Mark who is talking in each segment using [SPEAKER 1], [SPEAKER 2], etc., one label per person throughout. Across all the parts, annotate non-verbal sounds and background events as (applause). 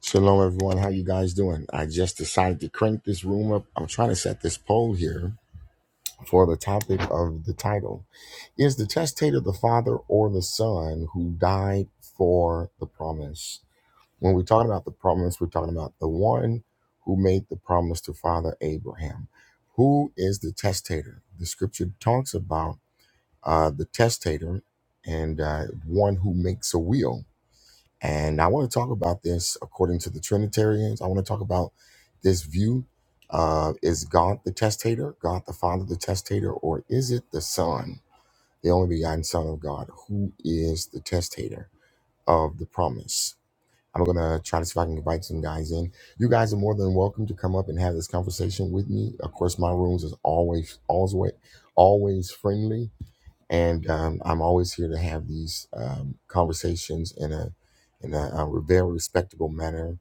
[SPEAKER 1] Shalom, everyone. How you guys doing? I just decided to crank this room up. I'm trying to set this poll here for the topic of the title. Is the testator the father or the son who died for the promise? When we're talking about the promise, we're talking about the one who made the promise to Father Abraham. Who is the testator? The scripture talks about uh, the testator and uh, one who makes a will. And I want to talk about this according to the Trinitarians. I want to talk about this view. Uh, is God the testator, God the Father the testator, or is it the Son, the only begotten Son of God, who is the testator of the promise? I'm going to try to see if I can invite some guys in. You guys are more than welcome to come up and have this conversation with me. Of course, my rooms is always, always, always friendly and um, I'm always here to have these um, conversations in a in a, a very respectable manner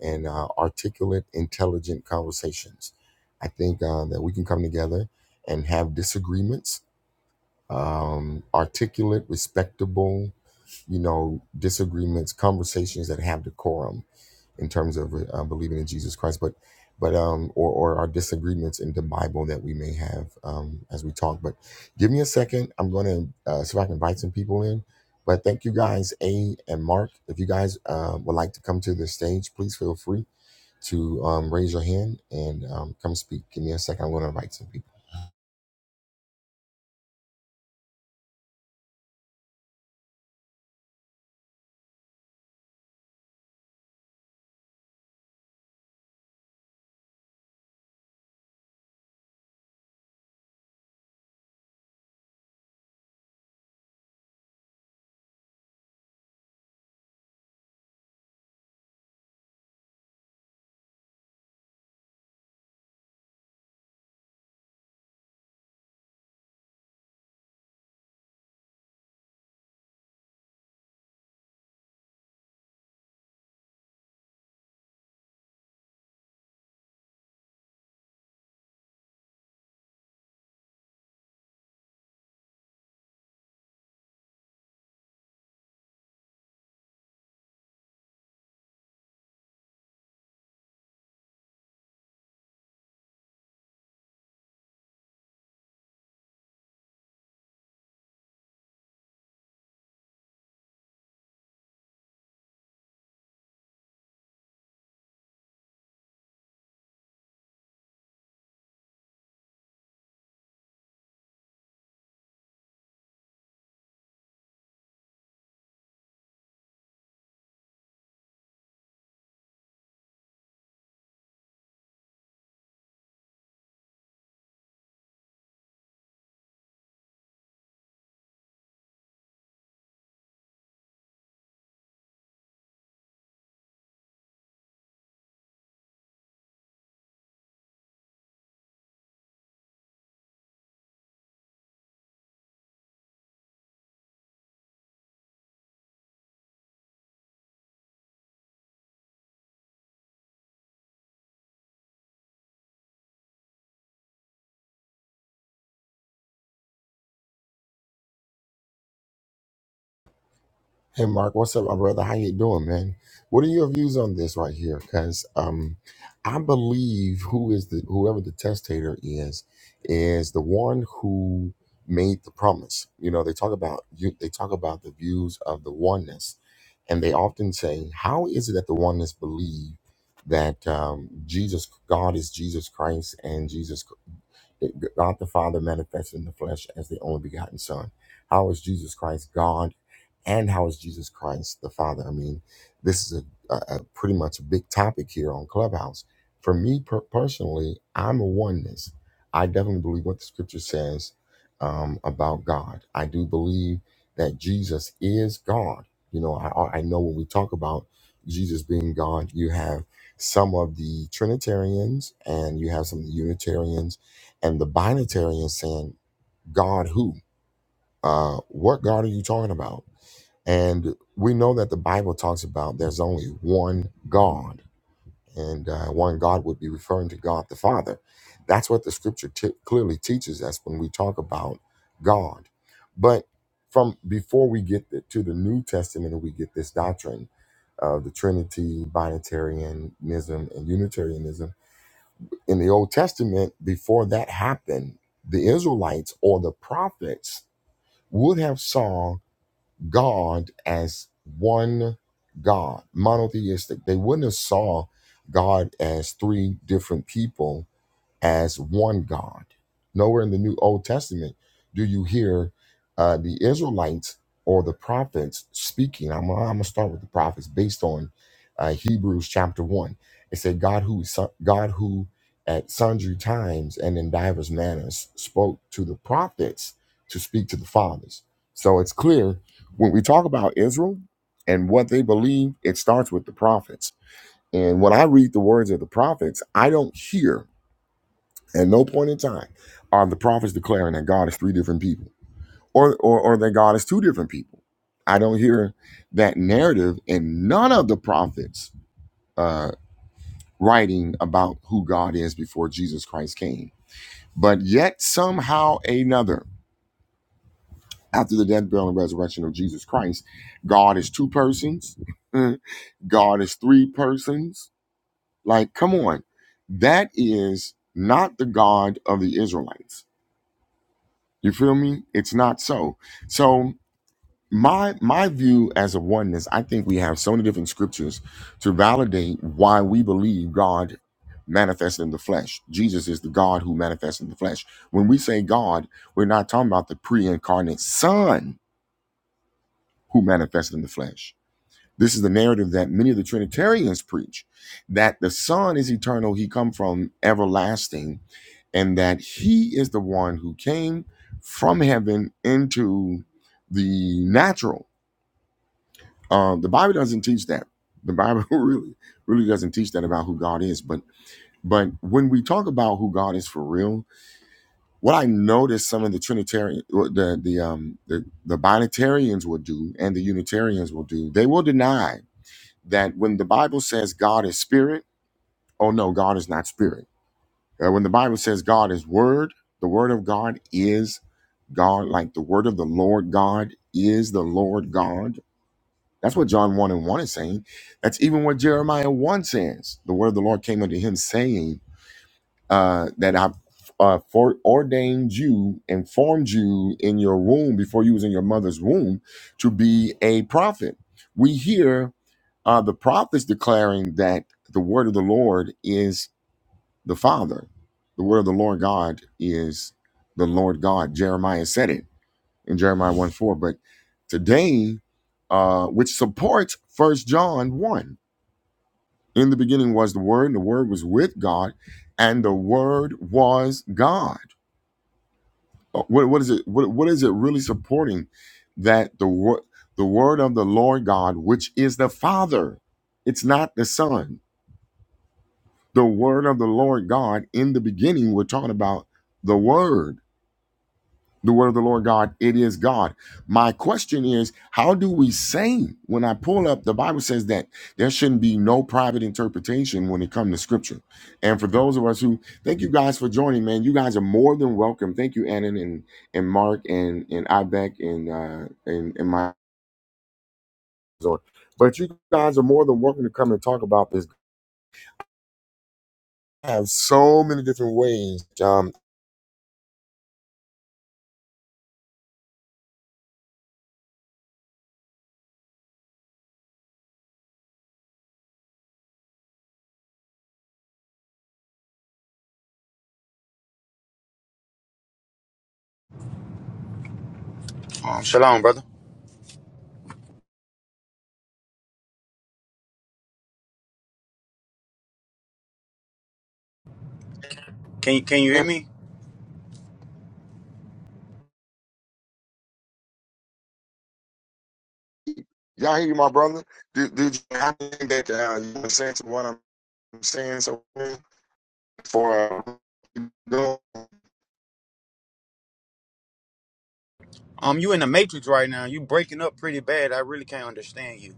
[SPEAKER 1] and uh, articulate, intelligent conversations. I think uh, that we can come together and have disagreements, um, articulate, respectable you know, disagreements, conversations that have decorum in terms of uh, believing in Jesus Christ, but but um, or or our disagreements in the Bible that we may have um, as we talk. But give me a second. I'm going to uh, see if I can invite some people in. But thank you guys, A and Mark. If you guys uh, would like to come to the stage, please feel free to um, raise your hand and um, come speak. Give me a second. I'm going to invite some people. Hey Mark, what's up, my brother? How you doing, man? What are your views on this right here? Because um, I believe who is the whoever the testator is is the one who made the promise. You know, they talk about you. They talk about the views of the oneness, and they often say, "How is it that the oneness believe that um, Jesus, God is Jesus Christ, and Jesus that God the Father manifested in the flesh as the only begotten Son. How is Jesus Christ God, and how is Jesus Christ the Father? I mean, this is a, a, a pretty much a big topic here on Clubhouse. For me per- personally, I'm a oneness. I definitely believe what the Scripture says um, about God. I do believe that Jesus is God. You know, I, I know when we talk about Jesus being God, you have some of the Trinitarians and you have some of the Unitarians and the binatarians saying god who uh what god are you talking about and we know that the bible talks about there's only one god and uh, one god would be referring to god the father that's what the scripture t- clearly teaches us when we talk about god but from before we get the, to the new testament and we get this doctrine of the trinity binitarianism and unitarianism in the Old Testament, before that happened, the Israelites or the prophets would have saw God as one God, monotheistic. They wouldn't have saw God as three different people as one God. Nowhere in the New Old Testament do you hear uh, the Israelites or the prophets speaking. I'm, I'm gonna start with the prophets based on uh, Hebrews chapter one. It said, "God who God who at sundry times and in divers manners spoke to the prophets to speak to the fathers." So it's clear when we talk about Israel and what they believe, it starts with the prophets. And when I read the words of the prophets, I don't hear at no point in time are the prophets declaring that God is three different people or, or, or that God is two different people. I don't hear that narrative in none of the prophets uh, writing about who God is before Jesus Christ came. But yet, somehow, another, after the death, burial, and resurrection of Jesus Christ, God is two persons, (laughs) God is three persons. Like, come on. That is not the God of the Israelites You feel me? It's not so. So my my view as a oneness, I think we have so many different scriptures to validate why we believe God manifested in the flesh. Jesus is the God who manifests in the flesh. When we say God, we're not talking about the pre-incarnate Son who manifested in the flesh. This is the narrative that many of the Trinitarians preach that the Son is eternal, he come from everlasting, and that he is the one who came from heaven into the natural. Uh, the Bible doesn't teach that. The Bible (laughs) really, really doesn't teach that about who God is. But but when we talk about who God is for real, what I noticed some of the Trinitarian, the the um the, the Binitarians will do, and the Unitarians will do, they will deny that when the Bible says God is spirit, oh no, God is not spirit. Uh, when the Bible says God is word, the word of God is God, like the word of the Lord God is the Lord God. That's what John 1 and 1 is saying. That's even what Jeremiah 1 says. The word of the Lord came unto him saying uh, that I've uh, foreordained you and formed you in your womb before you was in your mother's womb to be a prophet. We hear uh, the prophet's declaring that the word of the Lord is the Father. The word of the Lord God is the Lord God. Jeremiah said it in Jeremiah 1 4. But today, uh, which supports First John 1. In the beginning was the Word, and the Word was with God, and the Word was God. Uh, What, what is it? What, what is it really supporting that the word, the Word of the Lord God, which is the Father, it's not the Son the word of the Lord God in the beginning, we're talking about the word, the word of the Lord God. It is God. My question is, how do we say when I pull up the Bible says that there shouldn't be no private interpretation when it comes to scripture? And for those of us who thank you guys for joining, man, you guys are more than welcome. Thank you, Annan and and Mark and and Ibeck and uh and, and my but you guys are more than welcome to come and talk about this. I have so many different ways. Um
[SPEAKER 2] Um, shalom, brother. Can you can you hear me?
[SPEAKER 1] Y'all hear my brother? Do, do you- I think that uh, you were what I'm saying so for uh,
[SPEAKER 2] Um, you in the matrix right now. You breaking up pretty bad. I really can't understand you.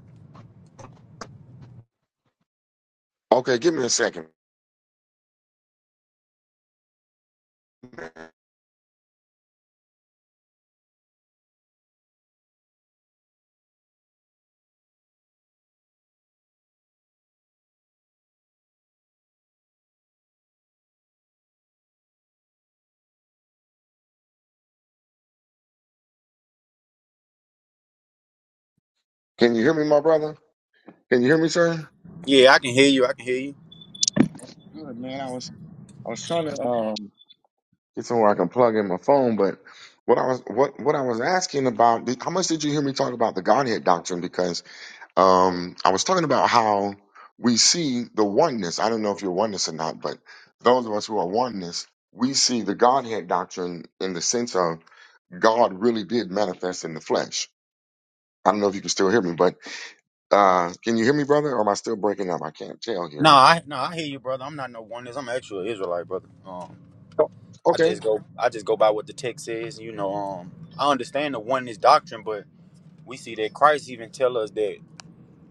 [SPEAKER 1] Okay, give me a second. Can you hear me, my brother? Can you hear me, sir?
[SPEAKER 2] Yeah, I can hear you. I can hear you.
[SPEAKER 1] Good man. I was I was trying to um Get somewhere I can plug in my phone, but what I was what what I was asking about how much did you hear me talk about the Godhead doctrine? Because um, I was talking about how we see the oneness. I don't know if you're oneness or not, but those of us who are oneness, we see the Godhead doctrine in the sense of God really did manifest in the flesh. I don't know if you can still hear me, but uh, can you hear me, brother? Or am I still breaking up? I can't tell
[SPEAKER 2] No,
[SPEAKER 1] here.
[SPEAKER 2] I no, I hear you, brother. I'm not no oneness. I'm actually an Israelite, brother. Um,
[SPEAKER 1] Oh,
[SPEAKER 2] I
[SPEAKER 1] Okay.
[SPEAKER 2] just go I just go by what the text says. You know, um, I understand the oneness doctrine, but we see that Christ even tell us that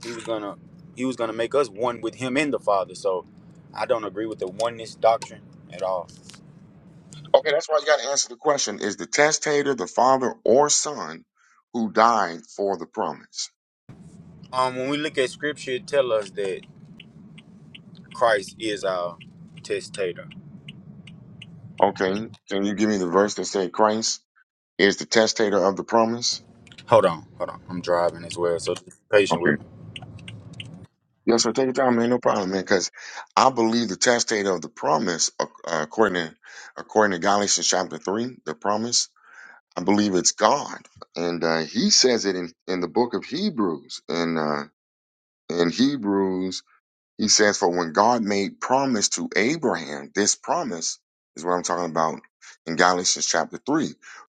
[SPEAKER 2] he was gonna he was gonna make us one with him and the Father. So I don't agree with the oneness doctrine at all.
[SPEAKER 1] Okay, that's why you got to answer the question Is the testator the father or son who died for the promise?
[SPEAKER 2] Um, when we look at scripture, it tell us that Christ is our testator
[SPEAKER 1] Okay. Can you give me the verse that said Christ is the testator of the promise?
[SPEAKER 2] Hold on, hold on. I'm driving as well, so be
[SPEAKER 1] Okay.
[SPEAKER 2] patient with me.
[SPEAKER 1] Yeah, so take your time, man. No problem, man. Because I believe the chastisement of the promise, ac- uh, according to according to Galatians chapter three, the promise. I believe it's God, and uh, He says it in, in the book of Hebrews. In uh, in Hebrews he says, For when God made promise to Abraham, this promise is what I'm talking about in Galatians chapter 3.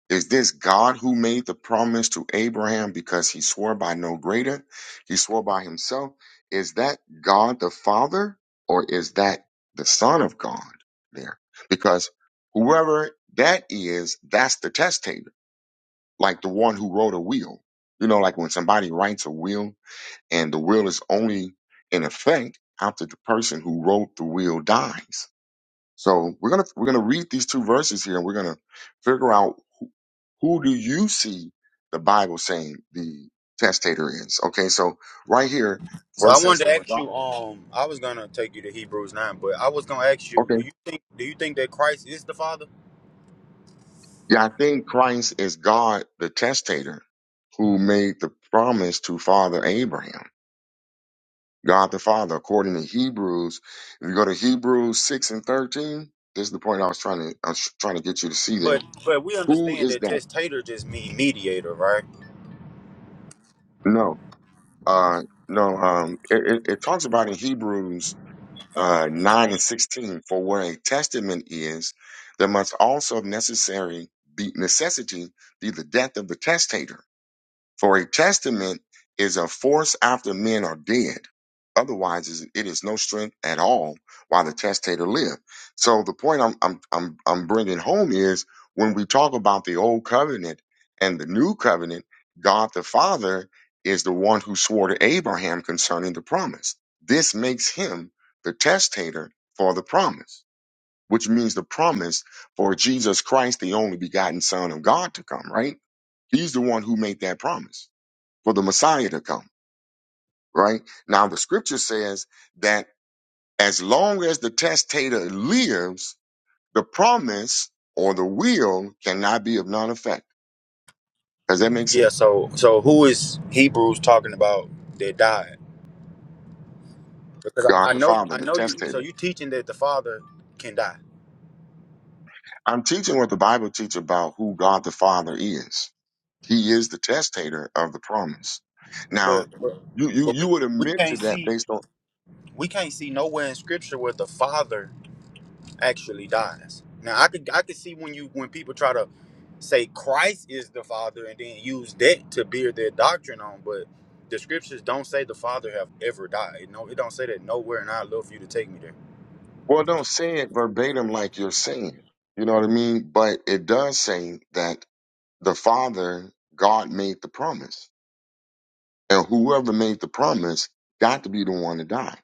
[SPEAKER 1] Is this God who made the promise to Abraham because he swore by no greater? He swore by himself. Is that God the Father or is that the Son of God there? Because whoever that is, that's the testator, like the one who wrote a will. You know, like when somebody writes a will and the will is only in effect after the person who wrote the will dies. So we're gonna we're gonna read these two verses here, and we're gonna figure out who do you see the Bible saying the testator is. Okay, so right here,
[SPEAKER 2] So I
[SPEAKER 1] first says
[SPEAKER 2] wanted
[SPEAKER 1] from
[SPEAKER 2] to ask
[SPEAKER 1] God.
[SPEAKER 2] you, um, I was gonna take you to Hebrews nine, but I was gonna ask you,
[SPEAKER 1] Okay,
[SPEAKER 2] do you think do you think that Christ is the Father?
[SPEAKER 1] yeah, I think Christ is God, the testator, who made the promise to Father Abraham. God the Father, according to Hebrews. If you go to Hebrews six and thirteen, this is the point I was trying to I was trying to get you to see there.
[SPEAKER 2] But but we
[SPEAKER 1] Who
[SPEAKER 2] understand
[SPEAKER 1] is
[SPEAKER 2] that
[SPEAKER 1] that?
[SPEAKER 2] testator just mean mediator, right?
[SPEAKER 1] No, uh, no. Um, it, it, it talks about in Hebrews uh, nine and sixteen. For where a testament is, there must also of necessary be necessity be the death of the testator. For a testament is a force after men are dead. Otherwise, is- it is no strength at all while the testator live. So the point I'm, I'm, I'm, I'm bringing home is when we talk about the old covenant and the new covenant, God the Father is the one who swore to Abraham concerning the promise. This makes him the testator for the promise, which means the promise for Jesus Christ, the only begotten Son of God to come, right? He's the one who made that promise for the Messiah to come, right? Now, the scripture says that as long as the testator lives, the promise or the will cannot be of none effect. Does that make
[SPEAKER 2] Yeah.
[SPEAKER 1] sense?
[SPEAKER 2] So so who is Hebrews talking about that died? Because I,
[SPEAKER 1] God
[SPEAKER 2] I
[SPEAKER 1] the
[SPEAKER 2] know
[SPEAKER 1] Father,
[SPEAKER 2] I
[SPEAKER 1] the
[SPEAKER 2] know you. So
[SPEAKER 1] testator.
[SPEAKER 2] you teaching that the Father can die,
[SPEAKER 1] I'm teaching what the Bible teaches about who God the Father is. He is the testator of the promise. Now,
[SPEAKER 2] but but,
[SPEAKER 1] you, you,
[SPEAKER 2] but we
[SPEAKER 1] you would
[SPEAKER 2] we
[SPEAKER 1] admit
[SPEAKER 2] can't
[SPEAKER 1] to that
[SPEAKER 2] see
[SPEAKER 1] based on,
[SPEAKER 2] we can't see nowhere in Scripture where the Father actually dies. Now I could I could see when you when people try to say Christ is the Father and then use that to bear their doctrine on, but the scriptures don't say the Father have ever died. No, it don't say that nowhere, and I'd love for you to take me there.
[SPEAKER 1] well, don't say it verbatim like you're saying. it. You know what I mean? But it does say that the Father, God made the promise. And whoever made the promise got to be the one to die.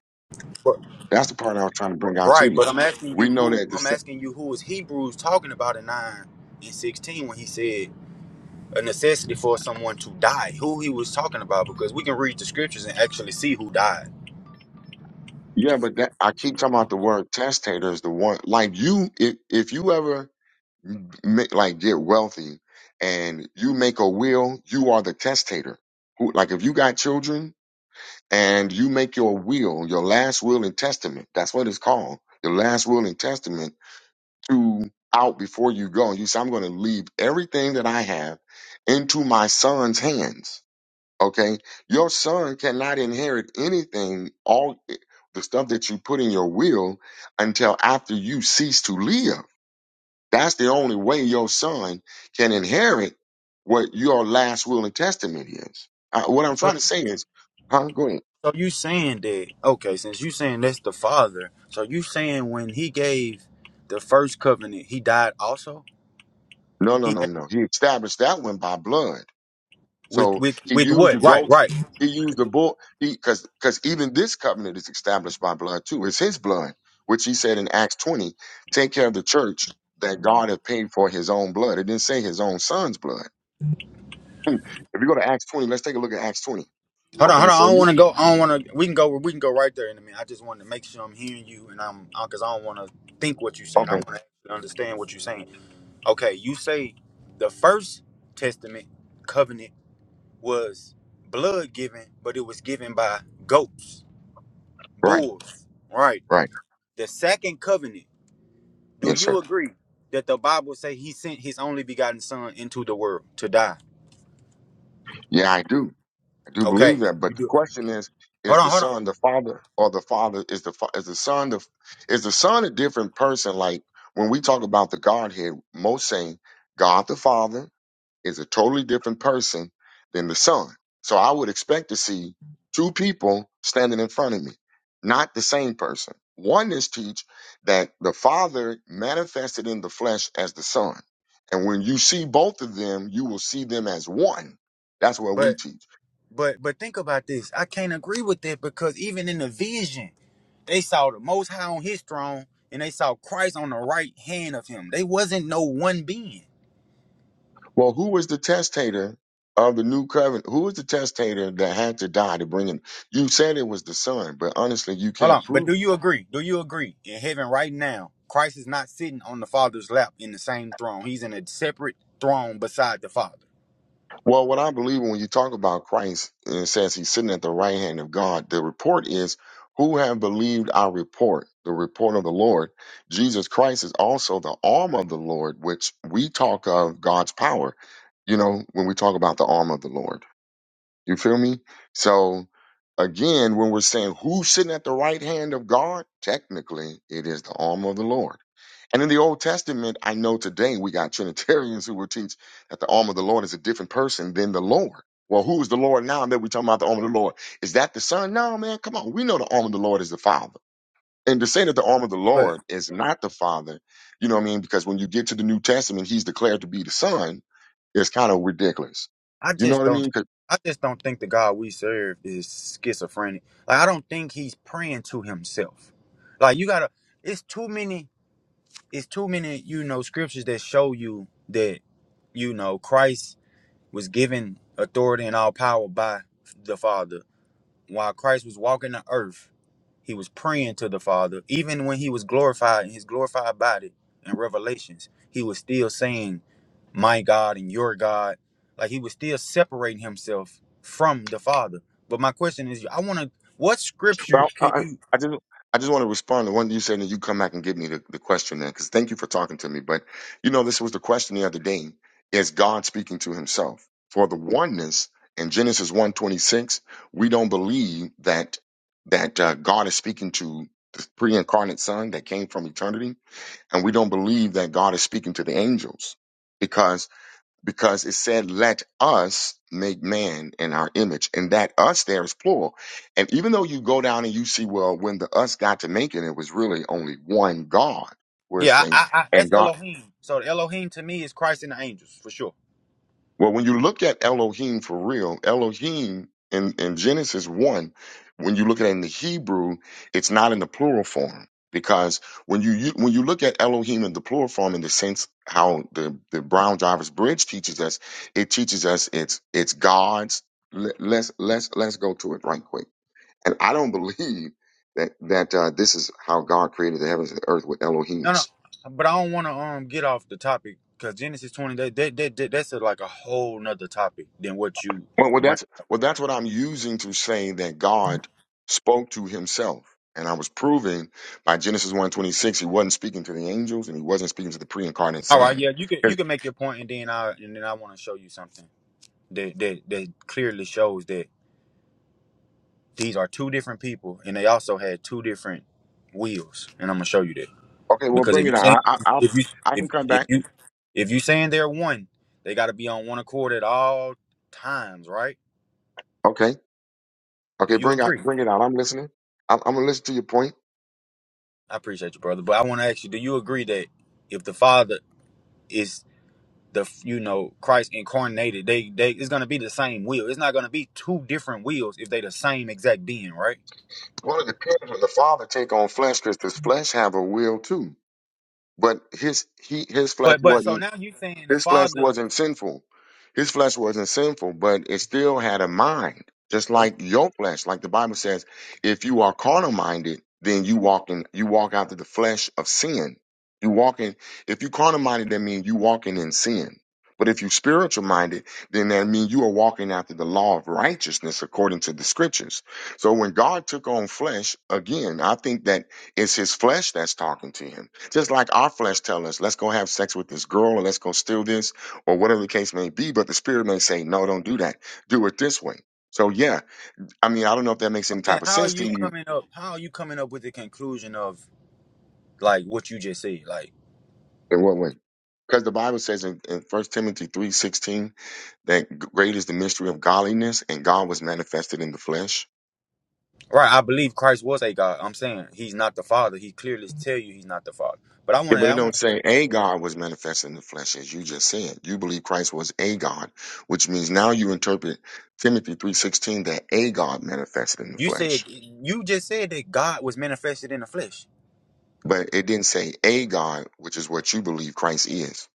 [SPEAKER 2] But,
[SPEAKER 1] That's the part I was trying to bring out to
[SPEAKER 2] right,
[SPEAKER 1] you.
[SPEAKER 2] but I'm asking
[SPEAKER 1] We
[SPEAKER 2] you
[SPEAKER 1] know
[SPEAKER 2] who
[SPEAKER 1] that the
[SPEAKER 2] I'm
[SPEAKER 1] sa-
[SPEAKER 2] asking you who is Hebrews talking about in nine and sixteen when he said a necessity for someone to die. Who he was talking about because we can read the scriptures and actually see who died.
[SPEAKER 1] yeah, but that I keep talking about the word testator is the one like you if if you ever make, like get wealthy and you make a will, you are the testator. Who like if you got children and you make your will, your last will and testament, that's what it's called. Your last will and testament to out before you go. And you say, I'm going to leave everything that I have into my son's hands. Okay. Your son cannot inherit anything, all the stuff that you put in your will until after you cease to live. That's the only way your son can inherit what your last will and testament is. Uh, what I'm trying to say is, huh? Go ahead.
[SPEAKER 2] So you saying that? Okay, since you saying that's the father, so you saying when he gave the first covenant, he died also?
[SPEAKER 1] No, no,
[SPEAKER 2] He
[SPEAKER 1] no, no. He established that one by blood.
[SPEAKER 2] with
[SPEAKER 1] So
[SPEAKER 2] with
[SPEAKER 1] he
[SPEAKER 2] with
[SPEAKER 1] used the
[SPEAKER 2] what? Right,
[SPEAKER 1] goat.
[SPEAKER 2] right.
[SPEAKER 1] He used the bull. He because because even this covenant is established by blood too. It's his blood, which he said in Acts twenty, take care of the church that God had paid for his own blood. It didn't say his own son's blood. Hmm. If you go to Acts twenty, let's take a look at Acts twenty.
[SPEAKER 2] Hold on,
[SPEAKER 1] Okay,
[SPEAKER 2] hold on. I
[SPEAKER 1] so
[SPEAKER 2] don't
[SPEAKER 1] you-
[SPEAKER 2] want to go. I don't want to. We can go. We can go right there in a minute. I just want to make sure I'm hearing you, and I'm because I don't want to think what you're saying. I
[SPEAKER 1] okay,
[SPEAKER 2] want to understand what you're saying. Okay, you say the first testament covenant was blood given, but it was given by goats,
[SPEAKER 1] right,
[SPEAKER 2] bulls, right?
[SPEAKER 1] right,
[SPEAKER 2] The second covenant. Do
[SPEAKER 1] yes,
[SPEAKER 2] you
[SPEAKER 1] sir.
[SPEAKER 2] agree that the Bible say he sent his only begotten son into the world to die?
[SPEAKER 1] Yeah, I do. I do
[SPEAKER 2] Okay,
[SPEAKER 1] believe that,
[SPEAKER 2] you
[SPEAKER 1] but the
[SPEAKER 2] do.
[SPEAKER 1] question is: Is
[SPEAKER 2] Hold on,
[SPEAKER 1] the
[SPEAKER 2] hold on.
[SPEAKER 1] son the father, or the father is the fa- is the son the is the son a different person? Like when we talk about the Godhead, most saying God the Father is a totally different person than the Son. So I would expect to see two people standing in front of me, not the same person. Oneness teach that the Father manifested in the flesh as the Son, and when you see both of them, you will see them as one. That's what we
[SPEAKER 2] But
[SPEAKER 1] teach.
[SPEAKER 2] but but think about this. I can't agree with that because even in the vision, they saw the most high on his throne and they saw Christ on the right hand of him. They wasn't no one being.
[SPEAKER 1] Well, who was the testator of the new covenant? Who was the testator that had to die to bring him? You said it was the son, but honestly, you
[SPEAKER 2] Hold on.
[SPEAKER 1] can't
[SPEAKER 2] But
[SPEAKER 1] prove
[SPEAKER 2] do
[SPEAKER 1] it.
[SPEAKER 2] you agree? Do you agree? In heaven right now, Christ is not sitting on the Father's lap in the same throne. He's in a separate throne beside the Father.
[SPEAKER 1] Well, what I believe when you talk about Christ and it says he's sitting at the right hand of God, the report is who have believed our report, the report of the Lord. Jesus Christ is also the arm of the Lord, which we talk of God's power, you know, when we talk about the arm of the Lord. You feel me? So again, when we're saying who's sitting at the right hand of God, technically it is the arm of the Lord. And in the Old Testament, I know today we got (laughs) Trinitarians who will teach that the arm of the Lord is a different person than the Lord. Well, who's the Lord now that we're talking about the arm of the Lord? Is that the Son? No, man, come on. We know the arm of the Lord is the Father. And to say that the arm of the
[SPEAKER 2] But.
[SPEAKER 1] Lord is not the Father, you know what I mean? Because when you get to the New Testament, he's declared to be the Son, it's kind of ridiculous.
[SPEAKER 2] I
[SPEAKER 1] You know
[SPEAKER 2] just
[SPEAKER 1] what I mean?
[SPEAKER 2] don't. I just don't think the God we serve is schizophrenic. Like I don't think he's praying to himself. Like you gotta. It's too many. It's too many. You know scriptures that show you that you know Christ was given authority and all power by the Father while Christ was walking the earth, he was praying to the Father. Even when he was glorified in his glorified body in Revelations, he was still saying, My God and your God. Like he was still separating himself from the Father. But my question is, I want to, what scripture
[SPEAKER 1] But I,
[SPEAKER 2] can
[SPEAKER 1] I,
[SPEAKER 2] you,
[SPEAKER 1] I just I just want to respond to one you said, and you come back and give me the, the question then, because thank you for talking to me. But you know, this was the question the other day: Is God speaking to Himself? For the oneness in Genesis one twenty six, we don't believe that that uh, God is speaking to the pre-incarnate Son that came from eternity, and we don't believe that God is speaking to the angels because because it said, Let us make man in our image. And that us there is plural. And even though you go down and you see, well, when the us got to making, it was really only one God. Whereas
[SPEAKER 2] yeah, I,
[SPEAKER 1] thing
[SPEAKER 2] I, I,
[SPEAKER 1] and
[SPEAKER 2] that's
[SPEAKER 1] God
[SPEAKER 2] Elohim. So Elohim to me is Christ and the angels for sure.
[SPEAKER 1] Well, when you look at Elohim for real, Elohim in, in Genesis 1, when you look at it in the Hebrew, it's not in the plural form. Because when you, you when you look at Elohim in the plural form in the sense how the, the Brown Drivers Bridge teaches us, it teaches us it's it's God's. Let, let's let's let's go to it right quick. And I don't (laughs) believe that that uh, this is how God created the heavens and the earth with
[SPEAKER 2] No,
[SPEAKER 1] Elohims.
[SPEAKER 2] no, but I don't want to um get off the topic because Genesis 20, that, that, that, that- that's a, like a whole nother topic than what you
[SPEAKER 1] Well, well,
[SPEAKER 2] bring.
[SPEAKER 1] that's well, that's what I'm using to say that God spoke to Himself, and I was proving by Genesis one twenty six, He wasn't speaking to the angels, and He wasn't speaking to the pre-incarnate
[SPEAKER 2] All right,
[SPEAKER 1] Son.
[SPEAKER 2] yeah, you can you
[SPEAKER 1] 'Cause-
[SPEAKER 2] can make your point, and then I and then I want to show you something that that that clearly shows that these are two different people, and they also had two different wheels, and I'm gonna show you that
[SPEAKER 1] Okay, well,
[SPEAKER 2] because if
[SPEAKER 1] bring
[SPEAKER 2] you
[SPEAKER 1] it out.
[SPEAKER 2] saying
[SPEAKER 1] I, I, I'll,
[SPEAKER 2] if you
[SPEAKER 1] I
[SPEAKER 2] if
[SPEAKER 1] can come
[SPEAKER 2] if
[SPEAKER 1] back.
[SPEAKER 2] you if you saying they're one, they got to be on one accord at all times, right?
[SPEAKER 1] Okay,
[SPEAKER 2] Do
[SPEAKER 1] okay,
[SPEAKER 2] you
[SPEAKER 1] bring out,
[SPEAKER 2] agree?
[SPEAKER 1] bring it out. I'm listening. I'm, I'm gonna listen to your point.
[SPEAKER 2] I appreciate you, brother, but I want to ask you: Do you agree that if the father is the you know Christ incarnated, they they it's gonna be the same wheel. It's not gonna be two different wheels if they the same exact being, right?
[SPEAKER 1] Well, it depends when the Father take on flesh, because this flesh have a will too. But his he his flesh
[SPEAKER 2] But but so
[SPEAKER 1] wasn't
[SPEAKER 2] now you saying the
[SPEAKER 1] His flesh
[SPEAKER 2] Father.
[SPEAKER 1] wasn't sinful. His flesh wasn't sinful, but it still had a mind, just
[SPEAKER 2] So you,
[SPEAKER 1] like your flesh. Like the Bible says, if you are carnal minded, then you walk in, you walk after the flesh of sin. You walk in, if you carnal minded, that means you walking in sin. But if you spiritual minded, then that means you are walking after the law of righteousness according to the scriptures. So when God took on flesh, again, I think that it's his flesh that's talking to him just like our flesh tells us, let's go have sex with this girl or let's go steal this or whatever the case may be. But the spirit may say, no, don't do that. Do it this way. So, yeah, I mean, I don't know if that makes
[SPEAKER 2] I'm
[SPEAKER 1] any
[SPEAKER 2] saying
[SPEAKER 1] type of
[SPEAKER 2] how are
[SPEAKER 1] sense to
[SPEAKER 2] you
[SPEAKER 1] you
[SPEAKER 2] coming up? How are you coming up with the conclusion of like what you just said? Like
[SPEAKER 1] in what way. Because the Bible says in, in 1 Timothy three sixteen that g- great is the mystery of godliness and God was manifested in the flesh.
[SPEAKER 2] right, I believe Christ was a God. I'm saying he's not the Father. He clearly tell you he's not the Father. But I
[SPEAKER 1] Yeah,
[SPEAKER 2] want to
[SPEAKER 1] but it
[SPEAKER 2] I
[SPEAKER 1] don't
[SPEAKER 2] want to
[SPEAKER 1] say a God was manifested in the flesh, as you just said. You believe Christ was a God, which means now you interpret Timothy three sixteen that a God manifested in the
[SPEAKER 2] you
[SPEAKER 1] flesh.
[SPEAKER 2] said you just said that God was manifested in the flesh,
[SPEAKER 1] but it didn't say a God, which is what you believe Christ is.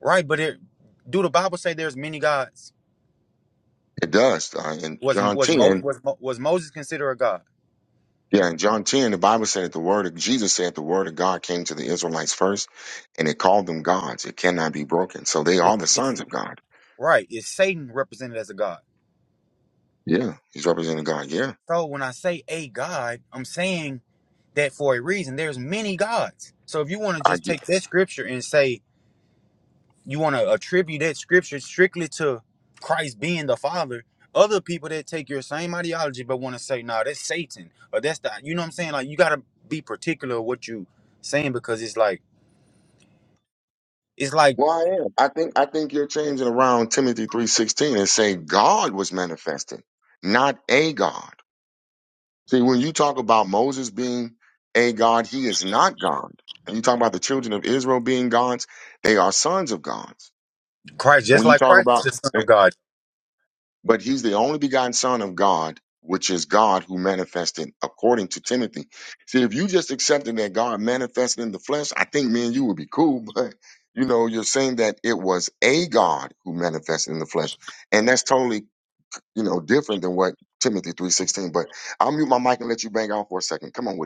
[SPEAKER 2] right? But it, do the Bible say there's many gods?
[SPEAKER 1] It does. Uh, in
[SPEAKER 2] Was
[SPEAKER 1] John
[SPEAKER 2] was Mo,
[SPEAKER 1] 10,
[SPEAKER 2] was Mo, was Moses considered a god?
[SPEAKER 1] yeah, in John 10, the Bible said that the word of Jesus said the word of God came to the Israelites first, and it called them gods. It cannot be broken. So they are
[SPEAKER 2] It's,
[SPEAKER 1] the
[SPEAKER 2] it's
[SPEAKER 1] sons of God.
[SPEAKER 2] right. Is Satan represented as a god?
[SPEAKER 1] Yeah, he's representing God. Yeah.
[SPEAKER 2] So when I say a god, I'm saying that for a reason. There's many gods. So if you want to
[SPEAKER 1] I
[SPEAKER 2] just
[SPEAKER 1] get,
[SPEAKER 2] take that scripture and say you want to attribute that scripture strictly to Christ being the Father, other people that take your same ideology but want to say, "Nah, that's Satan," or that's the you know what I'm saying. Like you gotta be particular of what you saying because it's like it's like
[SPEAKER 1] well, I am. I think I think you're changing around Timothy 3.16 and say God was manifested, not a God. See, when you talk about Moses being a God, he is not God. And you talk about the children of Israel being gods, they are sons of gods.
[SPEAKER 2] Christ, just
[SPEAKER 1] When you
[SPEAKER 2] like
[SPEAKER 1] talk
[SPEAKER 2] Christ is
[SPEAKER 1] about,
[SPEAKER 2] the Son
[SPEAKER 1] eh,
[SPEAKER 2] of God.
[SPEAKER 1] but he's the only begotten son of God, which is God who manifested according to Timothy. See, if you just accepted that God manifested in the flesh, I think me and you would be cool, (laughs) but you know, you're saying that it was a God who manifested in the flesh. And that's totally, you know, different than what Timothy 3.16, but I'll mute my mic and let you bang on for a second. Come on with it.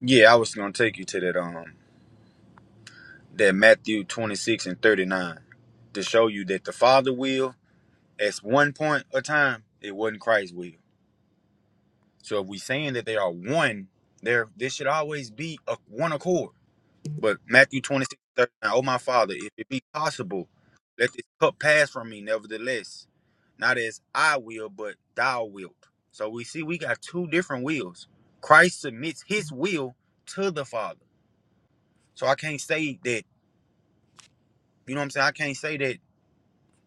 [SPEAKER 2] Yeah, I was gonna take you to that. Um, that Matthew 26 and 39 to show you that the Father will, at one point of time, it wasn't Christ's will. So if we saying that they are one, there this should always be a one accord. But Matthew 26 and oh my Father, if it be possible, let this cup pass from me, nevertheless. Not as I will, but thou wilt. So we see we got two different wills. Christ submits his will to the Father. So I can't say that, you know what I'm saying? I can't say that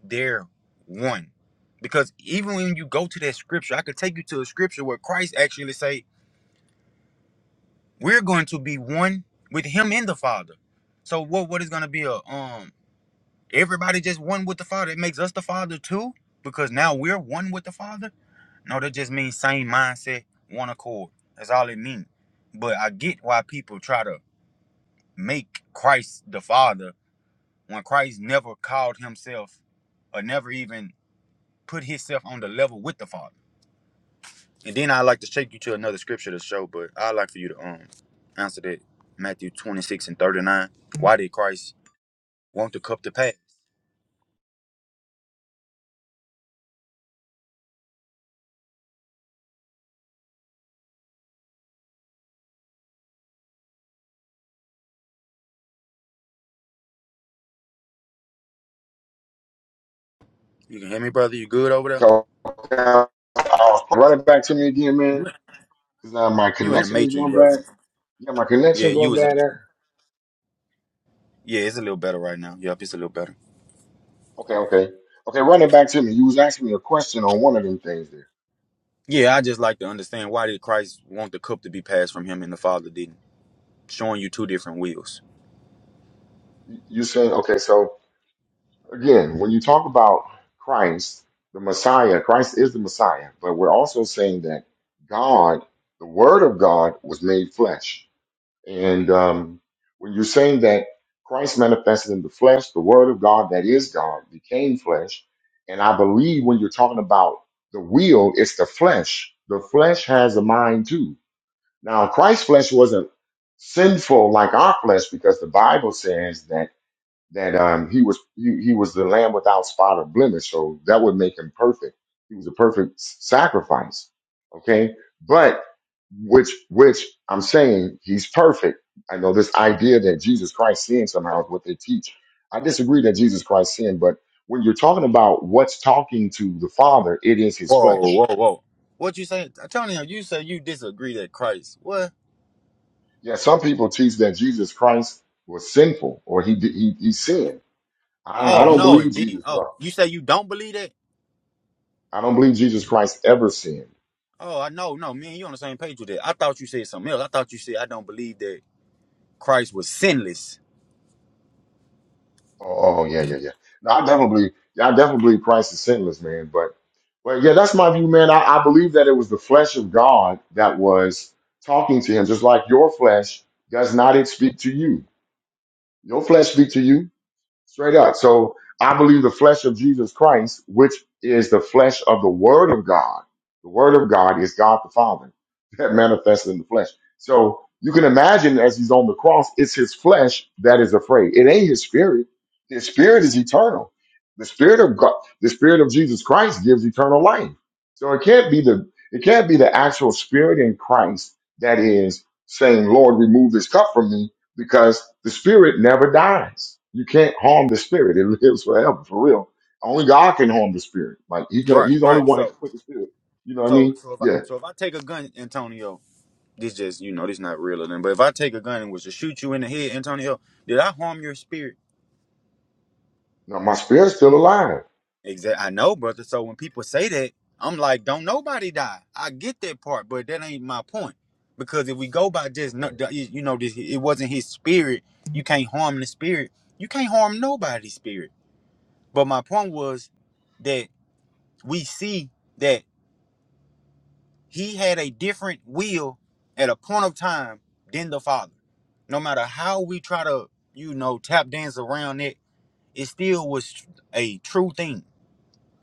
[SPEAKER 2] they're one. Because even when you go to that scripture, I could take you to a scripture where Christ actually say, "We're going to be one with Him and the Father." So what what is going to be a um everybody just one with the Father? It makes us the Father too because now we're one with the Father. No, that just means same mindset, one accord. That's all it means. But I get why people try to make Christ the Father when Christ never called Himself or never even put Himself on the level with the Father. And then I'd like to take you to another scripture to show, but I'd like for you to um answer that Matthew 26 and 39. Why did Christ want the cup to pass? You can hear me, brother? You good over there?
[SPEAKER 1] Call- call- Run it back to me again,
[SPEAKER 2] You
[SPEAKER 1] man. Cause now my
[SPEAKER 2] you in the
[SPEAKER 1] connection is
[SPEAKER 2] matrix,
[SPEAKER 1] going
[SPEAKER 2] brother.
[SPEAKER 1] bad. Yeah, my
[SPEAKER 2] Yeah,
[SPEAKER 1] connection
[SPEAKER 2] you
[SPEAKER 1] going
[SPEAKER 2] was in
[SPEAKER 1] bad. There.
[SPEAKER 2] Yeah, it's a little better right now. Yep, it's a little better.
[SPEAKER 1] Okay, okay, okay. Run it back to me. You was asking me a question on one of them things there.
[SPEAKER 2] Yeah, I just like to understand why did Christ want the cup to be passed from him and the Father didn't? Showing you two different wills.
[SPEAKER 1] You you said okay. So again, when you talk about Christ, the Messiah, Christ is the Messiah, but we're also saying that God, the Word of God, was made flesh. And um, when you're saying that Christ manifested in the flesh, the Word of God that is God became flesh, and I believe when you're talking about the will, it's the flesh. The flesh has a mind too. Now, Christ's flesh wasn't sinful like our flesh because the Bible says that that um, he was he, he was the lamb without spot or blemish, so that would make him perfect. He was a perfect s- sacrifice. Okay, but which which I'm saying he's perfect. I know this idea that Jesus Christ sinned somehow is what they teach. I disagree that Jesus Christ sinned, but when you're talking about what's talking to the Father, it is His
[SPEAKER 2] Whoa,
[SPEAKER 1] flesh.
[SPEAKER 2] whoa, whoa. What you say? Antonio, you say you disagree that Christ. What?
[SPEAKER 1] Yeah, some people teach that Jesus Christ was sinful or he he, he sinned. I, I
[SPEAKER 2] Oh
[SPEAKER 1] don't
[SPEAKER 2] no,
[SPEAKER 1] believe
[SPEAKER 2] indeed.
[SPEAKER 1] Jesus
[SPEAKER 2] Oh,
[SPEAKER 1] Christ.
[SPEAKER 2] you say you don't believe that?
[SPEAKER 1] I don't believe Jesus Christ ever sinned.
[SPEAKER 2] Oh, I know. No, me and you on the same page with that. I thought you said something else. I thought you said I don't believe that Christ was sinless.
[SPEAKER 1] Oh, oh yeah, yeah, yeah. No, I definitely yeah, I definitely believe Christ is sinless, man. But, but yeah, that's my view, man. I, I believe that it was the flesh of God that was talking to him, just like your flesh does not it speak to you. Your flesh speak to you. Straight up. So I believe the flesh of Jesus Christ, which is the flesh of the Word of God. The Word of God is God the Father (laughs) that manifests in the flesh. So you can imagine as he's on the cross, it's his flesh that is afraid. It ain't his spirit. His spirit is eternal. The spirit of God, the spirit of Jesus Christ gives eternal life. So it can't be the it can't be the actual spirit in Christ that is saying, Lord, remove this cup from me because the spirit never dies. You can't harm the spirit; it lives forever, for real. Only God can harm the spirit. Like he's gonna,
[SPEAKER 2] Right,
[SPEAKER 1] he's the
[SPEAKER 2] right.
[SPEAKER 1] only one that
[SPEAKER 2] So,
[SPEAKER 1] can put the spirit. You know what I
[SPEAKER 2] so,
[SPEAKER 1] mean?
[SPEAKER 2] so if I,
[SPEAKER 1] Yeah.
[SPEAKER 2] so if I take a gun, Antonio, this just you know this not real or nothing. But if I take a gun and was to shoot you in the head, Antonio, did I harm your spirit?
[SPEAKER 1] Now my spirit's still alive.
[SPEAKER 2] Exactly. I know, brother. So when people say that, I'm like, don't nobody die. I get that part, but that ain't my point. Because if we go by just no-
[SPEAKER 1] Okay,
[SPEAKER 2] the- you know this, it wasn't his spirit. You can't harm the spirit. You can't harm nobody's spirit. But my point was that we see that he had a different will at a point of time than the Father. No matter how we try to, you know, tap dance around it, it still was a true thing.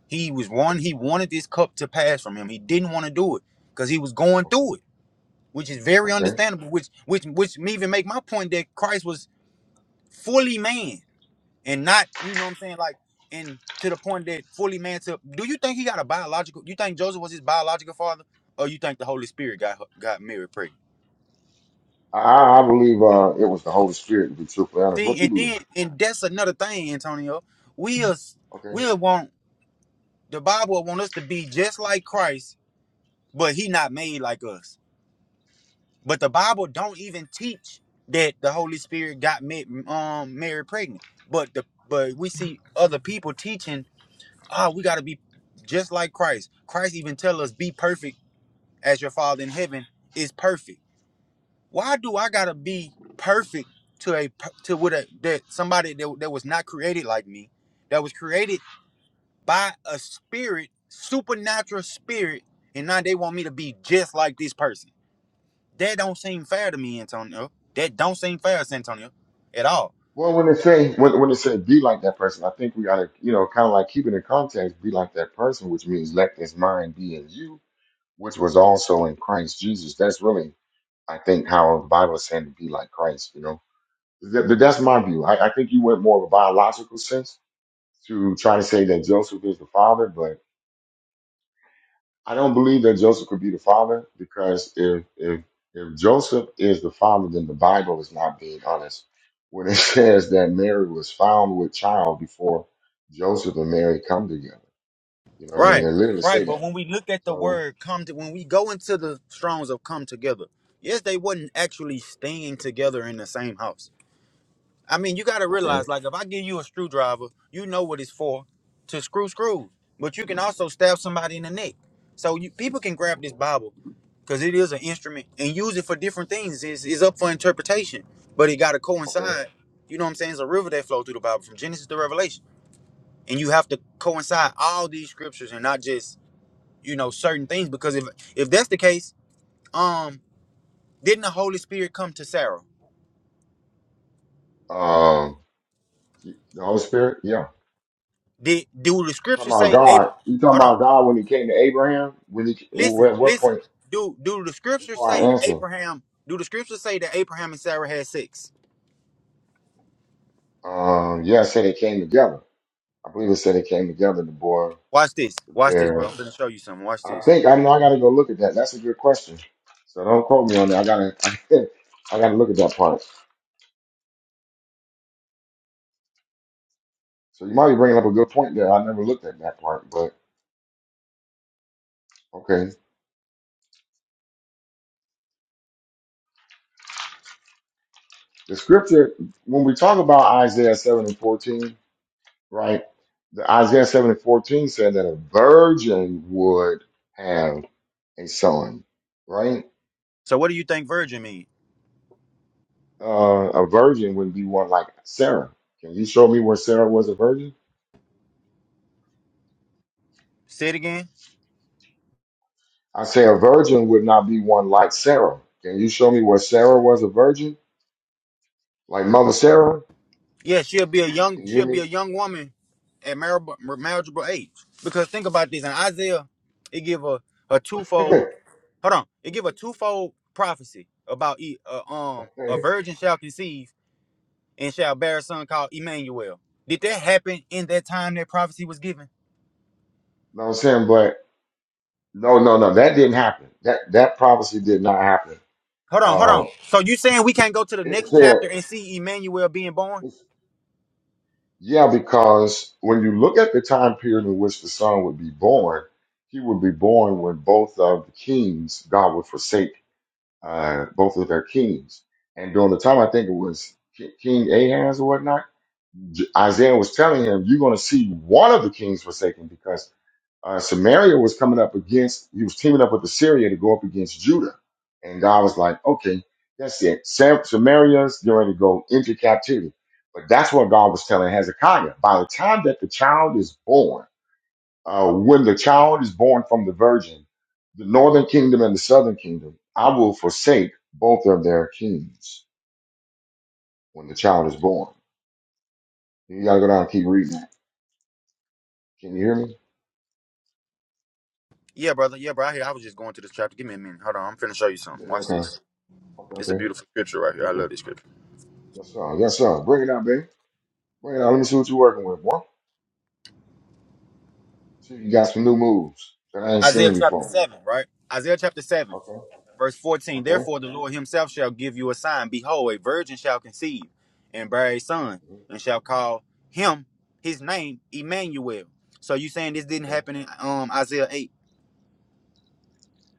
[SPEAKER 2] He was one, he wanted this cup to pass from him. He didn't want to do it because he was going
[SPEAKER 1] okay,
[SPEAKER 2] through it, which is very
[SPEAKER 1] okay.
[SPEAKER 2] understandable, which which which me even make my point that Christ was fully man. and not you know what I'm saying like and to the point that fully man to do you think he got a biological you think Joseph was his biological father or you think the Holy Spirit got got Mary pregnant
[SPEAKER 1] I, I I believe uh, it was the Holy Spirit. To be truthfully honest,
[SPEAKER 2] see
[SPEAKER 1] what you
[SPEAKER 2] and
[SPEAKER 1] believe?
[SPEAKER 2] then and that's another thing Antonio we'll
[SPEAKER 1] Okay.
[SPEAKER 2] we'll want the Bible want us to be just like Christ but he not made like us but the Bible don't even teach that the Holy Spirit got Ma- um Mary pregnant but the but we see other people teaching ah, we gotta be just like Christ. Christ even tell us, be perfect as your Father in heaven is perfect. Why do I gotta be perfect to a per- to with a that somebody that, that was not created like me, that was created by a spirit, supernatural spirit, and now they want me to be just like this person. That don't seem fair to me, Antonio. That don't seem fair, Santonio, at all.
[SPEAKER 1] Well, when they say when when they say be like that person, I think we gotta you know kind of like keep it in context. Be like that person, which means let this mind be in you, which was also in Christ Jesus. That's really I think how the Bible is saying to be like Christ, you know. Th- th- that's my view. I, I think you went more of a biological sense to try to say that Joseph is the father, but I don't believe that Joseph could be the father because if if if Joseph is the father, then the Bible is not being honest when it (laughs) says that Mary was found with child before Joseph and Mary come together. You know what I mean?
[SPEAKER 2] Right,
[SPEAKER 1] It literally
[SPEAKER 2] right.
[SPEAKER 1] say
[SPEAKER 2] But
[SPEAKER 1] that.
[SPEAKER 2] when we look at the
[SPEAKER 1] So
[SPEAKER 2] word come to, when we go into the strongs of come together, yes, they wasn't actually staying together in the same house. I mean, you got to
[SPEAKER 1] okay,
[SPEAKER 2] realize, like, if I give you a screwdriver, you know what it's for to screw screws, but you can also stab somebody in the neck. So you, people can grab this
[SPEAKER 1] okay,
[SPEAKER 2] Bible because it is an instrument and use it for different things. It's, it's up for interpretation, but it got to
[SPEAKER 1] okay.
[SPEAKER 2] coincide. You know what I'm saying? It's a river that flows through the Bible from Genesis to Revelation. And you have to coincide all these scriptures and not just you know certain things because if if that's the case um didn't the holy spirit come to sarah
[SPEAKER 1] Um, the Holy Spirit, yeah.
[SPEAKER 2] did do the
[SPEAKER 1] Talking
[SPEAKER 2] scripture
[SPEAKER 1] about
[SPEAKER 2] say Ab-
[SPEAKER 1] God. You talking
[SPEAKER 2] hold on
[SPEAKER 1] about God when he came to Abraham? When he, at
[SPEAKER 2] listen
[SPEAKER 1] what
[SPEAKER 2] listen
[SPEAKER 1] point?
[SPEAKER 2] do do the scripture
[SPEAKER 1] Before
[SPEAKER 2] say
[SPEAKER 1] I answer,
[SPEAKER 2] abraham do the scripture say that abraham and sarah had sex
[SPEAKER 1] um, yeah, I said it came together. I believe it said it came together. The boy,
[SPEAKER 2] watch this
[SPEAKER 1] the
[SPEAKER 2] watch this bro i'm
[SPEAKER 1] bear.
[SPEAKER 2] gonna show you something watch
[SPEAKER 1] I
[SPEAKER 2] this
[SPEAKER 1] think I know. I got to go look at that. That's a good question. So don't quote me on that. I gotta, (laughs) I gotta look at that part. So you might be bringing up a good point there. I never looked at that part, but okay. The scripture when we talk about Isaiah seven and fourteen. right? The Isaiah 7 and 14 said that a virgin would have a son, right?
[SPEAKER 2] so what do you think virgin mean
[SPEAKER 1] Uh, a virgin would be one like Sarah. Can you show me where Sarah was a virgin?
[SPEAKER 2] say it again
[SPEAKER 1] I say a virgin would not be one like Sarah. Can you show me where Sarah was a virgin? Like Mother Sarah?
[SPEAKER 2] yeah she'll be a young
[SPEAKER 1] Can you hear
[SPEAKER 2] she'll be
[SPEAKER 1] me?
[SPEAKER 2] a young woman at marriable, marriageable age because think about this in isaiah it give a a twofold
[SPEAKER 1] (laughs)
[SPEAKER 2] Hold on. It give a twofold prophecy about E- uh, um a virgin shall conceive and shall bear a son called Emmanuel. Did that happen in that time that prophecy was given?
[SPEAKER 1] no, I'm saying, but no, no, no, that didn't happen. That that prophecy did not happen.
[SPEAKER 2] Hold on, hold
[SPEAKER 1] Uh,
[SPEAKER 2] on. So you saying we can't go to the
[SPEAKER 1] it
[SPEAKER 2] next chapter
[SPEAKER 1] said.
[SPEAKER 2] and see Emmanuel being born?
[SPEAKER 1] Yeah, because when you look at the time period in which the son would be born, he would be born when both of the kings, God would forsake uh, both of their kings. And during the time, I think it was Ki- King Ahaz or whatnot, J- Isaiah was telling him, You're going to see one of the kings forsaken because uh, Samaria was coming up against, he was teaming up with Assyria to go up against Judah. And God was like, okay, that's it. Sam- Samaria's going to go into captivity. But that's what God was telling Hezekiah. By the time that the child is born, uh, when the child is born from the virgin, the northern kingdom and the southern kingdom, I will forsake both of their kings when the child is born. You gotta go down and keep reading. Can you hear me?
[SPEAKER 2] Yeah, brother. Yeah, bro. I hear. I was just going to this chapter. Give me a minute. Hold on. I'm finna show you something.
[SPEAKER 1] Yeah,
[SPEAKER 2] Watch
[SPEAKER 1] Okay.
[SPEAKER 2] this.
[SPEAKER 1] Okay,
[SPEAKER 2] It's a
[SPEAKER 1] okay.
[SPEAKER 2] beautiful scripture right
[SPEAKER 1] Okay,
[SPEAKER 2] here. I love
[SPEAKER 1] okay.
[SPEAKER 2] this scripture.
[SPEAKER 1] Yes, sir. Yes, sir. Bring it out, baby. Bring it out. Let me see what you're working with, boy. See if you got some new moves that I ain't
[SPEAKER 2] Isaiah
[SPEAKER 1] seen
[SPEAKER 2] chapter
[SPEAKER 1] before.
[SPEAKER 2] seven, right? Isaiah chapter seven.
[SPEAKER 1] Okay,
[SPEAKER 2] Verse 14,
[SPEAKER 1] okay,
[SPEAKER 2] therefore the Lord himself shall give you a sign. Behold, a virgin shall conceive and bear a son,
[SPEAKER 1] mhm,
[SPEAKER 2] and shall call him his name Emmanuel. So you saying this didn't
[SPEAKER 1] okay.
[SPEAKER 2] happen in um Isaiah 8?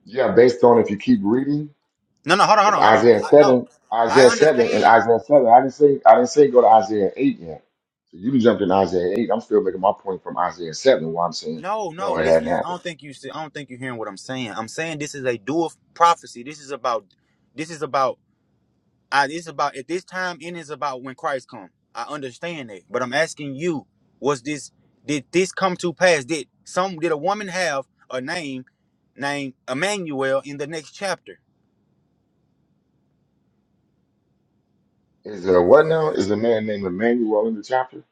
[SPEAKER 1] Yeah, based on if you keep reading,
[SPEAKER 2] No, no, hold on, hold
[SPEAKER 1] because
[SPEAKER 2] on, hold on.
[SPEAKER 1] Isaiah
[SPEAKER 2] I, no.
[SPEAKER 1] seven, Isaiah
[SPEAKER 2] I
[SPEAKER 1] seven, and
[SPEAKER 2] understand.
[SPEAKER 1] Isaiah seven. I didn't say I didn't say go to Isaiah eight yet. So you jumped in Isaiah eight. I'm still making my point from Isaiah seven. Why I'm saying
[SPEAKER 2] No, no,
[SPEAKER 1] no, it hadn't
[SPEAKER 2] listen. I
[SPEAKER 1] happened.
[SPEAKER 2] don't think you see, I don't think you're hearing what I'm saying. I'm saying this is a dual prophecy. This is about this is about I this about at this time and it's about when Christ come. I understand that, but I'm asking you, was this did this come to pass? Did some did a woman have a name named Emmanuel in the next chapter?
[SPEAKER 1] Is there what now? Is a man named Emmanuel in the chapter?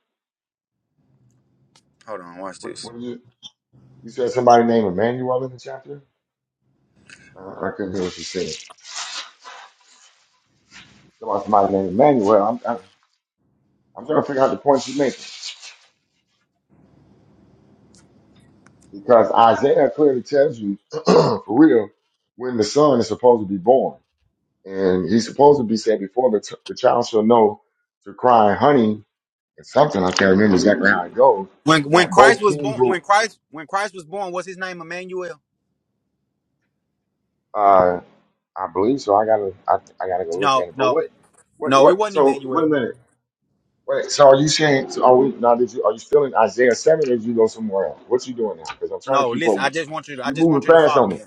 [SPEAKER 2] Hold on, watch
[SPEAKER 1] What,
[SPEAKER 2] this.
[SPEAKER 1] what did you? You said somebody named Emmanuel in the chapter? Uh, I couldn't hear what you said. Somebody, somebody named Emmanuel. I'm, I'm, I'm trying to figure out the points you made. Because Isaiah clearly tells you, (clears throat) for real, when the son is supposed to be born. And he's supposed to be said before the, t- the child shall know to cry, honey, and something, I can't remember exactly how it goes,
[SPEAKER 2] When when
[SPEAKER 1] that
[SPEAKER 2] Christ
[SPEAKER 1] both
[SPEAKER 2] was
[SPEAKER 1] kings
[SPEAKER 2] born, when
[SPEAKER 1] will,
[SPEAKER 2] Christ when Christ was born, was his name Emmanuel?
[SPEAKER 1] uh, I believe so. I gotta, I, I gotta go look
[SPEAKER 2] No,
[SPEAKER 1] at it. But
[SPEAKER 2] no,
[SPEAKER 1] what, what,
[SPEAKER 2] no, it
[SPEAKER 1] what,
[SPEAKER 2] wasn't
[SPEAKER 1] so wait a
[SPEAKER 2] Emmanuel.
[SPEAKER 1] minute. Wait, so are you saying, so are we, now did you, are you still in Isaiah 7 or did you go somewhere else? What you doing now? Because I'm trying to
[SPEAKER 2] No,
[SPEAKER 1] keep up
[SPEAKER 2] listen, I
[SPEAKER 1] with you.
[SPEAKER 2] just want you to I
[SPEAKER 1] You're
[SPEAKER 2] just want
[SPEAKER 1] moving
[SPEAKER 2] you to
[SPEAKER 1] fast
[SPEAKER 2] follow
[SPEAKER 1] on me.
[SPEAKER 2] me.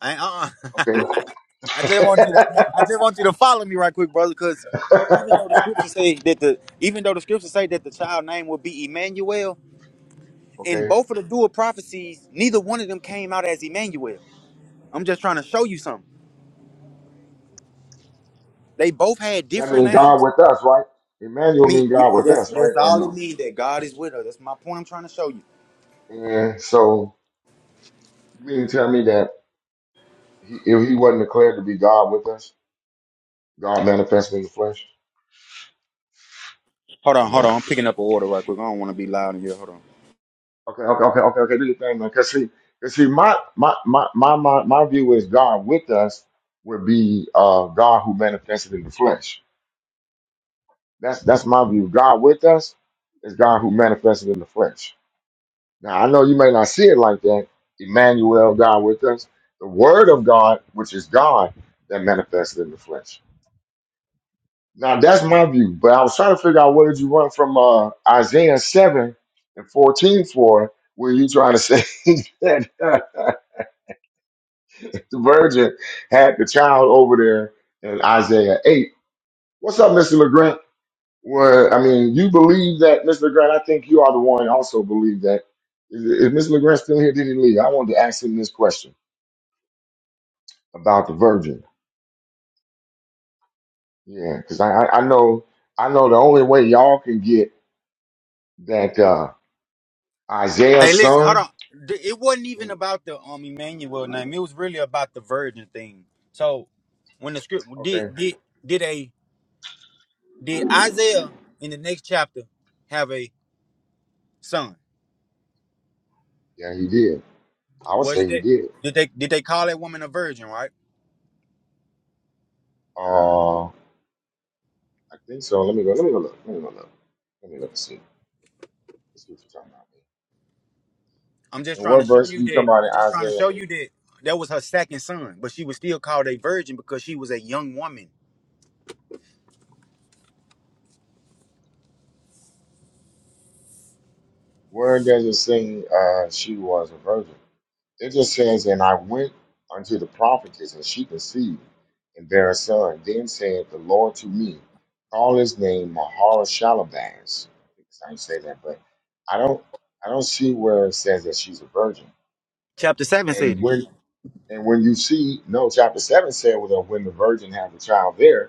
[SPEAKER 2] I, uh-uh. (laughs)
[SPEAKER 1] Okay,
[SPEAKER 2] I just want you to I just want you to follow me right quick, brother, because even though the scriptures say that the even though the scriptures say that the child name will be Emmanuel, in
[SPEAKER 1] okay.
[SPEAKER 2] both of the dual prophecies, neither one of them came out as Emmanuel. I'm just trying to show you something. They both had
[SPEAKER 1] That
[SPEAKER 2] different
[SPEAKER 1] means
[SPEAKER 2] names.
[SPEAKER 1] God with us, right? Emmanuel
[SPEAKER 2] Me,
[SPEAKER 1] means
[SPEAKER 2] yeah,
[SPEAKER 1] God with
[SPEAKER 2] that's
[SPEAKER 1] us, right?
[SPEAKER 2] that's
[SPEAKER 1] Or
[SPEAKER 2] all it
[SPEAKER 1] no?
[SPEAKER 2] means that God is with us. That's my point. I'm trying to show you.
[SPEAKER 1] And so you mean to tell me that he, if he wasn't declared to be God with us, God manifested in the flesh,
[SPEAKER 2] Hold
[SPEAKER 1] or
[SPEAKER 2] on,
[SPEAKER 1] no?
[SPEAKER 2] hold on. I'm picking up an order right quick. I don't want to be loud in here. Hold on.
[SPEAKER 1] Okay, okay, okay, okay, okay. Do your thing, man. Cause see, because see, my my my my my my view is God with us would be uh God who manifested in the flesh. That's that's my view. God with us is God who manifested in the flesh. Now, I know you may not see it like that. Emmanuel, God with us, the Word of God, which is God, that manifested in the flesh. Now, that's my view, but I was trying to figure out where did you run from uh, Isaiah 7 and 14 for, where you trying to say (laughs) that uh, the virgin had the child over there in Isaiah 8. What's up, Mr. LeGrant? Well, I mean, you believe that, Mr. LeGrant. I think you are the one also believe that. Is, is Mr. LeGrant still here? Did he leave? I wanted to ask him this question. about the virgin. Yeah, because I, I I know I know the only way y'all can get that uh,
[SPEAKER 2] Hey,
[SPEAKER 1] Isaiah's
[SPEAKER 2] listen, hold
[SPEAKER 1] son.
[SPEAKER 2] on. Th- It wasn't even about the um Emmanuel name. It was really about the virgin thing. So when the script did
[SPEAKER 1] Okay,
[SPEAKER 2] did did a did Isaiah in the next chapter have a son?
[SPEAKER 1] yeah, he did. I would
[SPEAKER 2] Was
[SPEAKER 1] say he
[SPEAKER 2] that
[SPEAKER 1] did.
[SPEAKER 2] did they did they call that woman a virgin? Right.
[SPEAKER 1] Uh, I think so. Let me go. Let me go look. Let me go look. Let me look and see. Let's see what you're talking about.
[SPEAKER 2] I'm just
[SPEAKER 1] And
[SPEAKER 2] trying to
[SPEAKER 1] what
[SPEAKER 2] show
[SPEAKER 1] verse are
[SPEAKER 2] you
[SPEAKER 1] you talking
[SPEAKER 2] that.
[SPEAKER 1] about in
[SPEAKER 2] I'm just trying to
[SPEAKER 1] Isaiah?
[SPEAKER 2] show
[SPEAKER 1] 8?
[SPEAKER 2] you that that was her second son, but she was still called a virgin because she was a young woman.
[SPEAKER 1] Where does it say uh, she was a virgin? It just says, And I went unto the prophetess, and she conceived, and bare a son. Then said the Lord to me, Call his name Maharshalabaz. I didn't say that, but I don't I don't see where it says that she's a virgin.
[SPEAKER 2] Chapter seven said
[SPEAKER 1] And
[SPEAKER 2] it.
[SPEAKER 1] when and when you see, no, chapter seven said well, that when the virgin had the child there,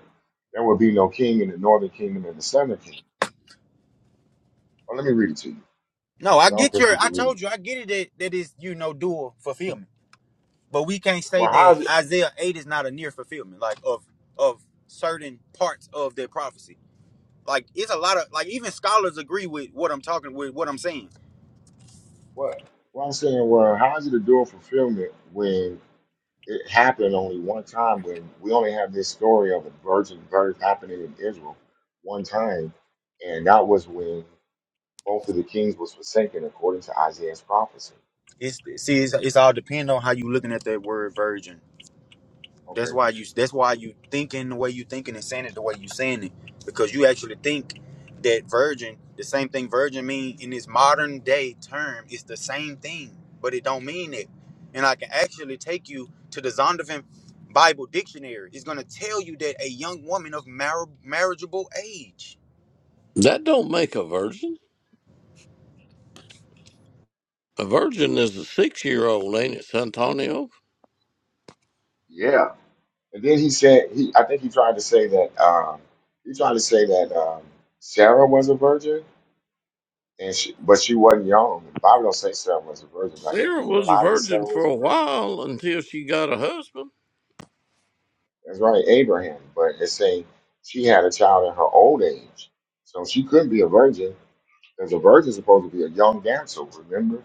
[SPEAKER 1] there would be no king in the northern kingdom and the southern kingdom. Well, let me read it to you.
[SPEAKER 2] No, I
[SPEAKER 1] 'cause I don't
[SPEAKER 2] get
[SPEAKER 1] think
[SPEAKER 2] your.
[SPEAKER 1] you
[SPEAKER 2] I
[SPEAKER 1] can read it.
[SPEAKER 2] told you, I get it that that is you know dual fulfillment. but we can't say
[SPEAKER 1] Well,
[SPEAKER 2] that
[SPEAKER 1] how's it?
[SPEAKER 2] Isaiah eight is not a near fulfillment, like of of certain parts of their prophecy. Like it's a lot of like even scholars agree with what I'm talking with what I'm saying.
[SPEAKER 1] What? Well, I'm saying, well, how's it a dual fulfillment when it happened only one time when we only have this story of a virgin birth happening in Israel one time, and that was when both of the kings was forsaken according to Isaiah's prophecy.
[SPEAKER 2] It's see it's, it's all depend on how you looking at that word virgin. That's
[SPEAKER 1] Okay.
[SPEAKER 2] why you that's why you thinking the way you thinking and saying it the way you saying it. Because you actually think that virgin, the same thing virgin mean in this modern day term is the same thing, but it don't mean it. And I can actually take you to the Zondervan Bible dictionary. It's gonna tell you that a young woman of mar- marriageable age.
[SPEAKER 3] That don't make a virgin. A virgin is a six year old, ain't it, Santonio?
[SPEAKER 1] Yeah. And then he said he I think he tried to say that um he tried to say that um Sarah was a virgin and she but she wasn't young. The Bible don't say Sarah was a virgin, but I think
[SPEAKER 3] Sarah
[SPEAKER 1] he
[SPEAKER 3] was a
[SPEAKER 1] implied that
[SPEAKER 3] virgin
[SPEAKER 1] Sarah
[SPEAKER 3] for
[SPEAKER 1] was a
[SPEAKER 3] a
[SPEAKER 1] virgin.
[SPEAKER 3] while until she got a husband.
[SPEAKER 1] That's right, Abraham, but it's saying she had a child in her old age. So she could not be a virgin Because a virgin is supposed to be a young damsel, remember?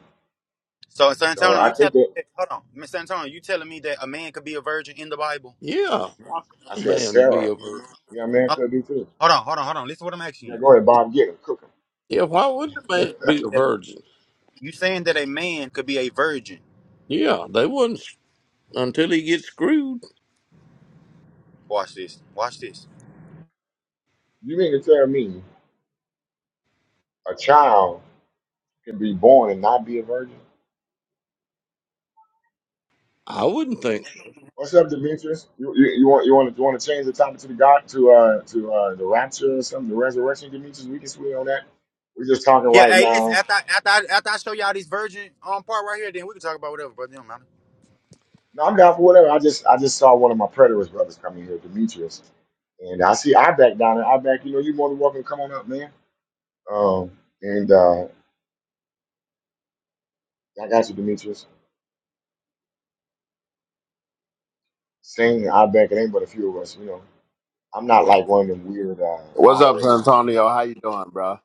[SPEAKER 2] So San
[SPEAKER 1] So
[SPEAKER 2] Antonio,
[SPEAKER 1] I
[SPEAKER 2] you tell
[SPEAKER 1] think it,
[SPEAKER 2] hold on. Miss Antonio, you telling me that a man could be a virgin in the Bible?
[SPEAKER 3] Yeah, let
[SPEAKER 1] I
[SPEAKER 3] a
[SPEAKER 1] said
[SPEAKER 3] man be
[SPEAKER 1] Sarah.
[SPEAKER 3] a virgin.
[SPEAKER 1] Yeah, man, could be too.
[SPEAKER 2] Hold on, hold on, hold on. hold on. Listen to what I'm asking
[SPEAKER 1] Yeah, go ahead, Bob, get him, cook him.
[SPEAKER 3] Yeah, why wouldn't a
[SPEAKER 2] you.
[SPEAKER 3] man be a
[SPEAKER 2] You
[SPEAKER 3] virgin?
[SPEAKER 2] You saying that a man could be a virgin?
[SPEAKER 3] Yeah, they wouldn't s- until he gets screwed.
[SPEAKER 2] Watch this. Watch this.
[SPEAKER 1] You mean to tell me a child can be born and not be a virgin?
[SPEAKER 3] I wouldn't think. so.
[SPEAKER 1] What's up, Demetrius? You, you, you want you want to you want to change the topic to the God to uh to uh the rapture or something, the resurrection, Demetrius? We can swing on that. We're just talking
[SPEAKER 2] Yeah.
[SPEAKER 1] right
[SPEAKER 2] Hey, listen.
[SPEAKER 1] now.
[SPEAKER 2] After I, after I, after I show y'all this virgin um part right here, then we can talk about whatever, brother. It Don't matter.
[SPEAKER 1] No, I'm down for whatever. I just I just saw one of my preterist brothers coming here, Demetrius, and I see I back down there. I back, you know, you more than welcome to come on up, man Um, and uh, like I got you, Demetrius. Sing I back. It ain't but a few of us, you know. I'm not like one of them weird uh,
[SPEAKER 4] What's up, San
[SPEAKER 1] moderators.
[SPEAKER 4] Antonio? How you doing, bro?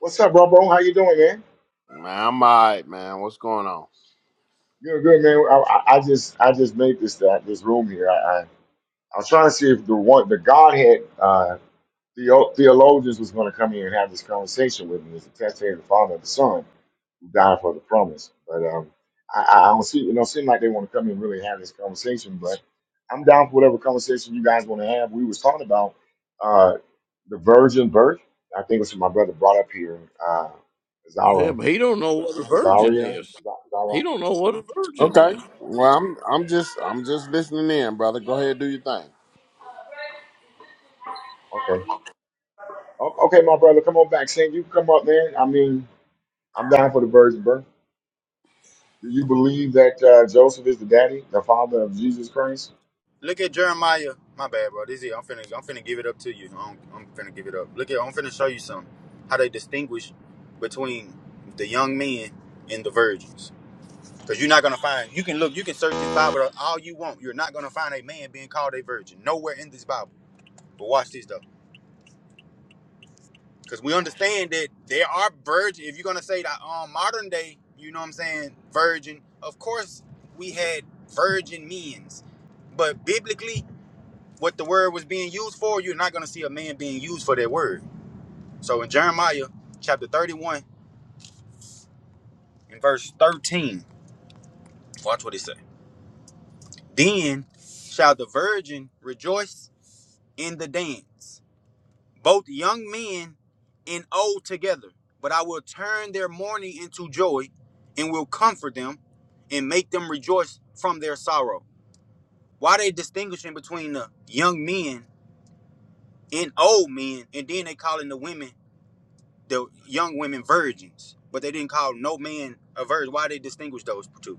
[SPEAKER 1] What's up, bro, bro? How you doing, man?
[SPEAKER 4] Man, I'm alright, man. What's going on?
[SPEAKER 1] You're good, man. I, I, I just I just made this that this room here. I, I I was trying to see if the one the Godhead uh, theo- theologians was going to come here and have this conversation with me. It's the testator, the Father, and the Son God for the promise. But um, I, I I don't see it don't seem like they want to come and really have this conversation. But I'm down for whatever conversation you guys want to have. We was talking about uh, the virgin birth. I think it's what my brother brought up here. Uh,
[SPEAKER 3] Yeah,
[SPEAKER 1] Zara,
[SPEAKER 3] but he don't know what a virgin
[SPEAKER 1] Zaria,
[SPEAKER 3] is.
[SPEAKER 1] Z-
[SPEAKER 3] He
[SPEAKER 1] Zara.
[SPEAKER 3] don't know what a virgin
[SPEAKER 4] Okay.
[SPEAKER 3] is.
[SPEAKER 4] Well, I'm I'm just I'm just listening in, brother. Go ahead, do your thing.
[SPEAKER 1] Okay, O- okay, my brother, come on back, Sam. You can come up, man. I mean, I'm down for the virgin birth. Do you believe that uh, Joseph is the daddy, the father of Jesus Christ?
[SPEAKER 2] Look at Jeremiah. My bad, bro. This is it. I'm finna I'm finna give it up to you. I'm, I'm finna give it up. Look at I'm finna show you something. How they distinguish between the young men and the virgins. Cause you're not gonna find. You can look. You can search this Bible all you want. You're not gonna find a man being called a virgin. Nowhere in this Bible. But watch this though. because we understand that there are virgin. If you're gonna say that um, modern day, you know what I'm saying, virgin. Of course, we had virgin means, but biblically, what the word was being used for, you're not gonna see a man being used for that word. So in Jeremiah chapter 31 and verse 13, watch what it says. Then shall the virgin rejoice in the dance both young men and old together. But I will turn their mourning into joy and will comfort them and make them rejoice from their sorrow. Why they distinguishing between the young men and old men, and then they calling the women, the young women virgins, but they didn't call no man a virgin. Why they distinguish those two?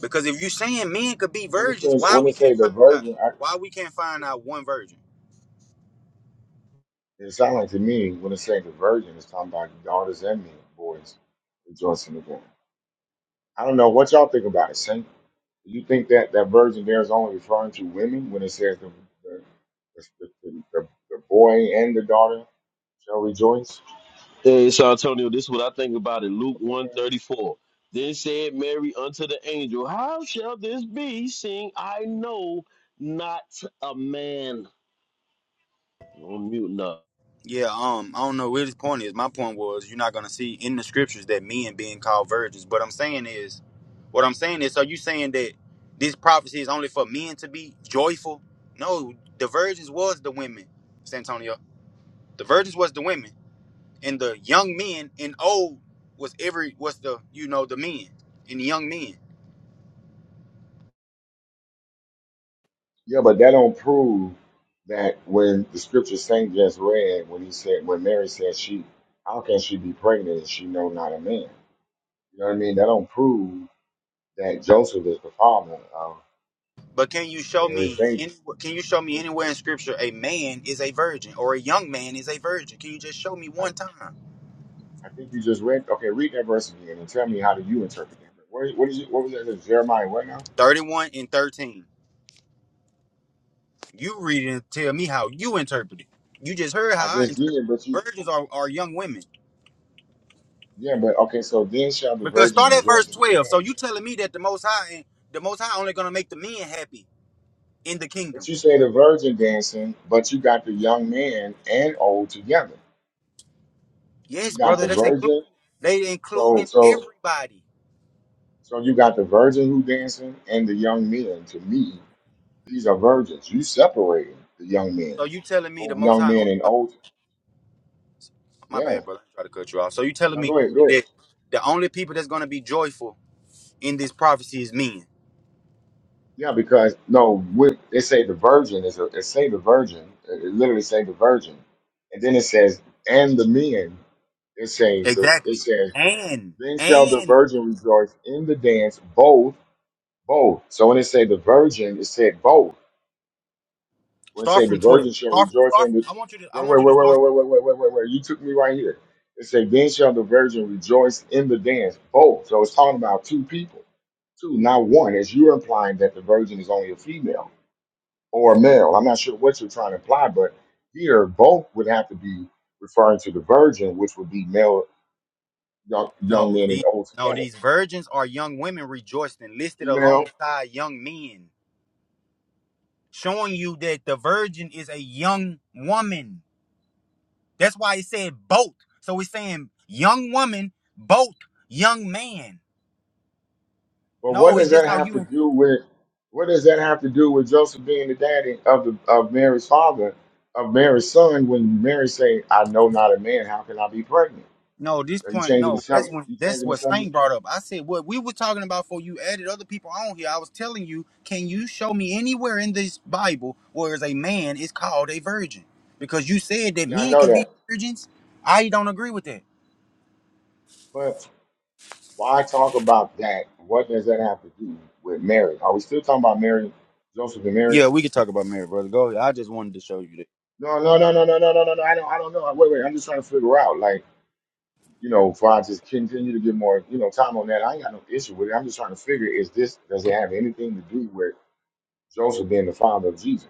[SPEAKER 2] Because if you saying men could be
[SPEAKER 1] When it say
[SPEAKER 2] virgins, why
[SPEAKER 1] when it
[SPEAKER 2] we
[SPEAKER 1] say
[SPEAKER 2] can't
[SPEAKER 1] the
[SPEAKER 2] find out
[SPEAKER 1] virgin,
[SPEAKER 2] why we can't find out one virgin?
[SPEAKER 1] It sounds like to me when it's saying the virgin, it's talking about daughters and men, boys rejoicing again. I don't know what y'all think about it. Saint, do you think that that virgin there is only referring to women when it says the the, the, the, the, the boy and the daughter shall rejoice?
[SPEAKER 5] Hey, so Antonio, this is what I think about it. Luke
[SPEAKER 1] Okay.
[SPEAKER 5] 134. Then said Mary unto the angel, How shall this be, seeing I know not a man? On mute now.
[SPEAKER 2] Yeah, um, I don't know where his point is. My point was you're not gonna see in the scriptures that men being called virgins. But I'm saying is, what I'm saying is, are you saying that this prophecy is only for men to be joyful? No, the virgins was the women, Santonio. The virgins was the women, and the young men and old was every was the you know the men and the young men.
[SPEAKER 1] Yeah, but that don't prove that when the scripture Saint just read, when he said, when Mary said she, how can she be pregnant and she know not a man? You know what I mean? That don't prove that Joseph is the father of
[SPEAKER 2] But can you show
[SPEAKER 1] Mary's
[SPEAKER 2] me
[SPEAKER 1] baby.
[SPEAKER 2] any, can you show me anywhere
[SPEAKER 1] physical.
[SPEAKER 2] in scripture a man is a virgin or a young man is a virgin? Can you just show me
[SPEAKER 1] I,
[SPEAKER 2] one time?
[SPEAKER 1] I think you just read. Okay, read that verse again and tell me how do you interpret that? What, what is it? What was that? Is Jeremiah what now?
[SPEAKER 2] 31 and 13. You read it and tell me how you interpret it. You just heard
[SPEAKER 1] I
[SPEAKER 2] how I
[SPEAKER 1] just
[SPEAKER 2] interpret
[SPEAKER 1] did,
[SPEAKER 2] it.
[SPEAKER 1] but
[SPEAKER 2] The
[SPEAKER 1] you.
[SPEAKER 2] virgins are, are young women.
[SPEAKER 1] Yeah, but okay. So then shall the
[SPEAKER 2] Because
[SPEAKER 1] virgin
[SPEAKER 2] start at verse
[SPEAKER 1] rejoice and
[SPEAKER 2] 12. So
[SPEAKER 1] dance.
[SPEAKER 2] you telling me that the most high the most high only gonna make the men happy in the kingdom.
[SPEAKER 1] But you say the virgin dancing, but you got the young man and old together.
[SPEAKER 2] Yes,
[SPEAKER 1] You got
[SPEAKER 2] brother,
[SPEAKER 1] the
[SPEAKER 2] that's including
[SPEAKER 1] virgin.
[SPEAKER 2] they
[SPEAKER 1] So
[SPEAKER 2] including
[SPEAKER 1] so
[SPEAKER 2] everybody.
[SPEAKER 1] so you got the virgin who dancing and the young men. To me, these are virgins. You separating the young men,
[SPEAKER 2] So you telling me the
[SPEAKER 1] both
[SPEAKER 2] most
[SPEAKER 1] young
[SPEAKER 2] high
[SPEAKER 1] men
[SPEAKER 2] only
[SPEAKER 1] and
[SPEAKER 2] gonna
[SPEAKER 1] old.
[SPEAKER 2] my
[SPEAKER 1] Yeah.
[SPEAKER 2] bad brother, I try to cut you off. So you telling
[SPEAKER 1] Now
[SPEAKER 2] me
[SPEAKER 1] go ahead. Go ahead.
[SPEAKER 2] that the only people that's gonna be joyful in this prophecy is men.
[SPEAKER 1] Yeah, because no, with, they say the virgin is a it say the virgin. It it literally say the virgin, and then it says and the men. It say the it
[SPEAKER 2] Exactly.
[SPEAKER 1] says
[SPEAKER 2] And
[SPEAKER 1] then shall the
[SPEAKER 2] and
[SPEAKER 1] virgin rejoice in the dance both both. So when it say the virgin, it said both. When it
[SPEAKER 2] start
[SPEAKER 1] say the
[SPEAKER 2] from twelve.
[SPEAKER 1] virgin shall
[SPEAKER 2] Start,
[SPEAKER 1] rejoice
[SPEAKER 2] start
[SPEAKER 1] in the
[SPEAKER 2] I want you to I
[SPEAKER 1] wait
[SPEAKER 2] want
[SPEAKER 1] wait
[SPEAKER 2] you to
[SPEAKER 1] wait wait
[SPEAKER 2] start
[SPEAKER 1] wait wait wait wait wait wait you took me right here. It say then shall the virgin rejoice in the dance both. So it's talking about two people, two, not one, as you're implying that the virgin is only a female. or male. I'm not sure what you're trying to imply, but here both would have to be referring to the virgin, which would be male, young, young
[SPEAKER 2] No,
[SPEAKER 1] men and
[SPEAKER 2] these
[SPEAKER 1] old
[SPEAKER 2] no,
[SPEAKER 1] together,
[SPEAKER 2] these virgins are young women rejoiced and listed
[SPEAKER 1] female.
[SPEAKER 2] alongside young men, showing you that the virgin is a young woman. That's why it said both. So it's saying young woman, both young man.
[SPEAKER 1] But what
[SPEAKER 2] No, it's
[SPEAKER 1] does
[SPEAKER 2] just
[SPEAKER 1] that
[SPEAKER 2] how
[SPEAKER 1] have to
[SPEAKER 2] you
[SPEAKER 1] do with what does that have to do with Joseph being the daddy of the of Mary's father, of Mary's son? When Mary say, "I know not a man, how can I be pregnant?"
[SPEAKER 2] No, this
[SPEAKER 1] Are you
[SPEAKER 2] point,
[SPEAKER 1] changing the
[SPEAKER 2] no. That's
[SPEAKER 1] subject?
[SPEAKER 2] when
[SPEAKER 1] you
[SPEAKER 2] that's
[SPEAKER 1] changing the
[SPEAKER 2] what Saint
[SPEAKER 1] subject?
[SPEAKER 2] brought up. I said what we were talking about before you added other people on here. I was telling you, can you show me anywhere in this Bible where as a man is called a virgin? Because you said that
[SPEAKER 1] Yeah, I
[SPEAKER 2] men
[SPEAKER 1] know
[SPEAKER 2] could be
[SPEAKER 1] that,
[SPEAKER 2] virgins. I don't agree with that.
[SPEAKER 1] but why talk about that? What does that have to do with Mary? Are we still talking about Mary, Joseph, and Mary?
[SPEAKER 2] Yeah, we could talk about marriage, brother. Go ahead. I just wanted to show you that.
[SPEAKER 1] No, no, no, no, no, no, no, no, no. I don't, I don't know. Wait, wait. I'm just trying to figure out, like, you know, if I just continue to get more, you know, time on that, I ain't got no issue with it. I'm just trying to figure, is this, does it have anything to do with Joseph being the father of Jesus?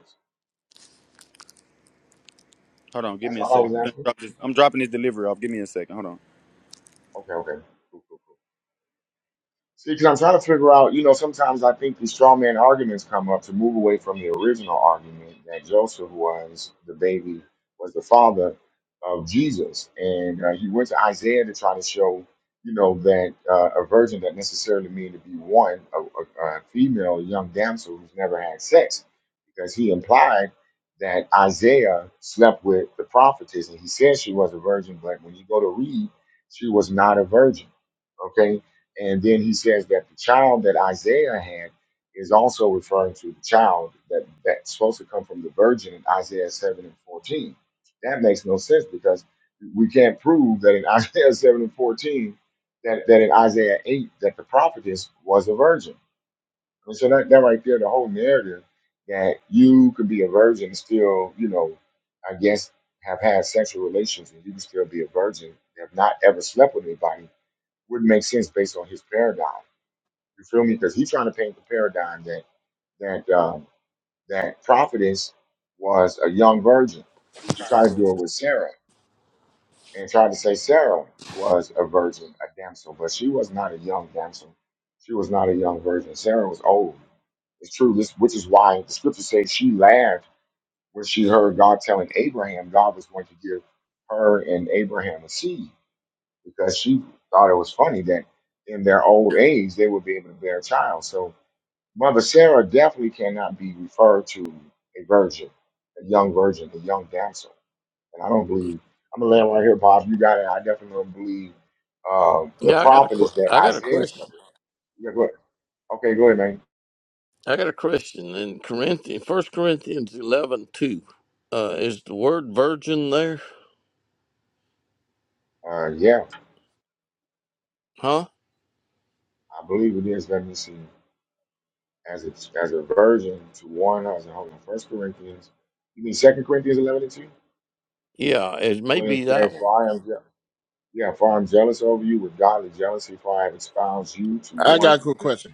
[SPEAKER 2] Hold on, give
[SPEAKER 1] That's
[SPEAKER 2] me a
[SPEAKER 1] what I
[SPEAKER 2] second.
[SPEAKER 1] was
[SPEAKER 2] I'm
[SPEAKER 1] asking.
[SPEAKER 2] dropping this I'm dropping this delivery off. Give me a second. Hold on.
[SPEAKER 1] Okay, okay. Cool, cool, cool. See, because I'm trying to figure out, you know, sometimes I think these straw man arguments come up to move away from the original argument that Joseph was the baby, was the father of Jesus. And uh, he went to Isaiah to try to show, you know, that uh, a virgin doesn't necessarily mean to be one, a, a, a female, a young damsel who's never had sex, because he implied that Isaiah slept with the prophetess. And he said she was a virgin, but when you go to read, she was not a virgin. Okay and then he says that the child that Isaiah had is also referring to the child that, that's supposed to come from the virgin in Isaiah 7 and 14. That makes no sense because we can't prove that in (laughs) Isaiah 7 and 14, that, that in Isaiah 8, that the prophetess was a virgin. And so that, that right there, the whole narrative that you could be a virgin and still, you know, I guess have had sexual relations and you can still be a virgin, have not ever slept with anybody, would make sense based on his paradigm. You feel me? Because he's trying to paint the paradigm that that um, that prophetess was a young virgin. He tried to do it with Sarah and tried to say Sarah was a virgin, a damsel, but she was not a young damsel. She was not a young virgin. Sarah was old. It's true. This, which is why the scripture says she laughed when she heard God telling Abraham God was going to give her and Abraham a seed because she thought it was funny that in their old age they would be able to bear a child. So Mother Sarah definitely cannot be referred to a virgin, a young virgin, a young damsel. And I don't believe, I'm going to land right here, Bob. You got it. I definitely don't believe uh, the
[SPEAKER 3] Yeah, I got a,
[SPEAKER 1] prophet is
[SPEAKER 3] que-
[SPEAKER 1] that
[SPEAKER 3] I got a
[SPEAKER 1] Isaiah.
[SPEAKER 3] question.
[SPEAKER 1] number. Yeah, go ahead. Okay, go ahead, man.
[SPEAKER 3] I got a question in Corinthians, First Corinthians eleven two. Uh, is the word virgin there?
[SPEAKER 1] Uh, yeah,
[SPEAKER 3] Huh?
[SPEAKER 1] I believe it is. Let me see. As a, as a virgin to one, as a hold on, First Corinthians, you mean Second Corinthians 11 and 2?
[SPEAKER 3] Yeah, it may
[SPEAKER 1] When it
[SPEAKER 3] be that
[SPEAKER 1] says,
[SPEAKER 3] one.
[SPEAKER 1] for I am jealous. Yeah, for I am jealous over you with godly jealousy, for I have espoused you to
[SPEAKER 4] I
[SPEAKER 1] one
[SPEAKER 4] got a quick question.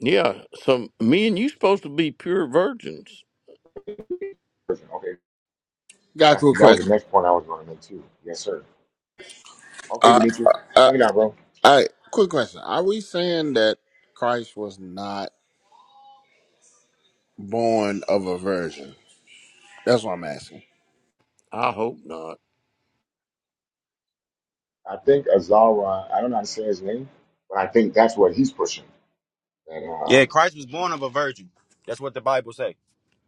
[SPEAKER 3] Yeah, so me and you supposed to be pure virgins.
[SPEAKER 1] person. Okay.
[SPEAKER 4] Got a
[SPEAKER 1] That's
[SPEAKER 4] quick
[SPEAKER 1] that was the
[SPEAKER 4] question.
[SPEAKER 1] next point I was going to make too. Yes, sir. Okay,
[SPEAKER 4] Uh,
[SPEAKER 1] Demetrius,
[SPEAKER 4] uh,
[SPEAKER 1] bring it out, bro.
[SPEAKER 4] uh, hey, quick question. Are we saying that Christ was not born of a virgin? That's what I'm asking.
[SPEAKER 3] I hope not.
[SPEAKER 1] I think Azara. I don't know how to say his name, but I think that's what he's pushing. And um,
[SPEAKER 2] Yeah, Christ was born of a virgin. That's what the Bible say.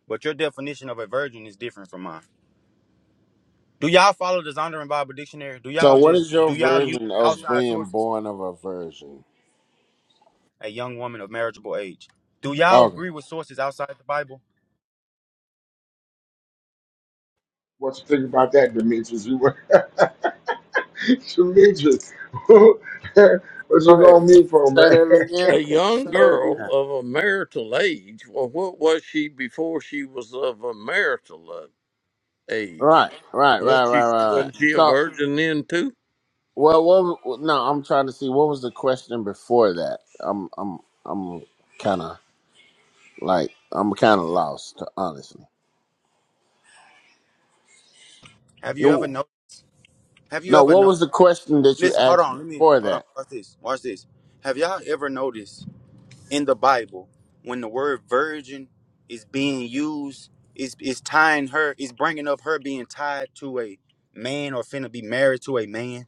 [SPEAKER 2] But your definition of a virgin is different from mine. Do y'all follow the Zondervan Bible Dictionary? Do
[SPEAKER 4] So,
[SPEAKER 2] y'all
[SPEAKER 4] what is
[SPEAKER 2] just
[SPEAKER 4] your
[SPEAKER 2] do y'all use
[SPEAKER 4] version of
[SPEAKER 2] outside
[SPEAKER 4] being
[SPEAKER 2] sources?
[SPEAKER 4] born of a virgin?
[SPEAKER 2] A young woman of marriageable age. Do y'all
[SPEAKER 4] Okay.
[SPEAKER 2] agree with sources outside the Bible?
[SPEAKER 1] what you think about that, Demetrius? You were (laughs) Demetrius. (laughs) what you
[SPEAKER 4] Go ahead.
[SPEAKER 1] going to mute for,
[SPEAKER 4] Say
[SPEAKER 1] man?
[SPEAKER 4] that again.
[SPEAKER 3] A
[SPEAKER 1] (laughs)
[SPEAKER 4] Say
[SPEAKER 3] young
[SPEAKER 4] that
[SPEAKER 3] girl
[SPEAKER 4] again.
[SPEAKER 3] of a marital age. Well, what was she before she was of a marital uh, age?
[SPEAKER 4] Right, right, right,
[SPEAKER 3] Wasn't she,
[SPEAKER 4] right, right, right.
[SPEAKER 3] wasn't she a
[SPEAKER 4] So,
[SPEAKER 3] virgin then too?
[SPEAKER 4] Well, well, no, I'm trying to see what was the question before that. I'm, I'm, I'm kind of like I'm kind of lost, honestly.
[SPEAKER 2] Have you ever
[SPEAKER 4] No,
[SPEAKER 2] know? Have you
[SPEAKER 4] no,
[SPEAKER 2] ever
[SPEAKER 4] what
[SPEAKER 2] know?
[SPEAKER 4] was the question that you
[SPEAKER 2] Listen, hold
[SPEAKER 4] asked
[SPEAKER 2] on. Let me
[SPEAKER 4] before
[SPEAKER 2] hold on.
[SPEAKER 4] that?
[SPEAKER 2] Watch this. Watch this. Have y'all ever noticed in the Bible when the word virgin is being used, is is tying her, is bringing up her being tied to a man or finna be married to a man?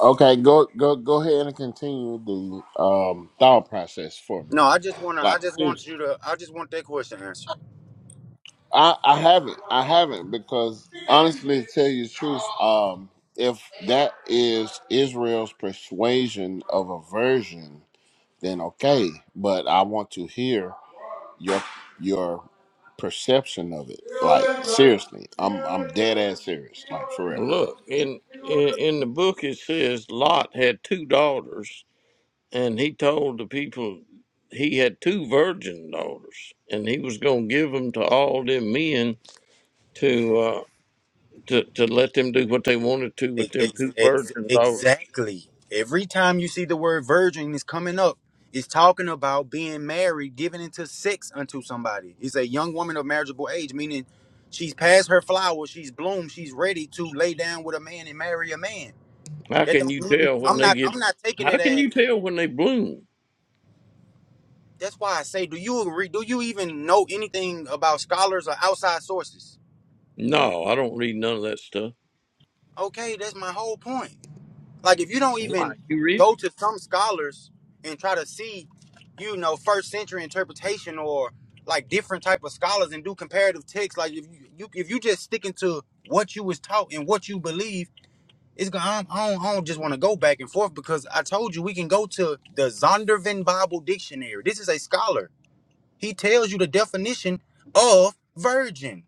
[SPEAKER 4] Okay, go, go, go ahead and continue the um, thought process for me.
[SPEAKER 2] No, I just wanna. I
[SPEAKER 4] Like
[SPEAKER 2] just want
[SPEAKER 4] seriously,
[SPEAKER 2] you to. I just want that question answered.
[SPEAKER 4] I, I haven't, I haven't because honestly, to tell you the truth, um, if that is Israel's persuasion of aversion, then okay. But I want to hear. your your perception of it. Like seriously, I'm I'm dead ass serious. Like for real.
[SPEAKER 3] Well, Look, in, in in the book it says Lot had two daughters, and he told the people he had two virgin daughters, and he was going to give them to all them men to. Uh, to, to let them do what they wanted to with
[SPEAKER 2] Ex-
[SPEAKER 3] them two
[SPEAKER 2] ex-
[SPEAKER 3] birds
[SPEAKER 2] ex-
[SPEAKER 3] and daughters.
[SPEAKER 2] Exactly. Every time you see the word virgin is coming up, it's talking about being married, giving into sex unto somebody. It's a young woman of marriageable age, meaning she's past her flowers, she's bloomed, she's ready to lay down with a man and marry a man.
[SPEAKER 3] How
[SPEAKER 2] That
[SPEAKER 3] can
[SPEAKER 2] don't
[SPEAKER 3] you
[SPEAKER 2] mean
[SPEAKER 3] tell when
[SPEAKER 2] I'm
[SPEAKER 3] they
[SPEAKER 2] not
[SPEAKER 3] get?
[SPEAKER 2] I'm not taking it
[SPEAKER 3] How can
[SPEAKER 2] as
[SPEAKER 3] you tell when they bloom?
[SPEAKER 2] that's why I say, do you agree? Do you even know anything about scholars or outside sources?
[SPEAKER 3] No, I don't read none of that stuff.
[SPEAKER 2] Okay, that's my whole point. Like if you don't even
[SPEAKER 3] Why you read
[SPEAKER 2] go to some scholars and try to see, you know, first century interpretation or like different type of scholars and do comparative texts, like if you, you if you just sticking to what you was taught and what you believe, it's gonna I don't, I don't I don't just want to go back and forth because I told you we can go to the Zondervan Bible Dictionary. This is a scholar. He tells you the definition of virgin.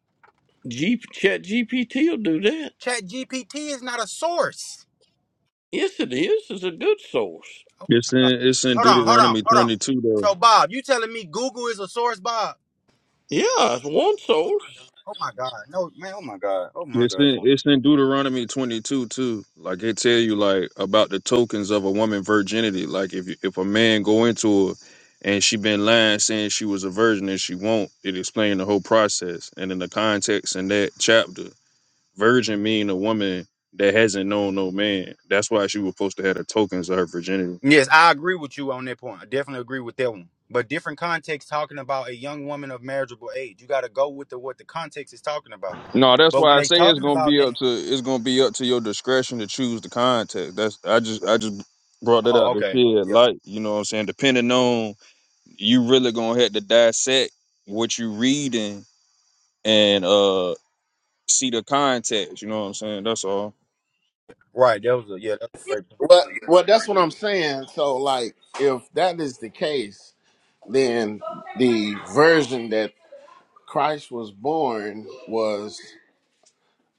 [SPEAKER 3] it? G, Chat GPT will do that.
[SPEAKER 2] Chat GPT is not a source.
[SPEAKER 3] Yes, it is. It's a good source.
[SPEAKER 6] It's in
[SPEAKER 2] Uh,
[SPEAKER 6] it's in
[SPEAKER 2] Hold on, hold on,
[SPEAKER 6] Deuteronomy
[SPEAKER 2] hold on.
[SPEAKER 6] twenty two though.
[SPEAKER 2] So Bob, you telling me Google is a source, Bob?
[SPEAKER 3] Yeah, it's one source.
[SPEAKER 2] Oh my God. No, man, oh my God. Oh my
[SPEAKER 6] It's
[SPEAKER 2] God.
[SPEAKER 6] in it's in Deuteronomy twenty two too. Like it tell you like about the tokens of a woman virginity. Like if you- if a man go into her and she been lying saying she was a virgin and she won't, it explain the whole process. And in the context in that chapter, virgin mean a woman that hasn't known no man. That's why she was supposed to have the tokens of her virginity.
[SPEAKER 2] Yes, I agree with you on that point. I definitely agree with that one. But different context talking about a young woman of marriageable age. You gotta go with the what the context is talking about.
[SPEAKER 6] No, that's
[SPEAKER 2] But when
[SPEAKER 6] why I
[SPEAKER 2] they
[SPEAKER 6] say it's
[SPEAKER 2] talking
[SPEAKER 6] gonna
[SPEAKER 2] about
[SPEAKER 6] be
[SPEAKER 2] they
[SPEAKER 6] up to it's gonna be up to your discretion to choose the context. That's I just I just brought that
[SPEAKER 2] Oh,
[SPEAKER 6] out to
[SPEAKER 2] okay.
[SPEAKER 6] shed
[SPEAKER 2] Yeah.
[SPEAKER 6] light. You know what I'm saying? Depending on you really gonna have to dissect what you reading and uh see the context. You know what I'm saying? That's all.
[SPEAKER 2] Right. That was a yeah, that's a great point.
[SPEAKER 4] Well, well, that's what I'm saying. So like, if that is the case, then the version that Christ was born was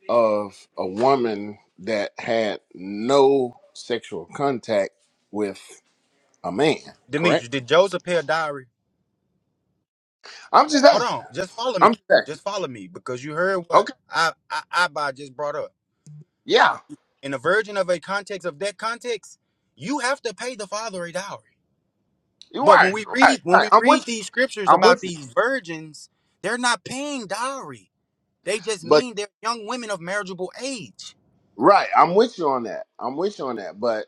[SPEAKER 4] of a woman that had no sexual contact with a man. Correct.
[SPEAKER 2] Demetrius, did Joseph pay a diary?
[SPEAKER 4] I'm just
[SPEAKER 2] Hold
[SPEAKER 4] asking.
[SPEAKER 2] on. Just follow me.
[SPEAKER 4] I'm just asking.
[SPEAKER 2] Just follow me. Because you heard what
[SPEAKER 4] Okay.
[SPEAKER 2] I I, I just brought up.
[SPEAKER 4] Yeah.
[SPEAKER 2] in a version of a context of that context, you have to pay the father a dowry.
[SPEAKER 4] You're
[SPEAKER 2] But when
[SPEAKER 4] right.
[SPEAKER 2] we
[SPEAKER 4] Right.
[SPEAKER 2] read when
[SPEAKER 4] Right.
[SPEAKER 2] we
[SPEAKER 4] I'm
[SPEAKER 2] read
[SPEAKER 4] with you.
[SPEAKER 2] these scriptures
[SPEAKER 4] I'm
[SPEAKER 2] about
[SPEAKER 4] with
[SPEAKER 2] these virgins, they're not paying dowry. They just
[SPEAKER 4] you.
[SPEAKER 2] mean they're young women of marriageable age.
[SPEAKER 4] Right. I'm with you on that. I'm with you on that. But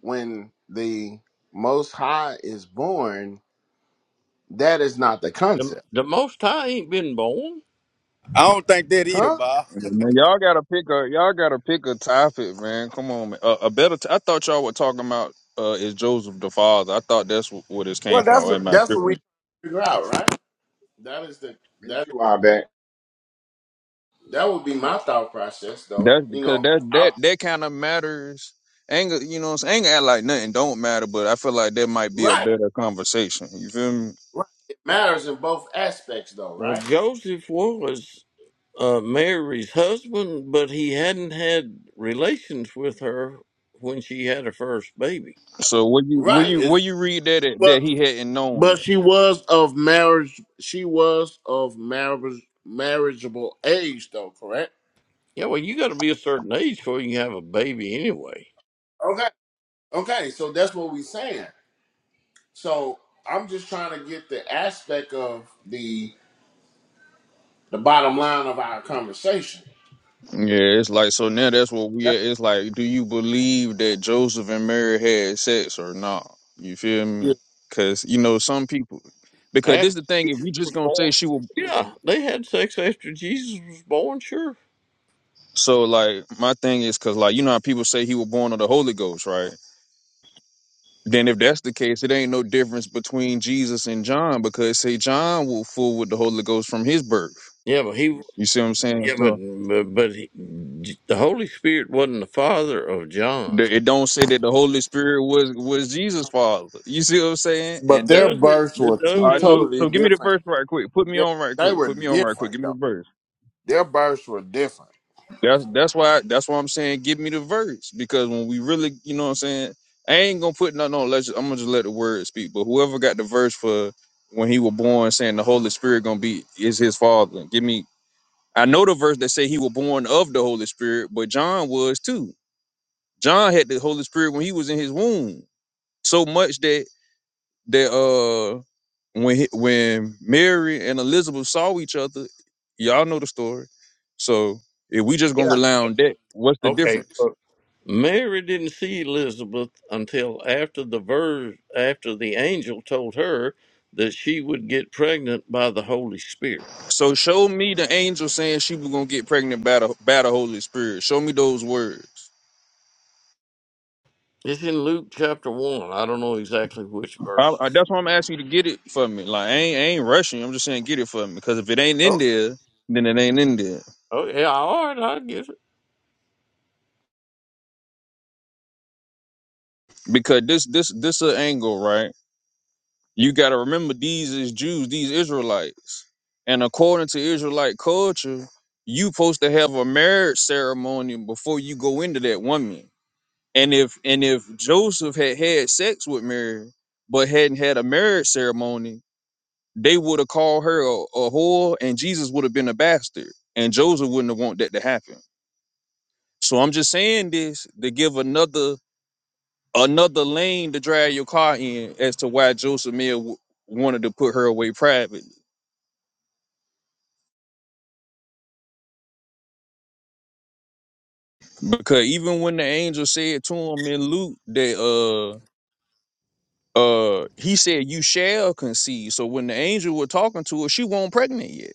[SPEAKER 4] when the Most High is born, that is not the
[SPEAKER 3] The,
[SPEAKER 4] concept,
[SPEAKER 3] the Most High ain't been born.
[SPEAKER 2] I don't think that either,
[SPEAKER 4] huh?
[SPEAKER 2] Bob.
[SPEAKER 6] Man, y'all gotta pick a y'all gotta pick a topic, man. Come on, man. A, a better. T- I thought y'all were talking about uh is Joseph the father. I thought that's wh- where this came
[SPEAKER 4] Well,
[SPEAKER 6] from.
[SPEAKER 4] that's
[SPEAKER 6] Or am I
[SPEAKER 4] that's what we
[SPEAKER 6] tripping?
[SPEAKER 4] figure out, right? That is the
[SPEAKER 1] Me
[SPEAKER 4] that
[SPEAKER 1] too, I bet.
[SPEAKER 4] that would be my thought process, though.
[SPEAKER 6] That's
[SPEAKER 4] You
[SPEAKER 6] because
[SPEAKER 4] know,
[SPEAKER 6] that
[SPEAKER 4] I'm
[SPEAKER 6] that that kind of matters. Anger, you know, what I'm saying? anger act like nothing don't matter, but I feel like that might be a
[SPEAKER 4] right.
[SPEAKER 6] better conversation. You feel me?
[SPEAKER 4] Right. It matters in both aspects, though,
[SPEAKER 3] Well,
[SPEAKER 4] right?
[SPEAKER 3] Joseph was uh, Mary's husband, but he hadn't had relations with her when she had her first baby.
[SPEAKER 6] So where you where
[SPEAKER 4] Right.
[SPEAKER 6] you
[SPEAKER 4] Is
[SPEAKER 6] where you read that at, that
[SPEAKER 4] but
[SPEAKER 6] he hadn't known
[SPEAKER 4] but
[SPEAKER 6] her?
[SPEAKER 4] she was of marriage. She was of marriage marriageable age, though. Correct.
[SPEAKER 3] Yeah, well, you got to be a certain age before you can have a baby anyway.
[SPEAKER 4] Okay. Okay. So that's what we are saying. So I'm just trying to get the aspect of the the bottom line of our conversation.
[SPEAKER 6] Yeah, it's like so now that's what we at. It's like, do you believe that Joseph and Mary had sex or not? You feel me? Because you know some people. Because
[SPEAKER 3] After
[SPEAKER 6] this the thing, if you just gonna say
[SPEAKER 3] born,
[SPEAKER 6] she will,
[SPEAKER 3] yeah, they had sex after Jesus was born, sure.
[SPEAKER 6] so like my thing is, cause like you know how people say he was born of the Holy Ghost, right? Then if that's the case, it ain't no difference between Jesus and John because say John was full with the Holy Ghost from his birth.
[SPEAKER 3] Yeah, but he,
[SPEAKER 6] You see what I'm saying?
[SPEAKER 3] yeah, but
[SPEAKER 6] So
[SPEAKER 3] but he, the Holy Spirit wasn't the father of John.
[SPEAKER 6] the, it don't say that the Holy Spirit was was Jesus' father. You see what I'm saying?
[SPEAKER 3] It
[SPEAKER 4] But
[SPEAKER 6] And that
[SPEAKER 4] their
[SPEAKER 3] doesn't.
[SPEAKER 4] births were
[SPEAKER 3] It
[SPEAKER 6] all
[SPEAKER 4] two
[SPEAKER 6] right.
[SPEAKER 3] doesn't.
[SPEAKER 6] So
[SPEAKER 3] Luke.
[SPEAKER 4] totally
[SPEAKER 6] so give me the
[SPEAKER 4] different.
[SPEAKER 6] verse right quick. Put me
[SPEAKER 4] They
[SPEAKER 6] on right
[SPEAKER 4] they
[SPEAKER 6] quick.
[SPEAKER 4] were
[SPEAKER 6] Put me on right quick.
[SPEAKER 4] different
[SPEAKER 6] Give me
[SPEAKER 4] though.
[SPEAKER 6] the verse.
[SPEAKER 4] Their births were different.
[SPEAKER 6] That's that's why that's why I'm saying give me the verse because when we really you know what I'm saying I ain't gonna put nothing on. Let's I'm gonna just let the word speak. But whoever got the verse for when he was born, saying the Holy Spirit gonna be is his father. Give me I know the verse that say he was born of the Holy Spirit, but John was too. John had the Holy Spirit when he was in his womb, so much that that uh when he, when Mary and Elizabeth saw each other, y'all know the story. So if we just gonna rely on that, what's the
[SPEAKER 3] Okay,
[SPEAKER 6] difference?
[SPEAKER 3] so Mary didn't see Elizabeth until after the verse after the angel told her that she would get pregnant by the Holy Spirit.
[SPEAKER 6] So show me the angel saying she was gonna get pregnant by the by the Holy Spirit. Show me those words.
[SPEAKER 3] It's in Luke chapter one. I don't know exactly which
[SPEAKER 6] I, I,
[SPEAKER 3] verses.
[SPEAKER 6] that's why I'm asking you to get it for me. Like I ain't, I ain't rushing. I'm just saying get it for me because if it ain't in there, then it ain't in there.
[SPEAKER 3] Oh yeah, all right, I get it.
[SPEAKER 6] because this this this a angle right you got to remember these is jews these israelites and according to israelite culture you supposed to have a marriage ceremony before you go into that woman and if and if joseph had had sex with mary but hadn't had a marriage ceremony they would have called her a, a whore and jesus would have been a bastard and joseph wouldn't have want that to happen so i'm just saying this to give another another lane to drag your car in as to why Joseph Mill w- wanted to put her away private. Because even when the angel said to him in Luke that uh uh he said you shall conceive. So when the angel was talking to her, she wasn't pregnant yet.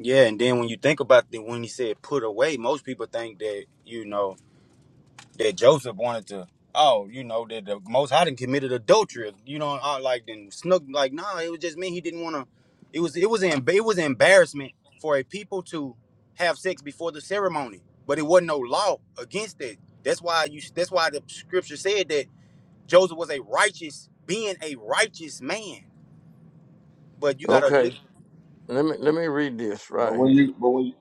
[SPEAKER 2] Yeah, and then when you think about the when he said put away, most people think that you know that Joseph wanted to, oh, you know, that the Most High done committed adultery, you know, I like then snook like, nah, it was just me. He didn't want to. It was it was em- it was embarrassment for a people to have sex before the ceremony, but it wasn't no law against it. That's why you. That's why the scripture said that Joseph was a righteous, being a righteous man. But you gotta
[SPEAKER 3] Okay,
[SPEAKER 2] look.
[SPEAKER 3] let me let me read this
[SPEAKER 1] But
[SPEAKER 3] right
[SPEAKER 1] when
[SPEAKER 3] here.
[SPEAKER 1] you, but when you,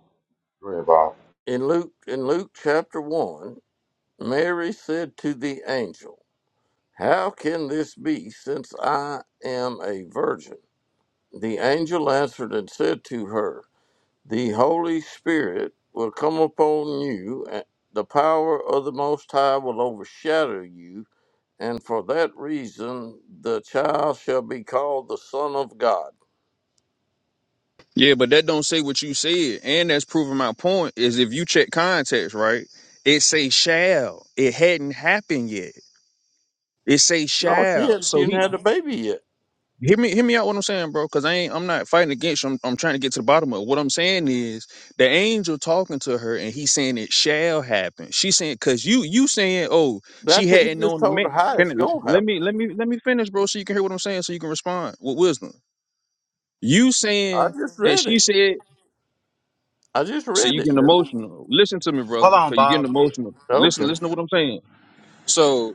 [SPEAKER 1] go ahead, Bob.
[SPEAKER 3] In Luke in Luke chapter 1, Mary said to the angel, "How can this be since I am a virgin?" The angel answered and said to her, "The Holy Spirit will come upon you, and the power of the Most High will overshadow you, and for that reason the child shall be called the Son of God."
[SPEAKER 6] Yeah, but that don't say what you said. And that's proving my point is if you check context, right? It say shall. It hadn't happened yet. It say
[SPEAKER 3] No, she
[SPEAKER 6] shall.
[SPEAKER 3] hadn't, she
[SPEAKER 6] So he
[SPEAKER 3] hadn't had a baby
[SPEAKER 6] Hear me, hear me out. What I'm saying, bro, because I ain't, I'm not fighting against you. I'm, I'm trying to get to the bottom of it. what I'm saying is the angel talking to her, and he's saying it shall happen. She saying, "Cause you, you saying, oh, she
[SPEAKER 3] That's he
[SPEAKER 6] hadn't
[SPEAKER 3] just
[SPEAKER 6] known the
[SPEAKER 3] told her
[SPEAKER 6] man."
[SPEAKER 3] how
[SPEAKER 6] Can
[SPEAKER 3] it's
[SPEAKER 6] it,
[SPEAKER 3] gonna
[SPEAKER 6] let
[SPEAKER 3] happen.
[SPEAKER 6] me, let me, let me finish, bro, so you can hear what I'm saying, so you can respond with wisdom. You
[SPEAKER 3] I
[SPEAKER 6] saying
[SPEAKER 3] just
[SPEAKER 6] that
[SPEAKER 3] read
[SPEAKER 6] she
[SPEAKER 3] it.
[SPEAKER 6] said,
[SPEAKER 3] I just
[SPEAKER 6] so
[SPEAKER 3] read
[SPEAKER 6] you
[SPEAKER 3] it,
[SPEAKER 6] getting
[SPEAKER 3] didn't I?
[SPEAKER 6] emotional. Listen to me, brother,
[SPEAKER 2] Hold on,
[SPEAKER 6] because you're getting
[SPEAKER 2] Bob. Yeah,
[SPEAKER 6] emotional. Listen,
[SPEAKER 3] Okay.
[SPEAKER 6] listen to what I'm saying. So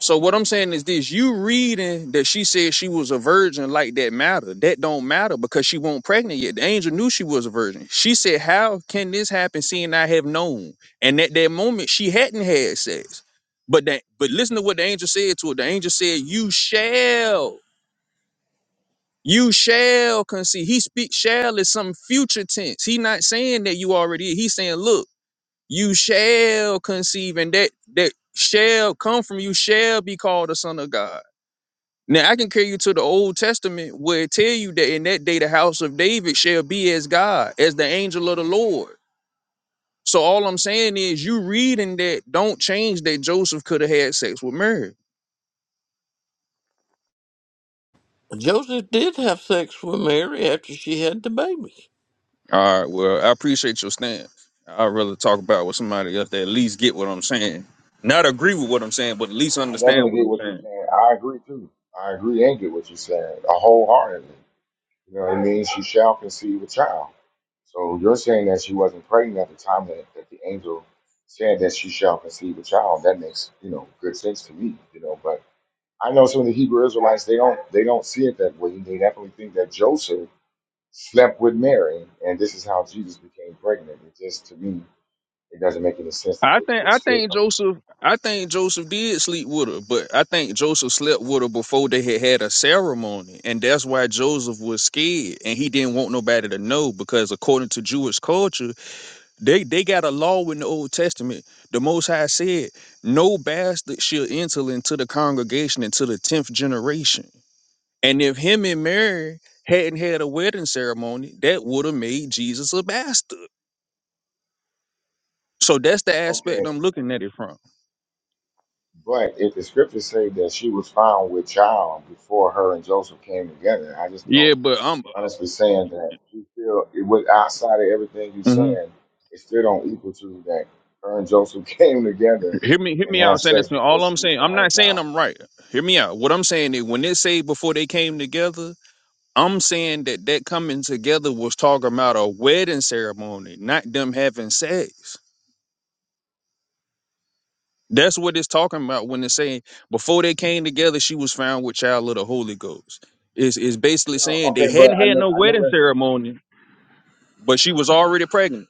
[SPEAKER 6] So what I'm saying is this: you reading that she said she was a virgin, like that matter? That don't matter because she won't pregnant yet. The angel knew she was a virgin. She said, "How can this happen, seeing I have known?" And at that moment, she hadn't had sex. But that, but listen to what the angel said to her. The angel said, "You shall." You shall conceive. He speaks shall is some future tense. He not saying that you already. He's saying, look, you shall conceive, and that that shall come from you shall be called a son of God. Now I can carry you to the Old Testament where it tell you that in that day the house of David shall be as God, as the angel of the Lord. So all I'm saying is you reading that don't change that Joseph could have had sex with Mary.
[SPEAKER 3] Joseph did have sex with Mary after she had the baby.
[SPEAKER 6] All right, well, I appreciate your stance. I'd rather talk about with somebody else that at least get what I'm saying. Not agree with what I'm saying, but at least
[SPEAKER 1] I definitely
[SPEAKER 6] understand what
[SPEAKER 1] get
[SPEAKER 6] I'm
[SPEAKER 1] what you're
[SPEAKER 6] saying.
[SPEAKER 1] saying. I agree too. I agree and get what you're saying wholeheartedly. You know what I mean? She shall conceive a child. So you're saying that she wasn't pregnant at the time that, that the angel said that she shall conceive a child. That makes, you know, good sense to me, you know, but I know some of the Hebrew Israelites they don't they don't see it that way. They definitely think that Joseph slept with Mary and this is how Jesus became pregnant. It just to me it doesn't make any sense that
[SPEAKER 6] I
[SPEAKER 1] they
[SPEAKER 6] think
[SPEAKER 1] would
[SPEAKER 6] I
[SPEAKER 1] still
[SPEAKER 6] think
[SPEAKER 1] come.
[SPEAKER 6] Joseph I think Joseph did sleep with her, but I think Joseph slept with her before they had had a ceremony, and that's why Joseph was scared and he didn't want nobody to know because according to Jewish culture, they they got a law in the Old Testament. The Most High said, "No bastard shall enter into the congregation until the tenth generation." And if him and Mary hadn't had a wedding ceremony, that would have made Jesus a bastard. So that's the aspect
[SPEAKER 1] Okay,
[SPEAKER 6] I'm looking at it from.
[SPEAKER 1] but if the scriptures say that she was found with child before her and Joseph came together, I just don't.
[SPEAKER 6] Yeah, but I'm
[SPEAKER 1] honestly saying that you feel it was outside of everything you're
[SPEAKER 6] hmm
[SPEAKER 1] saying, it still don't equal to that her and Joseph (laughs) came together
[SPEAKER 6] Hear me, hear
[SPEAKER 1] and
[SPEAKER 6] me
[SPEAKER 1] had
[SPEAKER 6] out, San
[SPEAKER 1] sex
[SPEAKER 6] Antonio.
[SPEAKER 1] before
[SPEAKER 6] All I'm
[SPEAKER 1] she was
[SPEAKER 6] saying, I'm
[SPEAKER 1] found
[SPEAKER 6] not
[SPEAKER 1] with
[SPEAKER 6] saying
[SPEAKER 1] child.
[SPEAKER 6] I'm right. Hear me out. What I'm saying is, when they say before they came together, I'm saying that that coming together was talking about a wedding ceremony, not them having sex. That's what it's talking about when they say before they came together, she was found with child of the Holy Ghost. Is is basically
[SPEAKER 1] Yeah,
[SPEAKER 6] saying they
[SPEAKER 1] okay, but
[SPEAKER 6] hadn't
[SPEAKER 1] I
[SPEAKER 6] had
[SPEAKER 1] know
[SPEAKER 6] no
[SPEAKER 1] I know
[SPEAKER 6] wedding
[SPEAKER 1] that
[SPEAKER 6] ceremony, but she was already pregnant.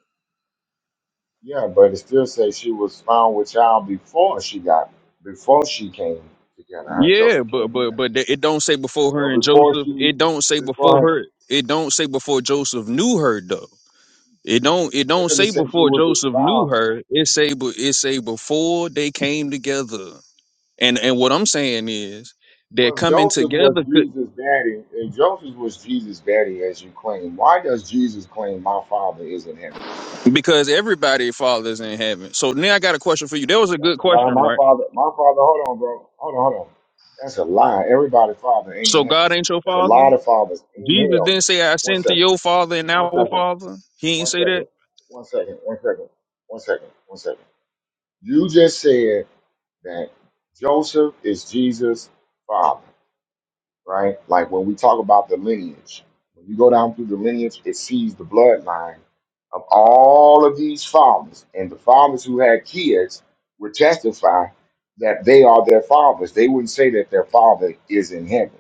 [SPEAKER 1] yeah, but it still says she was found with child before she got before she came together, her and
[SPEAKER 6] Yeah,
[SPEAKER 1] Joseph
[SPEAKER 6] but
[SPEAKER 1] came
[SPEAKER 6] but
[SPEAKER 1] together.
[SPEAKER 6] but th- it don't say before
[SPEAKER 1] So
[SPEAKER 6] her and
[SPEAKER 1] before
[SPEAKER 6] Joseph.
[SPEAKER 1] she
[SPEAKER 6] It don't say before
[SPEAKER 1] before her
[SPEAKER 6] her. It don't say before Joseph knew her though. It don't it
[SPEAKER 1] yeah,
[SPEAKER 6] don't
[SPEAKER 1] because it
[SPEAKER 6] say
[SPEAKER 1] says she
[SPEAKER 6] before
[SPEAKER 1] was
[SPEAKER 6] Joseph
[SPEAKER 1] found
[SPEAKER 6] knew her. It say but it say before they came together. And and what I'm saying is they're
[SPEAKER 1] Well,
[SPEAKER 6] coming
[SPEAKER 1] Joseph was
[SPEAKER 6] together could,
[SPEAKER 1] Jesus' daddy. If Joseph was Jesus' daddy, as you claim, why does Jesus claim my father is in heaven?
[SPEAKER 6] because everybody father's in heaven. So now I got a question for you. That was a
[SPEAKER 1] That's
[SPEAKER 6] good
[SPEAKER 1] a lie.
[SPEAKER 6] question,
[SPEAKER 1] My
[SPEAKER 6] right?
[SPEAKER 1] father, my father. Hold on, bro. Hold on, hold on. That's a lie. Everybody's father ain't in
[SPEAKER 6] So
[SPEAKER 1] heaven.
[SPEAKER 6] God ain't your
[SPEAKER 1] There's a
[SPEAKER 6] father.
[SPEAKER 1] lot of fathers in
[SPEAKER 6] Jesus
[SPEAKER 1] hell.
[SPEAKER 6] didn't say I
[SPEAKER 1] One
[SPEAKER 6] send to
[SPEAKER 1] second.
[SPEAKER 6] your father and
[SPEAKER 1] One
[SPEAKER 6] our
[SPEAKER 1] second.
[SPEAKER 6] father. He ain't
[SPEAKER 1] One
[SPEAKER 6] say that.
[SPEAKER 1] second. One second. One second. One second. One second. You just said that Joseph is Jesus' father. right? Like when we talk about the lineage, when you go down through the lineage, it sees the bloodline of all of these farmers. And the farmers who had kids would testify that they are their fathers. They wouldn't say that their father is in heaven.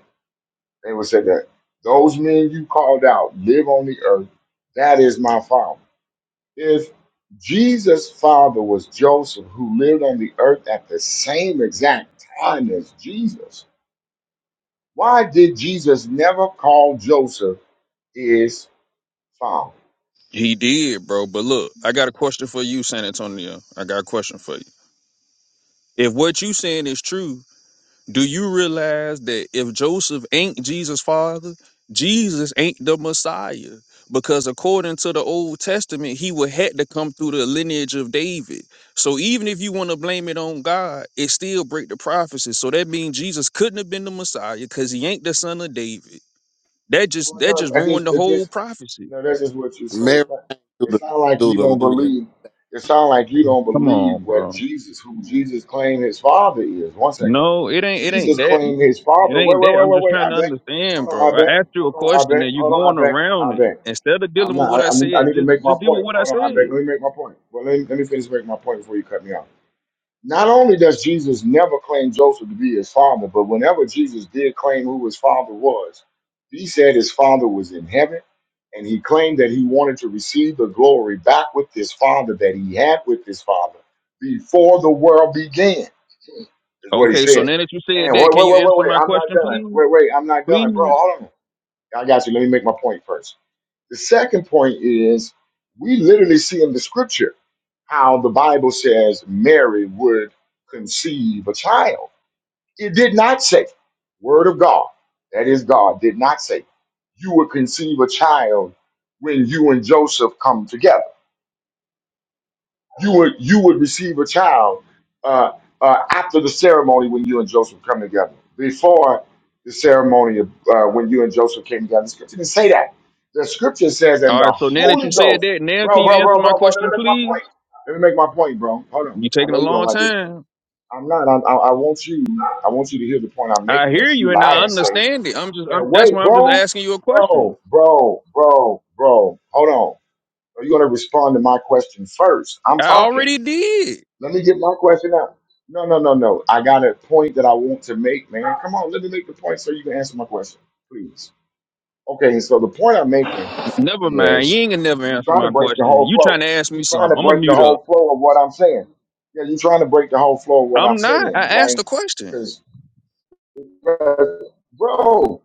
[SPEAKER 1] They would say that those men you called out live on the earth. That is my father. If Jesus' father was Joseph, who lived on the earth at the same exact time as Jesus, why did Jesus never call Joseph his father?
[SPEAKER 6] He did, bro. But look, I got a question for you, San Antonio. I got a question for you. If what you saying is true, do you realize that if Joseph ain't Jesus' father, Jesus ain't the Messiah? Because according to the Old Testament, he would had to come through the lineage of David. So even if you want to blame it on God, it still break the prophecy. So that means Jesus couldn't have been the Messiah because he ain't the son of David. That just
[SPEAKER 1] Well,
[SPEAKER 6] that
[SPEAKER 1] no,
[SPEAKER 6] just
[SPEAKER 1] I just,
[SPEAKER 6] ruined the
[SPEAKER 1] it
[SPEAKER 6] whole
[SPEAKER 1] just, you
[SPEAKER 6] prophecy.
[SPEAKER 1] know, that's just what you say.
[SPEAKER 4] Mary came through
[SPEAKER 1] It
[SPEAKER 4] the
[SPEAKER 1] sounds like
[SPEAKER 4] through
[SPEAKER 1] you
[SPEAKER 4] the
[SPEAKER 1] don't
[SPEAKER 4] lineage.
[SPEAKER 1] believe. It sounds like you don't
[SPEAKER 6] Come
[SPEAKER 1] believe
[SPEAKER 6] on,
[SPEAKER 1] what
[SPEAKER 6] bro.
[SPEAKER 1] Jesus, who Jesus claimed his father is. One second,
[SPEAKER 6] No, it ain't. It ain't
[SPEAKER 1] Jesus
[SPEAKER 6] that.
[SPEAKER 1] claimed his
[SPEAKER 6] It
[SPEAKER 1] father.
[SPEAKER 6] ain't
[SPEAKER 1] Wait, wait,
[SPEAKER 6] that.
[SPEAKER 1] wait,
[SPEAKER 6] I'm
[SPEAKER 1] wait,
[SPEAKER 6] just
[SPEAKER 1] wait.
[SPEAKER 6] trying
[SPEAKER 1] I
[SPEAKER 6] to
[SPEAKER 1] bet. Hold
[SPEAKER 6] understand, bro.
[SPEAKER 1] on, I
[SPEAKER 6] I
[SPEAKER 1] bet.
[SPEAKER 6] asked you a
[SPEAKER 1] Hold on, I
[SPEAKER 6] question,
[SPEAKER 1] bet.
[SPEAKER 6] and you
[SPEAKER 1] Hold on, I
[SPEAKER 6] going
[SPEAKER 1] bet. I
[SPEAKER 6] around it
[SPEAKER 1] bet.
[SPEAKER 6] instead of
[SPEAKER 1] I'm
[SPEAKER 6] dealing with
[SPEAKER 1] not.
[SPEAKER 6] what
[SPEAKER 1] I,
[SPEAKER 6] I
[SPEAKER 1] I, need, I
[SPEAKER 6] said.
[SPEAKER 1] need to
[SPEAKER 6] Just,
[SPEAKER 1] make my
[SPEAKER 6] just deal with
[SPEAKER 1] point.
[SPEAKER 6] what I
[SPEAKER 1] Hold on, I bet.
[SPEAKER 6] said.
[SPEAKER 1] Let me make my point. Well, let me, let me finish making my point before you cut me off. Not only does Jesus never claim Joseph to be his father, but whenever Jesus did claim who his father was, he said his father was in heaven, and he claimed that he wanted to receive the glory back with his father that he had with his father before the world began, is what he
[SPEAKER 6] Okay. So
[SPEAKER 1] said.
[SPEAKER 6] now that you said
[SPEAKER 1] And wait,
[SPEAKER 6] that, can
[SPEAKER 1] wait,
[SPEAKER 6] you
[SPEAKER 1] wait, wait,
[SPEAKER 6] answer
[SPEAKER 1] wait,
[SPEAKER 6] my
[SPEAKER 1] I'm not
[SPEAKER 6] question,
[SPEAKER 1] done.
[SPEAKER 6] please?
[SPEAKER 1] Wait, wait, I'm not done. Bro,
[SPEAKER 6] Please.
[SPEAKER 1] hold on. I got you. Let me make my point first. The second point is we literally see in the scripture how the Bible says Mary would conceive a child. It did not say, Word of God, that is God, did not say, you would conceive a child when you and Joseph come together you would you would receive a child uh, uh, after the ceremony when you and Joseph come together. Before the ceremony of uh, when you and Joseph came together, the scripture didn't say that. The scripture says, "And
[SPEAKER 6] All
[SPEAKER 1] the
[SPEAKER 6] right. So now that
[SPEAKER 1] Holy
[SPEAKER 6] you said
[SPEAKER 1] Ghost,
[SPEAKER 6] that, now
[SPEAKER 1] bro,
[SPEAKER 6] can you
[SPEAKER 1] bro,
[SPEAKER 6] answer
[SPEAKER 1] bro,
[SPEAKER 6] my
[SPEAKER 1] bro, bro. Let
[SPEAKER 6] question,
[SPEAKER 1] me make my
[SPEAKER 6] please?
[SPEAKER 1] point. Let me make my point, bro. Hold on.
[SPEAKER 6] You're
[SPEAKER 1] I
[SPEAKER 6] taking
[SPEAKER 1] know
[SPEAKER 6] a
[SPEAKER 1] you don't
[SPEAKER 6] long
[SPEAKER 1] like what you. said.
[SPEAKER 6] time.
[SPEAKER 1] I'm not. I, I, I want you. I want you to hear the point I'm
[SPEAKER 6] I
[SPEAKER 1] making.
[SPEAKER 6] hear
[SPEAKER 1] As you
[SPEAKER 6] you, and
[SPEAKER 1] lie
[SPEAKER 6] I
[SPEAKER 1] and say
[SPEAKER 6] understand it. I'm just.
[SPEAKER 1] that,
[SPEAKER 6] I'm, that's
[SPEAKER 1] wait,
[SPEAKER 6] why I'm just
[SPEAKER 1] bro,
[SPEAKER 6] asking you a question.
[SPEAKER 1] bro, bro, bro, bro. Hold on. Are you going to respond to my question first? I'm
[SPEAKER 6] I
[SPEAKER 1] talking.
[SPEAKER 6] already did.
[SPEAKER 1] Let me get my question out. No, no, no, no. I got a point that I want to make, man. Come on, let me make the point so you can answer my question, please. Okay, so the point I'm making
[SPEAKER 6] Never mind. You
[SPEAKER 1] is
[SPEAKER 6] ain't gonna never
[SPEAKER 1] you're
[SPEAKER 6] answer
[SPEAKER 1] trying to
[SPEAKER 6] my
[SPEAKER 1] break the
[SPEAKER 6] question.
[SPEAKER 1] whole
[SPEAKER 6] You trying
[SPEAKER 1] flow.
[SPEAKER 6] to ask
[SPEAKER 1] You're
[SPEAKER 6] me
[SPEAKER 1] trying to
[SPEAKER 6] something. I'm gonna
[SPEAKER 1] break the
[SPEAKER 6] mute up.
[SPEAKER 1] whole flow of what I'm saying. Yeah, you're trying to break the whole flow of what I'm
[SPEAKER 6] I'm not. I
[SPEAKER 1] saying,
[SPEAKER 6] asked
[SPEAKER 1] right?
[SPEAKER 6] the question.
[SPEAKER 1] Because, bro,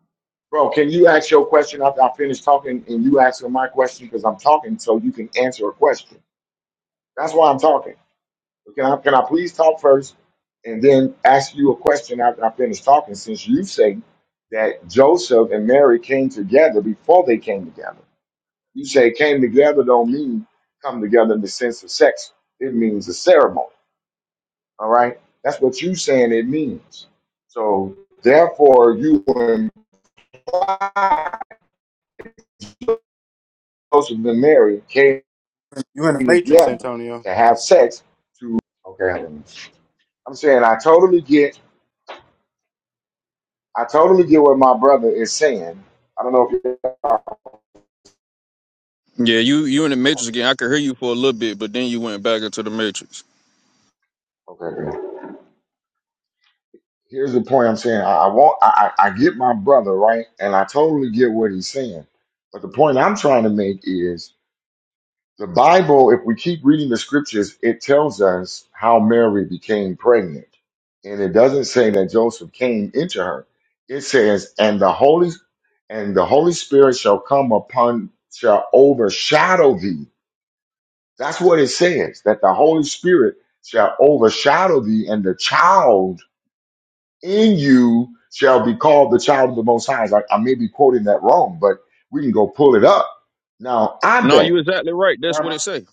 [SPEAKER 1] bro, can you ask your question after I finish talking and you answer my question? Because I'm talking so you can answer a question. That's why I'm talking. Can I, can I please talk first and then ask you a question after I finish talking? Since you say that Joseph and Mary came together before they came together, you say came together don't mean come together in the sense of sex. It means a ceremony. All right, that's what you saying it means. So therefore, you imply Joseph and Mary came
[SPEAKER 2] you in the matrix,
[SPEAKER 1] together
[SPEAKER 2] Antonio.
[SPEAKER 1] to have sex. To okay, I'm saying I totally get I totally get what my brother is saying. I don't know if you okay.
[SPEAKER 6] Yeah, you you in the matrix again. I could hear you for a little bit, but then you went back into the matrix.
[SPEAKER 1] good. Here's the point I'm saying. I, I want. I, I I get my brother right, and I totally get what he's saying. But the point I'm trying to make is the Bible. If we keep reading the scriptures, it tells us how Mary became pregnant, and it doesn't say that Joseph came into her. It says, "And the Holy, and the Holy Spirit shall come upon, shall overshadow thee." That's what it says, that the Holy Spirit shall overshadow thee, and the child in you shall be called the child of the Most High. Like I may be quoting that wrong, but we can go pull it up. Now, I
[SPEAKER 6] No, you
[SPEAKER 1] bet,
[SPEAKER 6] exactly right. That's what
[SPEAKER 1] um,
[SPEAKER 6] it say.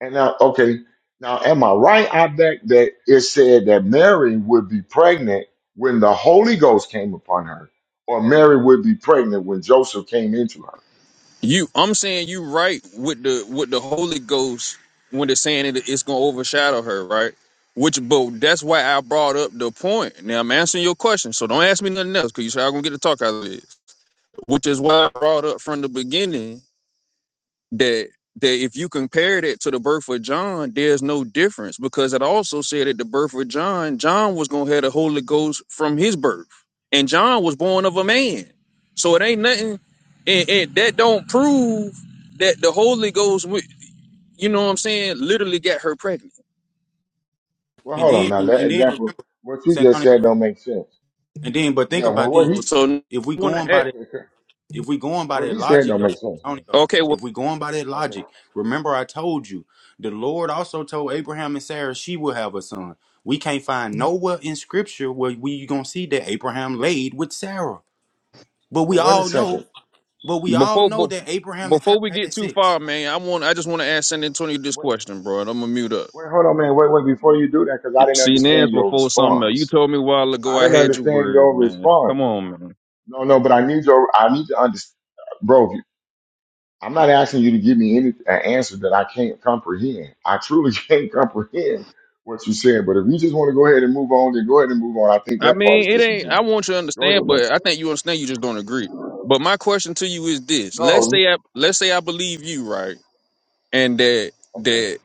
[SPEAKER 1] and now, okay, now, am I right? I bet that it said that Mary would be pregnant when the Holy Ghost came upon her, or Mary would be pregnant when Joseph came into her.
[SPEAKER 6] You, I'm saying you right with the with the Holy Ghost when they're saying it, it's gonna overshadow her, right? Which, but that's why I brought up the point. Now I'm answering your question, so don't ask me nothing else because you said I'm gonna get to talk out of this. Which is why I brought up from the beginning that that if you compared it to the birth of John, there's no difference because it also said at the birth of John, John was gonna have the Holy Ghost from his birth, and John was born of a man. So it ain't nothing, and, and that don't prove that the Holy Ghost, wi- you know what I'm saying, literally got her pregnant.
[SPEAKER 1] Well,
[SPEAKER 2] And
[SPEAKER 1] hold on
[SPEAKER 2] then
[SPEAKER 1] now. That
[SPEAKER 2] and then
[SPEAKER 1] example, what you just
[SPEAKER 2] Santonio.
[SPEAKER 1] said don't make sense.
[SPEAKER 2] And then, but think
[SPEAKER 1] Yeah, well,
[SPEAKER 2] about
[SPEAKER 1] what
[SPEAKER 2] this:
[SPEAKER 1] he
[SPEAKER 6] So
[SPEAKER 2] if we
[SPEAKER 6] want
[SPEAKER 2] going by
[SPEAKER 6] to
[SPEAKER 2] that.
[SPEAKER 1] okay? 'cause
[SPEAKER 2] If we going by
[SPEAKER 1] What
[SPEAKER 2] that
[SPEAKER 1] he said
[SPEAKER 2] logic,
[SPEAKER 1] don't
[SPEAKER 2] though,
[SPEAKER 1] make sense, man.
[SPEAKER 2] Antonio,
[SPEAKER 6] okay, well
[SPEAKER 2] if we going by that
[SPEAKER 1] Okay.
[SPEAKER 2] logic, remember I told you, the Lord also told Abraham and Sarah she will have a son. We can't find nowhere in Scripture where we gonna see that Abraham laid with Sarah. But
[SPEAKER 1] But
[SPEAKER 2] we
[SPEAKER 1] wait a
[SPEAKER 2] all know,
[SPEAKER 1] second.
[SPEAKER 2] but we all
[SPEAKER 6] before
[SPEAKER 2] know
[SPEAKER 6] bef-
[SPEAKER 2] that Abraham and Sarah
[SPEAKER 6] before we
[SPEAKER 2] had
[SPEAKER 6] get too
[SPEAKER 2] sex.
[SPEAKER 6] far, man, I want I just want to ask San Antonio this
[SPEAKER 1] Wait,
[SPEAKER 6] question, bro, and I'm gonna mute up.
[SPEAKER 1] wait, hold on, man. Wait, wait, before you do that, because I didn't
[SPEAKER 6] See, now
[SPEAKER 1] understand your
[SPEAKER 6] before something else. You
[SPEAKER 1] response.
[SPEAKER 6] told me a while ago
[SPEAKER 1] I
[SPEAKER 6] I
[SPEAKER 1] didn't
[SPEAKER 6] had your
[SPEAKER 1] understand your
[SPEAKER 6] word, man.
[SPEAKER 1] response.
[SPEAKER 6] Come on, man.
[SPEAKER 1] No, no, but I need your, I need to understand. Bro, you- I'm not asking you to give me any an answer that I can't comprehend. I truly (laughs) can't comprehend what you said. But if you just want to go ahead and move on, then go ahead and move on. I think
[SPEAKER 6] I
[SPEAKER 1] that part is
[SPEAKER 6] mean, it ain't. I
[SPEAKER 1] disingenuous.
[SPEAKER 6] want you to
[SPEAKER 1] Go
[SPEAKER 6] understand,
[SPEAKER 1] ahead, man.
[SPEAKER 6] but I think you understand. You just don't agree. But my question to you is this: Let's
[SPEAKER 1] No,
[SPEAKER 6] say I let's say I believe you, right? And that
[SPEAKER 1] okay.
[SPEAKER 6] that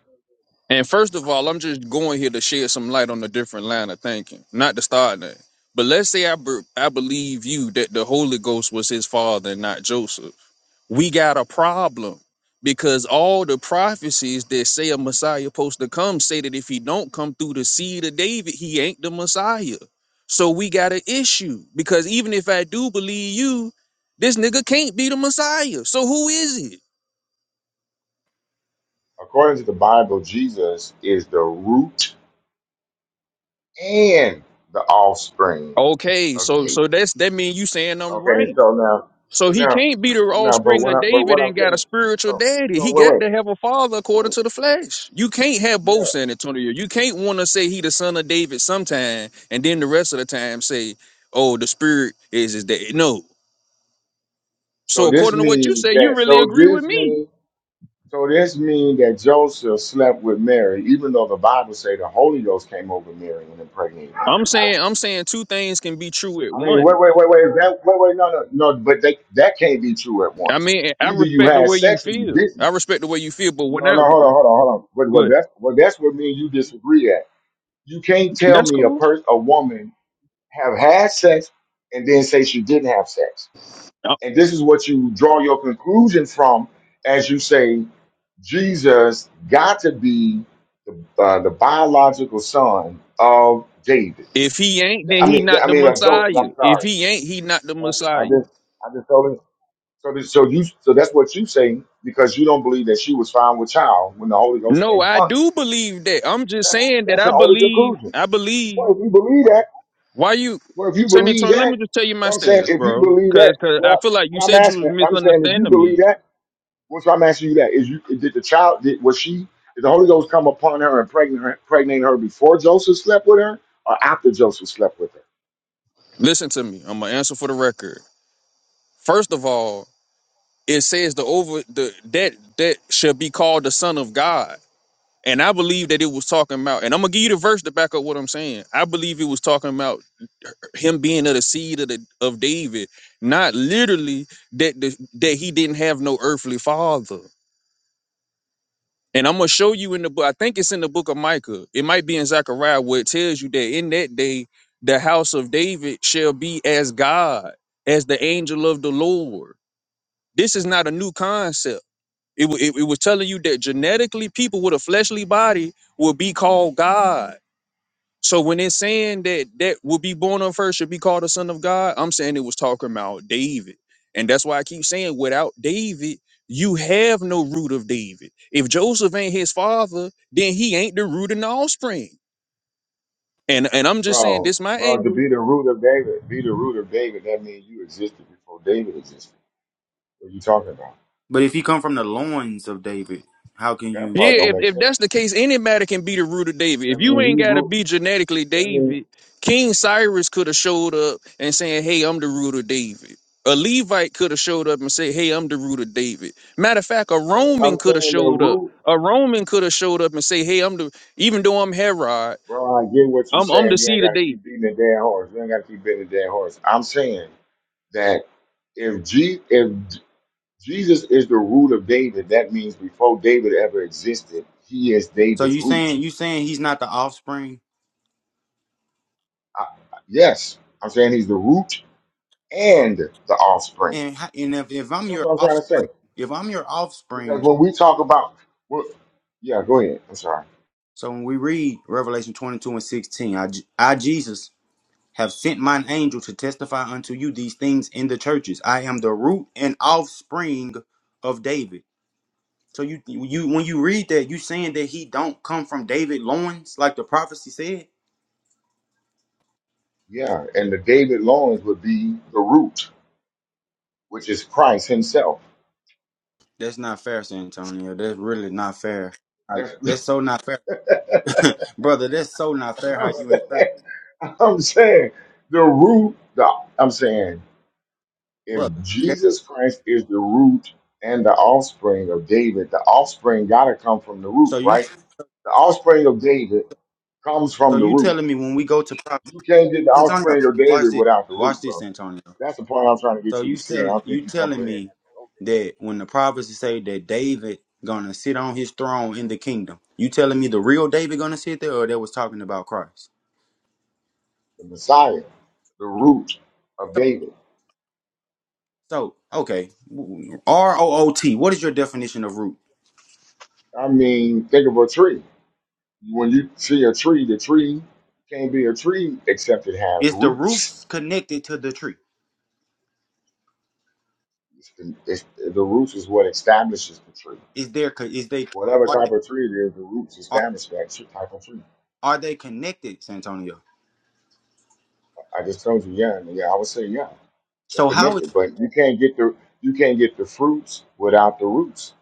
[SPEAKER 6] and first of all, I'm just going here to shed some light on a different line of thinking, not to start that. But let's say I be, I believe you that the Holy Ghost was his father and not Joseph. we got a problem because all the prophecies that say a messiah supposed to come say that if he don't come through the seed of david he ain't the messiah so we got an issue because even if i do believe you this nigga can't be the messiah so who is it
[SPEAKER 1] According to the Bible, Jesus is the root and the offspring
[SPEAKER 6] okay
[SPEAKER 1] of
[SPEAKER 6] so
[SPEAKER 1] David.
[SPEAKER 6] so that's that mean you saying i'm
[SPEAKER 1] Okay,
[SPEAKER 6] right
[SPEAKER 1] so now,
[SPEAKER 6] So
[SPEAKER 1] so
[SPEAKER 6] he
[SPEAKER 1] now,
[SPEAKER 6] can't be the
[SPEAKER 1] so now, but
[SPEAKER 6] offspring
[SPEAKER 1] what
[SPEAKER 6] of
[SPEAKER 1] I, but
[SPEAKER 6] David
[SPEAKER 1] what I'm
[SPEAKER 6] and got a
[SPEAKER 1] saying,
[SPEAKER 6] spiritual
[SPEAKER 1] so,
[SPEAKER 6] daddy.
[SPEAKER 1] so
[SPEAKER 6] He got
[SPEAKER 1] wait,
[SPEAKER 6] to have a father
[SPEAKER 1] wait,
[SPEAKER 6] according
[SPEAKER 1] wait,
[SPEAKER 6] to the flesh. You can't have both,
[SPEAKER 1] yeah.
[SPEAKER 6] San Antonio. You can't want to say he the son of David sometime and then the rest of the time say, oh, the spirit is his daddy." No.
[SPEAKER 1] So
[SPEAKER 6] So
[SPEAKER 1] this
[SPEAKER 6] according to what you
[SPEAKER 1] means
[SPEAKER 6] say, you
[SPEAKER 1] that,
[SPEAKER 6] really
[SPEAKER 1] so
[SPEAKER 6] agree with
[SPEAKER 1] this
[SPEAKER 6] me.
[SPEAKER 1] means, so this means that Joseph slept with Mary, even though the Bible say the Holy Ghost came over Mary and impregnated Mary.
[SPEAKER 6] I'm saying I'm saying two things can be true at
[SPEAKER 1] I mean,
[SPEAKER 6] once.
[SPEAKER 1] wait, wait, wait, wait, is that, wait, wait, no, no, no, but they, that can't be true at
[SPEAKER 6] I
[SPEAKER 1] once.
[SPEAKER 6] mean, I
[SPEAKER 1] Either you
[SPEAKER 6] respect the
[SPEAKER 1] had
[SPEAKER 6] way you
[SPEAKER 1] sex or you
[SPEAKER 6] feel. I
[SPEAKER 1] didn't.
[SPEAKER 6] respect the way you feel, but when
[SPEAKER 1] No,
[SPEAKER 6] I
[SPEAKER 1] no, hold on, hold on, hold on. But
[SPEAKER 6] go
[SPEAKER 1] well,
[SPEAKER 6] ahead.
[SPEAKER 1] that's well, that's what me and you disagree at. You can't tell
[SPEAKER 6] That's
[SPEAKER 1] me a
[SPEAKER 6] cool.
[SPEAKER 1] person, a woman, have had sex and then say she didn't have sex.
[SPEAKER 6] Uh,
[SPEAKER 1] And this is what you draw your conclusion from as you say Jesus got to be the, uh, the biological son of David.
[SPEAKER 6] If he ain't, then
[SPEAKER 1] I
[SPEAKER 6] he
[SPEAKER 1] mean,
[SPEAKER 6] not
[SPEAKER 1] I
[SPEAKER 6] the
[SPEAKER 1] mean, I'm
[SPEAKER 6] Messiah.
[SPEAKER 1] joking. I'm
[SPEAKER 6] If
[SPEAKER 1] sorry.
[SPEAKER 6] he ain't, he not the
[SPEAKER 1] I
[SPEAKER 6] Messiah.
[SPEAKER 1] just, I just told him. So, this, so you, so that's what you say because you don't believe that she was found with child when the Holy Ghost
[SPEAKER 6] No,
[SPEAKER 1] came
[SPEAKER 6] I
[SPEAKER 1] upon her.
[SPEAKER 6] do believe that. I'm just
[SPEAKER 1] That's,
[SPEAKER 6] saying that
[SPEAKER 1] that's
[SPEAKER 6] I
[SPEAKER 1] your only
[SPEAKER 6] believe.
[SPEAKER 1] conclusion.
[SPEAKER 6] I believe.
[SPEAKER 1] Well, if you believe that.
[SPEAKER 6] Why you,
[SPEAKER 1] Well, if you
[SPEAKER 6] San
[SPEAKER 1] believe
[SPEAKER 6] Antonio? Let me
[SPEAKER 1] that,
[SPEAKER 6] just tell you my
[SPEAKER 1] what I'm saying,
[SPEAKER 6] stance,
[SPEAKER 1] if you
[SPEAKER 6] bro.
[SPEAKER 1] believe
[SPEAKER 6] Cause,
[SPEAKER 1] that,
[SPEAKER 6] cause I
[SPEAKER 1] well,
[SPEAKER 6] feel like you
[SPEAKER 1] what I'm
[SPEAKER 6] said you was
[SPEAKER 1] asking, I'm saying, if you
[SPEAKER 6] misunderstanding
[SPEAKER 1] believe
[SPEAKER 6] me.
[SPEAKER 1] that, what's I'm asking you that is, you did the child did was she did the Holy Ghost come upon her and pregnant her, impregnate her before Joseph slept with her or after Joseph slept with her?
[SPEAKER 6] Listen to me. I'm gonna answer for the record. First of all, it says the over the that that shall be called the Son of God, and I believe that it was talking about. And I'm gonna give you the verse to back up what I'm saying. I believe it was talking about him being of the seed of the of David, not literally that the, that he didn't have no earthly father. And I'm gonna show you in the book. I think it's in the book of Micah. It might be in Zechariah where it tells you that in that day the house of David shall be as God, as the angel of the Lord. This is not a new concept. It, wa- it, it was telling you that genetically people with a fleshly body will be called God. So when it's saying that that will be born on first should be called a son of God, I'm saying it was talking about David. And that's why I keep saying without David, you have no root of David. If Joseph ain't his father, then he ain't the root and offspring. And and I'm just saying
[SPEAKER 1] Bro,
[SPEAKER 6] this my
[SPEAKER 1] bro,
[SPEAKER 6] angle.
[SPEAKER 1] to be the root of David, be the root of David, that means you existed before David existed. What you talking about?
[SPEAKER 2] But if he come from the loins of David, how can
[SPEAKER 1] That
[SPEAKER 2] you?
[SPEAKER 6] Yeah,
[SPEAKER 1] part don't
[SPEAKER 6] if,
[SPEAKER 1] make
[SPEAKER 6] if
[SPEAKER 1] sense.
[SPEAKER 6] that's the case, any matter can be the root of David.
[SPEAKER 1] That
[SPEAKER 6] If you
[SPEAKER 1] means
[SPEAKER 6] ain't
[SPEAKER 1] he
[SPEAKER 6] gotta
[SPEAKER 1] root
[SPEAKER 6] be genetically
[SPEAKER 1] that means
[SPEAKER 6] David, King Cyrus could have showed up and saying, Hey, I'm the root of David. A Levite could have showed up and said, Hey, I'm the root of David. Matter of fact, a
[SPEAKER 1] but I'm
[SPEAKER 6] Roman could have
[SPEAKER 1] saying the
[SPEAKER 6] showed up.
[SPEAKER 1] root
[SPEAKER 6] A Roman could have showed up and say, Hey, I'm the even though I'm Herod,
[SPEAKER 1] Bro, I get what you're
[SPEAKER 6] I'm I'm the
[SPEAKER 1] saying. You ain't
[SPEAKER 6] seed
[SPEAKER 1] got
[SPEAKER 6] of
[SPEAKER 1] to keep
[SPEAKER 6] David.
[SPEAKER 1] beating the dead horse. You ain't got to keep beating the dead horse. I'm saying that if G, if J- Jesus is the root of David, that means before David ever existed, he is
[SPEAKER 2] So
[SPEAKER 1] David's
[SPEAKER 2] you
[SPEAKER 1] root.
[SPEAKER 2] saying you saying he's not the offspring?
[SPEAKER 1] I, yes, I'm saying he's the root and the offspring.
[SPEAKER 2] And how- and if, if I'm
[SPEAKER 1] That's
[SPEAKER 2] your
[SPEAKER 1] what I'm trying to say.
[SPEAKER 2] offspring, if I'm your
[SPEAKER 1] Because
[SPEAKER 2] offspring,
[SPEAKER 1] when we talk about, well, yeah, go ahead. I'm sorry.
[SPEAKER 2] So when we read Revelation 22 and 16, I, I Jesus, have sent mine angel to testify unto you these things in the churches. I am the root and offspring of David. So you, you, when you read that, you saying that he don't come from David loins, like the prophecy said.
[SPEAKER 1] Yeah, and the David loins would be the root, which is Christ Himself.
[SPEAKER 2] That's not fair, San Antonio. That's really not fair. I-
[SPEAKER 1] That's, (laughs) what
[SPEAKER 2] That's so not fair, (laughs) brother. That's so not fair
[SPEAKER 1] I'm
[SPEAKER 2] how you
[SPEAKER 1] saying.
[SPEAKER 2] insert,
[SPEAKER 1] (laughs) I'm saying the root. The, I'm saying if
[SPEAKER 2] brother. that-
[SPEAKER 1] Jesus Christ is the root and the offspring of David, the offspring gotta come from the root,
[SPEAKER 2] So you,
[SPEAKER 1] right? The offspring of David comes
[SPEAKER 2] so
[SPEAKER 1] from the
[SPEAKER 2] you
[SPEAKER 1] root.
[SPEAKER 2] telling me when we go to prophecy,
[SPEAKER 1] You can't get the
[SPEAKER 2] Antonio?
[SPEAKER 1] offspring of
[SPEAKER 2] Watch
[SPEAKER 1] David
[SPEAKER 2] this.
[SPEAKER 1] without the root,
[SPEAKER 2] Watch this,
[SPEAKER 1] bro.
[SPEAKER 2] Antonio.
[SPEAKER 1] That's the point I'm trying to
[SPEAKER 2] So
[SPEAKER 1] get you
[SPEAKER 2] you
[SPEAKER 1] to see, and
[SPEAKER 2] tell
[SPEAKER 1] I don't
[SPEAKER 2] you
[SPEAKER 1] think you
[SPEAKER 2] telling
[SPEAKER 1] comprehend
[SPEAKER 2] me
[SPEAKER 1] that.
[SPEAKER 2] that when the prophecy say that David gonna sit on his throne in the kingdom, you telling me the real David gonna sit there, or that was talking about Christ?
[SPEAKER 1] The Messiah, the root of
[SPEAKER 2] So,
[SPEAKER 1] David.
[SPEAKER 2] so okay, R O O T. What is your definition of root?
[SPEAKER 1] I mean, think of a tree. When you see a tree, the tree can't be a tree except it have
[SPEAKER 2] Is the
[SPEAKER 1] roots
[SPEAKER 2] roots connected to the tree?
[SPEAKER 1] It's the, it's, the roots is what establishes the tree.
[SPEAKER 2] Is there co- is they
[SPEAKER 1] Whatever
[SPEAKER 2] are they
[SPEAKER 1] type of tree it is, the roots
[SPEAKER 2] are,
[SPEAKER 1] establish that tr- type of tree.
[SPEAKER 2] are they connected, Santonio?
[SPEAKER 1] I just told you, yeah, and yeah. I would say, yeah, they're
[SPEAKER 2] So how is
[SPEAKER 1] connected, but you can't get the you can't get the fruits without the roots.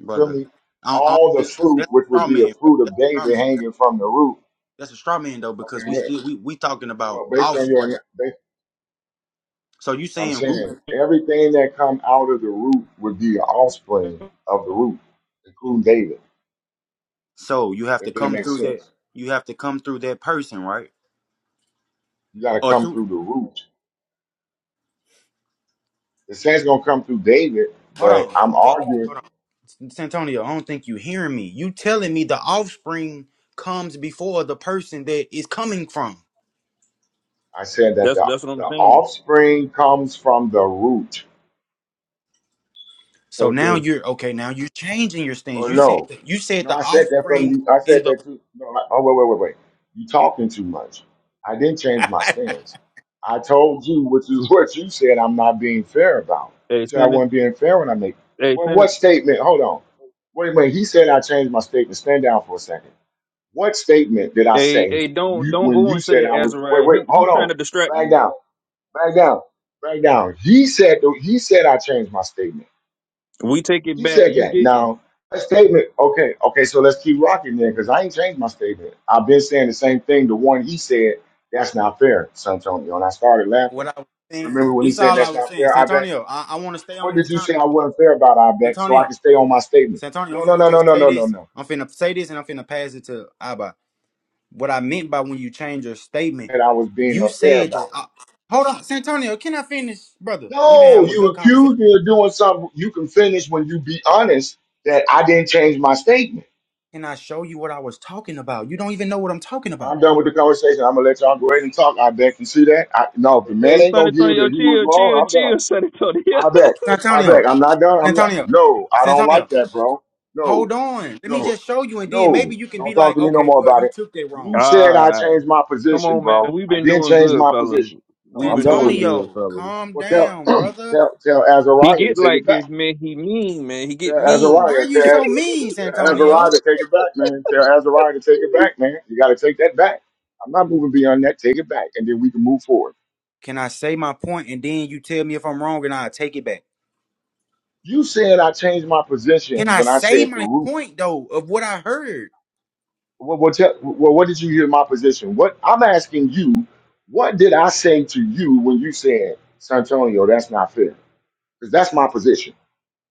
[SPEAKER 1] You feel me?
[SPEAKER 2] I, I,
[SPEAKER 1] All the fruit,
[SPEAKER 2] that's a
[SPEAKER 1] which would
[SPEAKER 2] straw
[SPEAKER 1] be a
[SPEAKER 2] man. Bro.
[SPEAKER 1] fruit
[SPEAKER 2] That's
[SPEAKER 1] of
[SPEAKER 2] a straw
[SPEAKER 1] David
[SPEAKER 2] man. That's,
[SPEAKER 1] hanging from the root.
[SPEAKER 2] that's a straw man though
[SPEAKER 1] Okay,
[SPEAKER 2] because we
[SPEAKER 1] good.
[SPEAKER 2] still we we talking about
[SPEAKER 1] Well, based on your,
[SPEAKER 2] offspring.
[SPEAKER 1] based,
[SPEAKER 2] So you
[SPEAKER 1] I'm
[SPEAKER 2] saying root?
[SPEAKER 1] saying everything that come out of the root would be an offspring of the root, including David,
[SPEAKER 2] So you have to
[SPEAKER 1] if that
[SPEAKER 2] come
[SPEAKER 1] makes
[SPEAKER 2] through that.
[SPEAKER 1] sense.
[SPEAKER 2] You have to come through that person, right?
[SPEAKER 1] You got to
[SPEAKER 2] Or
[SPEAKER 1] come
[SPEAKER 2] through?
[SPEAKER 1] through the root The saints gonna come through David,
[SPEAKER 2] Hold
[SPEAKER 1] but
[SPEAKER 2] on,
[SPEAKER 1] I'm
[SPEAKER 2] brother.
[SPEAKER 1] arguing.
[SPEAKER 2] Hold on, Santonio. I don't think you hearing me. You telling me the offspring comes before the person that is coming from.
[SPEAKER 1] I said that
[SPEAKER 6] That's
[SPEAKER 1] the
[SPEAKER 6] that's what
[SPEAKER 1] the
[SPEAKER 6] I'm saying.
[SPEAKER 1] offspring comes from the root.
[SPEAKER 2] So now
[SPEAKER 6] Okay.
[SPEAKER 2] you're okay. Now you're changing your stance.
[SPEAKER 1] Or
[SPEAKER 2] You said
[SPEAKER 1] no,
[SPEAKER 2] that, you said
[SPEAKER 1] no,
[SPEAKER 2] the
[SPEAKER 1] I said that from
[SPEAKER 2] offspring
[SPEAKER 1] you. I said
[SPEAKER 2] in the.
[SPEAKER 1] that too. No, I, oh wait, wait, wait, wait. You talking too much. I didn't change
[SPEAKER 2] (laughs)
[SPEAKER 1] my stance. I told you, which is (laughs) what you said. I'm not being fair about.
[SPEAKER 6] Hey,
[SPEAKER 1] You said I
[SPEAKER 6] Senate.
[SPEAKER 1] wasn't being fair when I make.
[SPEAKER 6] Hey,
[SPEAKER 1] Well, what
[SPEAKER 6] Senate.
[SPEAKER 1] statement? Hold on. Wait a minute. He said I changed my statement. Stand down for a second. What statement did I
[SPEAKER 6] Hey,
[SPEAKER 1] say?
[SPEAKER 6] hey, don't
[SPEAKER 1] You
[SPEAKER 6] don't
[SPEAKER 1] when
[SPEAKER 6] go
[SPEAKER 1] you
[SPEAKER 6] into
[SPEAKER 1] said I
[SPEAKER 6] that
[SPEAKER 1] would. Wait,
[SPEAKER 6] Azariah.
[SPEAKER 1] wait.
[SPEAKER 6] He he
[SPEAKER 1] Hold
[SPEAKER 6] trying
[SPEAKER 1] on.
[SPEAKER 6] to distract
[SPEAKER 1] Back
[SPEAKER 6] you.
[SPEAKER 1] down. Back down. Back down. He said he said I changed my statement.
[SPEAKER 6] We take it
[SPEAKER 1] He
[SPEAKER 6] back.
[SPEAKER 1] said
[SPEAKER 6] You
[SPEAKER 1] that.
[SPEAKER 6] didn't.
[SPEAKER 1] Now a statement. Okay. Okay. So let's keep rocking then, because I ain't changed my statement. I've been saying the same thing. The one he said that's not fair, Santonio, and I started
[SPEAKER 2] what
[SPEAKER 1] laughing.
[SPEAKER 2] I was saying.
[SPEAKER 1] Remember when
[SPEAKER 2] This
[SPEAKER 1] he
[SPEAKER 2] is
[SPEAKER 1] said
[SPEAKER 2] all I
[SPEAKER 1] that's
[SPEAKER 2] was
[SPEAKER 1] not
[SPEAKER 2] saying,
[SPEAKER 1] fair, Ibeck?
[SPEAKER 2] Santonio. I, I want to stay on
[SPEAKER 1] What
[SPEAKER 2] this
[SPEAKER 1] did you
[SPEAKER 2] topic,
[SPEAKER 1] say I wasn't fair about, Ibeck? So I
[SPEAKER 2] Santonio.
[SPEAKER 1] can stay on my statement.
[SPEAKER 2] Santonio, I'm
[SPEAKER 1] No, no,
[SPEAKER 2] finna
[SPEAKER 1] no, no,
[SPEAKER 2] just
[SPEAKER 1] no,
[SPEAKER 2] say
[SPEAKER 1] no, no,
[SPEAKER 2] this.
[SPEAKER 1] no.
[SPEAKER 2] I'm finna say this, and I'm finna pass it to Abba. What I meant by when you change your statement,
[SPEAKER 1] That I was being
[SPEAKER 2] you
[SPEAKER 1] unfair
[SPEAKER 2] said
[SPEAKER 1] about.
[SPEAKER 2] that. I- hold on, Santonio, can I finish, brother? We've been
[SPEAKER 1] No,
[SPEAKER 2] having a
[SPEAKER 1] you
[SPEAKER 2] good conversation.
[SPEAKER 1] accused me of doing something. You can finish when you be honest that I didn't change my statement.
[SPEAKER 2] Can I show you what I was talking about? You don't even know what I'm talking about,
[SPEAKER 1] I'm done with the conversation. I'm gonna let y'all go ahead and talk. I bet you see that. I, no, if the man
[SPEAKER 6] Hey,
[SPEAKER 1] ain't
[SPEAKER 6] San
[SPEAKER 1] gonna give
[SPEAKER 6] Antonio,
[SPEAKER 1] that he was
[SPEAKER 6] chill, chill,
[SPEAKER 1] wrong, I'm done.
[SPEAKER 6] chill, San Antonio.
[SPEAKER 1] I
[SPEAKER 6] (laughs)
[SPEAKER 1] bet. I
[SPEAKER 2] Santonio.
[SPEAKER 1] bet. I'm not done. I'm not.
[SPEAKER 2] Santonio,
[SPEAKER 1] No, I don't
[SPEAKER 2] Santonio.
[SPEAKER 1] like that, bro. No,
[SPEAKER 2] Hold on. Let me
[SPEAKER 1] no,
[SPEAKER 2] just show you, and then
[SPEAKER 1] no.
[SPEAKER 2] maybe you can
[SPEAKER 1] Don't
[SPEAKER 2] be
[SPEAKER 1] talk
[SPEAKER 2] like,
[SPEAKER 1] to me no
[SPEAKER 2] okay,
[SPEAKER 1] more
[SPEAKER 2] well,
[SPEAKER 1] about
[SPEAKER 2] you
[SPEAKER 1] it.
[SPEAKER 2] took that wrong.
[SPEAKER 1] You said
[SPEAKER 6] All
[SPEAKER 1] I
[SPEAKER 6] right.
[SPEAKER 1] changed my
[SPEAKER 6] Come
[SPEAKER 1] position,
[SPEAKER 6] on, man.
[SPEAKER 1] bro.
[SPEAKER 6] We've
[SPEAKER 1] I
[SPEAKER 6] been
[SPEAKER 1] didn't
[SPEAKER 6] doing
[SPEAKER 1] change
[SPEAKER 6] good,
[SPEAKER 1] my
[SPEAKER 6] fellas.
[SPEAKER 1] position. No,
[SPEAKER 6] We've
[SPEAKER 2] San-
[SPEAKER 1] I'm
[SPEAKER 6] been
[SPEAKER 1] done
[SPEAKER 6] doing
[SPEAKER 1] with it.
[SPEAKER 6] good,
[SPEAKER 2] Santonio,
[SPEAKER 6] fellas.
[SPEAKER 2] calm
[SPEAKER 1] Well, tell
[SPEAKER 2] down, brother.
[SPEAKER 1] tell tell
[SPEAKER 6] He
[SPEAKER 1] Azariah to
[SPEAKER 6] get
[SPEAKER 1] take
[SPEAKER 6] like
[SPEAKER 1] it back.
[SPEAKER 6] this, man. He mean, man. He get
[SPEAKER 1] Tell
[SPEAKER 2] Why
[SPEAKER 6] mean.
[SPEAKER 2] are
[SPEAKER 1] Azariah.
[SPEAKER 2] you
[SPEAKER 1] Tell
[SPEAKER 2] so mean,
[SPEAKER 1] Tell
[SPEAKER 2] Santonio?
[SPEAKER 1] Azariah to take it back, man. Tell Azariah to take it back, man. You got to take that back. I'm not moving beyond that. Take it back, and then we can move forward.
[SPEAKER 2] Can I say my point and then you tell me if I'm wrong and I will take it back?
[SPEAKER 1] You said I changed my
[SPEAKER 2] Can
[SPEAKER 1] position
[SPEAKER 2] I
[SPEAKER 1] when I
[SPEAKER 2] say
[SPEAKER 1] said the
[SPEAKER 2] my
[SPEAKER 1] root.
[SPEAKER 2] point though of what I heard?
[SPEAKER 1] Well, what, tell- well, what did you hear my position? What I'm asking you, what did I say to you when you said, Santonio, that's not fair? Because that's my position.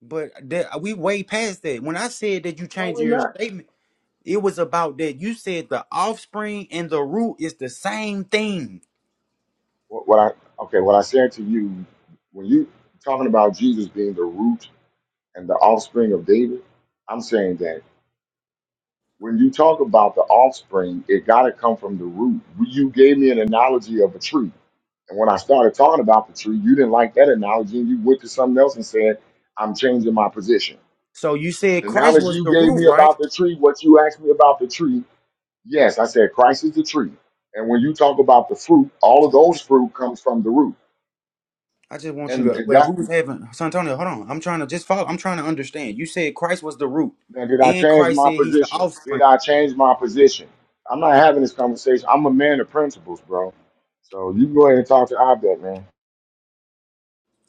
[SPEAKER 2] But that we way past that. When I said that you
[SPEAKER 1] No,
[SPEAKER 2] changing
[SPEAKER 1] we're
[SPEAKER 2] your
[SPEAKER 1] not.
[SPEAKER 2] statement, it was about that you said the offspring and the root is the same thing.
[SPEAKER 1] What, what I okay? What I said to you when you talking about Jesus being the root and the offspring of David, I'm saying that when you talk about the offspring, it got to come from the root. You gave me an analogy of a tree. And when I started talking about the tree, you didn't like that analogy and you went to something else and said, I'm changing my position.
[SPEAKER 2] So you said
[SPEAKER 1] The
[SPEAKER 2] Christ
[SPEAKER 1] analogy
[SPEAKER 2] was
[SPEAKER 1] you
[SPEAKER 2] the
[SPEAKER 1] gave
[SPEAKER 2] root,
[SPEAKER 1] me
[SPEAKER 2] right?
[SPEAKER 1] about the tree, what you asked me about the tree, yes, I said Christ is the tree. And when you talk about the fruit, all of those fruit comes from the root.
[SPEAKER 2] I just want you
[SPEAKER 1] And
[SPEAKER 2] to
[SPEAKER 1] and
[SPEAKER 2] wait,
[SPEAKER 1] that's
[SPEAKER 2] we was having Santonio, hold on. I'm trying to just follow. I'm trying to understand. You said Christ was the root.
[SPEAKER 1] Now, did I
[SPEAKER 2] And
[SPEAKER 1] change
[SPEAKER 2] Christ
[SPEAKER 1] my
[SPEAKER 2] said he's the
[SPEAKER 1] position?
[SPEAKER 2] offspring.
[SPEAKER 1] Did I change my position? I'm not having this conversation. I'm a man of principles, bro. So you go ahead and talk to Obed, man.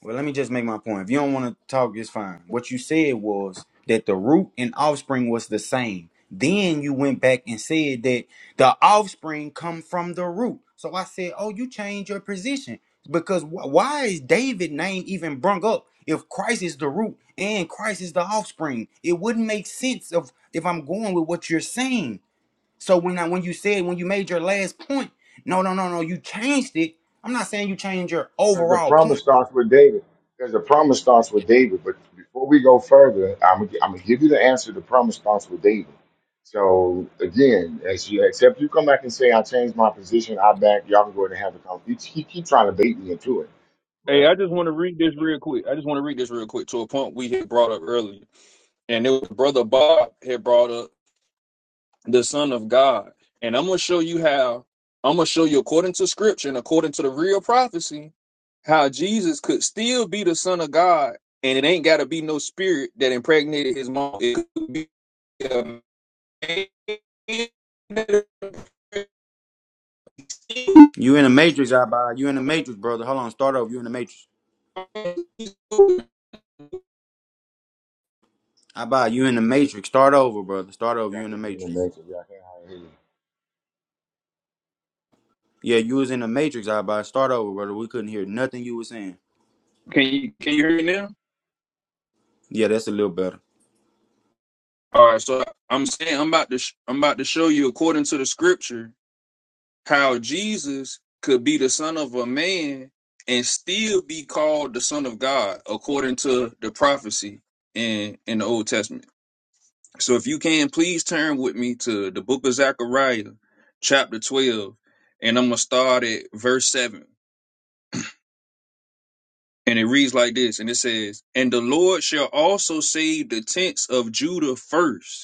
[SPEAKER 2] Well, let me just make my point. If you don't want to talk, it's fine. What you said was that the root and offspring was the same. Then you went back and said that the offspring come from the root. So I said, oh, you changed your position because wh- why is David name even brung up if Christ is the root and Christ is the offspring? It wouldn't make sense of if I'm going with what you're saying. So when I when you said when you made your last point, no, no, no, no, you changed it. I'm not saying you changed your
[SPEAKER 1] Because the
[SPEAKER 2] overall point.
[SPEAKER 1] promise starts with David. Because the promise starts with David. But before we go further, I'm, gonna gi- I'm going to give you the answer. The promise starts with David. So again, as you, except you come back and say, I changed my position, I back, y'all can go ahead and have the conversation. He, he keep trying to bait me into it.
[SPEAKER 6] Hey,
[SPEAKER 1] But
[SPEAKER 6] I just want to read this real quick. I just want to read this real quick to a point we had brought up earlier. And it was Brother Bob had brought up the Son of God. And I'm gonna show you how I'm gonna show you according to scripture and according to the real prophecy, how Jesus could still be the Son of God, and it ain't gotta be no spirit that impregnated his mom. It could be a man can
[SPEAKER 2] You in the matrix, I buy. You in the matrix, brother. Hold on, start over. You in the matrix.
[SPEAKER 6] you
[SPEAKER 2] I buy. You in the matrix. Start over, brother. Start over.
[SPEAKER 1] y'all
[SPEAKER 2] You in the
[SPEAKER 1] think he in the
[SPEAKER 2] matrix.
[SPEAKER 1] next, y'all can't hide
[SPEAKER 2] Yeah, you was in the matrix, I buy. Start over, brother. We couldn't hear nothing you was saying.
[SPEAKER 6] can you hear me now?
[SPEAKER 2] Yeah, that's a little better.
[SPEAKER 6] All right, so I'm saying I'm about to sh- I'm about to show you according to the scripture how Jesus could be the son of a man and still be called the son of God according to the prophecy in in the Old Testament. So if you can please turn with me to the book of Zechariah chapter 12 and I'm going to start at verse 7. And it reads like this and it says, "And the Lord shall also save the tents of Judah first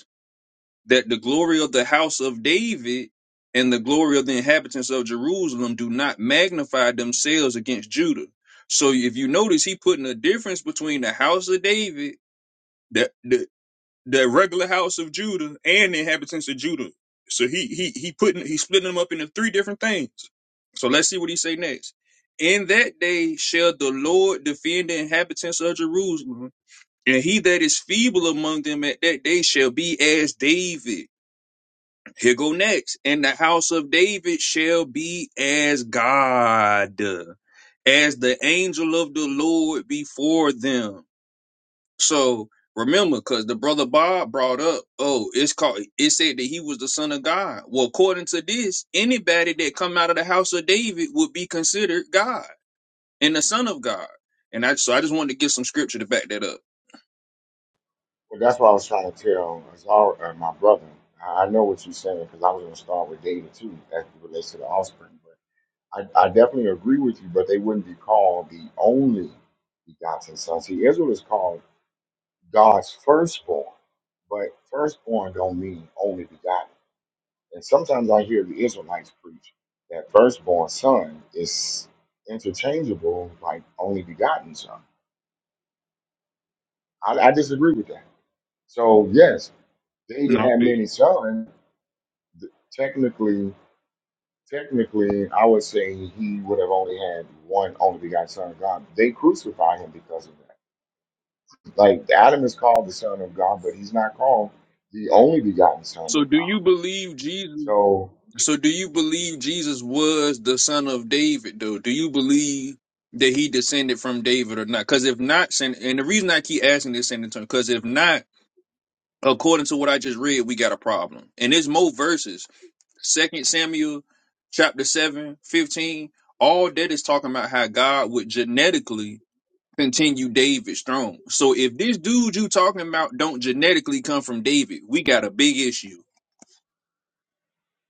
[SPEAKER 6] that the glory of the house of David and the glory of the inhabitants of Jerusalem do not magnify themselves against Judah. So if you notice, he putting a difference between the house of David, the the, the regular house of Judah, and the inhabitants of Judah. So he he he putting he splitting them up into three different things. So let's see what he say next. In that day shall the Lord defend the inhabitants of Jerusalem, and he that is feeble among them at that day shall be as David here go next. And the house of David shall be as God, as the angel of the Lord before them. So remember, because the brother Bob brought up, oh, it's called it said that he was the son of God. Well, according to this, anybody that come out of the house of David would be considered God and the son of God. And I so I just wanted to give some scripture to back that up.
[SPEAKER 1] Well, that's what I was trying to tell Azar, uh, my brother. I I know what you're saying because I was going to start with David too, as it relates to the offspring. But I, I definitely agree with you. But they wouldn't be called the only begotten son. See, Israel is called God's firstborn, but firstborn don't mean only begotten. And sometimes I hear the Israelites preach that firstborn son is interchangeable like only begotten son. I, I disagree with that. So yes, David
[SPEAKER 6] No. I feel
[SPEAKER 1] had
[SPEAKER 6] you.
[SPEAKER 1] many sons, th- technically, technically, I would say he would have only had one only begotten son of God. They crucify him because of that. Like Adam is called the son of God, but he's not called the only begotten son
[SPEAKER 6] So
[SPEAKER 1] of
[SPEAKER 6] do
[SPEAKER 1] God.
[SPEAKER 6] you believe Jesus?
[SPEAKER 1] So,
[SPEAKER 6] So do you believe Jesus was the son of David though? Do you believe that he descended from David or not? Cuz if not sen- and the reason I keep asking this in turn cuz if not according to what I just read, we got a problem. And there's more verses. Second Samuel chapter 7, 15. all that is talking about how God would genetically continue David's throne. So if this dude you talking about don't genetically come from David, we got a big issue.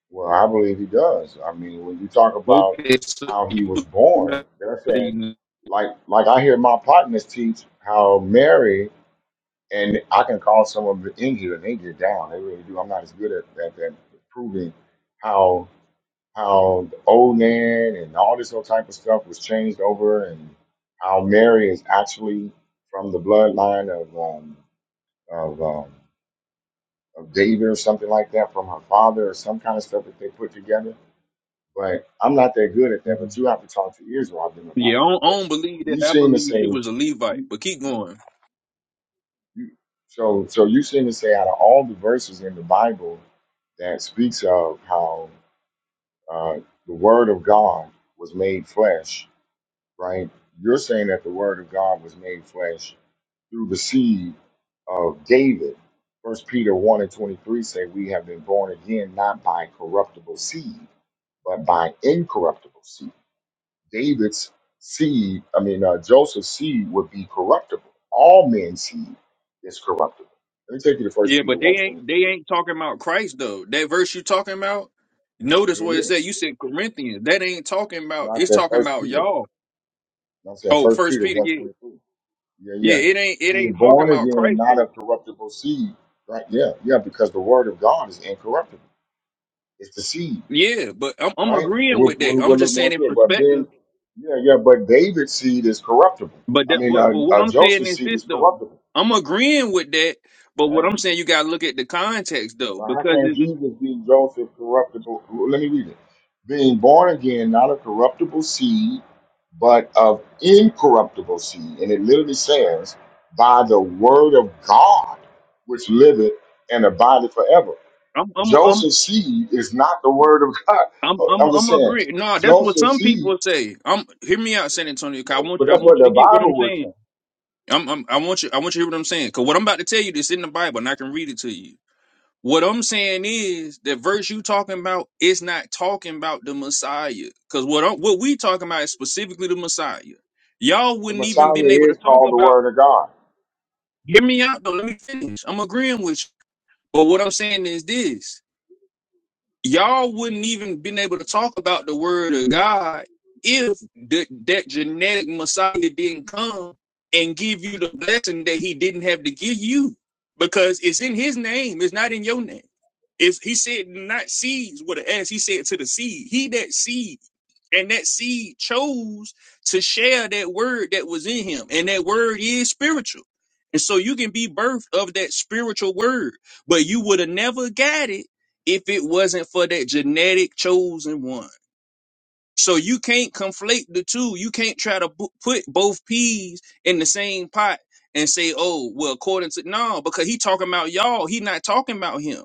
[SPEAKER 1] well, I believe he does. I mean, when you talk about
[SPEAKER 6] Okay, so
[SPEAKER 1] how he
[SPEAKER 6] you
[SPEAKER 1] was
[SPEAKER 6] believe
[SPEAKER 1] born, they're saying, like, like I hear my partners teach how Mary, and I can call some of it in here, and they get down. They really do. I'm not as good at, at, at proving how how the old man and all this whole type of stuff was changed over, and how Mary is actually from the bloodline of um, of, um, of David or something like that, from her father or some kind of stuff that they put together. But I'm not that good at that. But you have to talk to Israel them
[SPEAKER 6] Yeah, I
[SPEAKER 1] about that.
[SPEAKER 6] don't, I
[SPEAKER 1] But
[SPEAKER 6] don't believe that.
[SPEAKER 1] you
[SPEAKER 6] I
[SPEAKER 1] seem to
[SPEAKER 6] believe
[SPEAKER 1] say,
[SPEAKER 6] she was a Levite,
[SPEAKER 1] you,
[SPEAKER 6] but keep
[SPEAKER 1] you,
[SPEAKER 6] going.
[SPEAKER 1] you, so so you seem to say out of all the verses in the Bible that speaks of how uh, the Word of God was made flesh right? You're saying that the word of God was made flesh through the seed of David. First Peter 1 and 23 say we have been born again not by corruptible seed, but by incorruptible seed. David's seed, I mean uh, Joseph's seed would be corruptible. All men's seed is corruptible. Let me take you to First
[SPEAKER 6] Yeah,
[SPEAKER 1] Peter
[SPEAKER 6] but they
[SPEAKER 1] one
[SPEAKER 6] ain't
[SPEAKER 1] 23.
[SPEAKER 6] they ain't talking about Christ though. That verse you talking about, notice what it
[SPEAKER 1] Here it
[SPEAKER 6] said.
[SPEAKER 1] is.
[SPEAKER 6] You said Corinthians. That ain't talking about.
[SPEAKER 1] Not
[SPEAKER 6] It's
[SPEAKER 1] that
[SPEAKER 6] talking
[SPEAKER 1] First
[SPEAKER 6] about
[SPEAKER 1] Peter.
[SPEAKER 6] y'all.
[SPEAKER 1] Not that
[SPEAKER 6] Oh,
[SPEAKER 1] First
[SPEAKER 6] First
[SPEAKER 1] Peter
[SPEAKER 6] Peter.
[SPEAKER 1] one
[SPEAKER 6] Yeah,
[SPEAKER 1] 23. Yeah,
[SPEAKER 6] yeah.
[SPEAKER 1] yeah.
[SPEAKER 6] It ain't it
[SPEAKER 1] Being
[SPEAKER 6] ain't talking
[SPEAKER 1] born
[SPEAKER 6] about
[SPEAKER 1] again,
[SPEAKER 6] Christ
[SPEAKER 1] not
[SPEAKER 6] though.
[SPEAKER 1] a corruptible seed, right? Yeah, yeah, because the word of God is incorruptible. It's the seed,
[SPEAKER 6] Yeah, but I'm, I'm
[SPEAKER 1] right? And
[SPEAKER 6] agreeing
[SPEAKER 1] We'll,
[SPEAKER 6] with that.
[SPEAKER 1] we'll, we'll
[SPEAKER 6] I'm
[SPEAKER 1] look
[SPEAKER 6] just
[SPEAKER 1] more
[SPEAKER 6] saying in
[SPEAKER 1] into it. But
[SPEAKER 6] perspective.
[SPEAKER 1] being, yeah, yeah, but David's seed is corruptible.
[SPEAKER 6] But
[SPEAKER 1] I
[SPEAKER 6] that,
[SPEAKER 1] mean,
[SPEAKER 6] but,
[SPEAKER 1] uh,
[SPEAKER 6] but what
[SPEAKER 1] uh,
[SPEAKER 6] I'm saying
[SPEAKER 1] Joseph's
[SPEAKER 6] is
[SPEAKER 1] seed
[SPEAKER 6] this
[SPEAKER 1] is
[SPEAKER 6] though.
[SPEAKER 1] corruptible,
[SPEAKER 6] I'm agreeing with that, but
[SPEAKER 1] right?
[SPEAKER 6] what I'm saying you gotta look at the context though,
[SPEAKER 1] But how
[SPEAKER 6] because
[SPEAKER 1] can
[SPEAKER 6] it's,
[SPEAKER 1] Jesus, being Joseph, corruptible? well, Let me read it. Being born again, not of corruptible seed, but of incorruptible seed. And it literally says, by the word of God, which liveth and abideth forever.
[SPEAKER 6] I'm, I'm, I'm,
[SPEAKER 1] Joseph's seed is not the word of God.
[SPEAKER 6] I'm,
[SPEAKER 1] Oh,
[SPEAKER 6] I'm,
[SPEAKER 1] I'm just
[SPEAKER 6] I'm
[SPEAKER 1] saying,
[SPEAKER 6] agreeing. No, that's what
[SPEAKER 1] Joseph's
[SPEAKER 6] some
[SPEAKER 1] seed,
[SPEAKER 6] people say. I'm hear me out, San Antonio. 'cause I want
[SPEAKER 1] but
[SPEAKER 6] you, I
[SPEAKER 1] that's what
[SPEAKER 6] want
[SPEAKER 1] the
[SPEAKER 6] you to get what I'm
[SPEAKER 1] Bible would say.
[SPEAKER 6] saying. I'm, I'm, I want you, I want you to hear what I'm saying. Cause what I'm about to tell you this in the Bible, and I can read it to you. What I'm saying is the verse you talking about is not talking about the Messiah. Cause what I'm, what we talking about is specifically the Messiah. Y'all
[SPEAKER 1] The
[SPEAKER 6] wouldn't even been
[SPEAKER 1] Messiah
[SPEAKER 6] able
[SPEAKER 1] is
[SPEAKER 6] to talk
[SPEAKER 1] called the
[SPEAKER 6] about.
[SPEAKER 1] word of God.
[SPEAKER 6] Hear me out though. Let me finish. I'm agreeing with you. But what I'm saying is this y'all wouldn't even been able to talk about the word of God if the, that genetic Messiah didn't come and give you the blessing that he didn't have to give you because it's in his name, it's not in your name. It's, he said, not seeds with an S, he said to the seed, he that seed. And that seed chose to share that word that was in him. And that word is spiritual. And so you can be birthed of that spiritual word, but you would have never got it if it wasn't for that genetic chosen one. So you can't conflate the two. You can't try to bu- put both peas in the same pot and say, "Oh, well, according to no," because he talking about y'all. He not talking about him.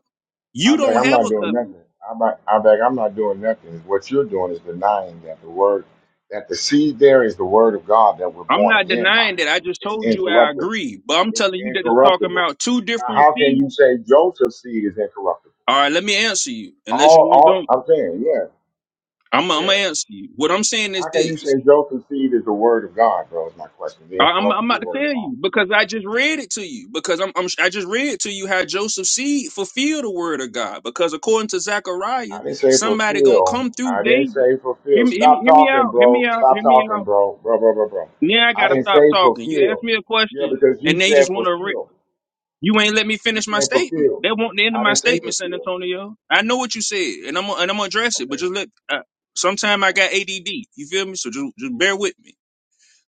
[SPEAKER 1] I
[SPEAKER 6] You
[SPEAKER 1] beg,
[SPEAKER 6] don't
[SPEAKER 1] I'm
[SPEAKER 6] have
[SPEAKER 1] not
[SPEAKER 6] a
[SPEAKER 1] doing
[SPEAKER 6] covenant.
[SPEAKER 1] nothing. I beg, I beg, I'm not doing nothing. What you're doing is denying that the word, that the seed there is the word of God that we're
[SPEAKER 6] I'm
[SPEAKER 1] born
[SPEAKER 6] not
[SPEAKER 1] again by.
[SPEAKER 6] denying that. I just
[SPEAKER 1] It's
[SPEAKER 6] told you I
[SPEAKER 1] incorruptible.
[SPEAKER 6] agree, but I'm
[SPEAKER 1] It's
[SPEAKER 6] telling you that it's talking
[SPEAKER 1] incorruptible.
[SPEAKER 6] about two
[SPEAKER 1] Now,
[SPEAKER 6] different
[SPEAKER 1] how can
[SPEAKER 6] seeds.
[SPEAKER 1] you say Joseph's seed is incorruptible?
[SPEAKER 6] All right, let me answer you. Unless
[SPEAKER 1] All,
[SPEAKER 6] you
[SPEAKER 1] all,
[SPEAKER 6] don't,
[SPEAKER 1] I'm saying, yeah,
[SPEAKER 6] I'm, I'm gonna
[SPEAKER 1] yeah.
[SPEAKER 6] answer you. What I'm saying is
[SPEAKER 1] How can you
[SPEAKER 6] this.
[SPEAKER 1] say Joseph's seed is the word of God, bro? Is my question. The
[SPEAKER 6] I- I'm, I'm
[SPEAKER 1] incorruptible
[SPEAKER 6] about to
[SPEAKER 1] word of
[SPEAKER 6] tell
[SPEAKER 1] God.
[SPEAKER 6] you because I just read it to you because I'm, I'm I just read to you how Joseph's seed fulfilled the word of God because according to
[SPEAKER 1] I
[SPEAKER 6] Zechariah
[SPEAKER 1] didn't say
[SPEAKER 6] somebody gonna
[SPEAKER 1] fulfill.
[SPEAKER 6] come through
[SPEAKER 1] I didn't
[SPEAKER 6] David.
[SPEAKER 1] say fulfill.
[SPEAKER 6] Hear me, hear me,
[SPEAKER 1] Stop
[SPEAKER 6] hear me
[SPEAKER 1] talking,
[SPEAKER 6] out. Hear me
[SPEAKER 1] bro.
[SPEAKER 6] out.
[SPEAKER 1] Stop
[SPEAKER 6] Hear me
[SPEAKER 1] talking,
[SPEAKER 6] out.
[SPEAKER 1] bro. Bro, bro, bro, bro.
[SPEAKER 6] Now I
[SPEAKER 1] I
[SPEAKER 6] gotta
[SPEAKER 1] didn't
[SPEAKER 6] stop
[SPEAKER 1] say
[SPEAKER 6] talking. You ask
[SPEAKER 1] fulfill.
[SPEAKER 6] me a
[SPEAKER 1] Yeah,
[SPEAKER 6] question
[SPEAKER 1] because you
[SPEAKER 6] and they just
[SPEAKER 1] said
[SPEAKER 6] wanna. Re-
[SPEAKER 1] fulfill.
[SPEAKER 6] you ain't let me
[SPEAKER 1] You
[SPEAKER 6] finish my
[SPEAKER 1] said
[SPEAKER 6] statement.
[SPEAKER 1] fulfill.
[SPEAKER 6] They want the end of
[SPEAKER 1] I
[SPEAKER 6] my
[SPEAKER 1] didn't say
[SPEAKER 6] statement, San
[SPEAKER 1] fulfill.
[SPEAKER 6] Antonio. I know what you said and I'm gonna- and I'm gonna address it, but just
[SPEAKER 1] Okay.
[SPEAKER 6] let. Uh, Sometime I got ADD. You feel me? So just, just bear with me.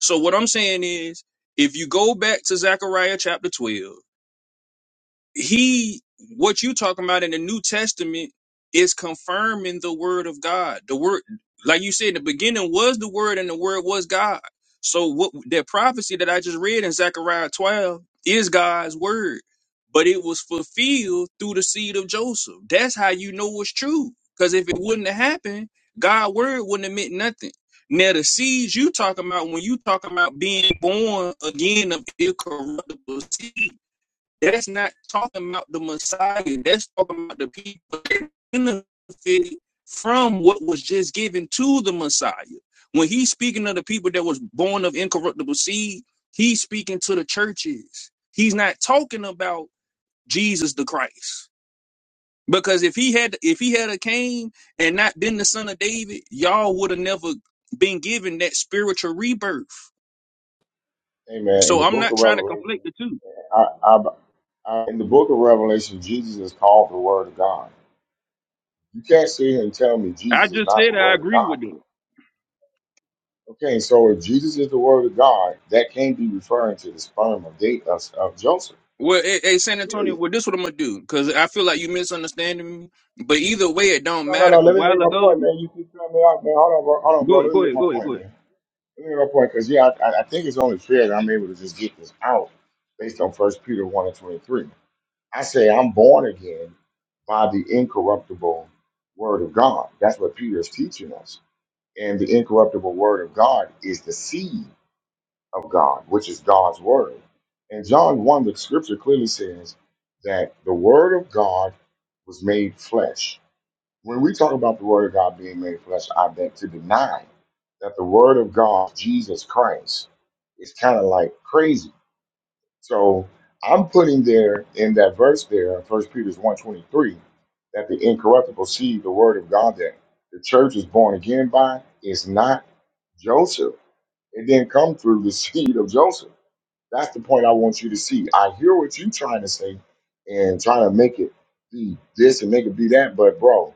[SPEAKER 6] So what I'm saying is, if you go back to Zechariah chapter 12, he what you talking about in the new testament is confirming the word of god the word like you said in the beginning was the word and the word was god so what that prophecy that i just read in zechariah 12 is god's word but it was fulfilled through the seed of joseph that's how you know it's true because if it wouldn't have happened god's word wouldn't have meant nothing now the seeds you talking about when you talking about being born again of incorruptible seed that's not talking about the Messiah. That's talking about the people that benefited from what was just given to the Messiah. When he's speaking of the people that was born of incorruptible seed, he's speaking to the churches. He's not talking about Jesus the Christ. Because if he had if he had a came and not been the son of David, y'all would have never been given that spiritual rebirth.
[SPEAKER 1] Amen. In
[SPEAKER 6] So
[SPEAKER 1] the
[SPEAKER 6] I'm
[SPEAKER 1] book
[SPEAKER 6] not
[SPEAKER 1] of
[SPEAKER 6] trying to
[SPEAKER 1] Revelation,
[SPEAKER 6] conflict the two.
[SPEAKER 1] I, I, I, in the book of Revelation, Jesus is called the Word of God. You can't sit here and tell me
[SPEAKER 6] I
[SPEAKER 1] Jesus is
[SPEAKER 6] just
[SPEAKER 1] not the
[SPEAKER 6] said I
[SPEAKER 1] Word of
[SPEAKER 6] agree
[SPEAKER 1] God,
[SPEAKER 6] with
[SPEAKER 1] bro.
[SPEAKER 6] it.
[SPEAKER 1] Okay, so if Jesus is the Word of God, that can't be referring to the sperm of, Da- of of Joseph.
[SPEAKER 6] Well, hey, hey, San
[SPEAKER 1] Period.
[SPEAKER 6] Antonio, well, this what I'm gonna do because I feel like you misunderstanding me. But either way, it don't
[SPEAKER 1] No, no,
[SPEAKER 6] matter.
[SPEAKER 1] no.
[SPEAKER 6] Cause a
[SPEAKER 1] Let me make
[SPEAKER 6] while
[SPEAKER 1] my point,
[SPEAKER 6] ago,
[SPEAKER 1] man. You keep throwing me out, man. Hold on, bro. Hold on,
[SPEAKER 6] go
[SPEAKER 1] bro.
[SPEAKER 6] ahead,
[SPEAKER 1] Let me
[SPEAKER 6] go
[SPEAKER 1] make
[SPEAKER 6] ahead,
[SPEAKER 1] my
[SPEAKER 6] go ahead,
[SPEAKER 1] point,
[SPEAKER 6] go ahead.
[SPEAKER 1] man. Let me make my point, because yeah, I, I I think it's only fair that I'm able to just get this out based on First Peter one and twenty three. I say I'm born again by the incorruptible Word of God. That's what Peter is teaching us, and the incorruptible Word of God is the seed of God, which is God's Word. And John one, the Scripture clearly says that the Word of God was made flesh when we talk about the Word of God being made flesh, I beg to deny that the Word of God, Jesus Christ, is kind of like crazy. So I'm putting there in that verse there, First Peter's one twenty-three, that the incorruptible seed, the Word of God that the church is born again by, is not Joseph. It didn't come through the (laughs) seed of Joseph. That's the point I want you to see. I hear what you're trying to say and trying to make it be this and make it be that, but bro.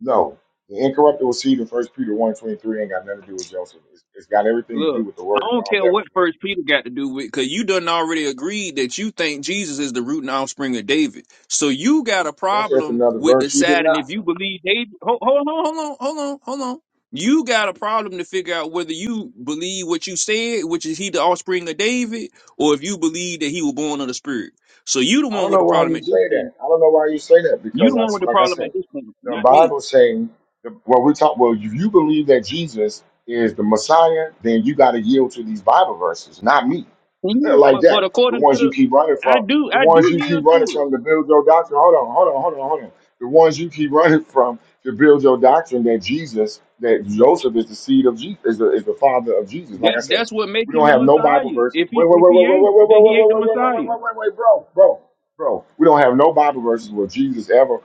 [SPEAKER 1] No, the incorruptible seed in First Peter one twenty three ain't got nothing to do with Joseph. It's, it's got everything to do
[SPEAKER 6] Look,
[SPEAKER 1] with the word
[SPEAKER 6] I
[SPEAKER 1] of
[SPEAKER 6] don't
[SPEAKER 1] God
[SPEAKER 6] care
[SPEAKER 1] that was
[SPEAKER 6] what
[SPEAKER 1] made.
[SPEAKER 6] First Peter got to do with, cause you done already agreed that you think Jesus is the root and offspring of David. So you got a
[SPEAKER 1] That's just
[SPEAKER 6] problem
[SPEAKER 1] another
[SPEAKER 6] with
[SPEAKER 1] verse you did
[SPEAKER 6] deciding if
[SPEAKER 1] not.
[SPEAKER 6] you believe David. Hold, hold on, hold on, hold on, hold on. You got a problem to figure out whether you believe what you said, which is he the offspring of David, or if you believe that he was born of the Spirit. So you the
[SPEAKER 1] I
[SPEAKER 6] one
[SPEAKER 1] don't
[SPEAKER 6] with
[SPEAKER 1] know
[SPEAKER 6] the
[SPEAKER 1] why
[SPEAKER 6] problem
[SPEAKER 1] you
[SPEAKER 6] at this
[SPEAKER 1] say that.
[SPEAKER 6] point.
[SPEAKER 1] I don't know why you say that
[SPEAKER 6] You
[SPEAKER 1] because
[SPEAKER 6] the
[SPEAKER 1] I,
[SPEAKER 6] one with the
[SPEAKER 1] like I
[SPEAKER 6] problem at
[SPEAKER 1] said,
[SPEAKER 6] this point,
[SPEAKER 1] the
[SPEAKER 6] not me.
[SPEAKER 1] Bible saying the, well we talk well if you believe that Jesus is the Messiah, then you got to yield to these Bible verses, not me. (laughs)
[SPEAKER 6] Yeah,
[SPEAKER 1] like
[SPEAKER 6] but but
[SPEAKER 1] that. The
[SPEAKER 6] according to
[SPEAKER 1] ones you
[SPEAKER 6] the,
[SPEAKER 1] keep running
[SPEAKER 6] I
[SPEAKER 1] from,
[SPEAKER 6] do
[SPEAKER 1] the
[SPEAKER 6] I
[SPEAKER 1] ones
[SPEAKER 6] do
[SPEAKER 1] you
[SPEAKER 6] yield
[SPEAKER 1] keep running
[SPEAKER 6] to it.
[SPEAKER 1] from to build your doctrine. Hold on, hold on, hold on, hold on. The ones you keep running from to build your doctrine that Jesus, that Joseph is the seed of Jesus, is the, is the father of Jesus. Like I
[SPEAKER 6] That
[SPEAKER 1] say,
[SPEAKER 6] that's what make
[SPEAKER 1] we
[SPEAKER 6] him
[SPEAKER 1] don't
[SPEAKER 6] the
[SPEAKER 1] have no Bible
[SPEAKER 6] Messiah.
[SPEAKER 1] verses.
[SPEAKER 6] If he
[SPEAKER 1] Wait, wait,
[SPEAKER 6] if
[SPEAKER 1] wait, wait,
[SPEAKER 6] he
[SPEAKER 1] wait,
[SPEAKER 6] ain't,
[SPEAKER 1] wait, wait, wait,
[SPEAKER 6] then
[SPEAKER 1] wait,
[SPEAKER 6] he ain't
[SPEAKER 1] wait,
[SPEAKER 6] the
[SPEAKER 1] wait, wait,
[SPEAKER 6] Messiah.
[SPEAKER 1] wait, wait, wait, wait, bro, bro, bro. We don't have no Bible verses where Jesus ever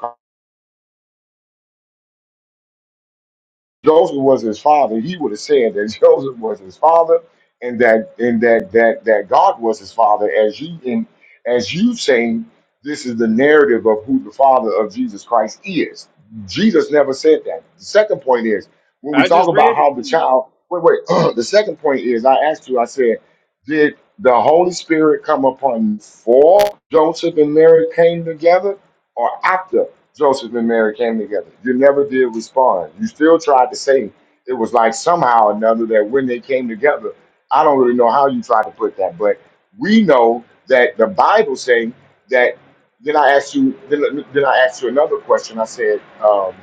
[SPEAKER 1] Joseph was his father, he would have said that (laughs) Joseph was his father, and that and that that that God was his father, as you in as you saying this is the narrative of who the father of Jesus Christ is. Jesus never said that. The second point is when we
[SPEAKER 6] I
[SPEAKER 1] talk
[SPEAKER 6] just
[SPEAKER 1] about
[SPEAKER 6] read it
[SPEAKER 1] how
[SPEAKER 6] to
[SPEAKER 1] the
[SPEAKER 6] you.
[SPEAKER 1] child. Wait, wait. (clears throat) the second point is I asked you. I said, did the Holy Spirit come upon you before Joseph and Mary came together, or after? Joseph and Mary came together. You never did respond. You still tried to say it was like somehow or another that when they came together, I don't really know how you tried to put that, but we know that the Bible saying that. Then I asked you. Then, then I asked you another question. I said um,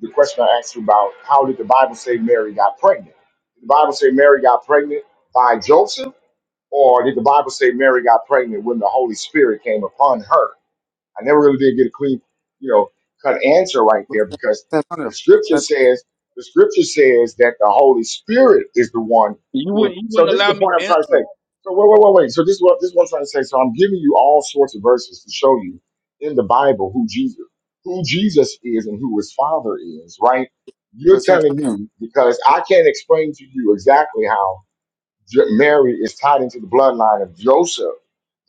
[SPEAKER 1] the question I asked you about how did the Bible say Mary got pregnant? Did the Bible say Mary got pregnant by Joseph, or did the Bible say Mary got pregnant when the Holy Spirit came upon her? I never really did get a clean, you know, cut answer right
[SPEAKER 2] But
[SPEAKER 1] there because the
[SPEAKER 2] Santonio,
[SPEAKER 1] scripture
[SPEAKER 2] San-
[SPEAKER 1] says the scripture says that the Holy Spirit is the one
[SPEAKER 6] You
[SPEAKER 1] who.
[SPEAKER 6] wouldn't you
[SPEAKER 1] So
[SPEAKER 6] wouldn't
[SPEAKER 1] this is
[SPEAKER 6] allow
[SPEAKER 1] the
[SPEAKER 6] me
[SPEAKER 1] point I'm
[SPEAKER 6] to
[SPEAKER 1] trying to
[SPEAKER 6] answer.
[SPEAKER 1] say. So wait, wait, wait, wait. So this is what this is what I'm trying to say. So I'm giving you all sorts of verses to show you in the Bible who Jesus who Jesus is and who his Father is. Right?
[SPEAKER 2] but
[SPEAKER 1] You're telling
[SPEAKER 2] Santonio,
[SPEAKER 1] me because I can't explain to you exactly how. J- Mary is tied into the bloodline of Joseph.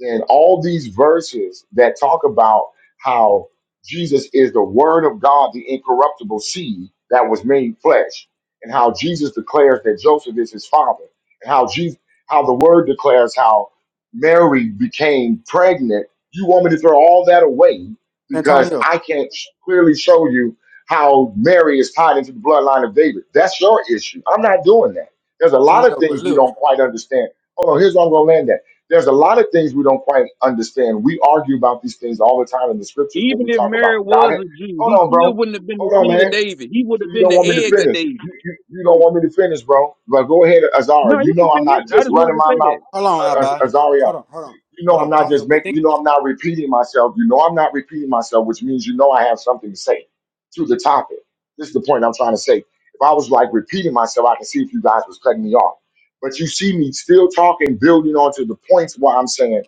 [SPEAKER 1] And all these verses that talk about how Jesus is the Word of God, the incorruptible seed that was made flesh, and how Jesus declares that Joseph is his father, and how Jesus, how the Word declares how Mary became pregnant. You want me to throw all that away because
[SPEAKER 2] Santonio,
[SPEAKER 1] I can't sh- clearly show you how Mary is tied into the bloodline of David. That's your issue. I'm not doing that. There's a lot of
[SPEAKER 2] Antonio, but
[SPEAKER 1] things we
[SPEAKER 2] look,
[SPEAKER 1] don't quite understand. Hold on, here's where I'm going to land at. There's a lot of things we don't quite understand. We argue about these things all the time in the scriptures when
[SPEAKER 6] Even
[SPEAKER 1] we
[SPEAKER 6] if
[SPEAKER 1] talk about
[SPEAKER 6] Mary
[SPEAKER 1] the
[SPEAKER 6] was
[SPEAKER 1] Godhead.
[SPEAKER 6] a Jew,
[SPEAKER 1] Hold
[SPEAKER 6] he
[SPEAKER 1] on,
[SPEAKER 6] still
[SPEAKER 1] bro.
[SPEAKER 6] wouldn't have been the
[SPEAKER 1] Hold on,
[SPEAKER 6] seed of
[SPEAKER 1] man.
[SPEAKER 6] David. He would
[SPEAKER 1] So
[SPEAKER 6] have
[SPEAKER 1] you
[SPEAKER 6] been
[SPEAKER 1] don't
[SPEAKER 6] the
[SPEAKER 1] want me to
[SPEAKER 6] egg of
[SPEAKER 1] finish.
[SPEAKER 6] David.
[SPEAKER 1] You, you, you don't want me to finish, bro. But go ahead, Azara.
[SPEAKER 6] No,
[SPEAKER 1] You
[SPEAKER 6] you can
[SPEAKER 1] know I'm
[SPEAKER 6] finish.
[SPEAKER 1] not
[SPEAKER 6] I
[SPEAKER 1] just
[SPEAKER 6] just
[SPEAKER 1] running
[SPEAKER 6] wanted to
[SPEAKER 1] my
[SPEAKER 6] say
[SPEAKER 1] mouth,
[SPEAKER 6] that.
[SPEAKER 2] hold
[SPEAKER 1] uh,
[SPEAKER 2] on,
[SPEAKER 1] Az-
[SPEAKER 2] Abba,
[SPEAKER 1] Azaria.
[SPEAKER 2] hold on, hold on,
[SPEAKER 1] You know
[SPEAKER 2] hold
[SPEAKER 1] I'm
[SPEAKER 2] on,
[SPEAKER 1] not
[SPEAKER 2] Tonio,
[SPEAKER 1] just
[SPEAKER 2] but
[SPEAKER 1] making.
[SPEAKER 2] think,
[SPEAKER 1] You know I'm not repeating myself. You know I'm not repeating myself, which means you know I have something to say to the topic. This is the point I'm trying to say. If I was like repeating myself, I could see if you guys was cutting me off. But you see me still talking, building onto the points where I'm saying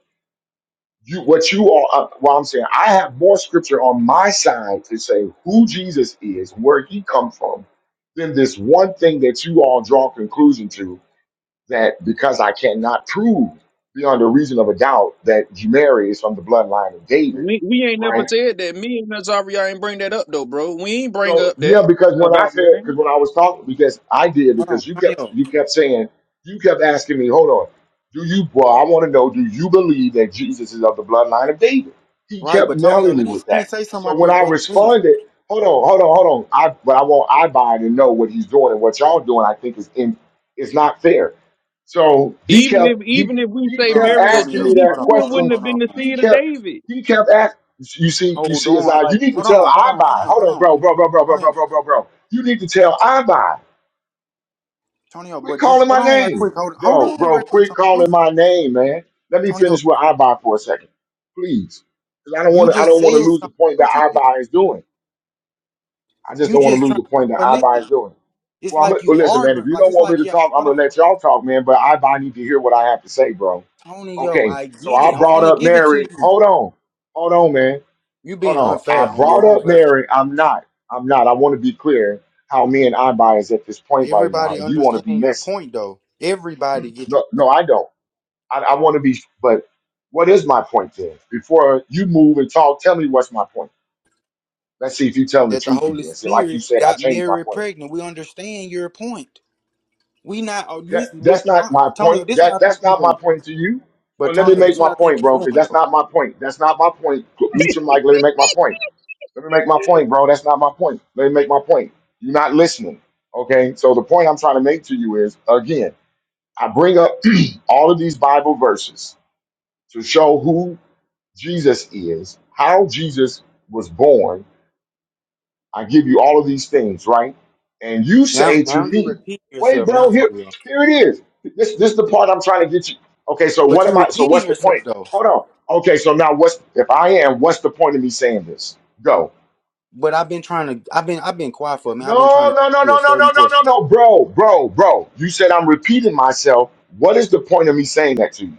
[SPEAKER 1] you what you are. Uh, what I'm saying, I have more scripture on my side to say who Jesus is, where he come from, than this one thing that you all draw conclusion to that because I cannot prove beyond a reason of a doubt that Mary is from the bloodline of David,
[SPEAKER 6] We we ain't
[SPEAKER 1] right?
[SPEAKER 6] never said that. Me and Nazaria ain't bring that up though, bro. We ain't bring
[SPEAKER 1] So
[SPEAKER 6] up
[SPEAKER 1] yeah,
[SPEAKER 6] that
[SPEAKER 1] because when I
[SPEAKER 6] about
[SPEAKER 1] said,
[SPEAKER 6] Mary.
[SPEAKER 1] because when I was talking, because I did,
[SPEAKER 2] hold on,
[SPEAKER 1] because you kept
[SPEAKER 2] Tonio,
[SPEAKER 1] you kept saying, you kept asking me, hold on, do you? Well, I want to know, do you believe that Jesus is of the bloodline of David? He
[SPEAKER 2] right?
[SPEAKER 1] kept
[SPEAKER 2] But Tonio,
[SPEAKER 1] nailing me
[SPEAKER 2] let me
[SPEAKER 1] with
[SPEAKER 2] let me
[SPEAKER 1] that.
[SPEAKER 2] say something
[SPEAKER 1] So
[SPEAKER 2] right
[SPEAKER 1] when
[SPEAKER 2] quick,
[SPEAKER 1] I
[SPEAKER 2] brother, please.
[SPEAKER 1] responded, hold on, hold on, hold on, I but I want I buy it and know what he's doing and what y'all doing. I think is in is not fair. So he
[SPEAKER 6] Even if
[SPEAKER 1] kept he
[SPEAKER 6] even if we
[SPEAKER 1] he
[SPEAKER 6] say
[SPEAKER 2] Hold
[SPEAKER 1] kept
[SPEAKER 6] marry a
[SPEAKER 2] on,
[SPEAKER 1] asking
[SPEAKER 6] Jew,
[SPEAKER 2] Tonio,
[SPEAKER 1] me
[SPEAKER 6] he
[SPEAKER 2] hold
[SPEAKER 1] that
[SPEAKER 2] on,
[SPEAKER 6] still
[SPEAKER 2] hold on,
[SPEAKER 1] question.
[SPEAKER 6] wouldn't have
[SPEAKER 2] hold on,
[SPEAKER 6] been the
[SPEAKER 1] He
[SPEAKER 6] seed of
[SPEAKER 1] kept
[SPEAKER 6] David.
[SPEAKER 1] he kept asking. You see, you
[SPEAKER 2] hold
[SPEAKER 1] see,
[SPEAKER 2] on,
[SPEAKER 1] as I, you
[SPEAKER 2] like,
[SPEAKER 1] need to
[SPEAKER 2] hold
[SPEAKER 1] tell
[SPEAKER 2] on, hold
[SPEAKER 1] I
[SPEAKER 2] on, hold
[SPEAKER 1] buy.
[SPEAKER 2] on,
[SPEAKER 1] Hold
[SPEAKER 2] hold
[SPEAKER 1] on,
[SPEAKER 2] on,
[SPEAKER 1] bro, bro, bro, bro, bro,
[SPEAKER 2] Tonio.
[SPEAKER 1] bro, bro, bro, bro. You need to tell I buy.
[SPEAKER 2] Tonyo,
[SPEAKER 1] Quit
[SPEAKER 2] but just
[SPEAKER 1] calling
[SPEAKER 2] hold
[SPEAKER 1] my
[SPEAKER 2] on right
[SPEAKER 1] name,
[SPEAKER 2] quick. Hold, hold
[SPEAKER 1] bro,
[SPEAKER 2] on
[SPEAKER 1] bro.
[SPEAKER 2] right quick,
[SPEAKER 1] Quit
[SPEAKER 2] Tonyo.
[SPEAKER 1] calling my name, man. Let me
[SPEAKER 2] Tonyo,
[SPEAKER 1] finish with I buy for a second, please, because I don't
[SPEAKER 2] you
[SPEAKER 1] want to. I
[SPEAKER 2] just
[SPEAKER 1] don't want
[SPEAKER 2] said
[SPEAKER 1] to lose
[SPEAKER 2] something,
[SPEAKER 1] the point
[SPEAKER 2] though,
[SPEAKER 1] that I
[SPEAKER 2] Tonyo.
[SPEAKER 1] buy is doing. I just
[SPEAKER 2] You
[SPEAKER 1] don't want
[SPEAKER 2] just
[SPEAKER 1] to lose
[SPEAKER 2] trying,
[SPEAKER 1] the point that
[SPEAKER 2] but
[SPEAKER 1] I buy is
[SPEAKER 2] listen,
[SPEAKER 1] doing.
[SPEAKER 2] it's
[SPEAKER 1] Well, I'm
[SPEAKER 2] like
[SPEAKER 1] gonna,
[SPEAKER 2] you
[SPEAKER 1] well, listen, man. If
[SPEAKER 2] arguing.
[SPEAKER 1] you
[SPEAKER 2] Like,
[SPEAKER 1] don't
[SPEAKER 2] it's
[SPEAKER 1] want me
[SPEAKER 2] like,
[SPEAKER 1] to
[SPEAKER 2] yeah,
[SPEAKER 1] talk, I'm
[SPEAKER 2] hold on.
[SPEAKER 1] gonna let y'all talk, man. But I, I need to hear what I have to say, bro.
[SPEAKER 2] Tonyo,
[SPEAKER 1] Okay,
[SPEAKER 2] I
[SPEAKER 1] so
[SPEAKER 2] get
[SPEAKER 1] I
[SPEAKER 2] it. I'm
[SPEAKER 1] brought
[SPEAKER 2] finna
[SPEAKER 1] up
[SPEAKER 2] give it to
[SPEAKER 1] Mary.
[SPEAKER 2] you.
[SPEAKER 1] Hold on, hold on, man.
[SPEAKER 2] You
[SPEAKER 1] Hold
[SPEAKER 2] being
[SPEAKER 1] on.
[SPEAKER 2] unfair
[SPEAKER 1] I
[SPEAKER 2] on your
[SPEAKER 1] brought
[SPEAKER 2] own
[SPEAKER 1] up
[SPEAKER 2] platform.
[SPEAKER 1] Mary. I'm not. I'm not. I want to be clear how me and I buy is at this point right now,
[SPEAKER 2] Everybody
[SPEAKER 1] and you want to be
[SPEAKER 2] understand your
[SPEAKER 1] messy.
[SPEAKER 2] point, though. Everybody get your
[SPEAKER 1] No,
[SPEAKER 2] point.
[SPEAKER 1] no, I don't. I, I want to be. But what is my point then? Before you move and talk, tell me what's my point. Let's see if you're telling the
[SPEAKER 2] That the
[SPEAKER 1] truth
[SPEAKER 2] Holy
[SPEAKER 1] again. See, like you
[SPEAKER 2] Spirit
[SPEAKER 1] said, I
[SPEAKER 2] got
[SPEAKER 1] changed my
[SPEAKER 2] Mary
[SPEAKER 1] point.
[SPEAKER 2] pregnant. We understand your point. We not, oh,
[SPEAKER 1] That
[SPEAKER 2] listen, what,
[SPEAKER 1] that's
[SPEAKER 2] uh,
[SPEAKER 1] not my point.
[SPEAKER 2] Tonyo, this is
[SPEAKER 1] That
[SPEAKER 2] what I think
[SPEAKER 1] that's
[SPEAKER 2] you
[SPEAKER 1] not my
[SPEAKER 2] doing.
[SPEAKER 1] point to you.
[SPEAKER 2] But,
[SPEAKER 1] Well, let me
[SPEAKER 2] Tonyo, this
[SPEAKER 1] make
[SPEAKER 2] is what
[SPEAKER 1] my
[SPEAKER 2] I think
[SPEAKER 1] point,
[SPEAKER 2] you
[SPEAKER 1] bro,
[SPEAKER 2] doing,
[SPEAKER 1] because that's
[SPEAKER 2] though.
[SPEAKER 1] not my point. That's not my point. Mute your mic. Let me make my point. Let me make my point, bro. That's not my point. Let me make my point. You're not listening. Okay. So the point I'm trying to make to you is again, I bring up (clears throat) all of these Bible verses to show who Jesus is, how Jesus was born. I give you all of these things, right? And you
[SPEAKER 2] Now,
[SPEAKER 1] say to
[SPEAKER 2] now you
[SPEAKER 1] me,
[SPEAKER 2] repeat
[SPEAKER 1] wait,
[SPEAKER 2] yourself
[SPEAKER 1] bro,
[SPEAKER 2] now,
[SPEAKER 1] here,
[SPEAKER 2] Tonyo.
[SPEAKER 1] here it is. This this is the part I'm trying to get you. Okay, so
[SPEAKER 2] But
[SPEAKER 1] what
[SPEAKER 2] you
[SPEAKER 1] am
[SPEAKER 2] are
[SPEAKER 1] I so
[SPEAKER 2] repeating
[SPEAKER 1] what's the
[SPEAKER 2] yourself
[SPEAKER 1] point?
[SPEAKER 2] though.
[SPEAKER 1] Hold on. Okay, so now what's if I am, what's the point of me saying this? Go.
[SPEAKER 2] But I've been trying to. I've been. I've been quiet for a minute. I've been trying
[SPEAKER 1] No,
[SPEAKER 2] to ask
[SPEAKER 1] no, no, no,
[SPEAKER 2] you a
[SPEAKER 1] no,
[SPEAKER 2] certain
[SPEAKER 1] no, no, no,
[SPEAKER 2] question.
[SPEAKER 1] no, bro, bro, bro. You said I'm repeating myself. What is the point of me saying that to you?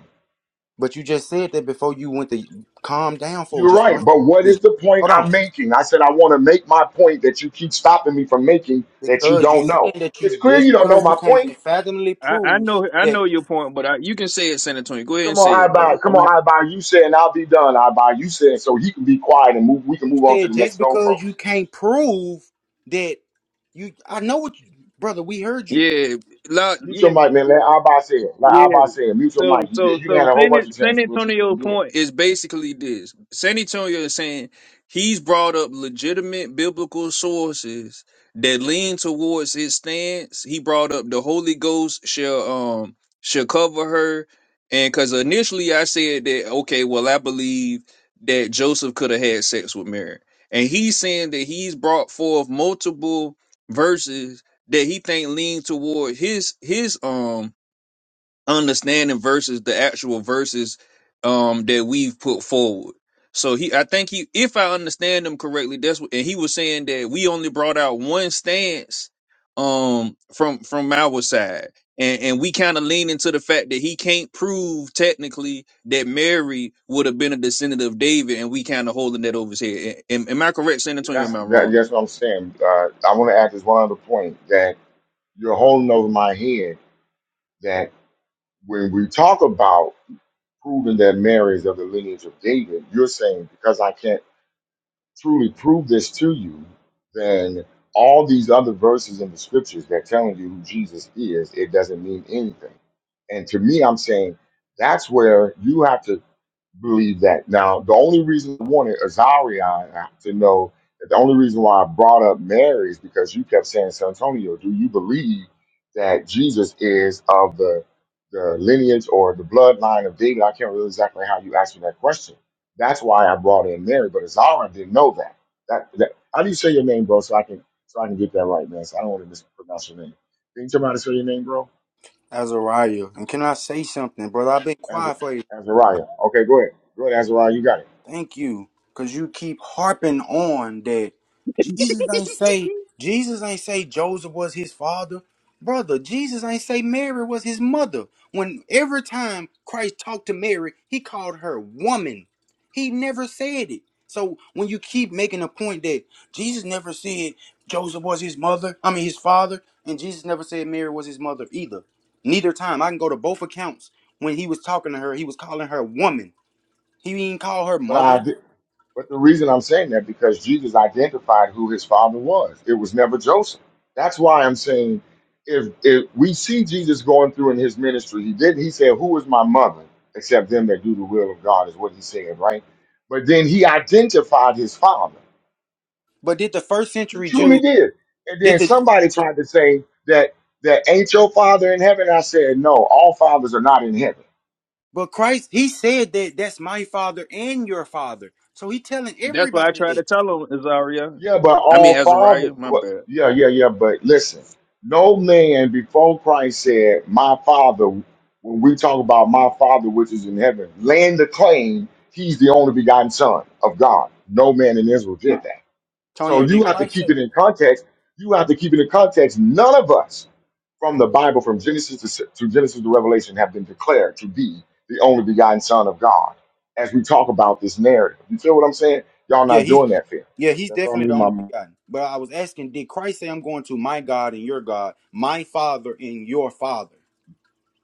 [SPEAKER 2] But you just said that before you went to calm down for
[SPEAKER 1] You're
[SPEAKER 2] just
[SPEAKER 1] right,
[SPEAKER 2] one.
[SPEAKER 1] but what
[SPEAKER 2] second,
[SPEAKER 1] is
[SPEAKER 2] Please
[SPEAKER 1] the point
[SPEAKER 2] hold on.
[SPEAKER 1] I'm making? I said I want to make my point that you keep stopping me from making that you
[SPEAKER 2] Because you
[SPEAKER 1] don't
[SPEAKER 2] saying
[SPEAKER 1] know.
[SPEAKER 2] that you
[SPEAKER 1] It's clear
[SPEAKER 2] just
[SPEAKER 1] you don't know
[SPEAKER 2] because you
[SPEAKER 1] my
[SPEAKER 2] can't
[SPEAKER 1] point.
[SPEAKER 2] fathomably
[SPEAKER 6] I, I
[SPEAKER 2] prove
[SPEAKER 6] know I
[SPEAKER 2] that
[SPEAKER 6] know your point, but I, you can say it, San Antonio. Go ahead
[SPEAKER 1] Come
[SPEAKER 6] and
[SPEAKER 1] on,
[SPEAKER 6] say
[SPEAKER 1] I
[SPEAKER 6] it,
[SPEAKER 1] buy.
[SPEAKER 6] bro.
[SPEAKER 1] Come
[SPEAKER 6] I'm a-
[SPEAKER 1] on, I buy. You saying I'll be done. I buy. You saying so he can be quiet and move. We can
[SPEAKER 2] you
[SPEAKER 1] move on to
[SPEAKER 2] said
[SPEAKER 1] the
[SPEAKER 2] just
[SPEAKER 1] next
[SPEAKER 2] because you
[SPEAKER 1] goalpost.
[SPEAKER 2] can't prove that you. I know what, you, brother. We heard you,
[SPEAKER 6] yeah, la,
[SPEAKER 1] Mute your
[SPEAKER 6] yeah.
[SPEAKER 1] mic, man. Let I buy say it. Let I
[SPEAKER 6] Yeah.
[SPEAKER 1] buy say it. Mute your
[SPEAKER 6] So
[SPEAKER 1] mic. You,
[SPEAKER 6] so
[SPEAKER 1] you
[SPEAKER 6] so
[SPEAKER 1] had a whole
[SPEAKER 6] San
[SPEAKER 1] bunch of
[SPEAKER 6] San
[SPEAKER 1] chances, but you
[SPEAKER 6] Antonio
[SPEAKER 1] couldn't do it.
[SPEAKER 6] point is basically this. San Antonio is saying he's brought up legitimate biblical sources that lean towards his stance. He brought up the Holy Ghost shall um shall cover her. And cause initially I said that, okay, well I believe that Joseph could have had sex with Mary. And he's saying that he's brought forth multiple verses that he think lean toward his his um understanding versus the actual verses um that we've put forward. So he I think he if I understand him correctly, that's what and he was saying that we only brought out one stance um from from our side. And and we kind of lean into the fact that he can't prove technically that Mary would have been a descendant of David and we kind of holding that over his head. Am, am I correct, San Antonio? Or
[SPEAKER 1] That's
[SPEAKER 6] Am I
[SPEAKER 1] that,
[SPEAKER 6] wrong?
[SPEAKER 1] that's what I'm saying. Uh, I want to add this one other point that you're holding over my head. That when we talk about proving that Mary is of the lineage of David, you're saying because I can't truly prove this to you, then all these other verses in the scriptures that telling you who Jesus is, it doesn't mean anything. And to me, I'm saying that's where you have to believe that. Now, the only reason I wanted Azaria to know that the only reason why I brought up Mary is because you kept saying, San Antonio, do you believe that Jesus is of the the lineage or the bloodline of David? I can't remember exactly how you asked me that question. That's why I brought in Mary, but Azaria didn't know that. That, that how do you say your name, bro? So I can so I can get that right, man. So I don't want to mispronounce your name. Can you tell me how to say your name, bro?
[SPEAKER 2] Azariah. And can I say something, brother? I've been
[SPEAKER 1] Az-
[SPEAKER 2] quiet for a
[SPEAKER 1] Azariah. Okay, go ahead. Go ahead, Azariah. You got it.
[SPEAKER 2] Thank you. Cause you keep harping on that Jesus ain't say Jesus ain't say Joseph was his father. Brother, Jesus ain't say Mary was his mother. When every time Christ talked to Mary, he called her woman. He never said it. So when you keep making a point that Jesus never said Joseph was his mother, I mean his father, and Jesus never said Mary was his mother either. Neither time. I can go to both accounts. When he was talking to her, he was calling her woman. He didn't call her
[SPEAKER 1] But I
[SPEAKER 2] mother.
[SPEAKER 1] did. But the reason I'm saying that because Jesus identified who his father was. It was never Joseph. That's why I'm saying if if we see Jesus going through in his ministry, he did he said, Who is my mother? Except them that do the will of God is what he said, right? But then he identified his father.
[SPEAKER 2] But did the first
[SPEAKER 1] He
[SPEAKER 2] century
[SPEAKER 1] truly
[SPEAKER 2] Jew
[SPEAKER 1] did. And
[SPEAKER 2] did
[SPEAKER 1] then
[SPEAKER 2] the
[SPEAKER 1] somebody tried to say that that ain't your father in heaven. I said, No, all fathers are not in heaven.
[SPEAKER 2] but Christ he said that that's my father and your father. So he telling
[SPEAKER 6] That's what I
[SPEAKER 2] everybody
[SPEAKER 6] tried to
[SPEAKER 2] that.
[SPEAKER 6] tell him, Azaria.
[SPEAKER 1] Yeah, but
[SPEAKER 6] I mean
[SPEAKER 1] all fathers.
[SPEAKER 6] Azariah, my
[SPEAKER 1] But
[SPEAKER 6] bad.
[SPEAKER 1] yeah, yeah, yeah. But listen, no man before Christ said, "My Father." When we talk about my Father which is in heaven, land the claim He's the only begotten Son of God. No man in Israel did that. So
[SPEAKER 2] Antonio,
[SPEAKER 1] you
[SPEAKER 2] did
[SPEAKER 1] have to
[SPEAKER 2] Christ
[SPEAKER 1] keep
[SPEAKER 2] say
[SPEAKER 1] it in context. You have to keep it in context. None of us from the Bible, from Genesis to, to Genesis to Revelation, have been declared to be the only begotten Son of God. As we talk about this narrative, you feel what I'm saying? Y'all
[SPEAKER 2] Yeah,
[SPEAKER 1] not
[SPEAKER 2] he
[SPEAKER 1] doing that fair.
[SPEAKER 2] yeah, he's
[SPEAKER 1] That's what I
[SPEAKER 2] definitely the
[SPEAKER 1] mean.
[SPEAKER 2] only
[SPEAKER 1] My
[SPEAKER 2] begotten. But I was asking, did Christ say I'm going to my God and your God, my father and your father?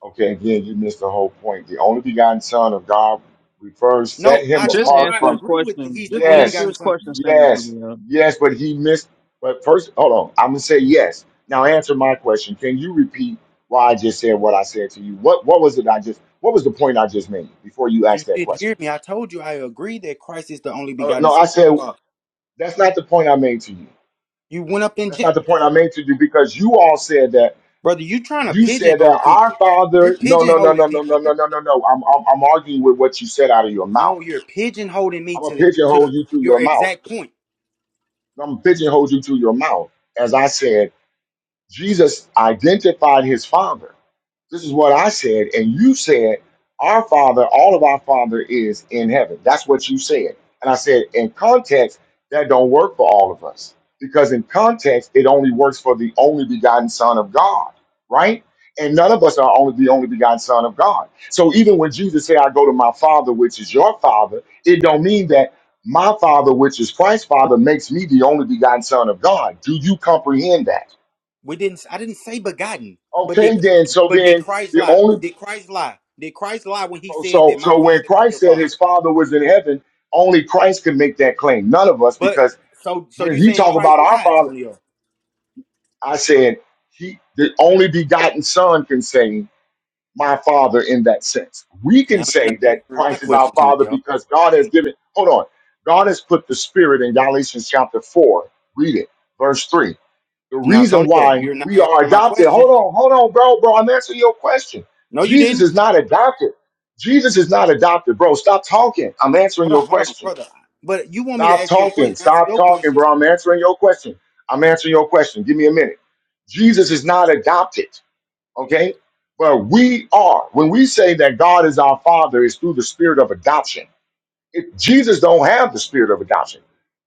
[SPEAKER 1] okay. Again, you missed the whole point. The only begotten Son of God refers set
[SPEAKER 2] No, I
[SPEAKER 1] him
[SPEAKER 2] told
[SPEAKER 6] Just
[SPEAKER 2] you
[SPEAKER 1] apart
[SPEAKER 2] I
[SPEAKER 6] answer his
[SPEAKER 1] from
[SPEAKER 2] agree with the,
[SPEAKER 6] question.
[SPEAKER 2] he's the
[SPEAKER 6] Just
[SPEAKER 2] only
[SPEAKER 6] answer
[SPEAKER 1] Yes,
[SPEAKER 2] begotten
[SPEAKER 6] his
[SPEAKER 2] son.
[SPEAKER 6] question, San
[SPEAKER 1] yes,
[SPEAKER 6] Antonio.
[SPEAKER 1] yes, but he missed. But first, hold on. I'm gonna say yes. Now answer my question. Can you repeat why I just said what I said to you? What what was it I just what was the point I just made before you
[SPEAKER 2] So you
[SPEAKER 1] asked that
[SPEAKER 2] didn't hear
[SPEAKER 1] question?
[SPEAKER 2] me. I told you I agree that Christ is the only
[SPEAKER 1] Uh,
[SPEAKER 2] begotten
[SPEAKER 1] no, I
[SPEAKER 2] son. of
[SPEAKER 1] said
[SPEAKER 2] the Father.
[SPEAKER 1] that's not the point I made to you.
[SPEAKER 2] You went up in
[SPEAKER 1] That's not
[SPEAKER 2] Gen-
[SPEAKER 1] the point I made to you because you all said that
[SPEAKER 2] brother, you trying to
[SPEAKER 1] you said that
[SPEAKER 2] pigeonhole
[SPEAKER 1] our
[SPEAKER 2] people. You're
[SPEAKER 1] father. No, no, no,
[SPEAKER 2] pigeonholing
[SPEAKER 1] no, no,
[SPEAKER 2] people
[SPEAKER 1] no,
[SPEAKER 2] now.
[SPEAKER 1] no, no, no, no. I'm I'm, I'm arguing with what you said out of your
[SPEAKER 2] No,
[SPEAKER 1] mouth.
[SPEAKER 2] you're pigeonholing me
[SPEAKER 1] I'm gonna
[SPEAKER 2] to
[SPEAKER 1] pigeonhole
[SPEAKER 2] to
[SPEAKER 1] you to
[SPEAKER 2] your
[SPEAKER 1] your mouth.
[SPEAKER 2] exact point.
[SPEAKER 1] I'm gonna pigeonhole you to your mouth as I said. Jesus identified his father. This is what I said, and you said, Our father, all of our father is in heaven. That's what you said. And I said, In context, that don't work for all of us because in context, it only works for the only begotten Son of God, right? And none of us are only the only begotten Son of God. So even when Jesus said, I go to my father, which is your father, it don't mean that my father, which is Christ's father, makes me the only begotten Son of God. Do you comprehend that?
[SPEAKER 2] We didn't. I didn't say begotten, but did
[SPEAKER 1] Okay, then. So
[SPEAKER 2] but did
[SPEAKER 1] then
[SPEAKER 2] Christ
[SPEAKER 1] the
[SPEAKER 2] lie?
[SPEAKER 1] only
[SPEAKER 2] Did Christ lie? Did Christ lie when he
[SPEAKER 1] so
[SPEAKER 2] said
[SPEAKER 1] so
[SPEAKER 2] that my
[SPEAKER 1] so when
[SPEAKER 2] father is your
[SPEAKER 1] Christ said
[SPEAKER 2] father?
[SPEAKER 1] his father was in heaven, only Christ could make that claim. None of us,
[SPEAKER 2] But
[SPEAKER 1] because
[SPEAKER 2] so so
[SPEAKER 1] when
[SPEAKER 2] you
[SPEAKER 1] he
[SPEAKER 2] saying
[SPEAKER 1] talked
[SPEAKER 2] Christ
[SPEAKER 1] about our
[SPEAKER 2] lied,
[SPEAKER 1] father,
[SPEAKER 2] Antonio?
[SPEAKER 1] I said he the only begotten son can say my father in that sense. We can
[SPEAKER 2] Now you're not
[SPEAKER 1] say that
[SPEAKER 2] answering my
[SPEAKER 1] Christ is our
[SPEAKER 2] question,
[SPEAKER 1] father
[SPEAKER 2] Antonio.
[SPEAKER 1] because God has given hold on. God has put the spirit in Galatians chapter four. Read it, verse three. the
[SPEAKER 2] Now,
[SPEAKER 1] reason
[SPEAKER 2] Antonio,
[SPEAKER 1] why
[SPEAKER 2] you're not
[SPEAKER 1] we are
[SPEAKER 2] answering my
[SPEAKER 1] adopted.
[SPEAKER 2] question.
[SPEAKER 1] Hold on, hold on, bro, bro. I'm answering your question.
[SPEAKER 2] No, you
[SPEAKER 1] Jesus
[SPEAKER 2] didn't.
[SPEAKER 1] is not adopted. Jesus is not adopted, bro. Stop talking. I'm answering
[SPEAKER 2] Hold on,
[SPEAKER 1] your
[SPEAKER 2] hold on,
[SPEAKER 1] question.
[SPEAKER 2] brother. But you want me to
[SPEAKER 1] Stop
[SPEAKER 2] ask your
[SPEAKER 1] talking.
[SPEAKER 2] question, answer
[SPEAKER 1] Stop
[SPEAKER 2] your
[SPEAKER 1] talking,
[SPEAKER 2] question.
[SPEAKER 1] bro. I'm answering your question. I'm answering your question. Give me a minute. Jesus is not adopted, okay? But we are. When we say that God is our Father, it's through the spirit of adoption. It- Jesus don't have the spirit of adoption.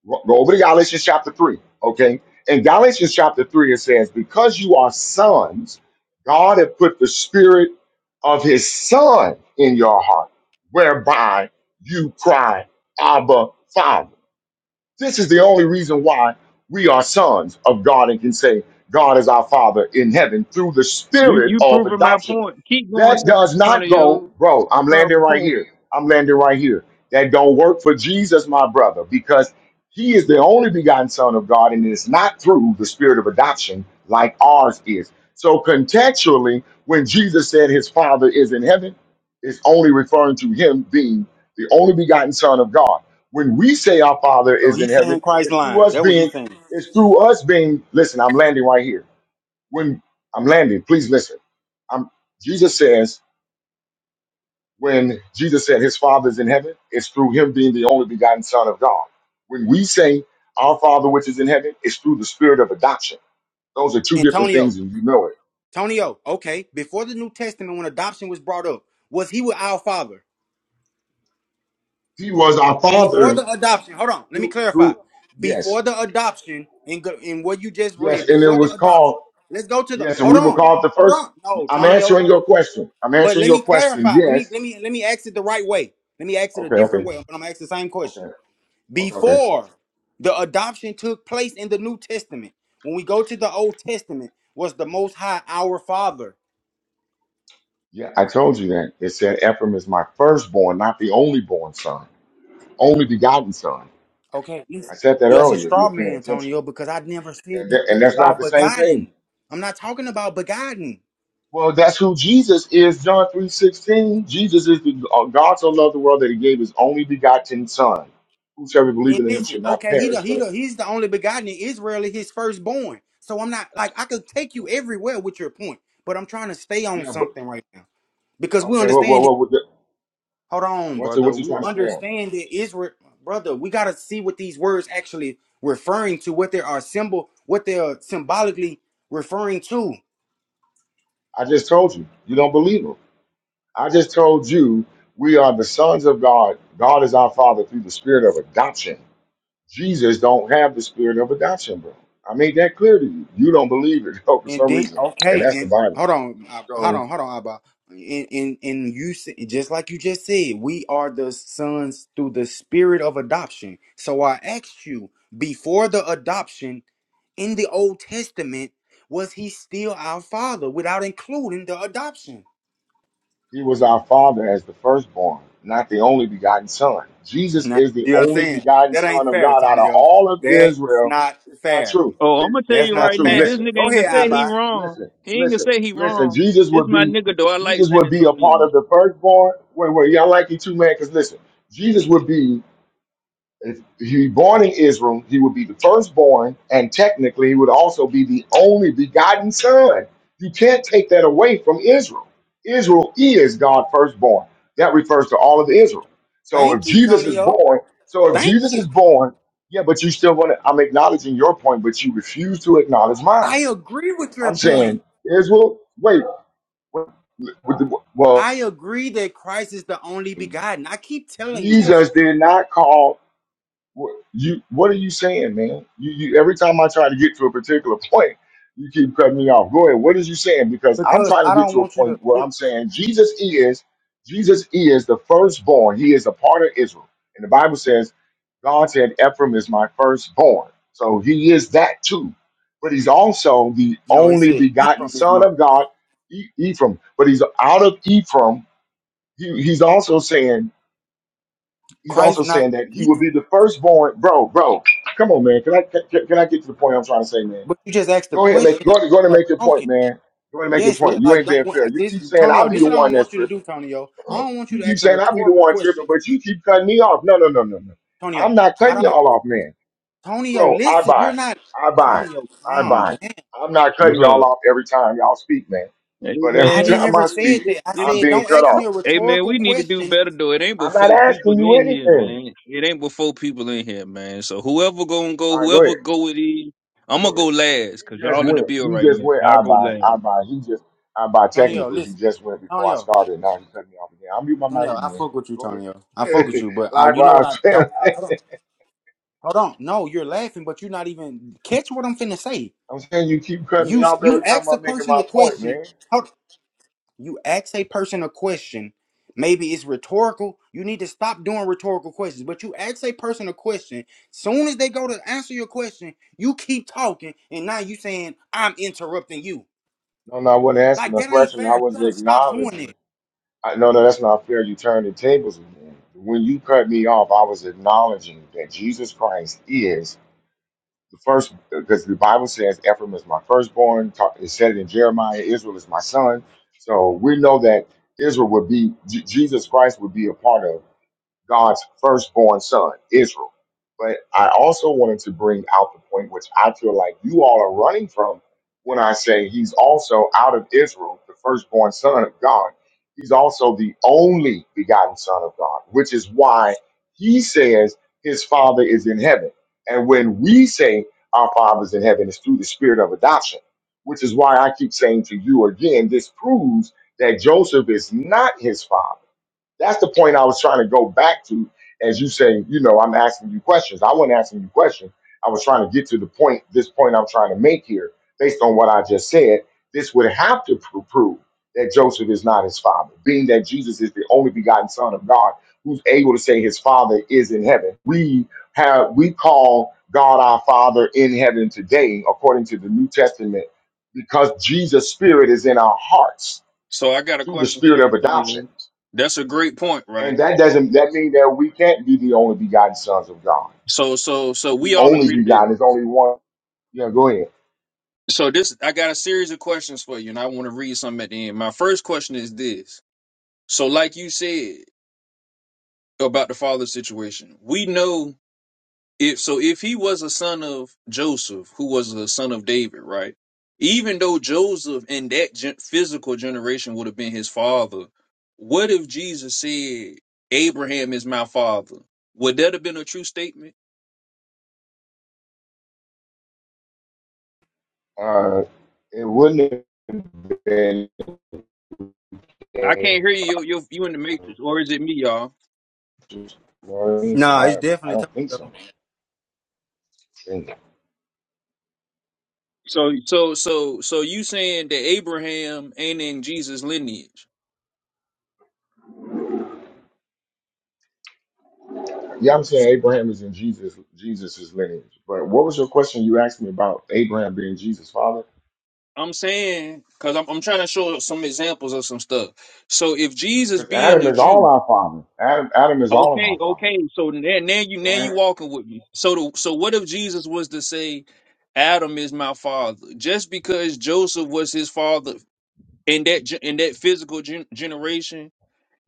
[SPEAKER 1] Go go over to Galatians chapter 3, okay? In Galatians chapter 3, it says, Because you are sons, God hath put the spirit of his son in your heart, whereby you cry, Abba, Father. This is the only reason why we are sons of God and can say, God is our Father in heaven through the
[SPEAKER 6] You
[SPEAKER 1] spirit
[SPEAKER 6] you
[SPEAKER 1] of
[SPEAKER 6] proving my
[SPEAKER 1] adoption.
[SPEAKER 6] point. Keep going,
[SPEAKER 1] That
[SPEAKER 6] San
[SPEAKER 1] does not go,
[SPEAKER 6] Antonio.
[SPEAKER 1] bro. I'm
[SPEAKER 6] My
[SPEAKER 1] landing right
[SPEAKER 6] point.
[SPEAKER 1] here. I'm landing right here. That don't work for Jesus, my brother, because he is the only begotten Son of God, and it's not through the spirit of adoption like ours is. So contextually, when Jesus said his Father is in heaven, it's only referring to him being the only begotten Son of God when we say our father
[SPEAKER 2] So
[SPEAKER 1] is in
[SPEAKER 2] he's saying
[SPEAKER 1] heaven
[SPEAKER 2] Christ
[SPEAKER 1] it's through
[SPEAKER 2] lying.
[SPEAKER 1] us
[SPEAKER 2] That's what he's
[SPEAKER 1] being
[SPEAKER 2] saying.
[SPEAKER 1] it's through us being listen i'm landing right here when i'm landing please listen i'm jesus says when jesus said his father is in heaven it's through him being the only begotten son of god when we say our father which is in heaven it's through the spirit of adoption those are two different
[SPEAKER 2] Antonio,
[SPEAKER 1] things and you know it
[SPEAKER 2] Tonyo, okay, before the New Testament, when adoption was brought up, was he with our father?
[SPEAKER 1] he was our
[SPEAKER 2] Before
[SPEAKER 1] father
[SPEAKER 2] the adoption, hold on, let me
[SPEAKER 1] through,
[SPEAKER 2] clarify.
[SPEAKER 1] through yes
[SPEAKER 2] Before the adoption, in, go- in what you just read,
[SPEAKER 1] yes and it
[SPEAKER 2] before the
[SPEAKER 1] was called
[SPEAKER 2] adoption, let's go to the,
[SPEAKER 1] yes and
[SPEAKER 2] hold
[SPEAKER 1] we were
[SPEAKER 2] on,
[SPEAKER 1] called the
[SPEAKER 2] hold
[SPEAKER 1] first
[SPEAKER 2] on. No,
[SPEAKER 1] i'm
[SPEAKER 2] Tonyo,
[SPEAKER 1] answering your
[SPEAKER 2] wait.
[SPEAKER 1] question i'm
[SPEAKER 2] But
[SPEAKER 1] answering
[SPEAKER 2] let me
[SPEAKER 1] your question
[SPEAKER 2] clarify. Let me,
[SPEAKER 1] yes
[SPEAKER 2] let me, let me ask it the right way. Let me ask it a
[SPEAKER 1] Okay, okay,
[SPEAKER 2] different way, but I'm gonna ask the same question.
[SPEAKER 1] okay, okay, okay.
[SPEAKER 2] Before the adoption took place in the New Testament, when we go to the Old Testament, was the Most High our Father?
[SPEAKER 1] Yeah, I told you that. It said Ephraim is my firstborn, not the onlyborn son, only begotten son.
[SPEAKER 2] Okay,
[SPEAKER 1] I
[SPEAKER 2] listen.
[SPEAKER 1] said that
[SPEAKER 2] You as a
[SPEAKER 1] earlier if you
[SPEAKER 2] straw
[SPEAKER 1] were paying
[SPEAKER 2] man,
[SPEAKER 1] attention.
[SPEAKER 2] Antonio, because I never said
[SPEAKER 1] And, that, and
[SPEAKER 2] nothing
[SPEAKER 1] that's not
[SPEAKER 2] about
[SPEAKER 1] the same thing.
[SPEAKER 2] begotten. I'm not talking about begotten.
[SPEAKER 1] Well, that's who Jesus is, John three sixteen. Jesus is the uh, God so loved the world that he gave his only begotten son. Whosoever believes
[SPEAKER 2] And
[SPEAKER 1] in him
[SPEAKER 2] listen,
[SPEAKER 1] should not
[SPEAKER 2] okay, he the
[SPEAKER 1] perish.
[SPEAKER 2] he
[SPEAKER 1] But
[SPEAKER 2] the he's the only begotten in Israel and his firstborn. So I'm not like I could take you everywhere with your point, but I'm trying to stay on
[SPEAKER 1] yeah, but
[SPEAKER 2] something right now because we
[SPEAKER 1] okay, what what
[SPEAKER 2] understand that.
[SPEAKER 1] what what-
[SPEAKER 2] Hold on,
[SPEAKER 1] what's the,
[SPEAKER 2] brother.
[SPEAKER 1] what you
[SPEAKER 2] We
[SPEAKER 1] trying to say on?
[SPEAKER 2] understand that Israel, brother. We gotta see what these words actually referring to, what they are symbol, what they are symbolically referring to.
[SPEAKER 1] I just told you, you don't believe him. I just told you we are the sons of God. God is our Father through the Spirit of adoption. Jesus don't have the Spirit of adoption, bro. I made that clear to you. You don't believe it (laughs) though, for
[SPEAKER 2] And
[SPEAKER 1] some
[SPEAKER 2] then
[SPEAKER 1] reason, and
[SPEAKER 2] okay,
[SPEAKER 1] that's the
[SPEAKER 2] and
[SPEAKER 1] Bible.
[SPEAKER 2] hold on, Abba- hold
[SPEAKER 1] So
[SPEAKER 2] on, hold on, Abba. And and and you s- just like you just said, we are the sons through the spirit of adoption. So I asked you before the adoption in the Old Testament, was he still our father without including the adoption?
[SPEAKER 1] He was our Father as the firstborn, not the only begotten Son.
[SPEAKER 2] (laughs)
[SPEAKER 1] Jesus
[SPEAKER 2] Nah,
[SPEAKER 1] is the
[SPEAKER 2] you know what I'm
[SPEAKER 1] only
[SPEAKER 2] saying?
[SPEAKER 1] begotten
[SPEAKER 2] That
[SPEAKER 1] Son
[SPEAKER 2] ain't
[SPEAKER 1] of
[SPEAKER 2] fair,
[SPEAKER 1] God out of
[SPEAKER 2] Tonio.
[SPEAKER 1] all of
[SPEAKER 2] That's
[SPEAKER 1] Israel.
[SPEAKER 2] not
[SPEAKER 1] It's not
[SPEAKER 2] fair.
[SPEAKER 1] true.
[SPEAKER 6] Oh, I'm
[SPEAKER 1] It,
[SPEAKER 6] gonna tell
[SPEAKER 2] That's
[SPEAKER 1] that's
[SPEAKER 6] you
[SPEAKER 1] not
[SPEAKER 6] right
[SPEAKER 2] not
[SPEAKER 1] true.
[SPEAKER 6] now, this
[SPEAKER 2] fair.
[SPEAKER 1] Listen,
[SPEAKER 6] nigga
[SPEAKER 2] Go
[SPEAKER 6] ain't
[SPEAKER 2] ahead,
[SPEAKER 6] gonna say
[SPEAKER 1] listen,
[SPEAKER 6] he
[SPEAKER 2] Abba.
[SPEAKER 6] wrong.
[SPEAKER 1] listen,
[SPEAKER 6] He ain't gonna
[SPEAKER 1] listen,
[SPEAKER 6] say he
[SPEAKER 1] listen.
[SPEAKER 6] wrong.
[SPEAKER 1] Jesus
[SPEAKER 6] This
[SPEAKER 1] would
[SPEAKER 6] my
[SPEAKER 1] be
[SPEAKER 6] nigga though. I like
[SPEAKER 1] Jesus
[SPEAKER 6] San
[SPEAKER 1] would be a part
[SPEAKER 6] Antonio.
[SPEAKER 1] of the firstborn. Wait, wait, y'all like you too, man? Because listen, Jesus would be if he born in Israel, he would be the firstborn, and technically he would also be the only begotten son. You can't take that away from Israel. Israel is God's firstborn. That refers to all of Israel. So if
[SPEAKER 2] Thank you,
[SPEAKER 1] Jesus is
[SPEAKER 2] Tonio.
[SPEAKER 1] born, so if
[SPEAKER 2] Thank
[SPEAKER 1] Jesus
[SPEAKER 2] you.
[SPEAKER 1] is born, yeah, but you still want to. I'm acknowledging your point, but you refuse to acknowledge
[SPEAKER 2] I
[SPEAKER 1] mine.
[SPEAKER 2] agree with your
[SPEAKER 1] I'm
[SPEAKER 2] point.
[SPEAKER 1] saying Israel. Wait, with the- well,
[SPEAKER 2] I agree that Christ is the only begotten. I keep telling you this
[SPEAKER 1] Jesus did not call. What you what are you saying, man? You, you every time I try to get to a particular point, you keep cutting me off. Go ahead. What is you saying? Because I'm
[SPEAKER 2] because
[SPEAKER 1] trying to
[SPEAKER 2] I
[SPEAKER 1] get
[SPEAKER 2] don't
[SPEAKER 1] to a
[SPEAKER 2] want you to.
[SPEAKER 1] point where
[SPEAKER 2] It,
[SPEAKER 1] I'm saying Jesus is Jesus is the firstborn. He is a part of Israel. And the Bible says, God said, Ephraim is my firstborn. So he is that too. But he's also the
[SPEAKER 2] no, he
[SPEAKER 1] only
[SPEAKER 2] said eat
[SPEAKER 1] begotten
[SPEAKER 2] from his
[SPEAKER 1] son
[SPEAKER 2] mouth.
[SPEAKER 1] of God, E- Ephraim. But he's out of Ephraim. He, he's also saying he's also
[SPEAKER 2] Christ not
[SPEAKER 1] saying that he
[SPEAKER 2] eat
[SPEAKER 1] will
[SPEAKER 2] from.
[SPEAKER 1] be the firstborn. Bro, bro, come on, man. Can I can, can I get to the point I'm trying to say, man?
[SPEAKER 2] But you just asked the
[SPEAKER 1] Go ahead, make
[SPEAKER 2] question
[SPEAKER 1] go
[SPEAKER 2] and
[SPEAKER 1] ahead, go ahead and
[SPEAKER 2] start
[SPEAKER 1] make your point,
[SPEAKER 2] talking.
[SPEAKER 1] man. Go ahead and make your
[SPEAKER 2] Yes, li-
[SPEAKER 1] point. You
[SPEAKER 2] like
[SPEAKER 1] ain't
[SPEAKER 2] don't
[SPEAKER 1] being
[SPEAKER 2] want
[SPEAKER 1] fair. You
[SPEAKER 2] this,
[SPEAKER 1] keep saying I'll
[SPEAKER 2] Tonyo.
[SPEAKER 1] be
[SPEAKER 2] This is
[SPEAKER 1] the
[SPEAKER 2] what I
[SPEAKER 1] one
[SPEAKER 2] don't want
[SPEAKER 1] that's
[SPEAKER 2] you to do,
[SPEAKER 1] tripping.
[SPEAKER 2] Tonyo. I
[SPEAKER 1] (clears throat)
[SPEAKER 2] don't want you
[SPEAKER 1] You
[SPEAKER 2] to
[SPEAKER 1] keep
[SPEAKER 2] ask a
[SPEAKER 1] saying I'll be the
[SPEAKER 2] rhetorical
[SPEAKER 1] one tripping,
[SPEAKER 2] question,
[SPEAKER 1] but you keep cutting me off. No, no, no, no, no.
[SPEAKER 2] Tonyo.
[SPEAKER 1] I'm not
[SPEAKER 2] I
[SPEAKER 1] cutting
[SPEAKER 2] don't,
[SPEAKER 1] y'all off, man.
[SPEAKER 2] Tonyo.
[SPEAKER 1] Bro, I
[SPEAKER 2] Listen, you're
[SPEAKER 1] buy.
[SPEAKER 2] not,
[SPEAKER 1] I buy.
[SPEAKER 2] Tonyo.
[SPEAKER 1] I
[SPEAKER 2] Calm
[SPEAKER 1] buy.
[SPEAKER 2] down.
[SPEAKER 1] I'm not cutting
[SPEAKER 6] What's
[SPEAKER 1] y'all
[SPEAKER 6] up?
[SPEAKER 1] off every time y'all speak, man.
[SPEAKER 6] Hey
[SPEAKER 1] But
[SPEAKER 2] I
[SPEAKER 1] every (laughs)
[SPEAKER 6] man,
[SPEAKER 2] didn't
[SPEAKER 1] time
[SPEAKER 2] ever
[SPEAKER 1] I
[SPEAKER 2] say
[SPEAKER 1] speak,
[SPEAKER 2] it
[SPEAKER 6] it's,
[SPEAKER 2] that. I
[SPEAKER 6] it's,
[SPEAKER 1] I'm
[SPEAKER 2] said
[SPEAKER 1] being
[SPEAKER 2] don't
[SPEAKER 1] cut
[SPEAKER 2] ask me
[SPEAKER 1] off.
[SPEAKER 2] a
[SPEAKER 6] hey man,
[SPEAKER 2] rhetorical
[SPEAKER 6] we need to do
[SPEAKER 2] question,
[SPEAKER 6] better though. It ain't
[SPEAKER 1] I'm not
[SPEAKER 6] before people
[SPEAKER 1] asking you
[SPEAKER 6] in here,
[SPEAKER 1] anything.
[SPEAKER 6] man. It ain't before people in here, man. So whoever gonna go,
[SPEAKER 1] All right, go ahead.
[SPEAKER 6] whoever go with these, I'm
[SPEAKER 1] Go
[SPEAKER 6] gonna
[SPEAKER 1] ahead.
[SPEAKER 6] go last, cause
[SPEAKER 1] He just
[SPEAKER 6] y'all in the
[SPEAKER 1] went.
[SPEAKER 6] bill
[SPEAKER 1] He
[SPEAKER 6] right
[SPEAKER 1] just
[SPEAKER 6] now.
[SPEAKER 1] went.
[SPEAKER 6] I'll
[SPEAKER 1] I
[SPEAKER 6] go
[SPEAKER 1] buy.
[SPEAKER 6] last.
[SPEAKER 1] I buy. He just. I buy.
[SPEAKER 2] Tonyo.
[SPEAKER 1] Technically, he
[SPEAKER 2] Listen,
[SPEAKER 1] just went before I
[SPEAKER 2] Tonyo.
[SPEAKER 1] started. Now he cut me off again. I'll mute my mic
[SPEAKER 2] Tonyo, I
[SPEAKER 1] again.
[SPEAKER 2] fuck with you,
[SPEAKER 1] Go
[SPEAKER 2] Tonyo. I fuck with
[SPEAKER 1] ahead.
[SPEAKER 2] you, but
[SPEAKER 1] (laughs)
[SPEAKER 2] uh, you know what
[SPEAKER 1] Likewise,
[SPEAKER 2] I
[SPEAKER 1] (laughs)
[SPEAKER 2] don't. Hold on, hold on. No, you're laughing, but you're not even catch what I'm finna say.
[SPEAKER 1] I'm saying you keep cutting me
[SPEAKER 2] You
[SPEAKER 1] off
[SPEAKER 2] you
[SPEAKER 1] every time
[SPEAKER 2] ask a
[SPEAKER 1] I'm making
[SPEAKER 2] person
[SPEAKER 1] my
[SPEAKER 2] a
[SPEAKER 1] point,
[SPEAKER 2] question.
[SPEAKER 1] man.
[SPEAKER 2] Hold, you ask a person a question. Maybe it's rhetorical. You need to stop doing rhetorical questions. But you ask a person a question. Soon as they go to answer your question, you keep talking, and now you saying I'm interrupting you.
[SPEAKER 1] No, no, I wasn't asking
[SPEAKER 2] Like
[SPEAKER 1] a
[SPEAKER 2] that ain't
[SPEAKER 1] question. I
[SPEAKER 2] fair. You
[SPEAKER 1] was
[SPEAKER 2] gotta stop doing it.
[SPEAKER 1] acknowledging. I, no, no, that's not fair. You turned the tables again. When you cut me off, I was acknowledging that Jesus Christ is. the first because the Bible says Ephraim is my firstborn. Ta- It said it in Jeremiah, Israel is my son. So we know that Israel would be J- Jesus Christ would be a part of. God's firstborn son, Israel. But I also wanted to bring out the point which I feel like you all are running from when I say he's also out of Israel, the firstborn son of God. He's also the only begotten son of God, which is why he says his father is in heaven. And when we say our father's in heaven, it's through the spirit of adoption, which is why I keep saying to you again, this proves that Joseph is not his father that's the point I was trying to go back to. As you say, you know, I'm asking you questions. I wasn't asking you questions. I was trying to get to the point, this point I'm trying to make here, based on what I just said. This would have to pr- prove that Joseph is not his father, being that Jesus is the only begotten Son of God who's able to say his father is in heaven. We have we call God our Father in heaven today, according to the New Testament, because Jesus' spirit is in our hearts
[SPEAKER 6] So I got a
[SPEAKER 1] through the
[SPEAKER 6] question,
[SPEAKER 1] spirit
[SPEAKER 6] San
[SPEAKER 1] of
[SPEAKER 6] Antonio.
[SPEAKER 1] adoption.
[SPEAKER 6] That's a great point, right?
[SPEAKER 1] And that doesn't that mean that we can't be the only begotten sons of God.
[SPEAKER 6] So, so, so
[SPEAKER 1] The
[SPEAKER 6] we all
[SPEAKER 1] only
[SPEAKER 6] agree to that.
[SPEAKER 1] begotten is only one. Yeah, go ahead.
[SPEAKER 6] So this, I got a series of questions for you, and I want to read something at the end. My first question is this: So, like you said about the father situation, we know if so, if he was a son of Joseph, who was a son of David, right? Even though Joseph in that gen- physical generation would have been his father, what if Jesus said, "Abraham is my father"? Would that have been a true statement?
[SPEAKER 1] Uh, it wouldn't have been.
[SPEAKER 6] I
[SPEAKER 1] You
[SPEAKER 6] can't hear you. You you you in the matrix, or is it me, y'all?
[SPEAKER 1] know what I mean? So
[SPEAKER 2] Nah, it's
[SPEAKER 1] I, I
[SPEAKER 2] definitely
[SPEAKER 1] don't think
[SPEAKER 2] Tonyo.
[SPEAKER 1] so. And,
[SPEAKER 6] So so so so you saying that Abraham ain't in Jesus lineage?
[SPEAKER 1] yeah, I'm saying Abraham is in Jesus Jesus's lineage. But what was your question you asked me about Abraham being Jesus' father?
[SPEAKER 6] I'm saying because I'm I'm trying to show some examples of some stuff. So if Jesus
[SPEAKER 1] Because
[SPEAKER 6] being
[SPEAKER 1] Adam
[SPEAKER 6] a
[SPEAKER 1] is all
[SPEAKER 6] Jew,
[SPEAKER 1] our father. Adam Adam is all of
[SPEAKER 6] okay,
[SPEAKER 1] our father,
[SPEAKER 6] okay. So now now you now
[SPEAKER 1] right?
[SPEAKER 6] you walking with me. So the, so what if Jesus was to say, Adam is my father, just because Joseph was his father in that gen- in that physical gen- generation?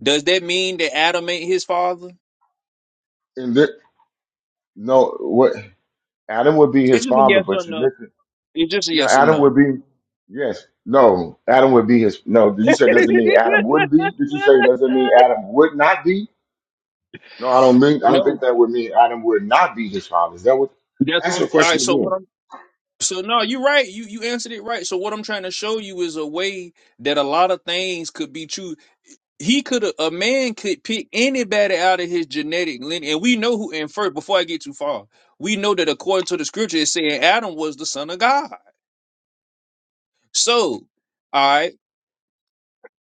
[SPEAKER 6] Does that mean that Adam ain't his father?
[SPEAKER 1] And thi- no, what Adam would be his
[SPEAKER 6] It's just a
[SPEAKER 1] father,
[SPEAKER 6] yes or
[SPEAKER 1] but
[SPEAKER 6] no.
[SPEAKER 1] you
[SPEAKER 6] It's just a
[SPEAKER 1] Yeah,
[SPEAKER 6] yes and
[SPEAKER 1] Adam
[SPEAKER 6] no.
[SPEAKER 1] would
[SPEAKER 6] (laughs)
[SPEAKER 1] be. Yes. No, Adam would be his. No, did you say doesn't mean Adam would be? Did you say doesn't mean Adam would not be? No, I don't mean. I don't
[SPEAKER 6] No,
[SPEAKER 1] think that would mean Adam would not be his father. Is that what?
[SPEAKER 6] that's
[SPEAKER 1] Ask
[SPEAKER 6] what I'm.
[SPEAKER 1] your
[SPEAKER 6] All right,
[SPEAKER 1] question
[SPEAKER 6] so what
[SPEAKER 1] again.
[SPEAKER 6] I'm. So no, you're right. You you answered it right. So what I'm trying to show you is a way that a lot of things could be true. He could a man could pick anybody out of his genetic lineage, and we know who. And first, before I get too far, we know that according to the scripture, it's saying Adam was the son of God. So, all right.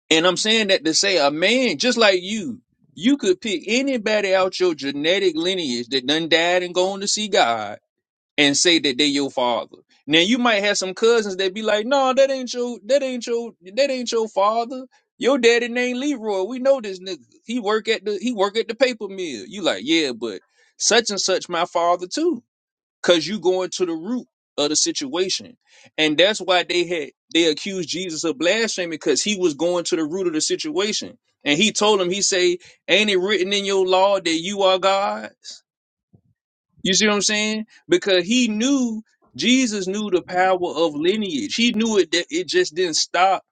[SPEAKER 6] And I'm saying that to say a man just like you, you could pick anybody out your genetic lineage that done died and gone to see God and say that they your father. Now you might have some cousins that be like, no, that ain't your that ain't your that ain't your father. Your daddy named Leroy. We know this nigga. He work at the he work at the paper mill. You like, yeah, but such and such my father too because you going to the root of the situation and that's why they had they accused jesus of blasphemy because he was going to the root of the situation and he told them he say ain't it written in your law that you are gods you see what i'm saying because he knew jesus knew the power of lineage he knew it that it just didn't stop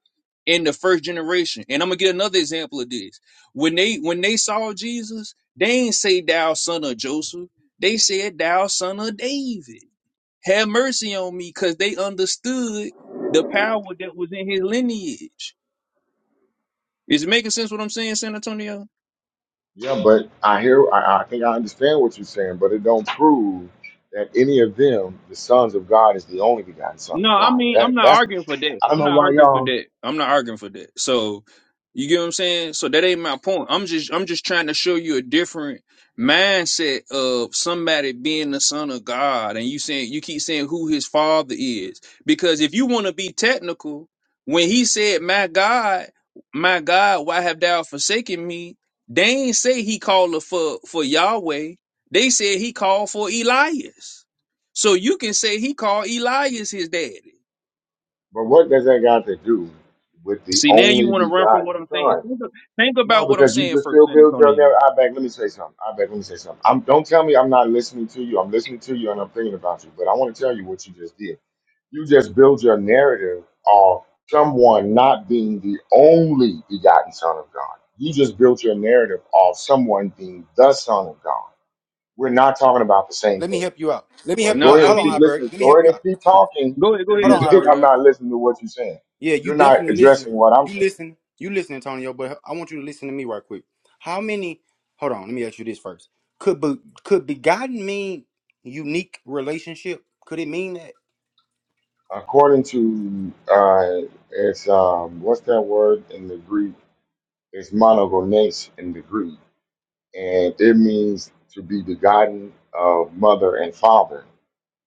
[SPEAKER 6] in the first generation and i'm gonna get another example of this when they when they saw jesus they ain't say thou son of joseph they said thou son of david have mercy on me, because they understood the power that was in his lineage. Is it making sense what I'm saying, San Antonio?
[SPEAKER 1] Yeah, but I hear. I, I think I understand what you're saying, but it don't prove that any of them, the sons of God, is the only begotten Son
[SPEAKER 6] No,
[SPEAKER 1] of
[SPEAKER 6] I
[SPEAKER 1] God.
[SPEAKER 6] mean
[SPEAKER 1] That
[SPEAKER 6] I'm not
[SPEAKER 1] that's.
[SPEAKER 6] arguing for that.
[SPEAKER 1] I don't
[SPEAKER 6] I'm
[SPEAKER 1] know
[SPEAKER 6] not
[SPEAKER 1] why
[SPEAKER 6] arguing for
[SPEAKER 1] y'all.
[SPEAKER 6] that. I'm not arguing for that. So you get what I'm saying? So that ain't my point. I'm just I'm just trying to show you a different mindset of somebody being the son of God and you saying you keep saying who his father is. Because if you want to be technical, when he said, My God, my God, why have thou forsaken me? They ain't say he called for for Yahweh. They said he called for Elias. So you can say he called Elias his daddy.
[SPEAKER 1] But what does that got to do with the
[SPEAKER 6] See, now you
[SPEAKER 1] only
[SPEAKER 6] want to run from what
[SPEAKER 1] begotten
[SPEAKER 6] I'm
[SPEAKER 1] Son?
[SPEAKER 6] saying. Think, think
[SPEAKER 1] No,
[SPEAKER 6] about what I'm
[SPEAKER 1] because you
[SPEAKER 6] saying
[SPEAKER 1] just
[SPEAKER 6] first,
[SPEAKER 1] still
[SPEAKER 6] San
[SPEAKER 1] build your
[SPEAKER 6] Antonio.
[SPEAKER 1] narrative. I beg, let me say something. I beg, let me say something. I'm, don't tell me I'm not listening to you. I'm listening to you and I'm thinking about you, but I want to tell you what you just did. You just build your narrative of someone not being the only begotten Son of God. You just built your narrative of someone being the Son of God. We're not talking about the same
[SPEAKER 2] Let me
[SPEAKER 1] thing.
[SPEAKER 2] help you out. Let me
[SPEAKER 1] But
[SPEAKER 2] help
[SPEAKER 6] No,
[SPEAKER 2] you
[SPEAKER 1] go
[SPEAKER 2] out.
[SPEAKER 1] ahead
[SPEAKER 6] I
[SPEAKER 1] and
[SPEAKER 2] Hold on,
[SPEAKER 1] keep
[SPEAKER 6] mean,
[SPEAKER 2] Albert.
[SPEAKER 1] listening.
[SPEAKER 2] Let me
[SPEAKER 1] Go
[SPEAKER 2] help
[SPEAKER 1] ahead
[SPEAKER 2] you
[SPEAKER 1] and
[SPEAKER 2] out.
[SPEAKER 1] keep talking
[SPEAKER 6] go ahead, go
[SPEAKER 1] if
[SPEAKER 2] Hold on,
[SPEAKER 6] ahead,
[SPEAKER 1] you (laughs) think
[SPEAKER 2] Albert.
[SPEAKER 1] I'm
[SPEAKER 6] Zaria.
[SPEAKER 1] not listening to what you're saying.
[SPEAKER 2] Yeah, you
[SPEAKER 1] You're not
[SPEAKER 2] definitely listen.
[SPEAKER 1] addressing what I'm
[SPEAKER 2] You
[SPEAKER 1] saying.
[SPEAKER 2] listen. You listen, Antonio. But I want you to listen to me right quick. How many? Hold on. Let me ask you this first. Could be, could begotten mean unique relationship? Could it mean that?
[SPEAKER 1] According to uh, it's um, what's that word in the Greek? It's monogenes in the Greek, and it means to be begotten of mother and father.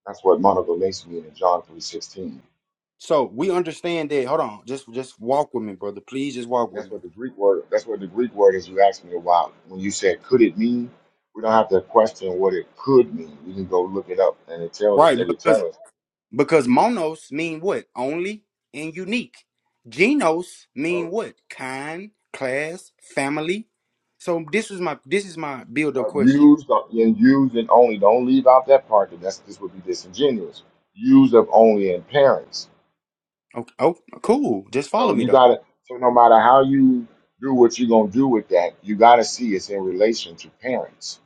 [SPEAKER 1] That's what monogenes means in John three sixteen.
[SPEAKER 2] So we understand that. Hold on. Just just walk with me, brother. Please just
[SPEAKER 1] I
[SPEAKER 2] walk
[SPEAKER 1] mean,
[SPEAKER 2] with
[SPEAKER 1] that's
[SPEAKER 2] me.
[SPEAKER 1] what the Greek word. That's what the Greek word is. You asked me about when you said could it mean. We don't have to question what it could mean. We can go look it up, and it tell it.
[SPEAKER 2] Right.
[SPEAKER 1] It'll
[SPEAKER 2] Because
[SPEAKER 1] tell us.
[SPEAKER 2] because monos mean what? Only and unique. Genos mean what? Kind, class, family. So this is my this is my build up
[SPEAKER 1] uh,
[SPEAKER 2] question.
[SPEAKER 1] used uh, and used and only. Don't leave out that part because that's this would be disingenuous. Used of only in parents.
[SPEAKER 2] Oh, oh, cool. Just follow
[SPEAKER 1] So
[SPEAKER 2] me
[SPEAKER 1] you
[SPEAKER 2] though.
[SPEAKER 1] gotta. So no matter how you do what you're gonna do with that, you gotta see it's in relation to parents.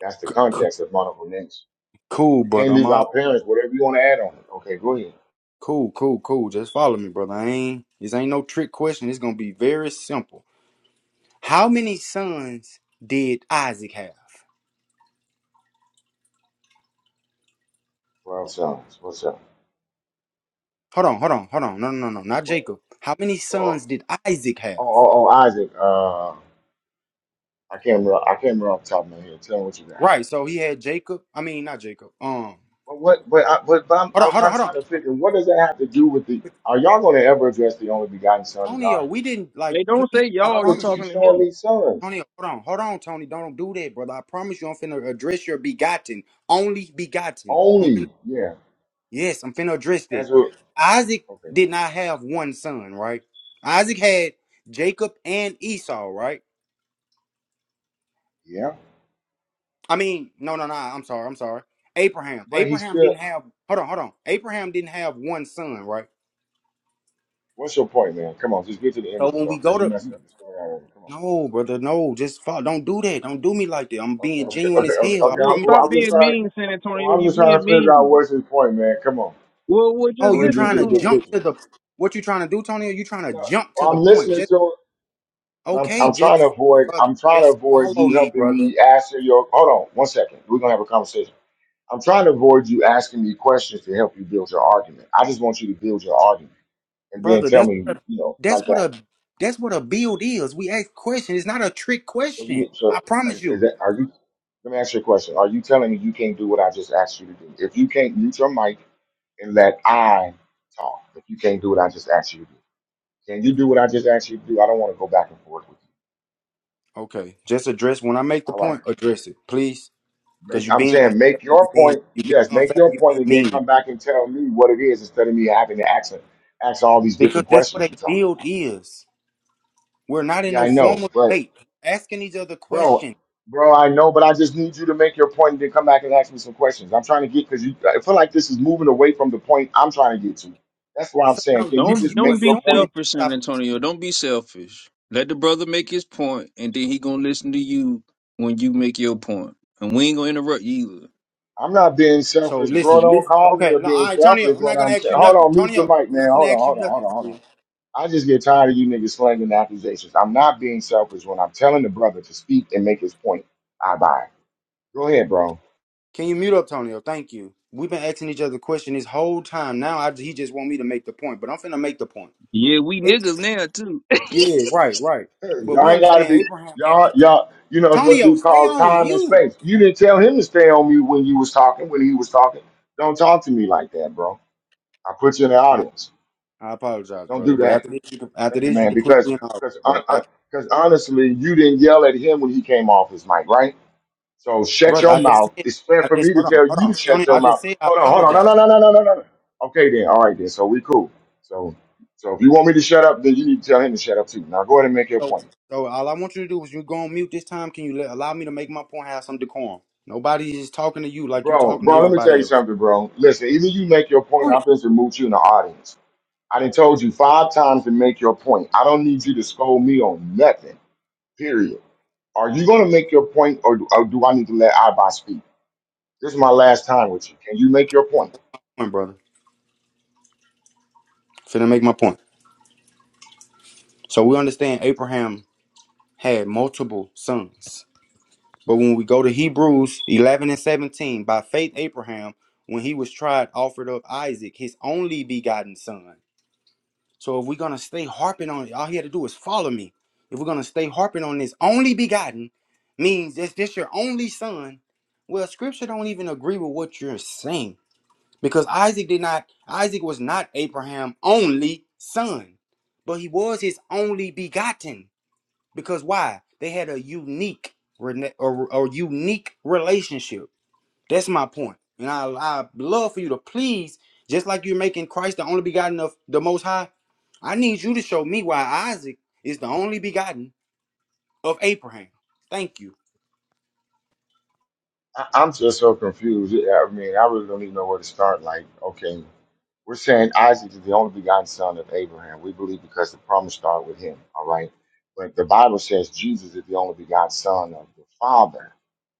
[SPEAKER 1] That's the
[SPEAKER 2] C- c-
[SPEAKER 1] context of monocle names.
[SPEAKER 2] cool,
[SPEAKER 1] You
[SPEAKER 2] brother.
[SPEAKER 1] can't
[SPEAKER 2] I'm
[SPEAKER 1] leave
[SPEAKER 2] all
[SPEAKER 1] out parents. Whatever you want to add on it. Okay, go ahead.
[SPEAKER 2] cool, cool, cool. Just follow me, brother. I ain't this ain't no trick question. It's gonna be very simple. How many sons did Isaac have?
[SPEAKER 1] Well, sons. What's up?
[SPEAKER 2] Hold on, hold on, hold on. No, no, no, no, not
[SPEAKER 1] What?
[SPEAKER 2] Jacob. How many
[SPEAKER 1] Oh,
[SPEAKER 2] sons did Isaac have?
[SPEAKER 1] oh, oh, oh Isaac. Uh, I can't remember. I can't remember off the top of my head. Tell me what you got.
[SPEAKER 2] Right. So he had Jacob. I mean, not Jacob. Um.
[SPEAKER 1] But what? But I, but, but I'm,
[SPEAKER 2] Hold on,
[SPEAKER 1] I'm
[SPEAKER 2] hold on,
[SPEAKER 1] kind of
[SPEAKER 2] hold
[SPEAKER 1] trying to
[SPEAKER 2] on.
[SPEAKER 1] figure what does that have to do with the? Are y'all going to ever address the only begotten Son of
[SPEAKER 2] Tonio,
[SPEAKER 1] God?
[SPEAKER 2] we didn't like.
[SPEAKER 6] Hey, don't
[SPEAKER 2] Please,
[SPEAKER 6] say
[SPEAKER 2] I
[SPEAKER 1] Y'all
[SPEAKER 6] y'all. You
[SPEAKER 1] just
[SPEAKER 2] promise you.
[SPEAKER 1] keep
[SPEAKER 6] talking to
[SPEAKER 1] showing
[SPEAKER 6] him?
[SPEAKER 1] me sons
[SPEAKER 2] Tonio, hold on, hold on, Tony. Don't do that, brother. I promise you, I'm finna address your begotten, only begotten. I'm finna
[SPEAKER 1] only. Yeah.
[SPEAKER 2] Yes, I'm finna address that.
[SPEAKER 1] As a
[SPEAKER 2] Isaac
[SPEAKER 1] okay.
[SPEAKER 2] did not have one son, right? Isaac had Jacob and Esau, right?
[SPEAKER 1] Yeah.
[SPEAKER 2] I mean, no, no, no. I'm sorry. I'm sorry. Abraham.
[SPEAKER 1] But he
[SPEAKER 2] Abraham
[SPEAKER 1] still.
[SPEAKER 2] didn't have. Hold on, hold on. Abraham didn't have one son, right?
[SPEAKER 1] What's your point, man? Come on, just get to the end of
[SPEAKER 2] So
[SPEAKER 1] this
[SPEAKER 2] when
[SPEAKER 1] all
[SPEAKER 2] we go
[SPEAKER 1] because you
[SPEAKER 2] to
[SPEAKER 1] messing up the story already. Come on.
[SPEAKER 2] no, brother, no, just fall. Don't do that. Don't do me like that. I'm
[SPEAKER 1] Okay.
[SPEAKER 2] being
[SPEAKER 1] Okay.
[SPEAKER 2] genuine
[SPEAKER 1] Okay.
[SPEAKER 2] as
[SPEAKER 1] Okay.
[SPEAKER 2] hell. I
[SPEAKER 1] okay.
[SPEAKER 6] Yeah,
[SPEAKER 1] I-
[SPEAKER 2] promise. you.
[SPEAKER 1] Well,
[SPEAKER 6] stop
[SPEAKER 1] I'm just
[SPEAKER 6] being
[SPEAKER 1] trying.
[SPEAKER 6] mean, San Antonio.
[SPEAKER 1] Well, I'm
[SPEAKER 6] You
[SPEAKER 1] just trying to
[SPEAKER 6] being
[SPEAKER 1] figure out
[SPEAKER 6] mean.
[SPEAKER 1] what's his point, man. Come on.
[SPEAKER 6] Well, well,
[SPEAKER 2] Oh,
[SPEAKER 1] So
[SPEAKER 6] just
[SPEAKER 2] you
[SPEAKER 1] we can get
[SPEAKER 6] listen
[SPEAKER 2] trying
[SPEAKER 1] to the
[SPEAKER 6] to
[SPEAKER 2] to
[SPEAKER 1] big
[SPEAKER 6] him.
[SPEAKER 2] jump
[SPEAKER 1] picture.
[SPEAKER 2] to the what you trying to do, Tony? You trying to
[SPEAKER 1] No,
[SPEAKER 2] jump to
[SPEAKER 1] well,
[SPEAKER 2] the
[SPEAKER 1] I'm
[SPEAKER 2] point?
[SPEAKER 1] listening
[SPEAKER 2] Just
[SPEAKER 1] to I'm,
[SPEAKER 2] okay,
[SPEAKER 1] I'm trying
[SPEAKER 2] just
[SPEAKER 1] to avoid.
[SPEAKER 2] brother,
[SPEAKER 1] I'm trying to
[SPEAKER 2] just
[SPEAKER 1] avoid
[SPEAKER 2] follow
[SPEAKER 1] you
[SPEAKER 2] me,
[SPEAKER 1] helping
[SPEAKER 2] brother.
[SPEAKER 1] me answer your. Hold on, one second. We're gonna have a conversation. I'm trying to avoid you asking me questions to help you build your argument. I just want you to build your argument and then
[SPEAKER 2] brother.
[SPEAKER 1] tell
[SPEAKER 2] That's
[SPEAKER 1] me,
[SPEAKER 2] what a,
[SPEAKER 1] you know,
[SPEAKER 2] that's
[SPEAKER 1] like
[SPEAKER 2] what
[SPEAKER 1] that.
[SPEAKER 2] a that's what a build is. We ask questions. It's not a trick
[SPEAKER 1] So you
[SPEAKER 2] question.
[SPEAKER 1] need.
[SPEAKER 2] I
[SPEAKER 1] So
[SPEAKER 2] promise
[SPEAKER 1] is
[SPEAKER 2] you.
[SPEAKER 1] that? Are you? Let me ask you a question. Are you telling me you can't do what I just asked you to do? If you can't mute your mic and let I talk, if you can't do what I just asked you to do, can you do what I just asked you to do? I don't want to go back and forth with you.
[SPEAKER 2] Okay, just address when I make the
[SPEAKER 1] All right.
[SPEAKER 2] point. Address it, please, because
[SPEAKER 1] Make,
[SPEAKER 2] you're
[SPEAKER 1] I'm
[SPEAKER 2] being
[SPEAKER 1] saying
[SPEAKER 2] unfair.
[SPEAKER 1] make
[SPEAKER 2] You're
[SPEAKER 1] your
[SPEAKER 2] being
[SPEAKER 1] point.
[SPEAKER 2] you're being
[SPEAKER 1] Yes, make
[SPEAKER 2] unfair.
[SPEAKER 1] your
[SPEAKER 2] You're
[SPEAKER 1] point,
[SPEAKER 2] being
[SPEAKER 1] and then
[SPEAKER 2] mean.
[SPEAKER 1] come back and tell me what it is instead of me having to ask ask all these
[SPEAKER 2] Because
[SPEAKER 1] different
[SPEAKER 2] that's what
[SPEAKER 1] questions
[SPEAKER 2] a
[SPEAKER 1] you're talking
[SPEAKER 2] build
[SPEAKER 1] about.
[SPEAKER 2] is. We're not in
[SPEAKER 1] Yeah,
[SPEAKER 2] no
[SPEAKER 1] I know,
[SPEAKER 2] formal
[SPEAKER 1] but
[SPEAKER 2] debate. We're asking each other
[SPEAKER 1] bro,
[SPEAKER 2] questions.
[SPEAKER 1] bro, I know, but I just need you to make your point and then come back and ask me some questions. I'm trying to get because you. I feel like this is moving away from the point I'm trying to get to. That's why I'm
[SPEAKER 2] So
[SPEAKER 1] saying,
[SPEAKER 2] no,
[SPEAKER 1] can you
[SPEAKER 2] this
[SPEAKER 6] Don't
[SPEAKER 2] you
[SPEAKER 1] just
[SPEAKER 6] don't
[SPEAKER 1] make your
[SPEAKER 6] be
[SPEAKER 2] assuming.
[SPEAKER 1] point?
[SPEAKER 2] because
[SPEAKER 6] selfish, San
[SPEAKER 2] I-
[SPEAKER 6] Antonio. Don't be selfish. Let the brother make his point, and then he gonna listen to you when you make your point, and we ain't gonna interrupt you either.
[SPEAKER 1] I'm not being
[SPEAKER 2] So
[SPEAKER 1] selfish, bro.
[SPEAKER 2] listen,
[SPEAKER 1] Don't
[SPEAKER 2] listen.
[SPEAKER 1] call me
[SPEAKER 2] Okay,
[SPEAKER 1] a
[SPEAKER 2] no,
[SPEAKER 1] being
[SPEAKER 2] all right, Tonyo.
[SPEAKER 1] selfish
[SPEAKER 2] I'm
[SPEAKER 1] when
[SPEAKER 2] not gonna
[SPEAKER 1] I'm
[SPEAKER 2] ask
[SPEAKER 1] saying.
[SPEAKER 2] you
[SPEAKER 1] Hold
[SPEAKER 2] nothing,
[SPEAKER 1] on, mute your
[SPEAKER 2] Tonyo.
[SPEAKER 1] mic,
[SPEAKER 2] I'm
[SPEAKER 1] man.
[SPEAKER 2] not gonna
[SPEAKER 1] Hold on,
[SPEAKER 2] ask you
[SPEAKER 1] hold on,
[SPEAKER 2] nothing,
[SPEAKER 1] hold on, hold on.
[SPEAKER 2] Tonyo.
[SPEAKER 1] I just get tired of you niggas slanging the accusations. I'm not being selfish when I'm telling the brother to speak and make his point. I buy. it. Go ahead, bro.
[SPEAKER 2] Can you mute up, Tonyo? Thank you. We've been asking each other question this whole time. Now I, he just want me to make the point, but I'm finna make the point.
[SPEAKER 6] Yeah, we
[SPEAKER 2] Ab-
[SPEAKER 6] niggas now too. (laughs)
[SPEAKER 2] yeah, right, right.
[SPEAKER 1] Hey,
[SPEAKER 2] But
[SPEAKER 1] Y'all
[SPEAKER 2] we
[SPEAKER 1] ain't gotta
[SPEAKER 2] understand
[SPEAKER 1] be
[SPEAKER 2] Abraham had
[SPEAKER 1] y'all y'all. You know it's what
[SPEAKER 2] Tonyo.
[SPEAKER 1] you
[SPEAKER 2] Stay
[SPEAKER 1] call
[SPEAKER 2] on
[SPEAKER 1] time and
[SPEAKER 2] mute.
[SPEAKER 1] space. You didn't tell him to stay on mute when you was talking. When he was talking, don't talk to me like that, bro. I put you in the
[SPEAKER 2] I,
[SPEAKER 1] audience.
[SPEAKER 2] I apologize,
[SPEAKER 1] Don't
[SPEAKER 2] brother.
[SPEAKER 1] do
[SPEAKER 2] But
[SPEAKER 1] that.
[SPEAKER 2] after this, you can, after
[SPEAKER 1] Thank you,
[SPEAKER 2] this, you
[SPEAKER 1] man.
[SPEAKER 2] can put
[SPEAKER 1] Because
[SPEAKER 2] me in office,
[SPEAKER 1] because
[SPEAKER 2] brother. After-
[SPEAKER 1] because honestly, you didn't yell at him when he came off his mic, right? So shut
[SPEAKER 2] brother, I
[SPEAKER 1] your
[SPEAKER 2] just
[SPEAKER 1] mouth.
[SPEAKER 2] said,
[SPEAKER 1] It's fair
[SPEAKER 2] I
[SPEAKER 1] for
[SPEAKER 2] just
[SPEAKER 1] me to
[SPEAKER 2] hold on,
[SPEAKER 1] tell
[SPEAKER 2] hold
[SPEAKER 1] you to
[SPEAKER 2] on,
[SPEAKER 1] shut
[SPEAKER 2] Tonyo.
[SPEAKER 1] your
[SPEAKER 2] I just
[SPEAKER 1] mouth.
[SPEAKER 2] said I
[SPEAKER 1] Hold on, hold on. No,
[SPEAKER 2] apologize.
[SPEAKER 1] no, no, no, no, no, no. no. Okay then. All right then. So we cool. So so if you want me to shut up, then you need to tell him to shut up too. Now go ahead and make your
[SPEAKER 2] So,
[SPEAKER 1] point.
[SPEAKER 2] so all I want you to do is you go on mute this time. Can you let, allow me to make my point? Have some decorum. Nobody is talking to you like you
[SPEAKER 1] Bro,
[SPEAKER 2] talking to
[SPEAKER 1] bro, let me tell
[SPEAKER 2] everybody
[SPEAKER 1] you
[SPEAKER 2] else.
[SPEAKER 1] something, bro. Listen, either you make your point,
[SPEAKER 2] Tony,
[SPEAKER 1] I'm just remove you in the audience. I done told you five times to make your point. I don't need you to scold me on nothing. Period. Are you gonna make your point or, or do I need to let I speak? This is my last time with you. Can you make your point?
[SPEAKER 2] come on, brother. Finna make my point. So we understand Abraham had multiple sons. But when we go to Hebrews 11 and 17, by faith, Abraham, when he was tried, offered up Isaac, his only begotten son. So if we're going to stay harping on it, all he had to do is follow me. If we're going to stay harping on this only begotten, means this, this your only son. Well, scripture don't even agree with what you're saying because Isaac did not, Isaac was not Abraham only son, but he was his only begotten. Because why? They had a unique rene- or, or unique relationship. That's my point. And I I love for you to please, just like you're making Christ the only begotten of the Most High. I need you to show me why Isaac is the only begotten of Abraham. Thank you.
[SPEAKER 1] I- I'm just so confused. Yeah, I mean, I really don't even know where to start. Like, okay, we're saying Isaac is the only begotten son of Abraham. We believe because the promise started with him. All right, but the Bible says Jesus is the only begotten son of the Father.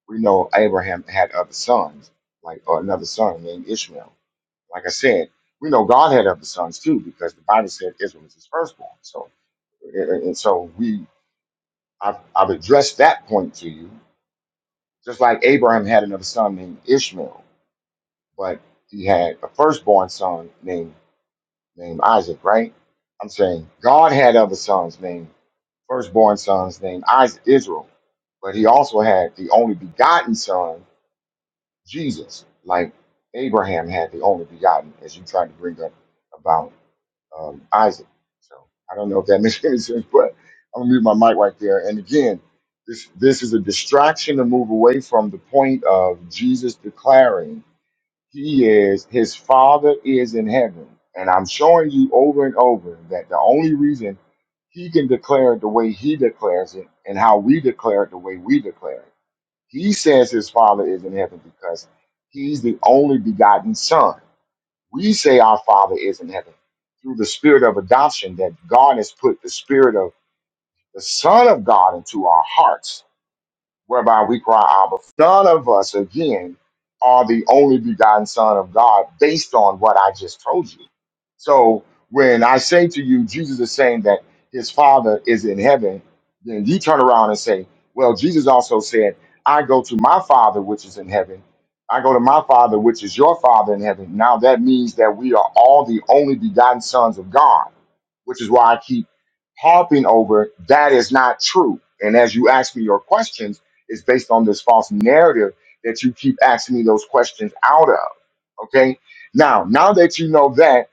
[SPEAKER 1] We know Abraham had other sons, like or another son named Ishmael. Like I said, we know God had other sons too because the Bible said Israel was his firstborn. So, and and so we, I've, I've addressed that point to you. Just like Abraham had another son named Ishmael but he had a firstborn son named named Isaac, right? I'm saying God had other sons named firstborn sons named Isaac, Israel, but he also had the only begotten son, Jesus, like Abraham had the only begotten, as you tried to bring up about um, Isaac. So I don't know if that (laughs) makes any sense, but I'm gonna leave my mic right there. And again, this this is a distraction to move away from the point of Jesus declaring he is, his father is in heaven. And I'm showing you over and over that the only reason he can declare it the way he declares it and how we declare it the way we declare it. He says his father is in heaven because he's the only begotten son. We say our father is in heaven through the spirit of adoption that God has put the spirit of the son of God into our hearts whereby we cry, Abba. None of us, again, are the only begotten Son of God based on what I just told you. So when I say to you, Jesus is saying that his Father is in heaven, then you turn around and say, Well, Jesus also said, I go to my Father which is in heaven. I go to my Father which is your Father in heaven. Now that means that we are all the only begotten sons of God which is why I keep harping over that is not true. And as you ask me your questions, it's based on this false narrative that you keep asking me those questions out of. Okay. Now, now that you know that,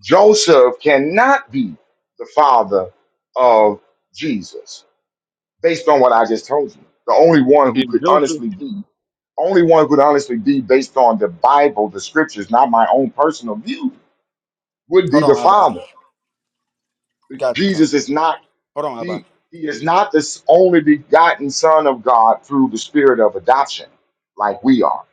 [SPEAKER 1] Joseph cannot be the father of Jesus based on what I just told you. The only one who
[SPEAKER 6] If
[SPEAKER 1] could
[SPEAKER 6] Joseph
[SPEAKER 1] honestly be, only one who could honestly be based on the Bible, the scriptures, not my own personal view, would be
[SPEAKER 2] Hold
[SPEAKER 1] the
[SPEAKER 2] on, Abba.
[SPEAKER 1] father.
[SPEAKER 2] Got you, Tony.
[SPEAKER 1] Jesus is not
[SPEAKER 2] Hold on, Abba.
[SPEAKER 1] He, he is not the s- only begotten Son of God through the Spirit of adoption, like we are.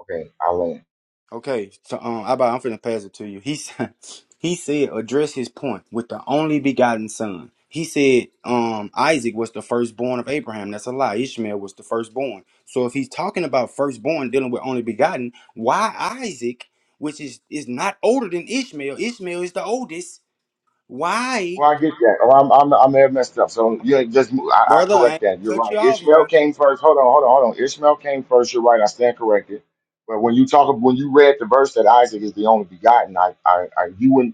[SPEAKER 1] Okay, I land.
[SPEAKER 2] Okay, so um, Abba, I'm finna pass it to you. He said, (laughs) he said, address his point with the only begotten son. He said, um, Isaac was the firstborn of Abraham. That's a lie. Ishmael was the firstborn. So if he's talking about firstborn dealing with only begotten, why Isaac, which is is not older than Ishmael? Ishmael is the oldest. Why,
[SPEAKER 1] Well, I get that. Or I'm, I'm, I may have messed up. So yeah, just mo- I, I
[SPEAKER 2] brother? I
[SPEAKER 1] correct
[SPEAKER 2] ain't
[SPEAKER 1] that. You're
[SPEAKER 2] cut you
[SPEAKER 1] right.
[SPEAKER 2] off, now,
[SPEAKER 1] Ishmael came first. Hold on, hold on, hold on. Ishmael came first. You're right. I stand corrected. But when you talk, when you read the verse that Isaac is the only begotten, I, I, I you and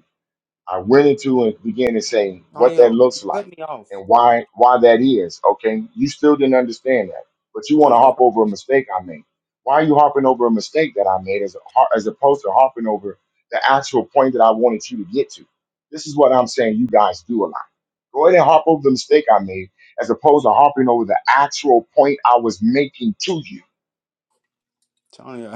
[SPEAKER 1] I went into and began to say what that
[SPEAKER 2] Antonio. You
[SPEAKER 1] looks
[SPEAKER 2] cut
[SPEAKER 1] like
[SPEAKER 2] me off,
[SPEAKER 1] and why why that is. Okay, you still didn't understand that, but you want to
[SPEAKER 2] Antonio.
[SPEAKER 1] harp over a mistake I made. Why are you harping over a mistake that I made as a har- as opposed to harping over the actual point that I wanted you to get to? This is what I'm saying. You guys do a lot. Go ahead and harp over the mistake I made as opposed to harping over the actual point I was making to you
[SPEAKER 2] Tony,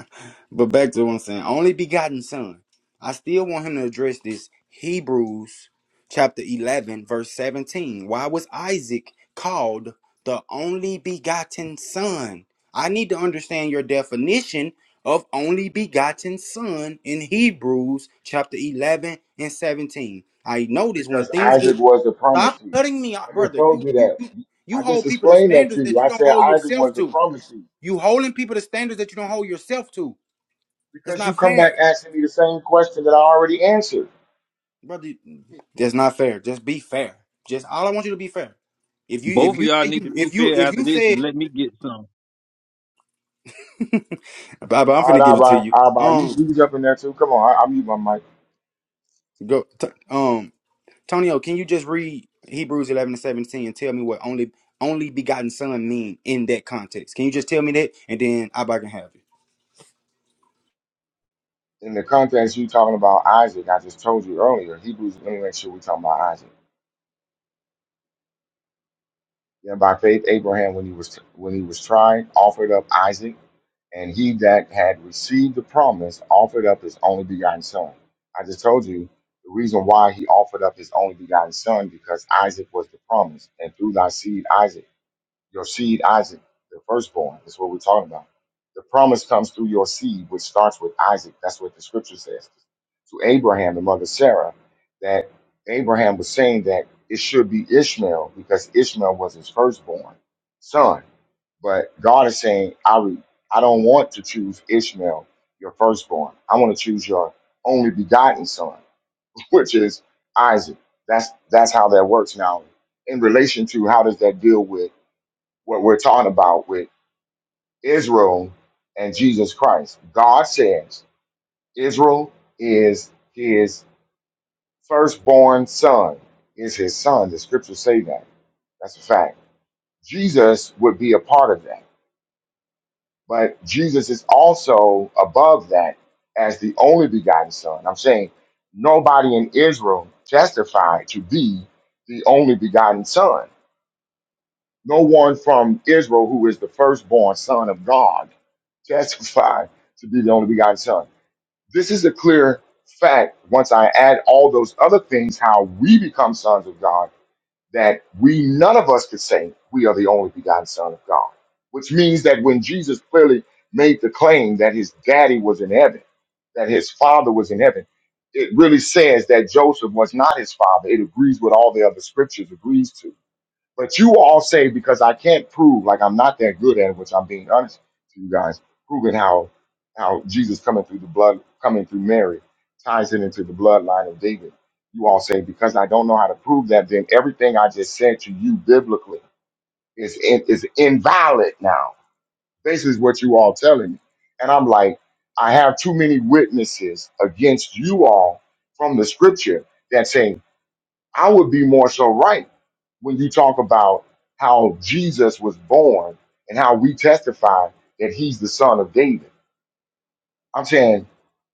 [SPEAKER 2] (laughs) but back to what I'm saying. Only begotten son. I still want him to address this Hebrews chapter 11, verse 17. Why was Isaac called the only begotten son? I need to understand your definition of only begotten son in Hebrews chapter 11 and 17. I notice when
[SPEAKER 1] because
[SPEAKER 2] things get
[SPEAKER 1] Isaac was the
[SPEAKER 2] stop
[SPEAKER 1] promise to you.
[SPEAKER 2] cutting me out,
[SPEAKER 1] I just
[SPEAKER 2] brother. You
[SPEAKER 1] told you
[SPEAKER 2] you
[SPEAKER 1] that.
[SPEAKER 2] you you
[SPEAKER 1] I
[SPEAKER 2] hold
[SPEAKER 1] just
[SPEAKER 2] people to
[SPEAKER 1] explained that
[SPEAKER 2] standards
[SPEAKER 1] to you.
[SPEAKER 2] that you
[SPEAKER 1] I
[SPEAKER 2] don't
[SPEAKER 1] said
[SPEAKER 2] hold
[SPEAKER 1] Isaac
[SPEAKER 2] yourself
[SPEAKER 1] was the
[SPEAKER 2] to.
[SPEAKER 1] promise
[SPEAKER 2] You holding people to standards that you don't hold yourself to. It's
[SPEAKER 1] Because you
[SPEAKER 2] not
[SPEAKER 1] come back
[SPEAKER 2] fair,
[SPEAKER 1] asking me the same question that I already answered.
[SPEAKER 2] brother. That's not fair. Just be fair. Just all I want you to be fair. If you
[SPEAKER 6] Both
[SPEAKER 2] if
[SPEAKER 6] of
[SPEAKER 2] you
[SPEAKER 6] y'all
[SPEAKER 2] say
[SPEAKER 6] need to
[SPEAKER 2] you
[SPEAKER 6] be
[SPEAKER 2] if you
[SPEAKER 6] fair
[SPEAKER 2] if
[SPEAKER 6] after
[SPEAKER 2] you
[SPEAKER 6] this
[SPEAKER 2] said
[SPEAKER 6] and let me get some.
[SPEAKER 2] (laughs) Baba, I'm
[SPEAKER 1] All
[SPEAKER 2] finna give it to
[SPEAKER 1] right,
[SPEAKER 2] you.
[SPEAKER 1] Abba, Abba, you
[SPEAKER 2] Um,
[SPEAKER 1] you was up in there too. Come on, I, I mute my mic.
[SPEAKER 2] go. T- um, Tonio, can you just read Hebrews 11 and 17 and tell me what only only begotten son mean in that context? Can you just tell me that, and then I can have it.
[SPEAKER 1] In the context you talking about Isaac, I just told you earlier. Hebrews. Let me make sure we talking about Isaac. Then by faith Abraham, when he was when he was tried, offered up Isaac, and he that had received the promise offered up his only begotten son. I just told you the reason why he offered up his only begotten son because Isaac was the promise, and through thy seed Isaac. Your seed, Isaac, the firstborn, is what we're talking about. The promise comes through your seed, which starts with Isaac. That's what the scripture says to Abraham, the mother Sarah, that Abraham was saying that it should be Ishmael because Ishmael was his firstborn son. But God is saying, I, re- I don't want to choose Ishmael, your firstborn. I want to choose your only begotten son, (laughs) which is Isaac. That's that's how that works now. In relation to how does that deal with what we're talking about with Israel and Jesus Christ. God says Israel is his firstborn son, is his son. The scriptures say that. That's a fact. Jesus would be a part of that. But Jesus is also above that as the only begotten son. I'm saying nobody in Israel testified to be the only begotten son. No one from Israel, who is the firstborn son of God, (laughs) testified to be the only begotten son. This is a clear fact. Once I add all those other things, how we become sons of God, that we, none of us could say we are the only begotten son of God, which means that when Jesus clearly made the claim that his daddy was in heaven, that his father was in heaven, it really says that Joseph was not his father. It agrees with all the other scriptures agrees to but you all say because I can't prove, like I'm not that good at it, which I'm being honest to you guys, proving how how Jesus coming through the blood, coming through Mary, ties it into the bloodline of David. You all say because I don't know how to prove that, then everything I just said to you biblically is in, is invalid now. This is what you all telling me, and I'm like, I have too many witnesses against you all from the Scripture that say I would be more so right when you talk about how Jesus was born and how we testify that he's the son of David. I'm saying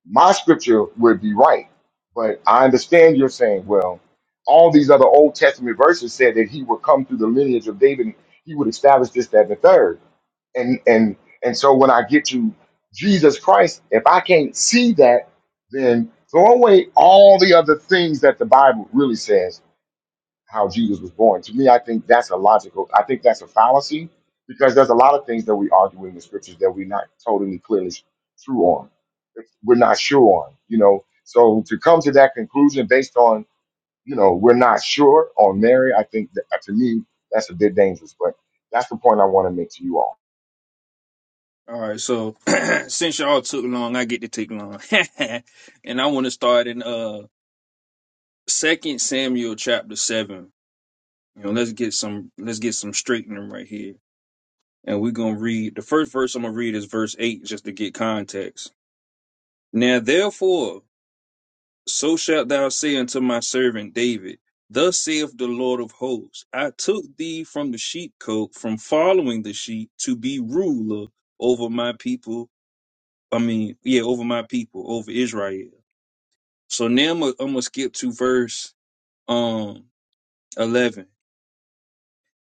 [SPEAKER 1] my scripture would be right, but I understand you're saying, well, all these other Old Testament verses said that he would come through the lineage of David, and he would establish this, that, and the third. And and and so when I get to Jesus Christ, if I can't see that, then throw away all the other things that the Bible really says how Jesus was born. To me, I think that's a logical. I think that's a fallacy because there's a lot of things that we argue in the scriptures that we're not totally clearly true on. We're not sure on, you know. So to come to that conclusion based on, you know, we're not sure on Mary, I think that uh, to me that's a bit dangerous. But that's the point I want to make to you all.
[SPEAKER 6] All right, so (clears throat) since y'all took long, I get to take long. (laughs) and I want to start in uh second Samuel chapter seven. You know, let's get some let's get some straightening right here. And we're gonna read the first verse I'm gonna read is verse eight just to get context. Now therefore So shalt thou say unto my servant David, Thus saith the Lord of hosts, I took thee from the sheepcote, from following the sheep, to be ruler over my people. I mean, yeah, over my people, over Israel. So now I'm gonna I'm gonna skip to verse um 11.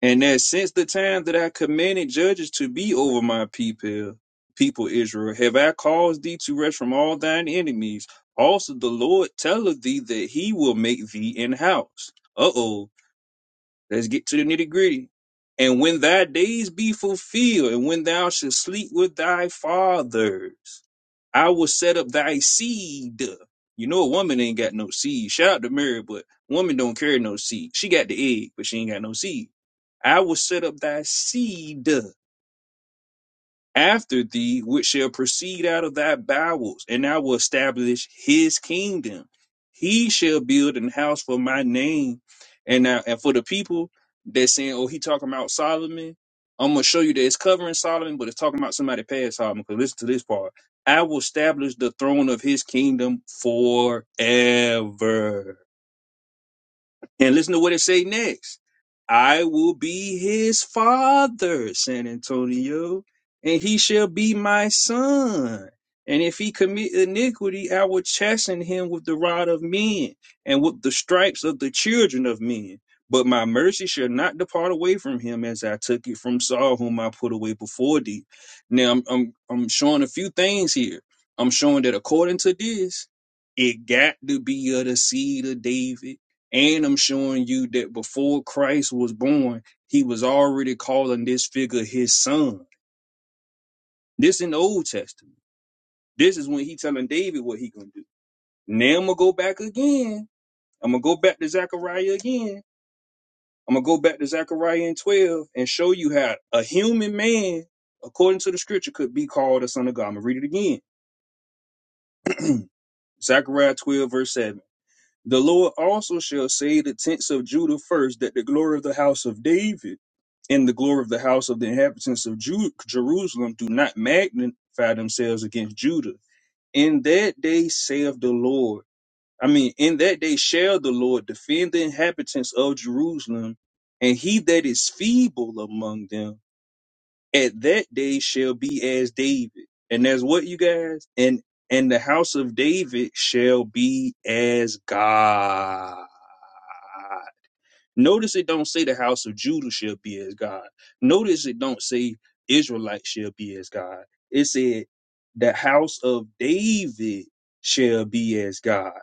[SPEAKER 6] And that since the time that I commanded judges to be over my people, people Israel, have I caused thee to rest from all thine enemies. Also the Lord telleth thee that he will make thee in house. Uh oh, let's get to the nitty gritty. And when thy days be fulfilled, and when thou shalt sleep with thy fathers, I will set up thy seed. You know a woman ain't got no seed. Shout out to Mary, but woman don't carry no seed. She got the egg, but she ain't got no seed I will set up thy seed after thee, which shall proceed out of thy bowels, and I will establish his kingdom. He shall build an house for my name. And now, and for the people that saying, oh, he talking about Solomon, I'm gonna show you that it's covering Solomon, but it's talking about somebody past Solomon. Because listen to this part. I will establish the throne of his kingdom forever. And listen to what it say next. I will be his father, San Antonio, and he shall be my son. And if he commit iniquity, I will chasten him with the rod of men and with the stripes of the children of men. But my mercy shall not depart away from him as I took it from Saul, whom I put away before thee. Now I'm I'm, I'm showing a few things here. I'm showing that according to this, it got to be of the seed of David and I'm showing you that before Christ was born, he was already calling this figure his son. This in the Old Testament. This is when he telling David what he gonna do. Now I'm gonna go back again. I'm gonna go back to Zechariah again. I'm gonna go back to Zechariah and 12 and show you how a human man, according to the scripture, could be called a son of God. I'm gonna read it again. Zechariah 12, verse 7. The Lord also shall save the tents of Judah first, that the glory of the house of David and the glory of the house of the inhabitants of Ju- Jerusalem do not magnify themselves against Judah. In that day saith the Lord, I mean, in that day shall the Lord defend the inhabitants of Jerusalem, and he that is feeble among them at that day shall be as David. And that's what you guys, and and the house of David shall be as God. God. Notice it don't say the house of Judah shall be as God. Notice it don't say Israelite shall be as God. It said the house of David shall be as God,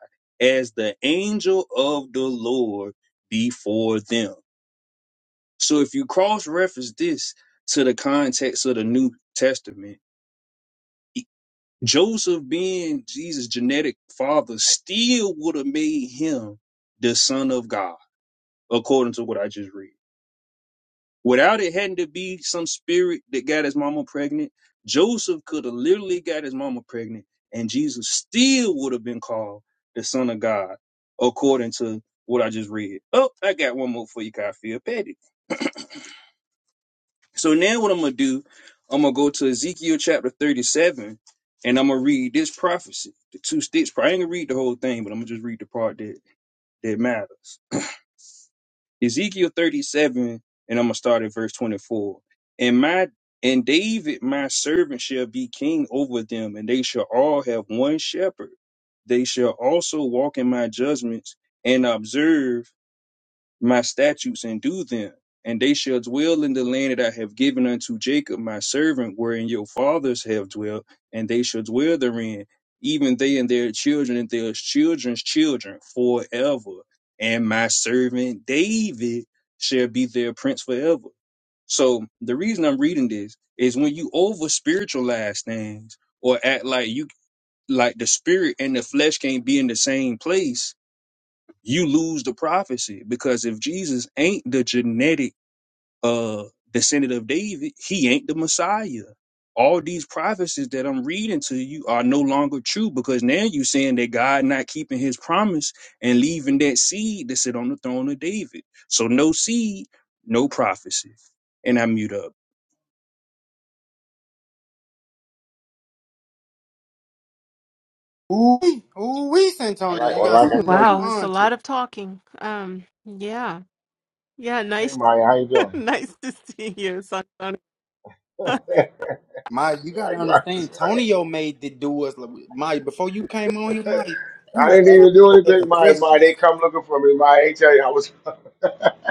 [SPEAKER 6] as the angel of the Lord before them. So if you cross reference this to the context of the New Testament, e, Joseph being Jesus' genetic father still would have made him the son of God, according to what I just read. Without it having to be some spirit that got his mama pregnant, Joseph could have literally got his mama pregnant, and Jesus still would have been called the Son of God, according to what I just read. Oh, I got one more for you, Kyle Petty. So now what I'm gonna do, I'm gonna go to Ezekiel chapter 37, and I'm gonna read this prophecy, the two sticks. I ain't gonna read the whole thing, but I'm gonna just read the part that that matters. Ezekiel 37, and I'm gonna start at verse 24. And my and David my servant shall be king over them, and they shall all have one shepherd. They shall also walk in my judgments and observe my statutes and do them. And they shall dwell in the land that I have given unto Jacob my servant, wherein your fathers have dwelt, and they shall dwell therein, even they and their children and their children's children forever. And my servant David shall be their prince forever. So the reason I'm reading this is when you over spiritualize things or act like you like the spirit and the flesh can't be in the same place, you lose the prophecy because if Jesus ain't the genetic uh descendant of David, he ain't the Messiah. All these prophecies that I'm reading to you are no longer true because now you're saying that God not keeping his promise and leaving that seed to sit on the throne of David. So no seed, no prophecy. And I mute up.
[SPEAKER 2] Ooh, ooh, we,
[SPEAKER 1] Or
[SPEAKER 2] Santonio,
[SPEAKER 1] like,
[SPEAKER 2] you
[SPEAKER 1] or
[SPEAKER 2] got
[SPEAKER 1] like
[SPEAKER 7] Oh,
[SPEAKER 1] I
[SPEAKER 2] something to
[SPEAKER 1] told
[SPEAKER 7] wow,
[SPEAKER 1] you,
[SPEAKER 7] it's a
[SPEAKER 2] respond
[SPEAKER 7] lot of talking. Um, yeah, yeah,
[SPEAKER 1] hey
[SPEAKER 7] nice,
[SPEAKER 1] Maya, how you doing?
[SPEAKER 7] (laughs) nice to see you, Santana. (laughs)
[SPEAKER 1] (laughs)
[SPEAKER 2] My, you gotta
[SPEAKER 1] like, like, it's
[SPEAKER 2] understand,
[SPEAKER 1] like,
[SPEAKER 2] Tonio made the do us. My, before you came on here, Mike, we
[SPEAKER 1] I
[SPEAKER 2] was
[SPEAKER 1] didn't
[SPEAKER 2] asking
[SPEAKER 1] even do
[SPEAKER 2] each other
[SPEAKER 1] anything, Maya. Maya,
[SPEAKER 2] questions.
[SPEAKER 1] they come looking for me. Maya, I tell you, I was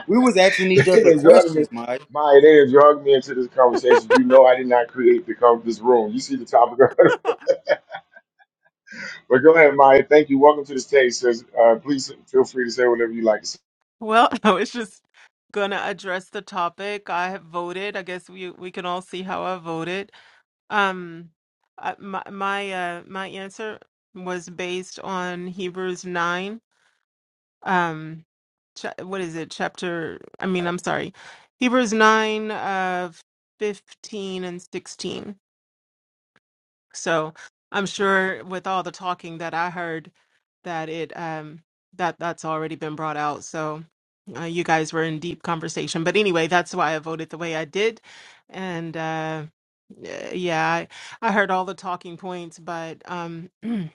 [SPEAKER 2] We was asking
[SPEAKER 1] (laughs) they
[SPEAKER 2] each other
[SPEAKER 1] didn't drug
[SPEAKER 2] questions,
[SPEAKER 1] me.
[SPEAKER 2] Mike.
[SPEAKER 1] Maya, they didn't drug me into this conversation. You know I did not create the com- this room. You see the topic. (laughs) but go ahead, Maya. Thank you. Welcome to the stage. Says, uh, please feel free to say whatever you like to say.
[SPEAKER 7] Well, I was just gonna address the topic. I have voted. I guess we we can all see how I voted. Um, I, my my uh my answer was based on Hebrews nine. Um, cha what is it? Chapter. I mean, I'm sorry, Hebrews nine, uh, fifteen and sixteen. So I'm sure with all the talking that I heard that it um that that's already been brought out. So uh, you guys were in deep conversation. But anyway, that's why I voted the way I did. And uh y- yeah, I, I heard all the talking points, but um (clears throat)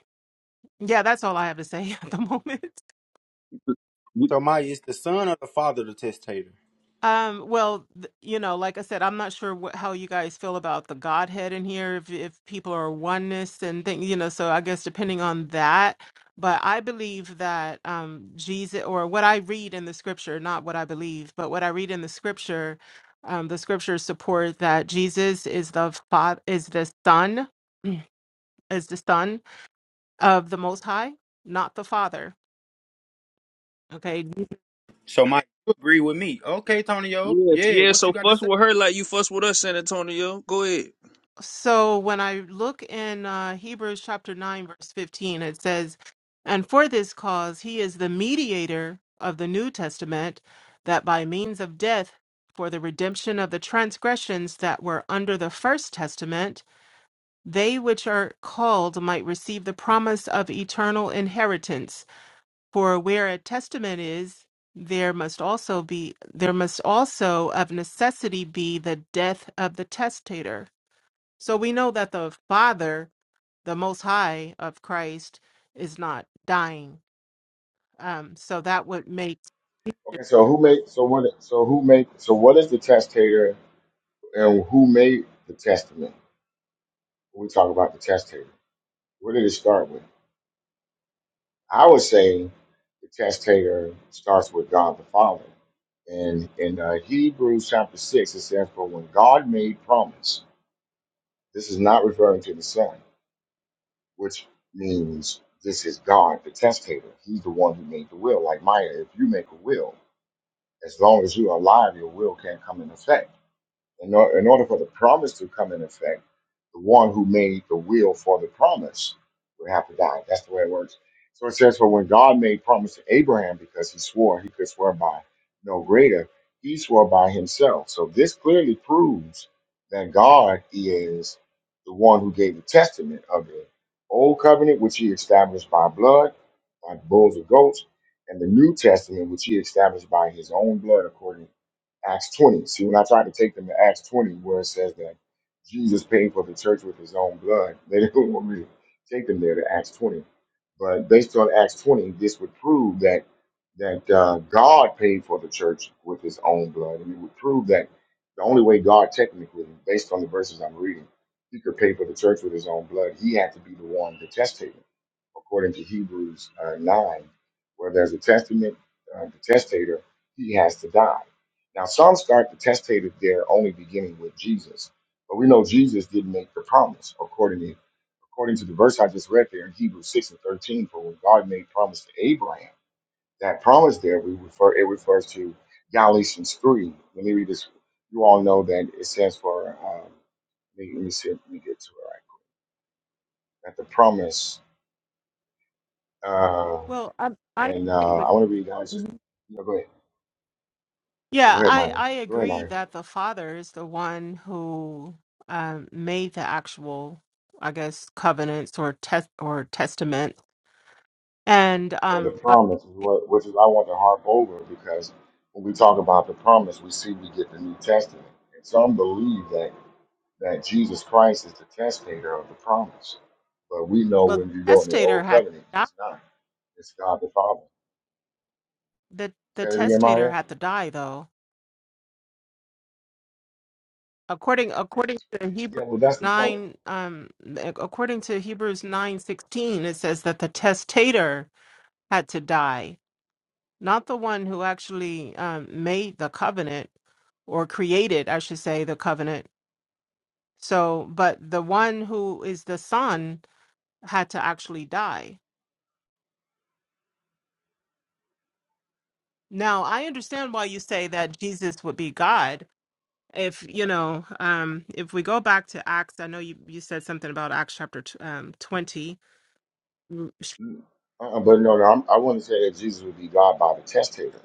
[SPEAKER 7] yeah, that's all I have to say (laughs) at the moment.
[SPEAKER 6] We-
[SPEAKER 2] So, Mike is the son or the father the testator?
[SPEAKER 7] Um, well, th- you know, like I said, I'm not sure what, how you guys feel about the Godhead in here, if if people are oneness and things, you know, so I guess depending on that. But I believe that um Jesus or what I read in the scripture, not what I believe, but what I read in the scripture, um, the scriptures support that Jesus is the father is the son, (clears throat) is the son of the most high, not the father. Okay.
[SPEAKER 2] So, Mike, you agree with me? Okay, Tonio.
[SPEAKER 6] Yes,
[SPEAKER 2] Yeah,
[SPEAKER 6] yeah.
[SPEAKER 2] what you
[SPEAKER 6] So
[SPEAKER 2] got to
[SPEAKER 6] fuss
[SPEAKER 2] say?
[SPEAKER 6] with her like you fuss with us, San Antonio. Go ahead.
[SPEAKER 7] So when I look in uh, Hebrews chapter 9, verse 15, it says, And for this cause he is the mediator of the New Testament, that by means of death, for the redemption of the transgressions that were under the first testament, they which are called might receive the promise of eternal inheritance. For where a testament is, there must also be there must also of necessity be the death of the testator. So we know that the Father, the Most High of Christ, is not dying. Um, so that would make
[SPEAKER 1] Okay, so who made so what so who made so what is the testator and who made the testament? When we talk about the testator. Where did it start with? I would say the testator starts with God the Father. And in uh, Hebrews chapter six, it says, "For when God made promise." This is not referring to the Son, which means this is God, the testator. He's the one who made the will. Like Maya, if you make a will, as long as you're alive, your will can't come in effect. In, or, in order for the promise to come in effect, the one who made the will for the promise would have to die. That's the way it works. So it says, For when God made promise to Abraham, because he swore, he could swear by no greater, he swore by himself. So this clearly proves that God is the one who gave the testament of the old covenant, which he established by blood, by bulls or goats, and the new testament, which he established by his own blood, according Acts 20. See, when I tried to take them to Acts 20, where it says that Jesus paid for the church with his own blood, (laughs) they didn't want me to take them there to Acts 20. But based on Acts 20, this would prove that that uh, God paid for the church with his own blood. And it would prove that the only way God technically, based on the verses I'm reading, he could pay for the church with his own blood, he had to be the one to testate it, according to Hebrews uh, 9, where there's a testament, uh, the testator, he has to die now, some start the testative there only beginning with Jesus, but we know Jesus didn't make the promise according to, according to the verse I just read there in Hebrews 6 and 13. For when God made promise to Abraham, that promise there we refer it refers to Galatians 3. Let me read this. You all know that it stands for um, let me, let me see if we get to it right. At the promise, uh,
[SPEAKER 7] well, I, I
[SPEAKER 1] and
[SPEAKER 7] agree
[SPEAKER 1] uh,
[SPEAKER 7] with.
[SPEAKER 1] I want to read guys. Just
[SPEAKER 7] Mhm.
[SPEAKER 1] no, go ahead. Yeah,
[SPEAKER 7] Yeah,
[SPEAKER 1] go ahead,
[SPEAKER 7] I
[SPEAKER 1] Myron.
[SPEAKER 7] I
[SPEAKER 1] Go ahead,
[SPEAKER 7] agree
[SPEAKER 1] Myron.
[SPEAKER 7] that the Father is the one who um, made the actual, I guess, covenants or test or testament, and
[SPEAKER 1] or the
[SPEAKER 7] um, but
[SPEAKER 1] promise, is which is I want to harp over because when we talk about the promise, we see we get the New Testament. And some believe that, that Jesus Christ is the testator of the promise. But we know
[SPEAKER 7] well, the
[SPEAKER 1] when you go in the
[SPEAKER 7] testator
[SPEAKER 1] Old
[SPEAKER 7] had to
[SPEAKER 1] Covenant,
[SPEAKER 7] die.
[SPEAKER 1] he's not. It's God the Father.
[SPEAKER 7] the The
[SPEAKER 1] Say it again,
[SPEAKER 7] testator
[SPEAKER 1] Maya?
[SPEAKER 7] had to die, though according according to
[SPEAKER 1] Yeah,
[SPEAKER 7] Hebrews
[SPEAKER 1] well, that's the point.
[SPEAKER 7] nine um according to Hebrews nine sixteen it says that the testator had to die, not the one who actually um, made the covenant or created, I should say, the covenant. So, but the one who is the son had to actually die. Now, I understand why you say that Jesus would be God. If you know, um, if we go back to Acts, I know you, you said something about Acts chapter tw- um, twenty
[SPEAKER 1] Mm. Uh-uh, but no, no I'm, I want to say that Jesus would be God by the testator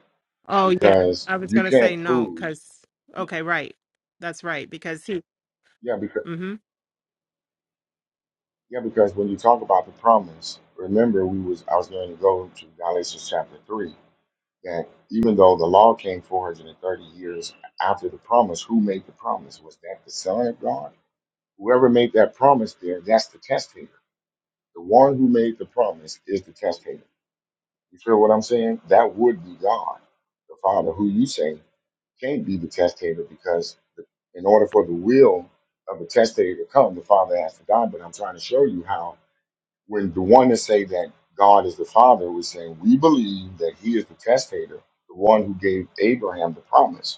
[SPEAKER 7] Oh yeah,
[SPEAKER 1] because
[SPEAKER 7] I was
[SPEAKER 1] you
[SPEAKER 7] gonna say
[SPEAKER 1] can't
[SPEAKER 7] no
[SPEAKER 1] prove.
[SPEAKER 7] because okay, right, that's right because he.
[SPEAKER 1] Yeah, because
[SPEAKER 7] hmm
[SPEAKER 1] Yeah, because when you talk about the promise, remember we was I was going to go to Galatians chapter three that even though the law came 430 years after the promise, who made the promise? Was that the Son of God? Whoever made that promise there, that's the testator. The one who made the promise is the testator. You feel what I'm saying? That would be God, the Father, who you say can't be the testator because the, in order for the will of the testator to come, the Father has to die. But I'm trying to show you how when the one that say that God is the Father was saying, we believe that He is the testator, the one who gave Abraham the promise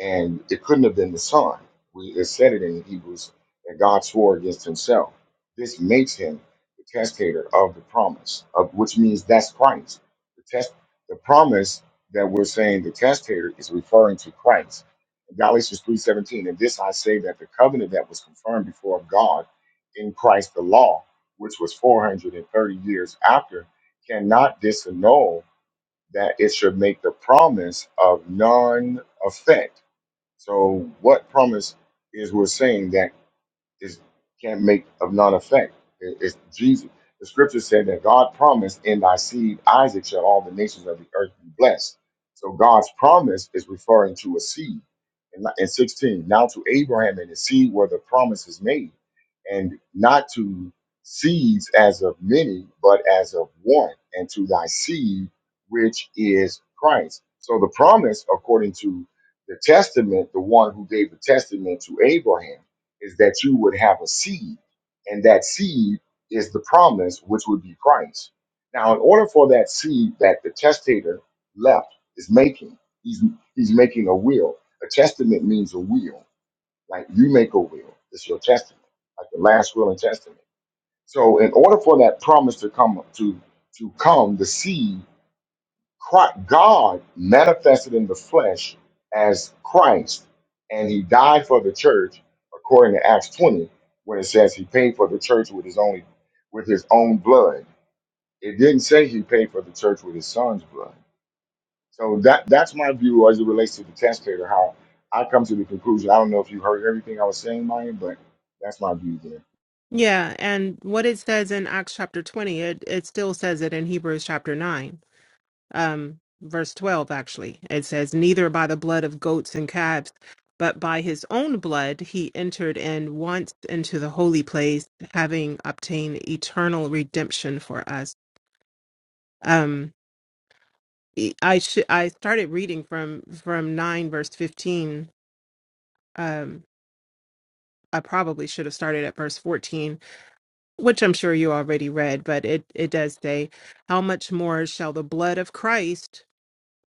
[SPEAKER 1] and it couldn't have been the Son. We it said it in Hebrews, and God swore against Himself. This makes Him the testator of the promise, of, which means that's Christ. The test, the promise that we're saying the testator is referring to Christ. Galatians three seventeen, and this I say that the covenant that was confirmed before of God in Christ the law, which was four hundred and thirty years after, cannot disannul that it should make the promise of none effect so, what promise is we're saying that? It can't make of none effect. It- It's Jesus. The scripture said that God promised, "In thy seed Isaac shall all the nations of the earth be blessed." So God's promise is referring to a seed. In in 16, now to Abraham and his seed where the promise is made, and not to seeds as of many, but as of one, and to thy seed, which is Christ. So the promise, according to the testament, the one who gave the testament to Abraham is that you would have a seed, and that seed is the promise, which would be Christ. Now, in order for that seed that the testator left is making, he's he's making a will. A testament means a will, like you make a will. It's your testament, like the last will and testament. So, in order for that promise to come to to come, the seed Christ, God manifested in the flesh as Christ, and he died for the church, according to Acts 20, when it says he paid for the church with his only with his own blood. It didn't say he paid for the church with his son's blood. So that that's my view as it relates to the testator, how I come to the conclusion. I don't know if you heard everything I was saying, Maya, but that's my view there.
[SPEAKER 7] Yeah, and what it says in Acts chapter twenty, it it still says it in Hebrews chapter nine, um, verse twelve. Actually, it says, "Neither by the blood of goats and calves, but by his own blood he entered in once into the holy place, having obtained eternal redemption for us." Um, e, I should I started reading from from nine verse fifteen um, I probably should have started at verse 14, which I'm sure you already read, but it, it does say, How much more shall the blood of Christ,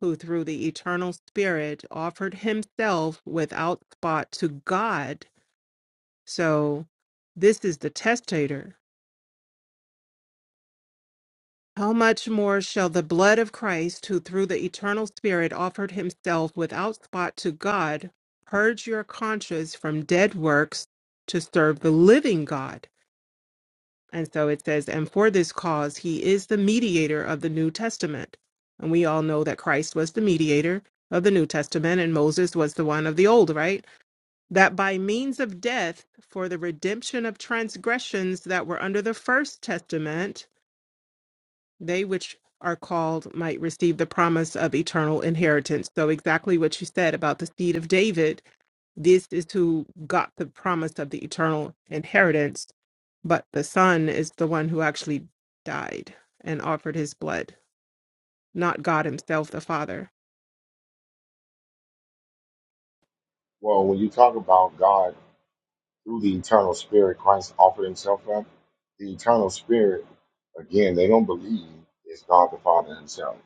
[SPEAKER 7] who through the eternal Spirit offered himself without spot to God? So this is the testator. How much more shall the blood of Christ, who through the eternal Spirit offered himself without spot to God, purge your conscience from dead works to serve the living God? And so it says, and for this cause, he is the mediator of the New Testament. And we all know that Christ was the mediator of the New Testament and Moses was the one of the old, right? That by means of death, for the redemption of transgressions that were under the first testament, they which are called might receive the promise of eternal inheritance. So, exactly what you said about the seed of David this is who got the promise of the eternal inheritance, but the Son is the one who actually died and offered his blood, not God himself, the Father.
[SPEAKER 1] Well, when you talk about God through the eternal spirit christ offered himself up the eternal spirit again they don't believe is god the father himself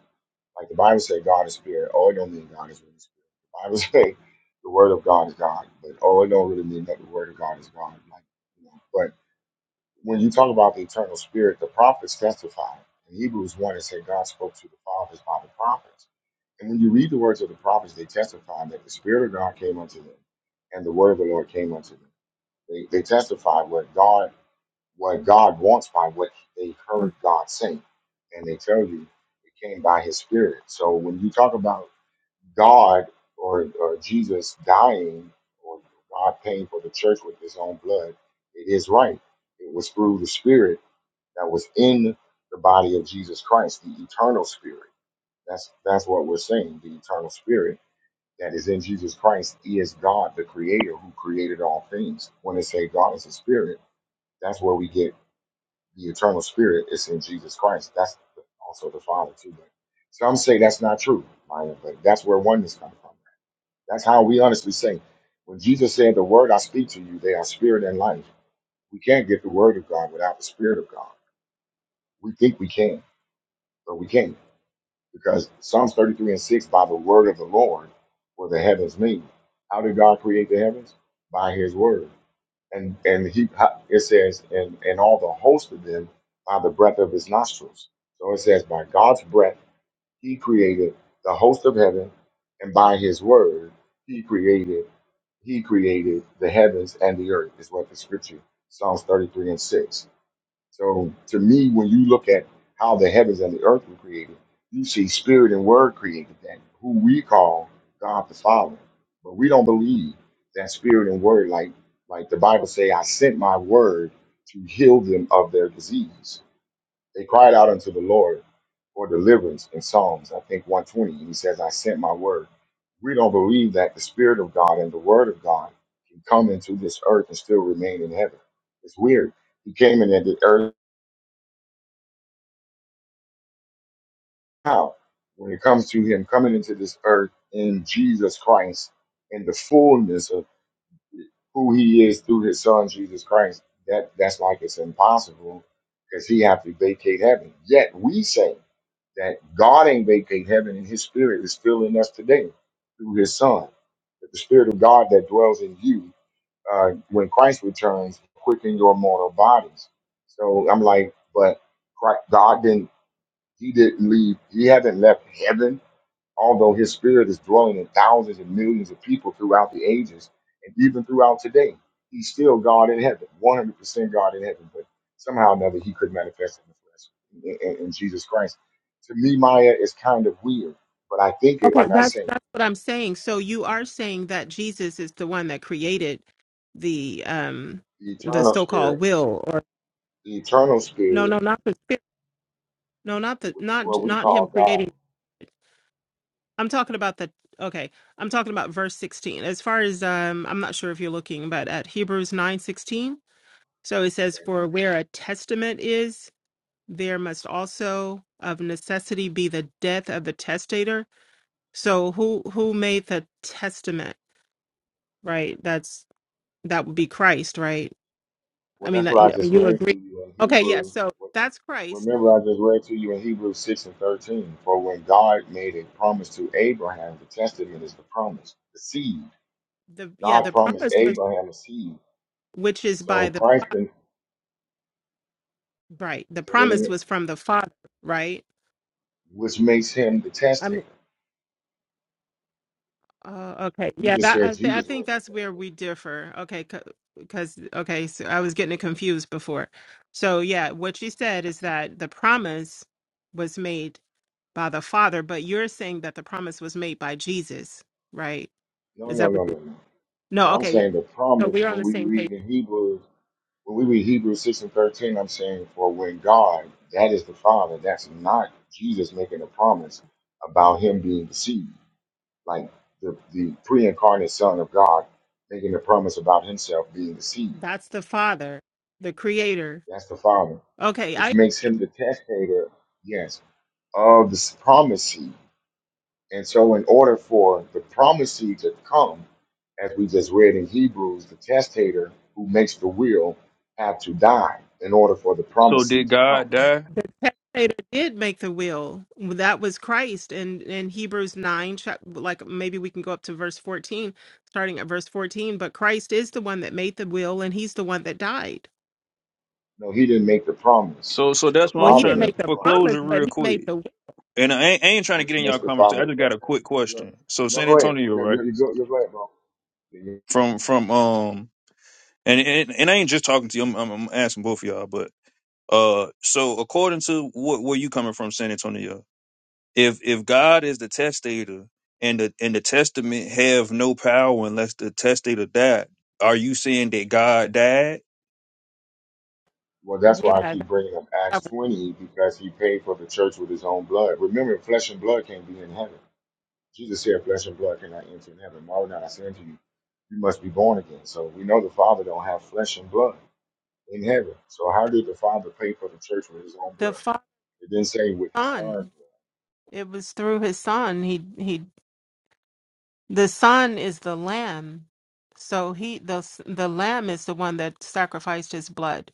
[SPEAKER 1] like the bible says, god is spirit oh it don't mean god is really spirit the bible (laughs) says the word of god is god but oh it don't really mean that the word of god is god like you know but when you talk about the eternal spirit the prophets testify in hebrews 1 it say god spoke to the fathers by the prophets and when you read the words of the prophets they testify that the spirit of god came unto them and the word of the lord came unto them they, they testify what God what God wants by what they
[SPEAKER 7] Mm.
[SPEAKER 1] heard God say, and they tell you it came by His Spirit. So when you talk about God or, or Jesus dying or God paying for the church with His own blood, it is right. It was through the Spirit that was in the body of Jesus Christ, the eternal Spirit. That's that's what we're saying. The eternal Spirit that is in Jesus Christ is God, the Creator, who created all things. When they say God is a Spirit that's where we get the eternal spirit. It's in Jesus Christ. That's also the Father too. But some say that's not true, Maya, but that's where oneness comes from. That's how we honestly say. When Jesus said, "The word I speak to you, they are spirit and life." We can't get the word of God without the spirit of God. We think we can, but we can't because Psalms 33 and 6, by the word of the Lord were the heavens made. How did God create the heavens? By His word. and and he it says and and all the host of them by the breath of his nostrils so it says by god's breath he created the host of heaven and by his word he created he created the heavens and the earth is what the scripture psalms 33 and 6 so to me, when you look at how the heavens and the earth were created, you see spirit and word created that, who we call God the Father. But we don't believe that spirit and word, like like the Bible say, I sent my word to heal them of their disease. They cried out unto the Lord for deliverance in Psalms, I think 120. He says, I sent my word. We don't believe that the Spirit of God and the Word of God can come into this earth and still remain in heaven. It's weird. He came in the earth now when it comes to him coming into this earth in Jesus Christ in the fullness of who he is through his son Jesus Christ, that that's like it's impossible because he have to vacate heaven. Yet we say that God ain't vacate heaven and his spirit is still in us today through his son. That the spirit of God that dwells in you, uh, when Christ returns, quicken your mortal bodies. So I'm like, but Christ, God didn't he didn't leave, he hasn't left heaven although his spirit is dwelling in thousands and millions of people throughout the ages and even throughout today, he's still God in heaven, 100% God in heaven. But somehow or another, he could manifest in the flesh in, in- in Jesus Christ. To me, Maya is kind of weird, but I think it,
[SPEAKER 7] Okay,
[SPEAKER 1] like I
[SPEAKER 7] that's
[SPEAKER 1] say,
[SPEAKER 7] that's what I'm saying. So you are saying that Jesus is the one that created the um
[SPEAKER 1] the
[SPEAKER 7] the
[SPEAKER 1] eternal
[SPEAKER 7] so-called
[SPEAKER 1] spirit,
[SPEAKER 7] will or
[SPEAKER 1] the eternal
[SPEAKER 7] no,
[SPEAKER 1] spirit,
[SPEAKER 7] no, not the spirit. No, not the
[SPEAKER 1] which is
[SPEAKER 7] not
[SPEAKER 1] what we
[SPEAKER 7] not
[SPEAKER 1] call
[SPEAKER 7] him
[SPEAKER 1] God.
[SPEAKER 7] creating. I'm talking about the okay. I'm talking about verse 16. As far as um I'm not sure if you're looking, but at Hebrews 9:16 So it says,
[SPEAKER 1] Okay.
[SPEAKER 7] For where a testament is, there must also of necessity be the death of the testator. So who who made the testament? Right? That's that would be Christ, right? I
[SPEAKER 1] Well,
[SPEAKER 7] mean
[SPEAKER 1] that's
[SPEAKER 7] that
[SPEAKER 1] what
[SPEAKER 7] you,
[SPEAKER 1] I
[SPEAKER 7] I
[SPEAKER 1] just
[SPEAKER 7] mean, you
[SPEAKER 1] read to
[SPEAKER 7] agree.
[SPEAKER 1] you in
[SPEAKER 7] Okay, yeah.
[SPEAKER 1] Hebrews.
[SPEAKER 7] So that's Christ.
[SPEAKER 1] Remember, I just read to you in Hebrews 6 and 13. For when God made a promise to Abraham, the testament is the promise, the seed.
[SPEAKER 7] The yeah,
[SPEAKER 1] God
[SPEAKER 7] the
[SPEAKER 1] promised
[SPEAKER 7] promise was
[SPEAKER 1] Abraham a seed.
[SPEAKER 7] which is
[SPEAKER 1] So
[SPEAKER 7] by the
[SPEAKER 1] Christ
[SPEAKER 7] Father.
[SPEAKER 1] then
[SPEAKER 7] Right. The
[SPEAKER 1] said
[SPEAKER 7] promise
[SPEAKER 1] it,
[SPEAKER 7] was from the Father, right?
[SPEAKER 1] which makes him the testator.
[SPEAKER 7] Uh, okay.
[SPEAKER 1] You
[SPEAKER 7] Yeah,
[SPEAKER 1] just
[SPEAKER 7] that I,
[SPEAKER 1] said
[SPEAKER 7] th- I
[SPEAKER 1] Jesus
[SPEAKER 7] think
[SPEAKER 1] was the
[SPEAKER 7] that's where we
[SPEAKER 1] testator.
[SPEAKER 7] differ. Okay, because okay, so I was getting it confused before. So yeah, what she said is that the promise was made by the Father, but you're saying that the promise was made by Jesus, right?
[SPEAKER 1] No,
[SPEAKER 7] Is
[SPEAKER 1] no,
[SPEAKER 7] that what?
[SPEAKER 1] no,
[SPEAKER 7] You-
[SPEAKER 1] no, no.
[SPEAKER 7] no.
[SPEAKER 1] No, I'm
[SPEAKER 7] Okay. Yeah.
[SPEAKER 1] saying the
[SPEAKER 7] So
[SPEAKER 1] promise
[SPEAKER 7] we're on
[SPEAKER 1] when
[SPEAKER 7] the
[SPEAKER 1] we
[SPEAKER 7] same page.
[SPEAKER 1] read in Hebrews, when we read Hebrews 6 and 13, I'm saying, for when God, that is the Father, that's not Jesus making a promise about him being the seed. like the, the pre incarnate Son of God making the promise about himself being the seed.
[SPEAKER 7] That's the Father, the Creator.
[SPEAKER 1] That's the Father,
[SPEAKER 7] Okay. I.
[SPEAKER 1] which makes him the testator, yes, of the promise seed. And so, in order for the promise seed to come, as we just read in Hebrews, the testator who makes the will had to die in order for the
[SPEAKER 6] So
[SPEAKER 1] promise seed
[SPEAKER 6] did
[SPEAKER 1] to come.
[SPEAKER 6] God die?
[SPEAKER 7] the testator did make the will that was christ and in hebrews 9 chap- like maybe we can go up to verse 14 starting at verse 14 but christ is the one that made the will and he's the one that died
[SPEAKER 1] No, he didn't make the promise.
[SPEAKER 6] So so
[SPEAKER 1] The
[SPEAKER 6] that's what
[SPEAKER 7] well
[SPEAKER 6] I'm
[SPEAKER 7] he
[SPEAKER 1] Father
[SPEAKER 7] didn't
[SPEAKER 6] trying to
[SPEAKER 1] made
[SPEAKER 7] make
[SPEAKER 1] the
[SPEAKER 7] the
[SPEAKER 6] for
[SPEAKER 1] promise,
[SPEAKER 7] promise
[SPEAKER 6] closure
[SPEAKER 7] but
[SPEAKER 6] real
[SPEAKER 7] he made
[SPEAKER 6] quick.
[SPEAKER 7] the will
[SPEAKER 6] And I ain't, I ain't trying to
[SPEAKER 1] which
[SPEAKER 6] get in
[SPEAKER 1] makes
[SPEAKER 6] y'all
[SPEAKER 1] the
[SPEAKER 6] conversation.
[SPEAKER 1] Father
[SPEAKER 6] I
[SPEAKER 1] the
[SPEAKER 6] just got a
[SPEAKER 1] testator.
[SPEAKER 6] quick
[SPEAKER 1] Yeah.
[SPEAKER 6] question. So
[SPEAKER 1] No,
[SPEAKER 6] San
[SPEAKER 1] go ahead.
[SPEAKER 6] Antonio,
[SPEAKER 1] You're,
[SPEAKER 6] right?
[SPEAKER 1] you're, you're, go- you're go ahead, bro.
[SPEAKER 6] From from um, and and, and I ain't just talking to you. I'm, I'm, I'm asking both of y'all. But uh, so according to what where you coming from, San Antonio, if if God is the testator and the and the testament have no power unless the testator died, are you saying that God died?
[SPEAKER 1] Well, that's why I
[SPEAKER 7] yeah
[SPEAKER 1] keep bringing up Acts
[SPEAKER 7] that-
[SPEAKER 1] 20 because he paid for the church with his own blood. Remember, flesh and blood can't be in heaven. Jesus said, "Flesh and blood cannot enter in heaven." Marvel not I say unto you, you must be born again. So we know the Father don't have flesh and blood in heaven. So how did the Father pay for the church with his own
[SPEAKER 7] the
[SPEAKER 1] blood?
[SPEAKER 7] fa-
[SPEAKER 1] It didn't say with his son's
[SPEAKER 7] son
[SPEAKER 1] blood.
[SPEAKER 7] it was through his son he he the son is the lamb so he the s- the lamb is the one that sacrificed his blood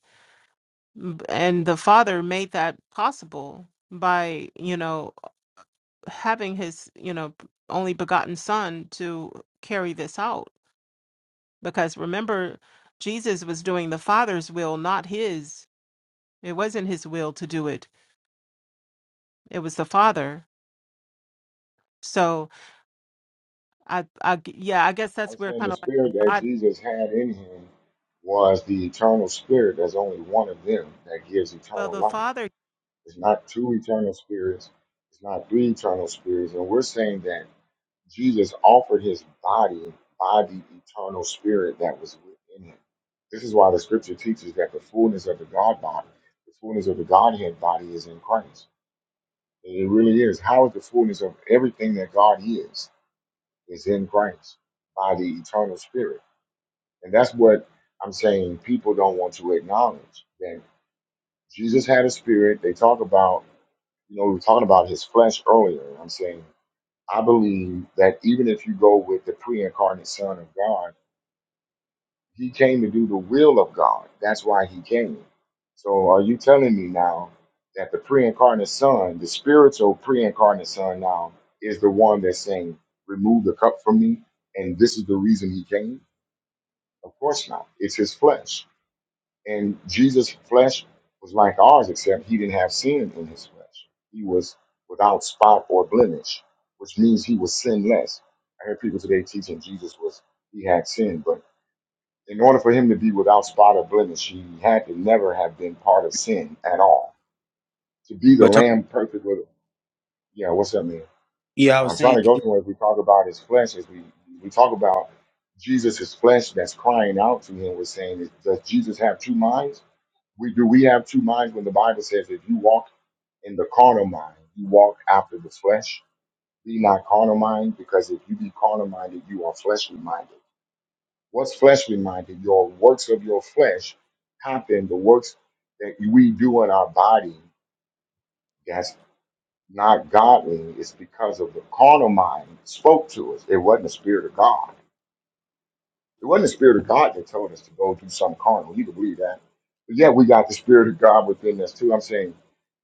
[SPEAKER 7] B- and the father made that possible by you know having his you know only begotten son to carry this out because remember jesus was doing the father's will not his it wasn't his will to do it it was the father so i, I g- yeah i guess that's
[SPEAKER 1] I'm
[SPEAKER 7] where
[SPEAKER 1] saying
[SPEAKER 7] kind
[SPEAKER 1] the
[SPEAKER 7] of like
[SPEAKER 1] spirit
[SPEAKER 7] the
[SPEAKER 1] that
[SPEAKER 7] god
[SPEAKER 1] Jesus had in him was the eternal spirit. There's only one of them that gives
[SPEAKER 7] well
[SPEAKER 1] eternal
[SPEAKER 7] the
[SPEAKER 1] life.
[SPEAKER 7] father
[SPEAKER 1] It's not two eternal spirits. It's not three eternal spirits. And we're saying that Jesus offered his body by the eternal spirit that was within him. This is why the scripture teaches that the fullness of the God body, the fullness of the Godhead body is in Christ. It really is. How is the fullness of everything that God is, is in Christ by the eternal spirit? And that's what I'm saying people don't want to acknowledge that Jesus had a spirit. They talk about You know, we were talking about his flesh earlier. I'm saying, I believe that even if you go with the pre incarnate Son of God, he came to do the will of God. That's why he came. So are you telling me now that the pre incarnate Son, the spiritual pre incarnate Son now, is the one that's saying, remove the cup from me? And this is the reason he came? Of course not. It's his flesh. And Jesus' flesh was like ours, except he didn't have sin in his flesh. He was without spot or blemish, which means he was sinless. I hear people today teaching Jesus was he had sin, but in order for him to be without spot or blemish, he had to never have been part of sin at all. To be the
[SPEAKER 2] But Ton-
[SPEAKER 1] Lamb perfect with yeah, what's up, man?
[SPEAKER 2] yeah, I was
[SPEAKER 1] I'm trying
[SPEAKER 2] saying,
[SPEAKER 1] to go somewhere. If we talk about his flesh, as we we talk about Jesus' flesh that's crying out to him, we're saying, does Jesus have two minds? We do we have two minds when the Bible says if you walk in the carnal mind, you walk after the flesh. Be not carnal minded, because if you be carnal minded, you are fleshly minded. What's fleshly minded? Your works of your flesh happen. The works that we do in our body that's not godly is because of the carnal mind spoke to us. It wasn't the spirit of God. It wasn't the Spirit of God that told us to go do something carnal. You can believe that. But yeah, we got the Spirit of God within us too. I'm saying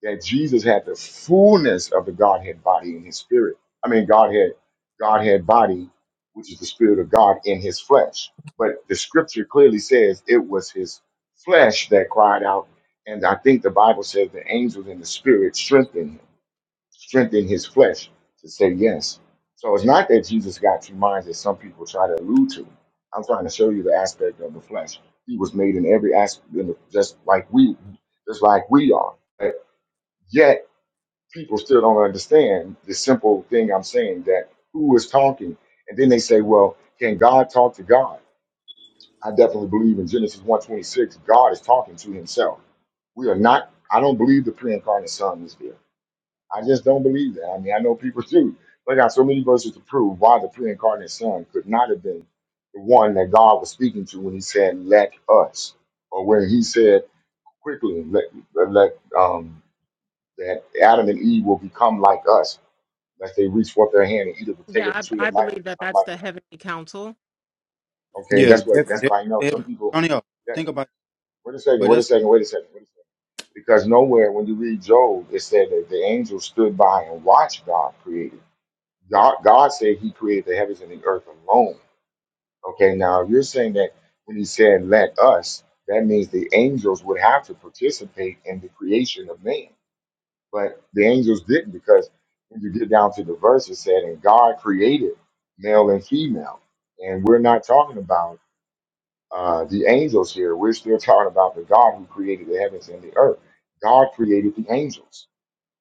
[SPEAKER 1] that Jesus had the fullness of the Godhead body in his spirit. I mean, Godhead, Godhead body, which is the Spirit of God in his flesh. But the scripture clearly says it was his flesh that cried out. And I think the Bible says the angels and the spirit strengthened him strengthen his flesh to say yes. So it's not that Jesus got two minds as some people try to allude to. I'm trying to show you the aspect of the flesh. He was made in every aspect, in the, just like we, just like we are. But yet people still don't understand the simple thing I'm saying that who is talking, and then they say, "Well, can God talk to God?" I definitely believe in Genesis one twenty-six. God is talking to Himself. We are not. I don't believe the pre-incarnate Son is there. I just don't believe that. I mean, I know people do. They got so many verses to prove why the pre-incarnate Son could not have been the one that God was speaking to when He said, "Let us," or when He said, "Quickly, let let um, that Adam and Eve will become like us, that they reach forth their hand and eat of the take of the
[SPEAKER 7] yeah
[SPEAKER 1] tree
[SPEAKER 7] i, I
[SPEAKER 1] of life
[SPEAKER 7] believe
[SPEAKER 1] and
[SPEAKER 7] that
[SPEAKER 1] become
[SPEAKER 7] that's
[SPEAKER 1] like
[SPEAKER 7] the heavenly council
[SPEAKER 1] us." Okay,
[SPEAKER 2] yeah,
[SPEAKER 1] that's what
[SPEAKER 2] def,
[SPEAKER 1] that's
[SPEAKER 2] def,
[SPEAKER 1] what I know. Some
[SPEAKER 2] def-
[SPEAKER 1] people,
[SPEAKER 2] Tonio,
[SPEAKER 1] that's
[SPEAKER 2] think about.
[SPEAKER 1] wait a second,
[SPEAKER 2] But
[SPEAKER 1] wait a
[SPEAKER 2] that's
[SPEAKER 1] second, wait a second, wait a second. Because nowhere when you read Job, it said that the angels stood by and watched God create God, God said He created the heavens and the earth alone. Okay, now if you're saying that when He said "let us," that means the angels would have to participate in the creation of man, but the angels didn't because when you get down to the verse, it said, "And God created male and female," and we're not talking about uh, the angels here. We're still talking about the God who created the heavens and the earth. God created the angels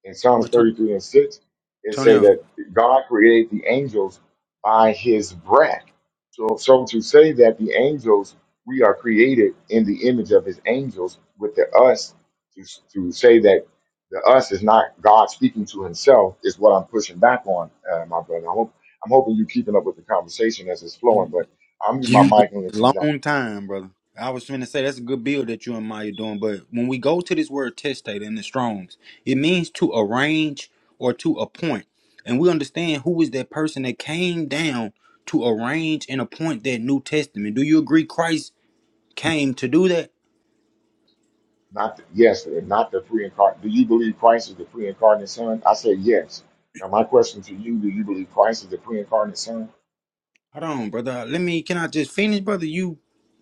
[SPEAKER 1] in Psalms
[SPEAKER 2] but Ton-
[SPEAKER 1] 33 and 6, it say
[SPEAKER 2] Tonio.
[SPEAKER 1] that God created the angels by his breath. So, so to say that the angels, we are created in the image of his angels with the us, to, to say that the us is not God speaking to himself is what I'm pushing back on, uh, my brother. I hope, I'm hoping you're keeping up with the conversation as it's flowing, but I'll mute my
[SPEAKER 2] You going
[SPEAKER 1] mic and
[SPEAKER 2] a
[SPEAKER 1] let you jump
[SPEAKER 2] long time, brother. I was trying to say that's a good build that you and Maya doing, but when we go to this word testate in the Strongs, it means to arrange or to appoint. And we understand who is that person that came down to arrange and appoint that New Testament. Do you agree Christ came to do that?
[SPEAKER 1] Not the, yes, not the pre-incarnate. Do you believe Christ is the pre-incarnate Son? I said yes. Now my question to you: Do you believe Christ is the pre-incarnate Son?
[SPEAKER 2] Hold on, brother. Let me can I just finish, brother? You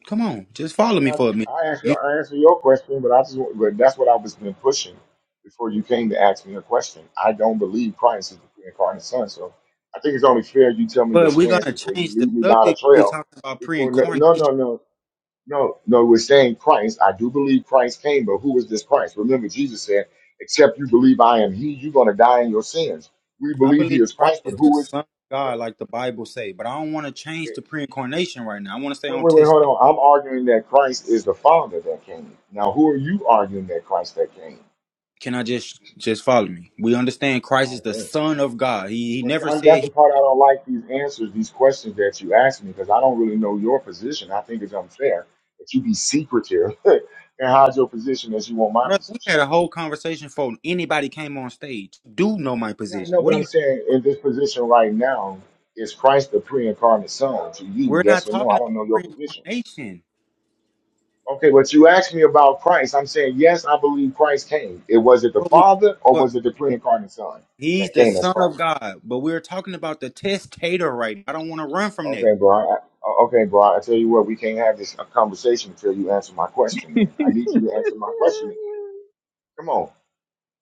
[SPEAKER 2] come on, just
[SPEAKER 1] I
[SPEAKER 2] follow
[SPEAKER 1] mean,
[SPEAKER 2] me for a minute.
[SPEAKER 1] I, I answer
[SPEAKER 2] You,
[SPEAKER 1] I answer your question, but I just want- but that's what I was been pushing before you came to ask me a question. I don't believe Christ is the pre-incarnate Son, so I think it's only fair you tell me your
[SPEAKER 2] but we're
[SPEAKER 1] stance
[SPEAKER 2] gonna
[SPEAKER 1] before you
[SPEAKER 2] change the
[SPEAKER 1] lead me down a
[SPEAKER 2] subject. We're
[SPEAKER 1] trail.
[SPEAKER 2] talking about
[SPEAKER 1] Before no
[SPEAKER 2] pre-incarnation.
[SPEAKER 1] no no no. No, no, we're saying Christ. I do believe Christ came, but who is this Christ? Remember, Jesus said, Except you believe I am He, you're going to die in your sins. We
[SPEAKER 2] I
[SPEAKER 1] believe He
[SPEAKER 2] believe
[SPEAKER 1] is
[SPEAKER 2] Christ
[SPEAKER 1] Christ, but
[SPEAKER 2] is the
[SPEAKER 1] who is.
[SPEAKER 2] Son of God, like the Bible say, but I don't want to change to pre-incarnation right now. I want to stay
[SPEAKER 1] Wait,
[SPEAKER 2] on
[SPEAKER 1] wait, wait,
[SPEAKER 2] test.
[SPEAKER 1] hold on. I'm arguing that Christ is the Father that came. Now, who are you arguing that Christ that came?
[SPEAKER 2] Can I just just follow me? We understand Christ
[SPEAKER 1] All
[SPEAKER 2] is
[SPEAKER 1] right,
[SPEAKER 2] the
[SPEAKER 1] go ahead.
[SPEAKER 2] Son of God. He, he
[SPEAKER 1] Well, see,
[SPEAKER 2] never
[SPEAKER 1] I, that's
[SPEAKER 2] said
[SPEAKER 1] the
[SPEAKER 2] he.
[SPEAKER 1] part I don't like these answers, these questions that you ask me, because I don't really know your position. I think it's unfair that you be secretive (laughs) and hide your position as you want my
[SPEAKER 2] Brother, we
[SPEAKER 1] position.
[SPEAKER 2] had a whole conversation before anybody came on stage. You Do know my
[SPEAKER 1] Yeah, no,
[SPEAKER 2] position? What
[SPEAKER 1] but
[SPEAKER 2] are
[SPEAKER 1] I'm
[SPEAKER 2] you?
[SPEAKER 1] saying in this position right now, is Christ the pre-incarnate Son to you?
[SPEAKER 2] We're not
[SPEAKER 1] Yes or no?
[SPEAKER 2] talking
[SPEAKER 1] I
[SPEAKER 2] about
[SPEAKER 1] don't know your position.
[SPEAKER 2] pre-incarnation,
[SPEAKER 1] Okay, but you asked me about Christ. I'm saying yes, I believe Christ came. It was it the
[SPEAKER 2] but we,
[SPEAKER 1] Father or
[SPEAKER 2] but
[SPEAKER 1] was it the pre-incarnate Son
[SPEAKER 2] he's
[SPEAKER 1] that
[SPEAKER 2] the
[SPEAKER 1] came as
[SPEAKER 2] Son of
[SPEAKER 1] Christ?
[SPEAKER 2] God. But we're talking about the testator right now. I don't want to run from that.
[SPEAKER 1] Okay, bro. I, I- okay, bro. I tell you what, we can't have this uh, conversation until you answer my question, man. I need you to answer my question. Come on.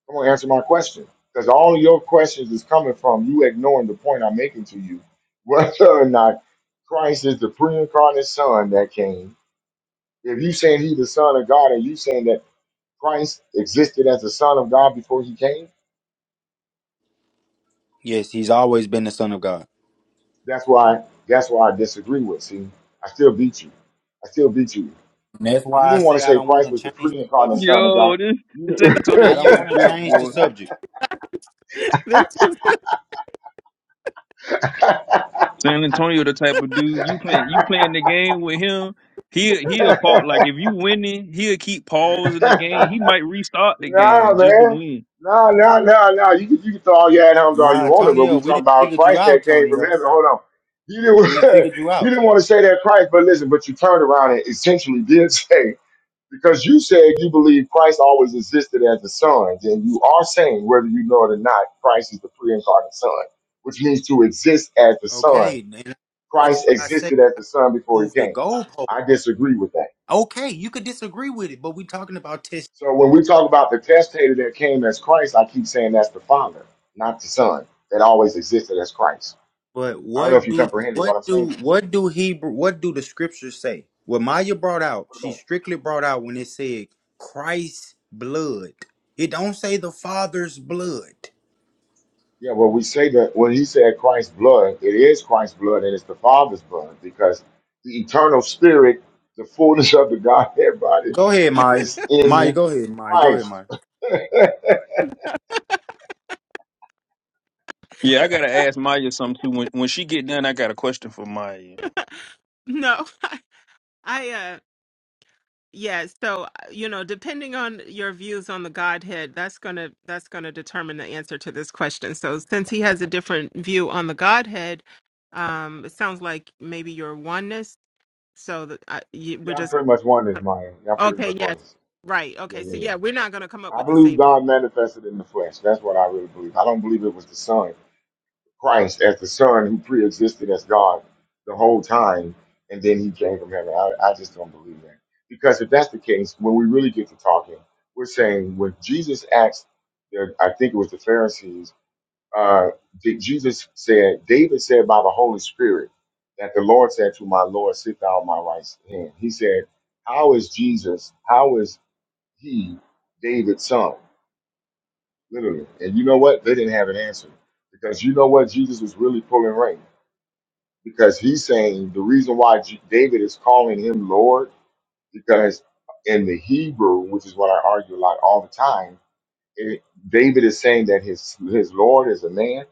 [SPEAKER 1] Come on, answer my question. Because all of your questions is coming from you ignoring the point I'm making to you. (laughs) Whether or not Christ is the pre-incarnate son that came. If you saying he the son of God and you saying that Christ existed as the son of God before he came,
[SPEAKER 2] Yes, he's always been the Son of God.
[SPEAKER 1] that's why that's why I disagree with. See, I still beat you. I still beat you.
[SPEAKER 2] And that's
[SPEAKER 1] You
[SPEAKER 2] why I
[SPEAKER 1] didn't want
[SPEAKER 2] say
[SPEAKER 1] to
[SPEAKER 2] I
[SPEAKER 1] say
[SPEAKER 2] don't
[SPEAKER 1] Christ
[SPEAKER 2] want
[SPEAKER 1] was the
[SPEAKER 2] to change the subject.
[SPEAKER 1] pre-incarnate son of
[SPEAKER 6] Yo,
[SPEAKER 1] God.
[SPEAKER 6] this
[SPEAKER 1] You
[SPEAKER 6] San Antonio,
[SPEAKER 2] I don't
[SPEAKER 6] you a
[SPEAKER 2] want to
[SPEAKER 6] trip,
[SPEAKER 2] change the
[SPEAKER 6] boy.
[SPEAKER 2] subject.
[SPEAKER 7] (laughs) this is (laughs)
[SPEAKER 6] San Antonio, the type of dude you playing, you playing the game with him. He he'll he'll pause. Like if you winning, he'll keep pausing the
[SPEAKER 1] (laughs)
[SPEAKER 6] game. He might restart the
[SPEAKER 1] Nah,
[SPEAKER 6] game just to
[SPEAKER 1] man.
[SPEAKER 6] win.
[SPEAKER 1] Nah, nah, nah, nah. You can, you can throw all your ad homes all
[SPEAKER 2] Nah,
[SPEAKER 1] you want, to, but
[SPEAKER 2] Antonio,
[SPEAKER 1] we
[SPEAKER 2] we
[SPEAKER 1] talking
[SPEAKER 2] didn't
[SPEAKER 1] about
[SPEAKER 2] figure you
[SPEAKER 1] Christ
[SPEAKER 2] out,
[SPEAKER 1] that came from
[SPEAKER 2] Antonio.
[SPEAKER 1] heaven. Hold on. You
[SPEAKER 2] We didn't
[SPEAKER 1] didn't,
[SPEAKER 2] figure you
[SPEAKER 1] (laughs) you
[SPEAKER 2] out.
[SPEAKER 1] didn't want to say that Christ, but listen, but you turned around and essentially did (laughs) say, because you said you believe Christ always existed as the Son, and you are saying, whether you know it or not, Christ is the pre incarnate Son, which means to exist as the Son.
[SPEAKER 2] Okay, and that's
[SPEAKER 1] Christ
[SPEAKER 2] why I say
[SPEAKER 1] existed as the Son before he
[SPEAKER 2] move the
[SPEAKER 1] came.
[SPEAKER 2] goalpost.
[SPEAKER 1] I disagree with that.
[SPEAKER 2] Okay, you could disagree with it, but we're talking about test.
[SPEAKER 1] So when we talk about the testator that came as Christ, I keep saying that's the Father, not the Son, that always existed as Christ.
[SPEAKER 2] But
[SPEAKER 1] I don't know if
[SPEAKER 2] what
[SPEAKER 1] you
[SPEAKER 2] do
[SPEAKER 1] comprehended what
[SPEAKER 2] what
[SPEAKER 1] I'm saying
[SPEAKER 2] do
[SPEAKER 1] to you.
[SPEAKER 2] what do Hebrew what do the scriptures say? What Maya brought out,
[SPEAKER 1] What
[SPEAKER 2] she
[SPEAKER 1] about?
[SPEAKER 2] strictly brought out when it said Christ's blood. It don't say the Father's blood.
[SPEAKER 1] Yeah, well, we say that when he said Christ's blood, it is Christ's blood and it's the Father's blood because the eternal spirit, the fullness of the Godhead body,
[SPEAKER 2] Go ahead, Maya.
[SPEAKER 1] is
[SPEAKER 2] Maya,
[SPEAKER 1] in
[SPEAKER 2] go ahead, Maya. Go ahead,
[SPEAKER 1] Christ.
[SPEAKER 2] Maya.
[SPEAKER 6] Yeah, I gotta ask Maya something too. When when she get done, I got a question for Maya.
[SPEAKER 7] no i uh, Yes, so uh, you know, depending on your views on the Godhead, that's gonna that's gonna determine the answer to this question. So, since he has a different view on the Godhead, um, it sounds like maybe you're oneness. So that I, you, we're
[SPEAKER 1] Yeah, I'm
[SPEAKER 7] just
[SPEAKER 1] pretty much one
[SPEAKER 7] uh,
[SPEAKER 1] this, Maya. Yeah, I'm pretty
[SPEAKER 7] okay.
[SPEAKER 1] much one
[SPEAKER 7] Yes,
[SPEAKER 1] this.
[SPEAKER 7] right.
[SPEAKER 1] Yeah,
[SPEAKER 7] Okay, so
[SPEAKER 1] yeah,
[SPEAKER 7] yeah,
[SPEAKER 1] yeah.
[SPEAKER 7] we're not gonna come up
[SPEAKER 1] I
[SPEAKER 7] with the
[SPEAKER 1] believe
[SPEAKER 7] same.
[SPEAKER 1] God manifested in the flesh. That's what I really believe. I don't believe it was the Son Christ as the Son who pre-existed as God the whole time, and then he came from heaven. I, I just don't believe that. Because if that's the case, when we really get to talking, we're saying when Jesus asked, the, I think it was the Pharisees, uh, that Jesus said, David said by the Holy Spirit that the Lord said to my Lord, sit thou at my right hand. He said, how is Jesus, how is he David's son? Literally. And you know what? They didn't have an answer because you know what Jesus was really pulling rank because he's saying the reason why J- David is calling him Lord because in the Hebrew, which is what I argue a lot all the time, it, David is saying that his his Lord is a man,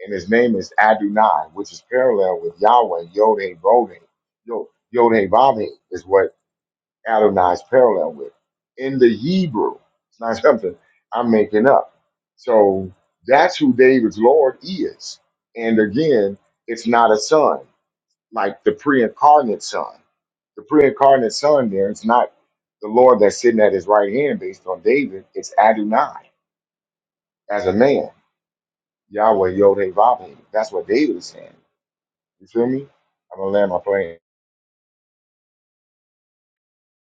[SPEAKER 1] and his name is Adonai, which is parallel with Yahweh Yod Hey Vod Heh. Yod Yod Hey Vav Heh is what Adonai is parallel with in the Hebrew. It's not (laughs) something I'm making up. So that's who David's Lord is, and again, it's not a son like the pre-incarnate son. The pre-incarnate son there is not the Lord that's sitting at his right hand based on David. It's Adonai as a man. Yahweh Yod Heh Vav Heh. That's what David is saying. You feel me? I'm gonna land my plane.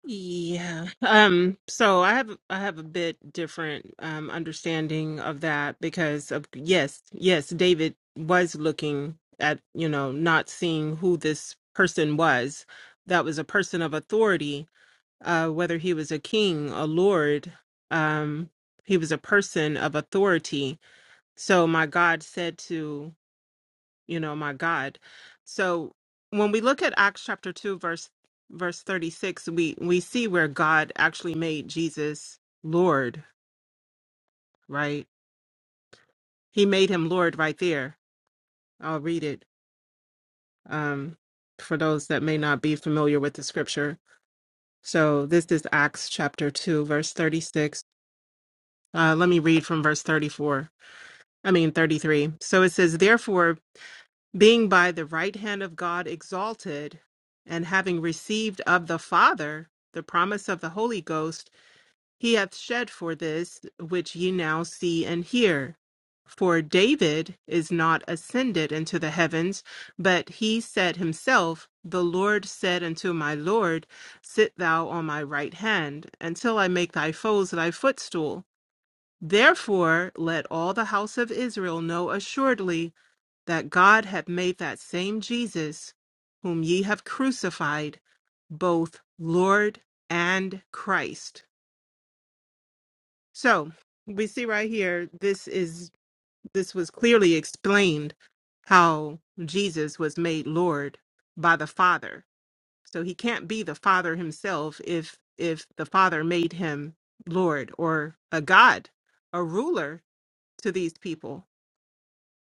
[SPEAKER 7] Yeah. Um, so I have I have a bit different um understanding of that because of yes, yes, David was looking at, you know, not seeing who this person was. That was a person of authority, uh, whether he was a king, a lord, um, he was a person of authority. So my God said to you know, my God. So when we look at Acts chapter 2 verse verse 36, we we see where God actually made Jesus Lord, right? He made him Lord right there. I'll read it um for those that may not be familiar with the scripture. So this is Acts chapter 2 verse 36. Uh let me read from verse 34. I mean 33. So it says, "Therefore being by the right hand of God exalted, and having received of the Father the promise of the Holy Ghost, he hath shed for this which ye now see and hear. For David is not ascended into the heavens, but he said himself, The Lord said unto my Lord, Sit thou on my right hand, until I make thy foes thy footstool. Therefore, let all the house of Israel know assuredly that God hath made that same Jesus, whom ye have crucified, both Lord and Christ. So we see right here, this is this was clearly explained how Jesus was made Lord by the Father. So he can't be the Father himself if if the Father made him Lord or a God, a ruler to these people.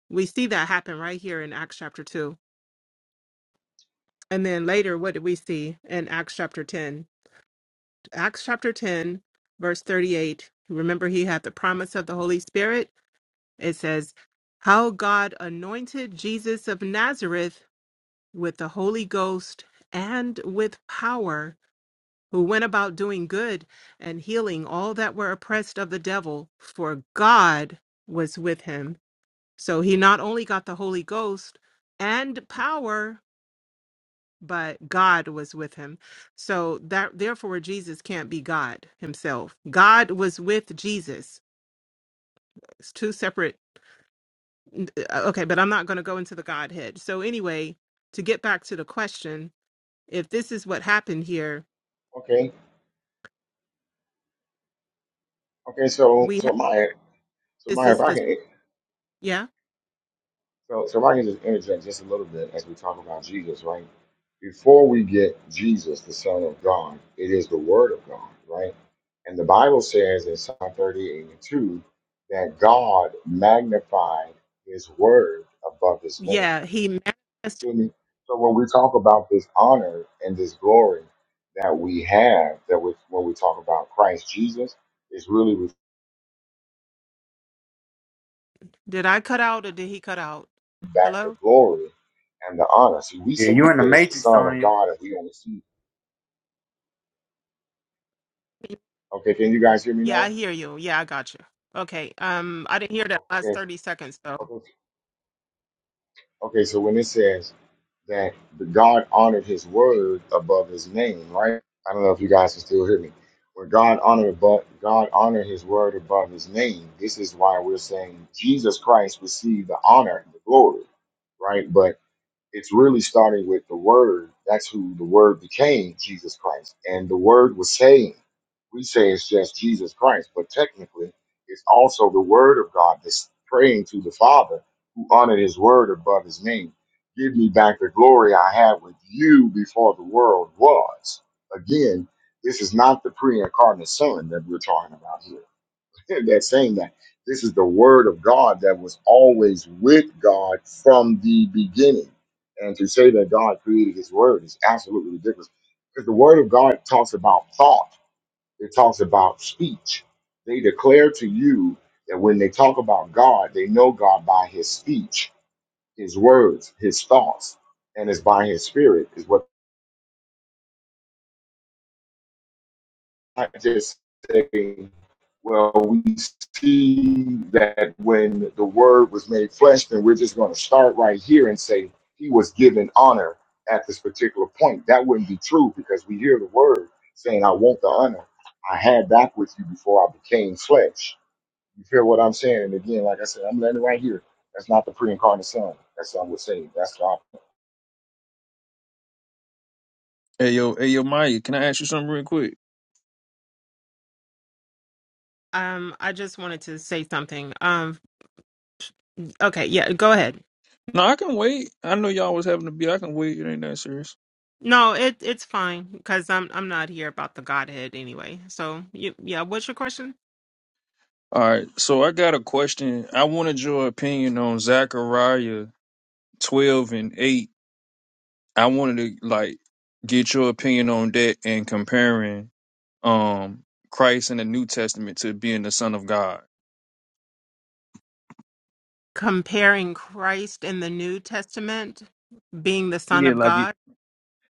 [SPEAKER 7] We see that happen right here in Acts chapter 2. And then later, what do we see in Acts chapter 10? Acts chapter 10, verse 38. Remember, he had the promise of the Holy Spirit. It says, How God anointed Jesus of Nazareth with the Holy Ghost and with power, who went about doing good and healing all that were oppressed of the devil, for God was with him. So he not only got the Holy Ghost and power, but God was with him. So that therefore Jesus can't be God himself. God was with Jesus. It's two separate okay, but I'm not going to go into the Godhead. So anyway, to get back to the question, if this is what happened here,
[SPEAKER 1] Okay. Okay. So
[SPEAKER 7] we
[SPEAKER 1] so
[SPEAKER 7] have
[SPEAKER 1] my so
[SPEAKER 7] this
[SPEAKER 1] my if
[SPEAKER 7] is
[SPEAKER 1] I
[SPEAKER 7] the
[SPEAKER 1] can
[SPEAKER 7] yeah.
[SPEAKER 1] So, so if I can just interject just a little bit as we talk about Jesus, right? Before we get Jesus, the Son of God, it is the Word of God, right? And the Bible says in Psalm 38 and 2 that God magnified his Word above his name.
[SPEAKER 7] Yeah, he
[SPEAKER 1] You
[SPEAKER 7] manifested.
[SPEAKER 1] feel me? So when we talk about this honor and this glory that we have, that we, when we talk about Christ Jesus, is really reflecting
[SPEAKER 7] Did I cut out or did he cut out?
[SPEAKER 1] back the
[SPEAKER 7] Hello?
[SPEAKER 1] glory and the honor. See, we
[SPEAKER 2] Yeah,
[SPEAKER 1] say
[SPEAKER 2] you in the
[SPEAKER 1] it's the
[SPEAKER 2] matrix,
[SPEAKER 1] Son of
[SPEAKER 2] Tony.
[SPEAKER 1] God and we only see Okay, can you guys hear me
[SPEAKER 7] Yeah, I
[SPEAKER 1] now?
[SPEAKER 7] hear you. Yeah, I got you. Okay. Um I didn't hear that last
[SPEAKER 1] Okay,
[SPEAKER 7] 30 seconds though.
[SPEAKER 1] okay, okay. So when it says that the God honored His word above His name, right? I don't know if you guys can still hear me. When God honored above, God honored His word above His name. This is why we're saying Jesus Christ received the honor, and the glory, right? But. it's really starting with the word. That's who the word became, Jesus Christ. And the word was saying, we say it's just Jesus Christ, but technically it's also the word of God that's praying to the Father who honored his word above his name. Give me back the glory I had with you before the world was. Again, this is not the pre incarnate son that we're talking about here (laughs) that saying that this is the word of God that was always with God from the beginning. And to say that God created his word is absolutely ridiculous. Because the word of God talks about thought, it talks about speech. They declare to you that when they talk about God, they know God by his speech, his words, his thoughts, and it's by his spirit, is what I just saying, well, we see that when the word was made flesh, then we're just going to start right here and say he was given honor at this particular point. That wouldn't be true because we hear the word saying, I want the honor. I had that with you before I became flesh. You feel what I'm saying? And again, like I said, I'm letting it right here. That's not the pre-incarnate son. That's what I would say. That's the opposite.
[SPEAKER 6] Hey yo, hey yo, Maya, can I ask you something real quick?
[SPEAKER 7] Um I just wanted to say something. Um Okay, yeah, go ahead.
[SPEAKER 6] No, I can wait. I know y'all was having to be. I can wait. It ain't that serious.
[SPEAKER 7] No, it it's fine because I'm I'm not here about the Godhead anyway. So you, yeah, what's your question?
[SPEAKER 6] All right, so I got a question. I wanted your opinion on Zechariah twelve and eight. I wanted to like get your opinion on that and comparing um Christ in the New Testament to being the Son of God.
[SPEAKER 7] Comparing Christ in the New Testament being the Son
[SPEAKER 6] Yeah,
[SPEAKER 7] of
[SPEAKER 6] like it.
[SPEAKER 7] God.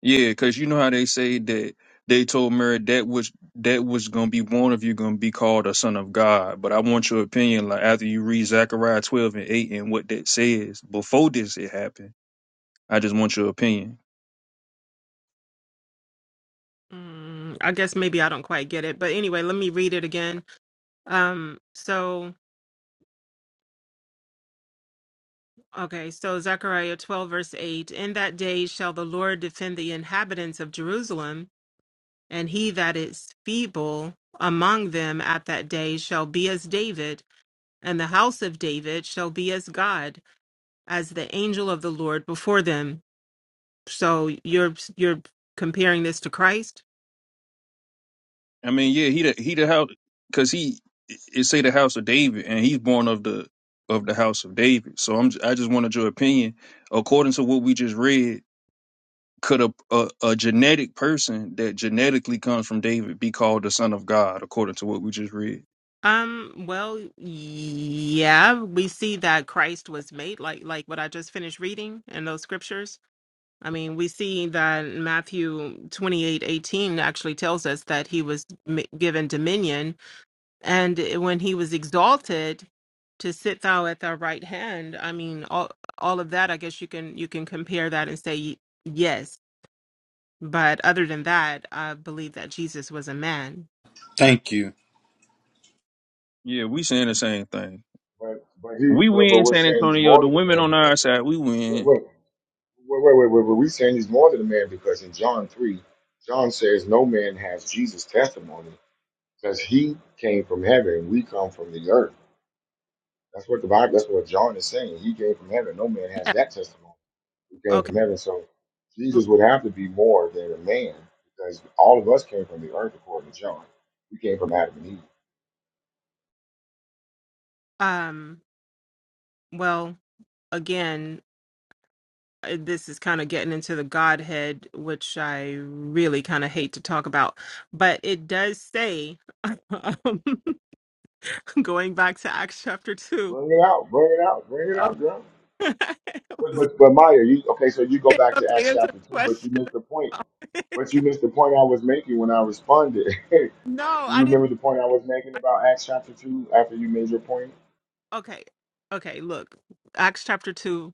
[SPEAKER 6] Yeah, because you know how they say that they told Mary that which that which gonna be born of you gonna be called a son of God. But I want your opinion, like after you read Zechariah twelve and eight and what that says before this it happened. I just want your opinion.
[SPEAKER 7] Mm, I guess maybe I don't quite get it, but anyway, let me read it again. Um, so okay, so Zechariah 12 verse 8, in that day shall the Lord defend the inhabitants of Jerusalem, and he that is feeble among them at that day shall be as David and the house of David shall be as God, as the angel of the Lord before them. So you're you're comparing this to Christ?
[SPEAKER 6] I mean, yeah, he the he the house because he it say the house of David and he's born of the of the house of David. So I'm j- I just wanted your opinion according to what we just read could a, a a genetic person that genetically comes from David be called the son of God according to what we just read?
[SPEAKER 7] Um, well, yeah, we see that Christ was made like like what I just finished reading in those scriptures. I mean, we see that Matthew twenty-eight eighteen actually tells us that he was m- given dominion. And eh, when he was exalted to sit thou at thy right hand, I mean, all, all of that, I guess you can, you can compare that and say, y- yes. But other than that, I believe that Jesus was a man.
[SPEAKER 2] Thank you.
[SPEAKER 6] Yeah, we saying the same thing.
[SPEAKER 1] But but he
[SPEAKER 6] We
[SPEAKER 1] but, but
[SPEAKER 6] win
[SPEAKER 1] we're
[SPEAKER 6] San
[SPEAKER 1] saying he's
[SPEAKER 6] Antonio.
[SPEAKER 1] more
[SPEAKER 6] The
[SPEAKER 1] than a
[SPEAKER 6] women
[SPEAKER 1] man
[SPEAKER 6] on
[SPEAKER 1] because
[SPEAKER 6] our side, we
[SPEAKER 1] wait,
[SPEAKER 6] win.
[SPEAKER 1] wait. Wait, wait, wait, wait, wait. We saying he's more than a man because in John three, John says no man has Jesus' testimony because he came from heaven, we come from the earth. That's what the Bible. That's what John is saying. He came from heaven. No man has
[SPEAKER 7] Yeah.
[SPEAKER 1] that testimony. He came
[SPEAKER 7] Okay.
[SPEAKER 1] from heaven, so Jesus would have to be more than a man because all of us came from the earth, according to John. We came from Adam and Eve.
[SPEAKER 7] Um, well, again, uh, this is kind of getting into the Godhead, which I really kind of hate to talk about, but it does say, (laughs) um, (laughs) going back to Acts chapter 2.
[SPEAKER 1] Bring it out, bring it out, bring it
[SPEAKER 7] Okay.
[SPEAKER 1] out, girl.
[SPEAKER 7] (laughs) It
[SPEAKER 1] But
[SPEAKER 7] was-
[SPEAKER 1] but, but Maya, you okay? So you go
[SPEAKER 7] it
[SPEAKER 1] back
[SPEAKER 7] was
[SPEAKER 1] to
[SPEAKER 7] to
[SPEAKER 1] Acts
[SPEAKER 7] answer the
[SPEAKER 1] chapter two, but you
[SPEAKER 7] question.
[SPEAKER 1] missed the point
[SPEAKER 7] (laughs)
[SPEAKER 1] But you missed the point I was making when I responded. (laughs) Do
[SPEAKER 7] no, I
[SPEAKER 1] you
[SPEAKER 7] didn't.
[SPEAKER 1] remember the point I was making
[SPEAKER 7] I-
[SPEAKER 1] about Acts chapter 2 after you made your point?
[SPEAKER 7] Okay. Okay. Look, Acts chapter 2,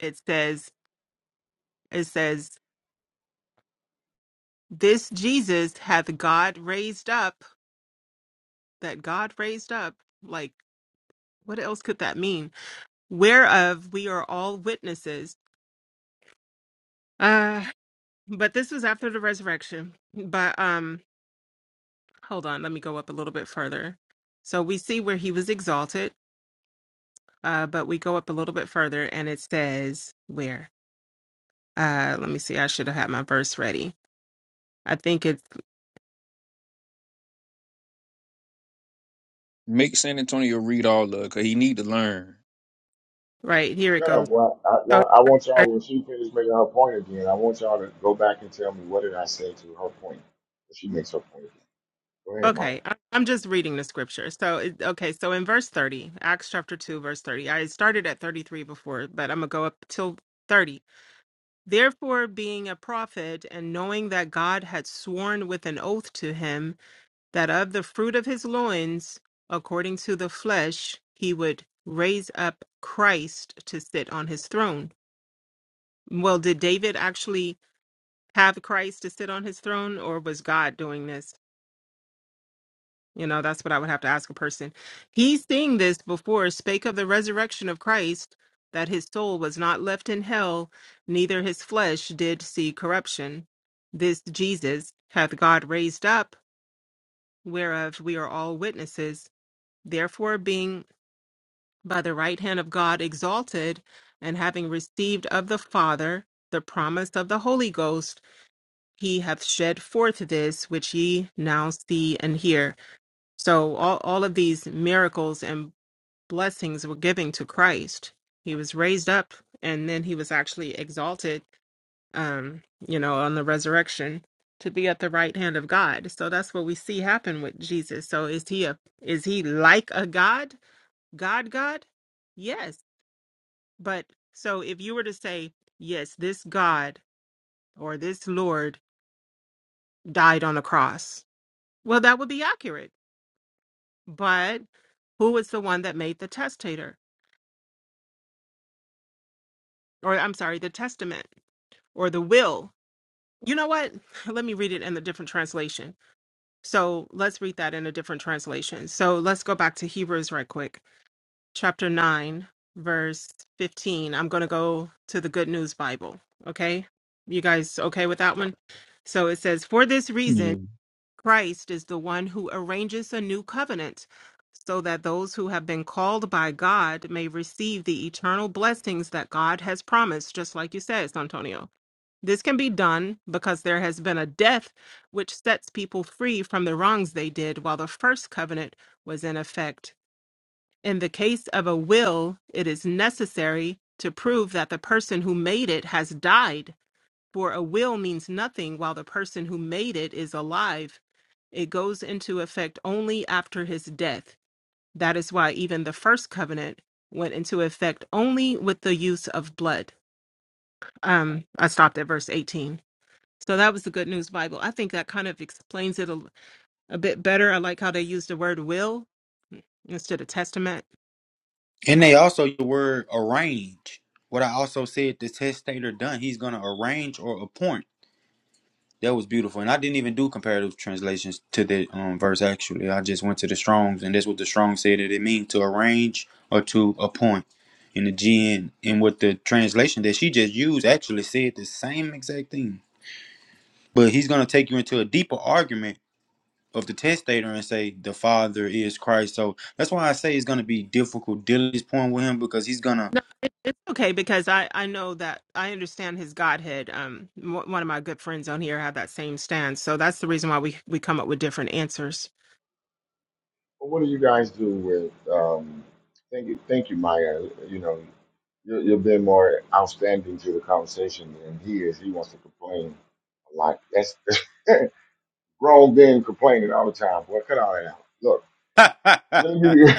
[SPEAKER 7] it says, it says, this Jesus hath God raised up, that God raised up. Like, what else could that mean? whereof we are all witnesses. Uh, but this was after the resurrection. But um, hold on, let me go up a little bit further. So we see where he was exalted, uh, but we go up a little bit further and it says where? Uh, let me see, I should have had my verse ready. I think it's
[SPEAKER 6] Make San Antonio read all of, it, cause he need to learn.
[SPEAKER 7] right here it
[SPEAKER 1] Shut
[SPEAKER 7] goes.
[SPEAKER 1] up. Well, I,
[SPEAKER 7] So,
[SPEAKER 1] now I want y'all, when she finishes making her point again, I want y'all to go back and tell me what did I say to her point. She makes her point again. Go ahead, Maya.
[SPEAKER 7] okay, I- I'm just reading the scripture. So, it, okay, so in verse 30, Acts chapter 2, verse 30, I started at 33 before, but I'm going to go up till 30 Therefore, being a prophet, and knowing that God had sworn with an oath to him that of the fruit of his loins, according to the flesh, he would raise up Christ to sit on his throne. Well, did David actually have Christ to sit on his throne, or was God doing this? You know, that's what I would have to ask a person. He seeing this before, spake of the resurrection of Christ, that his soul was not left in hell, neither his flesh did see corruption. This Jesus hath God raised up, whereof we are all witnesses. Therefore, being by the right hand of God exalted, and having received of the Father the promise of the Holy Ghost, he hath shed forth this which ye now see and hear. So all, all of these miracles and blessings were giving to Christ. He was raised up and then he was actually exalted, um, you know, on the resurrection to be at the right hand of God. So that's what we see happen with Jesus. So is he a is he like a God? God God? Yes. But so if you were to say, yes, this God or this Lord died on a cross, well that would be accurate. But who was the one that made the testator? or I'm sorry, the testament or the will. You know what? (sighs) (laughs) Let me read it in a different translation. So let's read that in a different translation. So let's go back to Hebrews right quick, chapter 9, verse 15. I'm going to go to the Good News Bible. Okay. You guys okay with that one? So it says, For this reason,
[SPEAKER 6] Yeah.
[SPEAKER 7] Christ is the one who arranges a new covenant so that those who have been called by God may receive the eternal blessings that God has promised, just like you said, Santonio. This can be done because there has been a death which sets people free from the wrongs they did while the first covenant was in effect. In the case of a will, it is necessary to prove that the person who made it has died, for a will means nothing while the person who made it is alive. It goes into effect only after his death. That is why even the first covenant went into effect only with the use of blood. Um, I stopped at verse 18. So that was the Good News Bible. I think that kind of explains it a, a bit better. I like how they use the word will instead of testament.
[SPEAKER 2] And they also use the word arrange. What I also said the testator done, he's gonna arrange or appoint. That was beautiful. And I didn't even do comparative translations to the um, verse actually. I just went to the Strong's and that's what the Strong said that it means to arrange or to appoint. In the GN and what the translation that she just used actually said the same exact thing. But he's gonna take you into a deeper argument of the testator and say the father is Christ. So that's why I say it's gonna be difficult dealing with this point with him because he's gonna
[SPEAKER 7] No, it, it's okay because I I know that I understand his godhead. Um, one one of my good friends on here have that same stance, so that's the reason why we we come up with different answers.
[SPEAKER 1] But what do you guys do with, um, thank you, thank you, Maya. You know, you, you've been more outstanding to the conversation than he is. He wants to complain a lot. That's (laughs) grown men complaining all the time. Boy, cut all that out. Look.
[SPEAKER 2] (laughs) but,
[SPEAKER 1] Let me.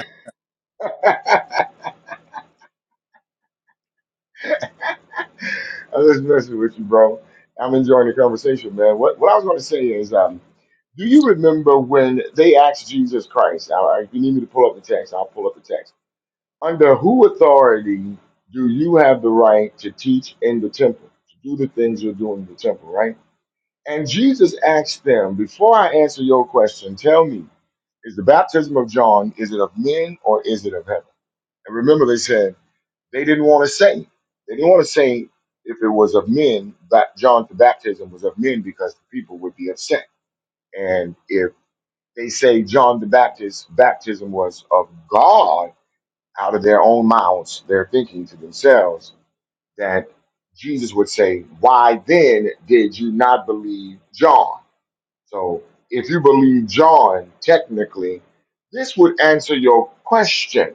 [SPEAKER 1] (laughs) I'm just messing with you, bro. I'm enjoying the conversation, man. What What I was going to say is, um, do you remember when they asked Jesus Christ? I, I- if you need me to pull up the text, I'll pull up the text. Under who authority do you have the right to teach in the temple, to do the things you're doing in the temple, right? And Jesus asked them, before I answer your question, tell me, is the baptism of John is it of men or is it of heaven? And remember, they said. They didn't want to say. They didn't want to say if it was of men that John the baptism was of men because the people would be upset. And if they say John the Baptist baptism was of God out of their own mouths, they're thinking to themselves that Jesus would say, Why then did you not believe John? So if you believe John, technically, this would answer your question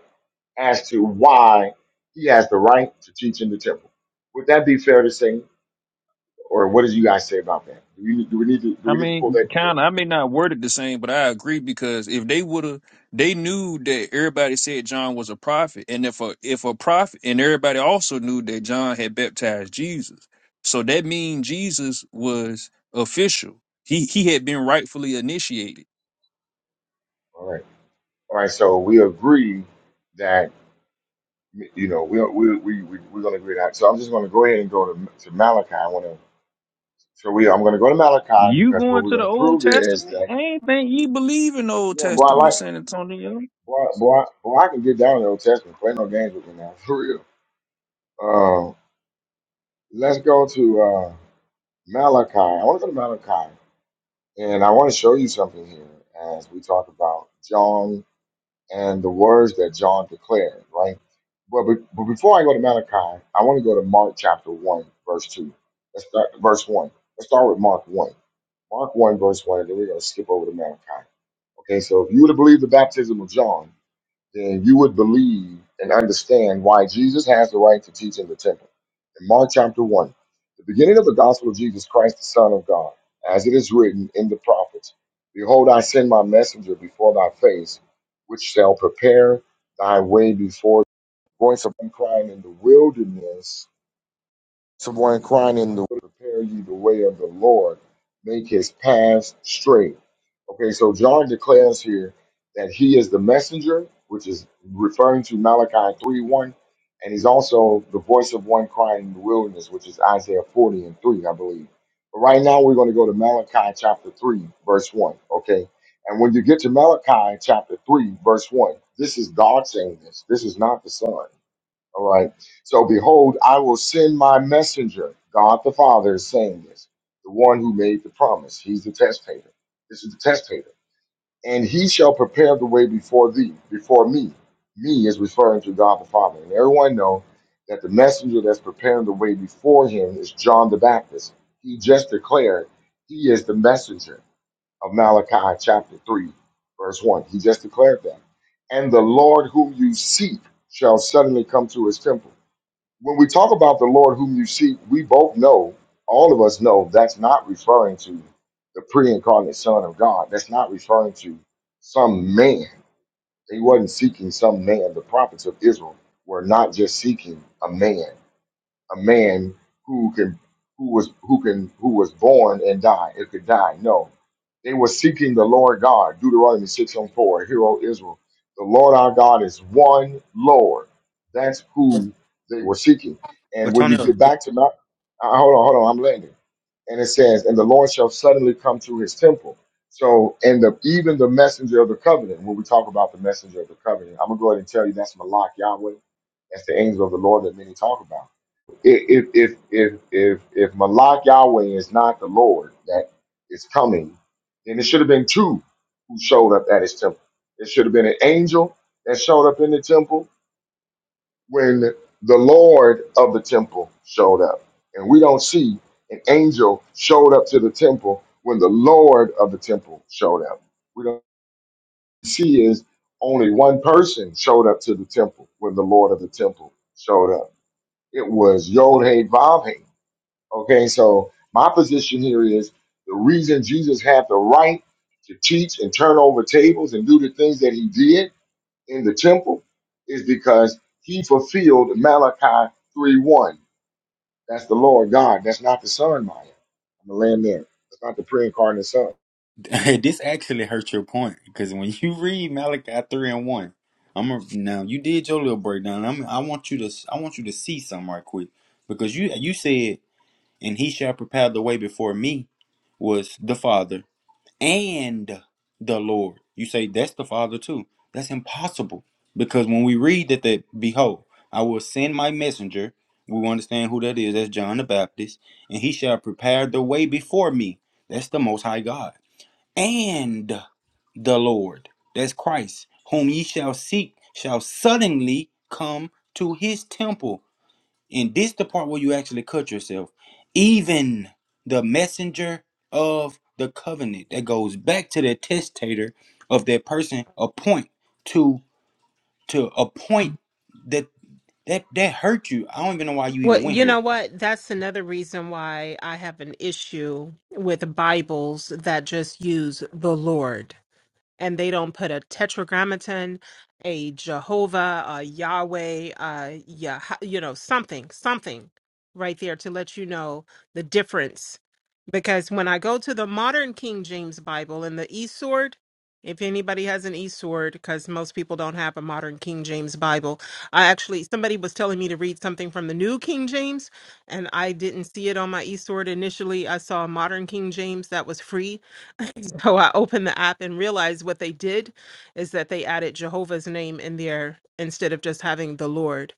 [SPEAKER 1] as to why he has the right to teach in the temple. Would that be fair to say, or what do you guys say about that? Do we, do we need to do
[SPEAKER 6] I
[SPEAKER 1] we need to pull
[SPEAKER 6] mean,
[SPEAKER 1] that, that?
[SPEAKER 6] kind of. I may not word it the same, but I agree because if they would have, they knew that everybody said John was a prophet, and if a if a prophet, and everybody also knew that John had baptized Jesus, so that means Jesus was official. He he had been rightfully initiated.
[SPEAKER 1] All right, all right. So we agree that you know we we we, we we're going to agree that. So I'm just going to go ahead and go to to Malachi. I want to. So we I'm going to go to Malachi
[SPEAKER 6] You
[SPEAKER 1] because what
[SPEAKER 6] going
[SPEAKER 1] we're
[SPEAKER 6] to
[SPEAKER 1] going
[SPEAKER 6] the
[SPEAKER 1] to
[SPEAKER 6] Old
[SPEAKER 1] prove here is
[SPEAKER 6] Testament?
[SPEAKER 1] that
[SPEAKER 6] I ain't think you believe in the Old
[SPEAKER 1] yeah, boy, I like
[SPEAKER 6] Testament, San Antonio.
[SPEAKER 1] boy, boy, boy, I can get down in the Old Testament. Play no games with me now, (laughs) for real. Uh, let's go to uh, Malachi. I want to go to Malachi. And I want to show you something here as we talk about John and the words that John declared, right? But, be- but before I go to Malachi, I want to go to Mark chapter 1, verse 2. Let's start verse 1. Let's start with Mark 1. Mark 1, verse 1, and then we're going to skip over to Malachi. Okay, so if you would have believed the baptism of John, then you would believe and understand why Jesus has the right to teach in the temple. In Mark chapter 1, the beginning of the gospel of Jesus Christ, the Son of God, as it is written in the prophets Behold, I send my messenger before thy face, which shall prepare thy way before the voice of one crying in the wilderness. Someone crying in the way, prepare you the way of the Lord, make his path straight. Okay, so John declares here that he is the messenger, which is referring to Malachi 3 1, and he's also the voice of one crying in the wilderness, which is Isaiah 40 and 3, I believe. But right now, we're going to go to Malachi chapter 3, verse 1. Okay, and when you get to Malachi chapter 3, verse 1, this is God saying this, this is not the Son. All right. So behold, I will send my messenger. God the Father is saying this. The one who made the promise. He's the testator. This is the testator. And he shall prepare the way before thee, before me. Me is referring to God the Father. And everyone know that the messenger that's preparing the way before him is John the Baptist. He just declared he is the messenger of Malachi chapter 3, verse 1. He just declared that. And the Lord whom you seek shall suddenly come to his temple when we talk about the Lord whom you seek, we both know, all of us know, that's not referring to the pre incarnate Son of God. That's not referring to some man. He wasn't seeking some man. The prophets of Israel were not just seeking a man, a man who can who was who can who was born and die it could die no they were seeking the lord god deuteronomy 6 and 4 hero israel the lord our god is one lord that's who they were seeking and
[SPEAKER 2] but
[SPEAKER 1] when you
[SPEAKER 2] Tonyo,
[SPEAKER 1] get back to Mount, uh, hold on hold on i'm landing and it says and the lord shall suddenly come through his temple so and the even the messenger of the covenant when we talk about the messenger of the covenant i'm gonna go ahead and tell you that's malak yahweh that's the angel of the lord that many talk about if if if if if Malak Yahweh is not the Lord that is coming, then it should have been two who showed up at his temple. It should have been an angel that showed up in the temple when the Lord of the temple showed up. And we don't see an angel showed up to the temple when the Lord of the temple showed up. We don't see is only one person showed up to the temple when the Lord of the temple showed up. It was Yod Hey Vav Hey. Okay, so my position here is the reason Jesus had the right to teach and turn over tables and do the things that he did in the temple is because he fulfilled Malachi 3 1. That's the Lord God. That's not the Son, Maya. I'm going to land there. That's not the pre incarnate Son.
[SPEAKER 2] (laughs) this actually hurts your point because when you read Malachi three and one, I'm a, now you did your little breakdown. I'm, I want you to I want you to see something right quick because you you said and he shall prepare the way before me was the Father. and the Lord. You say that's the Father too. That's impossible because when we read that, that behold, I will send my messenger. We understand who that is. That's John the Baptist, and he shall prepare the way before me. That's the Most High God and the Lord. That's Christ, whom ye shall seek, shall suddenly come to his temple and this the part where you actually cut yourself even the messenger of the covenant that goes back to the testator of that person appoint to to appoint that that that hurt you i don't even know why you even
[SPEAKER 7] Well,
[SPEAKER 2] went
[SPEAKER 7] you
[SPEAKER 2] here
[SPEAKER 7] know what? That's another reason why I have an issue with Bibles that just use the Lord. and they don't put a tetragrammaton, a Jehovah, a Yahweh, uh, yeah, you know, something, something right there to let you know the difference. Because when I go to the modern King James Bible and the eSword, if anybody has an eSword, because most people don't have a modern King James Bible, I actually, somebody was telling me to read something from the new King James, and I didn't see it on my eSword initially. I saw a modern King James that was free so I opened the app and realized what they did is that they added Jehovah's name in there instead of just having the Lord.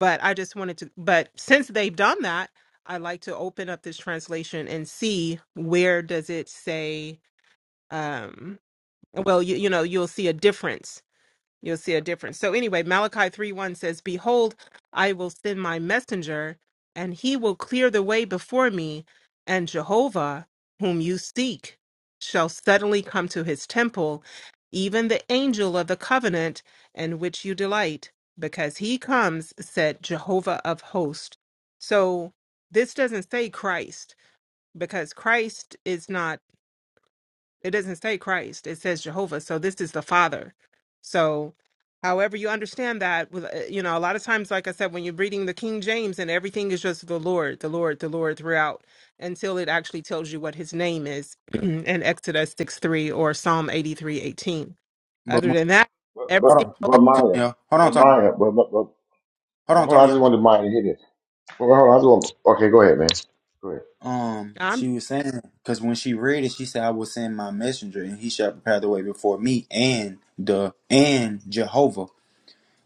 [SPEAKER 7] But I just wanted to, but since they've done that, I like to open up this translation and see where does it say, um, well, you, you know, you'll see a difference You'll see a difference. So anyway, Malachi 3 1 says, Behold, I will send my messenger, and he will clear the way before me, and Jehovah, whom you seek, shall suddenly come to his temple, even the angel of the covenant in which you delight, because he comes, said Jehovah of hosts. So this doesn't say Christ, because Christ is not it doesn't say Christ. It says Jehovah. So this is the Father. So however you understand that with uh, you know a lot of times like I said when you're reading the King James and everything is just the Lord, the Lord, the Lord throughout until it actually tells you what his name is (clears throat) in Exodus 6 3 or Psalm 83 18.
[SPEAKER 2] but
[SPEAKER 7] Other
[SPEAKER 2] my-
[SPEAKER 7] than that,
[SPEAKER 1] But,
[SPEAKER 2] hold on
[SPEAKER 7] everything
[SPEAKER 1] but, but
[SPEAKER 2] hold on
[SPEAKER 1] Maya,
[SPEAKER 2] Tonya. hold on
[SPEAKER 1] but
[SPEAKER 2] Tonya.
[SPEAKER 1] Maya, but, but, but,
[SPEAKER 2] hold
[SPEAKER 1] but
[SPEAKER 2] on
[SPEAKER 1] hold on. I just
[SPEAKER 2] Tonya.
[SPEAKER 1] wanted Maya to hit it. But hold on. I just want, okay, go ahead, man. Go ahead.
[SPEAKER 2] um
[SPEAKER 7] I'm
[SPEAKER 2] she was saying because when she read it she said i will send my messenger and he shall prepare the way before me and the and jehovah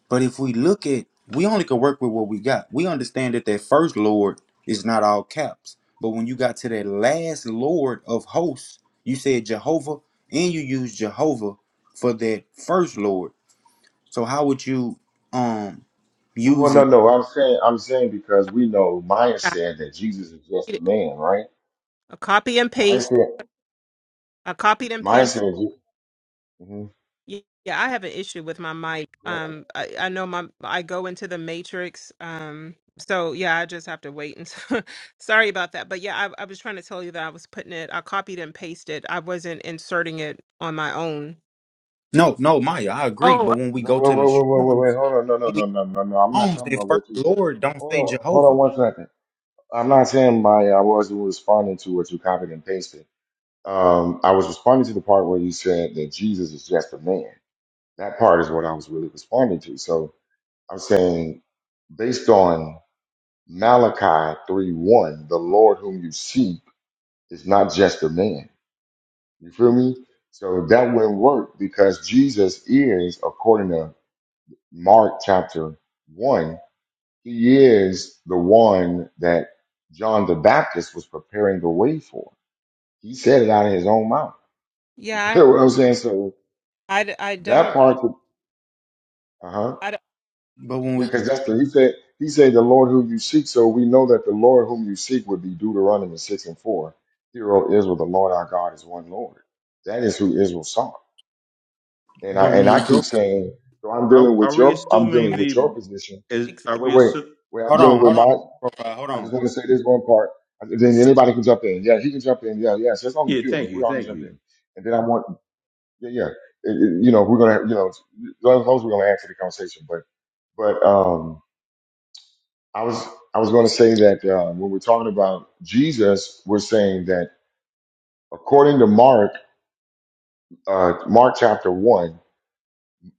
[SPEAKER 2] But if we look at, we only can work with what we got. We understand that that first Lord is not all caps. But when you got to that last Lord of hosts, you said Jehovah, and you use Jehovah for that first Lord. So how would you um
[SPEAKER 1] Well, well,
[SPEAKER 2] use
[SPEAKER 1] no,
[SPEAKER 2] it?
[SPEAKER 1] no. I'm saying, I'm saying because we know Maya
[SPEAKER 7] I
[SPEAKER 1] said that Jesus is just a man, right?
[SPEAKER 7] a copy and
[SPEAKER 1] Maya said,
[SPEAKER 7] paste. I copied and
[SPEAKER 1] Maya
[SPEAKER 7] pasted
[SPEAKER 1] said, mm-hmm.
[SPEAKER 7] Ye- Yeah, I have an issue with my mic.
[SPEAKER 1] but
[SPEAKER 7] Um, I, I know my I go into the matrix. Um, so yeah, I just have to wait. And (laughs) sorry about that. But yeah, I, I was trying to tell you that I was putting it. I copied and pasted. I wasn't inserting it on my own.
[SPEAKER 2] No, no, Maya, I agree.
[SPEAKER 7] Oh,
[SPEAKER 2] But when we
[SPEAKER 1] no,
[SPEAKER 2] go
[SPEAKER 1] wait,
[SPEAKER 2] to the
[SPEAKER 1] wait, wait, wait, wait,
[SPEAKER 2] Strong's,
[SPEAKER 1] wait, hold on, no, no,
[SPEAKER 2] when we
[SPEAKER 1] no, no, no, no. I'm not
[SPEAKER 2] Strong's,
[SPEAKER 1] talking
[SPEAKER 2] that
[SPEAKER 1] about
[SPEAKER 2] first
[SPEAKER 1] what you just.
[SPEAKER 2] Lord don't
[SPEAKER 1] Hold
[SPEAKER 2] say
[SPEAKER 1] on, hold on
[SPEAKER 2] Jehovah.
[SPEAKER 1] one second. I'm not saying Maya. I wasn't responding to what you copied and pasted. Um, I was responding to the part where you said that Jesus is just a man. That part is what I was really responding to. So I'm saying, based on Malachi three one, the Lord whom you seek It's not just a man. You feel me? So that wouldn't work because Jesus is, according to Mark chapter 1, he is the one that John the Baptist was preparing the way for. He said it out of his own mouth. (laughs) You
[SPEAKER 7] Yeah,
[SPEAKER 1] feel what I'm saying? So
[SPEAKER 7] I, I d- I
[SPEAKER 1] that
[SPEAKER 7] don't.
[SPEAKER 1] part, uh huh.
[SPEAKER 7] I don't.
[SPEAKER 2] But when
[SPEAKER 1] Yeah,
[SPEAKER 2] we,
[SPEAKER 1] because that's the, he said, he said, the Lord whom you seek. So we know that the Lord whom you seek would be Deuteronomy 6 and 4. Hear, O Israel, the Lord our God is one Lord. That is who Israel sought. And I
[SPEAKER 2] but when
[SPEAKER 1] and I
[SPEAKER 2] we
[SPEAKER 1] keep
[SPEAKER 2] go,
[SPEAKER 1] saying, so I'm
[SPEAKER 8] Are,
[SPEAKER 1] dealing
[SPEAKER 8] are
[SPEAKER 1] with
[SPEAKER 8] we
[SPEAKER 1] your I'm
[SPEAKER 8] assuming
[SPEAKER 1] dealing with
[SPEAKER 8] the
[SPEAKER 1] your position.
[SPEAKER 8] is
[SPEAKER 7] ex-
[SPEAKER 8] are
[SPEAKER 1] Wait,
[SPEAKER 8] we
[SPEAKER 1] wait,
[SPEAKER 8] assu-
[SPEAKER 1] wait, I'm
[SPEAKER 2] hold
[SPEAKER 1] dealing
[SPEAKER 2] on,
[SPEAKER 1] with
[SPEAKER 2] hold on,
[SPEAKER 1] mine.
[SPEAKER 2] profile, hold
[SPEAKER 1] I just
[SPEAKER 2] on,
[SPEAKER 1] want to say this one part. And Then anybody can jump in. Yeah, he can jump in. Yeah, yeah. So it's only a
[SPEAKER 8] yeah,
[SPEAKER 1] few of
[SPEAKER 8] thank
[SPEAKER 1] us. We
[SPEAKER 8] you,
[SPEAKER 1] all can
[SPEAKER 8] thank
[SPEAKER 1] jump
[SPEAKER 8] you.
[SPEAKER 1] in. And then I want, yeah, yeah. It- it- you know, we're gonna, you know, those those we're gonna add to the conversation. But but um, I was I was gonna say that uh, when we're talking about Jesus, we're saying that according to Mark, uh, Mark chapter one,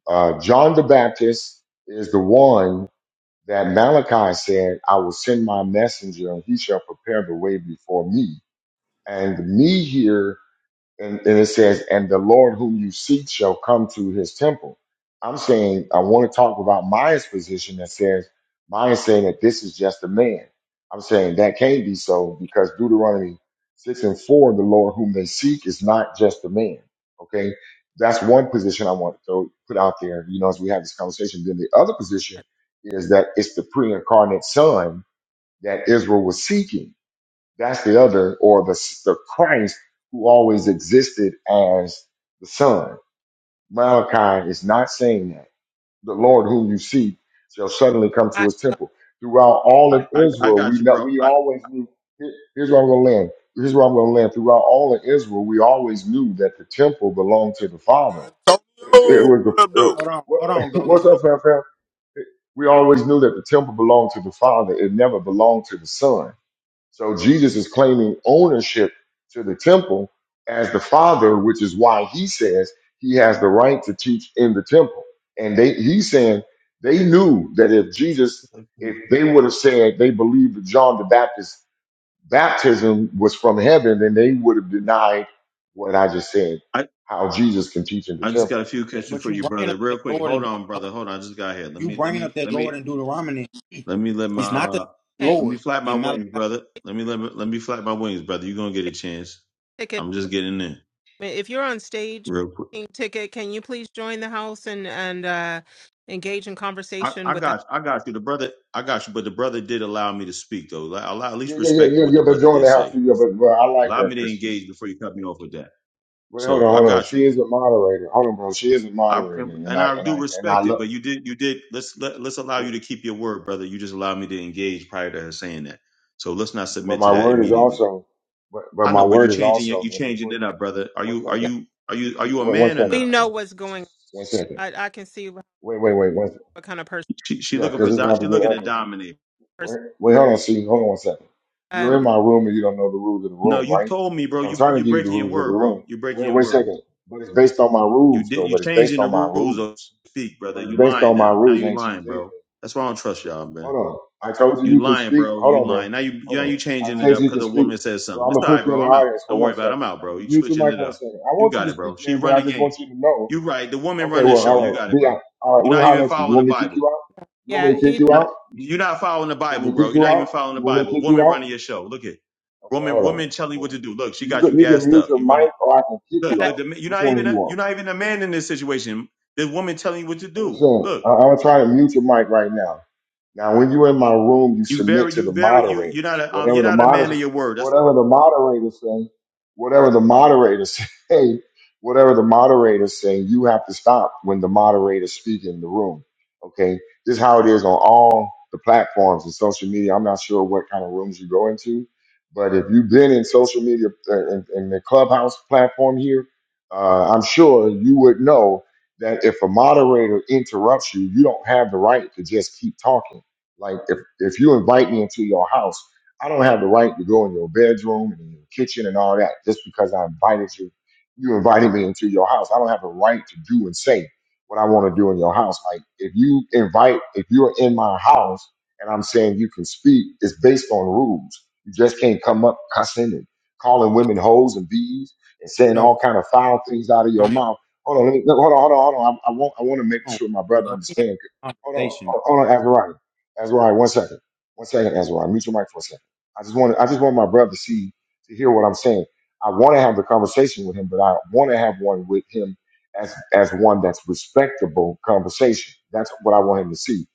[SPEAKER 1] uh, John the Baptist is the one that Malachi said, I will send my messenger and he shall prepare the way before me. And the me here and, and it says, "And the Lord whom you seek shall come to His temple." I'm saying I want to talk about Maya's position that says Maya's saying that this is just a man. I'm saying that can't be so because Deuteronomy six and four, the Lord whom they seek is not just a man. Okay, that's one position I want to throw, put out there. You know, as we have this conversation, then the other position is that it's the pre-incarnate Son that Israel was seeking that's the other, or the, the Christ who always existed as the Son. Malachi is not saying that. The Lord whom you seek shall suddenly come to
[SPEAKER 7] I,
[SPEAKER 1] his temple. Throughout all
[SPEAKER 8] I,
[SPEAKER 1] of
[SPEAKER 8] I, I
[SPEAKER 1] Israel,
[SPEAKER 8] got
[SPEAKER 1] we
[SPEAKER 8] you,
[SPEAKER 1] know,
[SPEAKER 8] bro.
[SPEAKER 1] we
[SPEAKER 8] I,
[SPEAKER 1] always knew. here- Here's where I'm going to land. Here's where I'm going to land. Throughout all of Israel, we always knew that the temple belonged to the Father. It
[SPEAKER 9] Antonio,
[SPEAKER 1] was the,
[SPEAKER 9] what up,
[SPEAKER 1] it,
[SPEAKER 9] though?
[SPEAKER 2] hold on,
[SPEAKER 1] what,
[SPEAKER 2] hold on,
[SPEAKER 1] (laughs)
[SPEAKER 2] Governor,
[SPEAKER 1] what's
[SPEAKER 2] hold on.
[SPEAKER 1] up, fam, fam? We always knew that the temple belonged to the Father. It never belonged to the Son so Jesus is claiming ownership to the temple as the Father, which is why he says he has the right to teach in the temple. And they he's saying they knew that if Jesus, if they would have said they believed that John the Baptist baptism was from heaven, then they would have denied what I just said,
[SPEAKER 8] I
[SPEAKER 1] how Jesus can teach in the
[SPEAKER 8] I just
[SPEAKER 1] temple.
[SPEAKER 8] got a few questions
[SPEAKER 2] But
[SPEAKER 8] for
[SPEAKER 2] you
[SPEAKER 8] you,
[SPEAKER 2] bringing
[SPEAKER 8] brother.
[SPEAKER 2] up that
[SPEAKER 8] Real quick.
[SPEAKER 2] Lord and
[SPEAKER 8] Hold on, brother. Hold on. I just got here. Let
[SPEAKER 2] you
[SPEAKER 8] me let
[SPEAKER 2] bringing up
[SPEAKER 8] me
[SPEAKER 2] that
[SPEAKER 8] let
[SPEAKER 2] Lord
[SPEAKER 8] me
[SPEAKER 2] in Deuteronomy,
[SPEAKER 8] let me let my
[SPEAKER 2] it's not the
[SPEAKER 8] uh,
[SPEAKER 2] same
[SPEAKER 7] okay,
[SPEAKER 8] let me
[SPEAKER 2] Lord
[SPEAKER 8] flap my
[SPEAKER 2] in Malachi,
[SPEAKER 8] wings, brother. Let me let me let me flap my wings, brother. You're gonna get a chance.
[SPEAKER 7] ticket.
[SPEAKER 8] I'm just getting in
[SPEAKER 7] If you're on stage,
[SPEAKER 8] real quick.
[SPEAKER 7] pink ticket, can you please join the house and and uh, engage in
[SPEAKER 8] I,
[SPEAKER 7] conversation
[SPEAKER 8] I
[SPEAKER 7] with the?
[SPEAKER 8] got I got you. The brother I got you, but the brother did allow me to speak though. Like, allow at
[SPEAKER 1] Yeah,
[SPEAKER 8] least
[SPEAKER 1] yeah, yeah,
[SPEAKER 8] respect
[SPEAKER 1] yeah,
[SPEAKER 8] what the
[SPEAKER 1] yeah, but
[SPEAKER 8] brother
[SPEAKER 1] join
[SPEAKER 8] did
[SPEAKER 1] the house
[SPEAKER 8] say.
[SPEAKER 1] too. Yeah, but well, I like
[SPEAKER 8] Allow
[SPEAKER 1] her
[SPEAKER 8] me to
[SPEAKER 1] because she,
[SPEAKER 8] engage
[SPEAKER 1] she.
[SPEAKER 8] before you cut me off with that.
[SPEAKER 1] Wait, hold
[SPEAKER 8] So
[SPEAKER 1] on,
[SPEAKER 8] I
[SPEAKER 1] hold on.
[SPEAKER 8] got you.
[SPEAKER 1] She is a moderator. Hold on, bro. She is a
[SPEAKER 8] I,
[SPEAKER 1] moderator, and
[SPEAKER 8] and
[SPEAKER 1] I
[SPEAKER 8] I
[SPEAKER 1] and
[SPEAKER 8] do
[SPEAKER 1] I and I
[SPEAKER 8] respect it,
[SPEAKER 1] love.
[SPEAKER 8] but you did, you did. Let's let, let's allow
[SPEAKER 1] Wait,
[SPEAKER 8] you to keep your word, brother. You just allowed me to engage prior to her saying that, so let's not
[SPEAKER 1] but
[SPEAKER 8] submit to
[SPEAKER 1] my
[SPEAKER 8] that
[SPEAKER 1] word is
[SPEAKER 8] immediately.
[SPEAKER 1] also, but, but
[SPEAKER 8] I
[SPEAKER 1] my
[SPEAKER 8] know, but you
[SPEAKER 1] word is
[SPEAKER 8] changing it,
[SPEAKER 1] also
[SPEAKER 8] you
[SPEAKER 1] but
[SPEAKER 8] changing
[SPEAKER 1] before.
[SPEAKER 8] it up, brother. Are
[SPEAKER 1] One
[SPEAKER 8] you are
[SPEAKER 1] second.
[SPEAKER 8] you are you are you a
[SPEAKER 1] Wait, one
[SPEAKER 8] man or
[SPEAKER 1] second.
[SPEAKER 7] We
[SPEAKER 8] not,
[SPEAKER 7] know
[SPEAKER 8] bro?
[SPEAKER 7] what's going.
[SPEAKER 1] One second.
[SPEAKER 7] I I can see what
[SPEAKER 1] Wait, wait, wait. One. second.
[SPEAKER 7] kind of
[SPEAKER 8] She she
[SPEAKER 1] Yeah,
[SPEAKER 8] looking for
[SPEAKER 1] because it's
[SPEAKER 8] do,
[SPEAKER 1] about to
[SPEAKER 8] she
[SPEAKER 1] get
[SPEAKER 8] looking to
[SPEAKER 1] ugly.
[SPEAKER 8] dominate.
[SPEAKER 7] person.
[SPEAKER 1] Wait, wait, hold on, see, hold on one second. You're
[SPEAKER 7] Um,
[SPEAKER 1] in my room and you don't know the rules of the
[SPEAKER 8] No,
[SPEAKER 1] room,
[SPEAKER 8] you
[SPEAKER 1] right?
[SPEAKER 8] told me, bro.
[SPEAKER 1] So I'm
[SPEAKER 8] You
[SPEAKER 1] trying to
[SPEAKER 8] you
[SPEAKER 1] give you the
[SPEAKER 8] breaking your
[SPEAKER 1] rules of the
[SPEAKER 8] word, bro.
[SPEAKER 1] room.
[SPEAKER 8] You breaking
[SPEAKER 1] Wait,
[SPEAKER 8] your
[SPEAKER 1] wait a
[SPEAKER 8] word.
[SPEAKER 1] second. But it's based on my
[SPEAKER 8] You
[SPEAKER 1] rules,
[SPEAKER 8] did
[SPEAKER 1] though.
[SPEAKER 8] you
[SPEAKER 1] But it's based
[SPEAKER 8] changing the
[SPEAKER 1] on my
[SPEAKER 8] rules of
[SPEAKER 1] rules.
[SPEAKER 8] speak, brother.
[SPEAKER 1] But it's
[SPEAKER 8] You
[SPEAKER 1] based
[SPEAKER 8] lying
[SPEAKER 1] on my
[SPEAKER 8] now. Now
[SPEAKER 1] rules.
[SPEAKER 8] you
[SPEAKER 1] Ain't changed
[SPEAKER 8] lying,
[SPEAKER 1] anything.
[SPEAKER 8] bro. That's why I don't trust y'all, man.
[SPEAKER 1] Hold on. I told you
[SPEAKER 8] You
[SPEAKER 1] you can
[SPEAKER 8] lying,
[SPEAKER 1] speak.
[SPEAKER 8] bro.
[SPEAKER 1] Hold
[SPEAKER 8] You
[SPEAKER 1] on,
[SPEAKER 8] lying.
[SPEAKER 1] bro.
[SPEAKER 8] Now you
[SPEAKER 1] Hold
[SPEAKER 8] now
[SPEAKER 1] on.
[SPEAKER 8] you
[SPEAKER 1] I
[SPEAKER 8] changing it
[SPEAKER 1] said
[SPEAKER 8] up
[SPEAKER 1] you
[SPEAKER 8] because
[SPEAKER 1] can
[SPEAKER 8] a
[SPEAKER 1] speak.
[SPEAKER 8] woman says
[SPEAKER 1] Bro,
[SPEAKER 8] something.
[SPEAKER 1] I'm
[SPEAKER 8] It's
[SPEAKER 1] gonna
[SPEAKER 8] all right,
[SPEAKER 1] put you in
[SPEAKER 8] bro.
[SPEAKER 1] the
[SPEAKER 8] I'm out.
[SPEAKER 1] audience for
[SPEAKER 8] Don't worry
[SPEAKER 1] one
[SPEAKER 8] about it.
[SPEAKER 1] second.
[SPEAKER 8] I'm out,
[SPEAKER 1] Now,
[SPEAKER 8] bro. You
[SPEAKER 1] just mute your
[SPEAKER 8] switching
[SPEAKER 1] mic
[SPEAKER 8] it
[SPEAKER 1] for one
[SPEAKER 8] up.
[SPEAKER 1] second. I
[SPEAKER 8] You
[SPEAKER 1] want you
[SPEAKER 8] got
[SPEAKER 1] to
[SPEAKER 8] it, bro.
[SPEAKER 1] speak,
[SPEAKER 8] She
[SPEAKER 1] man, but
[SPEAKER 8] run
[SPEAKER 1] I
[SPEAKER 8] the
[SPEAKER 1] just want
[SPEAKER 8] game.
[SPEAKER 1] you to know.
[SPEAKER 8] You right. The woman
[SPEAKER 1] Okay,
[SPEAKER 8] run the
[SPEAKER 1] well,
[SPEAKER 8] show.
[SPEAKER 1] all
[SPEAKER 8] You
[SPEAKER 1] right.
[SPEAKER 8] got it,
[SPEAKER 1] Be out.
[SPEAKER 8] bro.
[SPEAKER 1] All right,
[SPEAKER 8] You're
[SPEAKER 1] we'll
[SPEAKER 8] not even
[SPEAKER 1] holler at you. You
[SPEAKER 8] following the
[SPEAKER 1] want me to kick
[SPEAKER 8] Bible.
[SPEAKER 1] you out? You want
[SPEAKER 7] yeah,
[SPEAKER 1] me to kick
[SPEAKER 7] he's
[SPEAKER 1] you
[SPEAKER 8] Not
[SPEAKER 1] out?
[SPEAKER 8] you're not following the
[SPEAKER 1] You want
[SPEAKER 8] Bible,
[SPEAKER 1] me to
[SPEAKER 8] bro.
[SPEAKER 1] kick
[SPEAKER 8] You're
[SPEAKER 1] you
[SPEAKER 8] not
[SPEAKER 1] out?
[SPEAKER 8] even following the
[SPEAKER 1] You want me to
[SPEAKER 8] Bible.
[SPEAKER 1] kick you
[SPEAKER 8] Woman
[SPEAKER 1] out?
[SPEAKER 8] running your show. Look at
[SPEAKER 1] Okay,
[SPEAKER 8] woman.
[SPEAKER 1] hold on.
[SPEAKER 8] Woman telling you
[SPEAKER 1] Hold
[SPEAKER 8] what to
[SPEAKER 1] on.
[SPEAKER 8] do. Look, she
[SPEAKER 1] You
[SPEAKER 8] got you
[SPEAKER 1] can you can
[SPEAKER 8] gassed
[SPEAKER 1] mute
[SPEAKER 8] up.
[SPEAKER 1] your
[SPEAKER 8] You running.
[SPEAKER 1] mic or I can kick
[SPEAKER 8] Look,
[SPEAKER 1] you
[SPEAKER 7] got
[SPEAKER 8] look.
[SPEAKER 1] out.
[SPEAKER 8] The, you're
[SPEAKER 1] Which
[SPEAKER 8] not
[SPEAKER 1] one
[SPEAKER 8] even
[SPEAKER 1] do you
[SPEAKER 8] a, you're
[SPEAKER 1] want?
[SPEAKER 8] not even a man in this situation. The woman telling you what to
[SPEAKER 1] I'm just
[SPEAKER 8] do.
[SPEAKER 1] saying.
[SPEAKER 8] Look,
[SPEAKER 1] I- I'm gonna try to mute your mic right now. Now, when you're in my room, you
[SPEAKER 8] you
[SPEAKER 1] submit
[SPEAKER 8] very
[SPEAKER 1] to
[SPEAKER 8] you
[SPEAKER 1] the
[SPEAKER 8] very you you're not
[SPEAKER 1] moderators.
[SPEAKER 8] a um, you're
[SPEAKER 1] Whatever the
[SPEAKER 8] not a man
[SPEAKER 1] moderators,
[SPEAKER 8] of your word. That's
[SPEAKER 1] whatever the moderators say, whatever the moderators (laughs) say, whatever the moderators say, you have to stop when the moderators speak in the room. Okay, this is how it is on all the platforms and social media. I'm not sure what kind of rooms you go into, but if you've been in social media uh, in, in the clubhouse platform here, uh, I'm sure you would know that if a moderator interrupts you, you don't have the right to just keep talking like if if you invite me into your house, I don't have the right to go in your bedroom and in your kitchen and all that just because I invited you. You invited me into your house. I don't have the right to do and say what I want to do in your house. Like if you invite, if you're in my house and I'm saying you can speak, it's based on rules. You just can't come up cussing and calling
[SPEAKER 2] but
[SPEAKER 1] women hoes and bees and saying
[SPEAKER 2] no,
[SPEAKER 1] all kind of foul things out of your
[SPEAKER 2] Antonio.
[SPEAKER 1] mouth. Hold on, let me, hold on, hold on, hold on. I, I want I want to make
[SPEAKER 2] come on.
[SPEAKER 1] sure my
[SPEAKER 2] You
[SPEAKER 1] brother
[SPEAKER 2] know, we had
[SPEAKER 1] understands.
[SPEAKER 2] a
[SPEAKER 1] Hold on,
[SPEAKER 2] conversation.
[SPEAKER 1] hold on, Azariah. Azariah, one second. One second, Azariah. Mute your mic for a second. I just want I just want my brother to see to hear what I'm saying. I want to have the conversation with him, but I want to have one with him as as one that's respectable conversation. That's what I want him to see.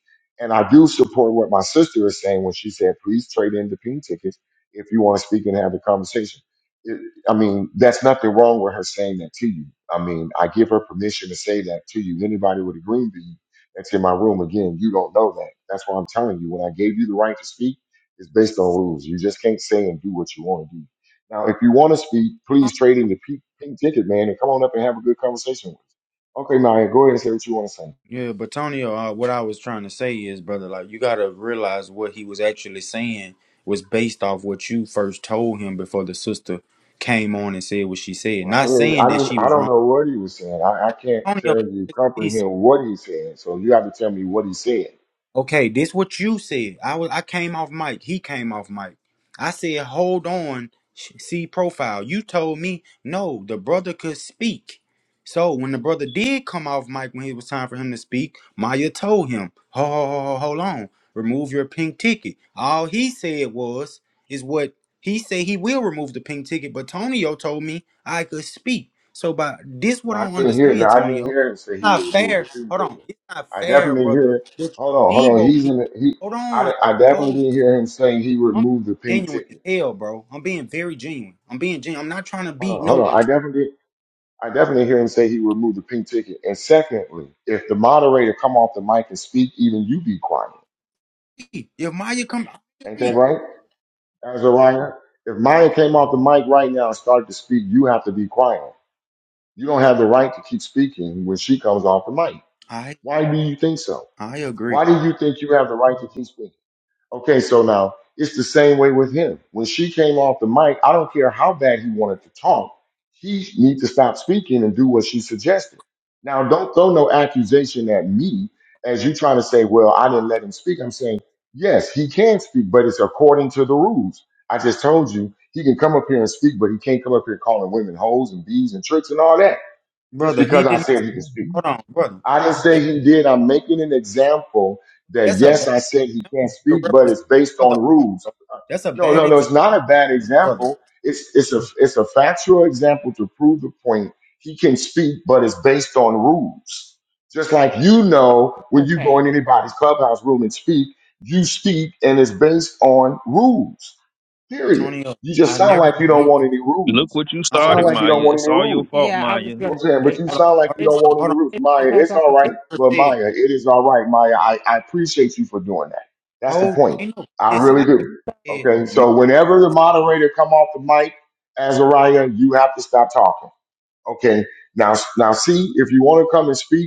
[SPEAKER 1] And I do support what my sister is saying when she said, please trade in the pink tickets if you want to speak and have the conversation. It, I mean, that's nothing wrong with her saying that to you. I mean, I give her permission to say that to you. Anybody with a green bean that's in my room again. You don't know that. That's why I'm telling you. When I gave you the right to speak, it's based on rules. You just can't say and do what you want to do. Now, if you want to speak, please trade in your pe- pink ticket, man, and come on up and have a good conversation with us. Okay, Maya, go ahead and say what you want to say.
[SPEAKER 2] Yeah, but Antonio, uh, what I was trying to say is, brother, like you gotta realize what he was actually saying was based off what you first told him before the sister came on and said what she said.
[SPEAKER 1] Well, I
[SPEAKER 2] Not
[SPEAKER 1] mean, I
[SPEAKER 2] saying that
[SPEAKER 1] don't,
[SPEAKER 2] she
[SPEAKER 1] I
[SPEAKER 2] was
[SPEAKER 1] don't
[SPEAKER 2] wrong.
[SPEAKER 1] know what he was saying. I, I can't
[SPEAKER 2] Antonio,
[SPEAKER 1] tell you comprehend what he said. So you have to tell me what he said.
[SPEAKER 2] Okay, this what you said. I was I came off mic. He came off mic. I said, hold on, sh- see profile. You told me no, the brother could speak. So when the brother did come off mic when it was time for him to speak, Maya told him, ho, ho, ho, ho, hold on, remove your pink ticket. All he said was, is what he said he will remove the pink ticket, but Tonio told me I could speak. So by this what
[SPEAKER 1] No,
[SPEAKER 2] I
[SPEAKER 1] I
[SPEAKER 2] don't
[SPEAKER 1] didn't hear. No,
[SPEAKER 2] understand,
[SPEAKER 1] I didn't
[SPEAKER 2] Tonio.
[SPEAKER 1] hear him say
[SPEAKER 2] It's
[SPEAKER 1] he
[SPEAKER 2] not
[SPEAKER 1] would remove
[SPEAKER 2] fair.
[SPEAKER 1] the three
[SPEAKER 2] Hold on.
[SPEAKER 1] tickets.
[SPEAKER 2] It's not
[SPEAKER 1] I
[SPEAKER 2] fair,
[SPEAKER 1] definitely didn't
[SPEAKER 2] brother
[SPEAKER 1] hear. Hold on, hold on.
[SPEAKER 2] Debo
[SPEAKER 1] He's
[SPEAKER 2] people.
[SPEAKER 1] in. The, he.
[SPEAKER 2] Hold
[SPEAKER 1] I,
[SPEAKER 2] on.
[SPEAKER 1] I definitely
[SPEAKER 2] Hold.
[SPEAKER 1] didn't hear him saying he
[SPEAKER 2] I'm
[SPEAKER 1] removed the pink
[SPEAKER 2] genuine as
[SPEAKER 1] ticket.
[SPEAKER 2] hell, bro. I'm being very genuine. I'm being genuine. I'm not trying to
[SPEAKER 1] Hold
[SPEAKER 2] be
[SPEAKER 1] on, hold
[SPEAKER 2] no
[SPEAKER 1] on. I definitely, I definitely hear him say he removed the pink ticket. And secondly, if the moderator come off the mic and speak, even you be quiet.
[SPEAKER 2] T. If Maya come, I
[SPEAKER 1] Ain't that
[SPEAKER 2] agree.
[SPEAKER 1] right, Azariah? If Maya came off the mic right now and started to speak, you have to be quiet. You don't have the right to keep speaking when she comes off the mic.
[SPEAKER 2] I
[SPEAKER 1] Why do you think so?
[SPEAKER 2] I agree,
[SPEAKER 1] Why do you think you have the right to keep speaking? Okay, so now it's the same way with him. When she came off the mic, I don't care how bad he wanted to talk, he needs to stop speaking and do what she suggested. Now, don't throw no accusation at me as you trying to say, well, I didn't let him speak. I'm saying, yes, he can speak, but it's according to the rules. I just told you he can come up here and speak, but he can't come up here calling women hoes and bees and tricks and all that just
[SPEAKER 2] brother. He
[SPEAKER 1] because I
[SPEAKER 2] did not.
[SPEAKER 1] said he can speak.
[SPEAKER 2] Hold on, brother.
[SPEAKER 1] I didn't say
[SPEAKER 2] Well,
[SPEAKER 1] he did. I'm making an example that
[SPEAKER 2] That's a
[SPEAKER 1] yes,
[SPEAKER 2] bad
[SPEAKER 1] I said he can't
[SPEAKER 2] to
[SPEAKER 1] speak, but
[SPEAKER 2] represent
[SPEAKER 1] it's
[SPEAKER 2] the
[SPEAKER 1] based
[SPEAKER 2] brother.
[SPEAKER 1] on
[SPEAKER 2] on.
[SPEAKER 1] rules.
[SPEAKER 2] That's a
[SPEAKER 1] No,
[SPEAKER 2] bad
[SPEAKER 1] no, no.
[SPEAKER 2] example,
[SPEAKER 1] It's not a bad
[SPEAKER 2] brother.
[SPEAKER 1] example. It's it's a it's a factual example to prove the point. He can speak, but it's based on rules. Just like you know, when you go
[SPEAKER 7] okay.
[SPEAKER 1] in anybody's clubhouse room and speak, you speak, and it's based on rules. Period.
[SPEAKER 2] Tonyo,
[SPEAKER 1] You just
[SPEAKER 2] I
[SPEAKER 1] sound
[SPEAKER 2] never.
[SPEAKER 1] like you don't
[SPEAKER 2] You
[SPEAKER 1] want any
[SPEAKER 6] Look
[SPEAKER 1] rules.
[SPEAKER 6] what you
[SPEAKER 1] You
[SPEAKER 2] no. Hold
[SPEAKER 1] sound
[SPEAKER 6] started,
[SPEAKER 1] like you
[SPEAKER 6] Maya.
[SPEAKER 1] don't want
[SPEAKER 6] It's
[SPEAKER 1] any
[SPEAKER 6] all
[SPEAKER 1] rules.
[SPEAKER 6] your fault,
[SPEAKER 7] Yeah, I was
[SPEAKER 6] Maya.
[SPEAKER 1] You know
[SPEAKER 7] gonna
[SPEAKER 1] what I'm saying, but
[SPEAKER 7] say
[SPEAKER 1] you
[SPEAKER 7] uh,
[SPEAKER 2] on. Hold
[SPEAKER 1] sound like
[SPEAKER 2] on.
[SPEAKER 1] you
[SPEAKER 7] it's
[SPEAKER 1] don't
[SPEAKER 2] Hold on.
[SPEAKER 1] want
[SPEAKER 2] Hold
[SPEAKER 1] any
[SPEAKER 2] on.
[SPEAKER 1] roots,
[SPEAKER 7] it's
[SPEAKER 1] Maya.
[SPEAKER 7] because
[SPEAKER 1] It's
[SPEAKER 7] I'm a
[SPEAKER 1] all right,
[SPEAKER 7] fe-
[SPEAKER 2] Never
[SPEAKER 1] but
[SPEAKER 2] said.
[SPEAKER 1] Maya, it is all right, Maya. I, I appreciate you for doing that. That's the
[SPEAKER 2] Hold.
[SPEAKER 1] point.
[SPEAKER 2] Ain't no.
[SPEAKER 1] I
[SPEAKER 2] Listen.
[SPEAKER 1] really
[SPEAKER 2] I never
[SPEAKER 1] do.
[SPEAKER 2] said.
[SPEAKER 1] Okay,
[SPEAKER 2] My,
[SPEAKER 1] so whenever the moderator come off the mic, Azariah, you have to stop talking. Okay, now now see if you want to come and speak.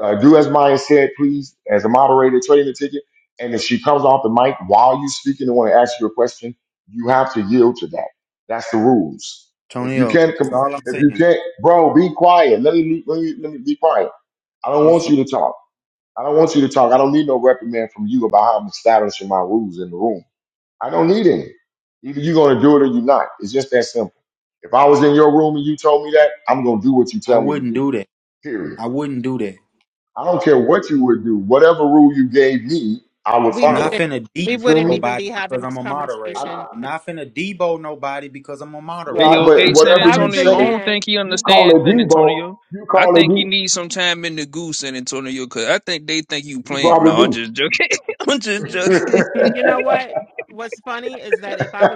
[SPEAKER 1] Uh, do as Maya said, please, as a moderator, trading the ticket. And if she comes off the mic while you're speaking and want to ask you a question, you have to yield to that. That's the rules. If you
[SPEAKER 2] Tonyo.
[SPEAKER 1] can't,
[SPEAKER 2] Is
[SPEAKER 1] com-
[SPEAKER 2] all I'm
[SPEAKER 1] if you
[SPEAKER 2] saying.
[SPEAKER 1] can't, bro, be quiet. Let me, let me, let me be quiet. I don't
[SPEAKER 2] You
[SPEAKER 1] want
[SPEAKER 2] so.
[SPEAKER 1] you to talk. I don't want you to talk. I don't need no reprimand from you about how I'm establishing my rules in the room. I don't need any. Either you're going to do it or you're not. It's just that simple. If I was in your room and you told me that, I'm going to do what you
[SPEAKER 2] I
[SPEAKER 1] tell me to
[SPEAKER 2] wouldn't
[SPEAKER 1] do.
[SPEAKER 2] do that.
[SPEAKER 1] Period.
[SPEAKER 2] I wouldn't do that.
[SPEAKER 1] I don't care what you would do. Whatever rule you gave me, I would
[SPEAKER 7] we
[SPEAKER 2] I'm not
[SPEAKER 1] follow.
[SPEAKER 7] wouldn't
[SPEAKER 2] finna debo
[SPEAKER 7] we
[SPEAKER 1] You feel
[SPEAKER 7] wouldn't
[SPEAKER 1] me?
[SPEAKER 7] even
[SPEAKER 2] nobody
[SPEAKER 7] be
[SPEAKER 2] because
[SPEAKER 7] having
[SPEAKER 2] I'm
[SPEAKER 7] this
[SPEAKER 2] a moderator.
[SPEAKER 7] conversation
[SPEAKER 1] I,
[SPEAKER 2] I'm
[SPEAKER 7] if
[SPEAKER 2] not finna debo nobody because I'm a
[SPEAKER 1] yeah,
[SPEAKER 6] Hey,
[SPEAKER 7] if,
[SPEAKER 2] moderator.
[SPEAKER 1] I-
[SPEAKER 6] yo,
[SPEAKER 1] but
[SPEAKER 6] hey, San
[SPEAKER 7] if
[SPEAKER 1] whatever
[SPEAKER 7] I
[SPEAKER 1] you
[SPEAKER 7] was a
[SPEAKER 6] Antonio, I
[SPEAKER 1] say,
[SPEAKER 6] don't
[SPEAKER 7] man.
[SPEAKER 6] think he
[SPEAKER 1] you call
[SPEAKER 6] understands
[SPEAKER 1] it
[SPEAKER 6] San
[SPEAKER 1] Debo,
[SPEAKER 6] Antonio.
[SPEAKER 1] you
[SPEAKER 6] I
[SPEAKER 1] call it
[SPEAKER 6] think he
[SPEAKER 1] D,
[SPEAKER 6] needs some time in the goose, San Antonio, because I think they think you
[SPEAKER 1] you
[SPEAKER 6] playing.
[SPEAKER 1] probably
[SPEAKER 6] No, I'm
[SPEAKER 1] do.
[SPEAKER 6] just joking. (laughs) I'm just
[SPEAKER 7] e-
[SPEAKER 1] (laughs)
[SPEAKER 6] joking. (laughs)
[SPEAKER 7] You know what? What's funny is that if I was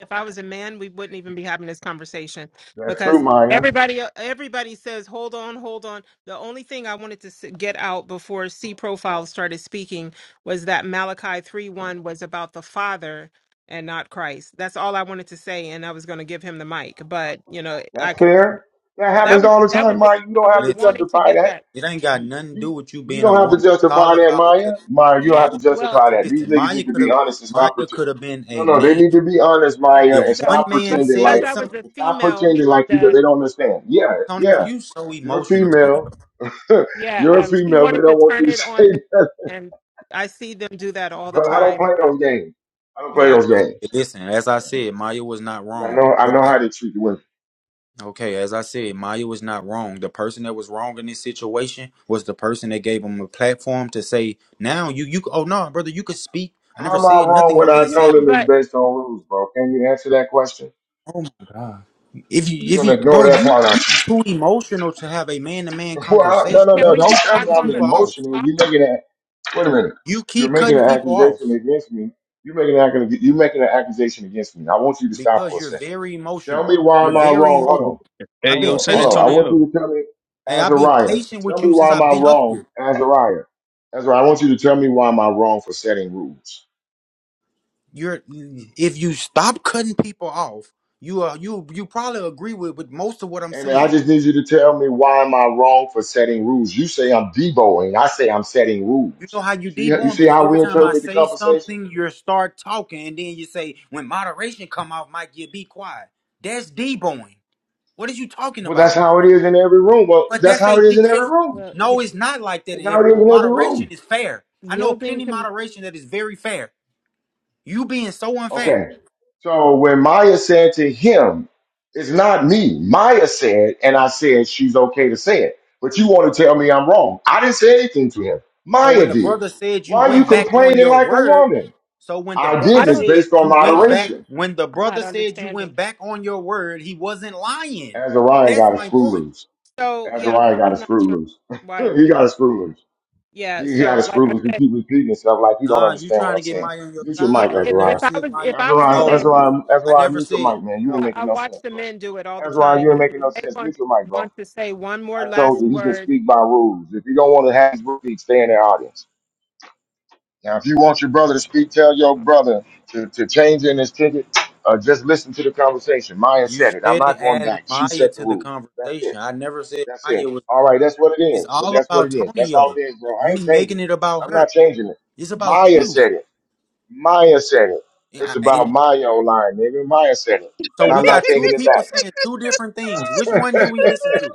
[SPEAKER 7] if I was a man, we wouldn't even be having this conversation
[SPEAKER 1] That's true,
[SPEAKER 7] because
[SPEAKER 1] Maya.
[SPEAKER 7] everybody uh, everybody says, "Hold on, hold on." The only thing I wanted to s- get out before C profile started speaking was that Malachi three one was about the Father and not Christ. That's all I wanted to say and I was going to give him the mic, but you know, I
[SPEAKER 1] That's
[SPEAKER 7] could
[SPEAKER 1] fair. That
[SPEAKER 7] that
[SPEAKER 1] happens
[SPEAKER 7] was
[SPEAKER 1] all the
[SPEAKER 7] that
[SPEAKER 1] time,
[SPEAKER 7] was it.
[SPEAKER 1] Maya. You
[SPEAKER 7] I
[SPEAKER 1] don't have
[SPEAKER 7] was
[SPEAKER 1] to
[SPEAKER 2] Listen,
[SPEAKER 7] wanting to
[SPEAKER 1] justify
[SPEAKER 7] get
[SPEAKER 1] that.
[SPEAKER 7] that.
[SPEAKER 2] it ain't got
[SPEAKER 1] You,
[SPEAKER 2] nothing to do
[SPEAKER 1] you,
[SPEAKER 2] with you
[SPEAKER 1] you
[SPEAKER 2] being a
[SPEAKER 1] don't have to
[SPEAKER 2] woman. It's all
[SPEAKER 1] justify that,
[SPEAKER 2] about what it
[SPEAKER 1] Maya. Maya, you don't
[SPEAKER 7] Yeah.
[SPEAKER 1] have
[SPEAKER 2] no,
[SPEAKER 1] to
[SPEAKER 7] Well,
[SPEAKER 1] justify
[SPEAKER 2] because
[SPEAKER 1] that. These
[SPEAKER 2] listen,
[SPEAKER 1] niggas
[SPEAKER 2] Maya
[SPEAKER 1] need to
[SPEAKER 2] could
[SPEAKER 1] be
[SPEAKER 2] have
[SPEAKER 1] honest and stop
[SPEAKER 2] Maya
[SPEAKER 1] pretending.
[SPEAKER 2] could have been
[SPEAKER 1] No,
[SPEAKER 2] a
[SPEAKER 1] no, they
[SPEAKER 2] man.
[SPEAKER 1] need to be honest,
[SPEAKER 7] yeah.
[SPEAKER 1] Maya,
[SPEAKER 2] If
[SPEAKER 1] and
[SPEAKER 7] So,
[SPEAKER 2] one
[SPEAKER 1] stop
[SPEAKER 7] but
[SPEAKER 2] man
[SPEAKER 1] pretending
[SPEAKER 7] because
[SPEAKER 1] like
[SPEAKER 2] said
[SPEAKER 7] I
[SPEAKER 2] something,
[SPEAKER 7] was a
[SPEAKER 1] stop
[SPEAKER 7] female, he
[SPEAKER 1] pretending like you don't-
[SPEAKER 7] the
[SPEAKER 1] they don't understand. Yeah,
[SPEAKER 2] Antonio,
[SPEAKER 1] yeah.
[SPEAKER 2] you so
[SPEAKER 1] You're a
[SPEAKER 2] emotional, Antonio.
[SPEAKER 1] female. (laughs)
[SPEAKER 7] Yeah,
[SPEAKER 1] You're a
[SPEAKER 7] um, she
[SPEAKER 1] female. They
[SPEAKER 7] wanted to
[SPEAKER 1] don't want
[SPEAKER 7] turn
[SPEAKER 1] you to (laughs)
[SPEAKER 7] it
[SPEAKER 1] say
[SPEAKER 7] on them,
[SPEAKER 1] that.
[SPEAKER 7] and I see them do that all the
[SPEAKER 1] But I don't
[SPEAKER 7] time.
[SPEAKER 1] play
[SPEAKER 7] Um,
[SPEAKER 1] those games. I don't play
[SPEAKER 7] yeah,
[SPEAKER 1] those
[SPEAKER 2] Okay,
[SPEAKER 1] games.
[SPEAKER 2] listen, as I said, Maya was not
[SPEAKER 1] I
[SPEAKER 2] wrong.
[SPEAKER 1] know I
[SPEAKER 2] What
[SPEAKER 1] know how they treat the women.
[SPEAKER 2] Okay, as I said, Maya was not wrong. The person that was wrong in this situation was the person that gave him a platform to say, "Now you you oh no, brother, you could speak." I never
[SPEAKER 1] How am I
[SPEAKER 2] said
[SPEAKER 1] wrong
[SPEAKER 2] nothing.
[SPEAKER 1] when I
[SPEAKER 2] Maya
[SPEAKER 7] yeah,
[SPEAKER 1] told
[SPEAKER 2] said,
[SPEAKER 1] them it's
[SPEAKER 7] but
[SPEAKER 1] based on rules, bro? Can you answer that question?
[SPEAKER 2] "Oh, if you
[SPEAKER 1] You're
[SPEAKER 2] if
[SPEAKER 1] gonna
[SPEAKER 2] you
[SPEAKER 1] ignore
[SPEAKER 2] bro,
[SPEAKER 1] that
[SPEAKER 2] you
[SPEAKER 1] part aren't
[SPEAKER 2] you
[SPEAKER 1] you? (laughs)
[SPEAKER 2] too emotional to have a man to man
[SPEAKER 1] Well,
[SPEAKER 7] can,
[SPEAKER 1] no,
[SPEAKER 2] conversation.
[SPEAKER 1] no,
[SPEAKER 7] can
[SPEAKER 2] You
[SPEAKER 1] no.
[SPEAKER 7] we
[SPEAKER 1] Don't
[SPEAKER 7] get
[SPEAKER 2] keep
[SPEAKER 1] tell
[SPEAKER 7] back
[SPEAKER 1] me
[SPEAKER 2] cutting
[SPEAKER 1] I'm
[SPEAKER 7] on
[SPEAKER 2] people
[SPEAKER 7] the
[SPEAKER 2] off.
[SPEAKER 1] emotional. You're
[SPEAKER 7] topic?
[SPEAKER 1] making that. Wait a minute.
[SPEAKER 2] You
[SPEAKER 1] You're
[SPEAKER 2] keep
[SPEAKER 1] making
[SPEAKER 2] cutting
[SPEAKER 1] an
[SPEAKER 2] people
[SPEAKER 1] accusation
[SPEAKER 2] off
[SPEAKER 1] against me. You're making an accusation. You're making an accusation against me. I want you to stop
[SPEAKER 2] because
[SPEAKER 1] for a
[SPEAKER 2] you're
[SPEAKER 1] second.
[SPEAKER 2] very
[SPEAKER 1] Tell
[SPEAKER 2] emotional.
[SPEAKER 1] me why
[SPEAKER 2] You're
[SPEAKER 1] am I
[SPEAKER 2] very
[SPEAKER 1] wrong?
[SPEAKER 2] emotional.
[SPEAKER 1] Hold on.
[SPEAKER 6] hey,
[SPEAKER 2] I've
[SPEAKER 1] Hold
[SPEAKER 2] been
[SPEAKER 6] yo,
[SPEAKER 1] on,
[SPEAKER 6] San
[SPEAKER 1] hold
[SPEAKER 2] patient
[SPEAKER 1] on. I
[SPEAKER 2] with. you.
[SPEAKER 1] want
[SPEAKER 6] Antonio.
[SPEAKER 1] you to tell me,
[SPEAKER 2] Hey, I've been
[SPEAKER 1] Azariah.
[SPEAKER 2] patient
[SPEAKER 1] Tell
[SPEAKER 2] with
[SPEAKER 1] me
[SPEAKER 2] you since
[SPEAKER 1] why am
[SPEAKER 2] I've
[SPEAKER 1] I
[SPEAKER 2] been up here.
[SPEAKER 1] wrong, Azariah? Azariah, I want you to tell me why am I wrong for setting rules.
[SPEAKER 2] you're if you stop cutting people off, you are you you probably agree with with most of what I'm
[SPEAKER 1] Amen. I
[SPEAKER 2] saying.
[SPEAKER 1] just need you to tell me why am I wrong for setting rules. You say I'm deboing. I say I'm setting
[SPEAKER 2] You know
[SPEAKER 1] rules.
[SPEAKER 2] how you
[SPEAKER 1] See, you
[SPEAKER 2] deborn
[SPEAKER 1] see
[SPEAKER 2] because
[SPEAKER 1] how
[SPEAKER 2] every
[SPEAKER 1] we
[SPEAKER 2] time I
[SPEAKER 1] interpret the
[SPEAKER 2] say
[SPEAKER 1] conversation?
[SPEAKER 2] something, you start talking, and then you say, "When moderation come off, Mike, you be quiet." That's deborn. What are you talking
[SPEAKER 1] Well, that's
[SPEAKER 2] about?
[SPEAKER 1] how it is in every room. Well,
[SPEAKER 2] But
[SPEAKER 1] that's
[SPEAKER 2] that's
[SPEAKER 1] how
[SPEAKER 2] a
[SPEAKER 1] it is in every
[SPEAKER 2] that's
[SPEAKER 1] room.
[SPEAKER 7] Well,
[SPEAKER 2] no,
[SPEAKER 7] yeah,
[SPEAKER 2] it's not like that
[SPEAKER 1] That's
[SPEAKER 2] in
[SPEAKER 1] how it
[SPEAKER 2] every
[SPEAKER 1] is
[SPEAKER 2] room.
[SPEAKER 1] in every room.
[SPEAKER 2] Moderation is fair. I know
[SPEAKER 7] yielding
[SPEAKER 2] plenty of
[SPEAKER 7] to
[SPEAKER 2] moderation that is very fair. You being so unfair.
[SPEAKER 1] Okay. So when Maya said to him, it's not me. Maya said, and I said she's okay to say it. But you want to tell me I'm wrong. I didn't say anything to him.
[SPEAKER 2] So when
[SPEAKER 1] Maya
[SPEAKER 2] the
[SPEAKER 1] did.
[SPEAKER 2] brother said you
[SPEAKER 1] Why are you
[SPEAKER 2] went back on
[SPEAKER 1] complaining
[SPEAKER 2] your
[SPEAKER 1] like a
[SPEAKER 2] word,
[SPEAKER 1] woman?
[SPEAKER 2] so when the
[SPEAKER 1] I
[SPEAKER 2] brother
[SPEAKER 7] I
[SPEAKER 1] did this
[SPEAKER 7] don't,
[SPEAKER 2] said
[SPEAKER 1] based on
[SPEAKER 2] you
[SPEAKER 7] I
[SPEAKER 2] went
[SPEAKER 7] don't under,
[SPEAKER 2] back,
[SPEAKER 1] moderation.
[SPEAKER 2] when the
[SPEAKER 7] I'm
[SPEAKER 2] brother
[SPEAKER 7] not
[SPEAKER 2] said you went
[SPEAKER 7] understanding.
[SPEAKER 2] back on your word, he wasn't lying.
[SPEAKER 1] Azariah
[SPEAKER 2] That's
[SPEAKER 1] got a
[SPEAKER 2] my
[SPEAKER 1] screw
[SPEAKER 2] point.
[SPEAKER 1] loose.
[SPEAKER 7] So yeah, I'm
[SPEAKER 1] Azariah
[SPEAKER 7] not,
[SPEAKER 1] got a
[SPEAKER 7] I'm not
[SPEAKER 1] screw
[SPEAKER 7] sure
[SPEAKER 1] loose.
[SPEAKER 7] why.
[SPEAKER 1] (laughs) he
[SPEAKER 7] It,
[SPEAKER 1] got a screw loose.
[SPEAKER 7] yeah,
[SPEAKER 1] He got a
[SPEAKER 7] so like
[SPEAKER 1] screw
[SPEAKER 7] I
[SPEAKER 1] loose. He
[SPEAKER 7] said,
[SPEAKER 1] keep repeating himself like he don't
[SPEAKER 2] Nah, you
[SPEAKER 1] understand
[SPEAKER 2] trying
[SPEAKER 1] what I'm
[SPEAKER 2] to get
[SPEAKER 1] saying.
[SPEAKER 2] Maya on your
[SPEAKER 1] Mute your
[SPEAKER 2] side
[SPEAKER 1] mic,
[SPEAKER 7] yeah,
[SPEAKER 2] when I
[SPEAKER 7] if
[SPEAKER 2] never
[SPEAKER 7] if
[SPEAKER 1] Azariah.
[SPEAKER 7] I
[SPEAKER 2] said
[SPEAKER 7] was
[SPEAKER 2] Maya.
[SPEAKER 7] if I was a
[SPEAKER 1] Azariah,
[SPEAKER 7] man,
[SPEAKER 2] No,
[SPEAKER 1] Azariah,
[SPEAKER 2] I
[SPEAKER 1] Azariah,
[SPEAKER 2] never
[SPEAKER 1] mute your
[SPEAKER 2] said
[SPEAKER 1] mic, man. You ain't
[SPEAKER 2] no.
[SPEAKER 7] I, I
[SPEAKER 1] making no
[SPEAKER 7] watch
[SPEAKER 1] sense,
[SPEAKER 7] the
[SPEAKER 1] bro.
[SPEAKER 7] men do it all the
[SPEAKER 1] That's why you
[SPEAKER 7] time.
[SPEAKER 1] ain't
[SPEAKER 7] If,
[SPEAKER 1] making
[SPEAKER 7] if
[SPEAKER 1] no
[SPEAKER 7] they
[SPEAKER 1] sense. Mute
[SPEAKER 7] want
[SPEAKER 1] your mic, bro.
[SPEAKER 7] want to say one more
[SPEAKER 1] I told
[SPEAKER 7] last
[SPEAKER 1] you he can
[SPEAKER 7] word,
[SPEAKER 1] speak by rules. If you don't want to have his rules, speak, stay in the audience. Now, if you want your brother to speak, tell your brother to, to change in his ticket. Uh, just listen to the conversation. Maya
[SPEAKER 2] You
[SPEAKER 1] said it. I'm
[SPEAKER 2] steady
[SPEAKER 1] not going
[SPEAKER 2] adding
[SPEAKER 1] back. She
[SPEAKER 2] Maya
[SPEAKER 1] set the
[SPEAKER 2] to the
[SPEAKER 1] rule. That's it.
[SPEAKER 2] conversation. I never said
[SPEAKER 1] That's it.
[SPEAKER 2] Maya was.
[SPEAKER 1] All right, that's what it
[SPEAKER 2] It's
[SPEAKER 1] is. But
[SPEAKER 2] all
[SPEAKER 1] that's what
[SPEAKER 2] about
[SPEAKER 1] it is. That's all
[SPEAKER 2] Tonio.
[SPEAKER 1] it is, bro. I
[SPEAKER 2] You
[SPEAKER 1] ain't changing
[SPEAKER 2] making
[SPEAKER 1] it.
[SPEAKER 2] it about
[SPEAKER 1] I'm not
[SPEAKER 2] her.
[SPEAKER 1] changing it.
[SPEAKER 2] It's about
[SPEAKER 1] Maya
[SPEAKER 2] you.
[SPEAKER 1] said it. Maya said it.
[SPEAKER 2] And
[SPEAKER 1] It's
[SPEAKER 2] I-
[SPEAKER 1] about
[SPEAKER 2] and
[SPEAKER 1] Maya online, nigga. Maya said it.
[SPEAKER 2] so
[SPEAKER 1] And
[SPEAKER 2] we
[SPEAKER 6] (laughs)
[SPEAKER 1] I'm not
[SPEAKER 2] got two
[SPEAKER 1] taking it
[SPEAKER 2] people
[SPEAKER 1] back.
[SPEAKER 2] saying two different things. Which one
[SPEAKER 1] (laughs)
[SPEAKER 2] do we listen to?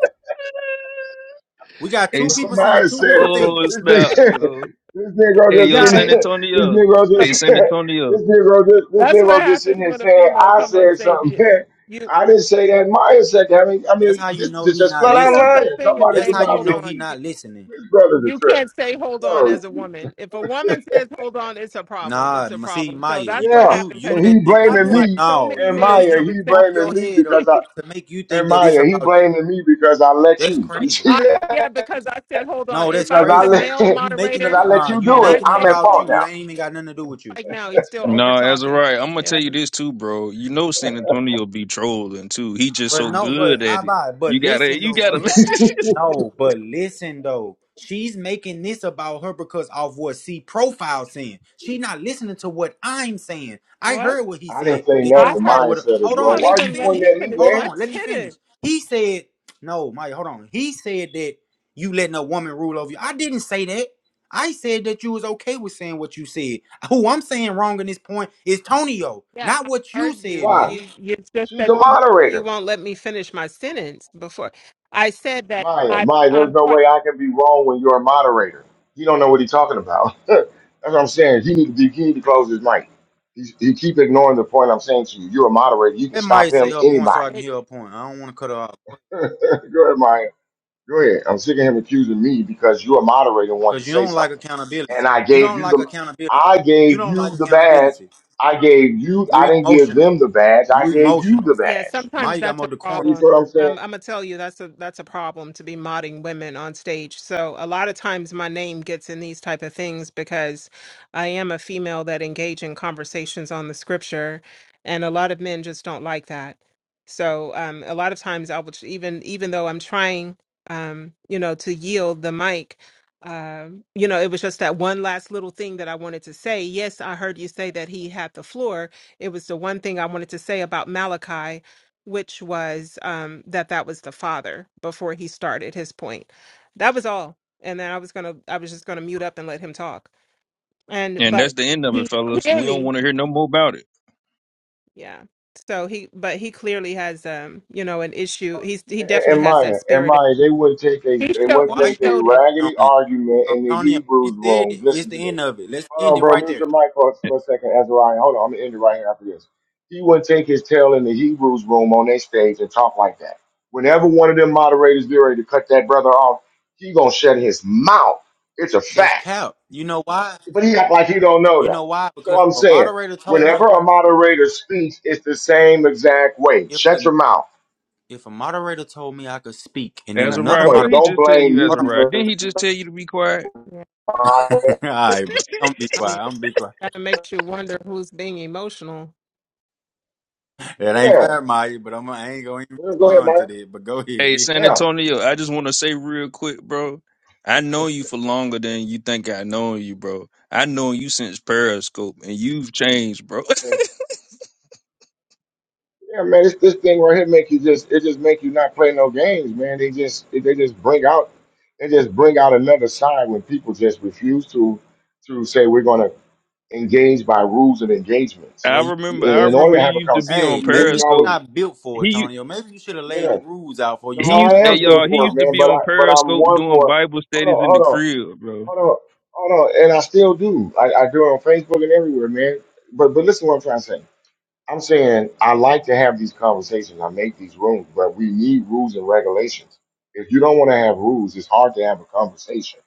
[SPEAKER 2] We got
[SPEAKER 6] hey,
[SPEAKER 2] two
[SPEAKER 6] s-
[SPEAKER 2] people saying
[SPEAKER 1] Mine
[SPEAKER 2] two
[SPEAKER 1] said
[SPEAKER 2] different
[SPEAKER 1] it.
[SPEAKER 6] oh, it's
[SPEAKER 1] This
[SPEAKER 2] things.
[SPEAKER 6] about,
[SPEAKER 1] nigga,
[SPEAKER 6] yo.
[SPEAKER 1] (laughs) this nigga
[SPEAKER 6] Hey,
[SPEAKER 7] (laughs)
[SPEAKER 1] just
[SPEAKER 6] yo,
[SPEAKER 1] sitting,
[SPEAKER 6] San
[SPEAKER 7] guys.
[SPEAKER 1] (laughs) this
[SPEAKER 6] Antonio.
[SPEAKER 1] nigga just,
[SPEAKER 6] Hey,
[SPEAKER 1] (laughs)
[SPEAKER 6] San Antonio.
[SPEAKER 1] this nigga just, this
[SPEAKER 7] That's what
[SPEAKER 1] nigga just sitting
[SPEAKER 7] happens
[SPEAKER 1] here
[SPEAKER 7] when a
[SPEAKER 1] saying,
[SPEAKER 7] female
[SPEAKER 1] I
[SPEAKER 7] come on
[SPEAKER 1] said
[SPEAKER 7] stage. You,
[SPEAKER 1] something. (laughs)
[SPEAKER 7] you
[SPEAKER 1] I didn't say that. Maya said that. I mean, I
[SPEAKER 2] That's
[SPEAKER 1] mean,
[SPEAKER 2] how you
[SPEAKER 1] this,
[SPEAKER 2] know
[SPEAKER 1] this
[SPEAKER 2] he
[SPEAKER 1] just
[SPEAKER 2] not
[SPEAKER 1] flat
[SPEAKER 7] there's
[SPEAKER 1] out
[SPEAKER 7] no
[SPEAKER 2] listening.
[SPEAKER 7] such
[SPEAKER 1] lying.
[SPEAKER 7] thing as
[SPEAKER 1] Somebody's
[SPEAKER 2] That's
[SPEAKER 7] saying
[SPEAKER 2] how you
[SPEAKER 1] about
[SPEAKER 7] hold
[SPEAKER 2] know he
[SPEAKER 7] on.
[SPEAKER 1] me. (laughs)
[SPEAKER 7] You,
[SPEAKER 2] not listening.
[SPEAKER 1] This brother's a
[SPEAKER 7] you
[SPEAKER 1] trip.
[SPEAKER 7] can't say hold on
[SPEAKER 1] No,
[SPEAKER 7] as a woman. If a woman says hold on, it's a problem.
[SPEAKER 2] Nah,
[SPEAKER 7] It's a
[SPEAKER 2] m- see
[SPEAKER 7] problem.
[SPEAKER 2] Maya,
[SPEAKER 7] So
[SPEAKER 2] you
[SPEAKER 7] that's what
[SPEAKER 1] yeah,
[SPEAKER 2] you
[SPEAKER 7] happened
[SPEAKER 2] you
[SPEAKER 7] because
[SPEAKER 1] and
[SPEAKER 2] let
[SPEAKER 1] he
[SPEAKER 2] him go-
[SPEAKER 7] I've
[SPEAKER 1] blaming
[SPEAKER 2] let-
[SPEAKER 1] me
[SPEAKER 7] watched so
[SPEAKER 2] no,
[SPEAKER 7] many
[SPEAKER 1] and
[SPEAKER 2] you let
[SPEAKER 7] men
[SPEAKER 1] Maya.
[SPEAKER 7] do
[SPEAKER 2] him
[SPEAKER 7] the
[SPEAKER 1] He
[SPEAKER 2] pump your
[SPEAKER 1] blaming
[SPEAKER 7] same.
[SPEAKER 1] me
[SPEAKER 2] head up
[SPEAKER 1] because
[SPEAKER 7] (laughs)
[SPEAKER 1] I
[SPEAKER 2] to make you think
[SPEAKER 1] and
[SPEAKER 2] that it's
[SPEAKER 1] Maya. He
[SPEAKER 2] about you.
[SPEAKER 1] blaming me because I let
[SPEAKER 2] That's
[SPEAKER 1] you. You
[SPEAKER 2] crazy.
[SPEAKER 1] see
[SPEAKER 7] I
[SPEAKER 1] that?
[SPEAKER 7] yeah, because I said hold on.
[SPEAKER 2] No,
[SPEAKER 7] If
[SPEAKER 2] that's
[SPEAKER 7] I
[SPEAKER 1] Because
[SPEAKER 7] was
[SPEAKER 1] I
[SPEAKER 7] a
[SPEAKER 2] crazy.
[SPEAKER 1] let
[SPEAKER 7] male
[SPEAKER 1] (laughs)
[SPEAKER 2] You making
[SPEAKER 1] because
[SPEAKER 7] moderator
[SPEAKER 1] I
[SPEAKER 2] it
[SPEAKER 1] let
[SPEAKER 2] nah,
[SPEAKER 1] you
[SPEAKER 2] you
[SPEAKER 7] and
[SPEAKER 1] do it.
[SPEAKER 7] I
[SPEAKER 2] making it
[SPEAKER 1] I'm
[SPEAKER 7] said
[SPEAKER 1] at
[SPEAKER 2] about
[SPEAKER 1] fault
[SPEAKER 7] hold
[SPEAKER 2] you.
[SPEAKER 7] on,
[SPEAKER 2] It ain't even got nothing to do with you.
[SPEAKER 7] like now he's still over
[SPEAKER 6] No, as a
[SPEAKER 7] talking.
[SPEAKER 6] right, I'm gonna
[SPEAKER 7] Yeah,
[SPEAKER 6] tell you this too, bro. You know San Antonio be trolling too. He just
[SPEAKER 2] But
[SPEAKER 6] so
[SPEAKER 2] no, but
[SPEAKER 6] good
[SPEAKER 2] I
[SPEAKER 6] at it.
[SPEAKER 2] buy. But
[SPEAKER 6] You gotta,
[SPEAKER 2] listen
[SPEAKER 6] you
[SPEAKER 2] though,
[SPEAKER 6] gotta.
[SPEAKER 2] brother.
[SPEAKER 1] now. (laughs)
[SPEAKER 2] No, but listen though. She's making this about her because of what C profile saying. She not listening to what I'm saying. I
[SPEAKER 7] what
[SPEAKER 2] heard what he
[SPEAKER 1] I
[SPEAKER 2] said
[SPEAKER 1] didn't say
[SPEAKER 2] that he
[SPEAKER 7] I
[SPEAKER 2] don't
[SPEAKER 1] nothing.
[SPEAKER 7] heard.
[SPEAKER 2] follow
[SPEAKER 1] Maya
[SPEAKER 2] with her.
[SPEAKER 1] said it,
[SPEAKER 2] Hold
[SPEAKER 7] You
[SPEAKER 1] bro.
[SPEAKER 2] on,
[SPEAKER 7] won't
[SPEAKER 1] Why
[SPEAKER 2] let
[SPEAKER 1] are
[SPEAKER 2] me
[SPEAKER 1] you
[SPEAKER 7] even let
[SPEAKER 1] pointing
[SPEAKER 7] me
[SPEAKER 2] finish.
[SPEAKER 1] at me,
[SPEAKER 7] finish
[SPEAKER 2] Hold
[SPEAKER 1] man?
[SPEAKER 7] my (laughs)
[SPEAKER 2] on, let me
[SPEAKER 7] sentence.
[SPEAKER 2] finish. He said, no, Mike, hold on. He said that you letting a woman rule over you. I didn't say that. I said that you was okay with saying what you said. (laughs) Who I'm saying wrong in this point is Tonio,
[SPEAKER 7] Yeah,
[SPEAKER 2] not
[SPEAKER 7] I
[SPEAKER 2] what you
[SPEAKER 7] heard
[SPEAKER 2] said,
[SPEAKER 7] you.
[SPEAKER 1] Why?
[SPEAKER 2] Maya.
[SPEAKER 7] You it's just
[SPEAKER 1] She's
[SPEAKER 7] that
[SPEAKER 1] a
[SPEAKER 7] you won't, you
[SPEAKER 1] moderator.
[SPEAKER 7] won't let me finish my sentence before I said that
[SPEAKER 1] Maya,
[SPEAKER 7] I
[SPEAKER 1] Maya, there's
[SPEAKER 7] I'm
[SPEAKER 1] no
[SPEAKER 7] quite
[SPEAKER 1] way I can be wrong when you're a moderator. He don't know what he's talking about. (laughs) That's what I'm saying. He need to be, he need to close his mic. He's, he keep ignoring the point I'm saying to you. You're a moderator. You can
[SPEAKER 2] Let Maya
[SPEAKER 1] stop
[SPEAKER 2] say
[SPEAKER 1] him,
[SPEAKER 2] her point so I
[SPEAKER 1] anybody.
[SPEAKER 2] can hear her point. I don't want to cut her off
[SPEAKER 1] (laughs) Go ahead, Maya. Go ahead. I'm sick of him accusing me because you're a moderator and wanted
[SPEAKER 2] because
[SPEAKER 1] to
[SPEAKER 2] you
[SPEAKER 1] say
[SPEAKER 2] don't like
[SPEAKER 1] something. And
[SPEAKER 2] accountability.
[SPEAKER 1] I
[SPEAKER 2] You
[SPEAKER 1] gave
[SPEAKER 2] don't
[SPEAKER 1] you
[SPEAKER 2] like
[SPEAKER 1] the
[SPEAKER 2] accountability.
[SPEAKER 1] I
[SPEAKER 2] You
[SPEAKER 1] gave
[SPEAKER 2] don't like
[SPEAKER 1] you the badge.
[SPEAKER 2] accountability.
[SPEAKER 1] I gave you
[SPEAKER 2] You're
[SPEAKER 1] I didn't give
[SPEAKER 2] emotional.
[SPEAKER 1] them the badge. I
[SPEAKER 2] You're
[SPEAKER 1] gave you
[SPEAKER 2] emotional.
[SPEAKER 1] the
[SPEAKER 7] Yeah,
[SPEAKER 1] badge.
[SPEAKER 7] sometimes
[SPEAKER 2] Maya got
[SPEAKER 7] that's
[SPEAKER 2] more
[SPEAKER 7] a
[SPEAKER 2] decorum.
[SPEAKER 1] You see
[SPEAKER 7] problem.
[SPEAKER 1] what I'm saying?
[SPEAKER 7] Um, I'm gonna tell you that's a that's a problem to be modding women on stage. So a lot of times my name gets in these type of things because I am a female that engage in conversations on the scripture, and a lot of men just don't like that. So um, a lot of times I will ch- even even though I'm trying, um, you know, to yield the mic. Um, you know, it was just that one last little thing that I wanted to say. Yes, I heard you say that he had the floor, it was the one thing I wanted to say about Malachi, which was um, that that was the father before he started his point. That was all, and then I was gonna, I was just gonna mute up and let him talk.
[SPEAKER 6] (laughs)
[SPEAKER 7] And
[SPEAKER 6] and
[SPEAKER 7] but
[SPEAKER 6] that's the end of it,
[SPEAKER 7] he
[SPEAKER 6] fellas. We don't
[SPEAKER 7] clearly,
[SPEAKER 6] want to hear no more about it.
[SPEAKER 7] yeah. So he, but he clearly has, um, you know, an issue. He's he
[SPEAKER 1] And
[SPEAKER 7] definitely
[SPEAKER 1] and
[SPEAKER 7] has that
[SPEAKER 1] Maya, and
[SPEAKER 7] spirit.
[SPEAKER 1] Maya, they wouldn't take a
[SPEAKER 7] He
[SPEAKER 1] they
[SPEAKER 7] showed
[SPEAKER 1] wouldn't
[SPEAKER 2] Why
[SPEAKER 7] he
[SPEAKER 2] are
[SPEAKER 1] take
[SPEAKER 2] you
[SPEAKER 1] a
[SPEAKER 7] showed it.
[SPEAKER 1] raggedy
[SPEAKER 2] harping on it?
[SPEAKER 1] argument in the
[SPEAKER 2] Antonio, she
[SPEAKER 1] Hebrews
[SPEAKER 2] said
[SPEAKER 1] room.
[SPEAKER 2] it. It's
[SPEAKER 1] Listen
[SPEAKER 2] the
[SPEAKER 1] to this.
[SPEAKER 2] end of it. Let's
[SPEAKER 1] Hold
[SPEAKER 2] end
[SPEAKER 1] on,
[SPEAKER 2] it
[SPEAKER 1] bro.
[SPEAKER 2] right
[SPEAKER 1] Mute
[SPEAKER 2] there.
[SPEAKER 1] your mic for, for a second, Azariah. Hold on. I'm going to end it right here after this. He wouldn't take his tail in the Hebrews room on their stage and talk like that. Whenever one of them moderators get ready to cut that brother off, he going to shut his mouth. It's a
[SPEAKER 2] That's
[SPEAKER 1] fact.
[SPEAKER 2] cap. You know why?
[SPEAKER 1] But he act like he don't know
[SPEAKER 2] You
[SPEAKER 1] that.
[SPEAKER 2] know why?
[SPEAKER 1] So
[SPEAKER 2] Because if
[SPEAKER 1] I'm
[SPEAKER 2] a
[SPEAKER 1] saying,
[SPEAKER 2] moderator told me
[SPEAKER 1] whenever a moderator speaks, it's the same exact way.
[SPEAKER 2] if a
[SPEAKER 1] Shut your mouth.
[SPEAKER 2] if a moderator told me I could speak, and then
[SPEAKER 6] As a
[SPEAKER 1] That's the
[SPEAKER 2] another
[SPEAKER 6] right,
[SPEAKER 1] point.
[SPEAKER 6] what
[SPEAKER 2] moderator.
[SPEAKER 6] he
[SPEAKER 1] Don't
[SPEAKER 6] just tell
[SPEAKER 1] blame
[SPEAKER 6] you, as
[SPEAKER 1] me
[SPEAKER 2] Hold
[SPEAKER 6] a
[SPEAKER 2] on.
[SPEAKER 6] right?
[SPEAKER 1] because
[SPEAKER 6] Didn't he just tell you to be quiet?
[SPEAKER 7] Yeah,
[SPEAKER 1] I...
[SPEAKER 2] (laughs) All right, bro. I'm be
[SPEAKER 7] I mean,
[SPEAKER 2] quiet. I'm be quiet.
[SPEAKER 7] that makes you wonder who's being emotional.
[SPEAKER 2] It ain't
[SPEAKER 1] Yeah.
[SPEAKER 2] fair, Maya, but I'm, I ain't gonna even
[SPEAKER 1] Yeah, Go ahead,
[SPEAKER 2] respond to
[SPEAKER 1] Mike.
[SPEAKER 2] that. But go
[SPEAKER 6] Hey,
[SPEAKER 2] ahead.
[SPEAKER 6] San
[SPEAKER 1] Yeah.
[SPEAKER 6] Antonio, I just want to say real quick, bro. I know you for longer than you think I know you, bro. I know you since Periscope, and you've changed, bro. (laughs)
[SPEAKER 1] Okay. Yeah, man, this this thing right here make you just it just make you not play no games, man. They just they just bring out they just bring out another side when people just refuse to to say we're gonna engage by rules and
[SPEAKER 2] (laughs)
[SPEAKER 1] engagements.
[SPEAKER 6] I
[SPEAKER 2] well, you,
[SPEAKER 6] remember,
[SPEAKER 1] You-
[SPEAKER 6] I
[SPEAKER 1] In in order
[SPEAKER 6] remember
[SPEAKER 1] to
[SPEAKER 6] you
[SPEAKER 1] have a
[SPEAKER 6] used to be
[SPEAKER 1] conversation,
[SPEAKER 2] hey,
[SPEAKER 6] on
[SPEAKER 1] you hear
[SPEAKER 2] maybe
[SPEAKER 1] me
[SPEAKER 2] you're
[SPEAKER 1] always,
[SPEAKER 6] Periscope.
[SPEAKER 2] not built for it,
[SPEAKER 6] He,
[SPEAKER 2] Tonyo. Maybe you should have
[SPEAKER 1] you
[SPEAKER 2] laid the
[SPEAKER 1] know.
[SPEAKER 2] rules out before you
[SPEAKER 1] No,
[SPEAKER 6] He
[SPEAKER 2] told the
[SPEAKER 6] used,
[SPEAKER 1] I
[SPEAKER 6] hey
[SPEAKER 1] am
[SPEAKER 2] brother he
[SPEAKER 1] still
[SPEAKER 6] y'all,
[SPEAKER 2] could
[SPEAKER 6] he
[SPEAKER 1] for it,
[SPEAKER 6] used
[SPEAKER 2] talk.
[SPEAKER 6] to
[SPEAKER 1] man,
[SPEAKER 6] be
[SPEAKER 1] but I
[SPEAKER 6] on
[SPEAKER 1] but I'm
[SPEAKER 6] Periscope
[SPEAKER 1] one
[SPEAKER 6] doing
[SPEAKER 1] for
[SPEAKER 6] Bible
[SPEAKER 1] hold
[SPEAKER 6] studies
[SPEAKER 1] on,
[SPEAKER 6] in the
[SPEAKER 1] hold on,
[SPEAKER 6] crib, bro.
[SPEAKER 1] hold on, hold on, and I still do. I, I do it on Facebook and everywhere, man. But but listen to what I'm trying to say. I'm saying I like to have these conversations. I make these rooms, but we need rules and regulations. If you don't want to have rules, it's hard to have a conversation.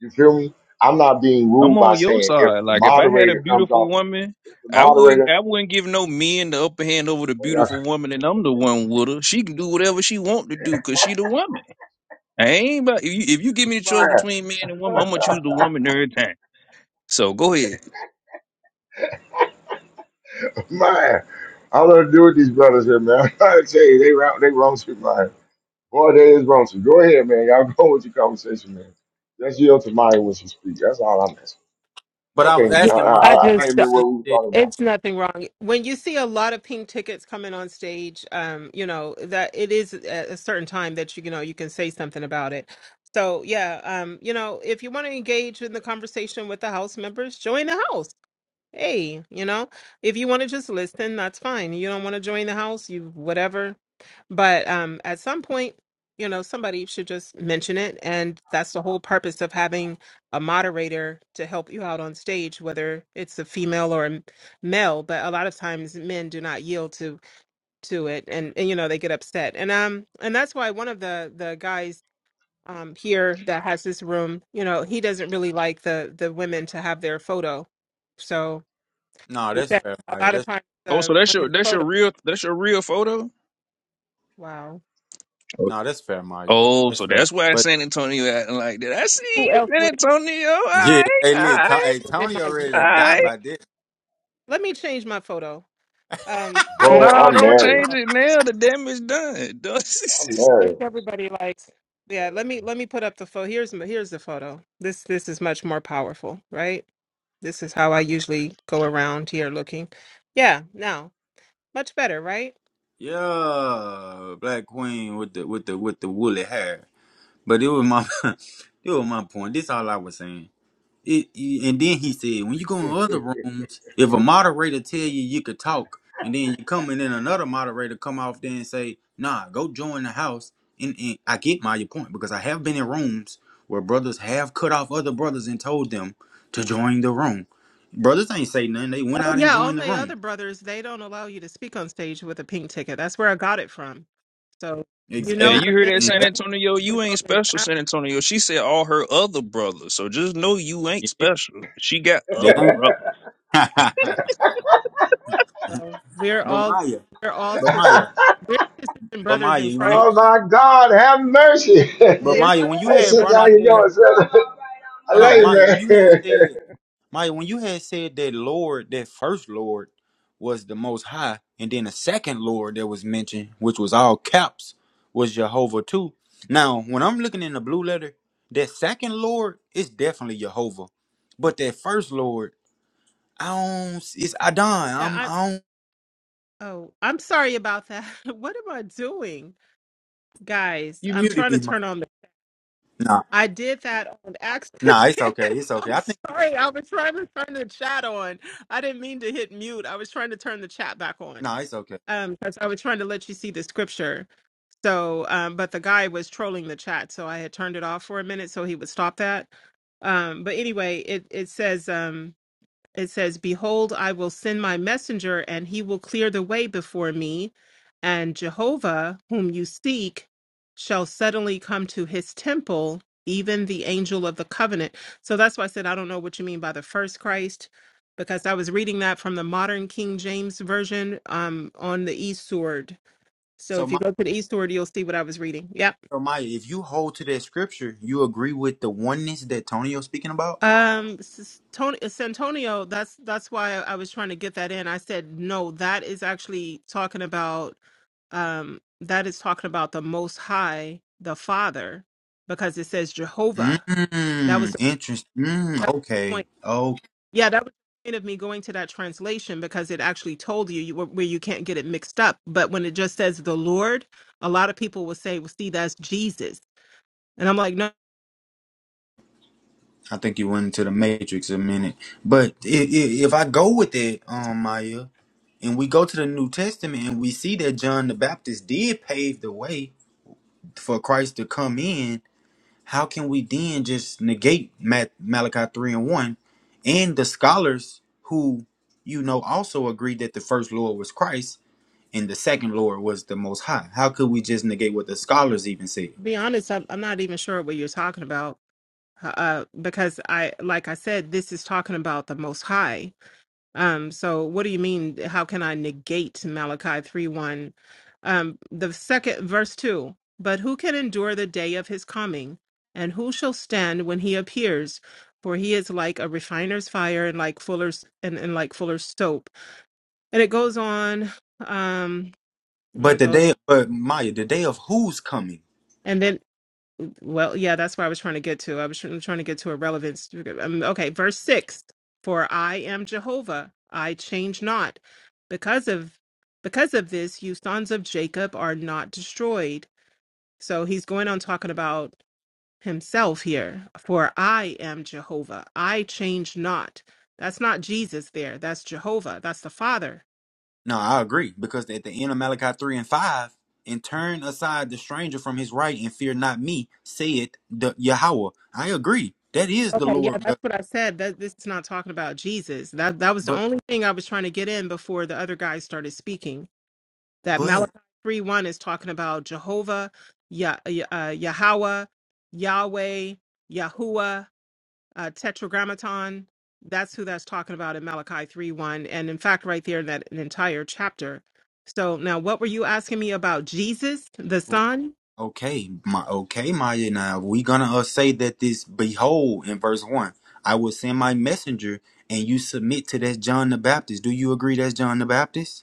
[SPEAKER 1] You feel me? I'm not being
[SPEAKER 6] I'm
[SPEAKER 1] rude by
[SPEAKER 6] on your
[SPEAKER 1] saying if
[SPEAKER 6] side.
[SPEAKER 1] the
[SPEAKER 6] Like if I had a
[SPEAKER 1] moderator comes
[SPEAKER 6] beautiful
[SPEAKER 1] off,
[SPEAKER 6] woman,
[SPEAKER 1] if the
[SPEAKER 6] I wouldn't,
[SPEAKER 1] moderator,
[SPEAKER 6] I wouldn't give no men the upper hand over the
[SPEAKER 1] (laughs)
[SPEAKER 6] beautiful woman, and I'm the one with her. She can do whatever she want to do, cause she the woman. I ain't about if you, if you give me the choice
[SPEAKER 1] man,
[SPEAKER 6] between man and woman, I'm gonna choose the woman every time. So go ahead.
[SPEAKER 1] (laughs) man, I don't know what to do with these brothers here, man. (laughs) I'm trying to tell you, they wrong, they wrong shit, man. Boy, they is wrong. So go ahead, man. Y'all (laughs) go with your conversation, man. Just yield to Maya when she speaks. That's all I'm asking.
[SPEAKER 2] But I was
[SPEAKER 1] Okay,
[SPEAKER 7] Yeah,
[SPEAKER 1] I,
[SPEAKER 2] asking
[SPEAKER 1] I,
[SPEAKER 7] I
[SPEAKER 2] Maya.
[SPEAKER 1] I can't
[SPEAKER 2] Maya,
[SPEAKER 7] just, uh,
[SPEAKER 2] you
[SPEAKER 1] remember what
[SPEAKER 2] see
[SPEAKER 1] we were
[SPEAKER 2] that?
[SPEAKER 1] talking about.
[SPEAKER 7] It's nothing wrong. When you see a lot of pink tickets coming on stage, um, you know, that it is at a certain time that you, you know, you can say something about it. So, yeah, um, you know, if you want to engage in the conversation with the house members, join the house hey, you know, if you want to just listen, that's fine. You don't want to join the house, you whatever. But um, at some point, you know, somebody should just mention it. And that's the whole purpose of having a moderator to help you out on stage, whether it's a female or a m- male. But a lot of times men do not yield to to it and, and you know, they get upset. And um and that's why one of the the guys um here that has this room, you know, he doesn't really like the the women to have their photo. So
[SPEAKER 2] No,
[SPEAKER 7] who
[SPEAKER 2] that's
[SPEAKER 7] said
[SPEAKER 2] fair,
[SPEAKER 7] a
[SPEAKER 2] Maya.
[SPEAKER 7] lot of
[SPEAKER 2] That's
[SPEAKER 7] times
[SPEAKER 6] Oh,
[SPEAKER 7] the
[SPEAKER 6] so that's your
[SPEAKER 7] women's
[SPEAKER 6] that's
[SPEAKER 7] photo.
[SPEAKER 6] your real that's your real photo.
[SPEAKER 7] Wow.
[SPEAKER 6] Oh,
[SPEAKER 2] no, that's fair, Maya.
[SPEAKER 6] Oh,
[SPEAKER 2] That's
[SPEAKER 6] so
[SPEAKER 2] fair.
[SPEAKER 6] that's why
[SPEAKER 2] But
[SPEAKER 6] San Antonio acting like that. I see
[SPEAKER 7] Who
[SPEAKER 6] you,
[SPEAKER 7] else
[SPEAKER 6] San
[SPEAKER 7] would
[SPEAKER 6] Antonio. All
[SPEAKER 2] yeah,
[SPEAKER 6] right,
[SPEAKER 2] hey,
[SPEAKER 6] all
[SPEAKER 2] look,
[SPEAKER 6] right,
[SPEAKER 2] to, hey,
[SPEAKER 7] have been my
[SPEAKER 2] Tonyo
[SPEAKER 7] real
[SPEAKER 2] ready
[SPEAKER 6] all
[SPEAKER 2] to
[SPEAKER 6] right.
[SPEAKER 2] die
[SPEAKER 7] photo?
[SPEAKER 2] by this.
[SPEAKER 7] Let me change my photo. Um, yeah,
[SPEAKER 1] Bro,
[SPEAKER 7] I, I
[SPEAKER 6] No,
[SPEAKER 7] don't
[SPEAKER 1] I'm
[SPEAKER 6] don't
[SPEAKER 7] think
[SPEAKER 1] married.
[SPEAKER 7] people
[SPEAKER 6] change
[SPEAKER 7] like.
[SPEAKER 6] it now. The damage done. (laughs) Don't-
[SPEAKER 1] I'm
[SPEAKER 7] I think
[SPEAKER 1] married.
[SPEAKER 7] everybody likes. Yeah, let me let me put up the photo. Here's my- here's the photo. This this is much more powerful, right? This is how I usually go around here looking. Yeah, now much better, right?
[SPEAKER 2] Yeah, Black Queen with the with the with the woolly hair. But it was my (laughs) it was my point. This all I was saying. It, it- and then he said, when you go in other rooms, if a moderator tell you you could talk, and then you come and then another moderator come off there and say, nah, go join the house. And, and I get my your point because I have been in rooms where brothers have cut off other brothers and told them to join the room. Brothers ain't say nothing. They went
[SPEAKER 7] Oh
[SPEAKER 2] out and
[SPEAKER 7] yeah, all
[SPEAKER 2] joined the
[SPEAKER 7] my
[SPEAKER 2] room.
[SPEAKER 7] other brothers they don't allow you to speak on stage with a pink ticket. That's where I got it from. So
[SPEAKER 2] Ex-
[SPEAKER 7] you
[SPEAKER 6] hey,
[SPEAKER 2] And
[SPEAKER 7] know
[SPEAKER 2] I,
[SPEAKER 6] you
[SPEAKER 7] the
[SPEAKER 6] hear that,
[SPEAKER 7] men
[SPEAKER 2] and
[SPEAKER 7] that I
[SPEAKER 6] San
[SPEAKER 2] that,
[SPEAKER 7] hang
[SPEAKER 6] Antonio?
[SPEAKER 7] with
[SPEAKER 6] You
[SPEAKER 7] on
[SPEAKER 6] ain't
[SPEAKER 7] this
[SPEAKER 6] special, San Antonio. She said all her other brothers. So just know you ain't
[SPEAKER 2] yeah,
[SPEAKER 6] special. She got
[SPEAKER 2] that
[SPEAKER 6] other
[SPEAKER 2] ain't.
[SPEAKER 6] brothers.
[SPEAKER 2] (laughs)
[SPEAKER 7] well. We're
[SPEAKER 2] but
[SPEAKER 7] all
[SPEAKER 2] Maya,
[SPEAKER 7] we're all
[SPEAKER 2] but
[SPEAKER 7] sisters.
[SPEAKER 2] Maya,
[SPEAKER 7] We're sisters and
[SPEAKER 2] but
[SPEAKER 7] brothers in
[SPEAKER 2] Maya, when
[SPEAKER 7] Christ.
[SPEAKER 2] you,
[SPEAKER 1] Oh my God, have mercy.
[SPEAKER 2] but
[SPEAKER 1] (laughs)
[SPEAKER 7] We're
[SPEAKER 2] Maya, when you
[SPEAKER 7] sisters
[SPEAKER 1] Hey,
[SPEAKER 7] and
[SPEAKER 2] had brought
[SPEAKER 1] sister,
[SPEAKER 7] brothers
[SPEAKER 1] how
[SPEAKER 2] out
[SPEAKER 7] in
[SPEAKER 1] you
[SPEAKER 2] that,
[SPEAKER 1] doing,
[SPEAKER 7] Christ.
[SPEAKER 1] sister? I
[SPEAKER 2] hold
[SPEAKER 1] love
[SPEAKER 2] on,
[SPEAKER 1] you,
[SPEAKER 2] Maya, when you had
[SPEAKER 1] man.
[SPEAKER 2] said Maya, when you had said that Lord, that first Lord was the most high, and then the second Lord that was mentioned, which was all caps, was Jehovah too. Now, when I'm looking in the blue letter, that second Lord is definitely Jehovah. But that first Lord, I don't it's Adon.
[SPEAKER 7] Yeah,
[SPEAKER 2] I'm
[SPEAKER 7] I
[SPEAKER 2] I don't
[SPEAKER 7] oh, I'm sorry about that. (laughs) What am I doing? Guys,
[SPEAKER 2] you
[SPEAKER 7] I'm
[SPEAKER 2] muted
[SPEAKER 7] trying to
[SPEAKER 2] me. Ma.
[SPEAKER 7] turn on the
[SPEAKER 2] Nah,
[SPEAKER 7] I did that on accident.
[SPEAKER 2] nah, it's
[SPEAKER 7] (laughs)
[SPEAKER 2] okay. It's okay.
[SPEAKER 7] I'm
[SPEAKER 2] I think
[SPEAKER 7] sorry. I was trying to turn the chat on. I didn't mean to hit mute. I was trying to turn the chat back on.
[SPEAKER 2] nah, it's okay.
[SPEAKER 7] Um, because I was trying to let you see the scripture. So, um, but the guy was trolling the chat, so I had turned it off for a minute so he would stop that. Um, but anyway, it it says um, it says, "Behold, I will send my messenger, and he will clear the way before me, and Jehovah, whom you seek, shall suddenly come to his temple, even the angel of the covenant." So that's why I said I don't know what you mean by the first Christ, because I was reading that from the modern King James version um, on the east sword so
[SPEAKER 2] So
[SPEAKER 7] if you
[SPEAKER 2] my
[SPEAKER 7] go to the eastward, you'll see what I was reading. Yep.
[SPEAKER 2] so Maya, if you hold to that scripture, you agree with the oneness that Tonio's speaking about?
[SPEAKER 7] Um, S- Tony, Santonio. That's that's why I was trying to get that in. I said no. That is actually talking about. Um, that is talking about the Most High, the Father, because it says Jehovah. That was
[SPEAKER 2] Mm, interest. Mm,
[SPEAKER 7] that was the
[SPEAKER 2] okay.
[SPEAKER 7] point.
[SPEAKER 2] Oh,
[SPEAKER 7] Yeah, that was the point of me going to that translation because it actually told you, you where you can't get it mixed up. But when it just says the Lord, a lot of people will say, "Well, see, that's Jesus," and I'm like, no.
[SPEAKER 2] I think you went into the matrix a minute. But i i if I go with it, um, Maya, and we go to the New Testament and we see that John the Baptist did pave the way for Christ to come in, how can we then just negate Mat- Malachi 3 and 1 and the scholars who, you know, also agreed that the first Lord was Christ and the second Lord was the Most High? How could we just negate what the scholars even said?
[SPEAKER 7] be honest, I'm, I'm not even sure what you're talking about. Uh, uh, because I, like I said, this is talking about the Most High. Um, so what do you mean? How can I negate Malachi three one? Um, the second verse two. But who can endure the day of his coming? And who shall stand when he appears? For he is like a refiner's fire and like fuller's and, and like fuller's soap. And it goes on. Um,
[SPEAKER 2] But
[SPEAKER 7] it
[SPEAKER 2] the
[SPEAKER 7] goes,
[SPEAKER 2] day, but Maya, the day of who's coming?
[SPEAKER 7] and then Well, yeah, that's where I was trying to get to. I was trying trying to get to a relevance. Um, Okay, verse 6. For I am Jehovah, I change not. Because of because of this, you sons of Jacob are not destroyed. So he's going on talking about himself here. For I am Jehovah, I change not. That's not Jesus there. That's Jehovah. That's the Father.
[SPEAKER 2] No, I agree because at the end of Malachi three and five, and turn aside the stranger from his right and fear not me, saith the Yahweh. I agree. That is the
[SPEAKER 7] Okay, yeah,
[SPEAKER 2] Lord.
[SPEAKER 7] that's
[SPEAKER 2] the-
[SPEAKER 7] what I said. That this is not talking about Jesus. That that was the
[SPEAKER 2] but
[SPEAKER 7] only thing I was trying to get in before the other guy started speaking that
[SPEAKER 2] but
[SPEAKER 7] Malachi 3 1 is talking about Jehovah, Yah, uh, Yahweh, Yahweh, Yahuwah, uh, Tetragrammaton. That's who that's talking about in Malachi 3 1. And in fact, right there in that an entire chapter. So now, what were you asking me about Jesus, the Son?
[SPEAKER 2] okay, my okay, Maya. Now we gonna uh, say that this behold in verse one, I will send my messenger, and you submit to that John the Baptist. Do you agree that's John the Baptist?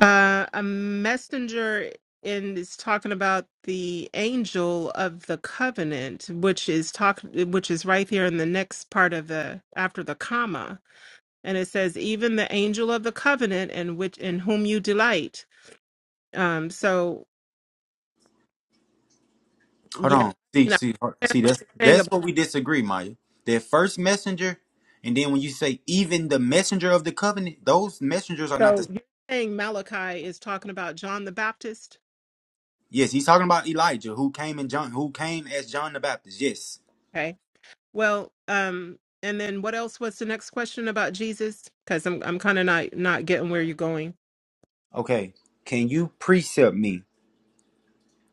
[SPEAKER 7] Uh, a messenger and is talking about the angel of the covenant, which is talk, which is right here in the next part of the after the comma and it says even the angel of the covenant and which in whom you delight um so
[SPEAKER 2] Hold
[SPEAKER 7] yeah
[SPEAKER 2] on. See,
[SPEAKER 7] you know,
[SPEAKER 2] see, hold-
[SPEAKER 7] i understand
[SPEAKER 2] see.
[SPEAKER 7] what
[SPEAKER 2] That's
[SPEAKER 7] you're saying
[SPEAKER 2] that's
[SPEAKER 7] about
[SPEAKER 2] what we disagree, Maya. That first messenger, and then when you say even the messenger of the covenant, those messengers are not the.
[SPEAKER 7] so you're saying malachi is talking about john the baptist
[SPEAKER 2] Yes, he's talking about Elijah, who came in John, who came as John the Baptist. Yes.
[SPEAKER 7] okay well um and then what else was the next question about jesus because i'm, I'm kind of not not getting where you're going
[SPEAKER 2] Okay. Can you precept me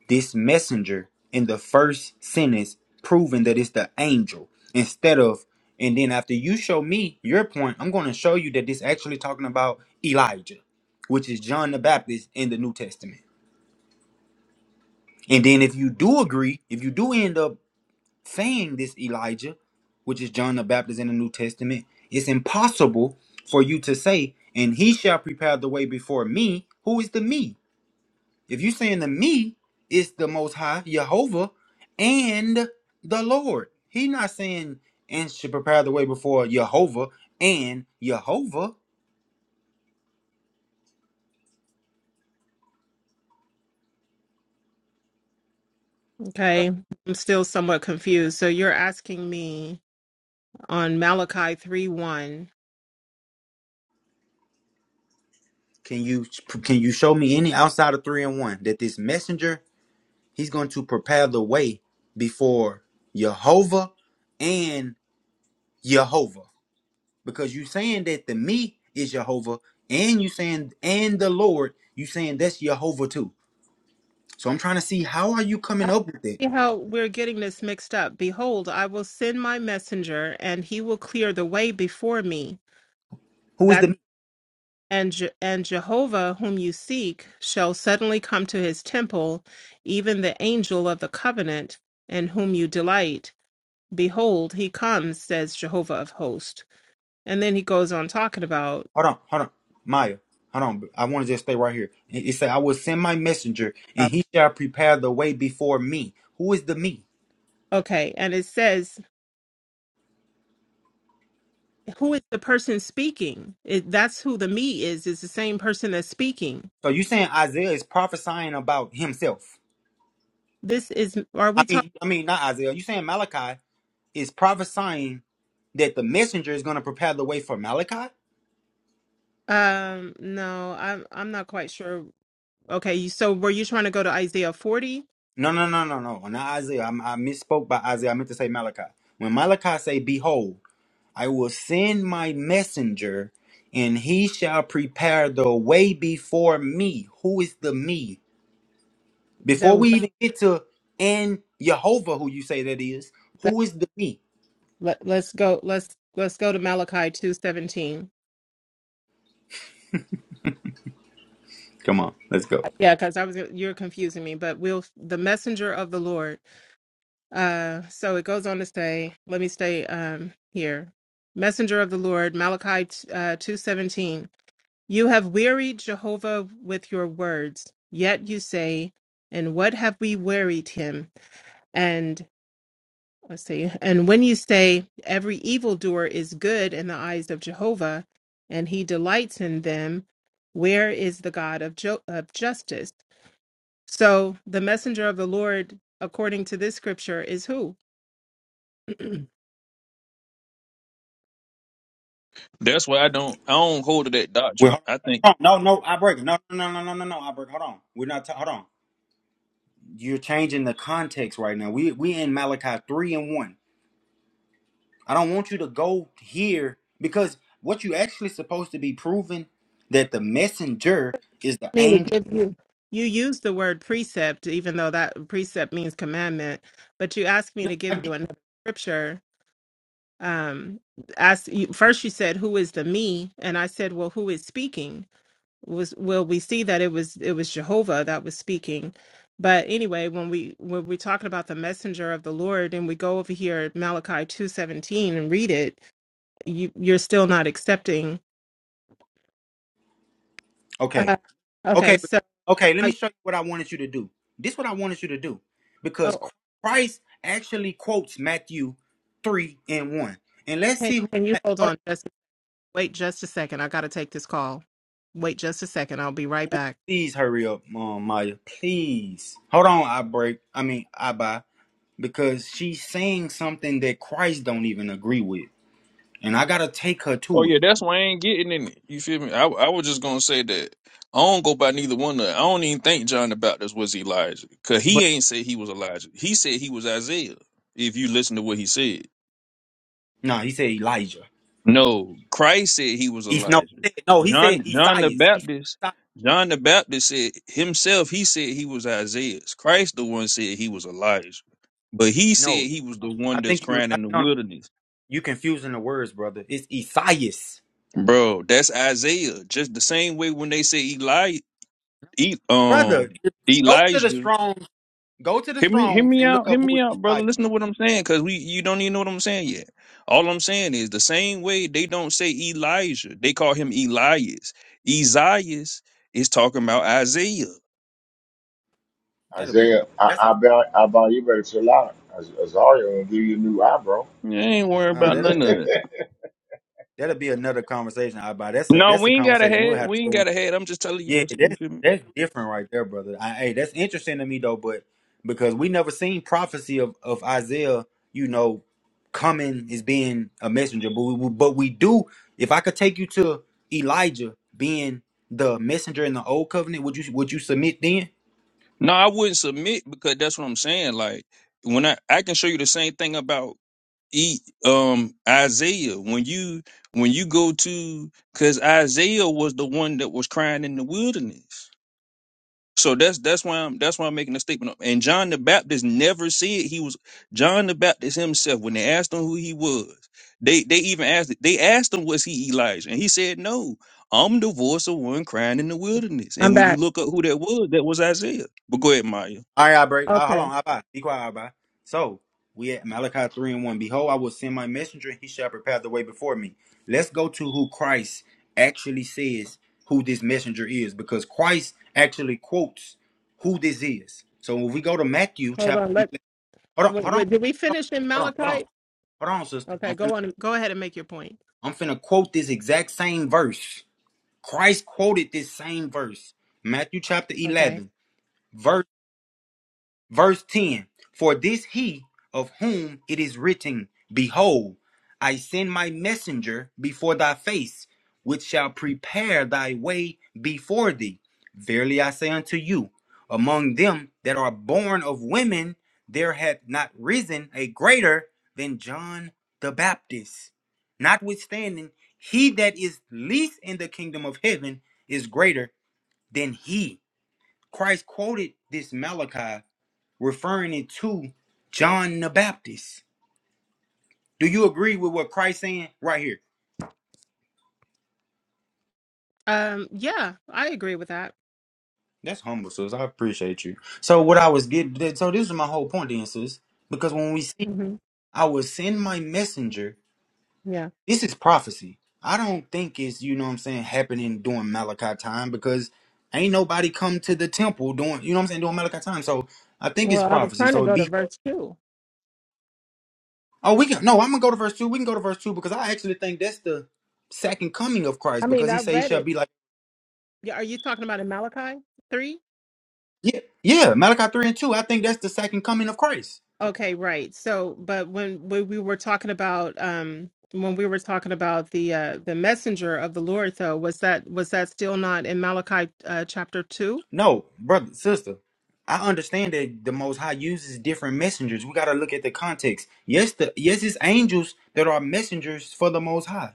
[SPEAKER 2] this messenger in the first sentence, proving that it's the angel instead of, and then after you show me your point, I'm going to show you that this actually talking about Elijah, which is John the Baptist in the New Testament. And then if you do agree, if you do end up saying this Elijah, which is John the Baptist in the New Testament, it's impossible for you to say, and he shall prepare the way before me. Who is the me? If you're saying the me is the most high, Jehovah, and the Lord. He not saying and should prepare the way before Jehovah and Jehovah.
[SPEAKER 7] okay i'm still somewhat confused so you're asking me on malachi 3 1
[SPEAKER 2] Can you can you show me any outside of three and one that this messenger He's going to prepare the way before Jehovah and Jehovah. Because you saying that the me is Jehovah and you saying and the Lord, you saying that's Jehovah too. So I'm trying to see how are you coming up with it?
[SPEAKER 7] See how we're getting this mixed up. Behold, I will send my messenger, and he will clear the way before me.
[SPEAKER 2] Who is
[SPEAKER 7] That
[SPEAKER 2] the me?
[SPEAKER 7] and Je- and Jehovah, whom you seek, shall suddenly come to his temple, even the angel of the covenant, in whom you delight. Behold, he comes, says Jehovah of hosts. And then he goes on talking about
[SPEAKER 2] Hold on, hold on. Maya, hold on. I want to just stay right here. It it said, I will send my messenger and
[SPEAKER 7] uh,
[SPEAKER 2] he shall prepare the way before me. Who is the me?
[SPEAKER 7] okay, and it says who is the person speaking? It, that's who the me is. Is the same person that's speaking.
[SPEAKER 2] So you saying Isaiah is prophesying about himself.
[SPEAKER 7] This is. Are
[SPEAKER 2] I
[SPEAKER 7] we talking?
[SPEAKER 2] mean, I mean, not Isaiah. You saying Malachi? is prophesying that the messenger is going to prepare the way for Malachi.
[SPEAKER 7] Um, no, I'm I'm not quite sure. Okay, you- so were you trying to go to Isaiah 40?
[SPEAKER 2] No, no, no, no, no. Not Isaiah. I, I misspoke by Isaiah. I meant to say Malachi. When Malachi say, "Behold, I will send my messenger, and he shall prepare the way before me." Who is the me?
[SPEAKER 7] The
[SPEAKER 2] Before we
[SPEAKER 7] way-
[SPEAKER 2] even get to and Jehovah, who you say that is,
[SPEAKER 7] let,
[SPEAKER 2] who is the me?
[SPEAKER 7] let, let's go let's let's go to Malachi 2:17.
[SPEAKER 2] Come on, let's go.
[SPEAKER 7] Yeah, cuz I was you're confusing me, but we'll the messenger of the Lord. Uh so it goes on to say, let me stay um here. Messenger of the Lord, Malachi t- uh 2:17. You have wearied Jehovah with your words, yet you say, And what have we wearied him? And let's see, and when you say, Every evildoer is good in the eyes of Jehovah, and he delights in them, where is the God of, jo- of justice? So the messenger of the Lord, according to this scripture, is who?
[SPEAKER 6] That's why I don't. I don't hold to that doctrine.
[SPEAKER 2] Well,
[SPEAKER 6] I think.
[SPEAKER 2] hold on. No, no, I break. No, no, no, no, no, no, no. I break. Hold on. We're not. Ta- hold on. You're changing the context right now. We we in Malachi three and one. I don't want you to go here because what you actually supposed to be proving that the messenger is the
[SPEAKER 7] Me to
[SPEAKER 2] angel.
[SPEAKER 7] give you. You use the word precept, even though that precept means commandment, but you ask me
[SPEAKER 2] No,
[SPEAKER 7] to
[SPEAKER 2] I
[SPEAKER 7] give
[SPEAKER 2] get.
[SPEAKER 7] you another scripture um as you, first you said who is the me and i said well who is speaking was well we see that it was it was jehovah that was speaking but anyway when we when we're talking about the messenger of the lord and we go over here malachi 217 and read it you you're still not accepting
[SPEAKER 2] Okay,
[SPEAKER 7] uh, okay
[SPEAKER 2] okay, but-
[SPEAKER 7] so
[SPEAKER 2] okay. Let
[SPEAKER 7] I,
[SPEAKER 2] me show you what I wanted you to do. This is what I wanted you to do because
[SPEAKER 7] oh
[SPEAKER 2] Christ actually quotes Matthew three and one. And let's
[SPEAKER 7] can,
[SPEAKER 2] see who.
[SPEAKER 7] can you
[SPEAKER 2] Ma-
[SPEAKER 7] hold
[SPEAKER 2] Hold on,
[SPEAKER 7] on just wait just a second i gotta take this call wait just a second i'll be right back
[SPEAKER 2] please hurry up, um, Maya. Please hold on. I break. I mean, I buy. because she's saying something that Christ don't even agree with, and I gotta take her
[SPEAKER 6] Oh
[SPEAKER 2] to
[SPEAKER 6] yeah,
[SPEAKER 2] it.
[SPEAKER 6] that's why I ain't getting in it. You feel me? I, I was just gonna say that I don't go by neither one. Of, them. I don't even think John the Baptist was Elijah, cause he
[SPEAKER 2] But
[SPEAKER 6] ain't say he was Elijah. He said he was Isaiah. If you listen to what he said.
[SPEAKER 2] no, he said Elijah.
[SPEAKER 6] No, Christ said he was
[SPEAKER 2] He's no,
[SPEAKER 6] Elijah.
[SPEAKER 2] he said, no, he said
[SPEAKER 6] John John the
[SPEAKER 2] Esaias. He said
[SPEAKER 6] Baptist,
[SPEAKER 2] Esai-
[SPEAKER 6] John the Baptist said himself, he said he was Isaiah. Christ the one said he was Elijah. But he said
[SPEAKER 2] no.
[SPEAKER 6] he
[SPEAKER 2] no,
[SPEAKER 6] was
[SPEAKER 2] no.
[SPEAKER 6] the
[SPEAKER 2] I
[SPEAKER 6] one that's
[SPEAKER 2] think you.
[SPEAKER 6] crying
[SPEAKER 2] I,
[SPEAKER 6] in the
[SPEAKER 2] no, no,
[SPEAKER 6] wilderness.
[SPEAKER 2] you confusing the words, brother. It's Esaias,
[SPEAKER 6] Bro, that's Isaiah. Just the same way when they say Eli, E-
[SPEAKER 2] brother.
[SPEAKER 6] um,
[SPEAKER 2] Go to the
[SPEAKER 6] Elijah,
[SPEAKER 2] Strong's. Go to the
[SPEAKER 6] Hear me, hear
[SPEAKER 2] Strong's
[SPEAKER 6] me
[SPEAKER 2] and look
[SPEAKER 6] out, hear
[SPEAKER 2] up who
[SPEAKER 6] me
[SPEAKER 2] is
[SPEAKER 6] out, brother.
[SPEAKER 2] Esaias.
[SPEAKER 6] Listen to what I'm saying, cause we you don't even know what I'm saying yet. All I'm saying is the same way they don't say Elijah, they call him Elias. Isaias is talking about Isaiah.
[SPEAKER 1] (laughs)
[SPEAKER 2] That'll be
[SPEAKER 1] Isaiah,
[SPEAKER 2] something.
[SPEAKER 1] I,
[SPEAKER 2] That's a.
[SPEAKER 1] I, bet, I bet you better chill out. As- Azaria gonna give you a new eyebrow.
[SPEAKER 6] You ain't worried
[SPEAKER 2] Uh,
[SPEAKER 6] about
[SPEAKER 2] that'll
[SPEAKER 6] none
[SPEAKER 2] be. A,
[SPEAKER 6] of that.
[SPEAKER 1] (laughs)
[SPEAKER 2] that'll be another conversation. I buy. That's a.
[SPEAKER 6] No,
[SPEAKER 2] That's a
[SPEAKER 6] we ain't got a
[SPEAKER 2] conversation we'll
[SPEAKER 6] head.
[SPEAKER 2] have. to
[SPEAKER 6] We ain't
[SPEAKER 2] go
[SPEAKER 6] got a head. I'm just telling you
[SPEAKER 2] Yeah,
[SPEAKER 6] this. You
[SPEAKER 2] that's
[SPEAKER 6] feel me?
[SPEAKER 2] that's different right there, brother. I, hey, that's interesting to me though, but because we never seen prophecy of, of Isaiah, you know, coming as being a messenger, but we, but we do. If I could take you to Elijah being the messenger in the old covenant, would you would you submit then?
[SPEAKER 6] No, I wouldn't submit because that's what I'm saying. Like when I I can show you the same thing about E um Isaiah when you when you go to because Isaiah was the one that was crying in the wilderness. So that's that's why I'm that's why I'm making a statement up. And John the Baptist never said he was John the Baptist himself when they asked him who he was. They they even asked they asked him was he Elijah and he said no. I'm the voice of one crying in the wilderness.
[SPEAKER 7] I'm
[SPEAKER 6] And when you
[SPEAKER 7] back.
[SPEAKER 6] look up who that was, that was Isaiah. But go ahead, Maya.
[SPEAKER 2] All right, I break. Uh, hold
[SPEAKER 7] Okay,
[SPEAKER 2] on, I buy. Be quiet, I buy. So we at Malachi three and one. Behold, I will send my messenger, and he shall prepare the way before me. Let's go to who Christ actually says who this messenger is, because Christ actually quotes who this is. So when we go to Matthew
[SPEAKER 7] hold
[SPEAKER 2] chapter
[SPEAKER 7] on. Let
[SPEAKER 2] eleven, hold on,
[SPEAKER 7] wait,
[SPEAKER 2] hold on,
[SPEAKER 7] wait, did we finish in
[SPEAKER 2] hold on, hold on,
[SPEAKER 7] Malachite?
[SPEAKER 2] hold on, sister.
[SPEAKER 7] Okay,
[SPEAKER 2] I'm finna,
[SPEAKER 7] go on. Go ahead and make your point.
[SPEAKER 2] I'm finna quote this exact same verse. Christ quoted this same verse, Matthew chapter
[SPEAKER 7] Okay.
[SPEAKER 2] eleven, verse. Verse 10 For this he of whom it is written, Behold, I send my messenger before thy face, which shall prepare thy way before thee. Verily I say unto you, among them that are born of women, there hath not risen a greater than John the Baptist. Notwithstanding, he that is least in the kingdom of heaven is greater than he. Christ quoted this Malachi referring it to John the Baptist. Do you agree with what Christ saying right here?
[SPEAKER 7] Um. Yeah, I agree with that.
[SPEAKER 2] That's humble, sis. I appreciate you. So what I was getting, so this is my whole point, then, sis. Because when we see,
[SPEAKER 7] hmm
[SPEAKER 2] I will send my messenger.
[SPEAKER 7] Yeah.
[SPEAKER 2] This is prophecy. I don't think it's you know what I'm saying happening during Malachi time because ain't nobody come to the temple during you know what I'm saying during Malachi time. So I think it's
[SPEAKER 7] Well, I was
[SPEAKER 2] prophecy.
[SPEAKER 7] trying to
[SPEAKER 2] So it
[SPEAKER 7] go
[SPEAKER 2] be
[SPEAKER 7] to verse two.
[SPEAKER 2] oh we can no I'm gonna go to verse two. We can go to verse two because I actually think that's the second coming of
[SPEAKER 7] I
[SPEAKER 2] Christ
[SPEAKER 7] mean,
[SPEAKER 2] because he
[SPEAKER 7] I
[SPEAKER 2] said he
[SPEAKER 7] read
[SPEAKER 2] shall
[SPEAKER 7] it.
[SPEAKER 2] be like.
[SPEAKER 7] Yeah. Are you talking about in Malachi three?
[SPEAKER 2] Yeah, yeah, Malachi 3 and 2. I think that's the second coming of Christ.
[SPEAKER 7] Okay. Right. So, but when when we were talking about um when we were talking about the uh the messenger of the Lord though was that was that still not in Malachi uh, chapter two?
[SPEAKER 2] No, brother, sister, I understand that the Most High uses different messengers. We got to look at the context. Yes, the yes, it's angels that are messengers for the Most High.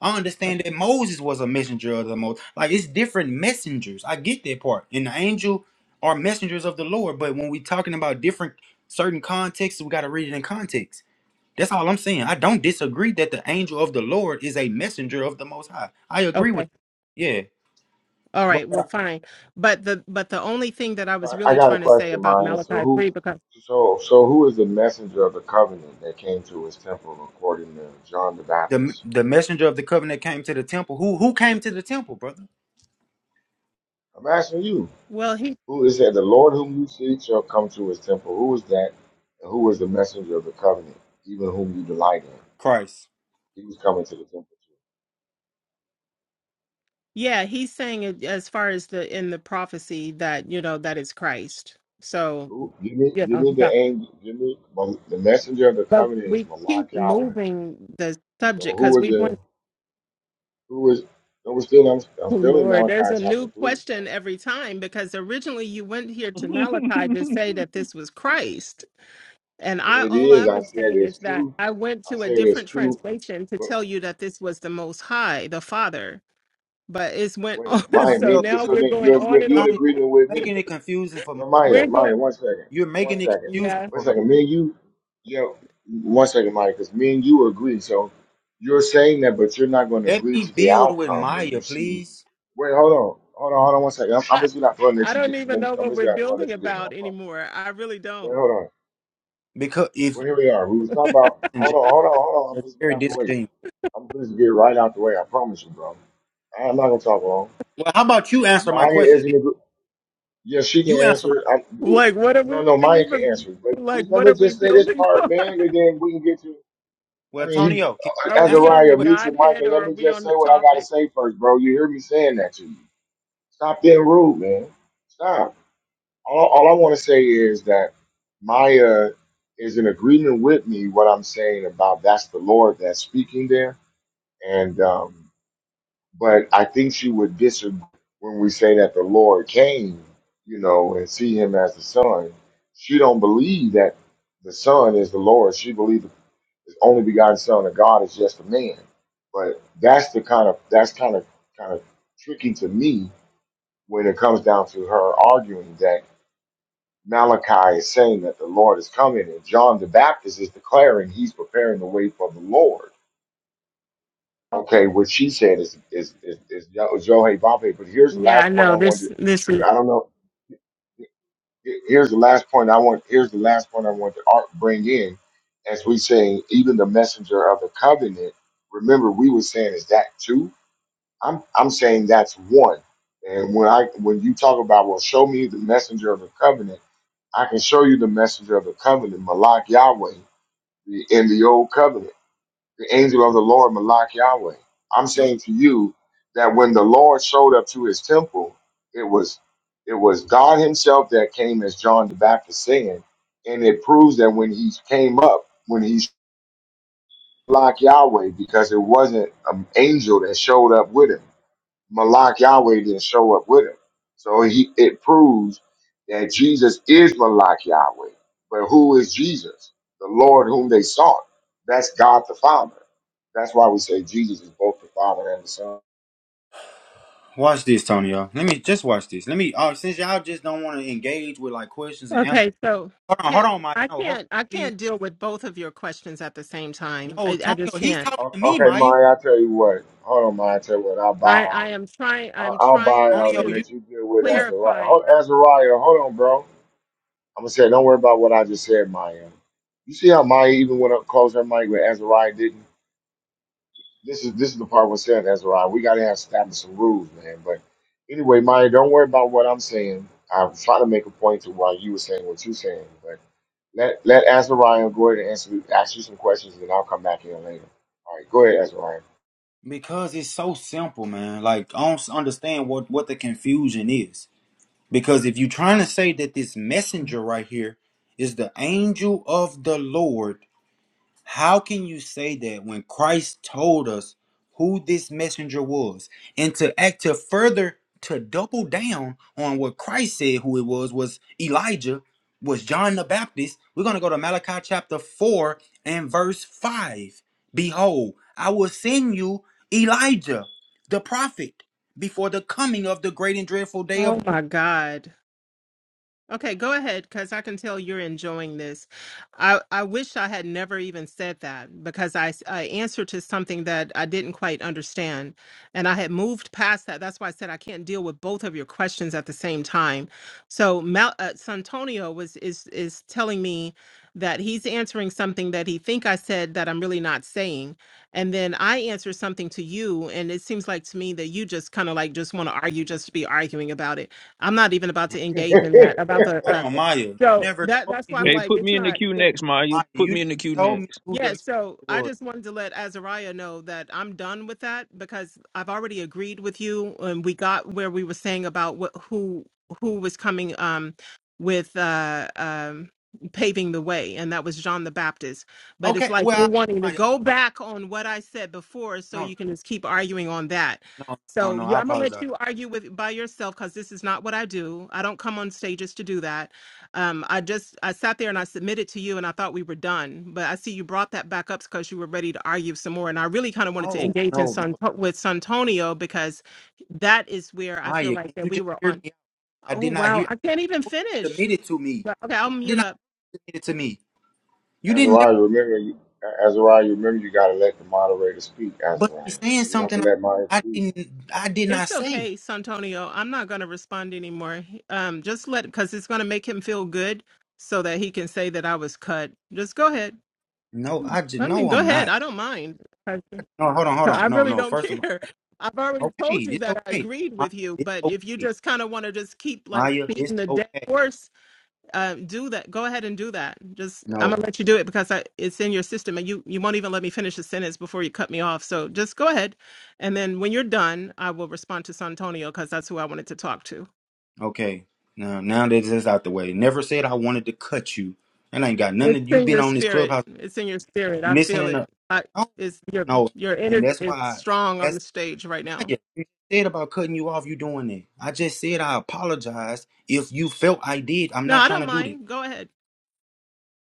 [SPEAKER 2] I understand
[SPEAKER 7] Okay.
[SPEAKER 2] that Moses was a messenger of the Most. Like it's different messengers. I get that part. And the angel are messengers of the Lord. But when we talking about different certain contexts, we got to read it in context. That's all I'm saying. I don't disagree that the angel of the Lord is a messenger of the Most High. I agree with
[SPEAKER 7] Okay.
[SPEAKER 2] you. Yeah.
[SPEAKER 7] All
[SPEAKER 2] But
[SPEAKER 7] right. Well, fine. But the but the only thing that I
[SPEAKER 1] So
[SPEAKER 7] was
[SPEAKER 1] I, I
[SPEAKER 7] really
[SPEAKER 1] got a
[SPEAKER 7] trying to say
[SPEAKER 1] question,
[SPEAKER 7] about
[SPEAKER 1] Maya. So
[SPEAKER 7] Malachi
[SPEAKER 1] who,
[SPEAKER 7] three because
[SPEAKER 1] so so who is the messenger of the covenant that came to his temple according to John the
[SPEAKER 2] the
[SPEAKER 1] Baptist?
[SPEAKER 2] the messenger of the covenant came to the temple. Who who came to the temple, brother?
[SPEAKER 1] I'm asking you.
[SPEAKER 7] well he
[SPEAKER 1] Who is that? The Lord whom you seek shall come to his temple. Who is that? And who is the messenger of the covenant, even whom you delight in?
[SPEAKER 2] Christ.
[SPEAKER 1] He was coming to the temple too.
[SPEAKER 7] yeah he's saying it as far as the in the prophecy that you know that it's Christ. So
[SPEAKER 1] Who? Give me,
[SPEAKER 7] you
[SPEAKER 1] give
[SPEAKER 7] know
[SPEAKER 1] me
[SPEAKER 7] he's
[SPEAKER 1] the
[SPEAKER 7] out.
[SPEAKER 1] angel. Give me well, the messenger of the
[SPEAKER 7] But
[SPEAKER 1] covenant is
[SPEAKER 7] we
[SPEAKER 1] Malak
[SPEAKER 7] keep
[SPEAKER 1] Yahweh.
[SPEAKER 7] moving the
[SPEAKER 1] So
[SPEAKER 7] subject
[SPEAKER 1] who
[SPEAKER 7] because
[SPEAKER 1] was
[SPEAKER 7] we
[SPEAKER 1] the?
[SPEAKER 7] went
[SPEAKER 1] Who was? No, we're still. I'm, I'm
[SPEAKER 7] (laughs) Oh
[SPEAKER 1] still in
[SPEAKER 7] Lord, there's a
[SPEAKER 1] Malachi chapter
[SPEAKER 7] new
[SPEAKER 1] three.
[SPEAKER 7] question every time because originally you went here
[SPEAKER 6] (laughs)
[SPEAKER 7] to Malachi to say that this was Christ. And I
[SPEAKER 1] It
[SPEAKER 7] all I
[SPEAKER 1] is. I
[SPEAKER 7] was
[SPEAKER 1] said
[SPEAKER 7] saying
[SPEAKER 1] it's
[SPEAKER 7] is that
[SPEAKER 1] two.
[SPEAKER 7] I went
[SPEAKER 1] I
[SPEAKER 7] to a
[SPEAKER 1] said it's
[SPEAKER 7] different
[SPEAKER 1] two.
[SPEAKER 7] translation to
[SPEAKER 1] But
[SPEAKER 7] tell you that this was the most high, the Father. But it's went (laughs)
[SPEAKER 1] wait,
[SPEAKER 7] on
[SPEAKER 1] my
[SPEAKER 7] so
[SPEAKER 2] Antonio,
[SPEAKER 1] me.
[SPEAKER 7] now
[SPEAKER 2] you,
[SPEAKER 1] So
[SPEAKER 7] we're
[SPEAKER 1] then
[SPEAKER 7] going
[SPEAKER 1] you're
[SPEAKER 2] you
[SPEAKER 7] on
[SPEAKER 1] agree,
[SPEAKER 7] and
[SPEAKER 1] you're in
[SPEAKER 7] on.
[SPEAKER 2] Antonio,
[SPEAKER 1] agreement with me.
[SPEAKER 2] making it confusing for my,
[SPEAKER 1] No, Maya,
[SPEAKER 7] We're going
[SPEAKER 1] Maya, one second.
[SPEAKER 2] you're
[SPEAKER 1] One
[SPEAKER 2] making it
[SPEAKER 1] second.
[SPEAKER 2] confusing
[SPEAKER 7] yeah.
[SPEAKER 1] One
[SPEAKER 2] for her.
[SPEAKER 1] second. Me and you, yeah, one second, Maya, because me and you agree. So you're saying that, but you're not going to
[SPEAKER 2] Let
[SPEAKER 1] agree
[SPEAKER 2] me
[SPEAKER 1] to the
[SPEAKER 2] build with
[SPEAKER 1] outcome when
[SPEAKER 2] Maya,
[SPEAKER 1] you see.
[SPEAKER 2] please,
[SPEAKER 1] Wait, hold on. Hold on, hold on one second. I'm,
[SPEAKER 7] (laughs)
[SPEAKER 1] I'm just going to have to run let
[SPEAKER 7] I
[SPEAKER 1] you
[SPEAKER 7] don't
[SPEAKER 1] get,
[SPEAKER 7] even know
[SPEAKER 1] I'm
[SPEAKER 7] what
[SPEAKER 1] just
[SPEAKER 7] we're
[SPEAKER 1] going to have to run
[SPEAKER 7] building
[SPEAKER 1] let you get in I
[SPEAKER 7] about
[SPEAKER 1] promise.
[SPEAKER 7] anymore. I really
[SPEAKER 1] Wait,
[SPEAKER 7] don't.
[SPEAKER 1] hold on.
[SPEAKER 2] because if
[SPEAKER 1] Well, here we are. We was talking about,
[SPEAKER 2] that's
[SPEAKER 1] hold on, hold on, hold on. I'm just get
[SPEAKER 2] very
[SPEAKER 1] out the way.
[SPEAKER 2] disingenuous.
[SPEAKER 1] I'm just get right out the way. I promise you, bro. I'm not going to talk long.
[SPEAKER 2] Well, how about you answer my
[SPEAKER 1] Maya
[SPEAKER 2] questions? then?
[SPEAKER 1] isn't. Yeah, she can
[SPEAKER 2] You answer my
[SPEAKER 1] answer. it.
[SPEAKER 2] question.
[SPEAKER 1] I,
[SPEAKER 7] Like what are we
[SPEAKER 1] no, no, Maya can
[SPEAKER 7] even
[SPEAKER 1] answer. it. But
[SPEAKER 7] like
[SPEAKER 1] just, let
[SPEAKER 7] what
[SPEAKER 1] me
[SPEAKER 7] are we
[SPEAKER 1] just say this
[SPEAKER 7] building (laughs)
[SPEAKER 1] part,
[SPEAKER 7] on?
[SPEAKER 1] man, and then we can get to.
[SPEAKER 2] Well,
[SPEAKER 1] I mean, he,
[SPEAKER 2] Antonio, can you just
[SPEAKER 1] uh,
[SPEAKER 7] Are we
[SPEAKER 2] answer my
[SPEAKER 7] on the
[SPEAKER 1] Azariah,
[SPEAKER 2] question?
[SPEAKER 1] mute your mic
[SPEAKER 7] Godhead
[SPEAKER 1] and
[SPEAKER 7] or
[SPEAKER 1] let
[SPEAKER 7] are
[SPEAKER 1] me
[SPEAKER 7] we
[SPEAKER 1] just
[SPEAKER 7] on
[SPEAKER 1] say
[SPEAKER 7] the
[SPEAKER 1] what I gotta
[SPEAKER 7] topic?
[SPEAKER 1] say first, bro. You hear me saying that to you? Stop being rude, man. Stop. All, all I want to say is that Maya is in agreement with me what I'm saying about that's the Lord that's speaking there, and um, but I think she would disagree when we say that the Lord came, you know, and see him as the Son. She don't believe that the Son is the Lord. She believes the only begotten Son of God is just a man. But that's the kind of that's kind of kind of tricky to me when it comes down to her arguing that Malachi is saying that the Lord is coming and John the Baptist is declaring he's preparing the way for the Lord Okay,
[SPEAKER 7] Okay.
[SPEAKER 1] what she said is is is, is Yo- Zoe Bombay. But here's the
[SPEAKER 7] Yeah, I
[SPEAKER 1] last point I
[SPEAKER 7] know
[SPEAKER 1] wanted
[SPEAKER 7] this.
[SPEAKER 1] to.
[SPEAKER 7] This
[SPEAKER 1] Here,
[SPEAKER 7] is
[SPEAKER 1] I don't know. Here's the last point I want. Here's the last point I want to ar- bring in. As we saying, even the messenger of the covenant. Remember, we were saying is that two? I'm I'm saying that's one. And when I when you talk about well, show me the messenger of the covenant, I can show you the messenger of the covenant, Malak Yahweh, the, in the old covenant. The angel of the Lord, Malak Yahweh. I'm saying to you that when the Lord showed up to his temple, it was it was God himself that came as John the Baptist saying, and it proves that when he came up, when he's Malak Yahweh, because it wasn't an angel that showed up with him. Malak Yahweh didn't show up with him. So he it proves that Jesus is Malak Yahweh. But who is Jesus? The Lord whom they sought. That's God the Father. That's why we say Jesus is both the Father and the Son.
[SPEAKER 2] Watch this, Tony. Y'all, let me just watch this. Let me. Uh, since y'all just don't want to engage with like questions and answers.
[SPEAKER 7] okay. So
[SPEAKER 2] Hold on, hold
[SPEAKER 7] can't
[SPEAKER 2] on, Maya.
[SPEAKER 7] I
[SPEAKER 2] No, hold on,
[SPEAKER 7] can't I
[SPEAKER 2] please.
[SPEAKER 7] can't deal with both of your questions at the same time.
[SPEAKER 2] No,
[SPEAKER 7] I, I
[SPEAKER 2] Tonyo,
[SPEAKER 7] just
[SPEAKER 2] he's
[SPEAKER 7] can't.
[SPEAKER 2] talking
[SPEAKER 1] O-
[SPEAKER 2] to me,
[SPEAKER 1] Okay,
[SPEAKER 2] Maya.
[SPEAKER 1] Mari, I'll tell you what. Hold on, Mari, I'll tell you what. I'll buy
[SPEAKER 7] I I
[SPEAKER 1] out.
[SPEAKER 7] am trying.
[SPEAKER 1] I-
[SPEAKER 7] I'm
[SPEAKER 1] I'll buy
[SPEAKER 7] trying
[SPEAKER 1] out and
[SPEAKER 2] Tonyo,
[SPEAKER 7] to
[SPEAKER 2] you
[SPEAKER 1] let you deal with
[SPEAKER 2] lose
[SPEAKER 1] Azariah.
[SPEAKER 7] clarify.
[SPEAKER 1] Hold, Azariah, hold on, bro. I'm going to say, don't worry about what I just said, Maya. You see how Maya even went up close her mic with Azariah didn't? this is this is the part we're saying Ezra. We gotta have established some rules, man. But anyway, Maya, don't worry about what I'm saying. I'm trying to make a point to why you were saying what you're saying, but let let Azariah go ahead and answer ask you some questions and I'll come back here later. All right, go ahead, Azariah.
[SPEAKER 2] because it's so simple, man. Like I don't understand what what the confusion is. Because if you're trying to say that this messenger right here is the angel of the Lord, How can you say that when Christ told us who this messenger was? And to act to further to double down on what Christ said who it was was Elijah, was John the Baptist. We're going to go to Malachi chapter 4 and verse 5. Behold, I will send you Elijah, the prophet, before the coming of the great and dreadful day
[SPEAKER 7] Oh
[SPEAKER 2] of
[SPEAKER 7] my God. Okay, go ahead, because I can tell you're enjoying this. I, I wish I had never even said that because I, s- I answered to something that I didn't quite understand. And I had moved past that. That's why I said I can't deal with both of your questions at the same time. So Mal, uh, Santonio was is is telling me that he's answering something that he think I said that I'm really not saying. And then I answer something to you, and it seems like to me that you just kind of like just want to argue just to be arguing about it. I'm not even about to engage in
[SPEAKER 1] (laughs)
[SPEAKER 7] that. About the
[SPEAKER 2] Hold
[SPEAKER 7] uh,
[SPEAKER 2] on, Maya. You
[SPEAKER 7] so
[SPEAKER 2] never
[SPEAKER 7] that
[SPEAKER 2] told
[SPEAKER 7] that's
[SPEAKER 2] me
[SPEAKER 7] why
[SPEAKER 2] who
[SPEAKER 7] I'm
[SPEAKER 2] the
[SPEAKER 6] hey,
[SPEAKER 7] like,
[SPEAKER 6] put
[SPEAKER 7] it's
[SPEAKER 6] me in the
[SPEAKER 7] not
[SPEAKER 6] queue
[SPEAKER 7] you know.
[SPEAKER 6] next, Maya.
[SPEAKER 2] Maya. You
[SPEAKER 6] Put
[SPEAKER 2] never
[SPEAKER 6] me in the queue
[SPEAKER 2] told
[SPEAKER 6] next.
[SPEAKER 2] me who the
[SPEAKER 7] Yeah,
[SPEAKER 2] messenger
[SPEAKER 7] so I
[SPEAKER 2] was.
[SPEAKER 7] just wanted to let Azariah know that I'm done with that because I've already agreed with you, and we got where we were saying about what, who who was coming um, with uh, um, paving the way, and that was John the Baptist. But it's
[SPEAKER 2] Okay,
[SPEAKER 7] like you're
[SPEAKER 2] well,
[SPEAKER 7] wanting to
[SPEAKER 2] I, Maya.
[SPEAKER 7] go back on what I said before, so
[SPEAKER 2] No,
[SPEAKER 7] you can just keep arguing on that.
[SPEAKER 2] no, no,
[SPEAKER 7] So
[SPEAKER 2] no. I
[SPEAKER 7] yeah, I'm gonna let
[SPEAKER 2] apologize.
[SPEAKER 7] you argue with by yourself because this is not what I do. I don't come on stages to do that um, I just I sat there and I submitted to you, and I thought we were done. But I see you brought that back up because you were ready to argue some more, and I really kind of wanted to
[SPEAKER 2] No,
[SPEAKER 7] engage in
[SPEAKER 2] no, no.
[SPEAKER 7] San with Santonio because that is where I feel
[SPEAKER 2] Maya,
[SPEAKER 7] like
[SPEAKER 2] can
[SPEAKER 7] that
[SPEAKER 2] you
[SPEAKER 7] we
[SPEAKER 2] just
[SPEAKER 7] were
[SPEAKER 2] hear
[SPEAKER 7] on.
[SPEAKER 2] me? out? I
[SPEAKER 7] Oh
[SPEAKER 2] did not
[SPEAKER 7] wow,
[SPEAKER 2] hear.
[SPEAKER 7] I
[SPEAKER 2] I did
[SPEAKER 7] can't even
[SPEAKER 2] not know you
[SPEAKER 7] finish.
[SPEAKER 2] submitted to me.
[SPEAKER 7] But, Okay, I'll
[SPEAKER 2] I did
[SPEAKER 7] mute
[SPEAKER 2] not
[SPEAKER 7] up.
[SPEAKER 2] know you submitted to me. You didn't never.
[SPEAKER 1] Azariah, remember you Azariah, remember you gotta let the moderator speak,
[SPEAKER 2] But
[SPEAKER 1] Azariah.
[SPEAKER 2] she's saying
[SPEAKER 1] So you have to
[SPEAKER 2] something I,
[SPEAKER 1] let Maya
[SPEAKER 2] I
[SPEAKER 1] speak.
[SPEAKER 2] didn't. I did not
[SPEAKER 7] It's
[SPEAKER 2] say.
[SPEAKER 7] okay, Santonio. I'm not going to respond anymore. Um, just let because it's going to make him feel good so that he can say that I was cut. Just go ahead.
[SPEAKER 2] No, I just
[SPEAKER 7] I mean,
[SPEAKER 2] no.
[SPEAKER 7] go
[SPEAKER 2] I'm
[SPEAKER 7] ahead.
[SPEAKER 2] not.
[SPEAKER 7] I don't mind.
[SPEAKER 2] No, hold on, hold
[SPEAKER 7] I
[SPEAKER 2] on. No,
[SPEAKER 7] really
[SPEAKER 2] no.
[SPEAKER 7] don't
[SPEAKER 2] First of
[SPEAKER 7] care. I've
[SPEAKER 2] all,
[SPEAKER 7] already
[SPEAKER 2] okay,
[SPEAKER 7] told you
[SPEAKER 2] it's
[SPEAKER 7] that I
[SPEAKER 2] okay.
[SPEAKER 7] agreed
[SPEAKER 2] Maya,
[SPEAKER 7] with you,
[SPEAKER 2] it's
[SPEAKER 7] but if you
[SPEAKER 2] okay.
[SPEAKER 7] just kind of want to just keep like
[SPEAKER 2] Maya, it's
[SPEAKER 7] beating the dead
[SPEAKER 2] okay.
[SPEAKER 7] horse, uh, do that. Go ahead and do that. Just I'm
[SPEAKER 2] No,
[SPEAKER 7] gonna let you do it because I, it's in your system, and you you won't even let me finish the sentence before you cut me off. So just go ahead, and then when you're done, I will respond to Santonio because that's who I wanted to talk to.
[SPEAKER 2] okay. No, now that it's out the way. Never said I wanted to cut you. And I ain't got nothing.
[SPEAKER 7] It's
[SPEAKER 2] to- you
[SPEAKER 7] in
[SPEAKER 2] been
[SPEAKER 7] your
[SPEAKER 2] on this
[SPEAKER 7] spirit.
[SPEAKER 2] clubhouse.
[SPEAKER 7] It's in your spirit.
[SPEAKER 2] You
[SPEAKER 7] I feel
[SPEAKER 2] listening
[SPEAKER 7] it.
[SPEAKER 2] to?
[SPEAKER 7] I,
[SPEAKER 2] oh,
[SPEAKER 7] it's your
[SPEAKER 2] No,
[SPEAKER 7] your
[SPEAKER 2] and
[SPEAKER 7] energy
[SPEAKER 2] that's
[SPEAKER 7] is
[SPEAKER 2] why
[SPEAKER 7] strong on
[SPEAKER 2] that's
[SPEAKER 7] the stage right
[SPEAKER 2] Maya.
[SPEAKER 7] now.
[SPEAKER 2] You you said about cutting you off. You doing that? I just said I apologize if you felt I did. I'm
[SPEAKER 7] No,
[SPEAKER 2] not
[SPEAKER 7] I
[SPEAKER 2] trying
[SPEAKER 7] don't
[SPEAKER 2] to do that,
[SPEAKER 7] mind. Go ahead.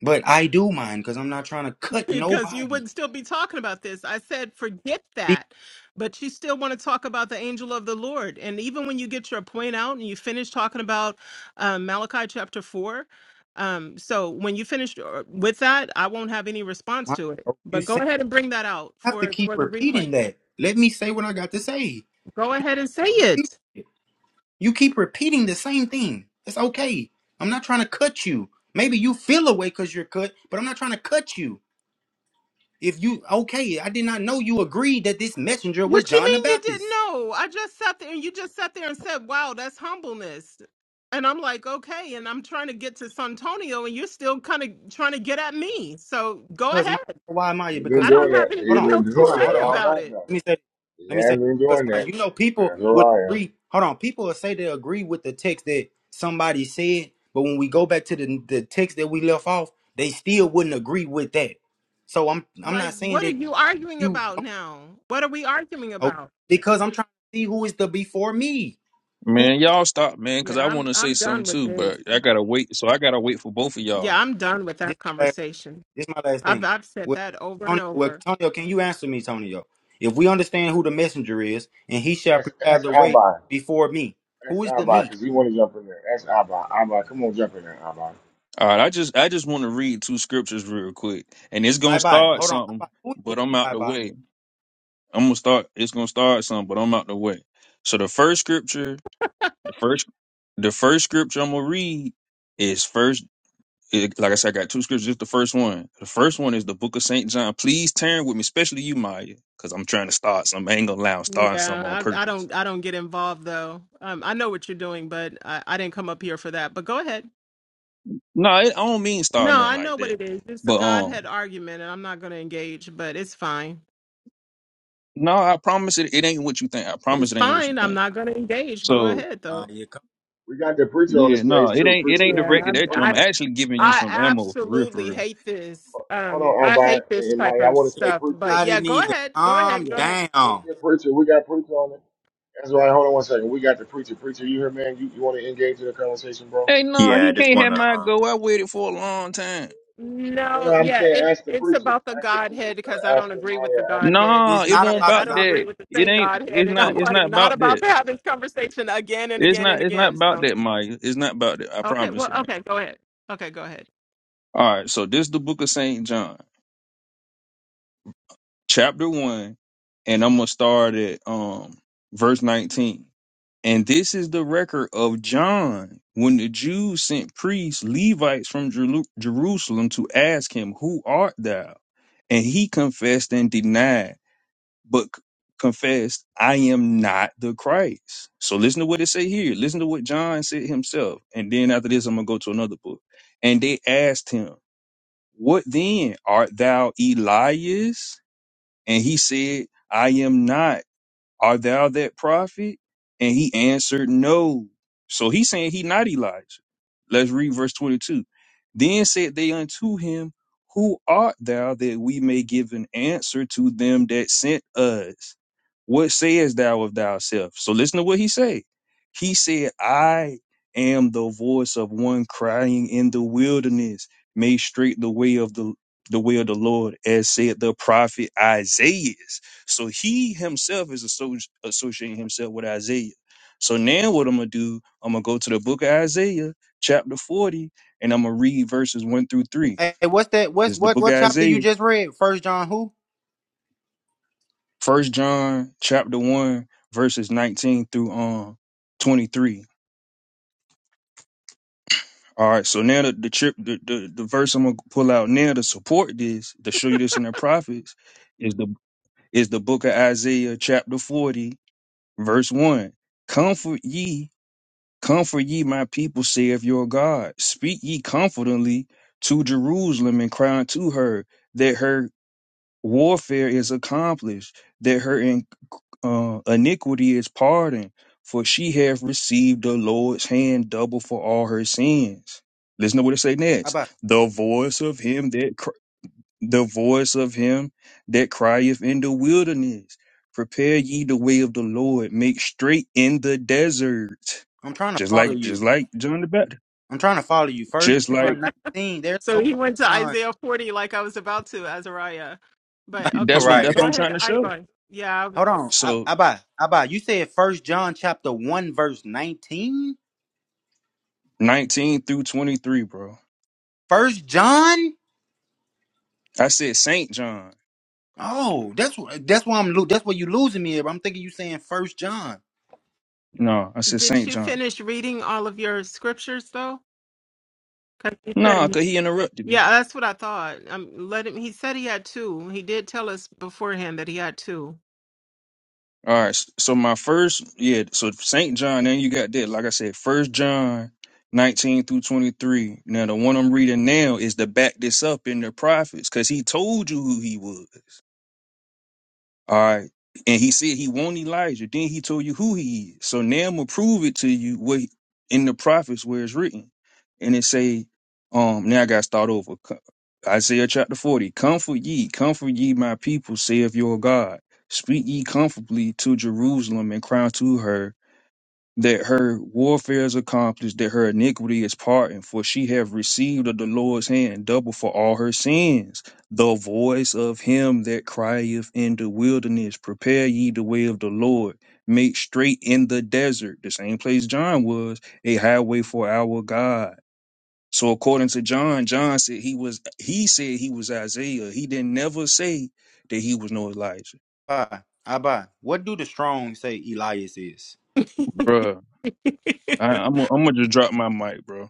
[SPEAKER 2] but I do mind because I'm not trying to cut
[SPEAKER 7] because you
[SPEAKER 2] nobody.
[SPEAKER 7] wouldn't still be talking about this. I said, forget
[SPEAKER 2] Be-
[SPEAKER 7] that. But you still want to talk about the angel of the Lord. And even when you get your point out and you finish talking about um, Malachi chapter 4, um, so when you finish uh, with that, I won't have any response
[SPEAKER 2] Maya,
[SPEAKER 7] to it.
[SPEAKER 2] You
[SPEAKER 7] But go
[SPEAKER 2] say
[SPEAKER 7] ahead and bring that out
[SPEAKER 2] I have to
[SPEAKER 7] for,
[SPEAKER 2] keep
[SPEAKER 7] for the replay.
[SPEAKER 2] repeating that. Let me say what I got to say.
[SPEAKER 7] Go ahead and say it.
[SPEAKER 2] Repeat it. You keep repeating the same thing. It's okay. I'm not trying to cut you. Maybe you feel away because you're cut, but I'm not trying to cut you. If you okay, I did not know you agreed that this messenger was
[SPEAKER 7] What you
[SPEAKER 2] John the
[SPEAKER 7] mean you didn't
[SPEAKER 2] Baptist.
[SPEAKER 7] know? I just sat there and you just sat there and said, "Wow, that's humbleness." And I'm like, "Okay." And I'm trying to get to Santonio, and you're still kind of trying to get at me. So go
[SPEAKER 2] Because my
[SPEAKER 7] ahead.
[SPEAKER 2] why Maya?
[SPEAKER 1] He's been
[SPEAKER 2] Because
[SPEAKER 7] I don't
[SPEAKER 1] doing
[SPEAKER 2] people,
[SPEAKER 1] that.
[SPEAKER 7] have
[SPEAKER 2] hold
[SPEAKER 1] He's
[SPEAKER 2] on,
[SPEAKER 7] anything
[SPEAKER 1] been (laughs)
[SPEAKER 7] else to
[SPEAKER 2] hold
[SPEAKER 1] doing
[SPEAKER 2] on, hold
[SPEAKER 7] say
[SPEAKER 1] that
[SPEAKER 2] on, hold
[SPEAKER 1] all
[SPEAKER 2] on.
[SPEAKER 7] about
[SPEAKER 1] night
[SPEAKER 7] it.
[SPEAKER 1] now.
[SPEAKER 2] Let me say,
[SPEAKER 1] He
[SPEAKER 2] let me say,
[SPEAKER 1] has been
[SPEAKER 2] because
[SPEAKER 1] doing
[SPEAKER 2] Maya,
[SPEAKER 1] that.
[SPEAKER 2] you know, people will
[SPEAKER 1] Azariah.
[SPEAKER 2] agree. Hold on, people will say they agree with the text that somebody said, but when we go back to the the text that we left off, they still wouldn't agree with that. So I'm I'm not
[SPEAKER 7] Like,
[SPEAKER 2] saying
[SPEAKER 7] what are
[SPEAKER 2] that
[SPEAKER 7] you arguing
[SPEAKER 2] you
[SPEAKER 7] about
[SPEAKER 2] don't
[SPEAKER 7] now? What are we arguing
[SPEAKER 2] know,
[SPEAKER 7] about?
[SPEAKER 2] because I'm trying to see who is the before me. Who?
[SPEAKER 6] Man, y'all stop, man, because
[SPEAKER 7] Yeah,
[SPEAKER 6] I
[SPEAKER 7] I'm
[SPEAKER 6] want to say
[SPEAKER 7] I'm
[SPEAKER 6] something
[SPEAKER 7] done with
[SPEAKER 6] too,
[SPEAKER 7] this.
[SPEAKER 6] but I gotta wait. So I gotta wait for both of
[SPEAKER 7] Yeah,
[SPEAKER 6] y'all.
[SPEAKER 7] I'm done with that conversation.
[SPEAKER 2] This is my last
[SPEAKER 7] I've
[SPEAKER 2] thing.
[SPEAKER 7] I've said
[SPEAKER 2] Well,
[SPEAKER 7] that over and
[SPEAKER 2] Antonio, well,
[SPEAKER 7] over.
[SPEAKER 2] Tonio, can you answer me, Tonio? If we understand who the messenger is, and he shall
[SPEAKER 1] Ask
[SPEAKER 2] prepare
[SPEAKER 1] ask
[SPEAKER 2] the way
[SPEAKER 1] Abba.
[SPEAKER 2] before me,
[SPEAKER 1] That's
[SPEAKER 2] who is the
[SPEAKER 1] Abba,
[SPEAKER 2] me?
[SPEAKER 1] because he want to jump in there. That's Abba. Abba, come on, jump in there, Abba.
[SPEAKER 6] All right, I just I just want to read two scriptures real quick, and it's
[SPEAKER 2] I
[SPEAKER 6] gonna
[SPEAKER 2] buy.
[SPEAKER 6] start
[SPEAKER 2] Hold on. I
[SPEAKER 6] something,
[SPEAKER 2] buy. Who is the
[SPEAKER 6] but I'm
[SPEAKER 2] me?
[SPEAKER 6] out
[SPEAKER 2] I
[SPEAKER 6] the
[SPEAKER 2] buy.
[SPEAKER 6] way. I'm gonna start. It's gonna start something, but I'm out the way. So the first scripture, the first, the first scripture I'm gonna read is first. It, like I said, I got two scriptures. It's the first one. The first one is the book of Saint John. Please turn with me, especially you, Maya, because I'm trying to start something. I ain't gonna lie, I'm starting
[SPEAKER 7] Yeah,
[SPEAKER 6] something on
[SPEAKER 7] I, I
[SPEAKER 6] purpose.
[SPEAKER 7] don't I don't get involved though. Um, I know what you're doing, but I, I didn't come up here for that. But go ahead.
[SPEAKER 6] No, it, I don't mean star
[SPEAKER 7] No,
[SPEAKER 6] nothing
[SPEAKER 7] I know
[SPEAKER 6] like
[SPEAKER 7] what
[SPEAKER 6] that.
[SPEAKER 7] it is. It's a
[SPEAKER 6] But um,
[SPEAKER 7] Godhead argument, and I'm not going to engage. But it's fine.
[SPEAKER 6] no, I promise it. It ain't what you think. I promise
[SPEAKER 7] It's
[SPEAKER 6] it ain't what you
[SPEAKER 7] fine. I'm
[SPEAKER 6] think.
[SPEAKER 7] not going to engage. Go
[SPEAKER 6] So
[SPEAKER 7] ahead though.
[SPEAKER 2] Maya, come-
[SPEAKER 1] We got the preacher on the
[SPEAKER 6] yeah, no,
[SPEAKER 1] stage
[SPEAKER 6] it
[SPEAKER 1] too.
[SPEAKER 6] ain't. It
[SPEAKER 1] Preacher,
[SPEAKER 6] ain't
[SPEAKER 1] preacher,
[SPEAKER 7] Yeah,
[SPEAKER 6] directed at
[SPEAKER 7] I
[SPEAKER 6] you. I'm
[SPEAKER 1] preacher.
[SPEAKER 7] I,
[SPEAKER 6] actually giving you
[SPEAKER 7] I
[SPEAKER 6] some
[SPEAKER 1] Uh,
[SPEAKER 6] ammo for real, for
[SPEAKER 7] absolutely
[SPEAKER 6] real.
[SPEAKER 7] hate this.
[SPEAKER 1] Hold
[SPEAKER 7] Um,
[SPEAKER 1] on,
[SPEAKER 7] I
[SPEAKER 1] Abba.
[SPEAKER 7] hate this
[SPEAKER 1] And
[SPEAKER 7] type
[SPEAKER 1] my, I
[SPEAKER 7] of
[SPEAKER 1] want to say
[SPEAKER 7] stuff.
[SPEAKER 1] preacher.
[SPEAKER 7] But
[SPEAKER 2] Everybody
[SPEAKER 7] yeah, go
[SPEAKER 2] needs to
[SPEAKER 7] ahead. Go
[SPEAKER 2] calm
[SPEAKER 7] ahead. Go
[SPEAKER 1] Yeah,
[SPEAKER 7] ahead.
[SPEAKER 1] let's
[SPEAKER 2] down.
[SPEAKER 1] get preacher. We got preacher on it. That's right. Hold on one second. We got the preacher. Preacher, you here, man? You, you want to engage in the conversation, bro?
[SPEAKER 6] Hey, no,
[SPEAKER 10] Yeah, I
[SPEAKER 6] he
[SPEAKER 10] just
[SPEAKER 6] can't have
[SPEAKER 10] want to.
[SPEAKER 6] my
[SPEAKER 10] Um,
[SPEAKER 6] go. I waited for a long time.
[SPEAKER 1] No,
[SPEAKER 7] No,
[SPEAKER 1] no. I'm
[SPEAKER 7] yeah,
[SPEAKER 1] saying
[SPEAKER 7] it,
[SPEAKER 1] ask the
[SPEAKER 7] it's
[SPEAKER 1] preacher.
[SPEAKER 7] about the
[SPEAKER 1] Ask the preacher
[SPEAKER 7] Godhead
[SPEAKER 1] instead
[SPEAKER 7] because I
[SPEAKER 1] of
[SPEAKER 7] don't
[SPEAKER 1] asking
[SPEAKER 7] agree with the
[SPEAKER 1] Maya. Ask the,
[SPEAKER 7] Godhead.
[SPEAKER 6] Nah,
[SPEAKER 2] It's
[SPEAKER 6] it
[SPEAKER 2] not
[SPEAKER 7] Uh,
[SPEAKER 6] won't
[SPEAKER 2] about the
[SPEAKER 7] I
[SPEAKER 6] about
[SPEAKER 7] don't
[SPEAKER 2] God.
[SPEAKER 7] agree
[SPEAKER 6] that.
[SPEAKER 7] with the
[SPEAKER 6] It
[SPEAKER 7] same
[SPEAKER 6] ain't.
[SPEAKER 7] Godhead,
[SPEAKER 6] It's
[SPEAKER 7] and (laughs) I'm
[SPEAKER 6] not. It's
[SPEAKER 7] like
[SPEAKER 6] not
[SPEAKER 7] not
[SPEAKER 6] about
[SPEAKER 7] about
[SPEAKER 6] that.
[SPEAKER 7] to have this conversation again and
[SPEAKER 6] It's
[SPEAKER 7] again and
[SPEAKER 6] not. It's not
[SPEAKER 7] again.
[SPEAKER 6] about
[SPEAKER 7] So,
[SPEAKER 6] that, Maya. It's not about that. I
[SPEAKER 7] okay,
[SPEAKER 6] promise
[SPEAKER 7] well,
[SPEAKER 6] it ain't.
[SPEAKER 7] okay, go ahead. Okay, go ahead.
[SPEAKER 6] All right. So this the book of Saint John, chapter one, and I'm gonna start at um verse 19 And this is the record of John when the Jews sent priests, Levites from Jeru- Jerusalem to ask him, Who art thou? And he confessed and denied, but c- confessed, I am not the Christ. So listen to what it say here. Listen to what John said himself. And then after this, I'm going to go to another book. And they asked him, What then? Art thou Elias? And he said, I am not. Are thou that prophet? And he answered, No. So he's saying he not Elijah. Let's read verse 22. Then said they unto him, Who art thou that we may give an answer to them that sent us? What sayest thou of thyself? So listen to what he said. He said, I am the voice of one crying in the wilderness, make straight the way of the the way of the Lord, as said the prophet Isaiah. So he himself is associ- associating himself with Isaiah. So now what I'm gonna do, I'm gonna go to the book of Isaiah, chapter 40, and I'm gonna read verses one through three.
[SPEAKER 2] Hey, what's that?
[SPEAKER 6] This
[SPEAKER 2] What's
[SPEAKER 6] is the
[SPEAKER 2] what?
[SPEAKER 6] book of
[SPEAKER 2] What chapter you
[SPEAKER 6] Isaiah,
[SPEAKER 2] just read? First John who?
[SPEAKER 6] first John chapter one, verses 19 through um 23. All right, so now the the, trip, the the the verse I'm gonna pull out now to support this, to show you this in the prophets, is the is the book of Isaiah chapter 40, verse 1. Comfort ye Comfort ye my people, saith your God. Speak ye confidently to Jerusalem and cry unto her that her warfare is accomplished, that her in, uh, iniquity is pardoned, for she hath received the Lord's hand double for all her sins. Listen to what it say
[SPEAKER 2] I
[SPEAKER 6] next.
[SPEAKER 2] buy.
[SPEAKER 6] The voice of him that the voice of him that crieth in the wilderness. Prepare ye the way of the Lord, make straight in the desert.
[SPEAKER 2] I'm trying to
[SPEAKER 6] Just
[SPEAKER 2] follow
[SPEAKER 6] like
[SPEAKER 2] you.
[SPEAKER 6] just like John the Baptist.
[SPEAKER 2] I'm trying to follow you. First
[SPEAKER 6] Just like
[SPEAKER 2] John 19. There's
[SPEAKER 7] So
[SPEAKER 2] no
[SPEAKER 7] he
[SPEAKER 2] First
[SPEAKER 7] went to
[SPEAKER 2] John.
[SPEAKER 7] Isaiah 40 like I was about to, Azariah. But
[SPEAKER 2] (laughs)
[SPEAKER 7] okay,
[SPEAKER 6] that's what
[SPEAKER 7] yeah,
[SPEAKER 2] Right.
[SPEAKER 6] that's
[SPEAKER 7] go
[SPEAKER 6] what I'm
[SPEAKER 7] ahead,
[SPEAKER 6] trying to show.
[SPEAKER 7] Ivan. Yeah,
[SPEAKER 2] Hold on. I-
[SPEAKER 6] So
[SPEAKER 2] Abba, Abba, you said first John chapter 1 verse 19?
[SPEAKER 6] 19 through 23, bro.
[SPEAKER 2] First John?
[SPEAKER 6] I said Saint John.
[SPEAKER 2] Oh, that's wh- that's why I'm lo- that's why you losing me. But I'm thinking you saying first John.
[SPEAKER 6] No, I said
[SPEAKER 7] did
[SPEAKER 6] Saint
[SPEAKER 7] you
[SPEAKER 6] John.
[SPEAKER 7] finish reading all of your scriptures though? Because he said
[SPEAKER 6] No,
[SPEAKER 7] he
[SPEAKER 6] cause he interrupted me.
[SPEAKER 7] yeah, that's what I thought. Um, let him. He said he had two. He did tell us beforehand that he had two.
[SPEAKER 6] All right. s- So my first, yeah. So Saint John, then you got that. Like I said, First John, nineteen through twenty three. Now the one I'm reading now is to back this up in the prophets, because he told you who he was. All right. And he said he won't Elijah. Then he told you who he is. So now I'm gonna prove it to you what in the prophets where it's written. And it say, um, now I gotta start over. Co- Isaiah chapter 40. Comfort ye, comfort ye my people, saith your God. Speak ye comfortably to Jerusalem and cry to her that her warfare is accomplished, that her iniquity is pardoned, for she have received of the Lord's hand double for all her sins. The voice of him that crieth in the wilderness, prepare ye the way of the Lord, make straight in the desert, the same place John was, a highway for our God. So according to John, John said he was he said he was Isaiah. He didn't never say that he was no Elijah.
[SPEAKER 2] Abba, Abba, what do the strong say Elias is?
[SPEAKER 7] (laughs)
[SPEAKER 6] Bruh,
[SPEAKER 7] (laughs)
[SPEAKER 6] I, I'm gonna I'm gonna just drop my mic, bro.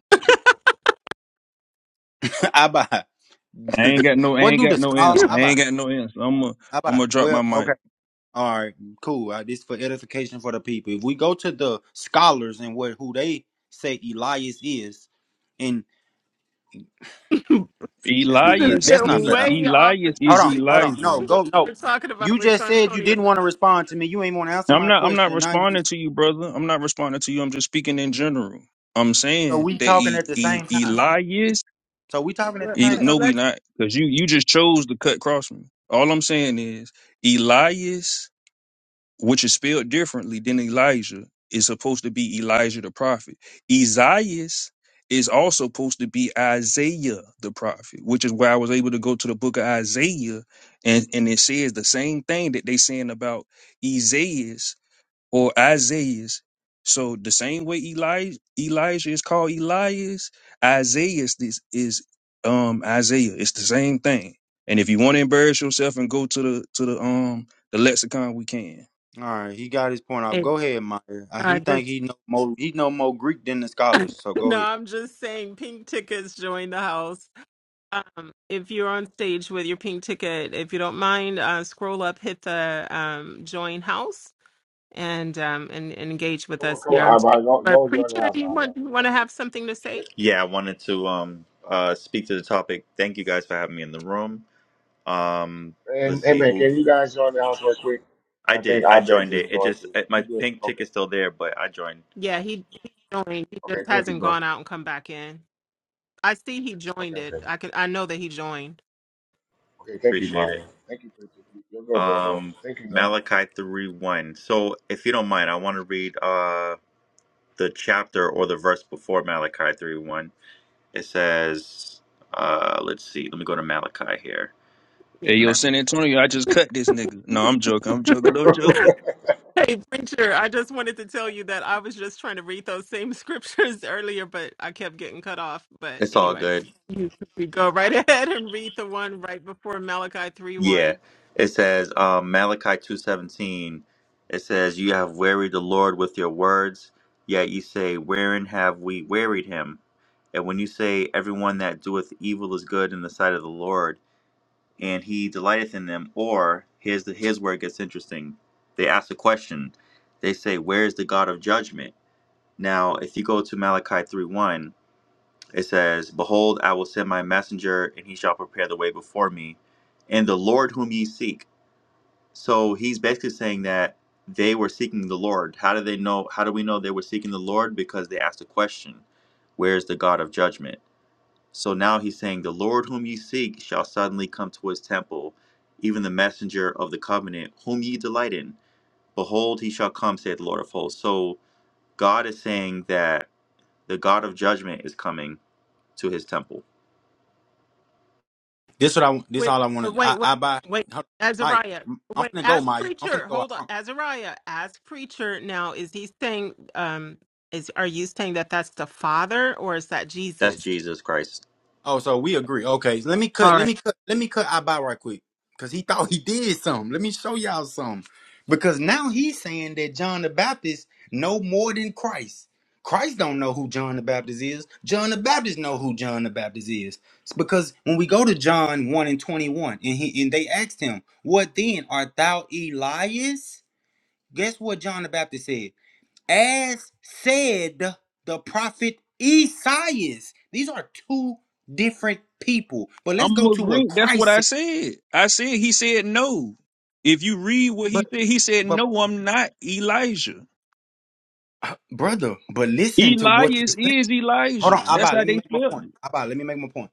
[SPEAKER 2] (laughs) Abba. (laughs)
[SPEAKER 6] I ain't got no, I
[SPEAKER 2] what
[SPEAKER 6] ain't
[SPEAKER 2] do the
[SPEAKER 6] got no
[SPEAKER 2] strong
[SPEAKER 6] answer. I ain't
[SPEAKER 2] Abba?
[SPEAKER 6] got no answer. I'm gonna, I'm
[SPEAKER 2] Abba.
[SPEAKER 6] gonna drop
[SPEAKER 2] Well,
[SPEAKER 6] my
[SPEAKER 2] okay.
[SPEAKER 6] mic.
[SPEAKER 2] All right, cool. Uh, this for edification for the people. If we go to the scholars and what who they say Elias is, and
[SPEAKER 7] This
[SPEAKER 2] that's not
[SPEAKER 7] is
[SPEAKER 2] fair.
[SPEAKER 6] Elias,
[SPEAKER 2] That's
[SPEAKER 7] get
[SPEAKER 2] not
[SPEAKER 6] El,
[SPEAKER 2] fair,
[SPEAKER 7] way off the
[SPEAKER 6] Elias
[SPEAKER 2] Hold
[SPEAKER 6] is
[SPEAKER 2] on,
[SPEAKER 7] topic
[SPEAKER 2] hold
[SPEAKER 7] of
[SPEAKER 2] on. No,
[SPEAKER 6] Elijah.
[SPEAKER 7] what
[SPEAKER 2] go no.
[SPEAKER 7] we're talking about
[SPEAKER 2] You
[SPEAKER 7] with
[SPEAKER 2] just said you didn't
[SPEAKER 7] Santonio.
[SPEAKER 2] want to respond to me. You ain't want to answer
[SPEAKER 6] I'm
[SPEAKER 2] my
[SPEAKER 6] not, I'm not
[SPEAKER 2] question. Now you
[SPEAKER 6] responding to you, brother. I'm not responding to you. I'm just speaking in general. I'm
[SPEAKER 2] so
[SPEAKER 6] saying
[SPEAKER 2] we
[SPEAKER 6] that
[SPEAKER 2] talking
[SPEAKER 6] e,
[SPEAKER 2] at the
[SPEAKER 6] e,
[SPEAKER 2] same time.
[SPEAKER 6] Elias,
[SPEAKER 2] So we talking at the
[SPEAKER 7] Let,
[SPEAKER 6] E-
[SPEAKER 2] same
[SPEAKER 7] let,
[SPEAKER 2] time.
[SPEAKER 6] no, we
[SPEAKER 7] let's
[SPEAKER 6] not, because you, you just chose to cut across me. All I'm saying is Elias which is spelled differently than Elijah, is supposed to be Elijah the prophet. Isaiah is also supposed to be Isaiah the prophet, which is why I was able to go to the book of Isaiah and, and it says the same thing that they saying about Isaiah or Isaiah. So the same way Eli, Elijah is called Elias, Isaiah is, is um Isaiah. It's the same thing. And if you want to embarrass yourself and go to the to the um the lexicon, we can.
[SPEAKER 2] All right, he got his point off.
[SPEAKER 7] hey,
[SPEAKER 2] Go ahead, Maya. Uh, he
[SPEAKER 7] uh,
[SPEAKER 2] think
[SPEAKER 7] just
[SPEAKER 2] he know more. He know more Greek than the scholars. So go
[SPEAKER 7] no.
[SPEAKER 2] ahead.
[SPEAKER 7] I'm just saying, pink tickets join the house. Um, if you're on stage with your pink ticket, if you don't mind, uh, scroll up, hit the um, join house, and, um, and and engage with
[SPEAKER 1] come on,
[SPEAKER 7] us
[SPEAKER 1] come
[SPEAKER 7] here
[SPEAKER 1] on,
[SPEAKER 7] on stage.
[SPEAKER 1] Abba. Go,
[SPEAKER 7] But
[SPEAKER 1] go join the
[SPEAKER 7] preacher,
[SPEAKER 1] house,
[SPEAKER 7] do you
[SPEAKER 1] Abba.
[SPEAKER 7] want want to have something to say?
[SPEAKER 10] yeah, I wanted to um, uh, speak to the topic. Thank you guys for having me in the room. Um, let's
[SPEAKER 1] And hey,
[SPEAKER 10] see
[SPEAKER 1] man,
[SPEAKER 10] who
[SPEAKER 1] can you guys join the house right quick?
[SPEAKER 10] I
[SPEAKER 1] I
[SPEAKER 10] did.
[SPEAKER 1] think
[SPEAKER 10] I
[SPEAKER 1] Abba
[SPEAKER 10] joined
[SPEAKER 1] just
[SPEAKER 10] it. It
[SPEAKER 1] joined
[SPEAKER 10] just
[SPEAKER 1] too.
[SPEAKER 10] eh, my
[SPEAKER 1] You did.
[SPEAKER 10] pink
[SPEAKER 1] Okay.
[SPEAKER 10] ticket's still there, but I joined.
[SPEAKER 7] Yeah, he he joined. He
[SPEAKER 1] Okay,
[SPEAKER 7] just
[SPEAKER 1] thank you,
[SPEAKER 7] hasn't
[SPEAKER 1] bro.
[SPEAKER 7] gone out and come back in. I see he
[SPEAKER 1] Okay,
[SPEAKER 7] joined it.
[SPEAKER 1] okay.
[SPEAKER 7] I could I know that he joined.
[SPEAKER 1] Okay, thank you,
[SPEAKER 10] Appreciate it.
[SPEAKER 1] Maya. Thank you, preacher. You- You're good, bro, bro.
[SPEAKER 10] Um,
[SPEAKER 1] Thank you, man.
[SPEAKER 10] Malachi three one. So if you don't mind, I want to read uh, the chapter or the verse before Malachi three one. It says, uh, let's see. Let me go to Malachi here.
[SPEAKER 7] Yeah.
[SPEAKER 6] Hey, yo,
[SPEAKER 10] Ma-
[SPEAKER 6] San Antonio, I just cut this nigga. No, I'm joking. I'm
[SPEAKER 1] (laughs)
[SPEAKER 6] joking. I'm
[SPEAKER 1] y'all,
[SPEAKER 6] joking.
[SPEAKER 7] Hey preacher, I just wanted to tell you that I was just trying to read those same scriptures (laughs) earlier, but I kept getting cut off. But
[SPEAKER 10] It's all
[SPEAKER 7] anyway,
[SPEAKER 10] good.
[SPEAKER 7] you we go right (laughs) ahead and read the one right before Malachi three
[SPEAKER 10] Yeah.
[SPEAKER 7] one.
[SPEAKER 10] It says um, Malachi 2:17 it says you have wearied the Lord with your words yet you say wherein have we wearied him and when you say everyone that doeth evil is good in the sight of the Lord and he delighteth in them or here's the here's where it gets interesting they ask a question they say where is the God of judgment now if you go to Malachi three one, it says behold I will send my messenger and he shall prepare the way before me and the Lord whom ye seek so he's basically saying that they were seeking the Lord. How do they know? How do we know they were seeking the Lord? Because they asked a question, Where is the God of judgment? So now he's saying, The Lord whom you seek shall suddenly come to his temple, even the messenger of the covenant, whom ye delight in. Behold, he shall come, saith the Lord of hosts. So God is saying that the God of judgment is coming to his temple.
[SPEAKER 2] This what I. want- This
[SPEAKER 7] Wait,
[SPEAKER 2] all I
[SPEAKER 7] uh,
[SPEAKER 2] wanted.
[SPEAKER 7] wait,
[SPEAKER 2] I,
[SPEAKER 7] wait,
[SPEAKER 2] I buy.
[SPEAKER 7] wait,
[SPEAKER 2] Hold- Mike,
[SPEAKER 7] Azariah.
[SPEAKER 2] I'm
[SPEAKER 7] Wait,
[SPEAKER 2] finna go,
[SPEAKER 7] ask
[SPEAKER 2] Maya. I'm finna
[SPEAKER 7] preacher.
[SPEAKER 2] go.
[SPEAKER 7] Hold on, Azariah. Ask preacher. Now, is he saying? Um, is are you saying that that's the Father or is that
[SPEAKER 10] That's
[SPEAKER 7] Jesus?
[SPEAKER 10] Jesus Christ.
[SPEAKER 2] Oh, so we agree. Okay, let me cut.
[SPEAKER 7] All right.
[SPEAKER 2] Let me cut. Let me cut Abba right quick because he thought he did something. Let me show y'all something because now he's saying that John the Baptist know more than Christ. Christ don't know who John the Baptist is. John the Baptist know who John the Baptist is. It's because when we go to John one and twenty one, and he and they asked him, "What then art thou Elias?" Guess what John the Baptist said? as said the prophet Isaiah. These are two different people. But let's
[SPEAKER 6] I'm
[SPEAKER 2] go to what
[SPEAKER 6] agreeing. That's what
[SPEAKER 2] Christ
[SPEAKER 6] I
[SPEAKER 2] said.
[SPEAKER 6] said. I said he said no. If you read what he
[SPEAKER 2] But
[SPEAKER 6] said, he said
[SPEAKER 2] but
[SPEAKER 6] no. I'm not Elijah.
[SPEAKER 2] brother, but listen to what you're
[SPEAKER 6] Elias
[SPEAKER 2] saying.
[SPEAKER 6] is
[SPEAKER 2] Hold on,
[SPEAKER 6] Elijah. That's
[SPEAKER 2] Abba,
[SPEAKER 6] how
[SPEAKER 2] let me
[SPEAKER 6] they
[SPEAKER 2] make my
[SPEAKER 6] spelled
[SPEAKER 2] point.
[SPEAKER 6] it.
[SPEAKER 2] Abba, let me make my point.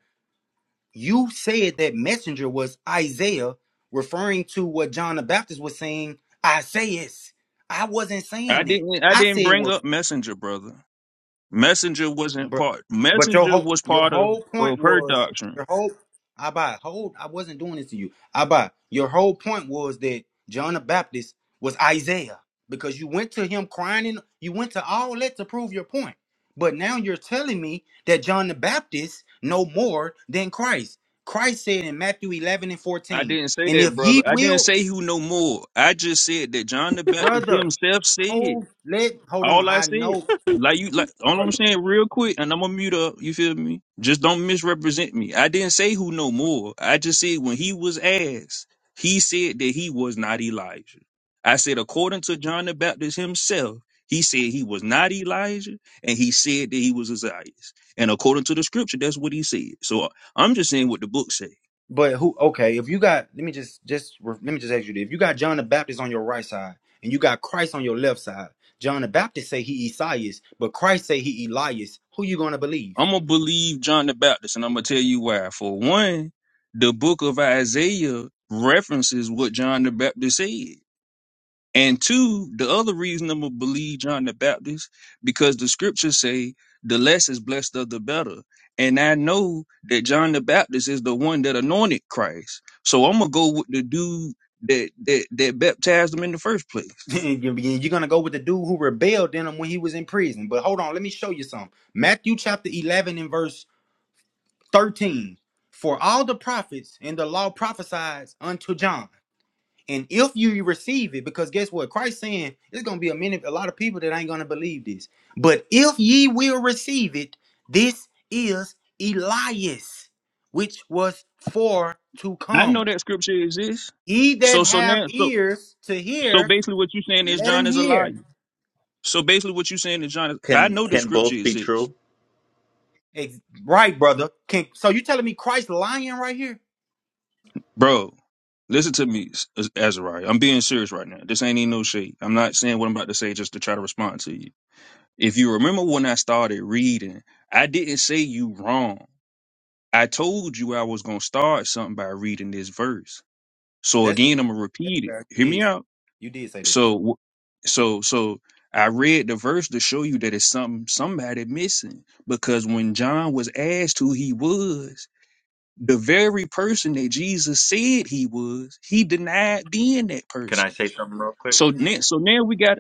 [SPEAKER 2] You said that messenger was Isaiah, referring to what John the Baptist was saying, Isaiah. I wasn't
[SPEAKER 6] I
[SPEAKER 2] saying that.
[SPEAKER 6] didn't. I
[SPEAKER 2] I
[SPEAKER 6] didn't
[SPEAKER 2] said
[SPEAKER 6] bring
[SPEAKER 2] what
[SPEAKER 6] up messenger, brother. Messenger wasn't
[SPEAKER 2] But
[SPEAKER 6] part.
[SPEAKER 2] but your
[SPEAKER 6] Messenger
[SPEAKER 2] whole
[SPEAKER 6] was
[SPEAKER 2] your
[SPEAKER 6] part of
[SPEAKER 2] whole point
[SPEAKER 6] of her
[SPEAKER 2] was
[SPEAKER 6] doctrine.
[SPEAKER 2] your whole I buy hold I wasn't doing this to you. I buy your whole point was that John the Baptist was Isaiah because you went to him crying and you went to all that to prove your point. But now you're telling me that John the Baptist no more than Christ. Christ said in Matthew 11 and
[SPEAKER 6] I
[SPEAKER 2] 14,
[SPEAKER 6] didn't say
[SPEAKER 2] and
[SPEAKER 6] that,
[SPEAKER 2] if
[SPEAKER 6] brother.
[SPEAKER 2] ye
[SPEAKER 6] I didn't
[SPEAKER 2] will,
[SPEAKER 6] say who no more. I just said that John the Baptist
[SPEAKER 2] brother,
[SPEAKER 6] himself said
[SPEAKER 2] hold let hold on.
[SPEAKER 6] All I
[SPEAKER 2] I
[SPEAKER 6] said,
[SPEAKER 2] know,
[SPEAKER 6] like you, like all I'm
[SPEAKER 2] brother.
[SPEAKER 6] saying, real quick, and I'm gonna mute up. You feel me? Just don't misrepresent me. I didn't say who no more. I just said when he was asked, he said that he was not Elijah. I said according to John the Baptist himself, he said he was not Elijah, and he said that he was Isaiah. And according to the scripture, that's what he said. So I'm just saying what the book says.
[SPEAKER 2] But who? Okay, if you got, let me just just let me just ask you this: If you got John the Baptist on your right side and you got Christ on your left side, John the Baptist say he Esaias, but Christ say he Elias. Who you gonna believe?
[SPEAKER 6] I'm gonna believe John the Baptist, and I'm gonna tell you why. For one, the book of Isaiah references what John the Baptist said, and two, the other reason I'm gonna believe John the Baptist because the scriptures say the less is blessed of the better, and I know that John the Baptist is the one that anointed Christ, so I'm gonna go with the dude that that that baptized him in the first
[SPEAKER 2] (laughs)
[SPEAKER 6] place.
[SPEAKER 2] You're gonna go with the dude who rebelled in him when he was in prison. But hold on, let me show you something. Matthew chapter eleven and verse thirteen: For all the prophets and the law prophesied unto John. And if you receive it, because guess what? Christ saying there's gonna be a many a lot of people that ain't gonna believe this. But if ye will receive it, this is Elias, which was for to
[SPEAKER 6] I know
[SPEAKER 2] come.
[SPEAKER 6] that scripture exists.
[SPEAKER 2] He that
[SPEAKER 6] So so
[SPEAKER 2] have
[SPEAKER 6] now so
[SPEAKER 2] ears to
[SPEAKER 6] so
[SPEAKER 2] hear,
[SPEAKER 6] basically, what you're saying is
[SPEAKER 2] let him
[SPEAKER 6] John is a liar.
[SPEAKER 2] hear.
[SPEAKER 6] So basically, what you're saying to John, is, 'cause I
[SPEAKER 10] Can
[SPEAKER 6] know the
[SPEAKER 10] can
[SPEAKER 6] scripture
[SPEAKER 10] both be
[SPEAKER 6] exists,
[SPEAKER 10] true?
[SPEAKER 2] Ex- right, brother. Can, so you telling me Christ lying right here?
[SPEAKER 6] bro. Listen to me, Az- Azariah. I'm being serious right now. This ain't even no shade. I'm not saying what I'm about to say just to try to respond to you. If you remember when I started reading, I didn't say you wrong. I told you I was gonna start something by reading this verse. So
[SPEAKER 2] That's
[SPEAKER 6] again, I'm gonna
[SPEAKER 2] fair. That's
[SPEAKER 6] repeat it.
[SPEAKER 2] fair.
[SPEAKER 6] Hear
[SPEAKER 2] You
[SPEAKER 6] me
[SPEAKER 2] did.
[SPEAKER 6] out.
[SPEAKER 2] You did say that.
[SPEAKER 6] So, wh- so, so I read the verse to show you that it's something somebody missing because when John was asked who he was. the very person that Jesus said he was, he denied being that
[SPEAKER 10] Can I
[SPEAKER 6] person.
[SPEAKER 10] say something real quick?
[SPEAKER 6] So now, so now we got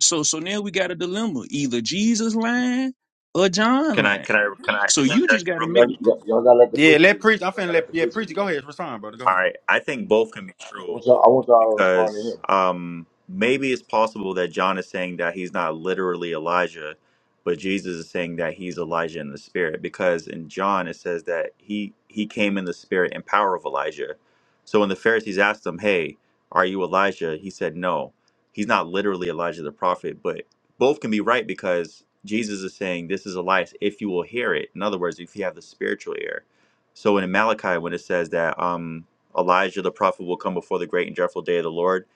[SPEAKER 6] so so now we got a dilemma: either Jesus lying or John
[SPEAKER 10] Can I
[SPEAKER 6] lying.
[SPEAKER 10] can I can I
[SPEAKER 6] So you just
[SPEAKER 10] interject
[SPEAKER 6] got to
[SPEAKER 10] real quick?
[SPEAKER 6] make it.
[SPEAKER 1] y'all, y'all gotta let the
[SPEAKER 2] Yeah,
[SPEAKER 1] preacher
[SPEAKER 2] let
[SPEAKER 1] get in
[SPEAKER 2] preach.
[SPEAKER 1] there.
[SPEAKER 2] I'm
[SPEAKER 1] Y'all
[SPEAKER 2] finna
[SPEAKER 1] gotta let
[SPEAKER 2] let
[SPEAKER 1] the
[SPEAKER 2] yeah,
[SPEAKER 1] preacher get
[SPEAKER 2] preach.
[SPEAKER 1] in there.
[SPEAKER 2] Go ahead.
[SPEAKER 1] I
[SPEAKER 2] Respond, brother. Go
[SPEAKER 10] All
[SPEAKER 2] ahead.
[SPEAKER 10] right, I think both can be true
[SPEAKER 1] want y'all, I want y'all to respond to
[SPEAKER 10] because
[SPEAKER 1] him.
[SPEAKER 10] um, maybe it's possible that John is saying that he's not literally Elijah, but Jesus is saying that he's Elijah in the spirit because in John it says that he he came in the spirit and power of Elijah. So when the Pharisees asked him, "Hey, are you Elijah?" he said, "No, he's not literally Elijah the prophet." But both can be right because Jesus is saying, "This is Elias if you will hear it." In other words, if you have the spiritual ear. So in Malachi, when it says that. um Elijah the prophet will come before the great and dreadful day of the Lord.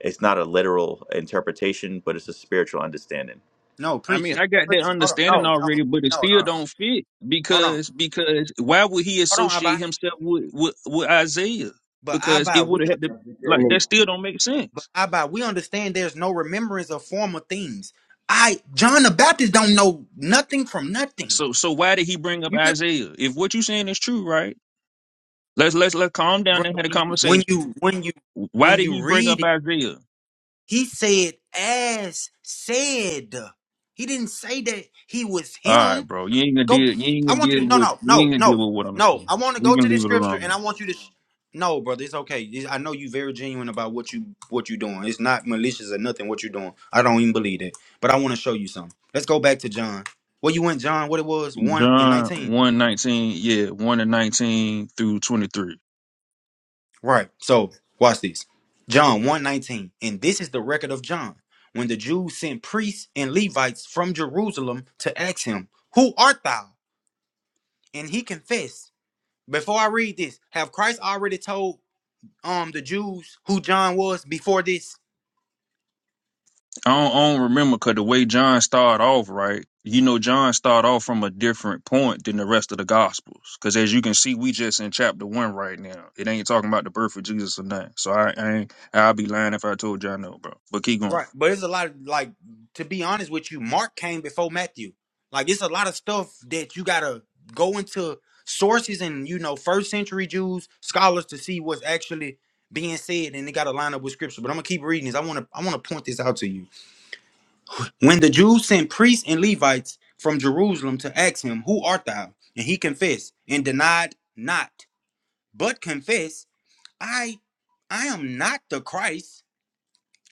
[SPEAKER 10] It's not a literal interpretation, but it's a spiritual understanding.
[SPEAKER 2] No,
[SPEAKER 6] I
[SPEAKER 2] preacher.
[SPEAKER 6] mean, I got that
[SPEAKER 2] Preacher. Hold
[SPEAKER 6] understanding
[SPEAKER 2] on. No, no,
[SPEAKER 6] already, but it
[SPEAKER 2] no,
[SPEAKER 6] still
[SPEAKER 2] no.
[SPEAKER 6] don't fit
[SPEAKER 2] Hold on.
[SPEAKER 6] because because why would he
[SPEAKER 2] Hold on,
[SPEAKER 6] associate
[SPEAKER 2] Abba.
[SPEAKER 6] himself with with, with Isaiah?
[SPEAKER 2] But
[SPEAKER 6] Because it
[SPEAKER 2] Abba, we
[SPEAKER 6] would have had
[SPEAKER 2] under,
[SPEAKER 6] to
[SPEAKER 1] Because he came
[SPEAKER 6] like that
[SPEAKER 1] in.
[SPEAKER 6] still don't make
[SPEAKER 2] but
[SPEAKER 6] sense.
[SPEAKER 2] Abba, we understand there's no remembrance of former things. I John the Baptist don't know nothing from nothing.
[SPEAKER 6] So so why did he bring up
[SPEAKER 2] You feel
[SPEAKER 6] Isaiah? If what you're saying is true, right? Let's let's let's calm down
[SPEAKER 2] brother
[SPEAKER 6] and have a
[SPEAKER 2] when you when
[SPEAKER 6] conversation.
[SPEAKER 2] you when you
[SPEAKER 6] Why
[SPEAKER 2] when
[SPEAKER 6] did
[SPEAKER 2] you
[SPEAKER 6] he bring up
[SPEAKER 2] read it,
[SPEAKER 6] Isaiah?
[SPEAKER 2] he said as said. He didn't say that he was
[SPEAKER 6] All right,
[SPEAKER 2] him.
[SPEAKER 6] bro. You ain't gonna
[SPEAKER 2] Go.
[SPEAKER 6] deal. You ain't
[SPEAKER 2] I
[SPEAKER 6] gonna
[SPEAKER 2] want you
[SPEAKER 6] deal
[SPEAKER 2] to. No,
[SPEAKER 6] with.
[SPEAKER 2] no,
[SPEAKER 6] You
[SPEAKER 2] no,
[SPEAKER 6] ain't gonna
[SPEAKER 2] no,
[SPEAKER 6] deal with what I'm
[SPEAKER 2] no.
[SPEAKER 6] saying.
[SPEAKER 2] I want to
[SPEAKER 6] We
[SPEAKER 2] go
[SPEAKER 6] can
[SPEAKER 2] to this
[SPEAKER 6] leave it
[SPEAKER 2] scripture, and I
[SPEAKER 6] alone.
[SPEAKER 2] want you to. Sh- no, brother, it's okay. It's- I know you very genuine about what you what you doing. It's not malicious or nothing. What you're doing, I don't even believe that. But I want to show you something. Let's go back to John. Well, you went John. What it was one and
[SPEAKER 6] John
[SPEAKER 2] nineteen.
[SPEAKER 6] one nineteen, yeah, one and nineteen through twenty three.
[SPEAKER 2] Right. So watch this. John one nineteen, And this is the record of John. When the Jews sent priests and Levites from Jerusalem to ask him, Who art thou? And he confessed, before I read this, have Christ already told um the Jews who John was before this.
[SPEAKER 6] I don't, I don't remember because the way John started off, right? You know, John started off from a different point than the rest of the Gospels, because as you can see, we just in chapter one right now. It ain't talking about the birth of Jesus or nothing. So I, I ain't. I'll be lying if I told y'all no, bro. But keep going
[SPEAKER 2] Right. But there's a lot of like to be honest with you, Mark came before Matthew. Like it's a lot of stuff that you gotta go into sources and you know first century Jews scholars to see what's actually being said and it gotta line up with scripture. But I'm gonna keep reading this. I wanna I wanna point this out to you. When the Jews sent priests and Levites from Jerusalem to ask him, Who art thou? And he confessed and denied not, but confessed, I I am not the Christ.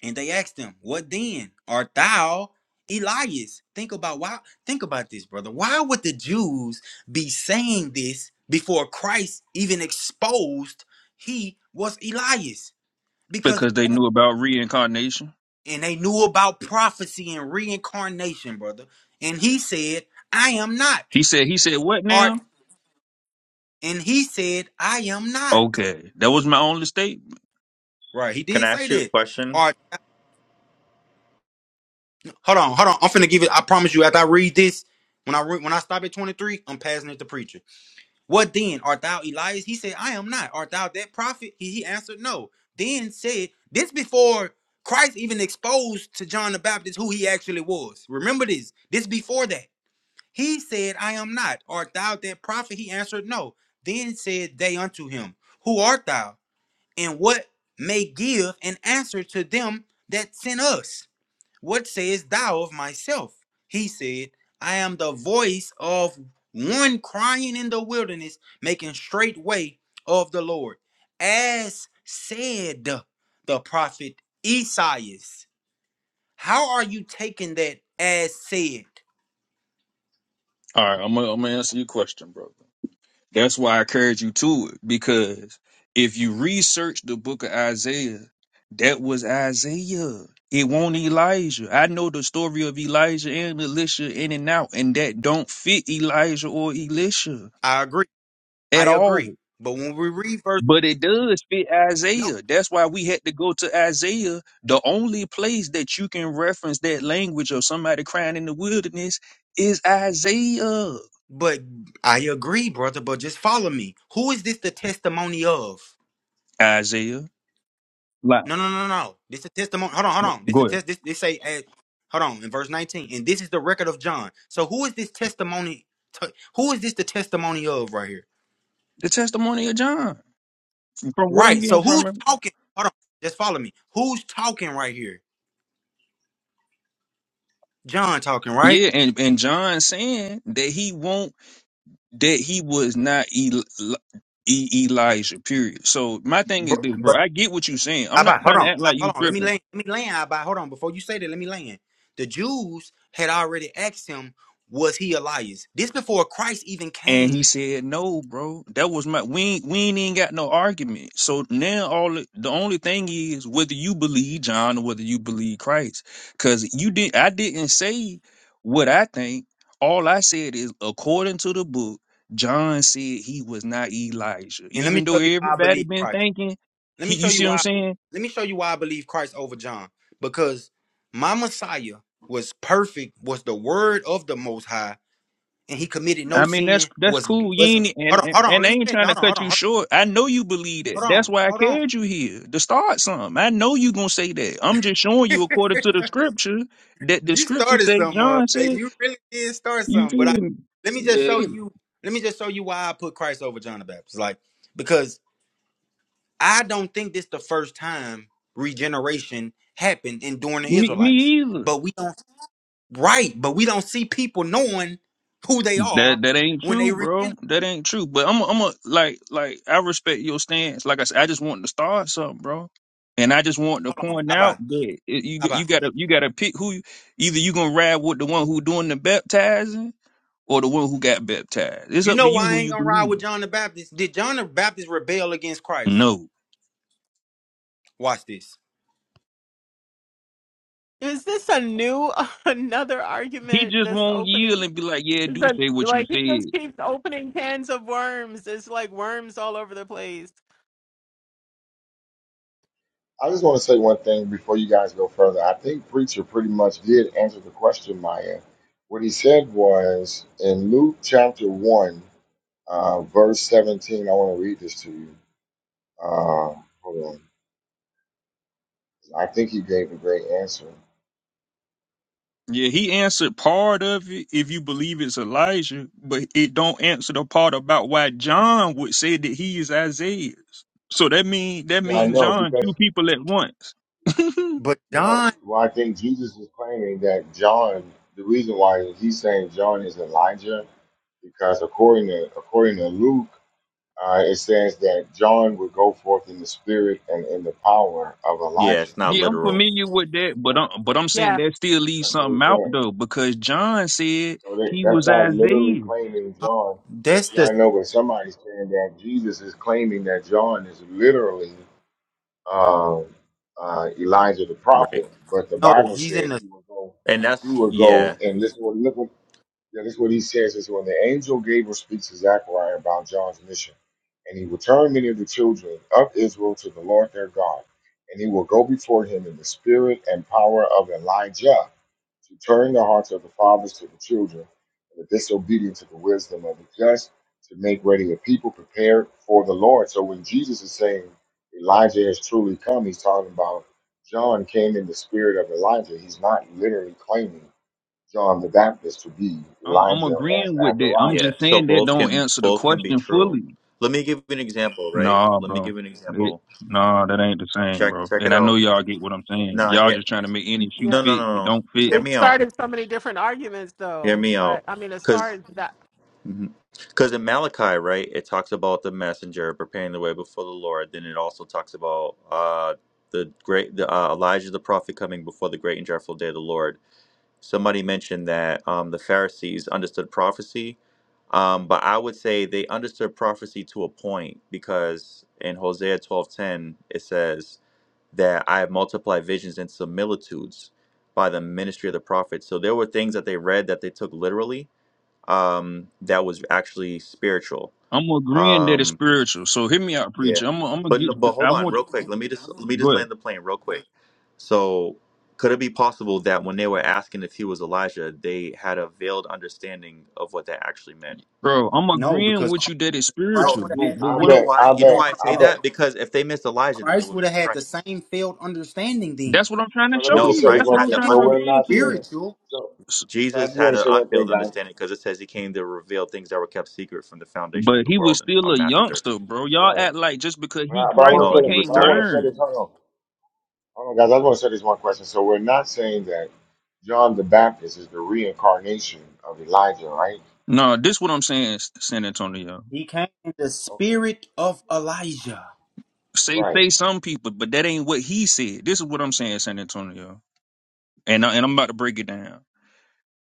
[SPEAKER 2] And they asked him, What then? Art thou Elias? Think about why think about this, brother. Why would the Jews be saying this before Christ even exposed he was Elias? Because
[SPEAKER 6] because they knew about reincarnation.
[SPEAKER 2] and they knew about prophecy and reincarnation, brother. And he said, I am not.
[SPEAKER 6] He said. He said what
[SPEAKER 2] Art
[SPEAKER 6] now?
[SPEAKER 2] and he said, I am not.
[SPEAKER 6] Okay, that was my only statement.
[SPEAKER 2] Right, he
[SPEAKER 10] Can
[SPEAKER 2] did
[SPEAKER 10] I
[SPEAKER 2] say
[SPEAKER 10] ask you a
[SPEAKER 2] that.
[SPEAKER 10] question?
[SPEAKER 2] Art, hold on, hold on. I'm finna give it. I promise you, after I read this, when I re- when I stop at 23, I'm passing it to preacher. What then? Art thou Elias? He said, I am not. Art thou that prophet? He, he answered, No. Then said, This before Christ even exposed to John the Baptist who he actually was. Remember this. This before that. He said, I am not. Art thou that prophet? He answered, No. Then said they unto him, Who art thou? And what may give an answer to them that sent us? What sayest thou of myself? He said, I am the voice of one crying in the wilderness, making straight way of the Lord. As said the prophet Esaias. How are you taking that as said?
[SPEAKER 6] All right, I'm gonna, I'm gonna answer your question, brother. That's why I encourage you to it because if you research the book of Isaiah, that was Isaiah. It won't Elijah. I know the story of Elijah and Elisha in and out, and that don't fit Elijah or Elisha
[SPEAKER 2] I agree. I
[SPEAKER 6] at all.
[SPEAKER 2] agree. But when we read verse,
[SPEAKER 6] But it does fit
[SPEAKER 2] no,
[SPEAKER 6] Isaiah. That's why we had to go to Isaiah. The only place that you can reference that language of somebody crying in the wilderness is Isaiah.
[SPEAKER 2] but I agree, brother, but just follow me. Who is this the testimony of?
[SPEAKER 6] Isaiah. Like,
[SPEAKER 2] No, no, no, no. no. This is testimony. Hold on, hold on. This is
[SPEAKER 6] go ahead.
[SPEAKER 2] test. This this say. eh, hold on. In verse nineteen, and this is the record of John. So who is this testimony? to- who is this the testimony of right here?
[SPEAKER 6] The testimony of John. From what I'm
[SPEAKER 2] Right.
[SPEAKER 6] getting
[SPEAKER 2] So
[SPEAKER 6] from
[SPEAKER 2] who's
[SPEAKER 6] him.
[SPEAKER 2] talking? Hold on. Just follow me. Who's talking right here? John talking, right?
[SPEAKER 6] Yeah, and, and John saying that he won't that he was not Eli, E- Elijah, period. So my thing
[SPEAKER 2] But,
[SPEAKER 6] is this, bro.
[SPEAKER 2] but
[SPEAKER 6] I get what you're saying. I'm not
[SPEAKER 2] Abba, hold
[SPEAKER 6] trying to
[SPEAKER 2] on.
[SPEAKER 6] act
[SPEAKER 2] Ah,
[SPEAKER 6] like you
[SPEAKER 2] Hold on. Let me
[SPEAKER 6] tripping.
[SPEAKER 2] land. Let me land. Abba, hold on. Before you say that, let me land. The Jews had already asked him, "Was he Elias?" This before Christ even
[SPEAKER 6] And he
[SPEAKER 2] came.
[SPEAKER 6] said, "No, bro, that was my we ain't, we ain't even got no argument. So now all it- the only thing is whether you believe John or whether you believe Christ, because you did I didn't say what I think. All I said is according to the book, John said he was not Elijah,
[SPEAKER 2] And let me
[SPEAKER 6] even though
[SPEAKER 2] show you why I
[SPEAKER 6] everybody
[SPEAKER 2] believe
[SPEAKER 6] been
[SPEAKER 2] Christ.
[SPEAKER 6] thinking.
[SPEAKER 2] Let me
[SPEAKER 6] He,
[SPEAKER 2] show
[SPEAKER 6] you
[SPEAKER 2] you
[SPEAKER 6] see what I'm
[SPEAKER 2] why.
[SPEAKER 6] saying?
[SPEAKER 2] Let me show you why I believe Christ over John. Because my Messiah was perfect, was the word of the Most High, and he committed no
[SPEAKER 6] I mean, that's
[SPEAKER 2] sin.
[SPEAKER 6] that's
[SPEAKER 2] Was
[SPEAKER 6] cool. You
[SPEAKER 2] wasn't.
[SPEAKER 6] ain't and,
[SPEAKER 2] Hold on,
[SPEAKER 6] and
[SPEAKER 2] hold on.
[SPEAKER 6] and they
[SPEAKER 2] Let me
[SPEAKER 6] ain't
[SPEAKER 2] finish.
[SPEAKER 6] trying to
[SPEAKER 2] Hold on, hold
[SPEAKER 6] cut
[SPEAKER 2] on,
[SPEAKER 6] you
[SPEAKER 2] hold on,
[SPEAKER 6] short. I know you believe that.
[SPEAKER 2] hold
[SPEAKER 6] That's
[SPEAKER 2] on,
[SPEAKER 6] why I
[SPEAKER 2] hold on.
[SPEAKER 6] carried you here to start something. I know you gonna say that. I'm just showing you according to the scripture that the
[SPEAKER 2] You
[SPEAKER 6] scripture
[SPEAKER 2] started
[SPEAKER 6] say
[SPEAKER 2] some. Uh,
[SPEAKER 6] John
[SPEAKER 2] hey,
[SPEAKER 6] said.
[SPEAKER 2] you really did start
[SPEAKER 6] You
[SPEAKER 2] some. But
[SPEAKER 6] feel
[SPEAKER 2] I
[SPEAKER 6] me?
[SPEAKER 2] let me just show
[SPEAKER 6] Yeah,
[SPEAKER 2] you. Let me just show you why I put Christ over John the Baptist. Like because I don't think this the first time regeneration happened in during the
[SPEAKER 6] me, me
[SPEAKER 2] Israelites.
[SPEAKER 6] either.
[SPEAKER 2] But we don't Right, but we don't see people knowing who they
[SPEAKER 6] That
[SPEAKER 2] are
[SPEAKER 6] that ain't
[SPEAKER 2] when they
[SPEAKER 6] true,
[SPEAKER 2] repent.
[SPEAKER 6] bro. That ain't true. But I'm a, I'm a, like like I respect your stance. Like I said, I just want to start something, bro. And I just want to
[SPEAKER 2] Hold on.
[SPEAKER 6] point
[SPEAKER 2] How about?
[SPEAKER 6] out that it, you
[SPEAKER 2] How about?
[SPEAKER 6] you gotta you gotta pick who you, either you gonna ride with the one who doing the baptizing or the one who got baptized. It's
[SPEAKER 2] You
[SPEAKER 6] up
[SPEAKER 2] know
[SPEAKER 6] to you
[SPEAKER 2] why I
[SPEAKER 6] who
[SPEAKER 2] ain't
[SPEAKER 6] you
[SPEAKER 2] gonna ride
[SPEAKER 6] believe.
[SPEAKER 2] with John the Baptist? Did John the Baptist rebel against Christ?
[SPEAKER 6] No,
[SPEAKER 2] Watch this.
[SPEAKER 7] Is this a new (laughs) another
[SPEAKER 6] he
[SPEAKER 7] argument
[SPEAKER 6] just
[SPEAKER 7] that's
[SPEAKER 6] won't yield
[SPEAKER 7] opening?
[SPEAKER 6] and be like, yeah, do
[SPEAKER 7] But
[SPEAKER 6] say what you
[SPEAKER 7] like he
[SPEAKER 6] said.
[SPEAKER 7] just keeps opening cans of worms. It's like worms all over the place.
[SPEAKER 1] I just want to say one thing before you guys go further. I think preacher pretty much did answer the question, Maya. What he said was in Luke chapter 1, uh, verse 17. I want to read this to you. Uh, hold on. I think he gave a great answer.
[SPEAKER 6] Yeah, he answered part of it if you believe it's Elijah, but it don't answer the part about why John would say that he is Isaiah. So that mean that
[SPEAKER 1] Yeah, I
[SPEAKER 6] means
[SPEAKER 1] know
[SPEAKER 6] John
[SPEAKER 1] because
[SPEAKER 6] two people at once. (laughs)
[SPEAKER 2] But
[SPEAKER 1] No,
[SPEAKER 2] John,
[SPEAKER 1] well, I think Jesus is claiming that John, the reason why he's saying John is Elijah, because according to according to Luke, uh, it says that John would go forth in the spirit and in the power of
[SPEAKER 10] Yeah, it's
[SPEAKER 1] Elijah.
[SPEAKER 10] not
[SPEAKER 6] yeah, I'm
[SPEAKER 10] literal,
[SPEAKER 6] familiar with that, but
[SPEAKER 1] That's,
[SPEAKER 6] I'm but I'm saying
[SPEAKER 7] Yeah,
[SPEAKER 6] that still leaves
[SPEAKER 1] that's what
[SPEAKER 6] something
[SPEAKER 1] he's
[SPEAKER 6] out
[SPEAKER 1] saying.
[SPEAKER 6] though because John said
[SPEAKER 1] So that,
[SPEAKER 6] he
[SPEAKER 1] that's
[SPEAKER 6] was
[SPEAKER 1] not literally
[SPEAKER 6] Isaiah.
[SPEAKER 1] claiming John.
[SPEAKER 2] that's
[SPEAKER 1] Yeah,
[SPEAKER 2] the
[SPEAKER 1] I know, but somebody's saying that Jesus is claiming that John is literally uh, uh, Elijah the
[SPEAKER 10] right?
[SPEAKER 1] prophet, but the
[SPEAKER 2] no.
[SPEAKER 1] Bible
[SPEAKER 2] He's in
[SPEAKER 1] said
[SPEAKER 2] the
[SPEAKER 1] he would go.
[SPEAKER 10] And that's
[SPEAKER 1] He would go
[SPEAKER 10] yeah,
[SPEAKER 1] and listen. Look Yeah, that's what he says is when the angel Gabriel speaks to Zechariah about John's mission, and he will turn many of the children of Israel to the Lord their God, and he will go before him in the spirit and power of Elijah to turn the hearts of the fathers to the children, and the disobedient to the wisdom of the just, to make ready a people prepared for the Lord. So when Jesus is saying Elijah has truly come, he's talking about John came in the spirit of Elijah. He's not literally claiming. John the Baptist to be
[SPEAKER 6] I'm I'm
[SPEAKER 1] Elijah as
[SPEAKER 6] agreeing with that. I'm
[SPEAKER 1] Azariah.
[SPEAKER 10] yeah.
[SPEAKER 6] just
[SPEAKER 10] So
[SPEAKER 6] saying that
[SPEAKER 10] both
[SPEAKER 6] don't
[SPEAKER 10] can
[SPEAKER 6] answer the
[SPEAKER 10] both can be
[SPEAKER 6] question
[SPEAKER 10] true.
[SPEAKER 6] fully.
[SPEAKER 10] Let me give you an example, right?
[SPEAKER 6] No,
[SPEAKER 10] Let me
[SPEAKER 6] bro.
[SPEAKER 10] give you an
[SPEAKER 6] It,
[SPEAKER 10] example.
[SPEAKER 6] no, that ain't the same,
[SPEAKER 10] Check
[SPEAKER 6] bro.
[SPEAKER 10] check it
[SPEAKER 6] And I
[SPEAKER 10] out.
[SPEAKER 6] know y'all get what I'm saying.
[SPEAKER 10] No,
[SPEAKER 6] Y'all
[SPEAKER 10] here,
[SPEAKER 6] just trying to make any shoe
[SPEAKER 10] no,
[SPEAKER 7] yeah.
[SPEAKER 10] no,
[SPEAKER 6] fit. It
[SPEAKER 10] no, no.
[SPEAKER 6] don't fit.
[SPEAKER 10] Hear
[SPEAKER 7] We
[SPEAKER 10] me out.
[SPEAKER 7] started so many different arguments
[SPEAKER 10] Hear
[SPEAKER 7] though,
[SPEAKER 10] me out.
[SPEAKER 7] but I mean, as
[SPEAKER 10] because.
[SPEAKER 7] far as that
[SPEAKER 10] Because in Malachi, right, it talks about the messenger preparing the way before the Lord. Then it also talks about uh, the great the, uh, Elijah the prophet coming before the great and dreadful day of the Lord. Somebody mentioned that um, the Pharisees understood prophecy, um, but I would say they understood prophecy to a point because in Hosea twelve ten it says that I have multiplied visions and similitudes by the ministry of the prophets. So there were things that they read that they took literally um, that was actually spiritual.
[SPEAKER 6] I'm agreeing that it's
[SPEAKER 10] Um,
[SPEAKER 6] spiritual. So hear me out,
[SPEAKER 10] yeah,
[SPEAKER 6] preacher. I'm I'm gonna
[SPEAKER 10] but
[SPEAKER 6] get.
[SPEAKER 10] no- but hold
[SPEAKER 6] I
[SPEAKER 10] on,
[SPEAKER 6] want
[SPEAKER 10] real quick. Let me just let me
[SPEAKER 6] you.
[SPEAKER 10] just
[SPEAKER 6] Go ahead,
[SPEAKER 10] land the plane real quick. So, could it be possible that when they were asking if he was Elijah, they had a veiled understanding of what that actually meant?
[SPEAKER 6] bro. I'm
[SPEAKER 2] no
[SPEAKER 6] agreeing
[SPEAKER 2] because
[SPEAKER 6] with you that it's
[SPEAKER 10] No,
[SPEAKER 2] Christ
[SPEAKER 6] spiritual.
[SPEAKER 2] would have
[SPEAKER 6] But
[SPEAKER 10] he-
[SPEAKER 2] had the
[SPEAKER 6] but
[SPEAKER 1] I
[SPEAKER 10] you
[SPEAKER 6] what?
[SPEAKER 2] same.
[SPEAKER 10] know
[SPEAKER 1] bet,
[SPEAKER 10] why?
[SPEAKER 1] I
[SPEAKER 10] You
[SPEAKER 2] Oh,
[SPEAKER 10] know
[SPEAKER 2] hold
[SPEAKER 1] bet,
[SPEAKER 10] why I
[SPEAKER 2] on,
[SPEAKER 1] I
[SPEAKER 10] say
[SPEAKER 2] hold on, hold
[SPEAKER 1] bet.
[SPEAKER 10] that?
[SPEAKER 2] on.
[SPEAKER 10] Because if they missed Elijah, then they
[SPEAKER 2] Christ would
[SPEAKER 10] would
[SPEAKER 2] have
[SPEAKER 10] miss
[SPEAKER 2] had the
[SPEAKER 10] Christ.
[SPEAKER 2] same failed understanding then
[SPEAKER 6] That's what I'm trying
[SPEAKER 1] So
[SPEAKER 6] to
[SPEAKER 1] let me
[SPEAKER 6] show
[SPEAKER 10] No,
[SPEAKER 1] just
[SPEAKER 2] because
[SPEAKER 6] you.
[SPEAKER 1] say
[SPEAKER 2] we
[SPEAKER 1] this
[SPEAKER 6] That's
[SPEAKER 10] Christ
[SPEAKER 6] what
[SPEAKER 1] one
[SPEAKER 10] had
[SPEAKER 6] I'm
[SPEAKER 10] to
[SPEAKER 1] thing.
[SPEAKER 6] trying
[SPEAKER 2] understand
[SPEAKER 6] to
[SPEAKER 1] So
[SPEAKER 2] that it's
[SPEAKER 1] we're
[SPEAKER 10] unveil.
[SPEAKER 6] reveal
[SPEAKER 1] not
[SPEAKER 6] to you.
[SPEAKER 1] saying.
[SPEAKER 2] spiritual.
[SPEAKER 1] So,
[SPEAKER 6] S-
[SPEAKER 1] so I
[SPEAKER 10] Jesus
[SPEAKER 1] just
[SPEAKER 10] had
[SPEAKER 1] want to
[SPEAKER 10] an
[SPEAKER 1] say one thing,
[SPEAKER 10] unveiled
[SPEAKER 1] guys.
[SPEAKER 10] understanding because it says he came to reveal things that were kept secret from the foundation of
[SPEAKER 6] But
[SPEAKER 10] the
[SPEAKER 6] he was
[SPEAKER 10] world in uh,
[SPEAKER 6] still a
[SPEAKER 10] Matthew 13.
[SPEAKER 6] youngster, bro. Y'all
[SPEAKER 1] Right.
[SPEAKER 6] act like just because
[SPEAKER 1] But
[SPEAKER 6] he
[SPEAKER 1] I, but I
[SPEAKER 6] Christ,
[SPEAKER 1] want to
[SPEAKER 10] No,
[SPEAKER 1] say
[SPEAKER 6] he
[SPEAKER 10] he
[SPEAKER 1] this.
[SPEAKER 10] was
[SPEAKER 6] can't
[SPEAKER 1] But I
[SPEAKER 10] 30.
[SPEAKER 1] want to say this.
[SPEAKER 6] learn.
[SPEAKER 1] Hold on, hold on, guys. I want to say this one question. So we're not saying that John the Baptist is the reincarnation of Elijah, right?
[SPEAKER 6] No, this what I'm saying, San Antonio.
[SPEAKER 2] He came in the
[SPEAKER 1] Okay.
[SPEAKER 2] spirit of Elijah.
[SPEAKER 6] say
[SPEAKER 1] Right.
[SPEAKER 6] say some people, but that ain't what he said. This is what I'm saying, San Antonio, and I, and I'm about to break it down.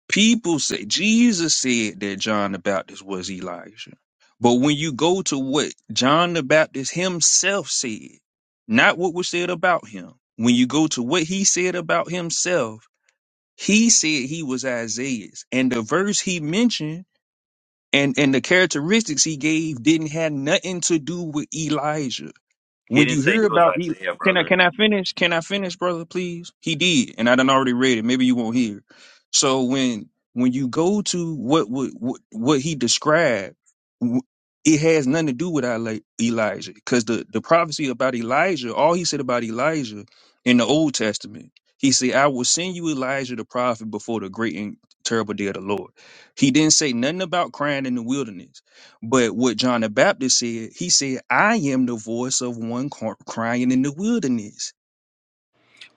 [SPEAKER 6] People say Jesus said that John the Baptist was Elijah, but when you go to what John the Baptist himself said, not what was said about him, when you go to what he said about himself, he said he was Isaiah's, and the verse he mentioned and and the characteristics he gave didn't have nothing to do with Elijah.
[SPEAKER 10] He
[SPEAKER 6] When
[SPEAKER 10] didn't
[SPEAKER 6] you
[SPEAKER 10] say
[SPEAKER 6] hear
[SPEAKER 10] he was
[SPEAKER 6] about E-
[SPEAKER 10] Isaiah,
[SPEAKER 6] can I
[SPEAKER 10] brother.
[SPEAKER 6] can I finish? Can I finish, brother? Please. He did, and I done already read it. Maybe you won't hear. So when when you go to what what what, what he described, w- it has nothing to do with Eli- Elijah, because the the prophecy about Elijah, all he said about Elijah in the Old Testament, he said, "I will send you Elijah the prophet before the great and terrible day of the Lord." He didn't say nothing about crying in the wilderness. But what John the Baptist said, he said, "I am the voice of one cr- crying in the wilderness."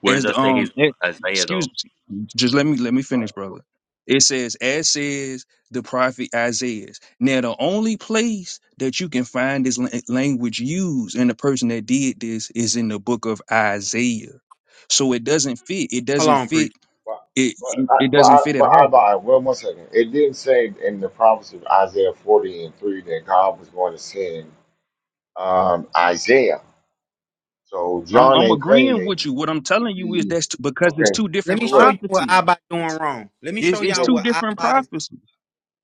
[SPEAKER 10] Where does
[SPEAKER 6] As
[SPEAKER 10] that
[SPEAKER 6] the,
[SPEAKER 10] say he's
[SPEAKER 6] um, eh,
[SPEAKER 10] Isaiah, though?
[SPEAKER 6] excuse, just let me let me
[SPEAKER 1] But
[SPEAKER 6] finish, brother. It says, "As says the prophet Isaiah." Now, the only place that you can find this la- language used, and the person that did this is in the book of Isaiah. So it doesn't fit. It
[SPEAKER 2] Hold
[SPEAKER 6] doesn't
[SPEAKER 2] on, preacher.
[SPEAKER 6] fit.
[SPEAKER 1] but
[SPEAKER 6] It
[SPEAKER 1] but
[SPEAKER 6] it,
[SPEAKER 1] I,
[SPEAKER 6] it
[SPEAKER 1] but I,
[SPEAKER 6] doesn't fit
[SPEAKER 1] but
[SPEAKER 6] at
[SPEAKER 1] I, but
[SPEAKER 6] all.
[SPEAKER 1] I, well, one second. It didn't say in the prophecy of Isaiah forty and three that God was going to send um, Isaiah. So
[SPEAKER 6] I'm
[SPEAKER 1] John
[SPEAKER 6] I'm
[SPEAKER 1] ain't
[SPEAKER 6] agreeing
[SPEAKER 1] claiming
[SPEAKER 6] with you. What I'm
[SPEAKER 1] to
[SPEAKER 6] telling you is
[SPEAKER 1] be
[SPEAKER 6] that's t- because it's
[SPEAKER 1] okay.
[SPEAKER 6] two
[SPEAKER 2] Let
[SPEAKER 6] different
[SPEAKER 2] me
[SPEAKER 1] Wait,
[SPEAKER 2] show
[SPEAKER 1] wait,
[SPEAKER 2] you what
[SPEAKER 6] prophecies.
[SPEAKER 2] Abba doing wrong. Let me show
[SPEAKER 6] It's it's
[SPEAKER 2] y'all
[SPEAKER 1] wait,
[SPEAKER 6] two
[SPEAKER 2] what
[SPEAKER 6] different
[SPEAKER 2] Abba is.
[SPEAKER 6] prophecies.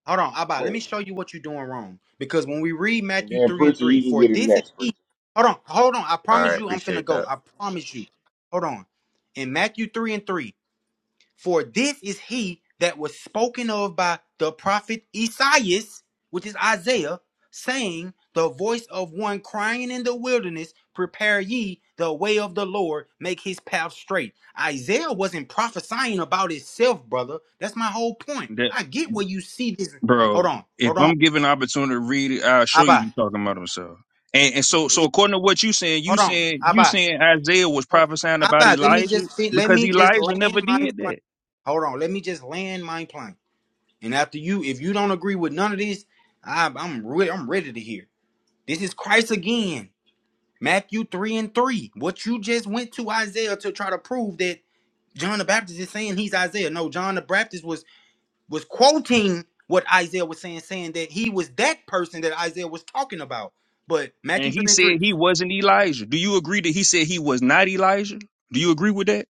[SPEAKER 2] Hold on, Abba. Let me
[SPEAKER 1] wait.
[SPEAKER 2] show you what you're doing wrong. Because when we read
[SPEAKER 1] And
[SPEAKER 2] Matthew
[SPEAKER 1] then
[SPEAKER 2] 3 and
[SPEAKER 1] preacher,
[SPEAKER 2] 3,
[SPEAKER 1] you can
[SPEAKER 2] for
[SPEAKER 1] get it
[SPEAKER 2] this is
[SPEAKER 1] next, preacher.
[SPEAKER 2] he. Hold on, hold on. I
[SPEAKER 10] All
[SPEAKER 2] promise
[SPEAKER 10] right,
[SPEAKER 2] you I'm finna
[SPEAKER 10] appreciate
[SPEAKER 2] go.
[SPEAKER 10] that.
[SPEAKER 2] I promise you. Hold on. In Matthew 3 and 3, for this is he that was spoken of by the prophet Esaias, which is Isaiah, saying, The voice of one crying in the wilderness, prepare ye the way of the Lord, make his path straight. Isaiah wasn't prophesying about himself, brother. That's my whole point.
[SPEAKER 6] That
[SPEAKER 2] I get where you see this. Hold
[SPEAKER 6] bro,
[SPEAKER 2] on, hold
[SPEAKER 6] if
[SPEAKER 2] on.
[SPEAKER 6] I'm given opportunity to read it, I'll show you
[SPEAKER 2] Abba,
[SPEAKER 6] he's talking about himself. And and so so
[SPEAKER 2] Eh,
[SPEAKER 6] according to what you saying,
[SPEAKER 2] hold
[SPEAKER 6] you
[SPEAKER 2] on,
[SPEAKER 6] saying you
[SPEAKER 2] Abba.
[SPEAKER 6] saying Isaiah was
[SPEAKER 2] Hold-
[SPEAKER 6] prophesying about
[SPEAKER 2] Abba, let me
[SPEAKER 6] Elijah
[SPEAKER 2] just fin- let
[SPEAKER 6] because
[SPEAKER 2] me just
[SPEAKER 6] Elijah never
[SPEAKER 2] land my
[SPEAKER 6] did
[SPEAKER 2] plane.
[SPEAKER 6] that.
[SPEAKER 2] Hold on, let me just land my plane. And after you, if you don't agree with none of this, I, I'm really, I'm ready to hear. This is Christ again, Matthew three and three. What you just went to Isaiah to try to prove that John the Baptist is saying he's Isaiah. No, John the Baptist was was quoting what Isaiah was saying, saying that he was that person that Isaiah was talking about. But Matthew
[SPEAKER 6] And he
[SPEAKER 2] three and
[SPEAKER 6] said
[SPEAKER 2] three,
[SPEAKER 6] he wasn't Elijah. Do you agree that he said he was not Elijah? Do you agree with that?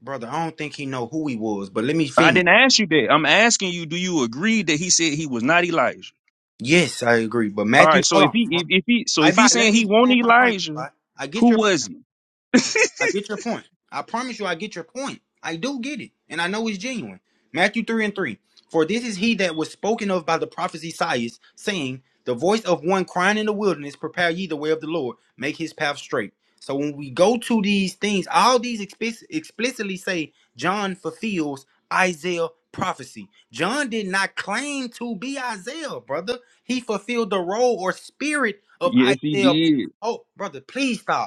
[SPEAKER 2] brother, I don't think he know who he was. But let me
[SPEAKER 6] I
[SPEAKER 2] finish.
[SPEAKER 6] didn't ask you that. I'm asking you, do you agree that he said he was not Elijah?
[SPEAKER 2] Yes, I agree. But
[SPEAKER 6] All
[SPEAKER 2] Matthew,
[SPEAKER 6] right, so
[SPEAKER 2] hold
[SPEAKER 6] if
[SPEAKER 2] on.
[SPEAKER 6] he if, if he so if he's
[SPEAKER 2] Alright, I let
[SPEAKER 6] saying he
[SPEAKER 2] me
[SPEAKER 6] won't
[SPEAKER 2] plan my plan.
[SPEAKER 6] Elijah,
[SPEAKER 2] bro. I get
[SPEAKER 6] who
[SPEAKER 2] your
[SPEAKER 6] was he?
[SPEAKER 2] I get your point. I promise you, I get your point. I do get it, and I know it's genuine. Matthew 3 and 3. For this is he that was spoken of by the prophet Isaiah, saying, The voice of one crying in the wilderness, prepare ye the way of the Lord, make his path straight. So when we go to these things, all these explic- explicitly say John fulfills Isaiah prophecy. John did not claim to be Isaiah, brother. He fulfilled the role or spirit of
[SPEAKER 6] Yes, he
[SPEAKER 2] Isaiah.
[SPEAKER 6] did.
[SPEAKER 2] Oh, brother, please stop.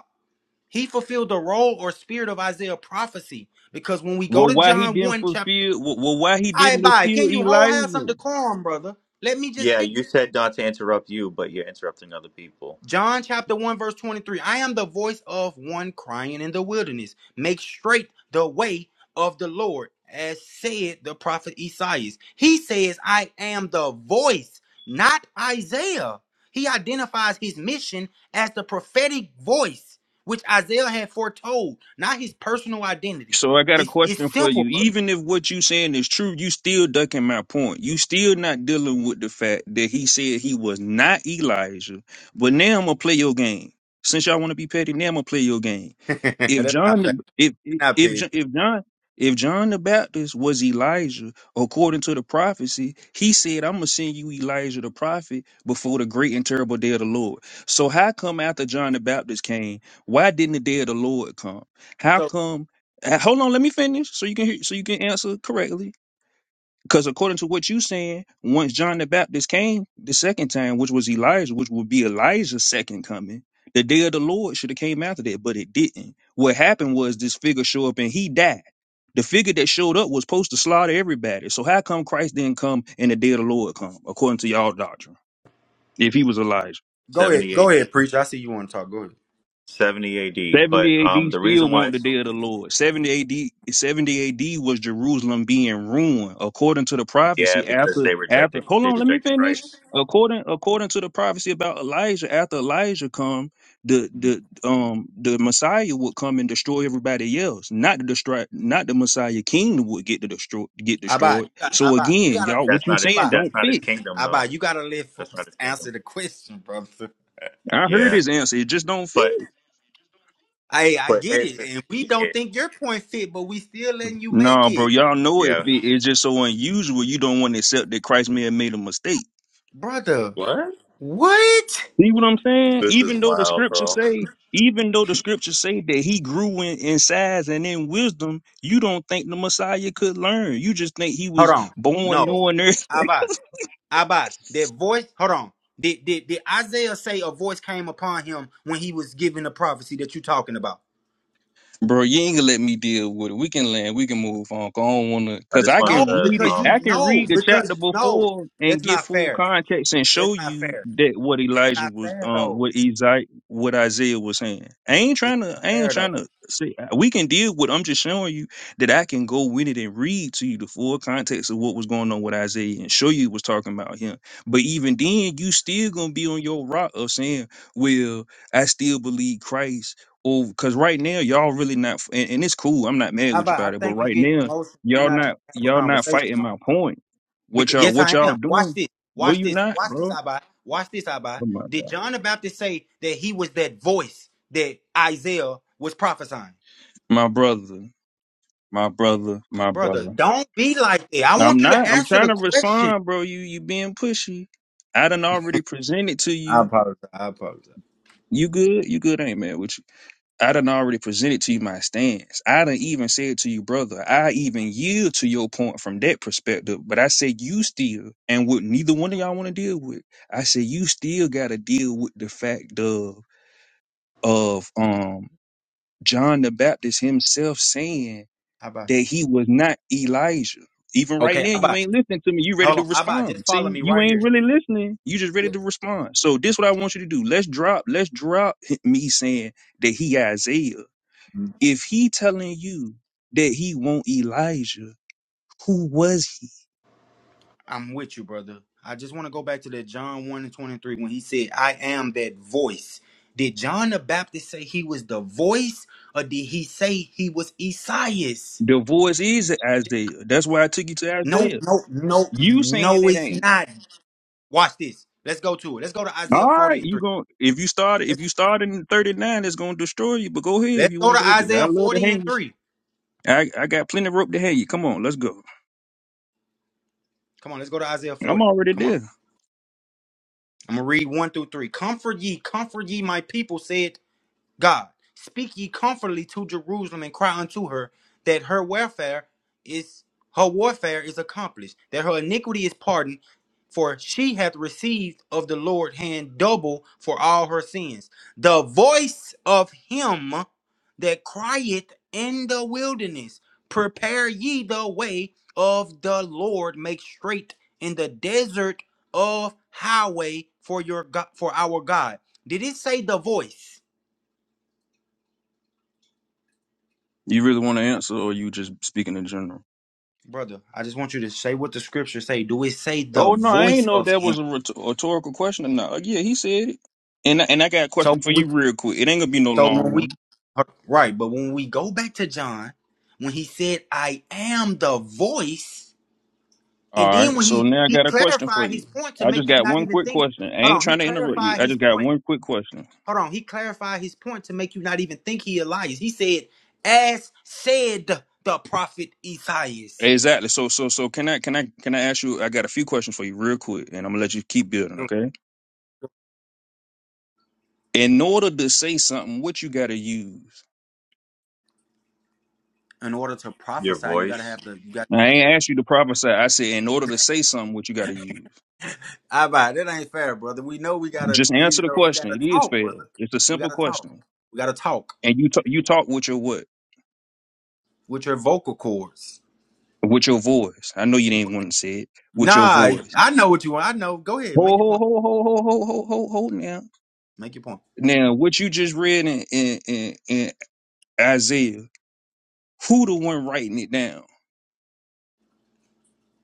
[SPEAKER 2] He fulfilled the role or spirit of Isaiah prophecy. Because when we go
[SPEAKER 6] Well,
[SPEAKER 2] to
[SPEAKER 6] why he
[SPEAKER 2] John
[SPEAKER 6] didn't
[SPEAKER 2] 1 chapter,
[SPEAKER 6] fulfill? Well, why he
[SPEAKER 2] I
[SPEAKER 6] didn't
[SPEAKER 2] bye.
[SPEAKER 6] fulfill
[SPEAKER 2] Can you hold have some
[SPEAKER 6] Elijah?
[SPEAKER 2] decorum, brother? Let me just finish.
[SPEAKER 10] Yeah, you said not to interrupt you, but you're interrupting other people.
[SPEAKER 2] John chapter 1, verse 23. I am the voice of one crying in the wilderness. Make straight the way of the Lord, as said the prophet Esaias. He says, I am the voice, not Isaiah. He identifies his mission as the prophetic voice, which Isaiah had foretold, not his personal identity.
[SPEAKER 6] So I got a
[SPEAKER 2] It's, it's
[SPEAKER 6] question for
[SPEAKER 2] simple,
[SPEAKER 6] you.
[SPEAKER 2] brother.
[SPEAKER 6] Even if what you saying is true, you still ducking my point. You still not dealing with the fact that he said he was not Elijah. But now I'm gonna play your game. Since y'all want to be petty, now I'm gonna play your game.
[SPEAKER 2] (laughs)
[SPEAKER 6] if
[SPEAKER 2] That's not
[SPEAKER 6] John
[SPEAKER 2] bad.
[SPEAKER 6] the- if
[SPEAKER 2] You're not
[SPEAKER 6] if
[SPEAKER 2] paid.
[SPEAKER 6] Jo- if John if John the Baptist was Elijah, according to the prophecy, he said, "I'm gonna send you Elijah the prophet before the great and terrible day of the Lord." So how come after John the Baptist came, why didn't the day of the Lord come? How
[SPEAKER 2] So
[SPEAKER 6] come? uh, Hold on, let me finish so you can hear, so you can answer correctly. Because according to what you saying, once John the Baptist came the second time, which was Elijah, which would be Elijah's second coming, the day of the Lord should have came after that, but it didn't. What happened was this figure showed up and he died. The figure that showed up was supposed to slaughter everybody. So how come Christ didn't come and the day of the Lord come, according to y'all doctrine, if he was Elijah?
[SPEAKER 2] go ahead.
[SPEAKER 10] 70
[SPEAKER 2] Go
[SPEAKER 10] AD.
[SPEAKER 2] ahead, preacher. I see you want to talk. Go ahead.
[SPEAKER 10] 70 AD. But
[SPEAKER 6] 70
[SPEAKER 10] um,
[SPEAKER 6] AD
[SPEAKER 10] the
[SPEAKER 6] still
[SPEAKER 10] reason why
[SPEAKER 6] want the
[SPEAKER 10] it's so,
[SPEAKER 6] day of the Lord. 70 AD 70 AD was Jerusalem being ruined according to the
[SPEAKER 10] yeah,
[SPEAKER 6] prophecy
[SPEAKER 10] because
[SPEAKER 6] after
[SPEAKER 10] they
[SPEAKER 6] after
[SPEAKER 10] rejected
[SPEAKER 6] Hold
[SPEAKER 10] they
[SPEAKER 6] on, let me
[SPEAKER 10] rejected
[SPEAKER 6] finish.
[SPEAKER 10] Christ.
[SPEAKER 6] According according to the prophecy about Elijah, after Elijah come, the the um the Messiah would come and destroy everybody else. Not the destroy not the Messiah kingdom would get to destroy get
[SPEAKER 2] Abba, you
[SPEAKER 6] destroyed.
[SPEAKER 2] got,
[SPEAKER 6] So
[SPEAKER 2] Abba, you
[SPEAKER 6] again,
[SPEAKER 2] got
[SPEAKER 6] y'all
[SPEAKER 10] That's
[SPEAKER 6] what you
[SPEAKER 10] not his.
[SPEAKER 6] saying
[SPEAKER 2] to.
[SPEAKER 10] That's
[SPEAKER 6] don't
[SPEAKER 10] not his
[SPEAKER 6] fit.
[SPEAKER 10] kingdom,
[SPEAKER 2] How
[SPEAKER 10] though.
[SPEAKER 2] about you gotta let
[SPEAKER 10] That's not
[SPEAKER 2] folks
[SPEAKER 10] his kingdom.
[SPEAKER 2] answer the question, brother?
[SPEAKER 6] I heard
[SPEAKER 10] Yeah,
[SPEAKER 6] his answer, it just don't fit.
[SPEAKER 10] but
[SPEAKER 2] Hey, I
[SPEAKER 10] but
[SPEAKER 2] get
[SPEAKER 10] here's
[SPEAKER 2] it,
[SPEAKER 10] the,
[SPEAKER 2] and we don't
[SPEAKER 10] yeah
[SPEAKER 2] think your point fit, but we still letting you make
[SPEAKER 6] No, bro,
[SPEAKER 2] it,
[SPEAKER 6] y'all know it
[SPEAKER 10] yeah.
[SPEAKER 6] fit. It's just so unusual. You don't want to accept that Christ may have made a mistake.
[SPEAKER 2] brother.
[SPEAKER 10] What?
[SPEAKER 2] What?
[SPEAKER 6] See what I'm saying?
[SPEAKER 10] This is
[SPEAKER 6] Even though the
[SPEAKER 10] wild,
[SPEAKER 6] scriptures
[SPEAKER 10] bro.
[SPEAKER 6] say, even though the scriptures say that he grew in, in size and in wisdom, you don't think the Messiah could learn. You just think he
[SPEAKER 2] Hold
[SPEAKER 6] was
[SPEAKER 2] on.
[SPEAKER 6] born
[SPEAKER 2] No.
[SPEAKER 6] knowing (laughs) everything.
[SPEAKER 2] How about how about that voice? Hold on. Did, did did Isaiah say a voice came upon him when he was given the prophecy that you're talking about?
[SPEAKER 6] Bro, you ain't gonna let me deal with it. We can land. We can move on. 'cause I don't wanna,
[SPEAKER 10] I
[SPEAKER 6] cause
[SPEAKER 10] just
[SPEAKER 6] I
[SPEAKER 2] No,
[SPEAKER 10] wanted
[SPEAKER 6] can read
[SPEAKER 10] to
[SPEAKER 6] it.
[SPEAKER 2] because you
[SPEAKER 6] I
[SPEAKER 10] um
[SPEAKER 6] can
[SPEAKER 2] no,
[SPEAKER 6] read the chapter
[SPEAKER 2] because no,
[SPEAKER 6] before
[SPEAKER 2] that's
[SPEAKER 6] and get
[SPEAKER 2] not
[SPEAKER 6] full
[SPEAKER 2] fair.
[SPEAKER 6] context and
[SPEAKER 2] That's
[SPEAKER 6] show
[SPEAKER 2] not
[SPEAKER 6] you
[SPEAKER 2] fair.
[SPEAKER 6] that what
[SPEAKER 2] That's
[SPEAKER 6] Elijah
[SPEAKER 2] not
[SPEAKER 6] was,
[SPEAKER 2] fair
[SPEAKER 6] um,
[SPEAKER 2] though.
[SPEAKER 6] what Isaiah, what Isaiah was saying. I ain't
[SPEAKER 2] That's
[SPEAKER 6] trying to.
[SPEAKER 2] not
[SPEAKER 6] I ain't
[SPEAKER 2] fair though.
[SPEAKER 6] trying to say we can deal with. I'm just showing you that I can go with it and read to you the full context of what was going on with Isaiah and show you was talking about him. But even then, you still gonna be on your rock of saying, "Well, I still believe Christ." Well, because right now y'all really not, f- and, and it's cool. I'm not mad
[SPEAKER 2] How
[SPEAKER 6] with you
[SPEAKER 2] about I
[SPEAKER 6] about it, but
[SPEAKER 2] think you're
[SPEAKER 6] right
[SPEAKER 2] getting
[SPEAKER 6] now
[SPEAKER 2] emotional. You're
[SPEAKER 6] y'all
[SPEAKER 2] not trying
[SPEAKER 6] not
[SPEAKER 2] to have a
[SPEAKER 6] y'all not
[SPEAKER 2] conversation
[SPEAKER 6] fighting
[SPEAKER 2] on it.
[SPEAKER 6] my point. What
[SPEAKER 2] Because
[SPEAKER 6] y'all
[SPEAKER 2] yes,
[SPEAKER 6] what
[SPEAKER 2] I
[SPEAKER 6] y'all
[SPEAKER 2] am. Watch
[SPEAKER 6] doing?
[SPEAKER 2] this.
[SPEAKER 6] No,
[SPEAKER 2] Watch
[SPEAKER 6] you
[SPEAKER 2] this.
[SPEAKER 6] not,
[SPEAKER 2] Watch this,
[SPEAKER 6] bro.
[SPEAKER 2] Abba. Watch this, Abba.
[SPEAKER 6] Oh my
[SPEAKER 2] Did
[SPEAKER 6] god,
[SPEAKER 2] John the Baptist say that he was that voice that Isaiah was prophesying?
[SPEAKER 6] my brother, my brother, my
[SPEAKER 2] Brother,
[SPEAKER 6] brother.
[SPEAKER 2] don't be like that. I want
[SPEAKER 6] I'm
[SPEAKER 2] you to
[SPEAKER 6] not. I'm
[SPEAKER 2] answer
[SPEAKER 6] trying
[SPEAKER 2] the
[SPEAKER 6] to
[SPEAKER 2] question.
[SPEAKER 6] respond, bro. You you being pushy. I done already presented to
[SPEAKER 2] I
[SPEAKER 6] you.
[SPEAKER 2] apologize. I apologize.
[SPEAKER 6] You good? You good? I ain't mad with you. I done already presented to you my stance. I done even said to you, brother, I even yield to your point from that perspective. But I said you still, and what neither one of y'all want to deal with, I said you still got to deal with the fact of of um John the Baptist himself saying
[SPEAKER 2] Abba.
[SPEAKER 6] that he was not Elijah. Even right
[SPEAKER 2] Okay,
[SPEAKER 6] now, you
[SPEAKER 2] Abba.
[SPEAKER 6] ain't listening to me. You ready
[SPEAKER 2] Hold
[SPEAKER 6] to
[SPEAKER 2] on. Abba, just
[SPEAKER 6] respond?
[SPEAKER 2] follow
[SPEAKER 6] See,
[SPEAKER 2] me
[SPEAKER 6] you
[SPEAKER 2] right here.
[SPEAKER 6] ain't really listening. You just ready to respond. So this what I want you to do. Let's drop. Let's drop me saying that he Isaiah if he telling you that he want Elijah, who was he?
[SPEAKER 2] I'm with you, brother. I just want to go back to that John 1 and 23 when he said, I am that voice. Did John the Baptist say he was the voice or did he say he was Esaias?
[SPEAKER 6] The voice is Isaiah. That's why I took you to
[SPEAKER 2] No,
[SPEAKER 6] Isaiah.
[SPEAKER 2] no, no,
[SPEAKER 6] You saying
[SPEAKER 2] no,
[SPEAKER 6] it
[SPEAKER 2] it's
[SPEAKER 6] ain't.
[SPEAKER 2] not. Watch this. Let's go to it. Let's go to
[SPEAKER 6] All
[SPEAKER 2] Isaiah 40
[SPEAKER 6] right,
[SPEAKER 2] and
[SPEAKER 6] you
[SPEAKER 2] 3.
[SPEAKER 6] going if you start if
[SPEAKER 2] Let's,
[SPEAKER 6] you start in thirty nine, it's gonna destroy you. But go ahead if
[SPEAKER 2] let's
[SPEAKER 6] you
[SPEAKER 2] go
[SPEAKER 6] want
[SPEAKER 2] to
[SPEAKER 6] to go there. I
[SPEAKER 2] Isaiah
[SPEAKER 6] love to
[SPEAKER 2] 40
[SPEAKER 6] hang
[SPEAKER 2] and
[SPEAKER 6] you.
[SPEAKER 2] 3.
[SPEAKER 6] I, I got plenty of rope to hang you. Come on, let's go.
[SPEAKER 2] Come on, let's go to Isaiah
[SPEAKER 6] I'm
[SPEAKER 2] 40.
[SPEAKER 6] already
[SPEAKER 2] Come on.
[SPEAKER 6] there.
[SPEAKER 2] I'm going to read 1 through 3. Comfort ye, comfort ye, my people, said God, speak ye comfortably to Jerusalem and cry unto her that her welfare is her warfare is accomplished, that her iniquity is pardoned, for she hath received of the Lord hand double for all her sins. The voice of him that crieth in the wilderness, prepare ye the way of the Lord, make straight in the desert of highway for your God, for our God. Did it say the voice?
[SPEAKER 6] You really want to answer, or you just speaking in general?
[SPEAKER 2] brother. I just want you to say what the scripture say. Do it say the
[SPEAKER 6] Oh no, I
[SPEAKER 2] voice
[SPEAKER 6] ain't know if
[SPEAKER 2] of
[SPEAKER 6] that
[SPEAKER 2] him?
[SPEAKER 6] was a rhetor- rhetorical question or not. Like, yeah, he said it. And I- and I got a
[SPEAKER 2] So
[SPEAKER 6] question for
[SPEAKER 2] when we,
[SPEAKER 6] you real quick. It ain't gonna be no
[SPEAKER 2] so when
[SPEAKER 6] long
[SPEAKER 2] we,
[SPEAKER 6] one.
[SPEAKER 2] right? But when we go back to John, when he said, "I am the voice,"
[SPEAKER 6] All
[SPEAKER 2] and then
[SPEAKER 6] right.
[SPEAKER 2] when
[SPEAKER 6] So
[SPEAKER 2] he
[SPEAKER 6] now I
[SPEAKER 2] he
[SPEAKER 6] got a question for
[SPEAKER 2] clarified his
[SPEAKER 6] you.
[SPEAKER 2] point to
[SPEAKER 6] I
[SPEAKER 2] make
[SPEAKER 6] just
[SPEAKER 2] you
[SPEAKER 6] got
[SPEAKER 2] not
[SPEAKER 6] one
[SPEAKER 2] even
[SPEAKER 6] quick
[SPEAKER 2] think.
[SPEAKER 6] question. I
[SPEAKER 2] Hold
[SPEAKER 6] ain't
[SPEAKER 2] on, he
[SPEAKER 6] trying to interrupt you.
[SPEAKER 2] clarified
[SPEAKER 6] I
[SPEAKER 2] his
[SPEAKER 6] just got
[SPEAKER 2] point.
[SPEAKER 6] one quick question.
[SPEAKER 2] Hold on, he clarified his point to make you not even think he lies. He said, "As said the prophet Esaias."
[SPEAKER 6] Exactly. So so so can I can I can I ask you I got a few questions for you real quick and I'm gonna let you keep building, okay? In order to say something, what you gotta use?
[SPEAKER 2] In order to
[SPEAKER 10] your
[SPEAKER 2] prophesy, you gotta
[SPEAKER 10] voice.
[SPEAKER 2] have the you got.
[SPEAKER 6] I ain't asked you to prophesy. I said in order to say something, what you gotta use.
[SPEAKER 2] I buy that ain't fair, brother. We know we gotta,
[SPEAKER 6] Just
[SPEAKER 2] you
[SPEAKER 6] answer the
[SPEAKER 2] know, we
[SPEAKER 6] question.
[SPEAKER 2] gotta
[SPEAKER 6] It is
[SPEAKER 2] talk,
[SPEAKER 6] fair.
[SPEAKER 2] brother.
[SPEAKER 6] It's a
[SPEAKER 2] We
[SPEAKER 6] simple
[SPEAKER 2] gotta talk.
[SPEAKER 6] question.
[SPEAKER 2] We gotta talk
[SPEAKER 6] And you talk you talk with your what?
[SPEAKER 2] with your vocal cords.
[SPEAKER 6] With your voice. I know you didn't want to say it. With your
[SPEAKER 2] Nah,
[SPEAKER 6] voice.
[SPEAKER 2] I know what you want. I know. Go ahead, make
[SPEAKER 6] Ho
[SPEAKER 2] your
[SPEAKER 6] ho
[SPEAKER 2] point.
[SPEAKER 6] ho ho ho ho ho ho ho now.
[SPEAKER 2] Make your point.
[SPEAKER 6] Now, what you just read in, in, in, in Isaiah, who the one writing it down?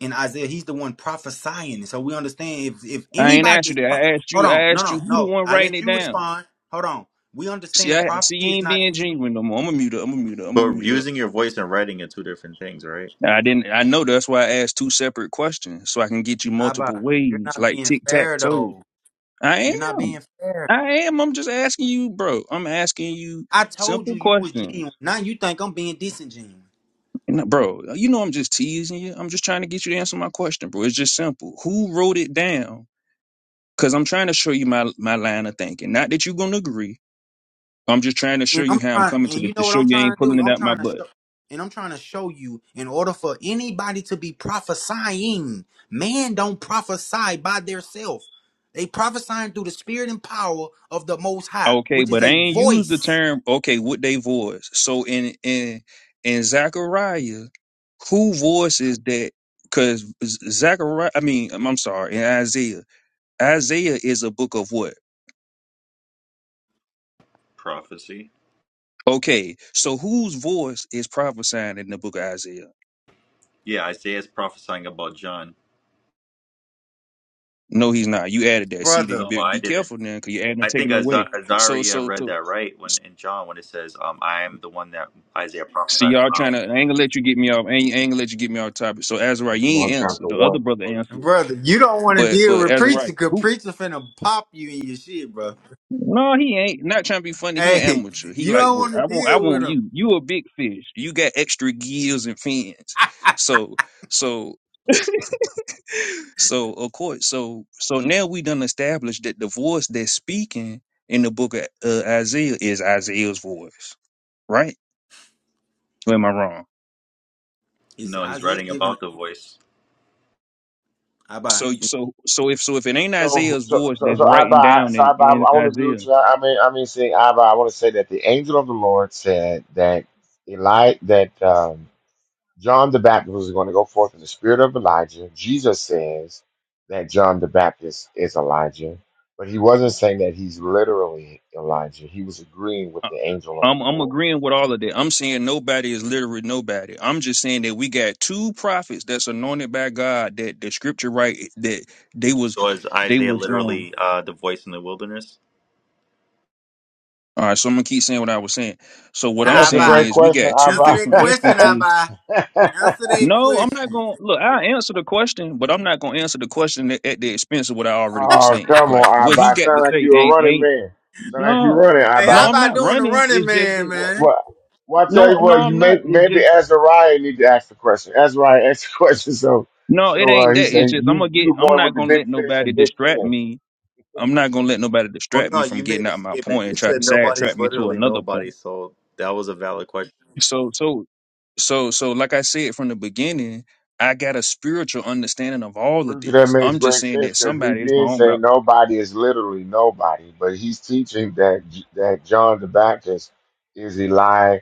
[SPEAKER 2] In Isaiah, he's the one prophesying, so we understand if if
[SPEAKER 6] I ain't
[SPEAKER 2] anybody
[SPEAKER 6] asked
[SPEAKER 2] is.
[SPEAKER 6] you that.
[SPEAKER 2] pro-
[SPEAKER 6] I asked
[SPEAKER 2] Hold
[SPEAKER 6] you.
[SPEAKER 2] on,
[SPEAKER 6] I
[SPEAKER 2] no,
[SPEAKER 6] asked you
[SPEAKER 2] no,
[SPEAKER 6] who the
[SPEAKER 2] no.
[SPEAKER 6] one
[SPEAKER 2] I
[SPEAKER 6] writing
[SPEAKER 2] let
[SPEAKER 6] it
[SPEAKER 2] you
[SPEAKER 6] down.
[SPEAKER 2] respond. Hold on. We
[SPEAKER 6] See,
[SPEAKER 2] understand
[SPEAKER 6] I see
[SPEAKER 2] prophecy
[SPEAKER 6] you
[SPEAKER 2] is
[SPEAKER 6] ain't
[SPEAKER 2] not.
[SPEAKER 6] being genuine no more. I'm gonna mute up. I'm gonna mute up. I'm gonna
[SPEAKER 10] But
[SPEAKER 6] mute up.
[SPEAKER 10] using your voice and writing are two different things, right?
[SPEAKER 6] Now, I didn't. I know that's why I asked two separate questions so I can get you
[SPEAKER 2] I
[SPEAKER 6] multiple
[SPEAKER 2] buy. you're
[SPEAKER 6] ways,
[SPEAKER 2] not
[SPEAKER 6] like
[SPEAKER 2] being
[SPEAKER 6] tic tac
[SPEAKER 2] fair
[SPEAKER 6] toe.
[SPEAKER 2] though.
[SPEAKER 6] I
[SPEAKER 2] You're not
[SPEAKER 6] am.
[SPEAKER 2] being fair.
[SPEAKER 6] I am. I'm just asking you, bro. I'm asking you
[SPEAKER 2] I told you
[SPEAKER 6] simple
[SPEAKER 2] you was
[SPEAKER 6] questions,
[SPEAKER 2] genuine. Now you think I'm being disingenuous.
[SPEAKER 6] And, bro. You know I'm just teasing you. I'm just trying to get you to answer my question, bro. It's just simple. Who wrote it down? Cause I'm trying to show you my my line of thinking. Not that you're gonna agree. I'm just trying to show
[SPEAKER 2] And
[SPEAKER 6] you
[SPEAKER 2] I'm
[SPEAKER 6] how I'm
[SPEAKER 2] trying,
[SPEAKER 6] coming
[SPEAKER 2] and
[SPEAKER 6] to
[SPEAKER 2] you
[SPEAKER 6] this to
[SPEAKER 2] know what
[SPEAKER 6] show
[SPEAKER 2] I'm
[SPEAKER 6] you
[SPEAKER 2] trying
[SPEAKER 6] ain't
[SPEAKER 2] to
[SPEAKER 6] pulling
[SPEAKER 2] do?
[SPEAKER 6] it
[SPEAKER 2] I'm
[SPEAKER 6] out my
[SPEAKER 2] trying to show,
[SPEAKER 6] butt.
[SPEAKER 2] and I'm trying to show you. In order for anybody to be prophesying, man don't prophesy by theirself. They prophesying through the spirit and power of the Most High,
[SPEAKER 6] Okay,
[SPEAKER 2] which is
[SPEAKER 6] but I
[SPEAKER 2] a
[SPEAKER 6] ain't use the
[SPEAKER 2] voice,
[SPEAKER 6] term okay What they voice. So in in in Zechariah, who voices that? Cause Zechariah, I mean, I'm I'm sorry, in Isaiah, Isaiah is a book of what?
[SPEAKER 10] Prophecy.
[SPEAKER 6] Okay, so whose voice is prophesying in the book of Isaiah?
[SPEAKER 10] Yeah, Isaiah's prophesying about John.
[SPEAKER 6] No, he's not. You added that. See, now you
[SPEAKER 2] brother.
[SPEAKER 10] No,
[SPEAKER 6] be,
[SPEAKER 10] I
[SPEAKER 6] be
[SPEAKER 10] didn't.
[SPEAKER 6] careful now, cause you're adding and
[SPEAKER 10] I think
[SPEAKER 6] taking away.
[SPEAKER 10] Aza-
[SPEAKER 6] So,
[SPEAKER 10] Azaria
[SPEAKER 6] so,
[SPEAKER 10] read
[SPEAKER 6] so.
[SPEAKER 10] that right when in John when it says, um, "I am the one that Isaiah
[SPEAKER 6] See,
[SPEAKER 10] prophesied
[SPEAKER 6] y'all trying
[SPEAKER 10] about."
[SPEAKER 6] to. I ain't gonna let you get me off. I ain't, I ain't gonna let you get me off topic. So Azariah,
[SPEAKER 1] That's
[SPEAKER 6] you ain't
[SPEAKER 1] John
[SPEAKER 6] answer.
[SPEAKER 1] chapter
[SPEAKER 6] The other
[SPEAKER 1] one,
[SPEAKER 6] brother
[SPEAKER 1] verse
[SPEAKER 6] answered,
[SPEAKER 1] two.
[SPEAKER 2] Brother, you don't want to
[SPEAKER 6] but
[SPEAKER 2] deal
[SPEAKER 6] but
[SPEAKER 2] with
[SPEAKER 6] Azariah,
[SPEAKER 2] preacher, cause
[SPEAKER 6] who?
[SPEAKER 2] preacher finna pop you in your shit, bro.
[SPEAKER 6] No, he ain't. Not trying to be funny. He an
[SPEAKER 2] Hey,
[SPEAKER 6] amateur. He
[SPEAKER 2] you
[SPEAKER 6] like
[SPEAKER 2] don't want
[SPEAKER 6] work.
[SPEAKER 2] to
[SPEAKER 6] I want. I
[SPEAKER 2] deal with
[SPEAKER 6] want
[SPEAKER 2] him.
[SPEAKER 6] you. You a big fish. You got extra gills and fins. So so (laughs) so of course. So so now we done established that the voice that's speaking in the book of uh, Isaiah is Isaiah's voice, right? Or am I wrong?
[SPEAKER 2] Is
[SPEAKER 10] No, he's
[SPEAKER 2] Isaiah
[SPEAKER 10] writing
[SPEAKER 2] giving?
[SPEAKER 10] about the voice.
[SPEAKER 2] I buy.
[SPEAKER 6] So so so if so if it ain't
[SPEAKER 1] So,
[SPEAKER 6] Isaiah's
[SPEAKER 1] so,
[SPEAKER 6] voice
[SPEAKER 1] so,
[SPEAKER 6] that's
[SPEAKER 1] so I
[SPEAKER 6] writing
[SPEAKER 1] buy.
[SPEAKER 6] down
[SPEAKER 1] So I
[SPEAKER 6] in,
[SPEAKER 1] buy. I
[SPEAKER 6] in
[SPEAKER 1] want to agree with
[SPEAKER 6] Isaiah,
[SPEAKER 1] you. I mean, I mean, saying I buy. I want to say that the angel of the Lord said that Eli that. um, John the Baptist was going to go forth in the spirit of Elijah. Jesus says that John the Baptist is Elijah, but he wasn't saying that he's literally Elijah. He was agreeing with
[SPEAKER 6] I-
[SPEAKER 1] the angel of
[SPEAKER 6] I'm
[SPEAKER 1] the
[SPEAKER 6] I'm
[SPEAKER 1] Lord.
[SPEAKER 6] agreeing with all of that. I'm saying nobody is literally nobody. I'm just saying that we got two prophets that's anointed by God that the scripture right that they was
[SPEAKER 10] So is
[SPEAKER 6] they
[SPEAKER 10] Isaiah
[SPEAKER 6] was um
[SPEAKER 10] literally uh, the voice in the wilderness?
[SPEAKER 6] all right, so I'm gonna keep saying what I was saying. So
[SPEAKER 1] I
[SPEAKER 6] what
[SPEAKER 1] mean,
[SPEAKER 6] I'm
[SPEAKER 2] I
[SPEAKER 1] that's a
[SPEAKER 6] saying
[SPEAKER 2] buy.
[SPEAKER 1] great
[SPEAKER 6] is we
[SPEAKER 1] question,
[SPEAKER 6] got two
[SPEAKER 2] Answer
[SPEAKER 1] Abba.
[SPEAKER 2] that
[SPEAKER 1] (laughs)
[SPEAKER 6] different
[SPEAKER 2] question, I
[SPEAKER 6] instances.
[SPEAKER 2] buy. Answer that
[SPEAKER 6] No, I'm not
[SPEAKER 2] question.
[SPEAKER 6] gonna look, I answer the question, but I'm not gonna answer the question at, at the expense of what I already was
[SPEAKER 1] oh,
[SPEAKER 6] saying.
[SPEAKER 1] come
[SPEAKER 6] Like
[SPEAKER 1] on,
[SPEAKER 6] what he
[SPEAKER 1] Abba.
[SPEAKER 6] got
[SPEAKER 1] Sound
[SPEAKER 6] to
[SPEAKER 1] like
[SPEAKER 6] say
[SPEAKER 1] you a
[SPEAKER 6] ain't
[SPEAKER 1] running
[SPEAKER 6] ain't
[SPEAKER 1] man. Sound like you
[SPEAKER 6] No,
[SPEAKER 1] running,
[SPEAKER 2] Hey,
[SPEAKER 6] no,
[SPEAKER 2] I
[SPEAKER 1] Abba.
[SPEAKER 6] I'm
[SPEAKER 2] by
[SPEAKER 6] not
[SPEAKER 2] doing the
[SPEAKER 6] running.
[SPEAKER 2] running
[SPEAKER 6] It's just
[SPEAKER 2] man,
[SPEAKER 6] that.
[SPEAKER 1] What?
[SPEAKER 2] man.
[SPEAKER 1] what? Well, I tell you
[SPEAKER 6] No, no,
[SPEAKER 1] what, you
[SPEAKER 6] I'm
[SPEAKER 1] may
[SPEAKER 6] not. It's
[SPEAKER 1] maybe
[SPEAKER 6] just
[SPEAKER 1] Azariah need to ask the question. Azariah (laughs) asked the question, so
[SPEAKER 6] no. It
[SPEAKER 1] so uh,
[SPEAKER 6] ain't
[SPEAKER 1] he
[SPEAKER 6] that. It's
[SPEAKER 1] said,
[SPEAKER 6] just I'm
[SPEAKER 1] "You
[SPEAKER 6] gonna
[SPEAKER 1] you the
[SPEAKER 6] get. I'm
[SPEAKER 1] one with
[SPEAKER 6] not
[SPEAKER 1] the
[SPEAKER 6] gonna
[SPEAKER 1] big
[SPEAKER 6] let
[SPEAKER 1] fish
[SPEAKER 6] nobody
[SPEAKER 1] and big
[SPEAKER 6] distract
[SPEAKER 1] fins."
[SPEAKER 6] me. I'm not gonna let nobody
[SPEAKER 10] Well,
[SPEAKER 6] distract
[SPEAKER 10] no,
[SPEAKER 6] me from
[SPEAKER 10] you made
[SPEAKER 6] getting
[SPEAKER 10] a
[SPEAKER 6] out my
[SPEAKER 10] statement.
[SPEAKER 6] point
[SPEAKER 10] You
[SPEAKER 6] and try
[SPEAKER 10] said
[SPEAKER 6] to
[SPEAKER 10] nobody's
[SPEAKER 6] sidetrack me to
[SPEAKER 10] literally
[SPEAKER 6] another
[SPEAKER 10] nobody,
[SPEAKER 6] point.
[SPEAKER 10] so that was a valid question.
[SPEAKER 6] So, so, so, so, like I said from the beginning, I got a spiritual understanding of all of
[SPEAKER 1] Bruiser, that
[SPEAKER 6] this.
[SPEAKER 1] makes
[SPEAKER 6] I'm just
[SPEAKER 1] great
[SPEAKER 6] saying
[SPEAKER 1] sense
[SPEAKER 6] that
[SPEAKER 1] because he
[SPEAKER 6] somebody is
[SPEAKER 1] did
[SPEAKER 6] wrong
[SPEAKER 1] say
[SPEAKER 6] about
[SPEAKER 1] nobody is literally nobody, but he's teaching that that John the Baptist is Eli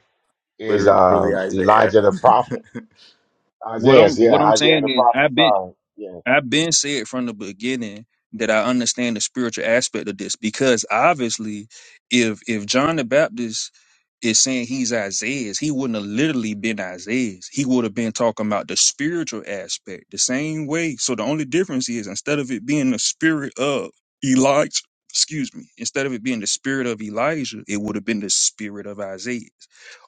[SPEAKER 1] is
[SPEAKER 10] Literally
[SPEAKER 1] um
[SPEAKER 10] Isaiah.
[SPEAKER 1] Elijah the prophet.
[SPEAKER 10] (laughs)
[SPEAKER 6] what
[SPEAKER 1] Isaiah,
[SPEAKER 6] I'm. What
[SPEAKER 1] yeah,
[SPEAKER 6] I'm
[SPEAKER 1] Isaiah
[SPEAKER 6] saying
[SPEAKER 1] the
[SPEAKER 6] is
[SPEAKER 1] prophet.
[SPEAKER 6] I've been
[SPEAKER 1] Sorry, yeah,
[SPEAKER 6] I've been said from the beginning that I understand the spiritual aspect of this because obviously, if if John the Baptist is saying he's Isaiah's, he wouldn't have literally been Isaiah's. He would have been talking about the spiritual aspect the same way. So the only difference is instead of it being the spirit of Elijah, excuse me, instead of it being the spirit of Elijah, it would have been the spirit of Isaiah's.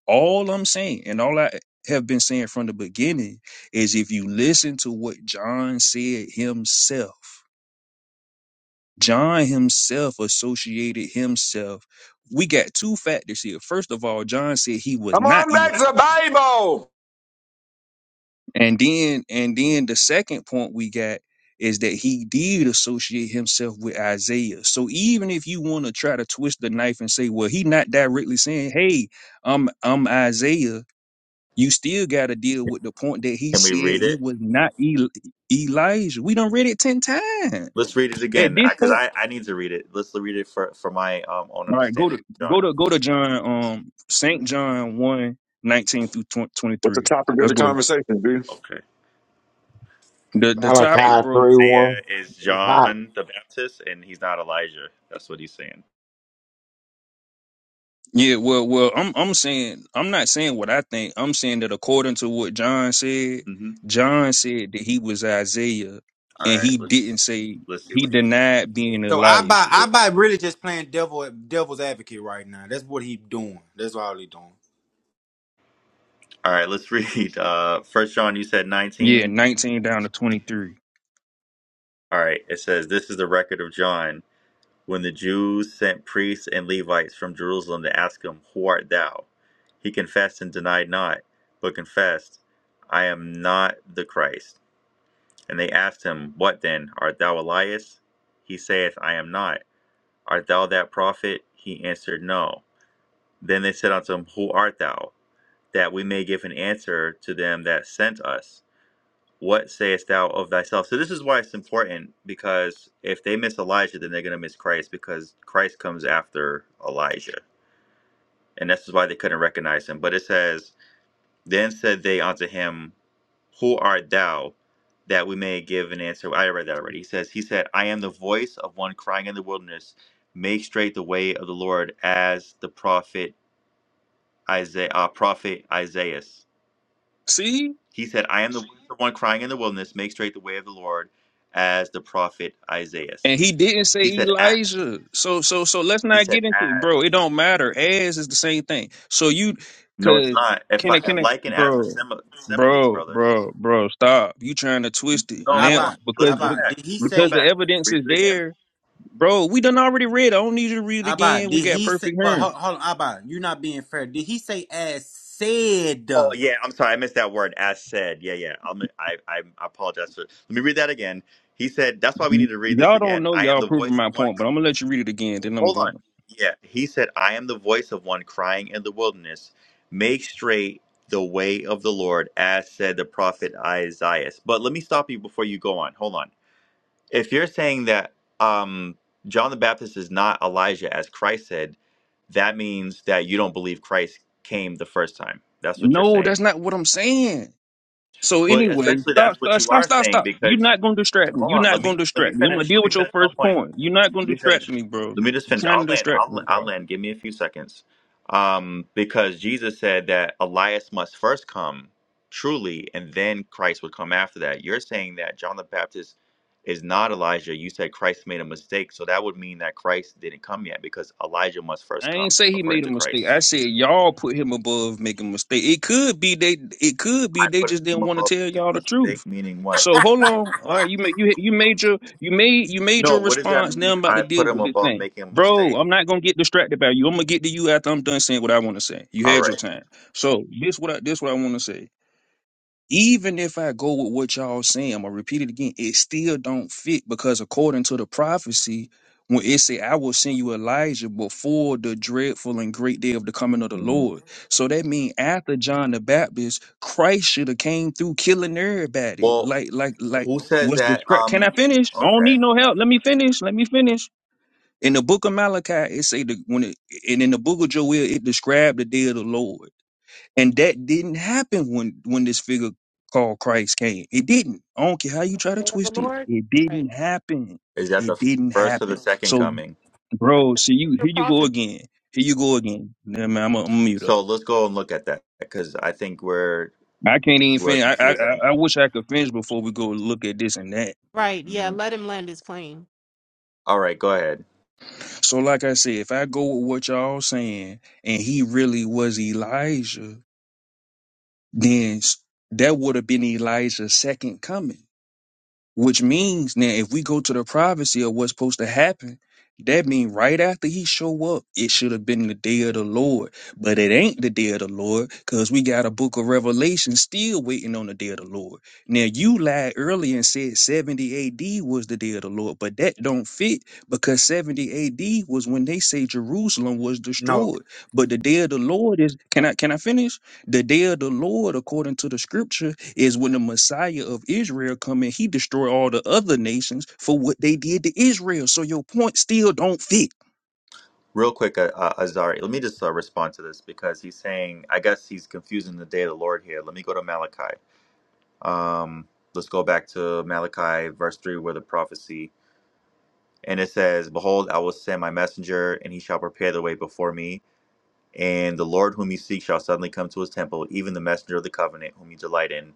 [SPEAKER 6] All I'm saying, and all I have been saying from the beginning is if you listen to what John said himself, John himself associated himself. We got two factors here. First of all, John said he was
[SPEAKER 11] Come
[SPEAKER 6] not
[SPEAKER 11] on back to the
[SPEAKER 6] Elijah.
[SPEAKER 11] Bible.
[SPEAKER 6] And then and then the second point we got is that he did associate himself with Isaiah. So even if you want to try to twist the knife and say, well, he not directly saying, "Hey, I'm I'm Isaiah," you still got to deal with the point that he
[SPEAKER 10] Can we
[SPEAKER 6] said
[SPEAKER 10] read
[SPEAKER 6] he
[SPEAKER 10] it?
[SPEAKER 6] was not Eli- Elijah. We done read it ten times.
[SPEAKER 10] Let's read it
[SPEAKER 6] At
[SPEAKER 10] again because
[SPEAKER 6] this
[SPEAKER 10] I, 'cause
[SPEAKER 6] point,
[SPEAKER 10] I I need to read it. Let's read it for, for my um, own
[SPEAKER 6] all right, go
[SPEAKER 10] understanding,
[SPEAKER 6] to go
[SPEAKER 10] John.
[SPEAKER 6] to go to John, um, Saint
[SPEAKER 10] Mhm.
[SPEAKER 6] John one 19 through
[SPEAKER 11] What's the
[SPEAKER 6] twenty-three.
[SPEAKER 11] topic of
[SPEAKER 6] That's
[SPEAKER 11] the
[SPEAKER 6] what it-
[SPEAKER 11] conversation, B?
[SPEAKER 10] Okay.
[SPEAKER 6] the the
[SPEAKER 10] He's saying
[SPEAKER 6] topic,
[SPEAKER 1] Malachi
[SPEAKER 6] bro.
[SPEAKER 10] that
[SPEAKER 1] three
[SPEAKER 10] Isaiah
[SPEAKER 1] one.
[SPEAKER 10] is
[SPEAKER 1] It's hot.
[SPEAKER 10] John the Baptist and he's not Elijah. That's what he's saying.
[SPEAKER 6] Yeah, well, well, I'm I'm saying I'm not saying what I think. I'm saying that according to what John said,
[SPEAKER 10] hmm
[SPEAKER 6] John said that he was Isaiah,
[SPEAKER 10] All
[SPEAKER 6] and
[SPEAKER 10] right,
[SPEAKER 6] he
[SPEAKER 10] let's
[SPEAKER 6] didn't say
[SPEAKER 10] let's see
[SPEAKER 6] he
[SPEAKER 10] what he said.
[SPEAKER 6] denied being
[SPEAKER 2] So I by
[SPEAKER 6] Elijah.
[SPEAKER 2] I by really just playing devil devil's advocate right now. That's what he doing. That's all he doing.
[SPEAKER 10] All right, let's (laughs) read. Uh, First John, you said
[SPEAKER 6] Yeah,
[SPEAKER 10] nineteen.
[SPEAKER 6] 19 down to 23.
[SPEAKER 10] All right, it says this is the record of John when the Jews sent priests and Levites from Jerusalem to ask him, 'Who art thou?" He confessed and denied not, but confessed, "I am not the Christ." And they asked him, What then? Art thou Elias? He saith, I am not. Art thou that prophet? He answered, No. Then they said unto him, Who art thou? That we may give an answer to them that sent us. What sayest thou of thyself? So this is why it's important because if they miss Elijah, then they're going to miss Christ because Christ comes after Elijah. And this is why they couldn't recognize him. But it says, Then said they unto him, Who art thou, that we may give an answer? I read that already. He says, He said, I am the voice of one crying in the wilderness, make straight the way of the Lord, as the prophet Isaiah, uh, prophet Isaiah.
[SPEAKER 6] See?
[SPEAKER 10] He said, I am the voice of one crying in the wilderness, make straight the way of the Lord, as the prophet Isaiah.
[SPEAKER 6] And he didn't say
[SPEAKER 10] He said, as.
[SPEAKER 6] Elijah. So so so let's
[SPEAKER 10] He
[SPEAKER 6] not
[SPEAKER 10] said,
[SPEAKER 6] get into it, bro.
[SPEAKER 10] as.
[SPEAKER 6] It don't matter. As is the same thing. So you
[SPEAKER 10] No, it's
[SPEAKER 6] cause
[SPEAKER 10] not. If
[SPEAKER 6] can
[SPEAKER 10] I
[SPEAKER 6] I can I
[SPEAKER 10] like and as are
[SPEAKER 6] bro
[SPEAKER 10] simi- similes,
[SPEAKER 6] bro
[SPEAKER 10] brother.
[SPEAKER 6] bro bro stop. You trying to twist it
[SPEAKER 2] But
[SPEAKER 10] No,
[SPEAKER 2] I
[SPEAKER 10] hold
[SPEAKER 6] now
[SPEAKER 10] on.
[SPEAKER 2] by
[SPEAKER 10] Let's
[SPEAKER 2] I
[SPEAKER 6] because
[SPEAKER 10] go
[SPEAKER 2] by
[SPEAKER 6] bec-
[SPEAKER 10] back.
[SPEAKER 2] did he
[SPEAKER 10] Let's go
[SPEAKER 6] because
[SPEAKER 2] say
[SPEAKER 6] the
[SPEAKER 10] back.
[SPEAKER 6] evidence
[SPEAKER 10] Read
[SPEAKER 6] is
[SPEAKER 10] it again.
[SPEAKER 6] there. Bro, we done already read. it. I don't need you to read it
[SPEAKER 2] I by
[SPEAKER 6] again. We
[SPEAKER 2] did
[SPEAKER 6] got
[SPEAKER 2] he say?
[SPEAKER 6] perfect
[SPEAKER 2] But hold,
[SPEAKER 6] hearing.
[SPEAKER 2] hold on, I by you're not being fair. Did he say as said?
[SPEAKER 10] Oh yeah, I'm sorry, I missed that word. As said, yeah, yeah. I'm, I, I, I apologize for. Let me read that again. He said, "That's why we
[SPEAKER 6] Y-
[SPEAKER 10] need to read this
[SPEAKER 6] Y'all don't
[SPEAKER 10] again."
[SPEAKER 6] know
[SPEAKER 10] I am
[SPEAKER 6] y'all
[SPEAKER 10] the
[SPEAKER 6] proving
[SPEAKER 10] voice of
[SPEAKER 6] my
[SPEAKER 10] one.
[SPEAKER 6] point, but I'm gonna let you read it again, then I'm
[SPEAKER 10] Hold on.
[SPEAKER 6] going.
[SPEAKER 10] Yeah, he said, "I am the voice of one crying in the wilderness, make straight the way of the Lord," as said the prophet Isaiah. But let me stop you before you go on. Hold on. If you're saying that um, John the Baptist is not Elijah, as Christ said, that means that you don't believe Christ came the first time. That's what you're
[SPEAKER 6] No,
[SPEAKER 10] saying.
[SPEAKER 6] that's not what I'm saying. So
[SPEAKER 10] But
[SPEAKER 6] anyway,
[SPEAKER 10] essentially,
[SPEAKER 6] stop,
[SPEAKER 10] that's what
[SPEAKER 6] stop,
[SPEAKER 10] you
[SPEAKER 6] stop,
[SPEAKER 10] are
[SPEAKER 6] stop,
[SPEAKER 10] saying
[SPEAKER 6] stop. You're
[SPEAKER 10] because
[SPEAKER 6] not gonna distract me.
[SPEAKER 10] hold
[SPEAKER 6] You're
[SPEAKER 10] on, let
[SPEAKER 6] not
[SPEAKER 10] me
[SPEAKER 6] gonna
[SPEAKER 10] let me
[SPEAKER 6] distract me. I'm gonna
[SPEAKER 10] finish.
[SPEAKER 6] deal
[SPEAKER 10] Let me
[SPEAKER 6] with your
[SPEAKER 10] finish my
[SPEAKER 6] first
[SPEAKER 10] point.
[SPEAKER 6] point. You're not
[SPEAKER 10] Let
[SPEAKER 6] gonna
[SPEAKER 10] me
[SPEAKER 6] distract
[SPEAKER 10] finish.
[SPEAKER 6] me, bro.
[SPEAKER 10] Let me just
[SPEAKER 6] You
[SPEAKER 10] finish.
[SPEAKER 6] trying
[SPEAKER 10] I'll
[SPEAKER 6] to
[SPEAKER 10] land.
[SPEAKER 6] distract me,
[SPEAKER 10] I'll, I'll
[SPEAKER 6] bro.
[SPEAKER 10] land. Give me a few seconds. Um, because Jesus said that Elias must first come, truly, and then Christ would come after that. You're saying that John the Baptist is not Elijah. You said Christ made a mistake, so that would mean that Christ didn't come yet because Elijah must first
[SPEAKER 6] I ain't
[SPEAKER 10] come,
[SPEAKER 6] say he
[SPEAKER 10] according
[SPEAKER 6] made a
[SPEAKER 10] to
[SPEAKER 6] mistake.
[SPEAKER 10] Christ.
[SPEAKER 6] I said y'all put him above making a mistake. It could be they. It could be
[SPEAKER 10] I
[SPEAKER 6] they
[SPEAKER 10] put
[SPEAKER 6] just
[SPEAKER 10] him
[SPEAKER 6] didn't want to
[SPEAKER 10] above
[SPEAKER 6] tell
[SPEAKER 10] making
[SPEAKER 6] y'all
[SPEAKER 10] a
[SPEAKER 6] the
[SPEAKER 10] mistake,
[SPEAKER 6] truth.
[SPEAKER 10] meaning what?
[SPEAKER 6] So hold on. All right, you made you you made your you made you made
[SPEAKER 10] No,
[SPEAKER 6] your
[SPEAKER 10] what does that
[SPEAKER 6] response. Now
[SPEAKER 10] mean?
[SPEAKER 6] I'm about to
[SPEAKER 10] I
[SPEAKER 6] deal
[SPEAKER 10] put him
[SPEAKER 6] with this
[SPEAKER 10] above
[SPEAKER 6] thing,
[SPEAKER 10] making a
[SPEAKER 6] bro.
[SPEAKER 10] mistake.
[SPEAKER 6] I'm not gonna get distracted by you. I'm gonna get to you after I'm done saying what I want to say. You
[SPEAKER 10] All
[SPEAKER 6] had
[SPEAKER 10] right.
[SPEAKER 6] your time. So this what I this what I want to say. even if I go with what y'all saying, I'm gonna repeat it again, it still don't fit because according to the prophecy, when it say I will send you Elijah before the dreadful and great day of the coming of the
[SPEAKER 10] Mhm.
[SPEAKER 6] Lord. So that means after John the Baptist, Christ should have came through killing everybody.
[SPEAKER 10] Well,
[SPEAKER 6] Like, like, like
[SPEAKER 10] who says
[SPEAKER 6] what's the
[SPEAKER 10] that?
[SPEAKER 6] script? Can I
[SPEAKER 10] Um.
[SPEAKER 6] finish? I don't
[SPEAKER 10] Okay.
[SPEAKER 6] need no help. Let me finish. Let me finish. In the book of Malachi, it say the when it and in the book of Joel, it described the day of the Lord. And that didn't happen when when this figure called Christ came. It didn't. I don't care how you try to
[SPEAKER 7] day of the
[SPEAKER 6] twist it.
[SPEAKER 7] Lord,
[SPEAKER 6] It
[SPEAKER 7] right?
[SPEAKER 6] didn't happen.
[SPEAKER 10] Is that the
[SPEAKER 6] It didn't
[SPEAKER 10] first or the
[SPEAKER 6] happen.
[SPEAKER 10] second
[SPEAKER 6] So,
[SPEAKER 10] coming?
[SPEAKER 6] bro, see you.
[SPEAKER 7] Your
[SPEAKER 6] Here you go
[SPEAKER 7] prophecy,
[SPEAKER 6] again. Here you go again. Nah, man, I'm gonna mute up.
[SPEAKER 10] So let's go and look at that because I think we're
[SPEAKER 6] I can't even
[SPEAKER 10] we're
[SPEAKER 6] finish. I, I I
[SPEAKER 10] confusing.
[SPEAKER 6] I wish I could finish before we go look at this and that.
[SPEAKER 7] right? Yeah,
[SPEAKER 10] Mhm.
[SPEAKER 7] let him land his plane.
[SPEAKER 10] All right. Go ahead.
[SPEAKER 6] So, like I said, if I go with what y'all saying, and he really was Elijah, then s- that would have been Elijah's second coming Which means now, if we go to the privacy of what's supposed to happen, that mean right after he show up, it should have been the day of the Lord, but it ain't the day of the Lord because we got a book of Revelation still waiting on the day of the Lord. Now you lied earlier and said 70 A.D. was the day of the Lord, but that don't fit because 70 A.D. was when they say Jerusalem was
[SPEAKER 2] No,
[SPEAKER 6] destroyed. But the day of the Lord is can I can I finish? The day of the Lord, according to the Scripture is when the Messiah of Israel come in, he destroy all the other nations for what they did to Israel. So your point still don't fit.
[SPEAKER 10] Real quick, uh, uh, Azari. Let me just uh, respond to this because he's saying I guess he's confusing the day of the Lord here. Let me go to Malachi. Um. Let's go back to Malachi verse three, where the prophecy And it says, Behold, I will send my messenger, and he shall prepare the way before me. And the Lord whom you seek shall suddenly come to his temple, even the messenger of the covenant whom you delight in.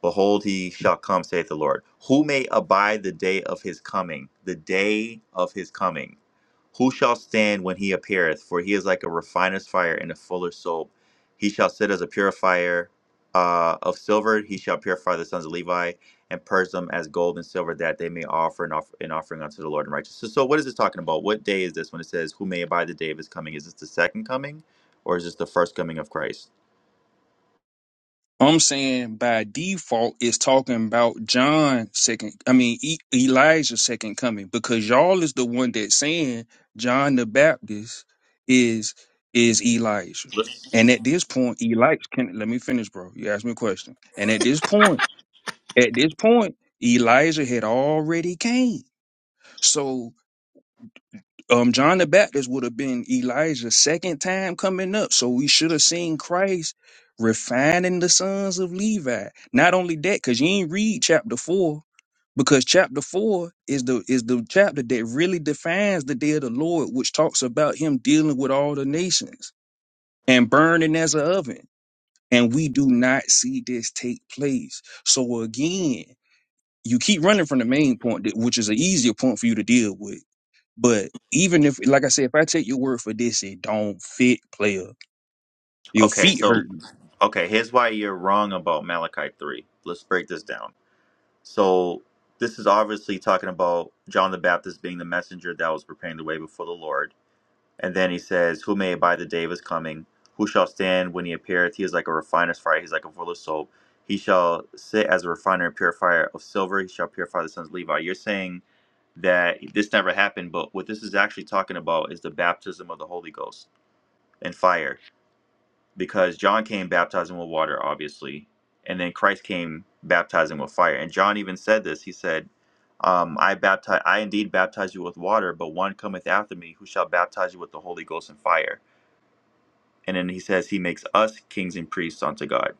[SPEAKER 10] Behold, he shall come, saith the Lord. Who may abide the day of his coming? The day of his coming. Who shall stand when he appeareth? For he is like a refiner's fire and a fuller's soap. He shall sit as a purifier uh, of silver. He shall purify the sons of Levi and purge them as gold and silver, that they may offer an, off- an offering unto the Lord in righteousness. So, so what is this talking about? What day is this when it says, Who may abide the day of his coming? Is this the second coming or is this the first coming of Christ?
[SPEAKER 6] I'm saying by default it's talking about John second. I mean e- Elijah's second coming because y'all is the one that's saying John the Baptist is is Elijah.
[SPEAKER 10] Let's-
[SPEAKER 6] And at this point, Elijah can let me finish, bro. You asked me a question. And at this point, at this point, Elijah had already came. So um John the Baptist would have been Elijah's second time coming up. So we should have seen Christ refining the sons of Levi. Not only that, because you ain't read chapter four, because chapter four is the is the chapter that really defines the day of the Lord, which talks about him dealing with all the nations and burning as an oven. And we do not see this take place. So again, you keep running from the main point, that- which is an easier point for you to deal with but even if, like I said, if I take your word for this, it don't fit, player. Your
[SPEAKER 10] Okay,
[SPEAKER 6] feet
[SPEAKER 10] so.
[SPEAKER 6] hurting.
[SPEAKER 10] Okay, here's why you're wrong about Malachi 3. Let's break this down. So, this is obviously talking about John the Baptist being the messenger that was preparing the way before the Lord. And then he says, Who may abide the day of his coming? Who shall stand when he appeareth? He is like a refiner's fire, he's like a full of soap. He shall sit as a refiner and purifier of silver. He shall purify the sons of Levi. You're saying that this never happened, but what this is actually talking about is the baptism of the Holy Ghost and fire because John came baptizing with water, obviously, and then Christ came baptizing with fire. And John even said this. He said, um, "I baptize, I indeed baptize you with water, but one cometh after me, who shall baptize you with the Holy Ghost and fire." And then he says, "He makes us kings and priests unto God."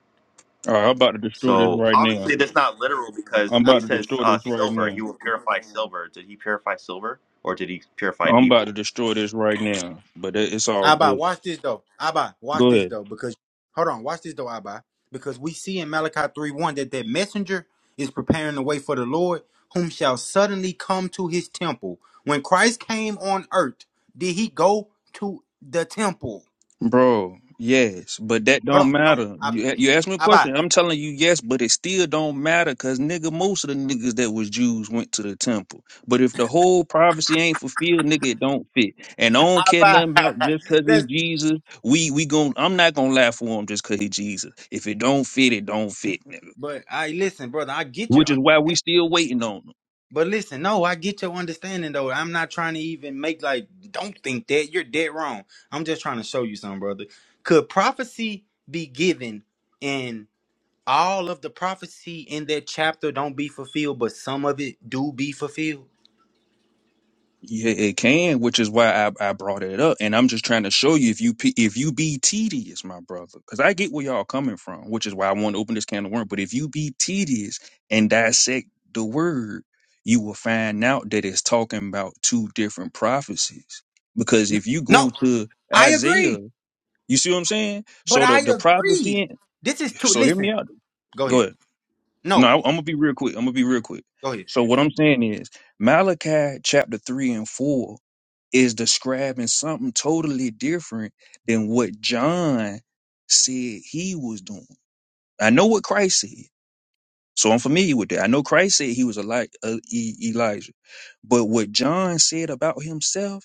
[SPEAKER 6] All right, I'm about to destroy this
[SPEAKER 10] So
[SPEAKER 6] right now.
[SPEAKER 10] obviously, that's not literal because
[SPEAKER 6] I'm
[SPEAKER 10] he
[SPEAKER 6] about to
[SPEAKER 10] says,
[SPEAKER 6] destroy
[SPEAKER 10] uh,
[SPEAKER 6] this right
[SPEAKER 10] "Silver, he
[SPEAKER 6] now.
[SPEAKER 10] will purify silver." Did he purify silver, or did he purify
[SPEAKER 6] I'm about to
[SPEAKER 10] people?
[SPEAKER 6] destroy this right now. But it- it's all
[SPEAKER 2] Abba,
[SPEAKER 6] good.
[SPEAKER 2] watch this though. Abba, watch
[SPEAKER 6] Go
[SPEAKER 2] this
[SPEAKER 6] ahead.
[SPEAKER 2] though, because hold on, watch this though, Abba, because we see in Malachi three one that that messenger is preparing the way for the Lord, whom shall suddenly come to His temple. When Christ came on earth, did He go to the temple?
[SPEAKER 6] Bro, yes, but that
[SPEAKER 2] Hold on,
[SPEAKER 6] don't
[SPEAKER 2] no,
[SPEAKER 6] matter.
[SPEAKER 2] Abba,
[SPEAKER 6] You you asked me a
[SPEAKER 2] Abba,
[SPEAKER 6] question. I'm telling you yes, but it still don't matter because nigga, most of the niggas that was Jews went to the temple. But if the whole prophecy ain't fulfilled, nigga, it don't fit. And I don't care
[SPEAKER 2] Abba.
[SPEAKER 6] nothing about just cause
[SPEAKER 2] (laughs)
[SPEAKER 6] it's
[SPEAKER 2] That's
[SPEAKER 6] Jesus. We we gon' I'm not gonna laugh for him just cause he Jesus. If it don't fit, it don't fit, nigga.
[SPEAKER 2] but I listen, brother. I get your
[SPEAKER 6] Which
[SPEAKER 2] understanding.
[SPEAKER 6] is why we still waiting on him.
[SPEAKER 2] But listen, no, I get your understanding though. I'm not trying to even make like don't think that you're dead wrong. I'm just trying to show you something, brother. Could prophecy be given and all of the prophecy in that chapter don't be fulfilled, but some of it do be fulfilled?
[SPEAKER 6] Yeah, it can, which is why I, I brought it up, and I'm just trying to show you if you pe- if you be tedious, my brother, because I get where y'all coming from, which is why I want to open this can of worms. But if you be tedious and dissect the word, you will find out that it's talking about two different prophecies. Because
[SPEAKER 2] No,
[SPEAKER 6] if you go
[SPEAKER 2] no,
[SPEAKER 6] to
[SPEAKER 2] I
[SPEAKER 6] Isaiah,
[SPEAKER 2] agree.
[SPEAKER 6] you see what I'm saying.
[SPEAKER 2] But
[SPEAKER 6] So
[SPEAKER 2] I
[SPEAKER 6] the the
[SPEAKER 2] agree.
[SPEAKER 6] prophecy,
[SPEAKER 2] This is too.
[SPEAKER 6] so hear me
[SPEAKER 2] Listen,
[SPEAKER 6] out.
[SPEAKER 2] go
[SPEAKER 6] Go
[SPEAKER 2] ahead.
[SPEAKER 6] ahead. No,
[SPEAKER 2] No,
[SPEAKER 6] I, I'm gonna be real quick. I'm gonna be real quick.
[SPEAKER 2] go ahead.
[SPEAKER 6] So what I'm saying is Malachi chapter three and four is describing something totally different than what John said he was doing. I know what Christ said, so I'm familiar with that. I know Christ said he was Eli- uh, e- Elijah, but what John said about himself.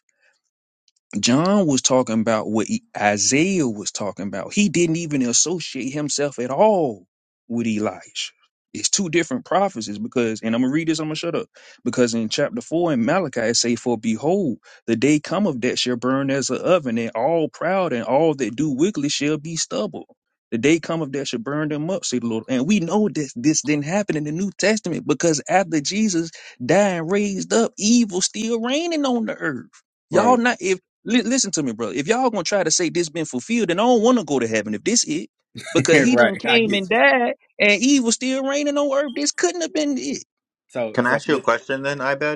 [SPEAKER 6] John was talking about what E- Isaiah was talking about. He didn't even associate himself at all with Elijah. It's two different prophecies because, and I'm gonna read this. I'm gonna shut up because in chapter four in Malachi it say, "For behold, the day cometh that shall burn as an oven, and all proud and all that do wickedly shall be stubble. The day cometh that shall burn them up," say the Lord. And we know that this didn't happen in the New Testament because after Jesus died and raised up, evil still reigning on the earth. Y'all
[SPEAKER 2] Right,
[SPEAKER 6] not if Li- listen to me, bro. If y'all gonna try to say this been fulfilled, then I don't want to go to heaven if this it,
[SPEAKER 2] (laughs)
[SPEAKER 6] because he done
[SPEAKER 2] right. I
[SPEAKER 6] came and
[SPEAKER 2] get you.
[SPEAKER 6] died, and Eve was still reigning on earth. This couldn't have been it,
[SPEAKER 2] So,
[SPEAKER 10] Can I
[SPEAKER 2] so,
[SPEAKER 10] ask you a question then, Ibed?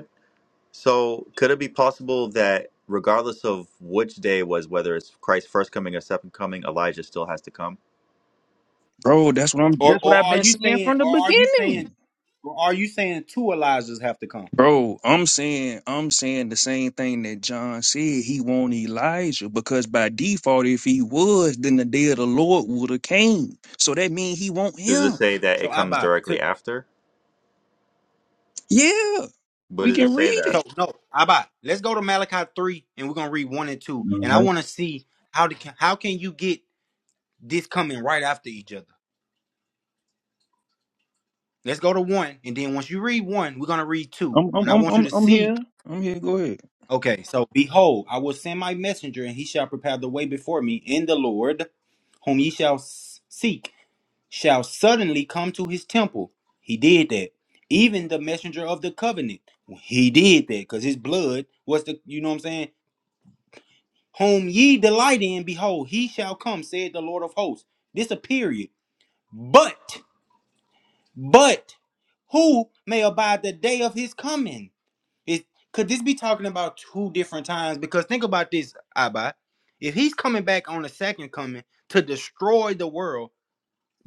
[SPEAKER 10] So, could it be possible that regardless of which day it was, whether it's Christ's first coming or second coming, Elijah still has to come?
[SPEAKER 6] bro. That's what I'm.
[SPEAKER 2] or
[SPEAKER 6] That's what
[SPEAKER 2] or
[SPEAKER 6] I've
[SPEAKER 2] are
[SPEAKER 6] been
[SPEAKER 2] you
[SPEAKER 6] saying
[SPEAKER 2] saying,
[SPEAKER 6] from the
[SPEAKER 2] or are you saying,
[SPEAKER 6] beginning,
[SPEAKER 2] or are you saying two Elijahs have to come?
[SPEAKER 6] bro. I'm saying, I'm saying the same thing that John said. He want Elijah because by default, if he was, then the day of the Lord would have came. So that means he want
[SPEAKER 10] Does it
[SPEAKER 6] him.
[SPEAKER 10] say that
[SPEAKER 2] So
[SPEAKER 10] it comes
[SPEAKER 2] Abba, to,
[SPEAKER 10] directly after?
[SPEAKER 6] Yeah,
[SPEAKER 10] But
[SPEAKER 6] we
[SPEAKER 10] does it
[SPEAKER 6] can
[SPEAKER 10] say
[SPEAKER 6] read
[SPEAKER 10] that?
[SPEAKER 2] so
[SPEAKER 6] it.
[SPEAKER 2] no, Abba, let's go to Malachi three, and we're gonna read one and two,
[SPEAKER 6] All
[SPEAKER 2] and I
[SPEAKER 6] right,
[SPEAKER 2] want to see how the, how can you get this coming right after each other. Let's go to one, and then once you read one, we're gonna read two,
[SPEAKER 6] I'm, I'm,
[SPEAKER 2] and I
[SPEAKER 6] I'm,
[SPEAKER 2] want you
[SPEAKER 6] I'm
[SPEAKER 2] to
[SPEAKER 6] I'm
[SPEAKER 2] see.
[SPEAKER 6] here. I'm here. Go ahead.
[SPEAKER 2] Okay, so behold, I will send my messenger, and he shall prepare the way before me. In the Lord, whom ye shall s- seek, shall suddenly come to his temple. He did that. Even the messenger of the covenant, he did that, because his blood was the. You know what I'm saying? whom ye delight in, behold, he shall come, said the Lord of hosts. This a period. But, but who may abide the day of his coming? It, could this be talking about two different times? Because think about this, Abba. If he's coming back on the second coming to destroy the world,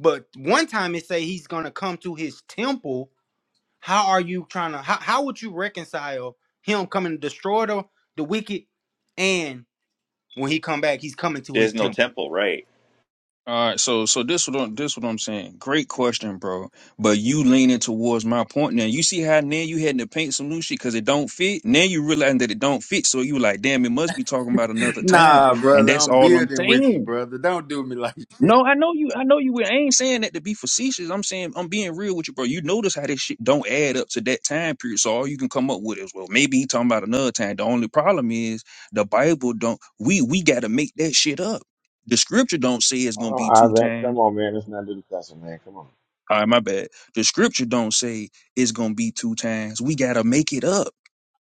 [SPEAKER 2] but one time it say he's gonna come to his temple, how are you trying to how, how would you reconcile him coming to destroy the, the wicked and when he come back, he's coming to his
[SPEAKER 10] There's no
[SPEAKER 2] temple?
[SPEAKER 10] temple, right?
[SPEAKER 6] All right, so so this what this what I'm saying. Great question, bro. But you leaning towards my point now. You see how now you had to paint some new shit because it don't fit. Now you realizing that it don't fit, so you like, damn, it must be talking about another time.
[SPEAKER 2] Nah,
[SPEAKER 6] And
[SPEAKER 2] brother,
[SPEAKER 6] that's
[SPEAKER 2] I'm
[SPEAKER 6] all I'm
[SPEAKER 2] building with you,
[SPEAKER 6] saying.
[SPEAKER 2] brother. Don't do me like (laughs)
[SPEAKER 6] No, I know you. I know you. I ain't saying that to be facetious. I'm saying I'm being real with you, bro. You notice how this shit don't add up to that time period. So all you can come up with is, well, maybe he talking about another time. The only problem is the Bible don't. We we got to make that shit up. The scripture don't say it's gonna
[SPEAKER 1] Oh,
[SPEAKER 6] be two
[SPEAKER 1] Isaac,
[SPEAKER 6] times.
[SPEAKER 1] come on, man. It's not discussion, man. Come on.
[SPEAKER 6] All right, my bad. The scripture don't say it's gonna be two times. We gotta make it up.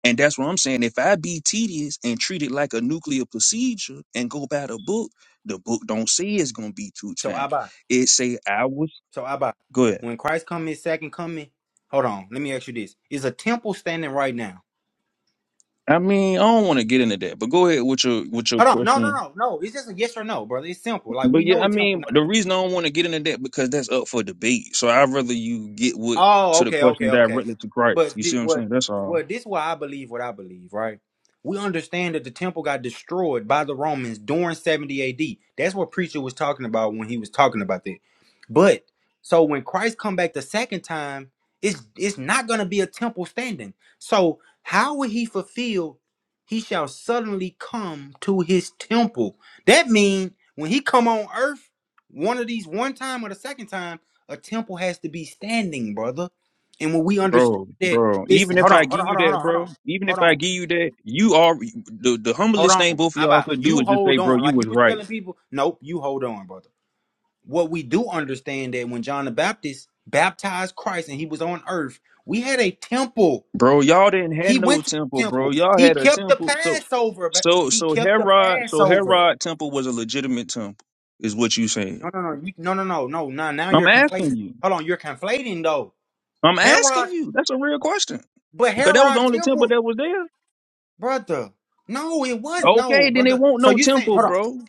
[SPEAKER 6] And that's what I'm saying. If I be tedious and treat it like a nuclear procedure and go by the book, the book don't say it's gonna be two
[SPEAKER 2] So
[SPEAKER 6] times.
[SPEAKER 2] Abba,
[SPEAKER 6] It say I was
[SPEAKER 2] so Abba,
[SPEAKER 6] go ahead.
[SPEAKER 2] when Christ come his second coming, hold on, let me ask you this: Is a temple standing right now?
[SPEAKER 6] I mean, I don't want to get into that, but go ahead with your with your
[SPEAKER 2] Hold on, no, no,
[SPEAKER 6] question.
[SPEAKER 2] no, no. It's just a yes or no, brother. It's simple. Like
[SPEAKER 6] But
[SPEAKER 2] we
[SPEAKER 6] yeah,
[SPEAKER 2] know a
[SPEAKER 6] I
[SPEAKER 2] temple.
[SPEAKER 6] mean, the reason I don't want to get into that because that's up for debate. So I'd rather you get what
[SPEAKER 2] Oh,
[SPEAKER 6] to the
[SPEAKER 2] okay,
[SPEAKER 6] question
[SPEAKER 2] okay, okay.
[SPEAKER 6] directly to Christ.
[SPEAKER 2] But
[SPEAKER 6] You see
[SPEAKER 2] thi-
[SPEAKER 6] what I'm
[SPEAKER 2] what
[SPEAKER 6] saying? That's all.
[SPEAKER 2] what this why I believe what I believe, right? We understand that the temple got destroyed by the Romans during 70 AD. That's what preacher was talking about when he was talking about that. But so when Christ come back the second time, it's it's not going to be a temple standing. So how will he fulfill he shall suddenly come to his temple. That means when he come on earth, one of these one time or the second time a temple has to be standing, brother. And when we understand
[SPEAKER 6] Bro,
[SPEAKER 2] that,
[SPEAKER 6] bro, even
[SPEAKER 2] listen,
[SPEAKER 6] if
[SPEAKER 2] hold
[SPEAKER 6] I
[SPEAKER 2] on, hold
[SPEAKER 6] give
[SPEAKER 2] on,
[SPEAKER 6] you
[SPEAKER 2] hold on,
[SPEAKER 6] that,
[SPEAKER 2] hold on, hold
[SPEAKER 6] bro,
[SPEAKER 2] on,
[SPEAKER 6] even
[SPEAKER 2] hold
[SPEAKER 6] if I
[SPEAKER 2] on,
[SPEAKER 6] give you that, you are the, the
[SPEAKER 2] hold
[SPEAKER 6] humblest thing
[SPEAKER 2] on.
[SPEAKER 6] both of y'all
[SPEAKER 2] Abba,
[SPEAKER 6] could do
[SPEAKER 2] you
[SPEAKER 6] is just say,
[SPEAKER 2] hold
[SPEAKER 6] bro,
[SPEAKER 2] on.
[SPEAKER 6] you
[SPEAKER 2] Like you
[SPEAKER 6] was
[SPEAKER 2] were
[SPEAKER 6] right.
[SPEAKER 2] telling people, nope, you hold on, brother. What we do understand that when John the Baptist baptized Christ and he was on earth, we had a temple.
[SPEAKER 6] Bro, y'all didn't have
[SPEAKER 2] He
[SPEAKER 6] no
[SPEAKER 2] went to the
[SPEAKER 6] temple, bro.
[SPEAKER 2] temple.
[SPEAKER 6] Y'all
[SPEAKER 2] He
[SPEAKER 6] had a
[SPEAKER 2] kept the
[SPEAKER 6] temple. So
[SPEAKER 2] Passover, but
[SPEAKER 6] so
[SPEAKER 2] he
[SPEAKER 6] so
[SPEAKER 2] kept the
[SPEAKER 6] Herod, so
[SPEAKER 2] Passover.
[SPEAKER 6] Herod temple was a legitimate temple, is what you saying.
[SPEAKER 2] No, no, no, you, no, no, no, no. Now, now
[SPEAKER 6] I'm
[SPEAKER 2] you're
[SPEAKER 6] asking
[SPEAKER 2] conflating.
[SPEAKER 6] you.
[SPEAKER 2] Hold on, you're conflating though.
[SPEAKER 6] I'm asking
[SPEAKER 2] Herod,
[SPEAKER 6] you. That's a real question.
[SPEAKER 2] but
[SPEAKER 6] Cause that was the
[SPEAKER 2] Herod
[SPEAKER 6] only temple
[SPEAKER 2] temple.
[SPEAKER 6] that was there.
[SPEAKER 2] brother. No, it was no,
[SPEAKER 6] Okay, then it
[SPEAKER 2] brother.
[SPEAKER 6] won't
[SPEAKER 2] So
[SPEAKER 6] no
[SPEAKER 2] you saying,
[SPEAKER 6] temple,
[SPEAKER 2] hold on,
[SPEAKER 6] bro.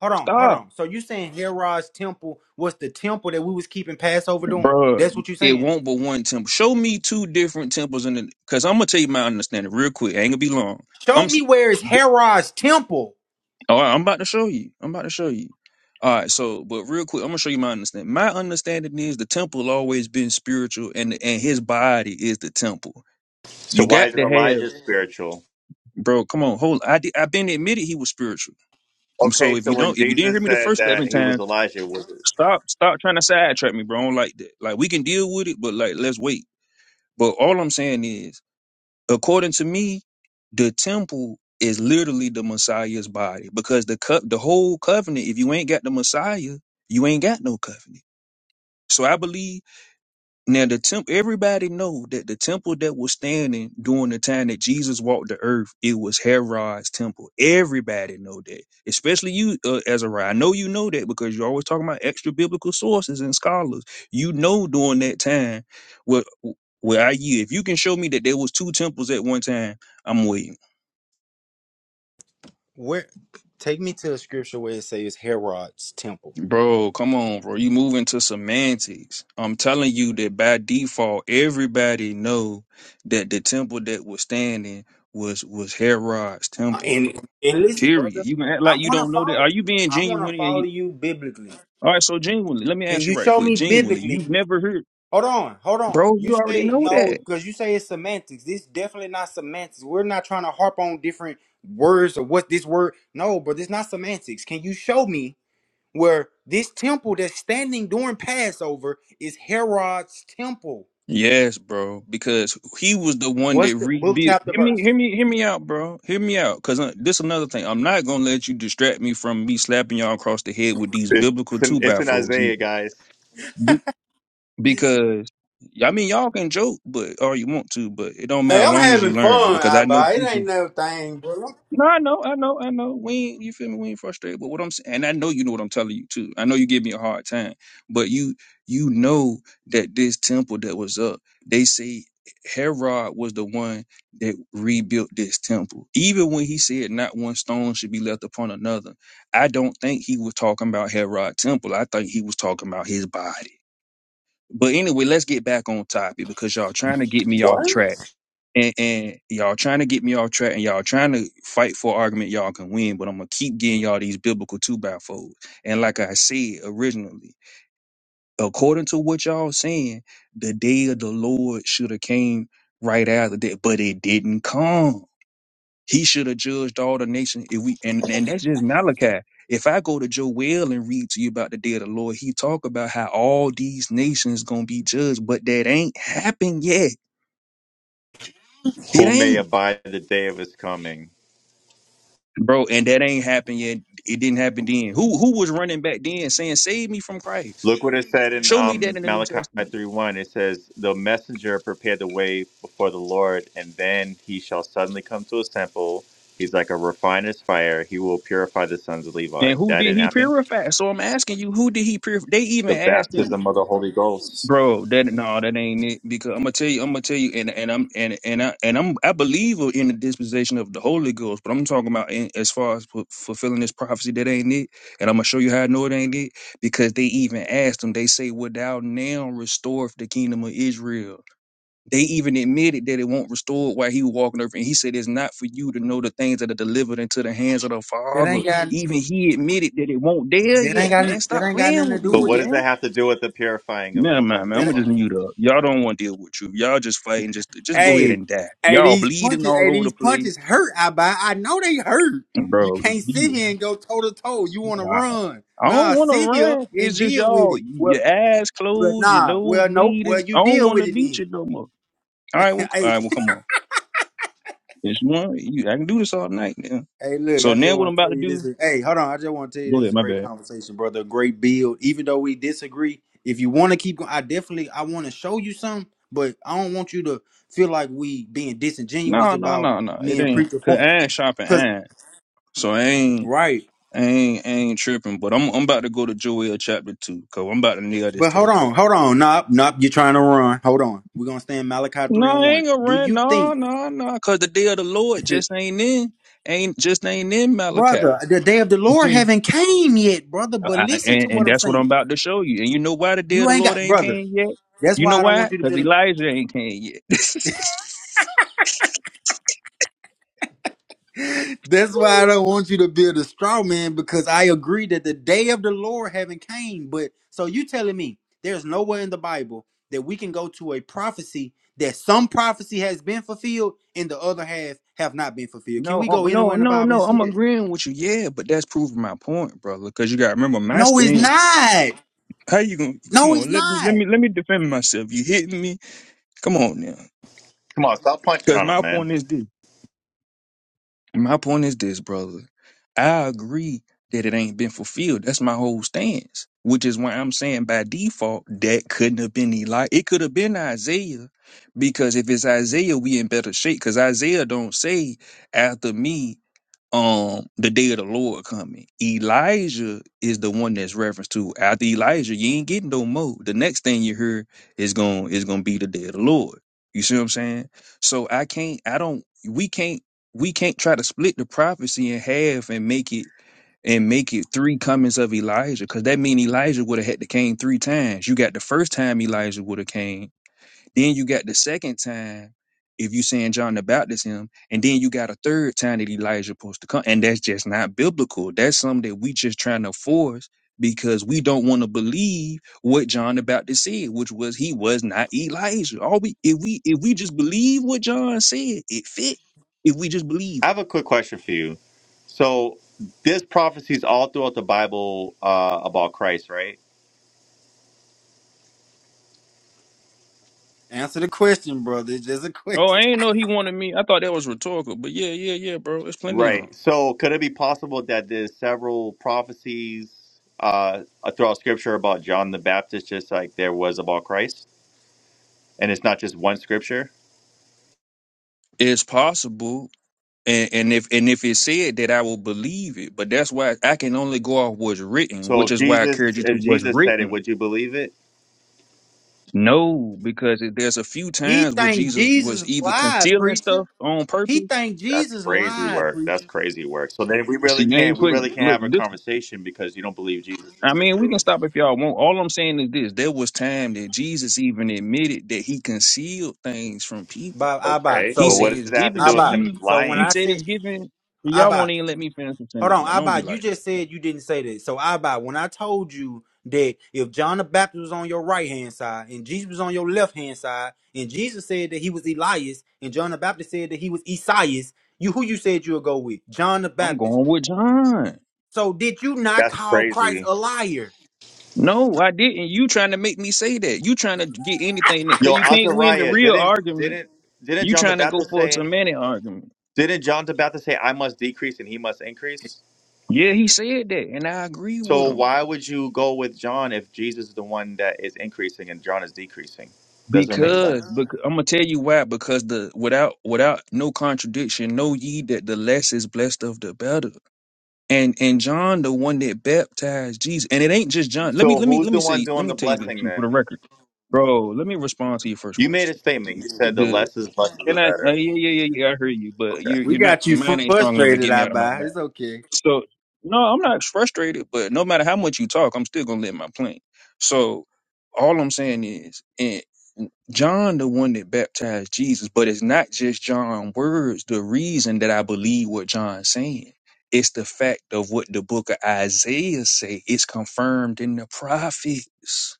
[SPEAKER 2] hold on, hold
[SPEAKER 6] Stop.
[SPEAKER 2] on. So you saying Herod's temple was the temple that we was keeping Passover doing?
[SPEAKER 6] bro.
[SPEAKER 2] That's what you
[SPEAKER 6] It
[SPEAKER 2] saying?
[SPEAKER 6] won't but one temple. Show me two different temples in the, because I'm gonna tell you my understanding real quick. It ain't gonna be long.
[SPEAKER 2] Show
[SPEAKER 6] I'm s-
[SPEAKER 2] me where is Herod's temple
[SPEAKER 6] all right. I'm about to show you. I'm about to show you. All right. So, but real quick, I'm gonna show you my understanding. My understanding is the temple always been spiritual, and and his body is the temple.
[SPEAKER 10] So,
[SPEAKER 6] You
[SPEAKER 10] why
[SPEAKER 6] got
[SPEAKER 10] isn't
[SPEAKER 6] to
[SPEAKER 10] Elijah
[SPEAKER 6] have,
[SPEAKER 10] spiritual?
[SPEAKER 6] bro. Come on, hold. I did, I've been admitted he was spiritual. Um. So
[SPEAKER 10] Okay,
[SPEAKER 6] if
[SPEAKER 10] so
[SPEAKER 6] you
[SPEAKER 10] when
[SPEAKER 6] don't, if you didn't hear
[SPEAKER 10] Jesus
[SPEAKER 6] me the
[SPEAKER 10] said
[SPEAKER 6] first
[SPEAKER 10] that
[SPEAKER 6] seven
[SPEAKER 10] he was
[SPEAKER 6] times,
[SPEAKER 10] Elijah, was
[SPEAKER 6] stop, stop trying to sidetrack me, bro. I don't like that. Like we can deal with it, but like let's wait. But all I'm saying is. according to me, the temple is literally the Messiah's body because the co- the whole covenant. If you ain't got the Messiah, you ain't got no covenant. So I believe now the temple, everybody know that the temple that was standing during the time that Jesus walked the earth, it was Herod's temple. Everybody know that, especially you, uh, Azariah. I know you know that because you're always talking about extra biblical sources and scholars. You know during that time, well, well, I yeah, if you can show me that there was two temples at one time, I'm waiting.
[SPEAKER 2] Where take me to a scripture where it says Herod's temple.
[SPEAKER 6] Bro, come on, bro. You move into semantics. I'm telling you that by default, everybody know that the temple that was standing was was Herod's
[SPEAKER 2] Uh,
[SPEAKER 6] temple, bro.
[SPEAKER 2] and and listen,
[SPEAKER 6] Period.
[SPEAKER 2] brother.
[SPEAKER 6] You can act
[SPEAKER 2] I
[SPEAKER 6] like you
[SPEAKER 2] want to
[SPEAKER 6] don't know that.
[SPEAKER 2] follow
[SPEAKER 6] Are you
[SPEAKER 2] you.
[SPEAKER 6] being
[SPEAKER 2] I want to
[SPEAKER 6] genuine? And
[SPEAKER 2] follow
[SPEAKER 6] you,
[SPEAKER 2] you biblically.
[SPEAKER 6] all right, so genuinely, let me
[SPEAKER 2] Can
[SPEAKER 6] ask
[SPEAKER 2] you
[SPEAKER 6] you right
[SPEAKER 2] show
[SPEAKER 6] quick.
[SPEAKER 2] me
[SPEAKER 6] Genuinely,
[SPEAKER 2] biblically
[SPEAKER 6] you've never heard,
[SPEAKER 2] Hold on, hold on.
[SPEAKER 6] bro.
[SPEAKER 2] You
[SPEAKER 6] You already
[SPEAKER 2] say
[SPEAKER 6] know
[SPEAKER 2] no
[SPEAKER 6] that.
[SPEAKER 2] because you say it's semantics. This definitely not semantics. We're not trying to harp on different words or what this word. No, but it's not semantics. Can you show me where this temple that's standing during Passover is Herod's temple?
[SPEAKER 6] Yes, bro, because he was the one
[SPEAKER 2] What's
[SPEAKER 6] that
[SPEAKER 2] the book
[SPEAKER 6] rebuilt.
[SPEAKER 2] chapter
[SPEAKER 6] Hear me,
[SPEAKER 2] verse?
[SPEAKER 6] hear me, hear me out, bro. Hear me out, because uh, this another thing. I'm not gonna let you distract me from me slapping y'all across the head with these
[SPEAKER 10] it?
[SPEAKER 6] biblical
[SPEAKER 10] It's in,
[SPEAKER 6] two
[SPEAKER 10] it's
[SPEAKER 6] by
[SPEAKER 10] in
[SPEAKER 6] fours
[SPEAKER 10] Isaiah,
[SPEAKER 6] either.
[SPEAKER 10] guys.
[SPEAKER 6] Be- Because I mean, y'all can joke, but or you want to, but it don't
[SPEAKER 2] Hey,
[SPEAKER 6] matter.
[SPEAKER 2] I'm
[SPEAKER 6] Long as you
[SPEAKER 2] having
[SPEAKER 6] learn,
[SPEAKER 2] fun,
[SPEAKER 6] because I know
[SPEAKER 2] Abba. It
[SPEAKER 6] people.
[SPEAKER 2] ain't no thing, bro.
[SPEAKER 6] No, I know, I know, I know. We ain't, you feel me? We ain't frustrated. But what I'm saying, and I know you know what I'm telling you too. I know you give me a hard time, but you you know that this temple that was up, they say Herod was the one that rebuilt this temple. Even when he said not one stone should be left upon another, I don't think he was talking about Herod temple. I think he was talking about his body. But anyway, let's get back on topic because y'all trying to get me off
[SPEAKER 10] What?
[SPEAKER 6] track and, and y'all trying to get me off track and y'all trying to fight for an argument y'all can win, but I'm gonna keep getting y'all these biblical two by fours. And like I said originally, according to what y'all saying, the day of the Lord should have came right after that, but it didn't come. He should have judged all the nations. If we and, and that's just Malachi. If I go to Joel and read to you about the day of the Lord, he talk about how all these nations gonna be judged, but that ain't happened yet. It
[SPEAKER 10] Who may
[SPEAKER 6] ain't.
[SPEAKER 10] abide the day of his coming?
[SPEAKER 6] bro. And that ain't happened yet. It didn't happen then. Who who was running back then saying, "Save me from Christ"?
[SPEAKER 10] Look what it said in
[SPEAKER 6] Show me
[SPEAKER 10] um,
[SPEAKER 6] that in the New
[SPEAKER 10] Malachi
[SPEAKER 6] Testament.
[SPEAKER 10] 3 1. It says, The messenger prepared the way before the Lord, and then he shall suddenly come to his temple. He's like a refiner's fire. He will purify the sons of Levi.
[SPEAKER 6] And who
[SPEAKER 10] That
[SPEAKER 6] did
[SPEAKER 10] didn't
[SPEAKER 6] he
[SPEAKER 10] happen.
[SPEAKER 6] purify? So I'm asking you, who did he purify? They
[SPEAKER 10] The
[SPEAKER 6] even asked him,
[SPEAKER 10] baptism of the Holy Ghost.
[SPEAKER 6] bro. That no, that ain't it. Because I'm gonna tell you, I'm gonna tell you, and and I'm and and I and I'm I believe in the disposition of the Holy Ghost, but I'm talking about in, as far as fu- fulfilling this prophecy that ain't it. And I'm gonna show you how I know it ain't it because they even asked him. They say, "Would thou now restore the kingdom of Israel?" They even admitted that it won't restore while he was walking over. And he said, It's not for you to know the things that are delivered into the hands of the
[SPEAKER 2] That
[SPEAKER 6] Father.
[SPEAKER 2] ain't got
[SPEAKER 6] Even he admitted that it won't there
[SPEAKER 2] that ain't
[SPEAKER 6] yet,
[SPEAKER 2] got
[SPEAKER 6] man.
[SPEAKER 2] that
[SPEAKER 6] Stop
[SPEAKER 2] ain't got nothing
[SPEAKER 6] playing
[SPEAKER 2] to
[SPEAKER 6] with me,
[SPEAKER 2] do
[SPEAKER 10] But
[SPEAKER 2] with
[SPEAKER 10] what does that
[SPEAKER 6] man.
[SPEAKER 10] have to do with the purifying of
[SPEAKER 6] Never
[SPEAKER 10] the sons
[SPEAKER 6] mind,
[SPEAKER 10] of
[SPEAKER 6] man.
[SPEAKER 2] it.
[SPEAKER 6] I'ma
[SPEAKER 10] Levi?
[SPEAKER 6] just mute up. Y'all don't want to deal with you. Y'all just fighting, just just go ahead
[SPEAKER 2] Hey,
[SPEAKER 6] and die.
[SPEAKER 2] hey,
[SPEAKER 6] Y'all
[SPEAKER 2] these
[SPEAKER 6] bleeding
[SPEAKER 2] punches, hey,
[SPEAKER 6] all over the
[SPEAKER 2] these
[SPEAKER 6] place.
[SPEAKER 2] punches hurt. I buy. I know they hurt. You
[SPEAKER 6] Bro,
[SPEAKER 2] can't sit
[SPEAKER 6] be-
[SPEAKER 2] here and go toe to toe. You want to
[SPEAKER 6] wow.
[SPEAKER 2] run?
[SPEAKER 6] I don't
[SPEAKER 2] Nah,
[SPEAKER 6] want to
[SPEAKER 2] sit here
[SPEAKER 6] run. It's
[SPEAKER 2] and
[SPEAKER 6] just
[SPEAKER 2] deal with
[SPEAKER 6] y'all,
[SPEAKER 2] it. Well,
[SPEAKER 6] your eyes
[SPEAKER 2] well,
[SPEAKER 6] closed, your
[SPEAKER 2] nah.
[SPEAKER 6] nose
[SPEAKER 2] Well, nope. Well,
[SPEAKER 6] bleeding.
[SPEAKER 2] you
[SPEAKER 6] I don't
[SPEAKER 2] deal
[SPEAKER 6] want
[SPEAKER 2] with
[SPEAKER 6] to
[SPEAKER 2] it
[SPEAKER 6] beat you
[SPEAKER 2] then.
[SPEAKER 6] no more. All right, well,
[SPEAKER 2] (laughs)
[SPEAKER 6] all
[SPEAKER 2] hey,
[SPEAKER 6] right, well, come on. It's one. You, I can do this all night now.
[SPEAKER 2] hey, look. I
[SPEAKER 6] So
[SPEAKER 2] just
[SPEAKER 6] now what I'm
[SPEAKER 2] want to
[SPEAKER 6] about
[SPEAKER 2] tell
[SPEAKER 6] to
[SPEAKER 2] you this.
[SPEAKER 6] do?
[SPEAKER 2] Is, hey, hold on. I just want to tell you
[SPEAKER 6] Go
[SPEAKER 2] this is
[SPEAKER 6] ahead.
[SPEAKER 2] a
[SPEAKER 6] My
[SPEAKER 2] great
[SPEAKER 6] bad.
[SPEAKER 2] conversation, brother. A great build. Even though we disagree, if you want to keep going, I definitely I want to show you something. But I don't want you to feel like we being disingenuous
[SPEAKER 6] No, no,
[SPEAKER 2] about
[SPEAKER 6] no, no.
[SPEAKER 2] me
[SPEAKER 6] It
[SPEAKER 2] and
[SPEAKER 6] ain't.
[SPEAKER 2] preacher
[SPEAKER 6] Cause
[SPEAKER 2] points.
[SPEAKER 6] I ain't shopping.
[SPEAKER 2] Cause
[SPEAKER 6] I ain't. So I ain't.
[SPEAKER 2] right.
[SPEAKER 6] I ain't. I ain't tripping. But I'm. I'm about to go to Joel chapter two. Cause I'm about to nail this
[SPEAKER 2] But
[SPEAKER 6] to
[SPEAKER 2] hold
[SPEAKER 6] the
[SPEAKER 2] on,
[SPEAKER 6] cross.
[SPEAKER 2] hold on. Nope, nope. You're trying to run. Hold on. We're gonna stay in Malachi three
[SPEAKER 6] No,
[SPEAKER 2] and
[SPEAKER 6] I
[SPEAKER 2] one.
[SPEAKER 6] ain't gonna
[SPEAKER 2] Do
[SPEAKER 6] run.
[SPEAKER 2] you
[SPEAKER 6] No,
[SPEAKER 2] think,
[SPEAKER 6] no, no. Cause the day of the Lord
[SPEAKER 2] (laughs)
[SPEAKER 6] just ain't in. Ain't just ain't in Malachi.
[SPEAKER 2] brother, the day of the
[SPEAKER 6] You
[SPEAKER 2] Lord
[SPEAKER 6] see.
[SPEAKER 2] haven't came yet, brother?
[SPEAKER 6] I,
[SPEAKER 2] But
[SPEAKER 6] I-
[SPEAKER 2] listen to
[SPEAKER 6] and,
[SPEAKER 2] what
[SPEAKER 6] and
[SPEAKER 2] I'm
[SPEAKER 6] that's what I'm
[SPEAKER 2] saying.
[SPEAKER 6] about to show you. And you know why the day of
[SPEAKER 2] You
[SPEAKER 6] the
[SPEAKER 2] ain't
[SPEAKER 6] Lord
[SPEAKER 2] got,
[SPEAKER 6] ain't
[SPEAKER 2] brother.
[SPEAKER 6] came yet?
[SPEAKER 2] That's
[SPEAKER 6] You
[SPEAKER 2] why
[SPEAKER 6] know
[SPEAKER 2] I don't
[SPEAKER 6] why?
[SPEAKER 2] want you to
[SPEAKER 6] Because
[SPEAKER 2] build.
[SPEAKER 6] Elijah ain't came yet. (laughs)
[SPEAKER 2] A, (laughs) that's why I don't want you to build a straw man because I agree that the day of the Lord haven't came. But so you telling me there's nowhere in the Bible that we can go to a prophecy that some prophecy has been fulfilled and the other half have not been fulfilled. Can
[SPEAKER 6] No,
[SPEAKER 2] we go
[SPEAKER 6] oh,
[SPEAKER 2] anywhere
[SPEAKER 6] no,
[SPEAKER 2] in the
[SPEAKER 6] no,
[SPEAKER 2] Bible and
[SPEAKER 6] no.
[SPEAKER 2] see
[SPEAKER 6] I'm
[SPEAKER 2] that?
[SPEAKER 6] agreeing with you. Yeah, but that's proving my point, brother. Because you got to remember my
[SPEAKER 2] No, it's
[SPEAKER 6] stance.
[SPEAKER 2] not.
[SPEAKER 6] How you gonna come
[SPEAKER 2] No, it's
[SPEAKER 6] on? Let me, let
[SPEAKER 2] not.
[SPEAKER 6] me, let me defend myself. You hitting me? Come on now.
[SPEAKER 10] Come on, stop punching
[SPEAKER 6] Because
[SPEAKER 10] on them,
[SPEAKER 6] my
[SPEAKER 10] man.
[SPEAKER 6] point is this. My point is this, brother. I agree that it ain't been fulfilled. That's my whole stance. Which is why I'm saying by default that couldn't have been Eli. It could have been Isaiah, because if it's Isaiah, we in better shape. Because Isaiah don't say after me. um the day of the Lord coming. Elijah is the one that's referenced to. After Elijah, you ain't getting no more. The next thing you hear is going is gonna be the day of the Lord. You see what I'm saying? So I can't I don't we can't we can't try to split the prophecy in half and make it and make it three comings of Elijah, because that mean Elijah would have had to came three times. You got the first time Elijah would have came, then you got the second time, if you saying John the Baptist him, and then you got a third time that Elijah supposed to come, and that's just not biblical. That's something that we just trying to force because we don't want to believe what John the Baptist said, which was he was not Elijah. All we if we if we just believe what John said, it fit. If we just
[SPEAKER 10] I
[SPEAKER 6] believe.
[SPEAKER 10] have a quick question for you. So, there's prophecies all throughout the Bible uh, about Christ, right?
[SPEAKER 2] Answer the question, brother. It's just a
[SPEAKER 6] Oh, I
[SPEAKER 2] question.
[SPEAKER 6] ain't know he wanted me. I thought that was rhetorical, but yeah, yeah, yeah, bro. It's plenty on.
[SPEAKER 10] Right. So, could it be possible that there's several prophecies uh, throughout Scripture about John the Baptist, just like there was about Christ, and it's not just one Scripture?
[SPEAKER 6] It's possible And, and if and if it said that, I will believe it. But that's why I can only go off what's written,
[SPEAKER 10] So,
[SPEAKER 6] which
[SPEAKER 10] if
[SPEAKER 6] is why I
[SPEAKER 10] Jesus,
[SPEAKER 6] encourage you to
[SPEAKER 10] if
[SPEAKER 6] what's
[SPEAKER 10] Jesus said it,
[SPEAKER 6] written.
[SPEAKER 10] would you believe it?
[SPEAKER 6] No, because it, there's a few
[SPEAKER 2] He
[SPEAKER 6] times where
[SPEAKER 2] think
[SPEAKER 6] Jesus
[SPEAKER 2] Jesus
[SPEAKER 6] was either
[SPEAKER 2] lied,
[SPEAKER 6] concealing
[SPEAKER 2] preacher.
[SPEAKER 6] stuff on
[SPEAKER 2] He
[SPEAKER 6] purpose.
[SPEAKER 2] think
[SPEAKER 10] That's
[SPEAKER 2] Jesus
[SPEAKER 10] crazy
[SPEAKER 2] lied,
[SPEAKER 10] work. That's
[SPEAKER 2] preacher.
[SPEAKER 10] crazy work. So then we really
[SPEAKER 6] See, now you
[SPEAKER 10] can't, we really
[SPEAKER 6] putting
[SPEAKER 10] can't
[SPEAKER 6] look
[SPEAKER 10] have a
[SPEAKER 6] this.
[SPEAKER 10] conversation because you don't believe Jesus is
[SPEAKER 6] I
[SPEAKER 10] the
[SPEAKER 6] mean, we can
[SPEAKER 10] truth.
[SPEAKER 6] stop if y'all want. All I'm saying is this: there was time that Jesus even admitted that he concealed things from people.
[SPEAKER 2] But Abba,
[SPEAKER 10] Okay.
[SPEAKER 6] He
[SPEAKER 10] But
[SPEAKER 2] so
[SPEAKER 6] said
[SPEAKER 10] what
[SPEAKER 6] it's
[SPEAKER 10] does that have to
[SPEAKER 6] given
[SPEAKER 10] do
[SPEAKER 6] to
[SPEAKER 10] with
[SPEAKER 2] Abba,
[SPEAKER 10] him
[SPEAKER 6] you.
[SPEAKER 2] so when
[SPEAKER 6] He
[SPEAKER 10] lying?
[SPEAKER 2] I
[SPEAKER 6] said it's
[SPEAKER 2] said
[SPEAKER 6] given. Y'all won't
[SPEAKER 2] Abba,
[SPEAKER 6] even let me finish the
[SPEAKER 2] hold
[SPEAKER 6] sentence,
[SPEAKER 2] on,
[SPEAKER 6] man. Don't be
[SPEAKER 2] Abba, you
[SPEAKER 6] like that.
[SPEAKER 2] just
[SPEAKER 6] Man.
[SPEAKER 2] said you didn't say that. So Abba, when I told you that if John the Baptist was on your right hand side and Jesus was on your left hand side, and Jesus said that he was Elias, and John the Baptist said that he was Esaias, you who you said you would go with? John the
[SPEAKER 6] I'm
[SPEAKER 2] Baptist.
[SPEAKER 6] going with John.
[SPEAKER 2] So did you not
[SPEAKER 10] That's
[SPEAKER 2] call Christ
[SPEAKER 10] crazy.
[SPEAKER 2] a liar?
[SPEAKER 6] No, I didn't. You trying to make me say that. You trying to get anything that cause
[SPEAKER 10] Yo,
[SPEAKER 6] you can't win the
[SPEAKER 10] Azariah,
[SPEAKER 6] real
[SPEAKER 10] didn't
[SPEAKER 6] argument.
[SPEAKER 10] didn't didn't
[SPEAKER 6] You
[SPEAKER 10] John the
[SPEAKER 6] trying to go
[SPEAKER 10] Baptist
[SPEAKER 6] for a
[SPEAKER 10] say?
[SPEAKER 6] semantic argument.
[SPEAKER 10] Didn't John the Baptist say, I must decrease and he must increase?
[SPEAKER 6] Yeah, he said that, and I agree with
[SPEAKER 10] So
[SPEAKER 6] him.
[SPEAKER 10] why would you go with John if Jesus is the one that is increasing and John is decreasing? Doesn't make
[SPEAKER 6] Because,
[SPEAKER 10] sense.
[SPEAKER 6] because I'm gonna tell you why. Because the without without no contradiction, know ye that the less is blessed of the better. And and John, the one that baptized Jesus, and it ain't just John. Let me
[SPEAKER 10] So
[SPEAKER 6] let me
[SPEAKER 10] who's
[SPEAKER 6] let me
[SPEAKER 10] the one
[SPEAKER 6] say let
[SPEAKER 10] doing
[SPEAKER 6] me
[SPEAKER 10] the
[SPEAKER 6] tell you this
[SPEAKER 10] blessing
[SPEAKER 6] too for the
[SPEAKER 10] then?
[SPEAKER 6] record, bro. Let me respond to your first
[SPEAKER 10] You made a
[SPEAKER 6] question.
[SPEAKER 10] statement. You said the less is less is the
[SPEAKER 6] Can I? Uh,
[SPEAKER 10] better.
[SPEAKER 6] yeah, yeah, yeah, yeah. I hear you, but you,
[SPEAKER 10] Okay.
[SPEAKER 2] We
[SPEAKER 6] you're not.
[SPEAKER 2] got you
[SPEAKER 6] Your mind ain't strong enough to
[SPEAKER 2] frustrated,
[SPEAKER 6] get me
[SPEAKER 2] I
[SPEAKER 6] out of my
[SPEAKER 2] buy.
[SPEAKER 6] mind.
[SPEAKER 2] It's okay.
[SPEAKER 6] So, no, I'm not frustrated. But no matter how much you talk, I'm still gonna let my plane. So, all I'm saying is, and John, the one that baptized Jesus, but it's not just John's words. The reason that I believe what John's saying, it's the fact of what the book of Isaiah say. It's confirmed in the prophets.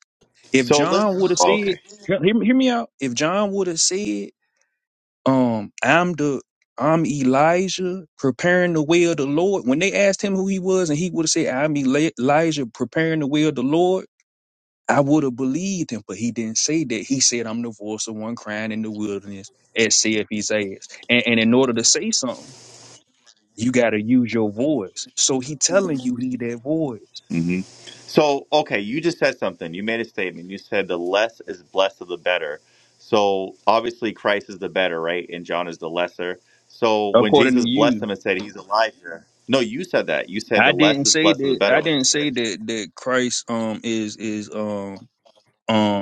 [SPEAKER 6] If
[SPEAKER 10] So listen.
[SPEAKER 6] John would have said,
[SPEAKER 10] okay.
[SPEAKER 6] hear, hear me out. If John would have said um i'm the i'm elijah preparing the way of the lord when they asked him who he was and he would have said i'm Eli- elijah preparing the way of the lord i would have believed him but he didn't say that he said i'm the voice of one crying in the wilderness as saith isaiah and, and in order to say something you got to use your voice so he telling you he that voice
[SPEAKER 10] hmm So, okay, you just said something. You made a statement. You said the less is blessed of the better. So, obviously, Christ is the better, right? And John is the lesser. So, when
[SPEAKER 6] according to
[SPEAKER 10] Jesus blessed
[SPEAKER 6] you
[SPEAKER 10] him and said he's Elijah, no, you said that. You said
[SPEAKER 6] i
[SPEAKER 10] the less
[SPEAKER 6] didn't
[SPEAKER 10] is
[SPEAKER 6] say
[SPEAKER 10] blessed of the
[SPEAKER 6] that
[SPEAKER 10] better
[SPEAKER 6] i
[SPEAKER 10] when I
[SPEAKER 6] didn't say
[SPEAKER 10] said
[SPEAKER 6] that that christ um is is um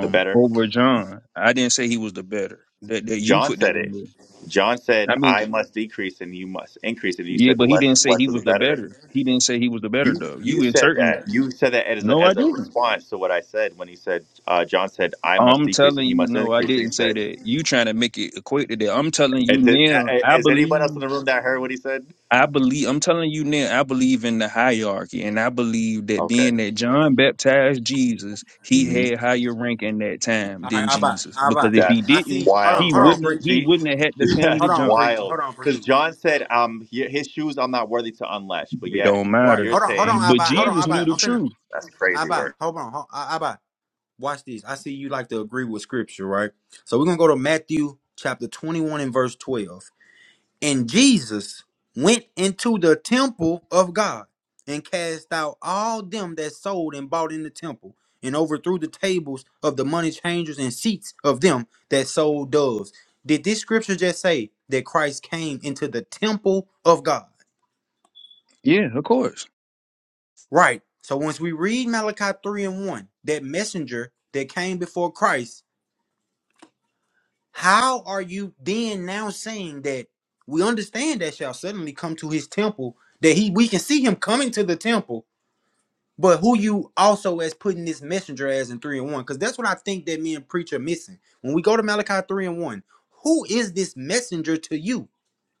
[SPEAKER 10] the better.
[SPEAKER 6] over John. I didn't say he was the better. That that you
[SPEAKER 10] John
[SPEAKER 6] put that
[SPEAKER 10] said
[SPEAKER 6] in
[SPEAKER 10] it.
[SPEAKER 6] there.
[SPEAKER 10] John said,
[SPEAKER 6] I mean,
[SPEAKER 10] I must decrease and you must increase. And you
[SPEAKER 6] yeah,
[SPEAKER 10] said the
[SPEAKER 6] but he
[SPEAKER 10] less
[SPEAKER 6] didn't
[SPEAKER 10] is
[SPEAKER 6] say
[SPEAKER 10] blessed
[SPEAKER 6] he
[SPEAKER 10] of
[SPEAKER 6] was
[SPEAKER 10] the
[SPEAKER 6] the
[SPEAKER 10] better.
[SPEAKER 6] better. He didn't say he was the better
[SPEAKER 10] You
[SPEAKER 6] though.
[SPEAKER 10] you
[SPEAKER 6] You
[SPEAKER 10] said
[SPEAKER 6] inserting
[SPEAKER 10] that.
[SPEAKER 6] that.
[SPEAKER 10] You said that as a,
[SPEAKER 6] No, I
[SPEAKER 10] as a
[SPEAKER 6] didn't.
[SPEAKER 10] response to what I said when he said, uh, John said, I must
[SPEAKER 6] I'm
[SPEAKER 10] decrease and
[SPEAKER 6] telling
[SPEAKER 10] he
[SPEAKER 6] you,
[SPEAKER 10] must
[SPEAKER 6] no, I
[SPEAKER 10] increase. And he
[SPEAKER 6] didn't say
[SPEAKER 10] said,
[SPEAKER 6] that. You trying to make it equate to that. I'm telling you
[SPEAKER 10] And did- a-
[SPEAKER 6] now,
[SPEAKER 10] a-
[SPEAKER 6] I
[SPEAKER 10] is anyone else in
[SPEAKER 6] believe
[SPEAKER 10] the room that heard what he said?
[SPEAKER 6] I believe I'm telling you now, I believe in the hierarchy and I believe that
[SPEAKER 10] Okay.
[SPEAKER 6] being that John baptized Jesus, he
[SPEAKER 10] hmm
[SPEAKER 6] had higher rank in that time
[SPEAKER 2] All right,
[SPEAKER 6] than
[SPEAKER 2] I buy,
[SPEAKER 6] Jesus.
[SPEAKER 2] I buy.
[SPEAKER 6] Because if he
[SPEAKER 10] That's
[SPEAKER 2] I
[SPEAKER 6] didn't,
[SPEAKER 2] see. Hold on,
[SPEAKER 6] he
[SPEAKER 10] wild
[SPEAKER 2] hold
[SPEAKER 10] work.
[SPEAKER 2] on,
[SPEAKER 6] wouldn't have,
[SPEAKER 2] preach.
[SPEAKER 6] he
[SPEAKER 10] Gee,
[SPEAKER 6] wouldn't have had to
[SPEAKER 10] (laughs)
[SPEAKER 6] come
[SPEAKER 10] that's
[SPEAKER 6] to
[SPEAKER 2] Hold on,
[SPEAKER 6] John.
[SPEAKER 2] preach.
[SPEAKER 10] wild.
[SPEAKER 2] Hold on, preach.
[SPEAKER 10] Because John said, um, hi- his shoes I'm not worthy to unlash, but
[SPEAKER 6] It
[SPEAKER 10] yet
[SPEAKER 6] don't
[SPEAKER 2] Right.
[SPEAKER 6] matter.
[SPEAKER 10] you're
[SPEAKER 2] Hold on, hold on,
[SPEAKER 10] saying
[SPEAKER 2] I
[SPEAKER 6] But
[SPEAKER 2] buy. Hold on,
[SPEAKER 10] that
[SPEAKER 2] I
[SPEAKER 6] Jesus
[SPEAKER 2] buy.
[SPEAKER 6] knew the
[SPEAKER 2] I'm finna.
[SPEAKER 6] truth.
[SPEAKER 10] that's
[SPEAKER 2] I
[SPEAKER 10] crazy
[SPEAKER 2] buy.
[SPEAKER 10] work.
[SPEAKER 2] Hold on, hold, I, I buy. Watch this. I see you like to agree with scripture, right? So we're gonna go to Matthew chapter 21 and verse 12. And Jesus went into the temple of God and cast out all them that sold and bought in the temple, and overthrew the tables of the money changers and seats of them that sold doves. Did this scripture just say that Christ came into the temple of God?
[SPEAKER 6] Yeah, of course.
[SPEAKER 2] Right. So once we read Malachi 3 and 1, that messenger that came before Christ How are you then now saying that we understand that shall suddenly come to his temple, that he we can see him coming to the temple, but who you also as putting this messenger as in three and one? Because that's what I think that me and preacher missing. When we go to Malachi three and one, who is this messenger to you?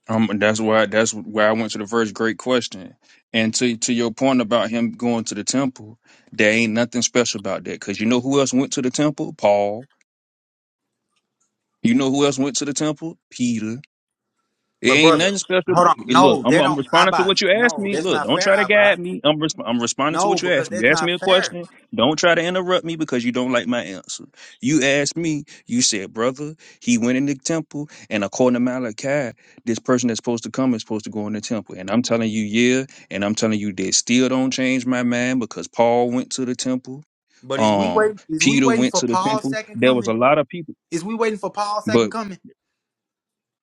[SPEAKER 6] Um, and that's why that's why I went to the first great question. And to to your point about him going to the temple, there ain't nothing special about that. Cause you know who else went to the temple? Paul. You know who else went to the temple? Peter. It
[SPEAKER 2] But
[SPEAKER 6] ain't
[SPEAKER 2] brother,
[SPEAKER 6] nothing special.
[SPEAKER 2] hold
[SPEAKER 6] But
[SPEAKER 2] on.
[SPEAKER 6] hey, look,
[SPEAKER 2] No,
[SPEAKER 6] I'm,
[SPEAKER 2] they
[SPEAKER 6] I'm
[SPEAKER 2] don't
[SPEAKER 6] responding to
[SPEAKER 2] Abba.
[SPEAKER 6] what you asked
[SPEAKER 2] No,
[SPEAKER 6] me.
[SPEAKER 2] that's
[SPEAKER 6] Look,
[SPEAKER 2] not
[SPEAKER 6] don't
[SPEAKER 2] fair,
[SPEAKER 6] try to
[SPEAKER 2] Abba.
[SPEAKER 6] guide me. I'm resp- I'm responding to
[SPEAKER 2] No,
[SPEAKER 6] what you
[SPEAKER 2] because
[SPEAKER 6] asked me.
[SPEAKER 2] that's
[SPEAKER 6] You asked me
[SPEAKER 2] not
[SPEAKER 6] a
[SPEAKER 2] fair.
[SPEAKER 6] question. Don't try to interrupt me because you don't like my answer. You asked me. You said, brother, he went in the temple, and according to Malachi, this person that's supposed to come is supposed to go in the temple. And I'm telling you, yeah, and I'm telling you, that still don't change my mind because Paul went to the temple.
[SPEAKER 2] But is we
[SPEAKER 6] Um,
[SPEAKER 2] waiting is we
[SPEAKER 6] Peter
[SPEAKER 2] waiting
[SPEAKER 6] went
[SPEAKER 2] for
[SPEAKER 6] to the
[SPEAKER 2] Paul's
[SPEAKER 6] temple.
[SPEAKER 2] second
[SPEAKER 6] There was
[SPEAKER 2] coming?
[SPEAKER 6] a lot of people.
[SPEAKER 2] Is we waiting for Paul's second coming?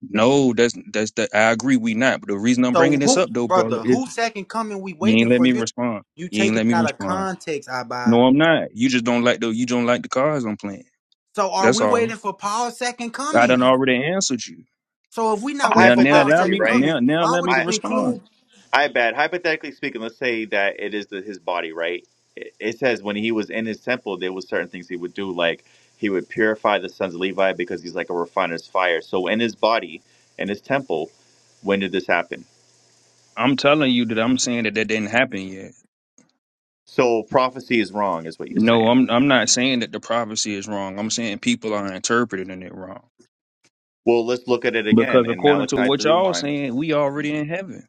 [SPEAKER 6] No, that's that's that. I agree. We not. But the reason I'm
[SPEAKER 2] So
[SPEAKER 6] bringing this
[SPEAKER 2] who,
[SPEAKER 6] up though, brother,
[SPEAKER 2] brother?
[SPEAKER 6] is
[SPEAKER 2] Who second coming? We
[SPEAKER 6] you
[SPEAKER 2] waiting
[SPEAKER 6] ain't let
[SPEAKER 2] for
[SPEAKER 6] me
[SPEAKER 2] you.
[SPEAKER 6] respond.
[SPEAKER 2] You
[SPEAKER 6] You ain't
[SPEAKER 2] take
[SPEAKER 6] let
[SPEAKER 2] it
[SPEAKER 6] me
[SPEAKER 2] out of
[SPEAKER 6] respond.
[SPEAKER 2] context, Abba.
[SPEAKER 6] No, I'm not. You just don't like the you don't like the cards I'm playing.
[SPEAKER 2] So are
[SPEAKER 6] That's
[SPEAKER 2] we
[SPEAKER 6] all.
[SPEAKER 2] waiting for Paul's second
[SPEAKER 6] I
[SPEAKER 2] coming?
[SPEAKER 6] done already answered you.
[SPEAKER 2] So if we not waiting
[SPEAKER 6] Now,
[SPEAKER 2] for
[SPEAKER 6] now
[SPEAKER 2] Paul's
[SPEAKER 6] allow
[SPEAKER 10] Hypothetically,
[SPEAKER 2] second
[SPEAKER 6] me
[SPEAKER 10] right?
[SPEAKER 2] coming,
[SPEAKER 6] now now
[SPEAKER 2] why
[SPEAKER 6] allow
[SPEAKER 2] would
[SPEAKER 6] me to
[SPEAKER 10] I.
[SPEAKER 2] you
[SPEAKER 6] respond.
[SPEAKER 2] include?
[SPEAKER 10] I bet. Hypothetically speaking, let's say that it is the, his body, right? It, it says when he was in his temple, there was certain things he would do, like he would purify the sons of Levi because he's like a refiner's fire. So in his body, in his temple, when did this happen?
[SPEAKER 6] I'm telling you that I'm saying that that didn't happen yet.
[SPEAKER 10] So prophecy is wrong, is what you're
[SPEAKER 6] No,
[SPEAKER 10] saying.
[SPEAKER 6] I'm I'm not saying that the prophecy is wrong. I'm saying people are interpreting it wrong
[SPEAKER 10] Well, let's look at it again
[SPEAKER 6] because
[SPEAKER 10] in
[SPEAKER 6] according to
[SPEAKER 10] Malachi
[SPEAKER 6] what
[SPEAKER 10] three
[SPEAKER 6] y'all
[SPEAKER 10] one.
[SPEAKER 6] saying, we already in heaven.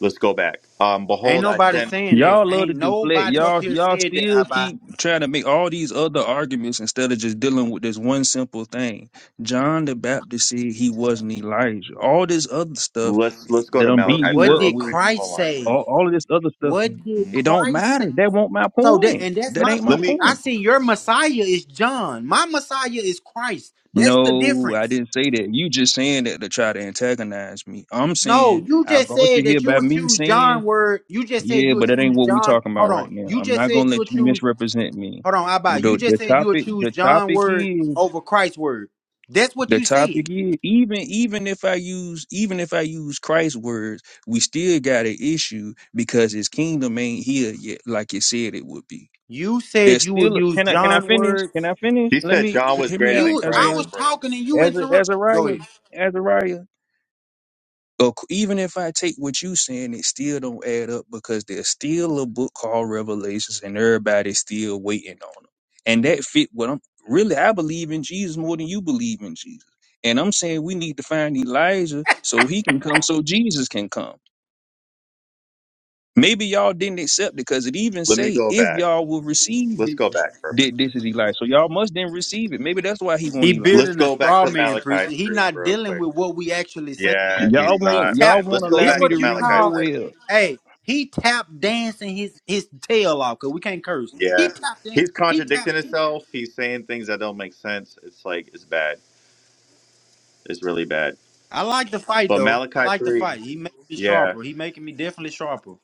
[SPEAKER 10] Let's go back. Um,
[SPEAKER 2] Ain't
[SPEAKER 10] behold, I
[SPEAKER 2] nobody
[SPEAKER 10] send.
[SPEAKER 2] saying that.
[SPEAKER 6] Y'all love to
[SPEAKER 2] Ain't
[SPEAKER 6] deflect.
[SPEAKER 2] nobody up
[SPEAKER 6] Y'all
[SPEAKER 2] here
[SPEAKER 6] y'all
[SPEAKER 2] said that,
[SPEAKER 6] still
[SPEAKER 2] Abba.
[SPEAKER 6] keep trying to make all these other arguments instead of just dealing with this one simple thing. John the Baptist said he wasn't Elijah. All this other stuff
[SPEAKER 10] Let's let's go
[SPEAKER 6] that
[SPEAKER 10] to
[SPEAKER 6] I'm
[SPEAKER 2] But
[SPEAKER 6] beating
[SPEAKER 10] Malachi
[SPEAKER 6] you
[SPEAKER 10] three
[SPEAKER 2] what
[SPEAKER 6] up
[SPEAKER 10] real
[SPEAKER 2] did
[SPEAKER 6] with,
[SPEAKER 10] quick.
[SPEAKER 2] Christ
[SPEAKER 10] Hold on.
[SPEAKER 2] say?
[SPEAKER 6] all, all of this other stuff,
[SPEAKER 2] What did
[SPEAKER 10] Mhm.
[SPEAKER 6] it don't
[SPEAKER 2] Christ say?
[SPEAKER 6] matter. That won't my
[SPEAKER 2] So that
[SPEAKER 6] point.
[SPEAKER 2] and that's
[SPEAKER 6] That
[SPEAKER 2] my
[SPEAKER 6] ain't my
[SPEAKER 10] Let
[SPEAKER 2] point.
[SPEAKER 10] me.
[SPEAKER 2] I
[SPEAKER 6] point.
[SPEAKER 2] see your Messiah is John. My Messiah is Christ. That's the
[SPEAKER 6] No, I
[SPEAKER 2] difference.
[SPEAKER 6] didn't say that. You just saying that to try to antagonize me. I'm
[SPEAKER 2] No,
[SPEAKER 6] saying
[SPEAKER 2] you
[SPEAKER 6] I
[SPEAKER 2] just
[SPEAKER 6] brought you
[SPEAKER 2] said
[SPEAKER 6] here
[SPEAKER 2] that you
[SPEAKER 6] by
[SPEAKER 2] would
[SPEAKER 6] me
[SPEAKER 2] choose
[SPEAKER 6] saying
[SPEAKER 2] John word. You just said
[SPEAKER 6] Yeah,
[SPEAKER 2] you
[SPEAKER 6] but
[SPEAKER 2] would
[SPEAKER 6] that ain't
[SPEAKER 2] choose
[SPEAKER 6] what we
[SPEAKER 2] John.
[SPEAKER 6] talking about
[SPEAKER 2] Hold
[SPEAKER 6] right
[SPEAKER 2] on.
[SPEAKER 6] now.
[SPEAKER 2] You
[SPEAKER 6] I'm
[SPEAKER 2] just
[SPEAKER 6] not gonna
[SPEAKER 2] said you
[SPEAKER 6] let
[SPEAKER 2] would
[SPEAKER 6] you
[SPEAKER 2] choose.
[SPEAKER 6] misrepresent me.
[SPEAKER 2] Hold on, Abba.
[SPEAKER 6] Well,
[SPEAKER 2] You
[SPEAKER 6] The,
[SPEAKER 2] just
[SPEAKER 6] the
[SPEAKER 2] said you would
[SPEAKER 6] topic,
[SPEAKER 2] choose
[SPEAKER 6] the
[SPEAKER 2] John
[SPEAKER 6] topic
[SPEAKER 2] word
[SPEAKER 6] is,
[SPEAKER 2] over Christ's word. That's what
[SPEAKER 6] the
[SPEAKER 2] you said.
[SPEAKER 6] topic is, even even if I use, even if I use Christ's words, we still got an issue because His kingdom ain't here yet, like it said it would be.
[SPEAKER 2] You said
[SPEAKER 6] There's
[SPEAKER 2] you would
[SPEAKER 6] still.
[SPEAKER 2] use
[SPEAKER 6] Can I can I
[SPEAKER 2] John
[SPEAKER 6] finish?
[SPEAKER 2] word.
[SPEAKER 6] Can I finish?
[SPEAKER 10] He
[SPEAKER 6] Let
[SPEAKER 10] said
[SPEAKER 6] me
[SPEAKER 10] John
[SPEAKER 6] he-
[SPEAKER 10] was
[SPEAKER 6] hear me
[SPEAKER 10] greater
[SPEAKER 6] out,
[SPEAKER 10] than
[SPEAKER 2] You, I
[SPEAKER 10] Christ,
[SPEAKER 6] Azariah.
[SPEAKER 2] was
[SPEAKER 10] bro.
[SPEAKER 2] talking and you
[SPEAKER 6] As
[SPEAKER 2] interrupt. Go
[SPEAKER 6] Azariah,
[SPEAKER 2] ahead.
[SPEAKER 6] Azariah. Ac- even if I take what you saying, it still don't add up because there's still a book called Revelations, and everybody's still waiting on them. And that fit what I'm really. I believe in Jesus more than you believe in Jesus. And I'm saying we need to find Elijah so he can come, so Jesus can come. Maybe y'all didn't accept it because it even
[SPEAKER 10] Let me
[SPEAKER 6] say
[SPEAKER 10] go
[SPEAKER 6] if
[SPEAKER 10] back.
[SPEAKER 6] y'all will receive
[SPEAKER 10] Let's
[SPEAKER 6] it,
[SPEAKER 10] go back for a minute.
[SPEAKER 6] that this is Elijah. So y'all must then receive it. Maybe that's why he want
[SPEAKER 2] He
[SPEAKER 6] Elijah.
[SPEAKER 10] Let's
[SPEAKER 2] building a
[SPEAKER 10] go back
[SPEAKER 2] straw
[SPEAKER 10] to
[SPEAKER 2] man preacher.
[SPEAKER 10] Malachi
[SPEAKER 2] He
[SPEAKER 10] 3
[SPEAKER 2] not
[SPEAKER 10] real
[SPEAKER 2] dealing
[SPEAKER 10] quick.
[SPEAKER 2] with what we actually saying.
[SPEAKER 10] Yeah,
[SPEAKER 6] Y'all
[SPEAKER 10] he's
[SPEAKER 2] He
[SPEAKER 6] won't.
[SPEAKER 10] not,
[SPEAKER 6] Y'all
[SPEAKER 2] tap.
[SPEAKER 10] man.
[SPEAKER 6] won't
[SPEAKER 10] Let's go
[SPEAKER 6] allow
[SPEAKER 2] This
[SPEAKER 10] back
[SPEAKER 6] me
[SPEAKER 10] to
[SPEAKER 2] what
[SPEAKER 6] to
[SPEAKER 2] you
[SPEAKER 6] read
[SPEAKER 10] Malachi 3.
[SPEAKER 2] call.
[SPEAKER 6] Joel.
[SPEAKER 2] Hey, he tap dancing his his tail off. Cause we can't curse.
[SPEAKER 10] Yeah.
[SPEAKER 2] He tapped in.
[SPEAKER 10] He's
[SPEAKER 2] He
[SPEAKER 10] contradicting
[SPEAKER 2] tapped in.
[SPEAKER 10] himself. He's saying things that don't make sense. It's like, it's bad. It's really bad.
[SPEAKER 2] I like the fight
[SPEAKER 10] But
[SPEAKER 2] though. I
[SPEAKER 10] Malachi
[SPEAKER 2] like the
[SPEAKER 10] 3,
[SPEAKER 2] fight. He making me
[SPEAKER 10] yeah,
[SPEAKER 2] sharper. He making me definitely sharper.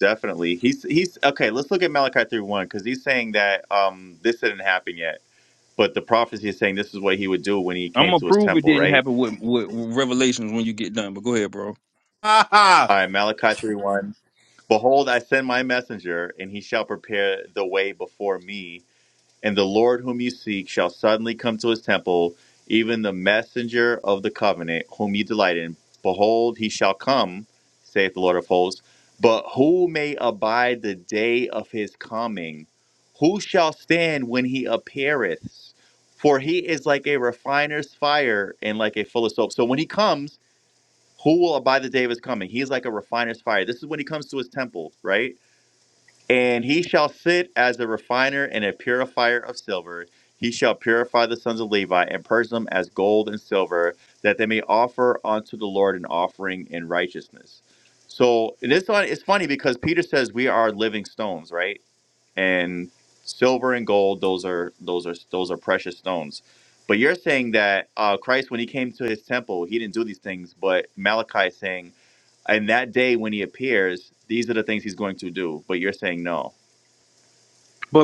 [SPEAKER 10] definitely. He's, he's, okay, let's look at Malachi 3 1, because he's saying that um this didn't happen yet. But the prophecy is saying this is what he would do when he
[SPEAKER 6] I'm
[SPEAKER 10] came
[SPEAKER 6] gonna
[SPEAKER 10] to his
[SPEAKER 6] prove it
[SPEAKER 10] temple,
[SPEAKER 6] didn't
[SPEAKER 10] right?
[SPEAKER 6] happen with, with, with Revelations when you get done. But go ahead, bro.
[SPEAKER 2] (laughs) but
[SPEAKER 10] All right, Malachi 3 1. Behold, I send my messenger, and he shall prepare the way before me And the Lord whom you seek shall suddenly come to his temple, even the messenger of the covenant whom you delight in. Behold, he shall come, saith the Lord of hosts. But who may abide the day of his coming? Who shall stand when he appeareth? For he is like a refiner's fire and like a full of soap. So when he comes, who will abide the day of his coming? He is like a refiner's fire. This is when he comes to his temple, right? And he shall sit as a refiner and a purifier of silver. He shall purify the sons of Levi and purge them as gold and silver, that they may offer unto the Lord an offering in righteousness. So and it's, funny- it's funny because Peter says we are living stones, right? And silver and gold, those are those are those are precious stones. But you're saying that uh, Christ, when he came to his temple, he didn't do these things. But Malachi is saying, in that day when he appears, these are the things he's going to do. But you're saying no.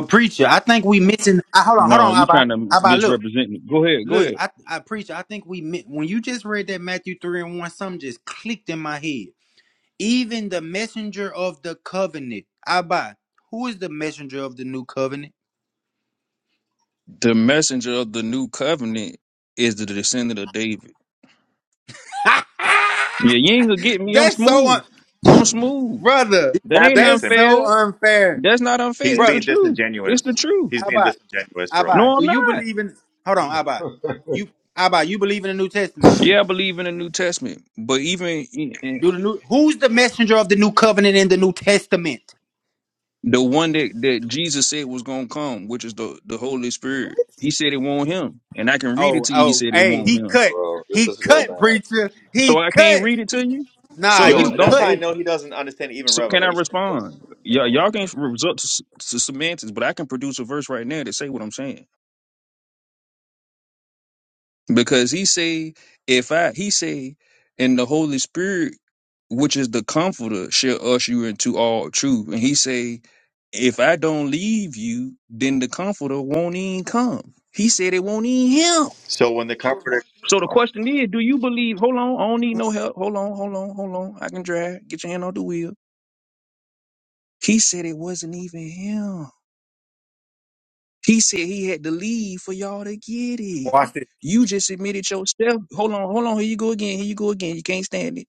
[SPEAKER 2] preacher, I think we missing. I, hold on, hold
[SPEAKER 6] No,
[SPEAKER 2] on,
[SPEAKER 6] you're
[SPEAKER 2] Abba.
[SPEAKER 6] trying to
[SPEAKER 2] Abba, look,
[SPEAKER 6] misrepresent me. Go ahead, go
[SPEAKER 2] look.
[SPEAKER 6] ahead.
[SPEAKER 2] I, I preacher. I think we mi- when you just read that Matthew three and one, something just clicked in my head. Even the messenger of the covenant, Abba. Who is the messenger of the new covenant?
[SPEAKER 6] The messenger of the new covenant is the descendant of David.
[SPEAKER 2] (laughs)
[SPEAKER 6] Yeah, you ain't gonna get me. I'm
[SPEAKER 2] that's so, un-
[SPEAKER 6] smooth. I'm smooth.
[SPEAKER 2] brother.
[SPEAKER 6] That
[SPEAKER 10] Tap
[SPEAKER 6] ain't
[SPEAKER 2] That's
[SPEAKER 10] dancing.
[SPEAKER 2] so
[SPEAKER 6] unfair.
[SPEAKER 2] unfair,
[SPEAKER 6] That's not unfair.
[SPEAKER 10] He's
[SPEAKER 6] It's
[SPEAKER 2] brother.
[SPEAKER 6] the
[SPEAKER 10] being
[SPEAKER 6] truth. It's the
[SPEAKER 10] disingenuous.
[SPEAKER 6] truth.
[SPEAKER 10] He's being
[SPEAKER 2] Abba.
[SPEAKER 10] disingenuous, bro.
[SPEAKER 2] Abba,
[SPEAKER 6] No,
[SPEAKER 2] do
[SPEAKER 6] I'm
[SPEAKER 2] you
[SPEAKER 6] not.
[SPEAKER 2] believe in? Hold on, Abba. You Abba, you believe in the New Testament?
[SPEAKER 6] Yeah, I believe in the New Testament, but even in- in
[SPEAKER 2] Do the new? Who's the messenger of the new covenant in the New Testament?
[SPEAKER 6] the one that, that Jesus said was gonna come, which is the the Holy Spirit, He said it won't him, and I can read it
[SPEAKER 2] Oh,
[SPEAKER 6] to you. He
[SPEAKER 2] oh,
[SPEAKER 6] said it
[SPEAKER 2] hey,
[SPEAKER 6] won't
[SPEAKER 2] he
[SPEAKER 6] him.
[SPEAKER 2] cut.
[SPEAKER 10] Bro, this
[SPEAKER 2] He
[SPEAKER 10] is real
[SPEAKER 2] cut,
[SPEAKER 10] bad.
[SPEAKER 2] preacher.
[SPEAKER 6] So
[SPEAKER 2] He
[SPEAKER 6] I can't
[SPEAKER 2] cut.
[SPEAKER 6] read it to you.
[SPEAKER 2] Nah,
[SPEAKER 6] So it's
[SPEAKER 2] you
[SPEAKER 10] Yo, that's
[SPEAKER 6] don't
[SPEAKER 10] how
[SPEAKER 2] cut.
[SPEAKER 10] I
[SPEAKER 6] they?
[SPEAKER 10] know he doesn't understand even
[SPEAKER 6] So can I
[SPEAKER 10] Revelation. Because,
[SPEAKER 6] respond? Y'all,
[SPEAKER 10] oh, my-
[SPEAKER 6] y'all can resort to, s- to semantics, but I can produce a verse right now to say what I'm saying. Because he say, if I he say, and the Holy Spirit, which is the Comforter, shall usher you into all truth. And he say, if I don't leave you, then the Comforter won't even come. He said it won't even him.
[SPEAKER 10] So when the comforter,
[SPEAKER 6] So the question is, do you believe? Hold on, I don't need no help. Hold on, hold on, hold on. I can drive. Get your hand on the wheel. He said it wasn't even him. He said he had to leave for y'all to get it.
[SPEAKER 2] Watch this.
[SPEAKER 6] You just admitted yourself. Hold on, hold on. Here you go again. Here you go again. You can't stand it.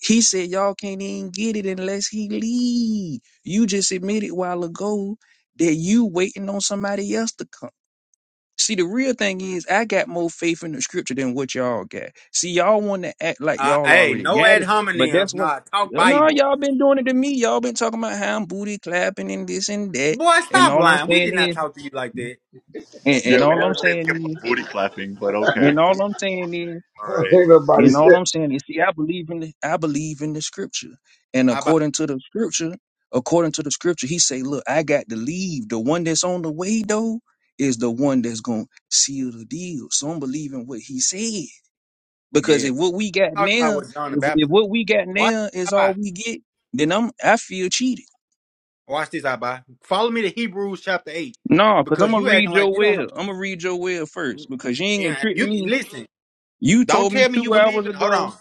[SPEAKER 6] He said y'all can't even get it unless he leave. You just admitted while ago that you waiting on somebody else to come. See, the real thing is, I got more faith in the scripture than what y'all got. See, y'all want to act like
[SPEAKER 2] Uh,
[SPEAKER 6] y'all
[SPEAKER 2] hey,
[SPEAKER 6] already
[SPEAKER 2] no
[SPEAKER 6] got
[SPEAKER 2] ad
[SPEAKER 6] it, but
[SPEAKER 2] hominems.
[SPEAKER 6] that's what.
[SPEAKER 2] Nah, talk
[SPEAKER 6] No,
[SPEAKER 2] Bible.
[SPEAKER 6] y'all been doing it to me. Y'all been talking about how I'm booty clapping and this and that,
[SPEAKER 2] Boy,
[SPEAKER 6] and
[SPEAKER 2] stop
[SPEAKER 6] all I'm
[SPEAKER 2] lying. We did
[SPEAKER 6] saying
[SPEAKER 2] not
[SPEAKER 6] is,
[SPEAKER 2] talk to you like that.
[SPEAKER 6] and,
[SPEAKER 10] yeah,
[SPEAKER 6] and
[SPEAKER 10] we
[SPEAKER 6] all I'm
[SPEAKER 10] never say anything
[SPEAKER 6] saying
[SPEAKER 10] about
[SPEAKER 6] is,
[SPEAKER 10] booty clapping, but okay,
[SPEAKER 6] and all I'm saying is.
[SPEAKER 10] all
[SPEAKER 1] (laughs)
[SPEAKER 10] right.
[SPEAKER 1] Ain't
[SPEAKER 6] You know
[SPEAKER 1] nobody.
[SPEAKER 6] what I'm saying? You see, I believe in the, I believe in the scripture, and
[SPEAKER 2] Abba,
[SPEAKER 6] according to the scripture, according to the scripture, he say, "Look, I got to leave. The one that's on the way though is the one that's gonna seal the deal." So I'm believing what he said because
[SPEAKER 2] yeah.
[SPEAKER 6] if what we got
[SPEAKER 2] Talk about
[SPEAKER 6] now,
[SPEAKER 2] what John the
[SPEAKER 6] if, if
[SPEAKER 2] Baptist.
[SPEAKER 6] what we got
[SPEAKER 2] Watch,
[SPEAKER 6] now is all
[SPEAKER 2] Abba.
[SPEAKER 6] we get, then I'm I feel cheated.
[SPEAKER 2] Watch this, Abba. Follow me to Hebrews chapter eight,
[SPEAKER 6] No, because I'm
[SPEAKER 2] because
[SPEAKER 6] gonna
[SPEAKER 2] you
[SPEAKER 6] read
[SPEAKER 2] acting like
[SPEAKER 6] your
[SPEAKER 2] you don't know.
[SPEAKER 6] will. I'm gonna read your will first because you ain't gonna
[SPEAKER 2] Yeah,
[SPEAKER 6] trick
[SPEAKER 2] you can
[SPEAKER 6] me.
[SPEAKER 2] listen.
[SPEAKER 6] You
[SPEAKER 2] Don't
[SPEAKER 6] told me
[SPEAKER 2] tell me you
[SPEAKER 6] two
[SPEAKER 2] believe
[SPEAKER 6] hours
[SPEAKER 2] it. Hold
[SPEAKER 6] ago
[SPEAKER 2] on.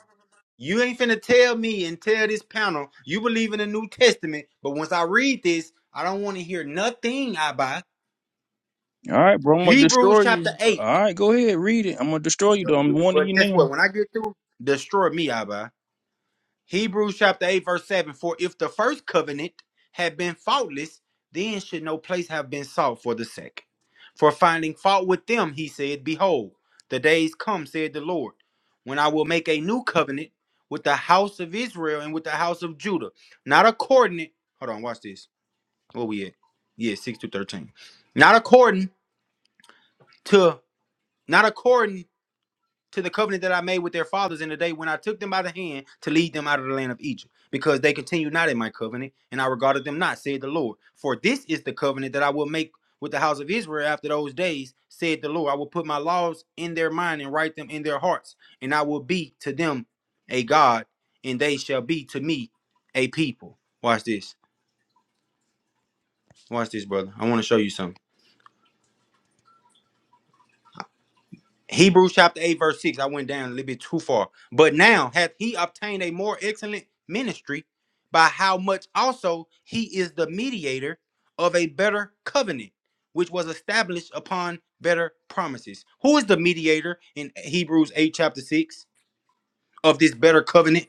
[SPEAKER 2] You ain't finna tell me and tell this panel you believe in the New Testament, but once I read this, I don't want to hear nothing Abba.
[SPEAKER 6] All right, bro. I'm gonna
[SPEAKER 2] Hebrews
[SPEAKER 6] destroy you.
[SPEAKER 2] chapter 8.
[SPEAKER 6] All right, go ahead, read it. I'm gonna destroy you though. I'm warning
[SPEAKER 2] Well,
[SPEAKER 6] you
[SPEAKER 2] guess what?
[SPEAKER 6] now.
[SPEAKER 2] When I get through, destroy me, Abba. Hebrews chapter 8, verse 7 For if the first covenant had been faultless, then should no place have been sought for the second. For finding fault with them, he said, Behold, the days come, said the Lord, when I will make a new covenant with the house of Israel and with the house of Judah, not according, hold on, watch this. Where we at? Yeah, 6 to 13. Not according to, not according to the covenant that I made with their fathers in the day when I took them by the hand to lead them out of the land of Egypt, because they continued not in my covenant, and I regarded them not, said the Lord. For this is the covenant that I will make with the house of Israel after those days, said the Lord. I will put my laws in their mind and write them in their hearts, and I will be to them a God, and they shall be to me a people. Watch this. Watch this, brother. I want to show you something. Hebrews chapter 8, verse 6. I went down a little bit too far. But now hath he obtained a more excellent ministry by how much also he is the mediator of a better covenant, which was established upon better promises. Who is the mediator in Hebrews 8, chapter 6 of this better covenant?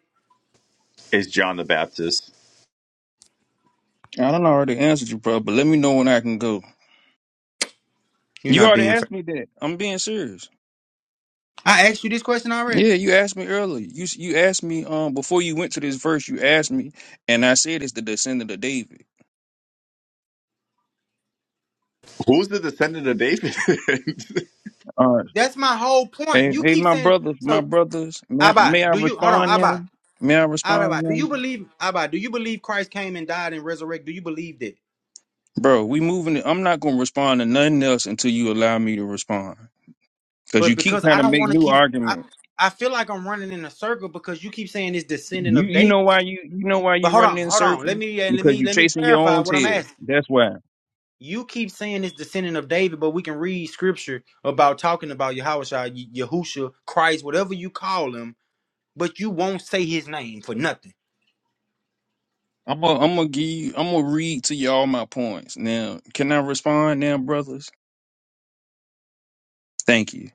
[SPEAKER 10] Is John the Baptist?
[SPEAKER 6] I don't already answered you, bro, but let me know when I can go.
[SPEAKER 2] You're
[SPEAKER 6] You
[SPEAKER 2] not
[SPEAKER 6] already
[SPEAKER 2] being fair.
[SPEAKER 6] asked me that. I'm being serious.
[SPEAKER 2] I asked you this question already.
[SPEAKER 6] Yeah, you asked me earlier. You you asked me um before you went to this verse. You asked me, and I said it's the descendant of David.
[SPEAKER 10] Who's the descendant of David? (laughs)
[SPEAKER 6] All right.
[SPEAKER 2] That's my whole point.
[SPEAKER 6] Hey,
[SPEAKER 2] You
[SPEAKER 6] hey,
[SPEAKER 2] keep
[SPEAKER 6] my
[SPEAKER 2] saying,
[SPEAKER 6] brothers, my
[SPEAKER 2] so
[SPEAKER 6] brothers. May I,
[SPEAKER 2] Abba,
[SPEAKER 6] may I
[SPEAKER 2] do you hold on,
[SPEAKER 6] respond now?
[SPEAKER 2] Abba,
[SPEAKER 6] May I respond
[SPEAKER 2] Abba, do
[SPEAKER 6] now,
[SPEAKER 2] you believe Abba, do you believe Christ came and died and resurrected? Do you believe that?
[SPEAKER 6] bro? We moving. It. I'm not gonna respond to nothing else until you allow me to respond, because
[SPEAKER 2] but
[SPEAKER 6] you keep
[SPEAKER 2] because
[SPEAKER 6] trying
[SPEAKER 2] I
[SPEAKER 6] to
[SPEAKER 2] don't
[SPEAKER 6] make
[SPEAKER 2] want to
[SPEAKER 6] new
[SPEAKER 2] keep, I,
[SPEAKER 6] arguments.
[SPEAKER 2] I feel like I'm running in a circle because you keep saying it's descendant
[SPEAKER 6] You
[SPEAKER 2] of
[SPEAKER 6] you
[SPEAKER 2] David.
[SPEAKER 6] know why you you know why
[SPEAKER 2] But
[SPEAKER 6] you
[SPEAKER 2] hold
[SPEAKER 6] running
[SPEAKER 2] on,
[SPEAKER 6] in
[SPEAKER 2] hold on. Let
[SPEAKER 6] circles
[SPEAKER 2] me uh, let
[SPEAKER 6] because
[SPEAKER 2] me
[SPEAKER 6] you
[SPEAKER 2] let me
[SPEAKER 6] chasing your
[SPEAKER 2] clarify
[SPEAKER 6] own
[SPEAKER 2] what I'm
[SPEAKER 6] tail.
[SPEAKER 2] asking.
[SPEAKER 6] That's why.
[SPEAKER 2] You keep saying it's descendant of David, but we can read scripture about talking about Yahushua, Ye- Yahusha, Christ, whatever you call him, but you won't say his name for nothing.
[SPEAKER 6] I'm gonna I'm gonna give you, I'm gonna read to you all my points. Now, can I respond now, brothers? Thank you.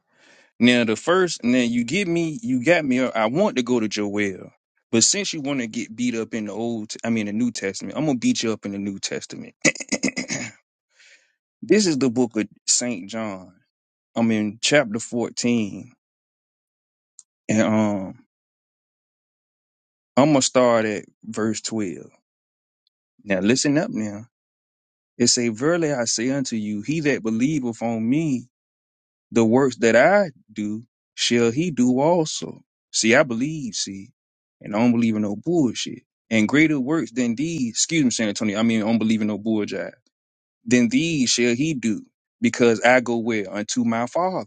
[SPEAKER 6] Now the first now you get me you got me. I want to go to Joel, but since you want to get beat up in the old I mean the New Testament, I'm gonna beat you up in the New Testament. (coughs) (clears throat) this is the book of Saint John. I'm in chapter 14, and um I'm gonna start at verse 12. Now listen up now. It say, Verily I say unto you, he that believeth on me, the works that I do, shall he do also. See, I believe, see, and I don't believe in no bullshit. And greater works than these, excuse me, San Antonio, I mean, I don't believe in no bull than these shall he do, because I go where? Unto my Father.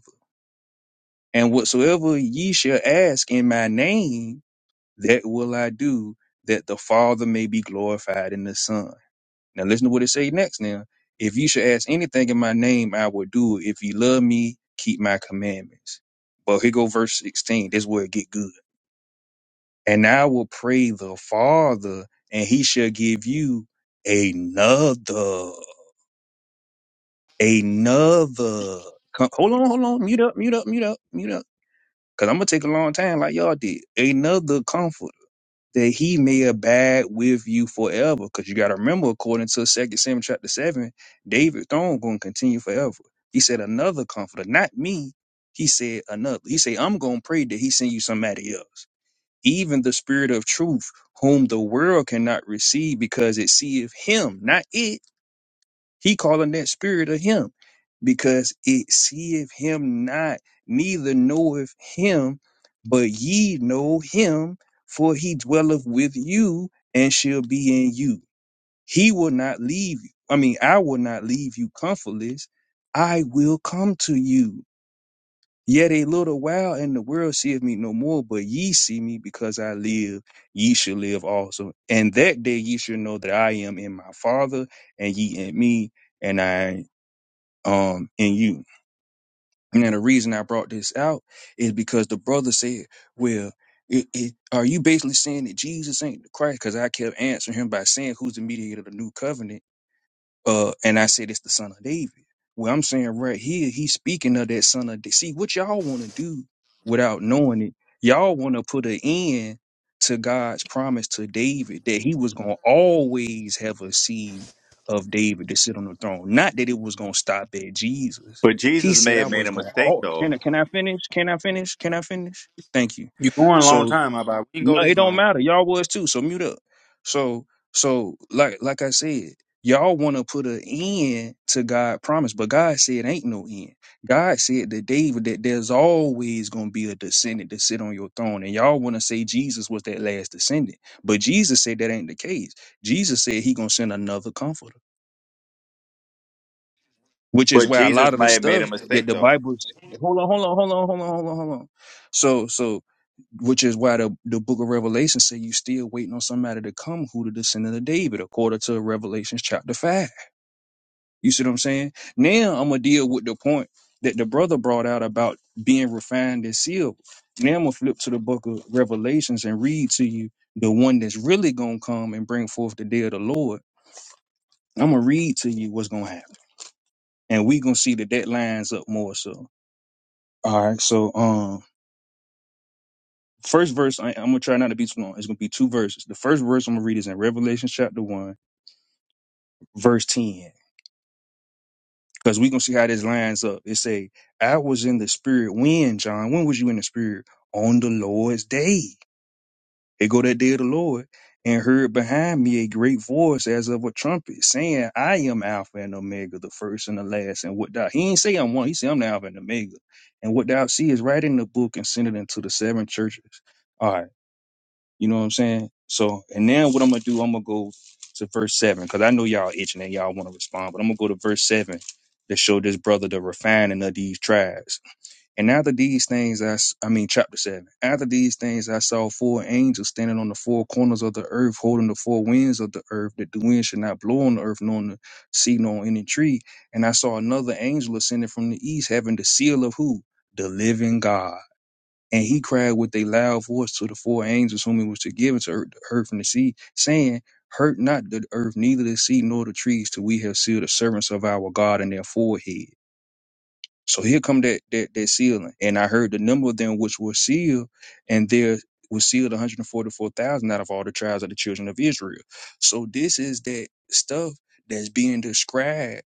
[SPEAKER 6] And whatsoever ye shall ask in my name, that will I do, that the Father may be glorified in the Son. Now listen to what it say next now. If you should ask anything in my name, I will do it. If you love me, keep my commandments. But here go verse 16. This is where it get good. And I will pray the Father, and he shall give you another, another. Come, hold on, hold on. Mute up, mute up, mute up, mute up. Cause I'm gonna take a long time like y'all did. Another comforter that he may abide with you forever. Because you got to remember, according to Second Samuel chapter seven, David's throne going to continue forever. He said, "Another comforter, not me." He said, "Another." He said, "I'm going to pray that He send you somebody else, even the Spirit of Truth, whom the world cannot receive because it seeth Him, not it." He calling that spirit of him because it seeth him not, neither knoweth him, but ye know him, for he dwelleth with you and shall be in you. He will not leave you. I mean, I will not leave you comfortless. I will come to you. Yet a little while and the world seeth me no more, but ye see me because I live, ye shall live also. And that day ye shall know that I am in my Father, and ye in me, and I um in you. Now the reason I brought this out is because the brother said, "Well, it, it, are you basically saying that Jesus ain't the Christ?" Because I kept answering him by saying, "Who's the mediator of the new covenant?" uh, and I said it's the son of David. Well, I'm saying right here, he's speaking of that son of. David. See what y'all want to do without knowing it. Y'all want to put an end to God's promise to David that he was gonna always have a seed of David to sit on the throne. Not that it was gonna stop at Jesus.
[SPEAKER 10] but
[SPEAKER 6] He
[SPEAKER 10] Jesus
[SPEAKER 6] said
[SPEAKER 10] may
[SPEAKER 6] I
[SPEAKER 10] have made
[SPEAKER 6] was
[SPEAKER 10] a
[SPEAKER 6] gonna.
[SPEAKER 10] mistake
[SPEAKER 6] Oh,
[SPEAKER 10] though.
[SPEAKER 6] can I, can I finish? Can I finish? Can I finish? Thank you.
[SPEAKER 2] You're going a long
[SPEAKER 6] So
[SPEAKER 2] time, Abba. We can
[SPEAKER 6] no,
[SPEAKER 2] go
[SPEAKER 6] it
[SPEAKER 2] this
[SPEAKER 6] don't
[SPEAKER 2] long.
[SPEAKER 6] matter. Y'all was too, so mute up. So so like like I said, y'all want to put an end to God promise, but God said ain't no end. God said to David that there's always gonna be a descendant to sit on your throne, and y'all want to say Jesus was that last descendant, but Jesus said that ain't the case. Jesus said he gonna send another comforter, which is
[SPEAKER 10] But
[SPEAKER 6] where a lot
[SPEAKER 10] Jesus
[SPEAKER 6] of the
[SPEAKER 10] may have made a
[SPEAKER 6] stuff that
[SPEAKER 10] mistake
[SPEAKER 6] the
[SPEAKER 10] though.
[SPEAKER 6] Bible hold on, hold on, hold on, hold on, hold on, hold on. So so which is why the, the book of Revelation say you still waiting on somebody to come who the descendant of David, according to Revelations chapter five. You see what I'm saying? Now I'm gonna deal with the point that the brother brought out about being refined as silver. Now I'm gonna flip to the book of Revelations and read to you the one that's really gonna come and bring forth the day of the Lord. I'm gonna read to you what's gonna happen. And we gonna see that that lines up more so. All right, so um First verse, I, I'm gonna try not to be too long. It's gonna be two verses. The first verse I'm gonna read is in Revelation chapter one, verse ten, because we gonna see how this lines up. It say, "I was in the spirit when John. When was you in the spirit? On the Lord's day. It go that day of the Lord." And heard behind me a great voice as of a trumpet, saying, I am Alpha and Omega, the first and the last. And what thou he ain't say I'm one, he say I'm the Alpha and Omega. And what thou see is right in the book and send it into the seven churches. All right. You know what I'm saying? So, and now what I'm gonna do, I'm gonna go to verse seven because I know y'all itching and y'all want to respond, but I'm gonna go to verse seven to show this brother the refining of these tribes. And after these things, I, s- I mean, chapter seven. After these things, I saw four angels standing on the four corners of the earth, holding the four winds of the earth, that the wind should not blow on the earth, nor on the sea, nor on any tree. And I saw another angel ascending from the east, having the seal of who? The living God. And he cried with a loud voice to the four angels whom he was to give to earth, the earth and the sea, saying, Hurt not the earth, neither the sea nor the trees, till we have sealed the servants of our God in their forehead. So here come that that that sealing. And I heard the number of them which were sealed, and there was sealed 144,000 out of all the tribes of the children of Israel. So this is that stuff that's being described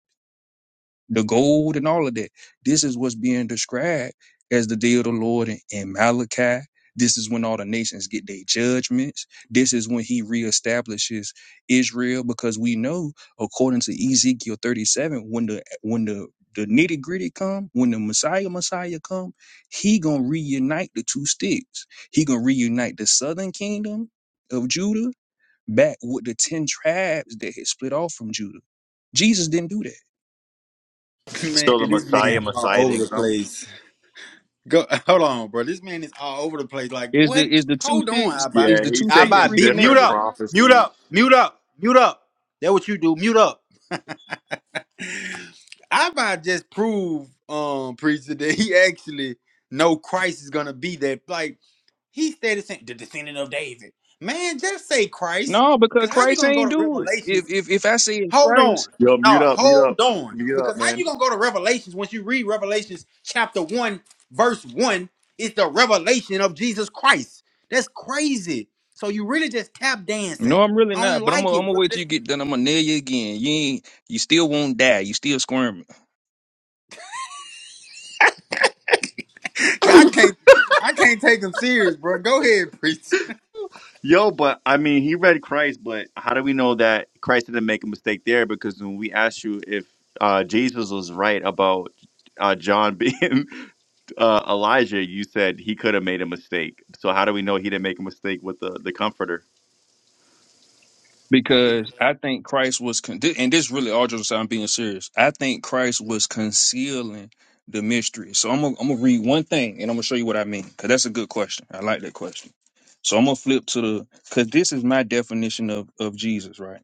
[SPEAKER 6] the gold and all of that. This is what's being described as the day of the Lord in, in Malachi. This is when all the nations get their judgments. This is when he reestablishes Israel because we know, according to Ezekiel 37, when the when the the nitty gritty come, when the Messiah Messiah come, he gonna reunite the two sticks. He gonna reunite the southern kingdom of Judah back with the ten tribes that had split off from Judah. Jesus didn't do that.
[SPEAKER 2] (laughs) Man,
[SPEAKER 10] So the
[SPEAKER 2] this
[SPEAKER 10] Messiah,
[SPEAKER 2] man all
[SPEAKER 10] Messiah
[SPEAKER 2] over the
[SPEAKER 10] didn't come.
[SPEAKER 2] place. Go, (laughs) hold on, bro. This man is all over the place. Like,
[SPEAKER 6] Is the
[SPEAKER 2] what?
[SPEAKER 6] is the two
[SPEAKER 2] Hold on, I
[SPEAKER 6] sticks
[SPEAKER 2] buy,
[SPEAKER 6] is
[SPEAKER 10] Yeah,
[SPEAKER 6] the two
[SPEAKER 10] he's
[SPEAKER 2] I
[SPEAKER 6] sticks
[SPEAKER 2] buy.
[SPEAKER 10] taking
[SPEAKER 2] Beat, mute
[SPEAKER 10] different
[SPEAKER 6] reconnected?
[SPEAKER 2] up, mute
[SPEAKER 10] prophecy.
[SPEAKER 2] up, mute
[SPEAKER 10] Yo,
[SPEAKER 2] up, mute up. That what you do. Mute up. (sighs) I buy just prove, um, preacher (laughs) that he actually know Christ is gonna be that. Like, he stated the descendant of David. Man, just say Christ,
[SPEAKER 6] No, because
[SPEAKER 2] cause how you
[SPEAKER 6] Christ
[SPEAKER 2] gonna go
[SPEAKER 6] ain't
[SPEAKER 2] to
[SPEAKER 6] do it.
[SPEAKER 2] Revelation?
[SPEAKER 6] If if if I say it's
[SPEAKER 2] Hold on.
[SPEAKER 6] Christ,
[SPEAKER 2] No,
[SPEAKER 10] mute up, mute up,
[SPEAKER 2] hold on.
[SPEAKER 10] mute up,
[SPEAKER 2] Because how
[SPEAKER 10] man.
[SPEAKER 2] you gonna go to Revelations once you read Revelations chapter one, verse one, is the revelation of Jesus Christ. That's crazy. So you really just tap dancing.
[SPEAKER 6] no, I'm really
[SPEAKER 2] I don't
[SPEAKER 6] not. But I'm
[SPEAKER 2] like
[SPEAKER 6] gonna I'm
[SPEAKER 2] it,
[SPEAKER 6] gonna
[SPEAKER 2] brother.
[SPEAKER 6] wait till
[SPEAKER 2] This
[SPEAKER 6] you get done. I'm gonna nail you again. You ain't you still won't die. You still squirming
[SPEAKER 2] (laughs) I can't I can't take him serious, bro. Go ahead, preach.
[SPEAKER 10] Yo, but I mean, he read Christ, but how do we know that Christ didn't make a mistake there? Because when we asked you if uh, Jesus was right about uh, John (laughs) being uh, Elijah, you said he could have made a mistake. So how do we know he didn't make a mistake with the, the Comforter?
[SPEAKER 6] because I think Christ was con- thi- and this really all just so I'm being serious. I think Christ was concealing the mystery. So I'm gonna I'm gonna read one thing and I'm gonna show you what I mean because that's a good question. I like that question. So I'm gonna flip to the because this is my definition of of Jesus, right?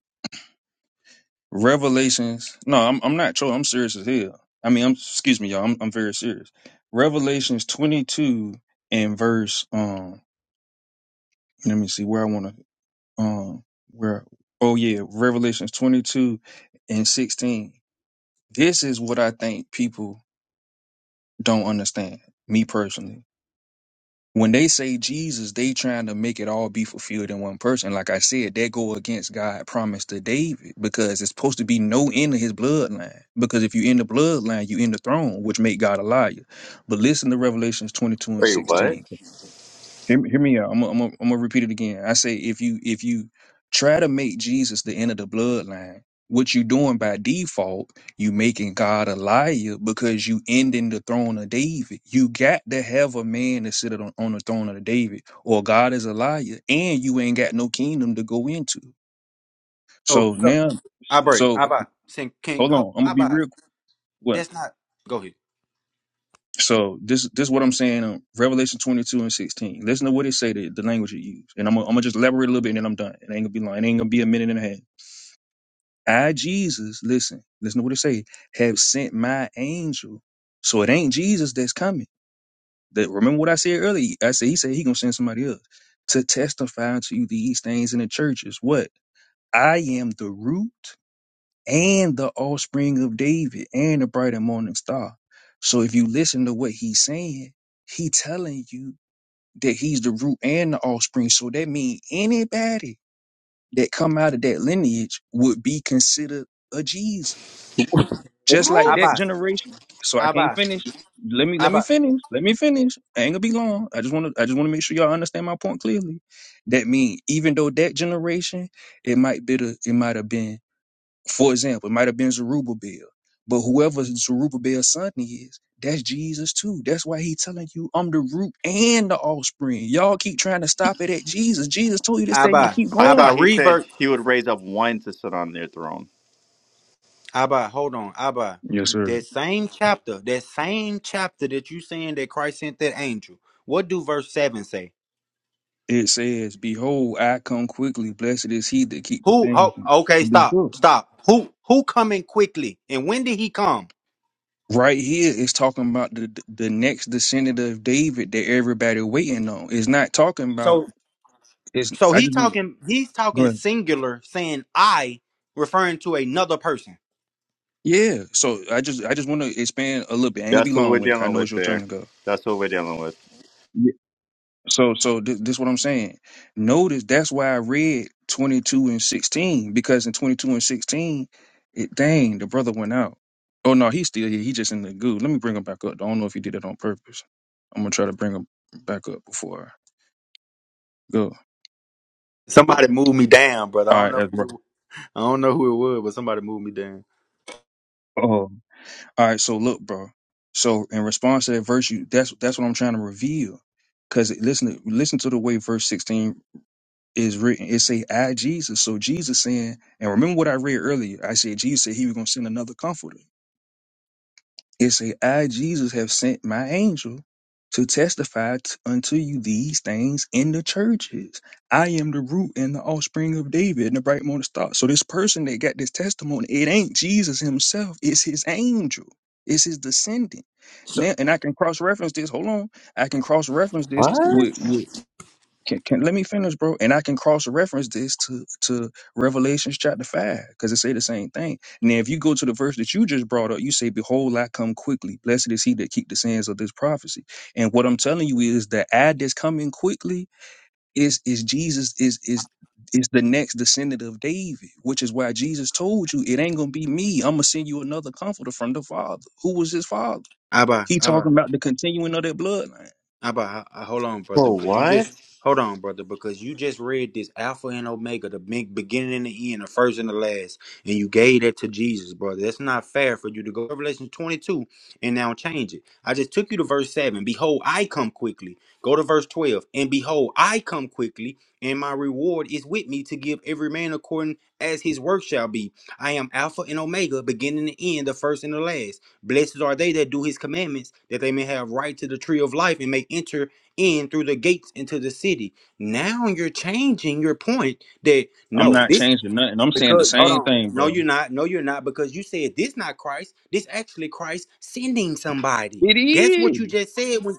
[SPEAKER 6] Revelations. No, I'm I'm not trolling. I'm serious as hell. I mean, I'm excuse me, y'all. I'm I'm very serious. Revelations 22 and verse um let me see where I want to um where oh yeah, Revelations 22 and 16. This is what I think people don't understand, me personally. when they say Jesus, they trying to make it all be fulfilled in one person. Like I said, that go against God' promise to David because it's supposed to be no end of his bloodline. Because if you in the bloodline, you in the throne, which make God a liar. But listen to Revelations 22 and
[SPEAKER 10] Wait, what?
[SPEAKER 6] 16. Hear, me- hear me out. I'm gonna I'm gonna- I'm gonna repeat it again. I say if you if you try to make Jesus the end of the bloodline, what you doing by default, you making God a liar because you ending the throne of David. You got to have a man to sit on, on the throne of David, or God is a liar, and you ain't got no kingdom to go into.
[SPEAKER 2] So,
[SPEAKER 6] So
[SPEAKER 2] so
[SPEAKER 6] now,
[SPEAKER 2] I buy.
[SPEAKER 6] so
[SPEAKER 2] I buy. Sin King
[SPEAKER 6] hold
[SPEAKER 2] ho-
[SPEAKER 6] on. I'm gonna
[SPEAKER 2] I
[SPEAKER 6] be
[SPEAKER 2] buy.
[SPEAKER 6] real. What?
[SPEAKER 2] That's not go ahead.
[SPEAKER 6] So this this is what I'm saying. Um, Revelation 22 and 16. Listen to what it say. The, the language it used, and I'm gonna, I'm gonna just elaborate a little bit, and then I'm done. It ain't gonna be long. It ain't gonna be a minute and a half. I Jesus, listen, listen to what it say. Have sent my angel. So it ain't Jesus that's coming. That remember what I said earlier. I said he said he gonna send somebody else to testify to you these things in the churches. What I am the root and the offspring of David and the bright and morning star. So if you listen to what he's saying, he telling you that he's the root and the offspring. So that means anybody that come out of that lineage would be considered a Jesus. Just like
[SPEAKER 2] I
[SPEAKER 6] that
[SPEAKER 2] buy.
[SPEAKER 6] generation. So I
[SPEAKER 2] I
[SPEAKER 6] can't
[SPEAKER 2] buy.
[SPEAKER 6] finish. Let me
[SPEAKER 2] I buy. I
[SPEAKER 6] let me
[SPEAKER 2] buy.
[SPEAKER 6] finish. Let me finish. I ain't gonna be long. I just wanna I just wanna make sure y'all understand my point clearly. That mean even though that generation, it might be the it might have been for example, it might have been Zerubbabel, but whoever Zerubbabel's son is, that's Jesus too. That's why he telling you, I'm the root and the offspring. Y'all keep trying to stop it at Jesus. Jesus told you this
[SPEAKER 2] I
[SPEAKER 6] thing gonna keep
[SPEAKER 10] I thought
[SPEAKER 6] going.
[SPEAKER 2] buy.
[SPEAKER 10] he
[SPEAKER 2] I
[SPEAKER 10] said
[SPEAKER 2] buy.
[SPEAKER 10] he would raise up one to sit on their throne.
[SPEAKER 2] Abba, hold on, Abba.
[SPEAKER 6] Yes, sir.
[SPEAKER 2] That same chapter, that same chapter that you saying that Christ sent that angel. What do verse seven say?
[SPEAKER 6] It says, Behold, I come quickly. Blessed is he that keep the
[SPEAKER 2] Who?
[SPEAKER 6] things
[SPEAKER 2] Oh,
[SPEAKER 6] in
[SPEAKER 2] okay,
[SPEAKER 6] this
[SPEAKER 2] stop,
[SPEAKER 6] book.
[SPEAKER 2] stop. Who? Who coming quickly? And when did he come?
[SPEAKER 6] Right here, it's talking about the the next descendant of David that everybody waiting on. It's not talking about.
[SPEAKER 2] So,
[SPEAKER 6] It's.
[SPEAKER 2] so
[SPEAKER 6] I
[SPEAKER 2] he
[SPEAKER 6] just want to
[SPEAKER 2] talking. He's
[SPEAKER 6] go
[SPEAKER 2] talking
[SPEAKER 6] ahead.
[SPEAKER 2] singular, saying I, referring to another person.
[SPEAKER 6] Yeah. So I just I just want to expand a little bit. I ain't gonna be
[SPEAKER 10] That's what we're
[SPEAKER 6] long with it. 'cause I
[SPEAKER 10] dealing
[SPEAKER 6] know it's
[SPEAKER 10] with
[SPEAKER 6] your turn
[SPEAKER 10] there.
[SPEAKER 6] to go.
[SPEAKER 10] That's what we're dealing with.
[SPEAKER 6] Yeah. So so th- this what I'm saying. Notice that's why I read 22 and 16 because in 22 and 16, it dang the brother went out. Oh no, he's still here. He just in the goo. Let me bring him back up. I don't know if he did it on purpose. I'm gonna try to bring him back up before I go.
[SPEAKER 2] Somebody move me down, brother. I
[SPEAKER 6] All
[SPEAKER 2] don't
[SPEAKER 6] right,
[SPEAKER 2] know.
[SPEAKER 6] that's right.
[SPEAKER 2] Who, I don't know who it was, but somebody moved me down.
[SPEAKER 6] Oh, all right. So look, bro. So in response to that verse, you that's that's what I'm trying to reveal. Because listen, to- listen to the way verse 16 is written, it say, I Jesus. So Jesus saying, and remember what I read earlier. I said Jesus said he was gonna send another comforter. It say, I Jesus have sent my angel to testify t- unto you these things in the churches. I am the root and the offspring of David and the bright morning star. So this person that got this testimony, it ain't Jesus himself, it's his angel, it's his descendant.
[SPEAKER 2] So,
[SPEAKER 6] Now, and I can cross reference this. Hold on, I can cross reference this
[SPEAKER 10] What?
[SPEAKER 6] with, with can, can let me finish, bro, and I can cross reference this to to Revelations chapter five because it say the same thing. Now, if you go to the verse that you just brought up, you say, "Behold, I come quickly. Blessed is he that keep the sayings of this prophecy." And what I'm telling you is that ad that's coming quickly is is Jesus is is is the next descendant of David, which is why Jesus told you it ain't gonna be me. I'm gonna send you another comforter from the Father. Who was his father?
[SPEAKER 2] Abba,
[SPEAKER 6] He
[SPEAKER 2] Abba.
[SPEAKER 6] talking about the continuing of that bloodline.
[SPEAKER 2] How about uh, hold on, brother?
[SPEAKER 10] Bro,
[SPEAKER 2] Because you
[SPEAKER 10] what?
[SPEAKER 2] just hold on, brother. Because you just read this Alpha and Omega, the big beginning and the end, the first and the last, and you gave that to Jesus, brother. That's not fair for you to go to Revelation 22 and now change it. I just took you to verse seven. Behold, I come quickly. Go to verse 12, and behold, I come quickly, and my reward is with me to give every man according as his work shall be. I am Alpha and Omega, beginning and end, the first and the last. Blessed are they that do his commandments, that they may have right to the tree of life and may enter in through the gates into the city. Now you're changing your point that
[SPEAKER 6] I'm
[SPEAKER 2] no,
[SPEAKER 6] not
[SPEAKER 2] this
[SPEAKER 6] changing nothing. I'm saying the
[SPEAKER 2] because hold
[SPEAKER 6] same
[SPEAKER 2] on.
[SPEAKER 6] thing,
[SPEAKER 2] No,
[SPEAKER 6] bro.
[SPEAKER 2] you're not. No, you're not, because you said this not Christ. This actually Christ sending somebody.
[SPEAKER 6] It
[SPEAKER 2] That's what you
[SPEAKER 6] is.
[SPEAKER 2] just said. When,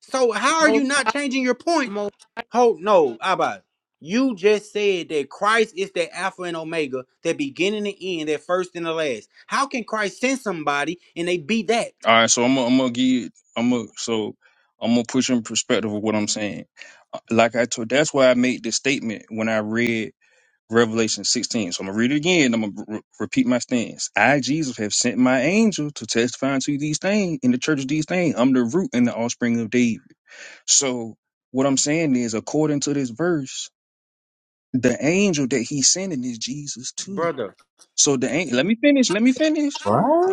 [SPEAKER 2] so how are you
[SPEAKER 7] Most,
[SPEAKER 2] not changing your point?
[SPEAKER 7] most.
[SPEAKER 2] Hold no, Abba. You just said that Christ is the Alpha and Omega, the beginning and end, that first and the last. How can Christ send somebody and they be that?
[SPEAKER 6] All right, so I'm gonna I'm gonna give I'm gonna so I'm gonna put you in perspective of what I'm saying. Uh, Like I told, that's why I made this statement when I read Revelation 16. So I'm gonna read it again. I'm gonna re- repeat my stance. I Jesus have sent my angel to testify to these things in the church of these things. I'm the root and the offspring of David. So what I'm saying is, according to this verse, the angel that he's sending is Jesus too.
[SPEAKER 2] brother.
[SPEAKER 6] So the ang- let me finish. Let me finish.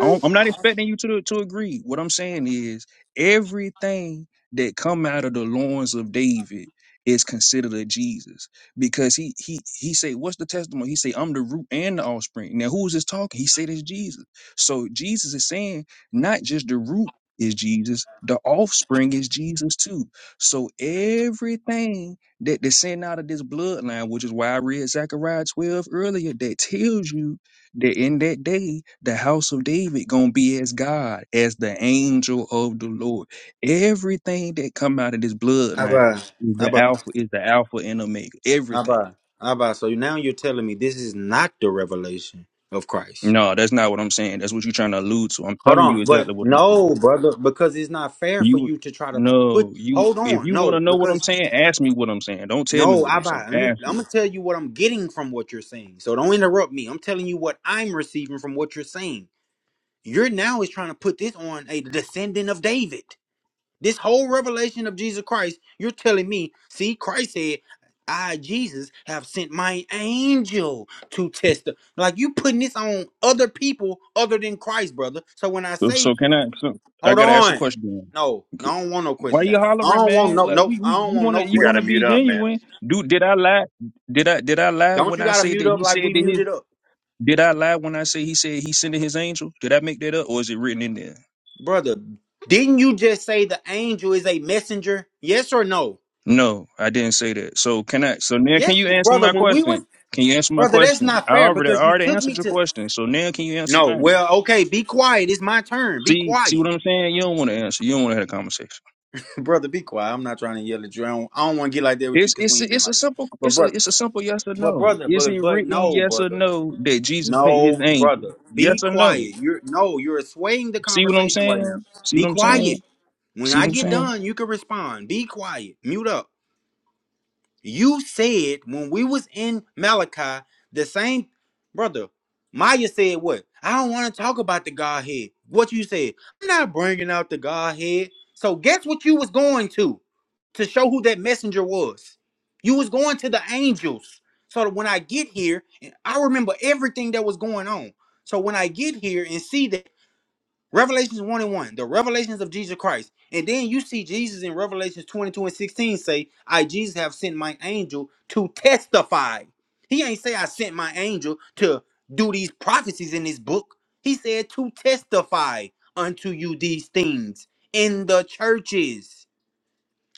[SPEAKER 6] I don't- I'm not expecting you to to agree. What I'm saying is everything that come out of the loins of David is considered a Jesus because he he he say what's the testimony? He say I'm the root and the offspring. Now who's this talking? He said it's Jesus. So Jesus is saying not just the root is Jesus, the offspring is Jesus too. So everything that descend out of this bloodline, which is why I read Zechariah 12 earlier, that tells you that in that day the house of David gonna be as God, as the angel of the Lord. Everything that come out of this bloodline
[SPEAKER 2] Abba,
[SPEAKER 6] is the
[SPEAKER 2] Abba,
[SPEAKER 6] alpha, is the alpha and omega. Everything.
[SPEAKER 2] Abba, Abba. So now you're telling me this is not the revelation of Christ.
[SPEAKER 6] No, that's not what I'm saying. That's what you're trying to allude to. I'm
[SPEAKER 2] Hold
[SPEAKER 6] telling
[SPEAKER 2] on,
[SPEAKER 6] you
[SPEAKER 2] but
[SPEAKER 6] exactly what I'm saying.
[SPEAKER 2] no, brother, because it's not fair for
[SPEAKER 6] You
[SPEAKER 2] you to try to put.
[SPEAKER 6] no, you
[SPEAKER 2] Hold
[SPEAKER 6] if
[SPEAKER 2] on,
[SPEAKER 6] you want to
[SPEAKER 2] no,
[SPEAKER 6] know what I'm
[SPEAKER 2] because
[SPEAKER 6] saying, ask me what I'm saying. Don't tell me
[SPEAKER 2] no,
[SPEAKER 6] what I'm
[SPEAKER 2] Abba.
[SPEAKER 6] saying.
[SPEAKER 2] Let me.
[SPEAKER 6] Ask
[SPEAKER 2] I'm
[SPEAKER 6] me.
[SPEAKER 2] gonna tell you what I'm getting from what you're saying. So don't interrupt me. I'm telling you what I'm receiving from what you're saying. You're now is trying to put this on a descendant of David. This whole revelation of Jesus Christ, you're telling me, see, Christ said, I, Jesus, have sent my angel to test the-" Like you putting this on other people other than Christ, brother. So when I
[SPEAKER 6] So,
[SPEAKER 2] say,
[SPEAKER 6] so can I? So I
[SPEAKER 2] hold
[SPEAKER 6] gotta ask a
[SPEAKER 2] on.
[SPEAKER 6] question.
[SPEAKER 2] No, no,
[SPEAKER 6] G-
[SPEAKER 2] I don't want no
[SPEAKER 6] Why
[SPEAKER 2] questions.
[SPEAKER 6] you
[SPEAKER 2] Aaron. I
[SPEAKER 6] hollering,
[SPEAKER 2] don't want
[SPEAKER 6] man?
[SPEAKER 2] no,
[SPEAKER 6] Like
[SPEAKER 2] no,
[SPEAKER 6] we,
[SPEAKER 2] I
[SPEAKER 6] we
[SPEAKER 2] don't
[SPEAKER 6] you
[SPEAKER 2] want
[SPEAKER 6] wanna
[SPEAKER 2] no
[SPEAKER 10] You
[SPEAKER 6] you
[SPEAKER 10] got to
[SPEAKER 6] wanna
[SPEAKER 2] questions.
[SPEAKER 10] mute
[SPEAKER 6] be
[SPEAKER 10] up, man.
[SPEAKER 6] genuine? Do did I lie? Did I did I lie
[SPEAKER 2] Don't
[SPEAKER 6] when
[SPEAKER 2] you
[SPEAKER 6] I
[SPEAKER 2] gotta
[SPEAKER 6] say
[SPEAKER 2] mute
[SPEAKER 6] that
[SPEAKER 2] up
[SPEAKER 6] he
[SPEAKER 2] like
[SPEAKER 6] said
[SPEAKER 2] we
[SPEAKER 6] that his?
[SPEAKER 2] muted up?
[SPEAKER 6] Did I lie when I say he said he sending his angel? Did I make that up, or is it written in there?
[SPEAKER 2] Brother, didn't you just say the angel is a messenger? Yes or no?
[SPEAKER 6] No, I didn't say that. So can I? So now can
[SPEAKER 2] Yes,
[SPEAKER 6] you
[SPEAKER 2] you-
[SPEAKER 6] answer
[SPEAKER 2] brother.
[SPEAKER 6] my
[SPEAKER 2] When we was
[SPEAKER 6] question? Can you answer my
[SPEAKER 2] brother, that's
[SPEAKER 6] question?
[SPEAKER 2] not
[SPEAKER 6] I
[SPEAKER 2] fair
[SPEAKER 6] already I
[SPEAKER 2] because you
[SPEAKER 6] already
[SPEAKER 2] took me
[SPEAKER 6] answered your
[SPEAKER 2] to
[SPEAKER 6] question. So now can you answer
[SPEAKER 2] No,
[SPEAKER 6] mine?
[SPEAKER 2] well, okay, be quiet. It's my turn. Be
[SPEAKER 6] See see
[SPEAKER 2] quiet.
[SPEAKER 6] what I'm saying? You don't want to answer. You don't want to have a conversation.
[SPEAKER 2] (laughs) brother, be quiet. I'm not trying to yell at you. I don't, I don't want to get like that with you
[SPEAKER 6] It's
[SPEAKER 2] because we
[SPEAKER 6] it's
[SPEAKER 2] ain't been
[SPEAKER 6] it's a
[SPEAKER 2] like that.
[SPEAKER 6] simple
[SPEAKER 2] But
[SPEAKER 6] it's a
[SPEAKER 2] brother,
[SPEAKER 6] it's a simple yes or
[SPEAKER 2] but
[SPEAKER 6] no.
[SPEAKER 2] brother,
[SPEAKER 6] Is
[SPEAKER 2] but
[SPEAKER 6] it
[SPEAKER 2] but
[SPEAKER 6] written
[SPEAKER 2] no,
[SPEAKER 6] yes or
[SPEAKER 2] brother.
[SPEAKER 6] no that Jesus sent his
[SPEAKER 2] No,
[SPEAKER 6] angel?
[SPEAKER 2] brother. Be
[SPEAKER 6] Yes or no?
[SPEAKER 2] quiet. You're no, you're swaying the
[SPEAKER 6] See what I'm
[SPEAKER 2] conversation right now.
[SPEAKER 6] saying? See
[SPEAKER 2] Be
[SPEAKER 6] what I'm
[SPEAKER 2] quiet.
[SPEAKER 6] saying?
[SPEAKER 2] When
[SPEAKER 6] See
[SPEAKER 2] I
[SPEAKER 6] what I'm
[SPEAKER 2] get
[SPEAKER 6] saying?
[SPEAKER 2] done, you can respond. Be quiet. Mute up. You said when we was in Malachi, the same brother, Maya said what? I don't want to talk about the Godhead. What you said? I'm not bringing out the Godhead. So guess what you was going to, to show who that messenger was. You was going to the angels. So that when I get here, and I remember everything that was going on. So when I get here and see that. Revelations 1 and 1, the revelations of Jesus Christ. And then you see Jesus in Revelations 22 and 16 say, I, Jesus, have sent my angel to testify. He ain't say, I sent my angel to do these prophecies in this book. He said, to testify unto you these things in the churches.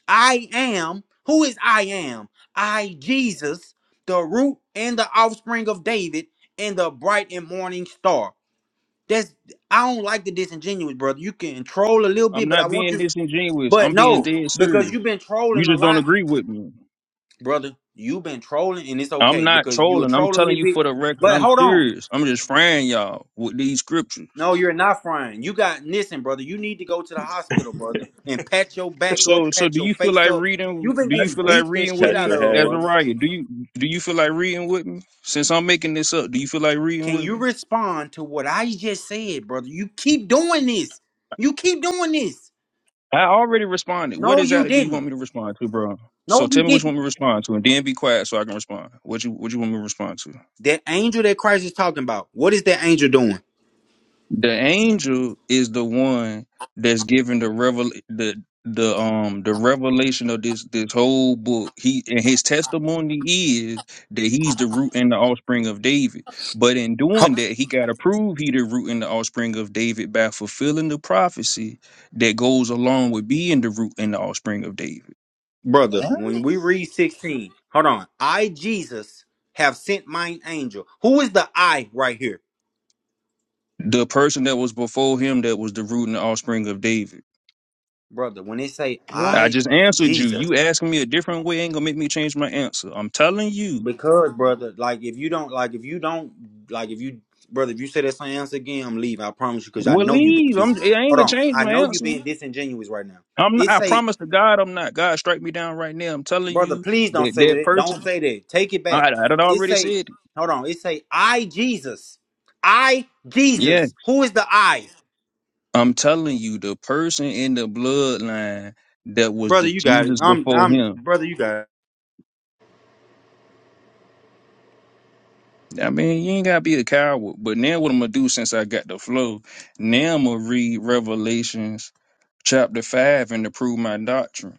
[SPEAKER 2] I am, who is I am? I, Jesus, the root and the offspring of David and the bright and morning star. That's I don't like the disingenuous, brother. You can troll a little bit,
[SPEAKER 6] I'm
[SPEAKER 2] but I
[SPEAKER 6] not
[SPEAKER 2] want
[SPEAKER 6] being
[SPEAKER 2] you.
[SPEAKER 6] disingenuous.
[SPEAKER 2] But
[SPEAKER 6] I'm being
[SPEAKER 2] no,
[SPEAKER 6] dead
[SPEAKER 2] because
[SPEAKER 6] serious.
[SPEAKER 2] you've been
[SPEAKER 6] You
[SPEAKER 2] trolling a
[SPEAKER 6] just don't
[SPEAKER 2] lot,
[SPEAKER 6] agree with me.
[SPEAKER 2] brother. You've been trolling, and it's
[SPEAKER 6] I'm
[SPEAKER 2] okay
[SPEAKER 6] not
[SPEAKER 2] because you a
[SPEAKER 6] trolling. I'm
[SPEAKER 2] troll a
[SPEAKER 6] telling
[SPEAKER 2] little
[SPEAKER 6] you
[SPEAKER 2] bit.
[SPEAKER 6] for the record.
[SPEAKER 2] But
[SPEAKER 6] I'm
[SPEAKER 2] hold on,
[SPEAKER 6] serious. I'm just frying y'all with these scriptures.
[SPEAKER 2] no, you're not frying. You got listen, brother. You need to go to the hospital, brother, and pat your back
[SPEAKER 6] So
[SPEAKER 2] up,
[SPEAKER 6] so
[SPEAKER 2] pat
[SPEAKER 6] do
[SPEAKER 2] your
[SPEAKER 6] you feel
[SPEAKER 2] face
[SPEAKER 6] like
[SPEAKER 2] up.
[SPEAKER 6] reading
[SPEAKER 2] You've been
[SPEAKER 6] do you
[SPEAKER 10] Touch
[SPEAKER 2] getting
[SPEAKER 6] feel
[SPEAKER 10] your,
[SPEAKER 6] like
[SPEAKER 2] beat the
[SPEAKER 6] reading with
[SPEAKER 2] shit
[SPEAKER 10] touch
[SPEAKER 2] out
[SPEAKER 6] me,
[SPEAKER 10] your
[SPEAKER 2] of, brother.
[SPEAKER 10] head.
[SPEAKER 6] Azariah? Do you do you feel like reading with me? Since I'm making this up, do you feel like reading
[SPEAKER 2] Can
[SPEAKER 6] with
[SPEAKER 2] you
[SPEAKER 6] me?
[SPEAKER 2] respond to what I just said, brother? You keep doing this. You keep doing this.
[SPEAKER 6] I already responded. What
[SPEAKER 2] No, you
[SPEAKER 6] exactly do you
[SPEAKER 2] didn't.
[SPEAKER 6] want me to respond to, bro?
[SPEAKER 2] No,
[SPEAKER 6] So
[SPEAKER 2] you
[SPEAKER 6] tell me what you
[SPEAKER 2] didn't.
[SPEAKER 6] want me to respond to, and then be quiet so I can respond. What you What you want me to respond to?
[SPEAKER 2] That angel that Christ is talking about, what is that angel doing?
[SPEAKER 6] The angel is the one that's given the revel the the um the revelation of this this whole book. He and his testimony is that he's the root and the offspring of David. But in doing
[SPEAKER 2] Ho-
[SPEAKER 6] that, he got to prove he the root and the offspring of David by fulfilling the prophecy that goes along with being the root and the offspring of David.
[SPEAKER 2] Brother, when we read 16, hold on. I, Jesus, have sent mine angel. Who is the I right here?
[SPEAKER 6] The person that was before him that was the root and the offspring of David.
[SPEAKER 2] Brother, when they say
[SPEAKER 6] I
[SPEAKER 2] I,
[SPEAKER 6] just answered you.
[SPEAKER 2] Jesus,
[SPEAKER 6] You asking me a different way ain't gonna make me change my answer. I'm telling you.
[SPEAKER 2] because, brother, like if you don't, like if you don't, like if you, brother, if you say that same answer again, I'm leaving. I promise you, because I
[SPEAKER 6] Well,
[SPEAKER 2] know you being
[SPEAKER 6] leave. I'm,
[SPEAKER 2] disingenuous.
[SPEAKER 6] I ain't
[SPEAKER 2] Hold
[SPEAKER 6] gonna
[SPEAKER 2] on.
[SPEAKER 6] change
[SPEAKER 2] I
[SPEAKER 6] my
[SPEAKER 2] know you
[SPEAKER 6] answer.
[SPEAKER 2] being disingenuous right now.
[SPEAKER 6] I'm. Not,
[SPEAKER 2] It
[SPEAKER 6] I
[SPEAKER 2] say
[SPEAKER 6] promise to God, I'm not. God, strike me down right now. I'm telling
[SPEAKER 2] Brother,
[SPEAKER 6] you
[SPEAKER 2] please don't
[SPEAKER 6] that
[SPEAKER 2] say
[SPEAKER 6] that
[SPEAKER 2] that. Don't
[SPEAKER 6] person.
[SPEAKER 2] say that. Take it back.
[SPEAKER 6] I, I done
[SPEAKER 2] It
[SPEAKER 6] already
[SPEAKER 2] say,
[SPEAKER 6] said it.
[SPEAKER 2] hold on. It say, I Jesus, I
[SPEAKER 6] Yeah,
[SPEAKER 2] Jesus. Who is the I?
[SPEAKER 6] I'm telling you, the person in the bloodline that was
[SPEAKER 2] Brother,
[SPEAKER 6] the
[SPEAKER 2] you got it.
[SPEAKER 6] Jesus
[SPEAKER 2] I'm,
[SPEAKER 6] before him.
[SPEAKER 2] I'm, brother, you got it.
[SPEAKER 6] I mean, you ain't gotta be a coward. But now what I'm gonna do since I got the flow, now I'm gonna read Revelations chapter five and to prove my doctrine.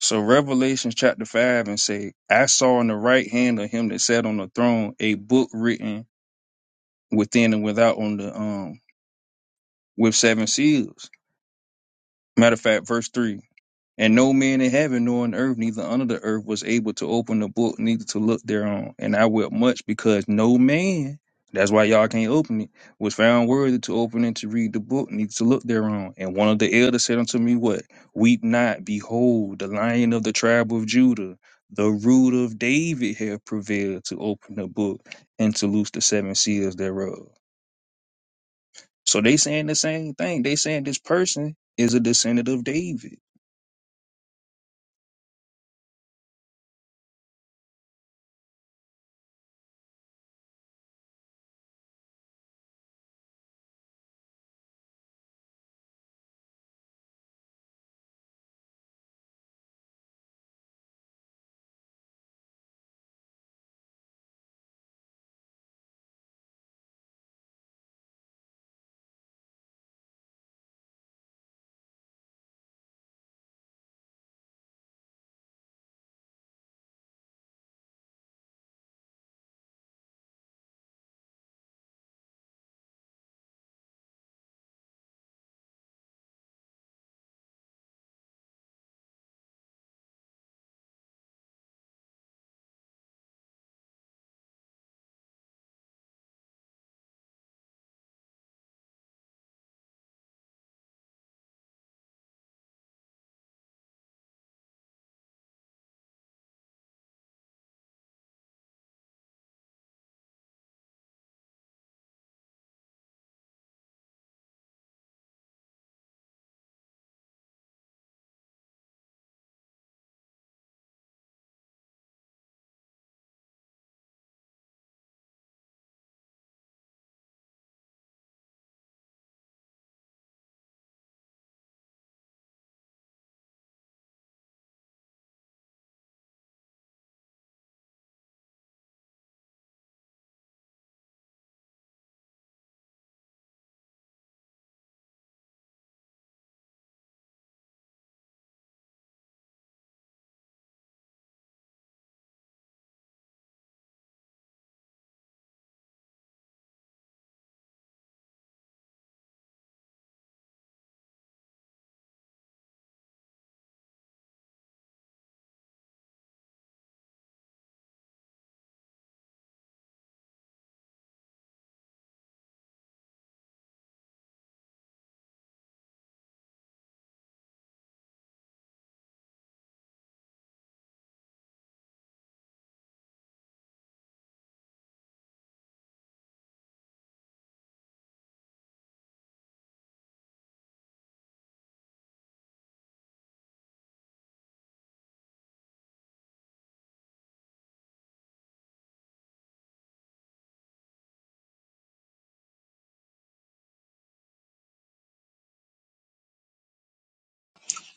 [SPEAKER 6] So Revelations chapter five and say, I saw in the right hand of him that sat on the throne a book written within and without on the um with seven seals. Matter of fact, verse three. And no man in heaven nor in earth, neither under the earth, was able to open the book, neither to look thereon. And I wept much because no man, that's why y'all can't open it, was found worthy to open and to read the book, neither to look thereon. And one of the elders said unto me, What? Weep not, behold, the lion of the tribe of Judah, the root of David hath prevailed to open the book and to loose the seven seals thereof. So they saying the same thing. They saying this person is a descendant of David.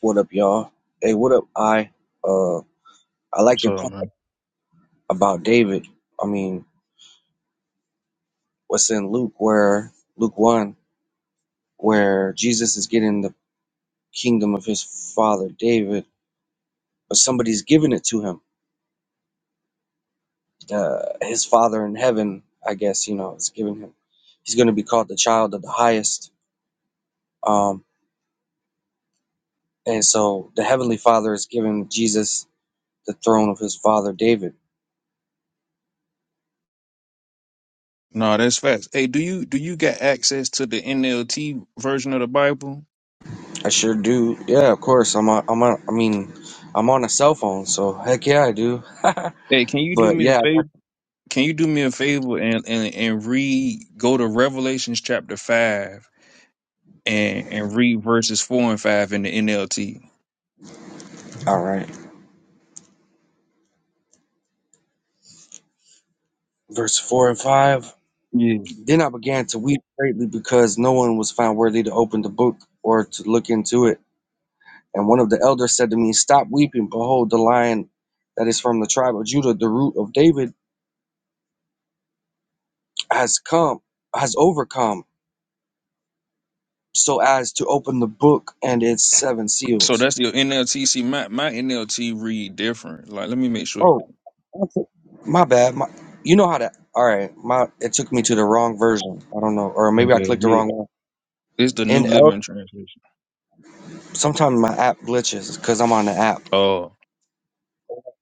[SPEAKER 12] What up, y'all? Hey, what up? I uh, I like
[SPEAKER 6] What's
[SPEAKER 12] your
[SPEAKER 6] up,
[SPEAKER 12] point
[SPEAKER 6] man?
[SPEAKER 12] about David. I mean, what's in Luke, where Luke one, where Jesus is getting the kingdom of his father David, but somebody's giving it to him. The, his father in heaven, I guess you know, is giving him. He's going to be called the child of the highest. Um, and so the heavenly Father is giving Jesus the throne of his father David.
[SPEAKER 6] No, that's facts. Hey, do you do you get access to the NLT version of the Bible?
[SPEAKER 12] I sure do. Yeah, of course. I'm a, I'm a, I mean, I'm on a cell phone, so heck yeah, I do. (laughs)
[SPEAKER 6] Hey, can you do
[SPEAKER 12] But
[SPEAKER 6] me a
[SPEAKER 12] yeah,
[SPEAKER 6] favor? Can you do me a favor and and, and read go to Revelations chapter five and and read verses four and five in the NLT?
[SPEAKER 12] all right. Verse 4 and 5.
[SPEAKER 6] Yeah.
[SPEAKER 12] Then I began to weep greatly because no one was found worthy to open the book or to look into it. And one of the elders said to me, Stop weeping. Behold, the lion that is from the tribe of Judah, the root of David, has come, has overcome, so as to open the book and its seven seals.
[SPEAKER 6] So that's your NLT. See, my my NLT read different. Like, let me make sure.
[SPEAKER 12] Oh, that's it. my bad. My, you know how to. All right, my it took me to the wrong version. I don't know, or maybe I
[SPEAKER 6] Okay.
[SPEAKER 12] clicked the
[SPEAKER 6] Yeah.
[SPEAKER 12] wrong one.
[SPEAKER 6] It's the
[SPEAKER 12] In
[SPEAKER 6] New
[SPEAKER 12] L,
[SPEAKER 6] Living Translation.
[SPEAKER 12] sometimes my app glitches because I'm on the app.
[SPEAKER 6] Oh.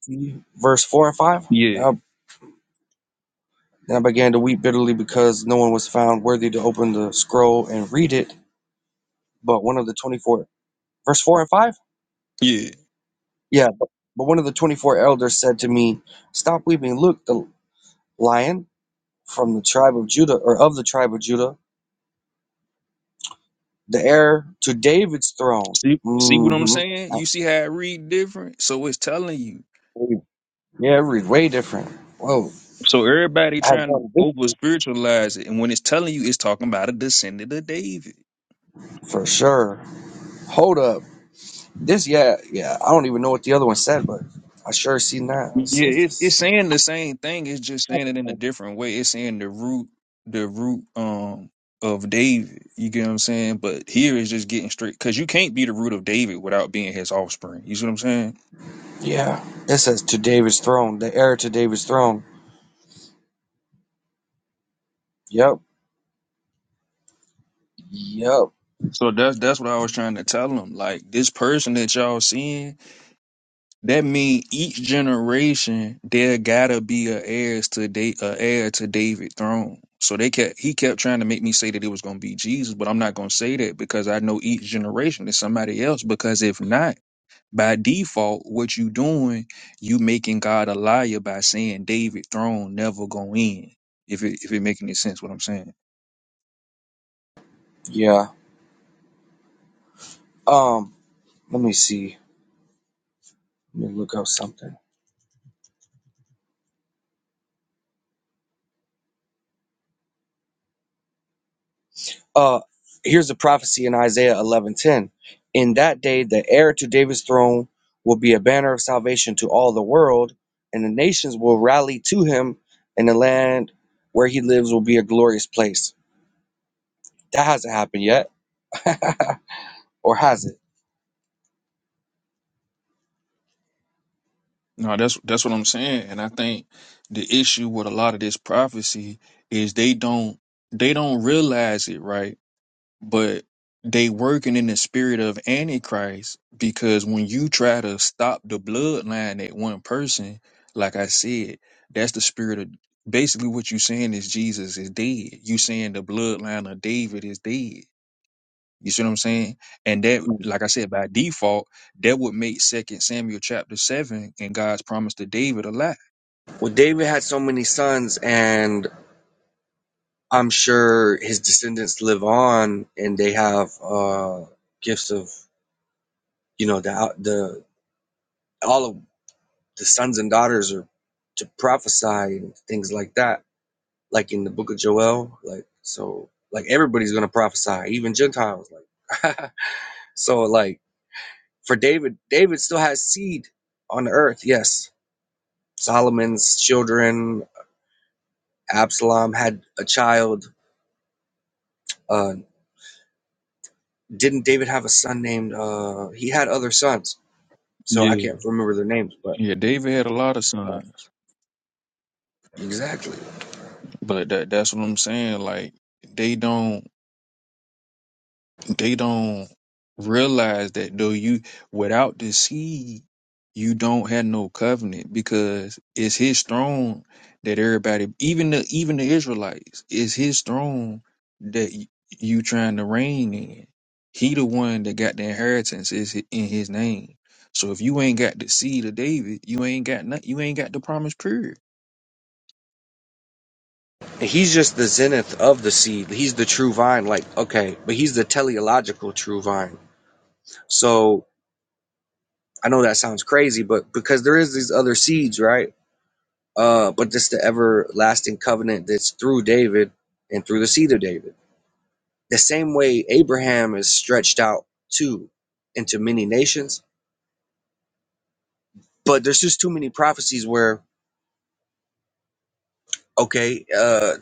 [SPEAKER 12] See, Verse four and five.
[SPEAKER 6] Yeah.
[SPEAKER 12] Uh, and I began to weep bitterly because no one was found worthy to open the scroll and read it. But one of the twenty-four, verse four and five.
[SPEAKER 6] Yeah.
[SPEAKER 12] Yeah, but, but one of the twenty-four elders said to me, "Stop weeping. Look, the lion from the tribe of Judah, or of the tribe of Judah." the heir to David's throne.
[SPEAKER 6] See, see what I'm
[SPEAKER 12] hmm
[SPEAKER 6] saying? You see how it read different? So it's telling you.
[SPEAKER 12] Yeah, every way different. Whoa,
[SPEAKER 6] So everybody
[SPEAKER 12] I have
[SPEAKER 6] trying to
[SPEAKER 12] won
[SPEAKER 6] over
[SPEAKER 12] victory
[SPEAKER 6] spiritualize it, and when it's telling you, it's talking about a descendant of David.
[SPEAKER 12] for sure. Hold up, this yeah yeah. I don't even know what the other one said, but I sure seen that. It says
[SPEAKER 6] Yeah, it, it's
[SPEAKER 12] this-
[SPEAKER 6] saying the same thing. It's just saying it in a different way. It's saying the root, the root um of David. You get what I'm saying? But here is just getting straight because you can't be the root of David without being his offspring. You see what I'm saying?
[SPEAKER 12] Yeah, it says to David's throne, the heir to David's throne. Yep, yep,
[SPEAKER 6] So that's that's what I was trying to tell him. Like this person that y'all seeing That mean each generation there gotta be a heirs to da- a heir to David throne. So they kept he kept trying to make me say that it was gonna be Jesus, but I'm not gonna say that because I know each generation is somebody else. Because if not, by default, what you doing, you making God a liar by saying David throne never gonna end. If it if it making any sense what I'm saying.
[SPEAKER 12] yeah. Um, let me see. Let me look up something. uh here's a prophecy in isaiah 11 10. in that day the heir to david's throne will be a banner of salvation to all the world and the nations will rally to him and the land where he lives will be a glorious place that hasn't happened yet (laughs) or has it
[SPEAKER 6] No, that's that's what I'm saying. And I think the issue with a lot of this prophecy is they don't they don't realize it, right? but they working in the spirit of antichrist because when you try to stop the bloodline at one person like i said that's the spirit of basically what you saying is jesus is dead you saying the bloodline of david is dead you see what i'm saying and that like i said by default that would make second samuel chapter 7 and god's promise to david a lie
[SPEAKER 12] well david had so many sons and i'm sure his descendants live on and they have uh gifts of you know the the all of the sons and daughters are to prophesy and things like that, like in the book of Joel. Like so, like everybody's gonna prophesy, even Gentiles. Like (laughs) so, like for David, David still has seed on the earth. Yes, Solomon's children, Absalom had a child. Uh, didn't David have a son named? Uh, he had other sons, so I
[SPEAKER 6] yeah
[SPEAKER 12] can't remember their names, but
[SPEAKER 6] yeah david had a lot of sons
[SPEAKER 12] exactly.
[SPEAKER 6] but that that's what i'm saying like they don't they don't realize that though you without the seed you don't have no covenant because it's his throne that everybody even the even the israelites it's his throne that y- you trying to reign in he the one that got the inheritance is hi- in his name so if you ain't got the seed of david you ain't got nothing you ain't got the promise period
[SPEAKER 12] He's just the zenith of the seed. He's the true vine, like, okay, but he's the teleological true vine. So I know that sounds crazy, but because there is these other seeds, right? Uh, but this the everlasting covenant that's through David and through the seed of David. The same way Abraham is stretched out too into many nations. But there's just too many prophecies where, okay, uh,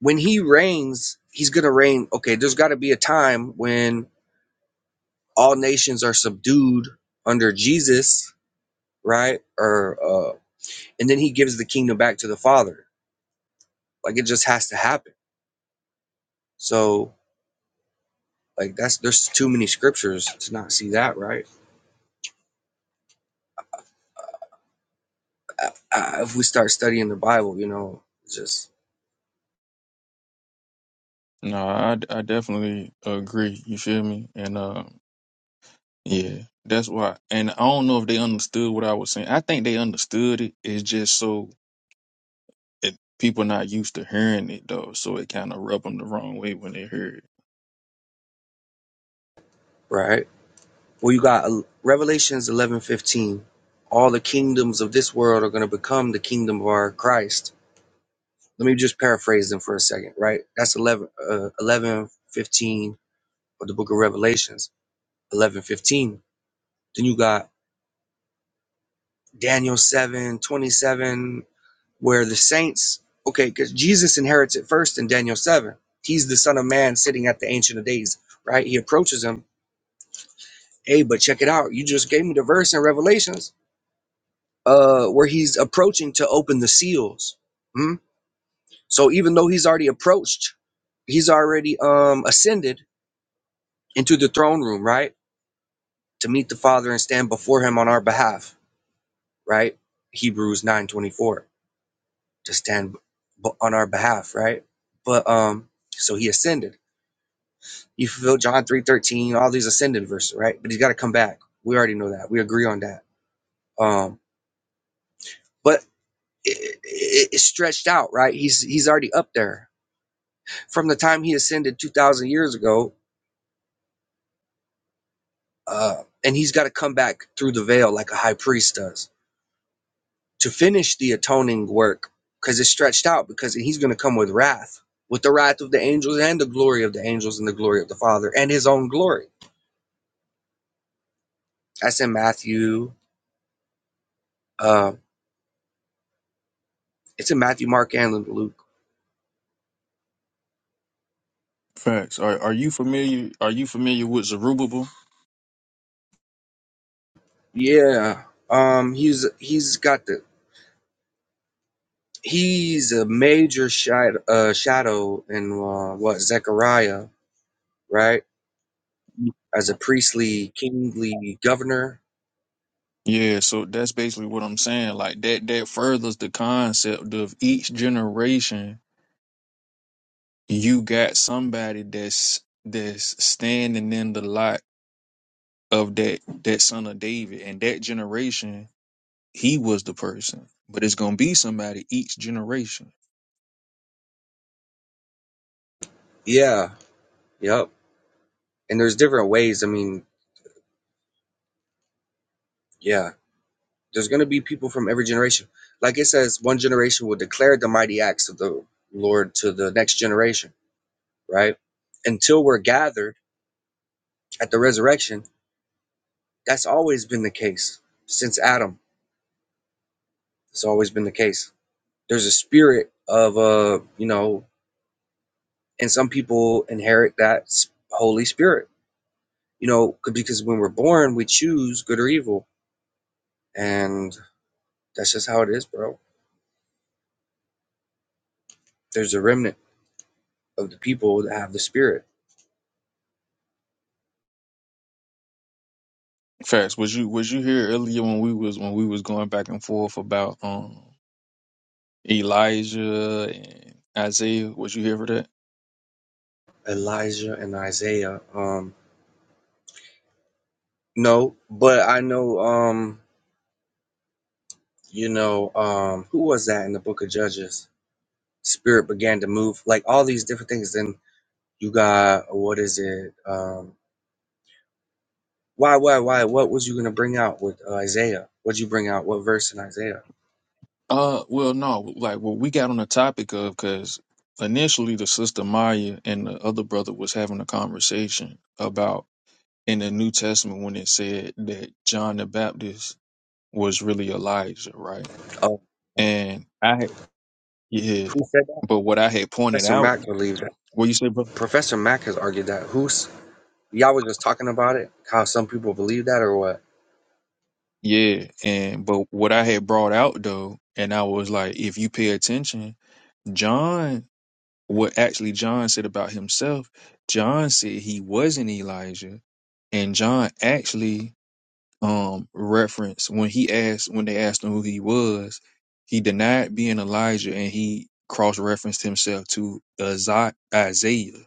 [SPEAKER 12] when he reigns, he's gonna reign. Okay, there's gotta be a time when all nations are subdued under Jesus, right? Or uh, and then he gives the kingdom back to the Father. Like it just has to happen. So like that's there's too many scriptures to not see that, right? I, I, if we start studying the Bible, you know, just
[SPEAKER 6] no i, I definitely agree you feel me and uh Yeah, that's why. And I don't know if they understood what I was saying. I think they understood it. It's just so it, people not used to hearing it though, so it kind of rubbed them the wrong way when they heard it.
[SPEAKER 12] right. Well, you got uh, Revelations eleven fifteen. All the kingdoms of this world are going to become the kingdom of our Christ. Let me just paraphrase them for a second, right? That's 11, uh, 11 fifteen of the book of Revelations eleven fifteen. Then you got Daniel seven twenty seven, where the saints, okay, because Jesus inherits it first in Daniel 7. He's the Son of Man sitting at the Ancient of Days, right? He approaches him. Hey, but check it out. You just gave me the verse in Revelations uh, where he's approaching to open the seals. Hmm? So even though he's already approached, he's already um, ascended into the throne room, right? To meet the Father and stand before him on our behalf, right? Hebrews nine twenty four. to stand b- on our behalf, right? But um, so he ascended. He fulfilled John three thirteen, all these ascended verses, right? But he's got to come back. We already know that. We agree on that. Um, but it, it, it's stretched out, right? He's he's already up there from the time he ascended two thousand years ago, uh, and he's got to come back through the veil like a high priest does to finish the atoning work because it's stretched out because he's going to come with wrath with the wrath of the angels and the glory of the angels and the glory of the father and his own glory That's in Matthew. Uh, it's in Matthew, Mark, and Luke.
[SPEAKER 6] Facts. Are Are you familiar? Are you familiar with Zerubbabel?
[SPEAKER 12] Yeah. Um. He's he's got the he's a major shadow uh, shadow in uh, what Zechariah right as a priestly kingly governor.
[SPEAKER 6] Yeah, so that's basically what I'm saying. Like that that furthers the concept of each generation you got somebody that's that's standing in the light of that that son of David and that generation He was the person, but it's gonna be somebody each generation.
[SPEAKER 12] Yeah. Yep. And there's different ways. I mean, yeah. There's gonna be people from every generation. Like it says, one generation will declare the mighty acts of the Lord to the next generation. Right. Until we're gathered at the resurrection That's always been the case since Adam. It's always been the case. There's a spirit of uh, you know, and some people inherit that Holy Spirit. You know, because when we're born, we choose good or evil, and that's just how it is, bro. There's a remnant of the people that have the spirit.
[SPEAKER 6] Facts. Was you was you here earlier when we was when we was going back and forth about um Elijah and Isaiah? Was you here for that?
[SPEAKER 12] Elijah and Isaiah. Um, no, but I know. Um, you know, um, who was that in the Book of Judges? Spirit began to move, like all these different things. Then You got what is it? Um, why, why, why? What was you gonna bring out with uh, Isaiah? What'd you bring out? What verse in Isaiah?
[SPEAKER 6] Uh, well, no. Like what we got on the topic of because initially the sister Maya and the other brother was having a conversation about in the New Testament when it said that John the Baptist was really Elijah, right?
[SPEAKER 12] Oh,
[SPEAKER 6] And I had, yeah,
[SPEAKER 12] who said that?
[SPEAKER 6] but what I had pointed
[SPEAKER 12] Professor
[SPEAKER 6] out
[SPEAKER 12] Mack believed that.
[SPEAKER 6] What you say, bro?
[SPEAKER 12] Professor Mack has argued that. Who's y'all was just talking about it? How some people believe that or what?
[SPEAKER 6] Yeah, and but what I had brought out though, and I was like, if you pay attention, John, what actually John said about himself, John said he wasn't Elijah, and John actually um referenced when he asked when they asked him who he was, he denied being Elijah, and he cross-referenced himself to Isa- Isaiah.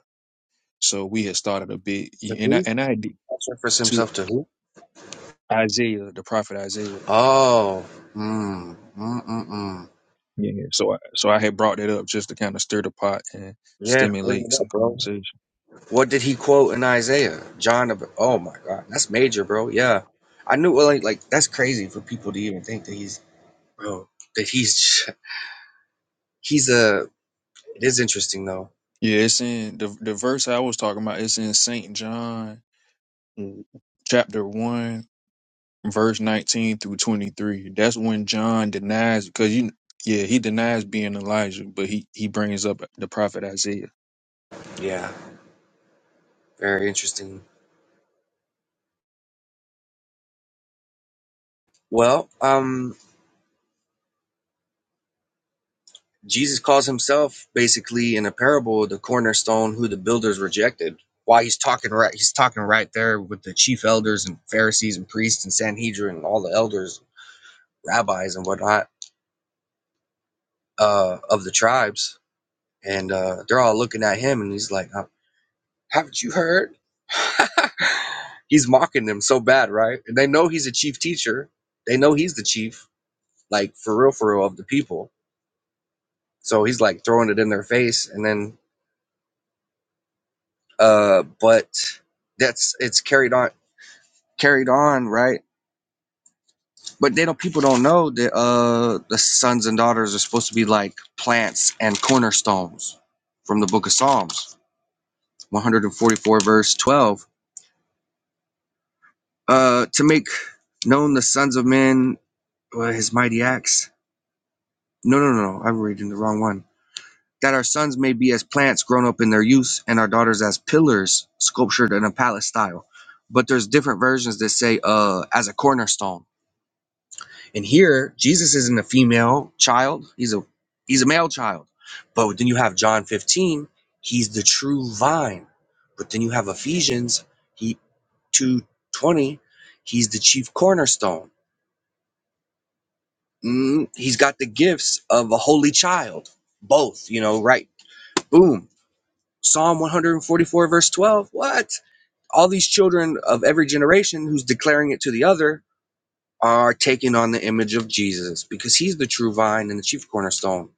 [SPEAKER 6] So we had started a bit,
[SPEAKER 12] To
[SPEAKER 6] and I
[SPEAKER 12] who?
[SPEAKER 6] and I did
[SPEAKER 12] That's refers
[SPEAKER 6] to
[SPEAKER 12] himself to who?
[SPEAKER 6] Isaiah, the prophet Isaiah.
[SPEAKER 12] Oh, mm, mm, mm, mm.
[SPEAKER 6] Yeah, yeah. So, I, so I had brought that up just to kind of stir the pot and
[SPEAKER 12] Yes, bring
[SPEAKER 6] stimulate
[SPEAKER 12] it
[SPEAKER 6] some
[SPEAKER 12] up, bro.
[SPEAKER 6] conversation.
[SPEAKER 12] What did he quote in Isaiah? John. the- Oh my God, that's major, bro. Yeah, I knew. Well, like, like that's crazy for people to even think that he's Oh, that he's he's a. It is interesting though.
[SPEAKER 6] Yeah, it's in the the verse I was talking about. It's in Saint John, mm, chapter one, verse nineteen through twenty three. That's when John denies because you, yeah, he denies being Elijah, but he he brings up the prophet Isaiah.
[SPEAKER 12] Yeah. Very interesting. Well, um, Jesus calls himself basically in a parable the cornerstone who the builders rejected. Why he's talking right, he's talking right there with the chief elders and Pharisees and priests and Sanhedrin and all the elders, rabbis and whatnot uh, of the tribes, and uh, they're all looking at him, and he's like, I'm, Haven't you heard? (laughs) he's mocking them so bad, right? And they know he's a chief teacher. They know he's the chief, like for real, for real, of the people. So he's like throwing it in their face, and then, uh, but that's it's carried on, carried on, right? But they don't. People don't know that uh, the sons and daughters are supposed to be like plants and cornerstones from the Book of Psalms, one hundred and forty-four, verse twelve. Uh, to make known the sons of men uh, his mighty acts No, no, no, no. I'm reading the wrong one. That our sons may be as plants grown up in their youth, and our daughters as pillars sculptured in a palace style. But there's different versions that say uh as a cornerstone. And here Jesus isn't a female child, he's a he's a male child. But then you have John 15, he's the true vine. But then you have Ephesians, he 220, he's the chief cornerstone. Mm, he's got the gifts of a holy child. Both, you know, right? Boom Psalm 144, verse 12. What? All these children of every generation who's declaring it to the other are taking on the image of Jesus because he's the true vine and the chief cornerstone.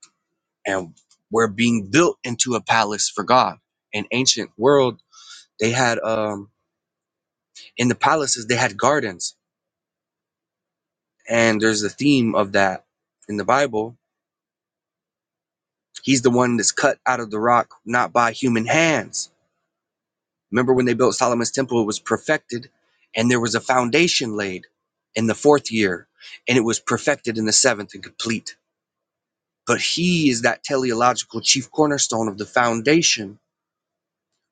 [SPEAKER 12] And we're being built into a palace for God. In ancient world, they had um in the palaces they had gardens. And there's a theme of that in the Bible. He's the one that's cut out of the rock, not by human hands Remember when they built Solomon's temple, it was perfected and there was a foundation laid in the fourth year and it was perfected in the seventh and complete. But he is that teleological chief cornerstone of the foundation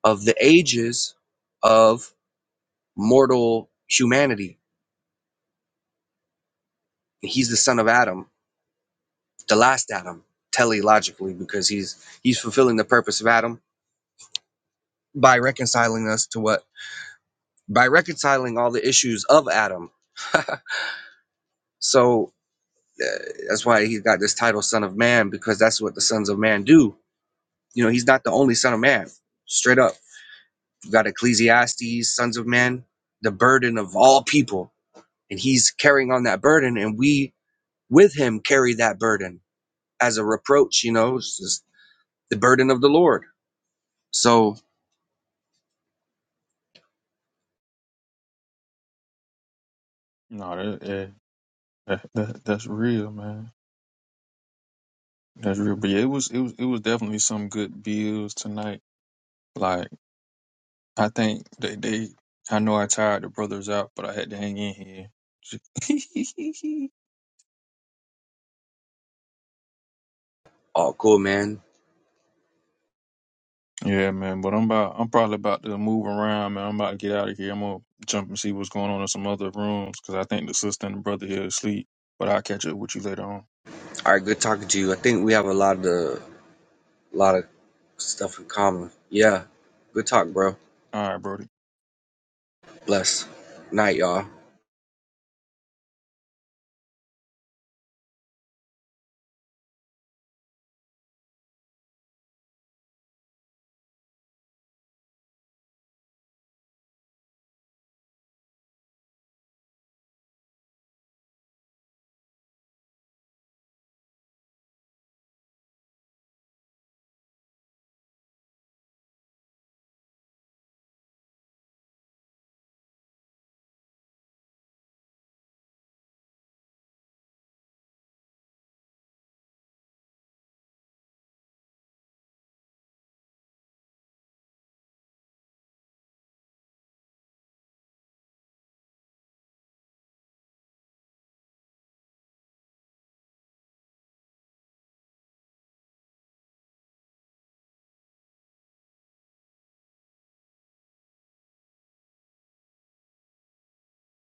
[SPEAKER 12] of the ages of mortal humanity. He's the son of Adam, the last Adam, teleologically, because he's he's fulfilling the purpose of Adam by reconciling us to what? By reconciling all the issues of Adam. (laughs) so uh, That's why he got this title, Son of Man, because that's what the sons of man do. You know, he's not the only Son of Man. Straight up, you got Ecclesiastes, Sons of Man, the burden of all people, and he's carrying on that burden, and we with him carry that burden as a reproach. You know, it's just the burden of the Lord. So,
[SPEAKER 6] No, that, yeah, that, that that's real, man. That's real. But yeah, it was it was it was definitely some good bills tonight. Like. I think they, they I know I tired the brothers out, but I had to hang in here.
[SPEAKER 12] oh, cool, man.
[SPEAKER 6] (laughs) yeah, man. But I'm about I'm probably about to move around, man. I'm about to get out of here. I'm gonna jump and see what's going on in some other rooms because I think the sister and the brother here asleep. But I'll catch up with you later on.
[SPEAKER 12] All right, good talking to you. I think we have a lot of the, a lot of stuff in common. Yeah, good talk, bro.
[SPEAKER 6] All right, brody.
[SPEAKER 12] Bless. Night, y'all.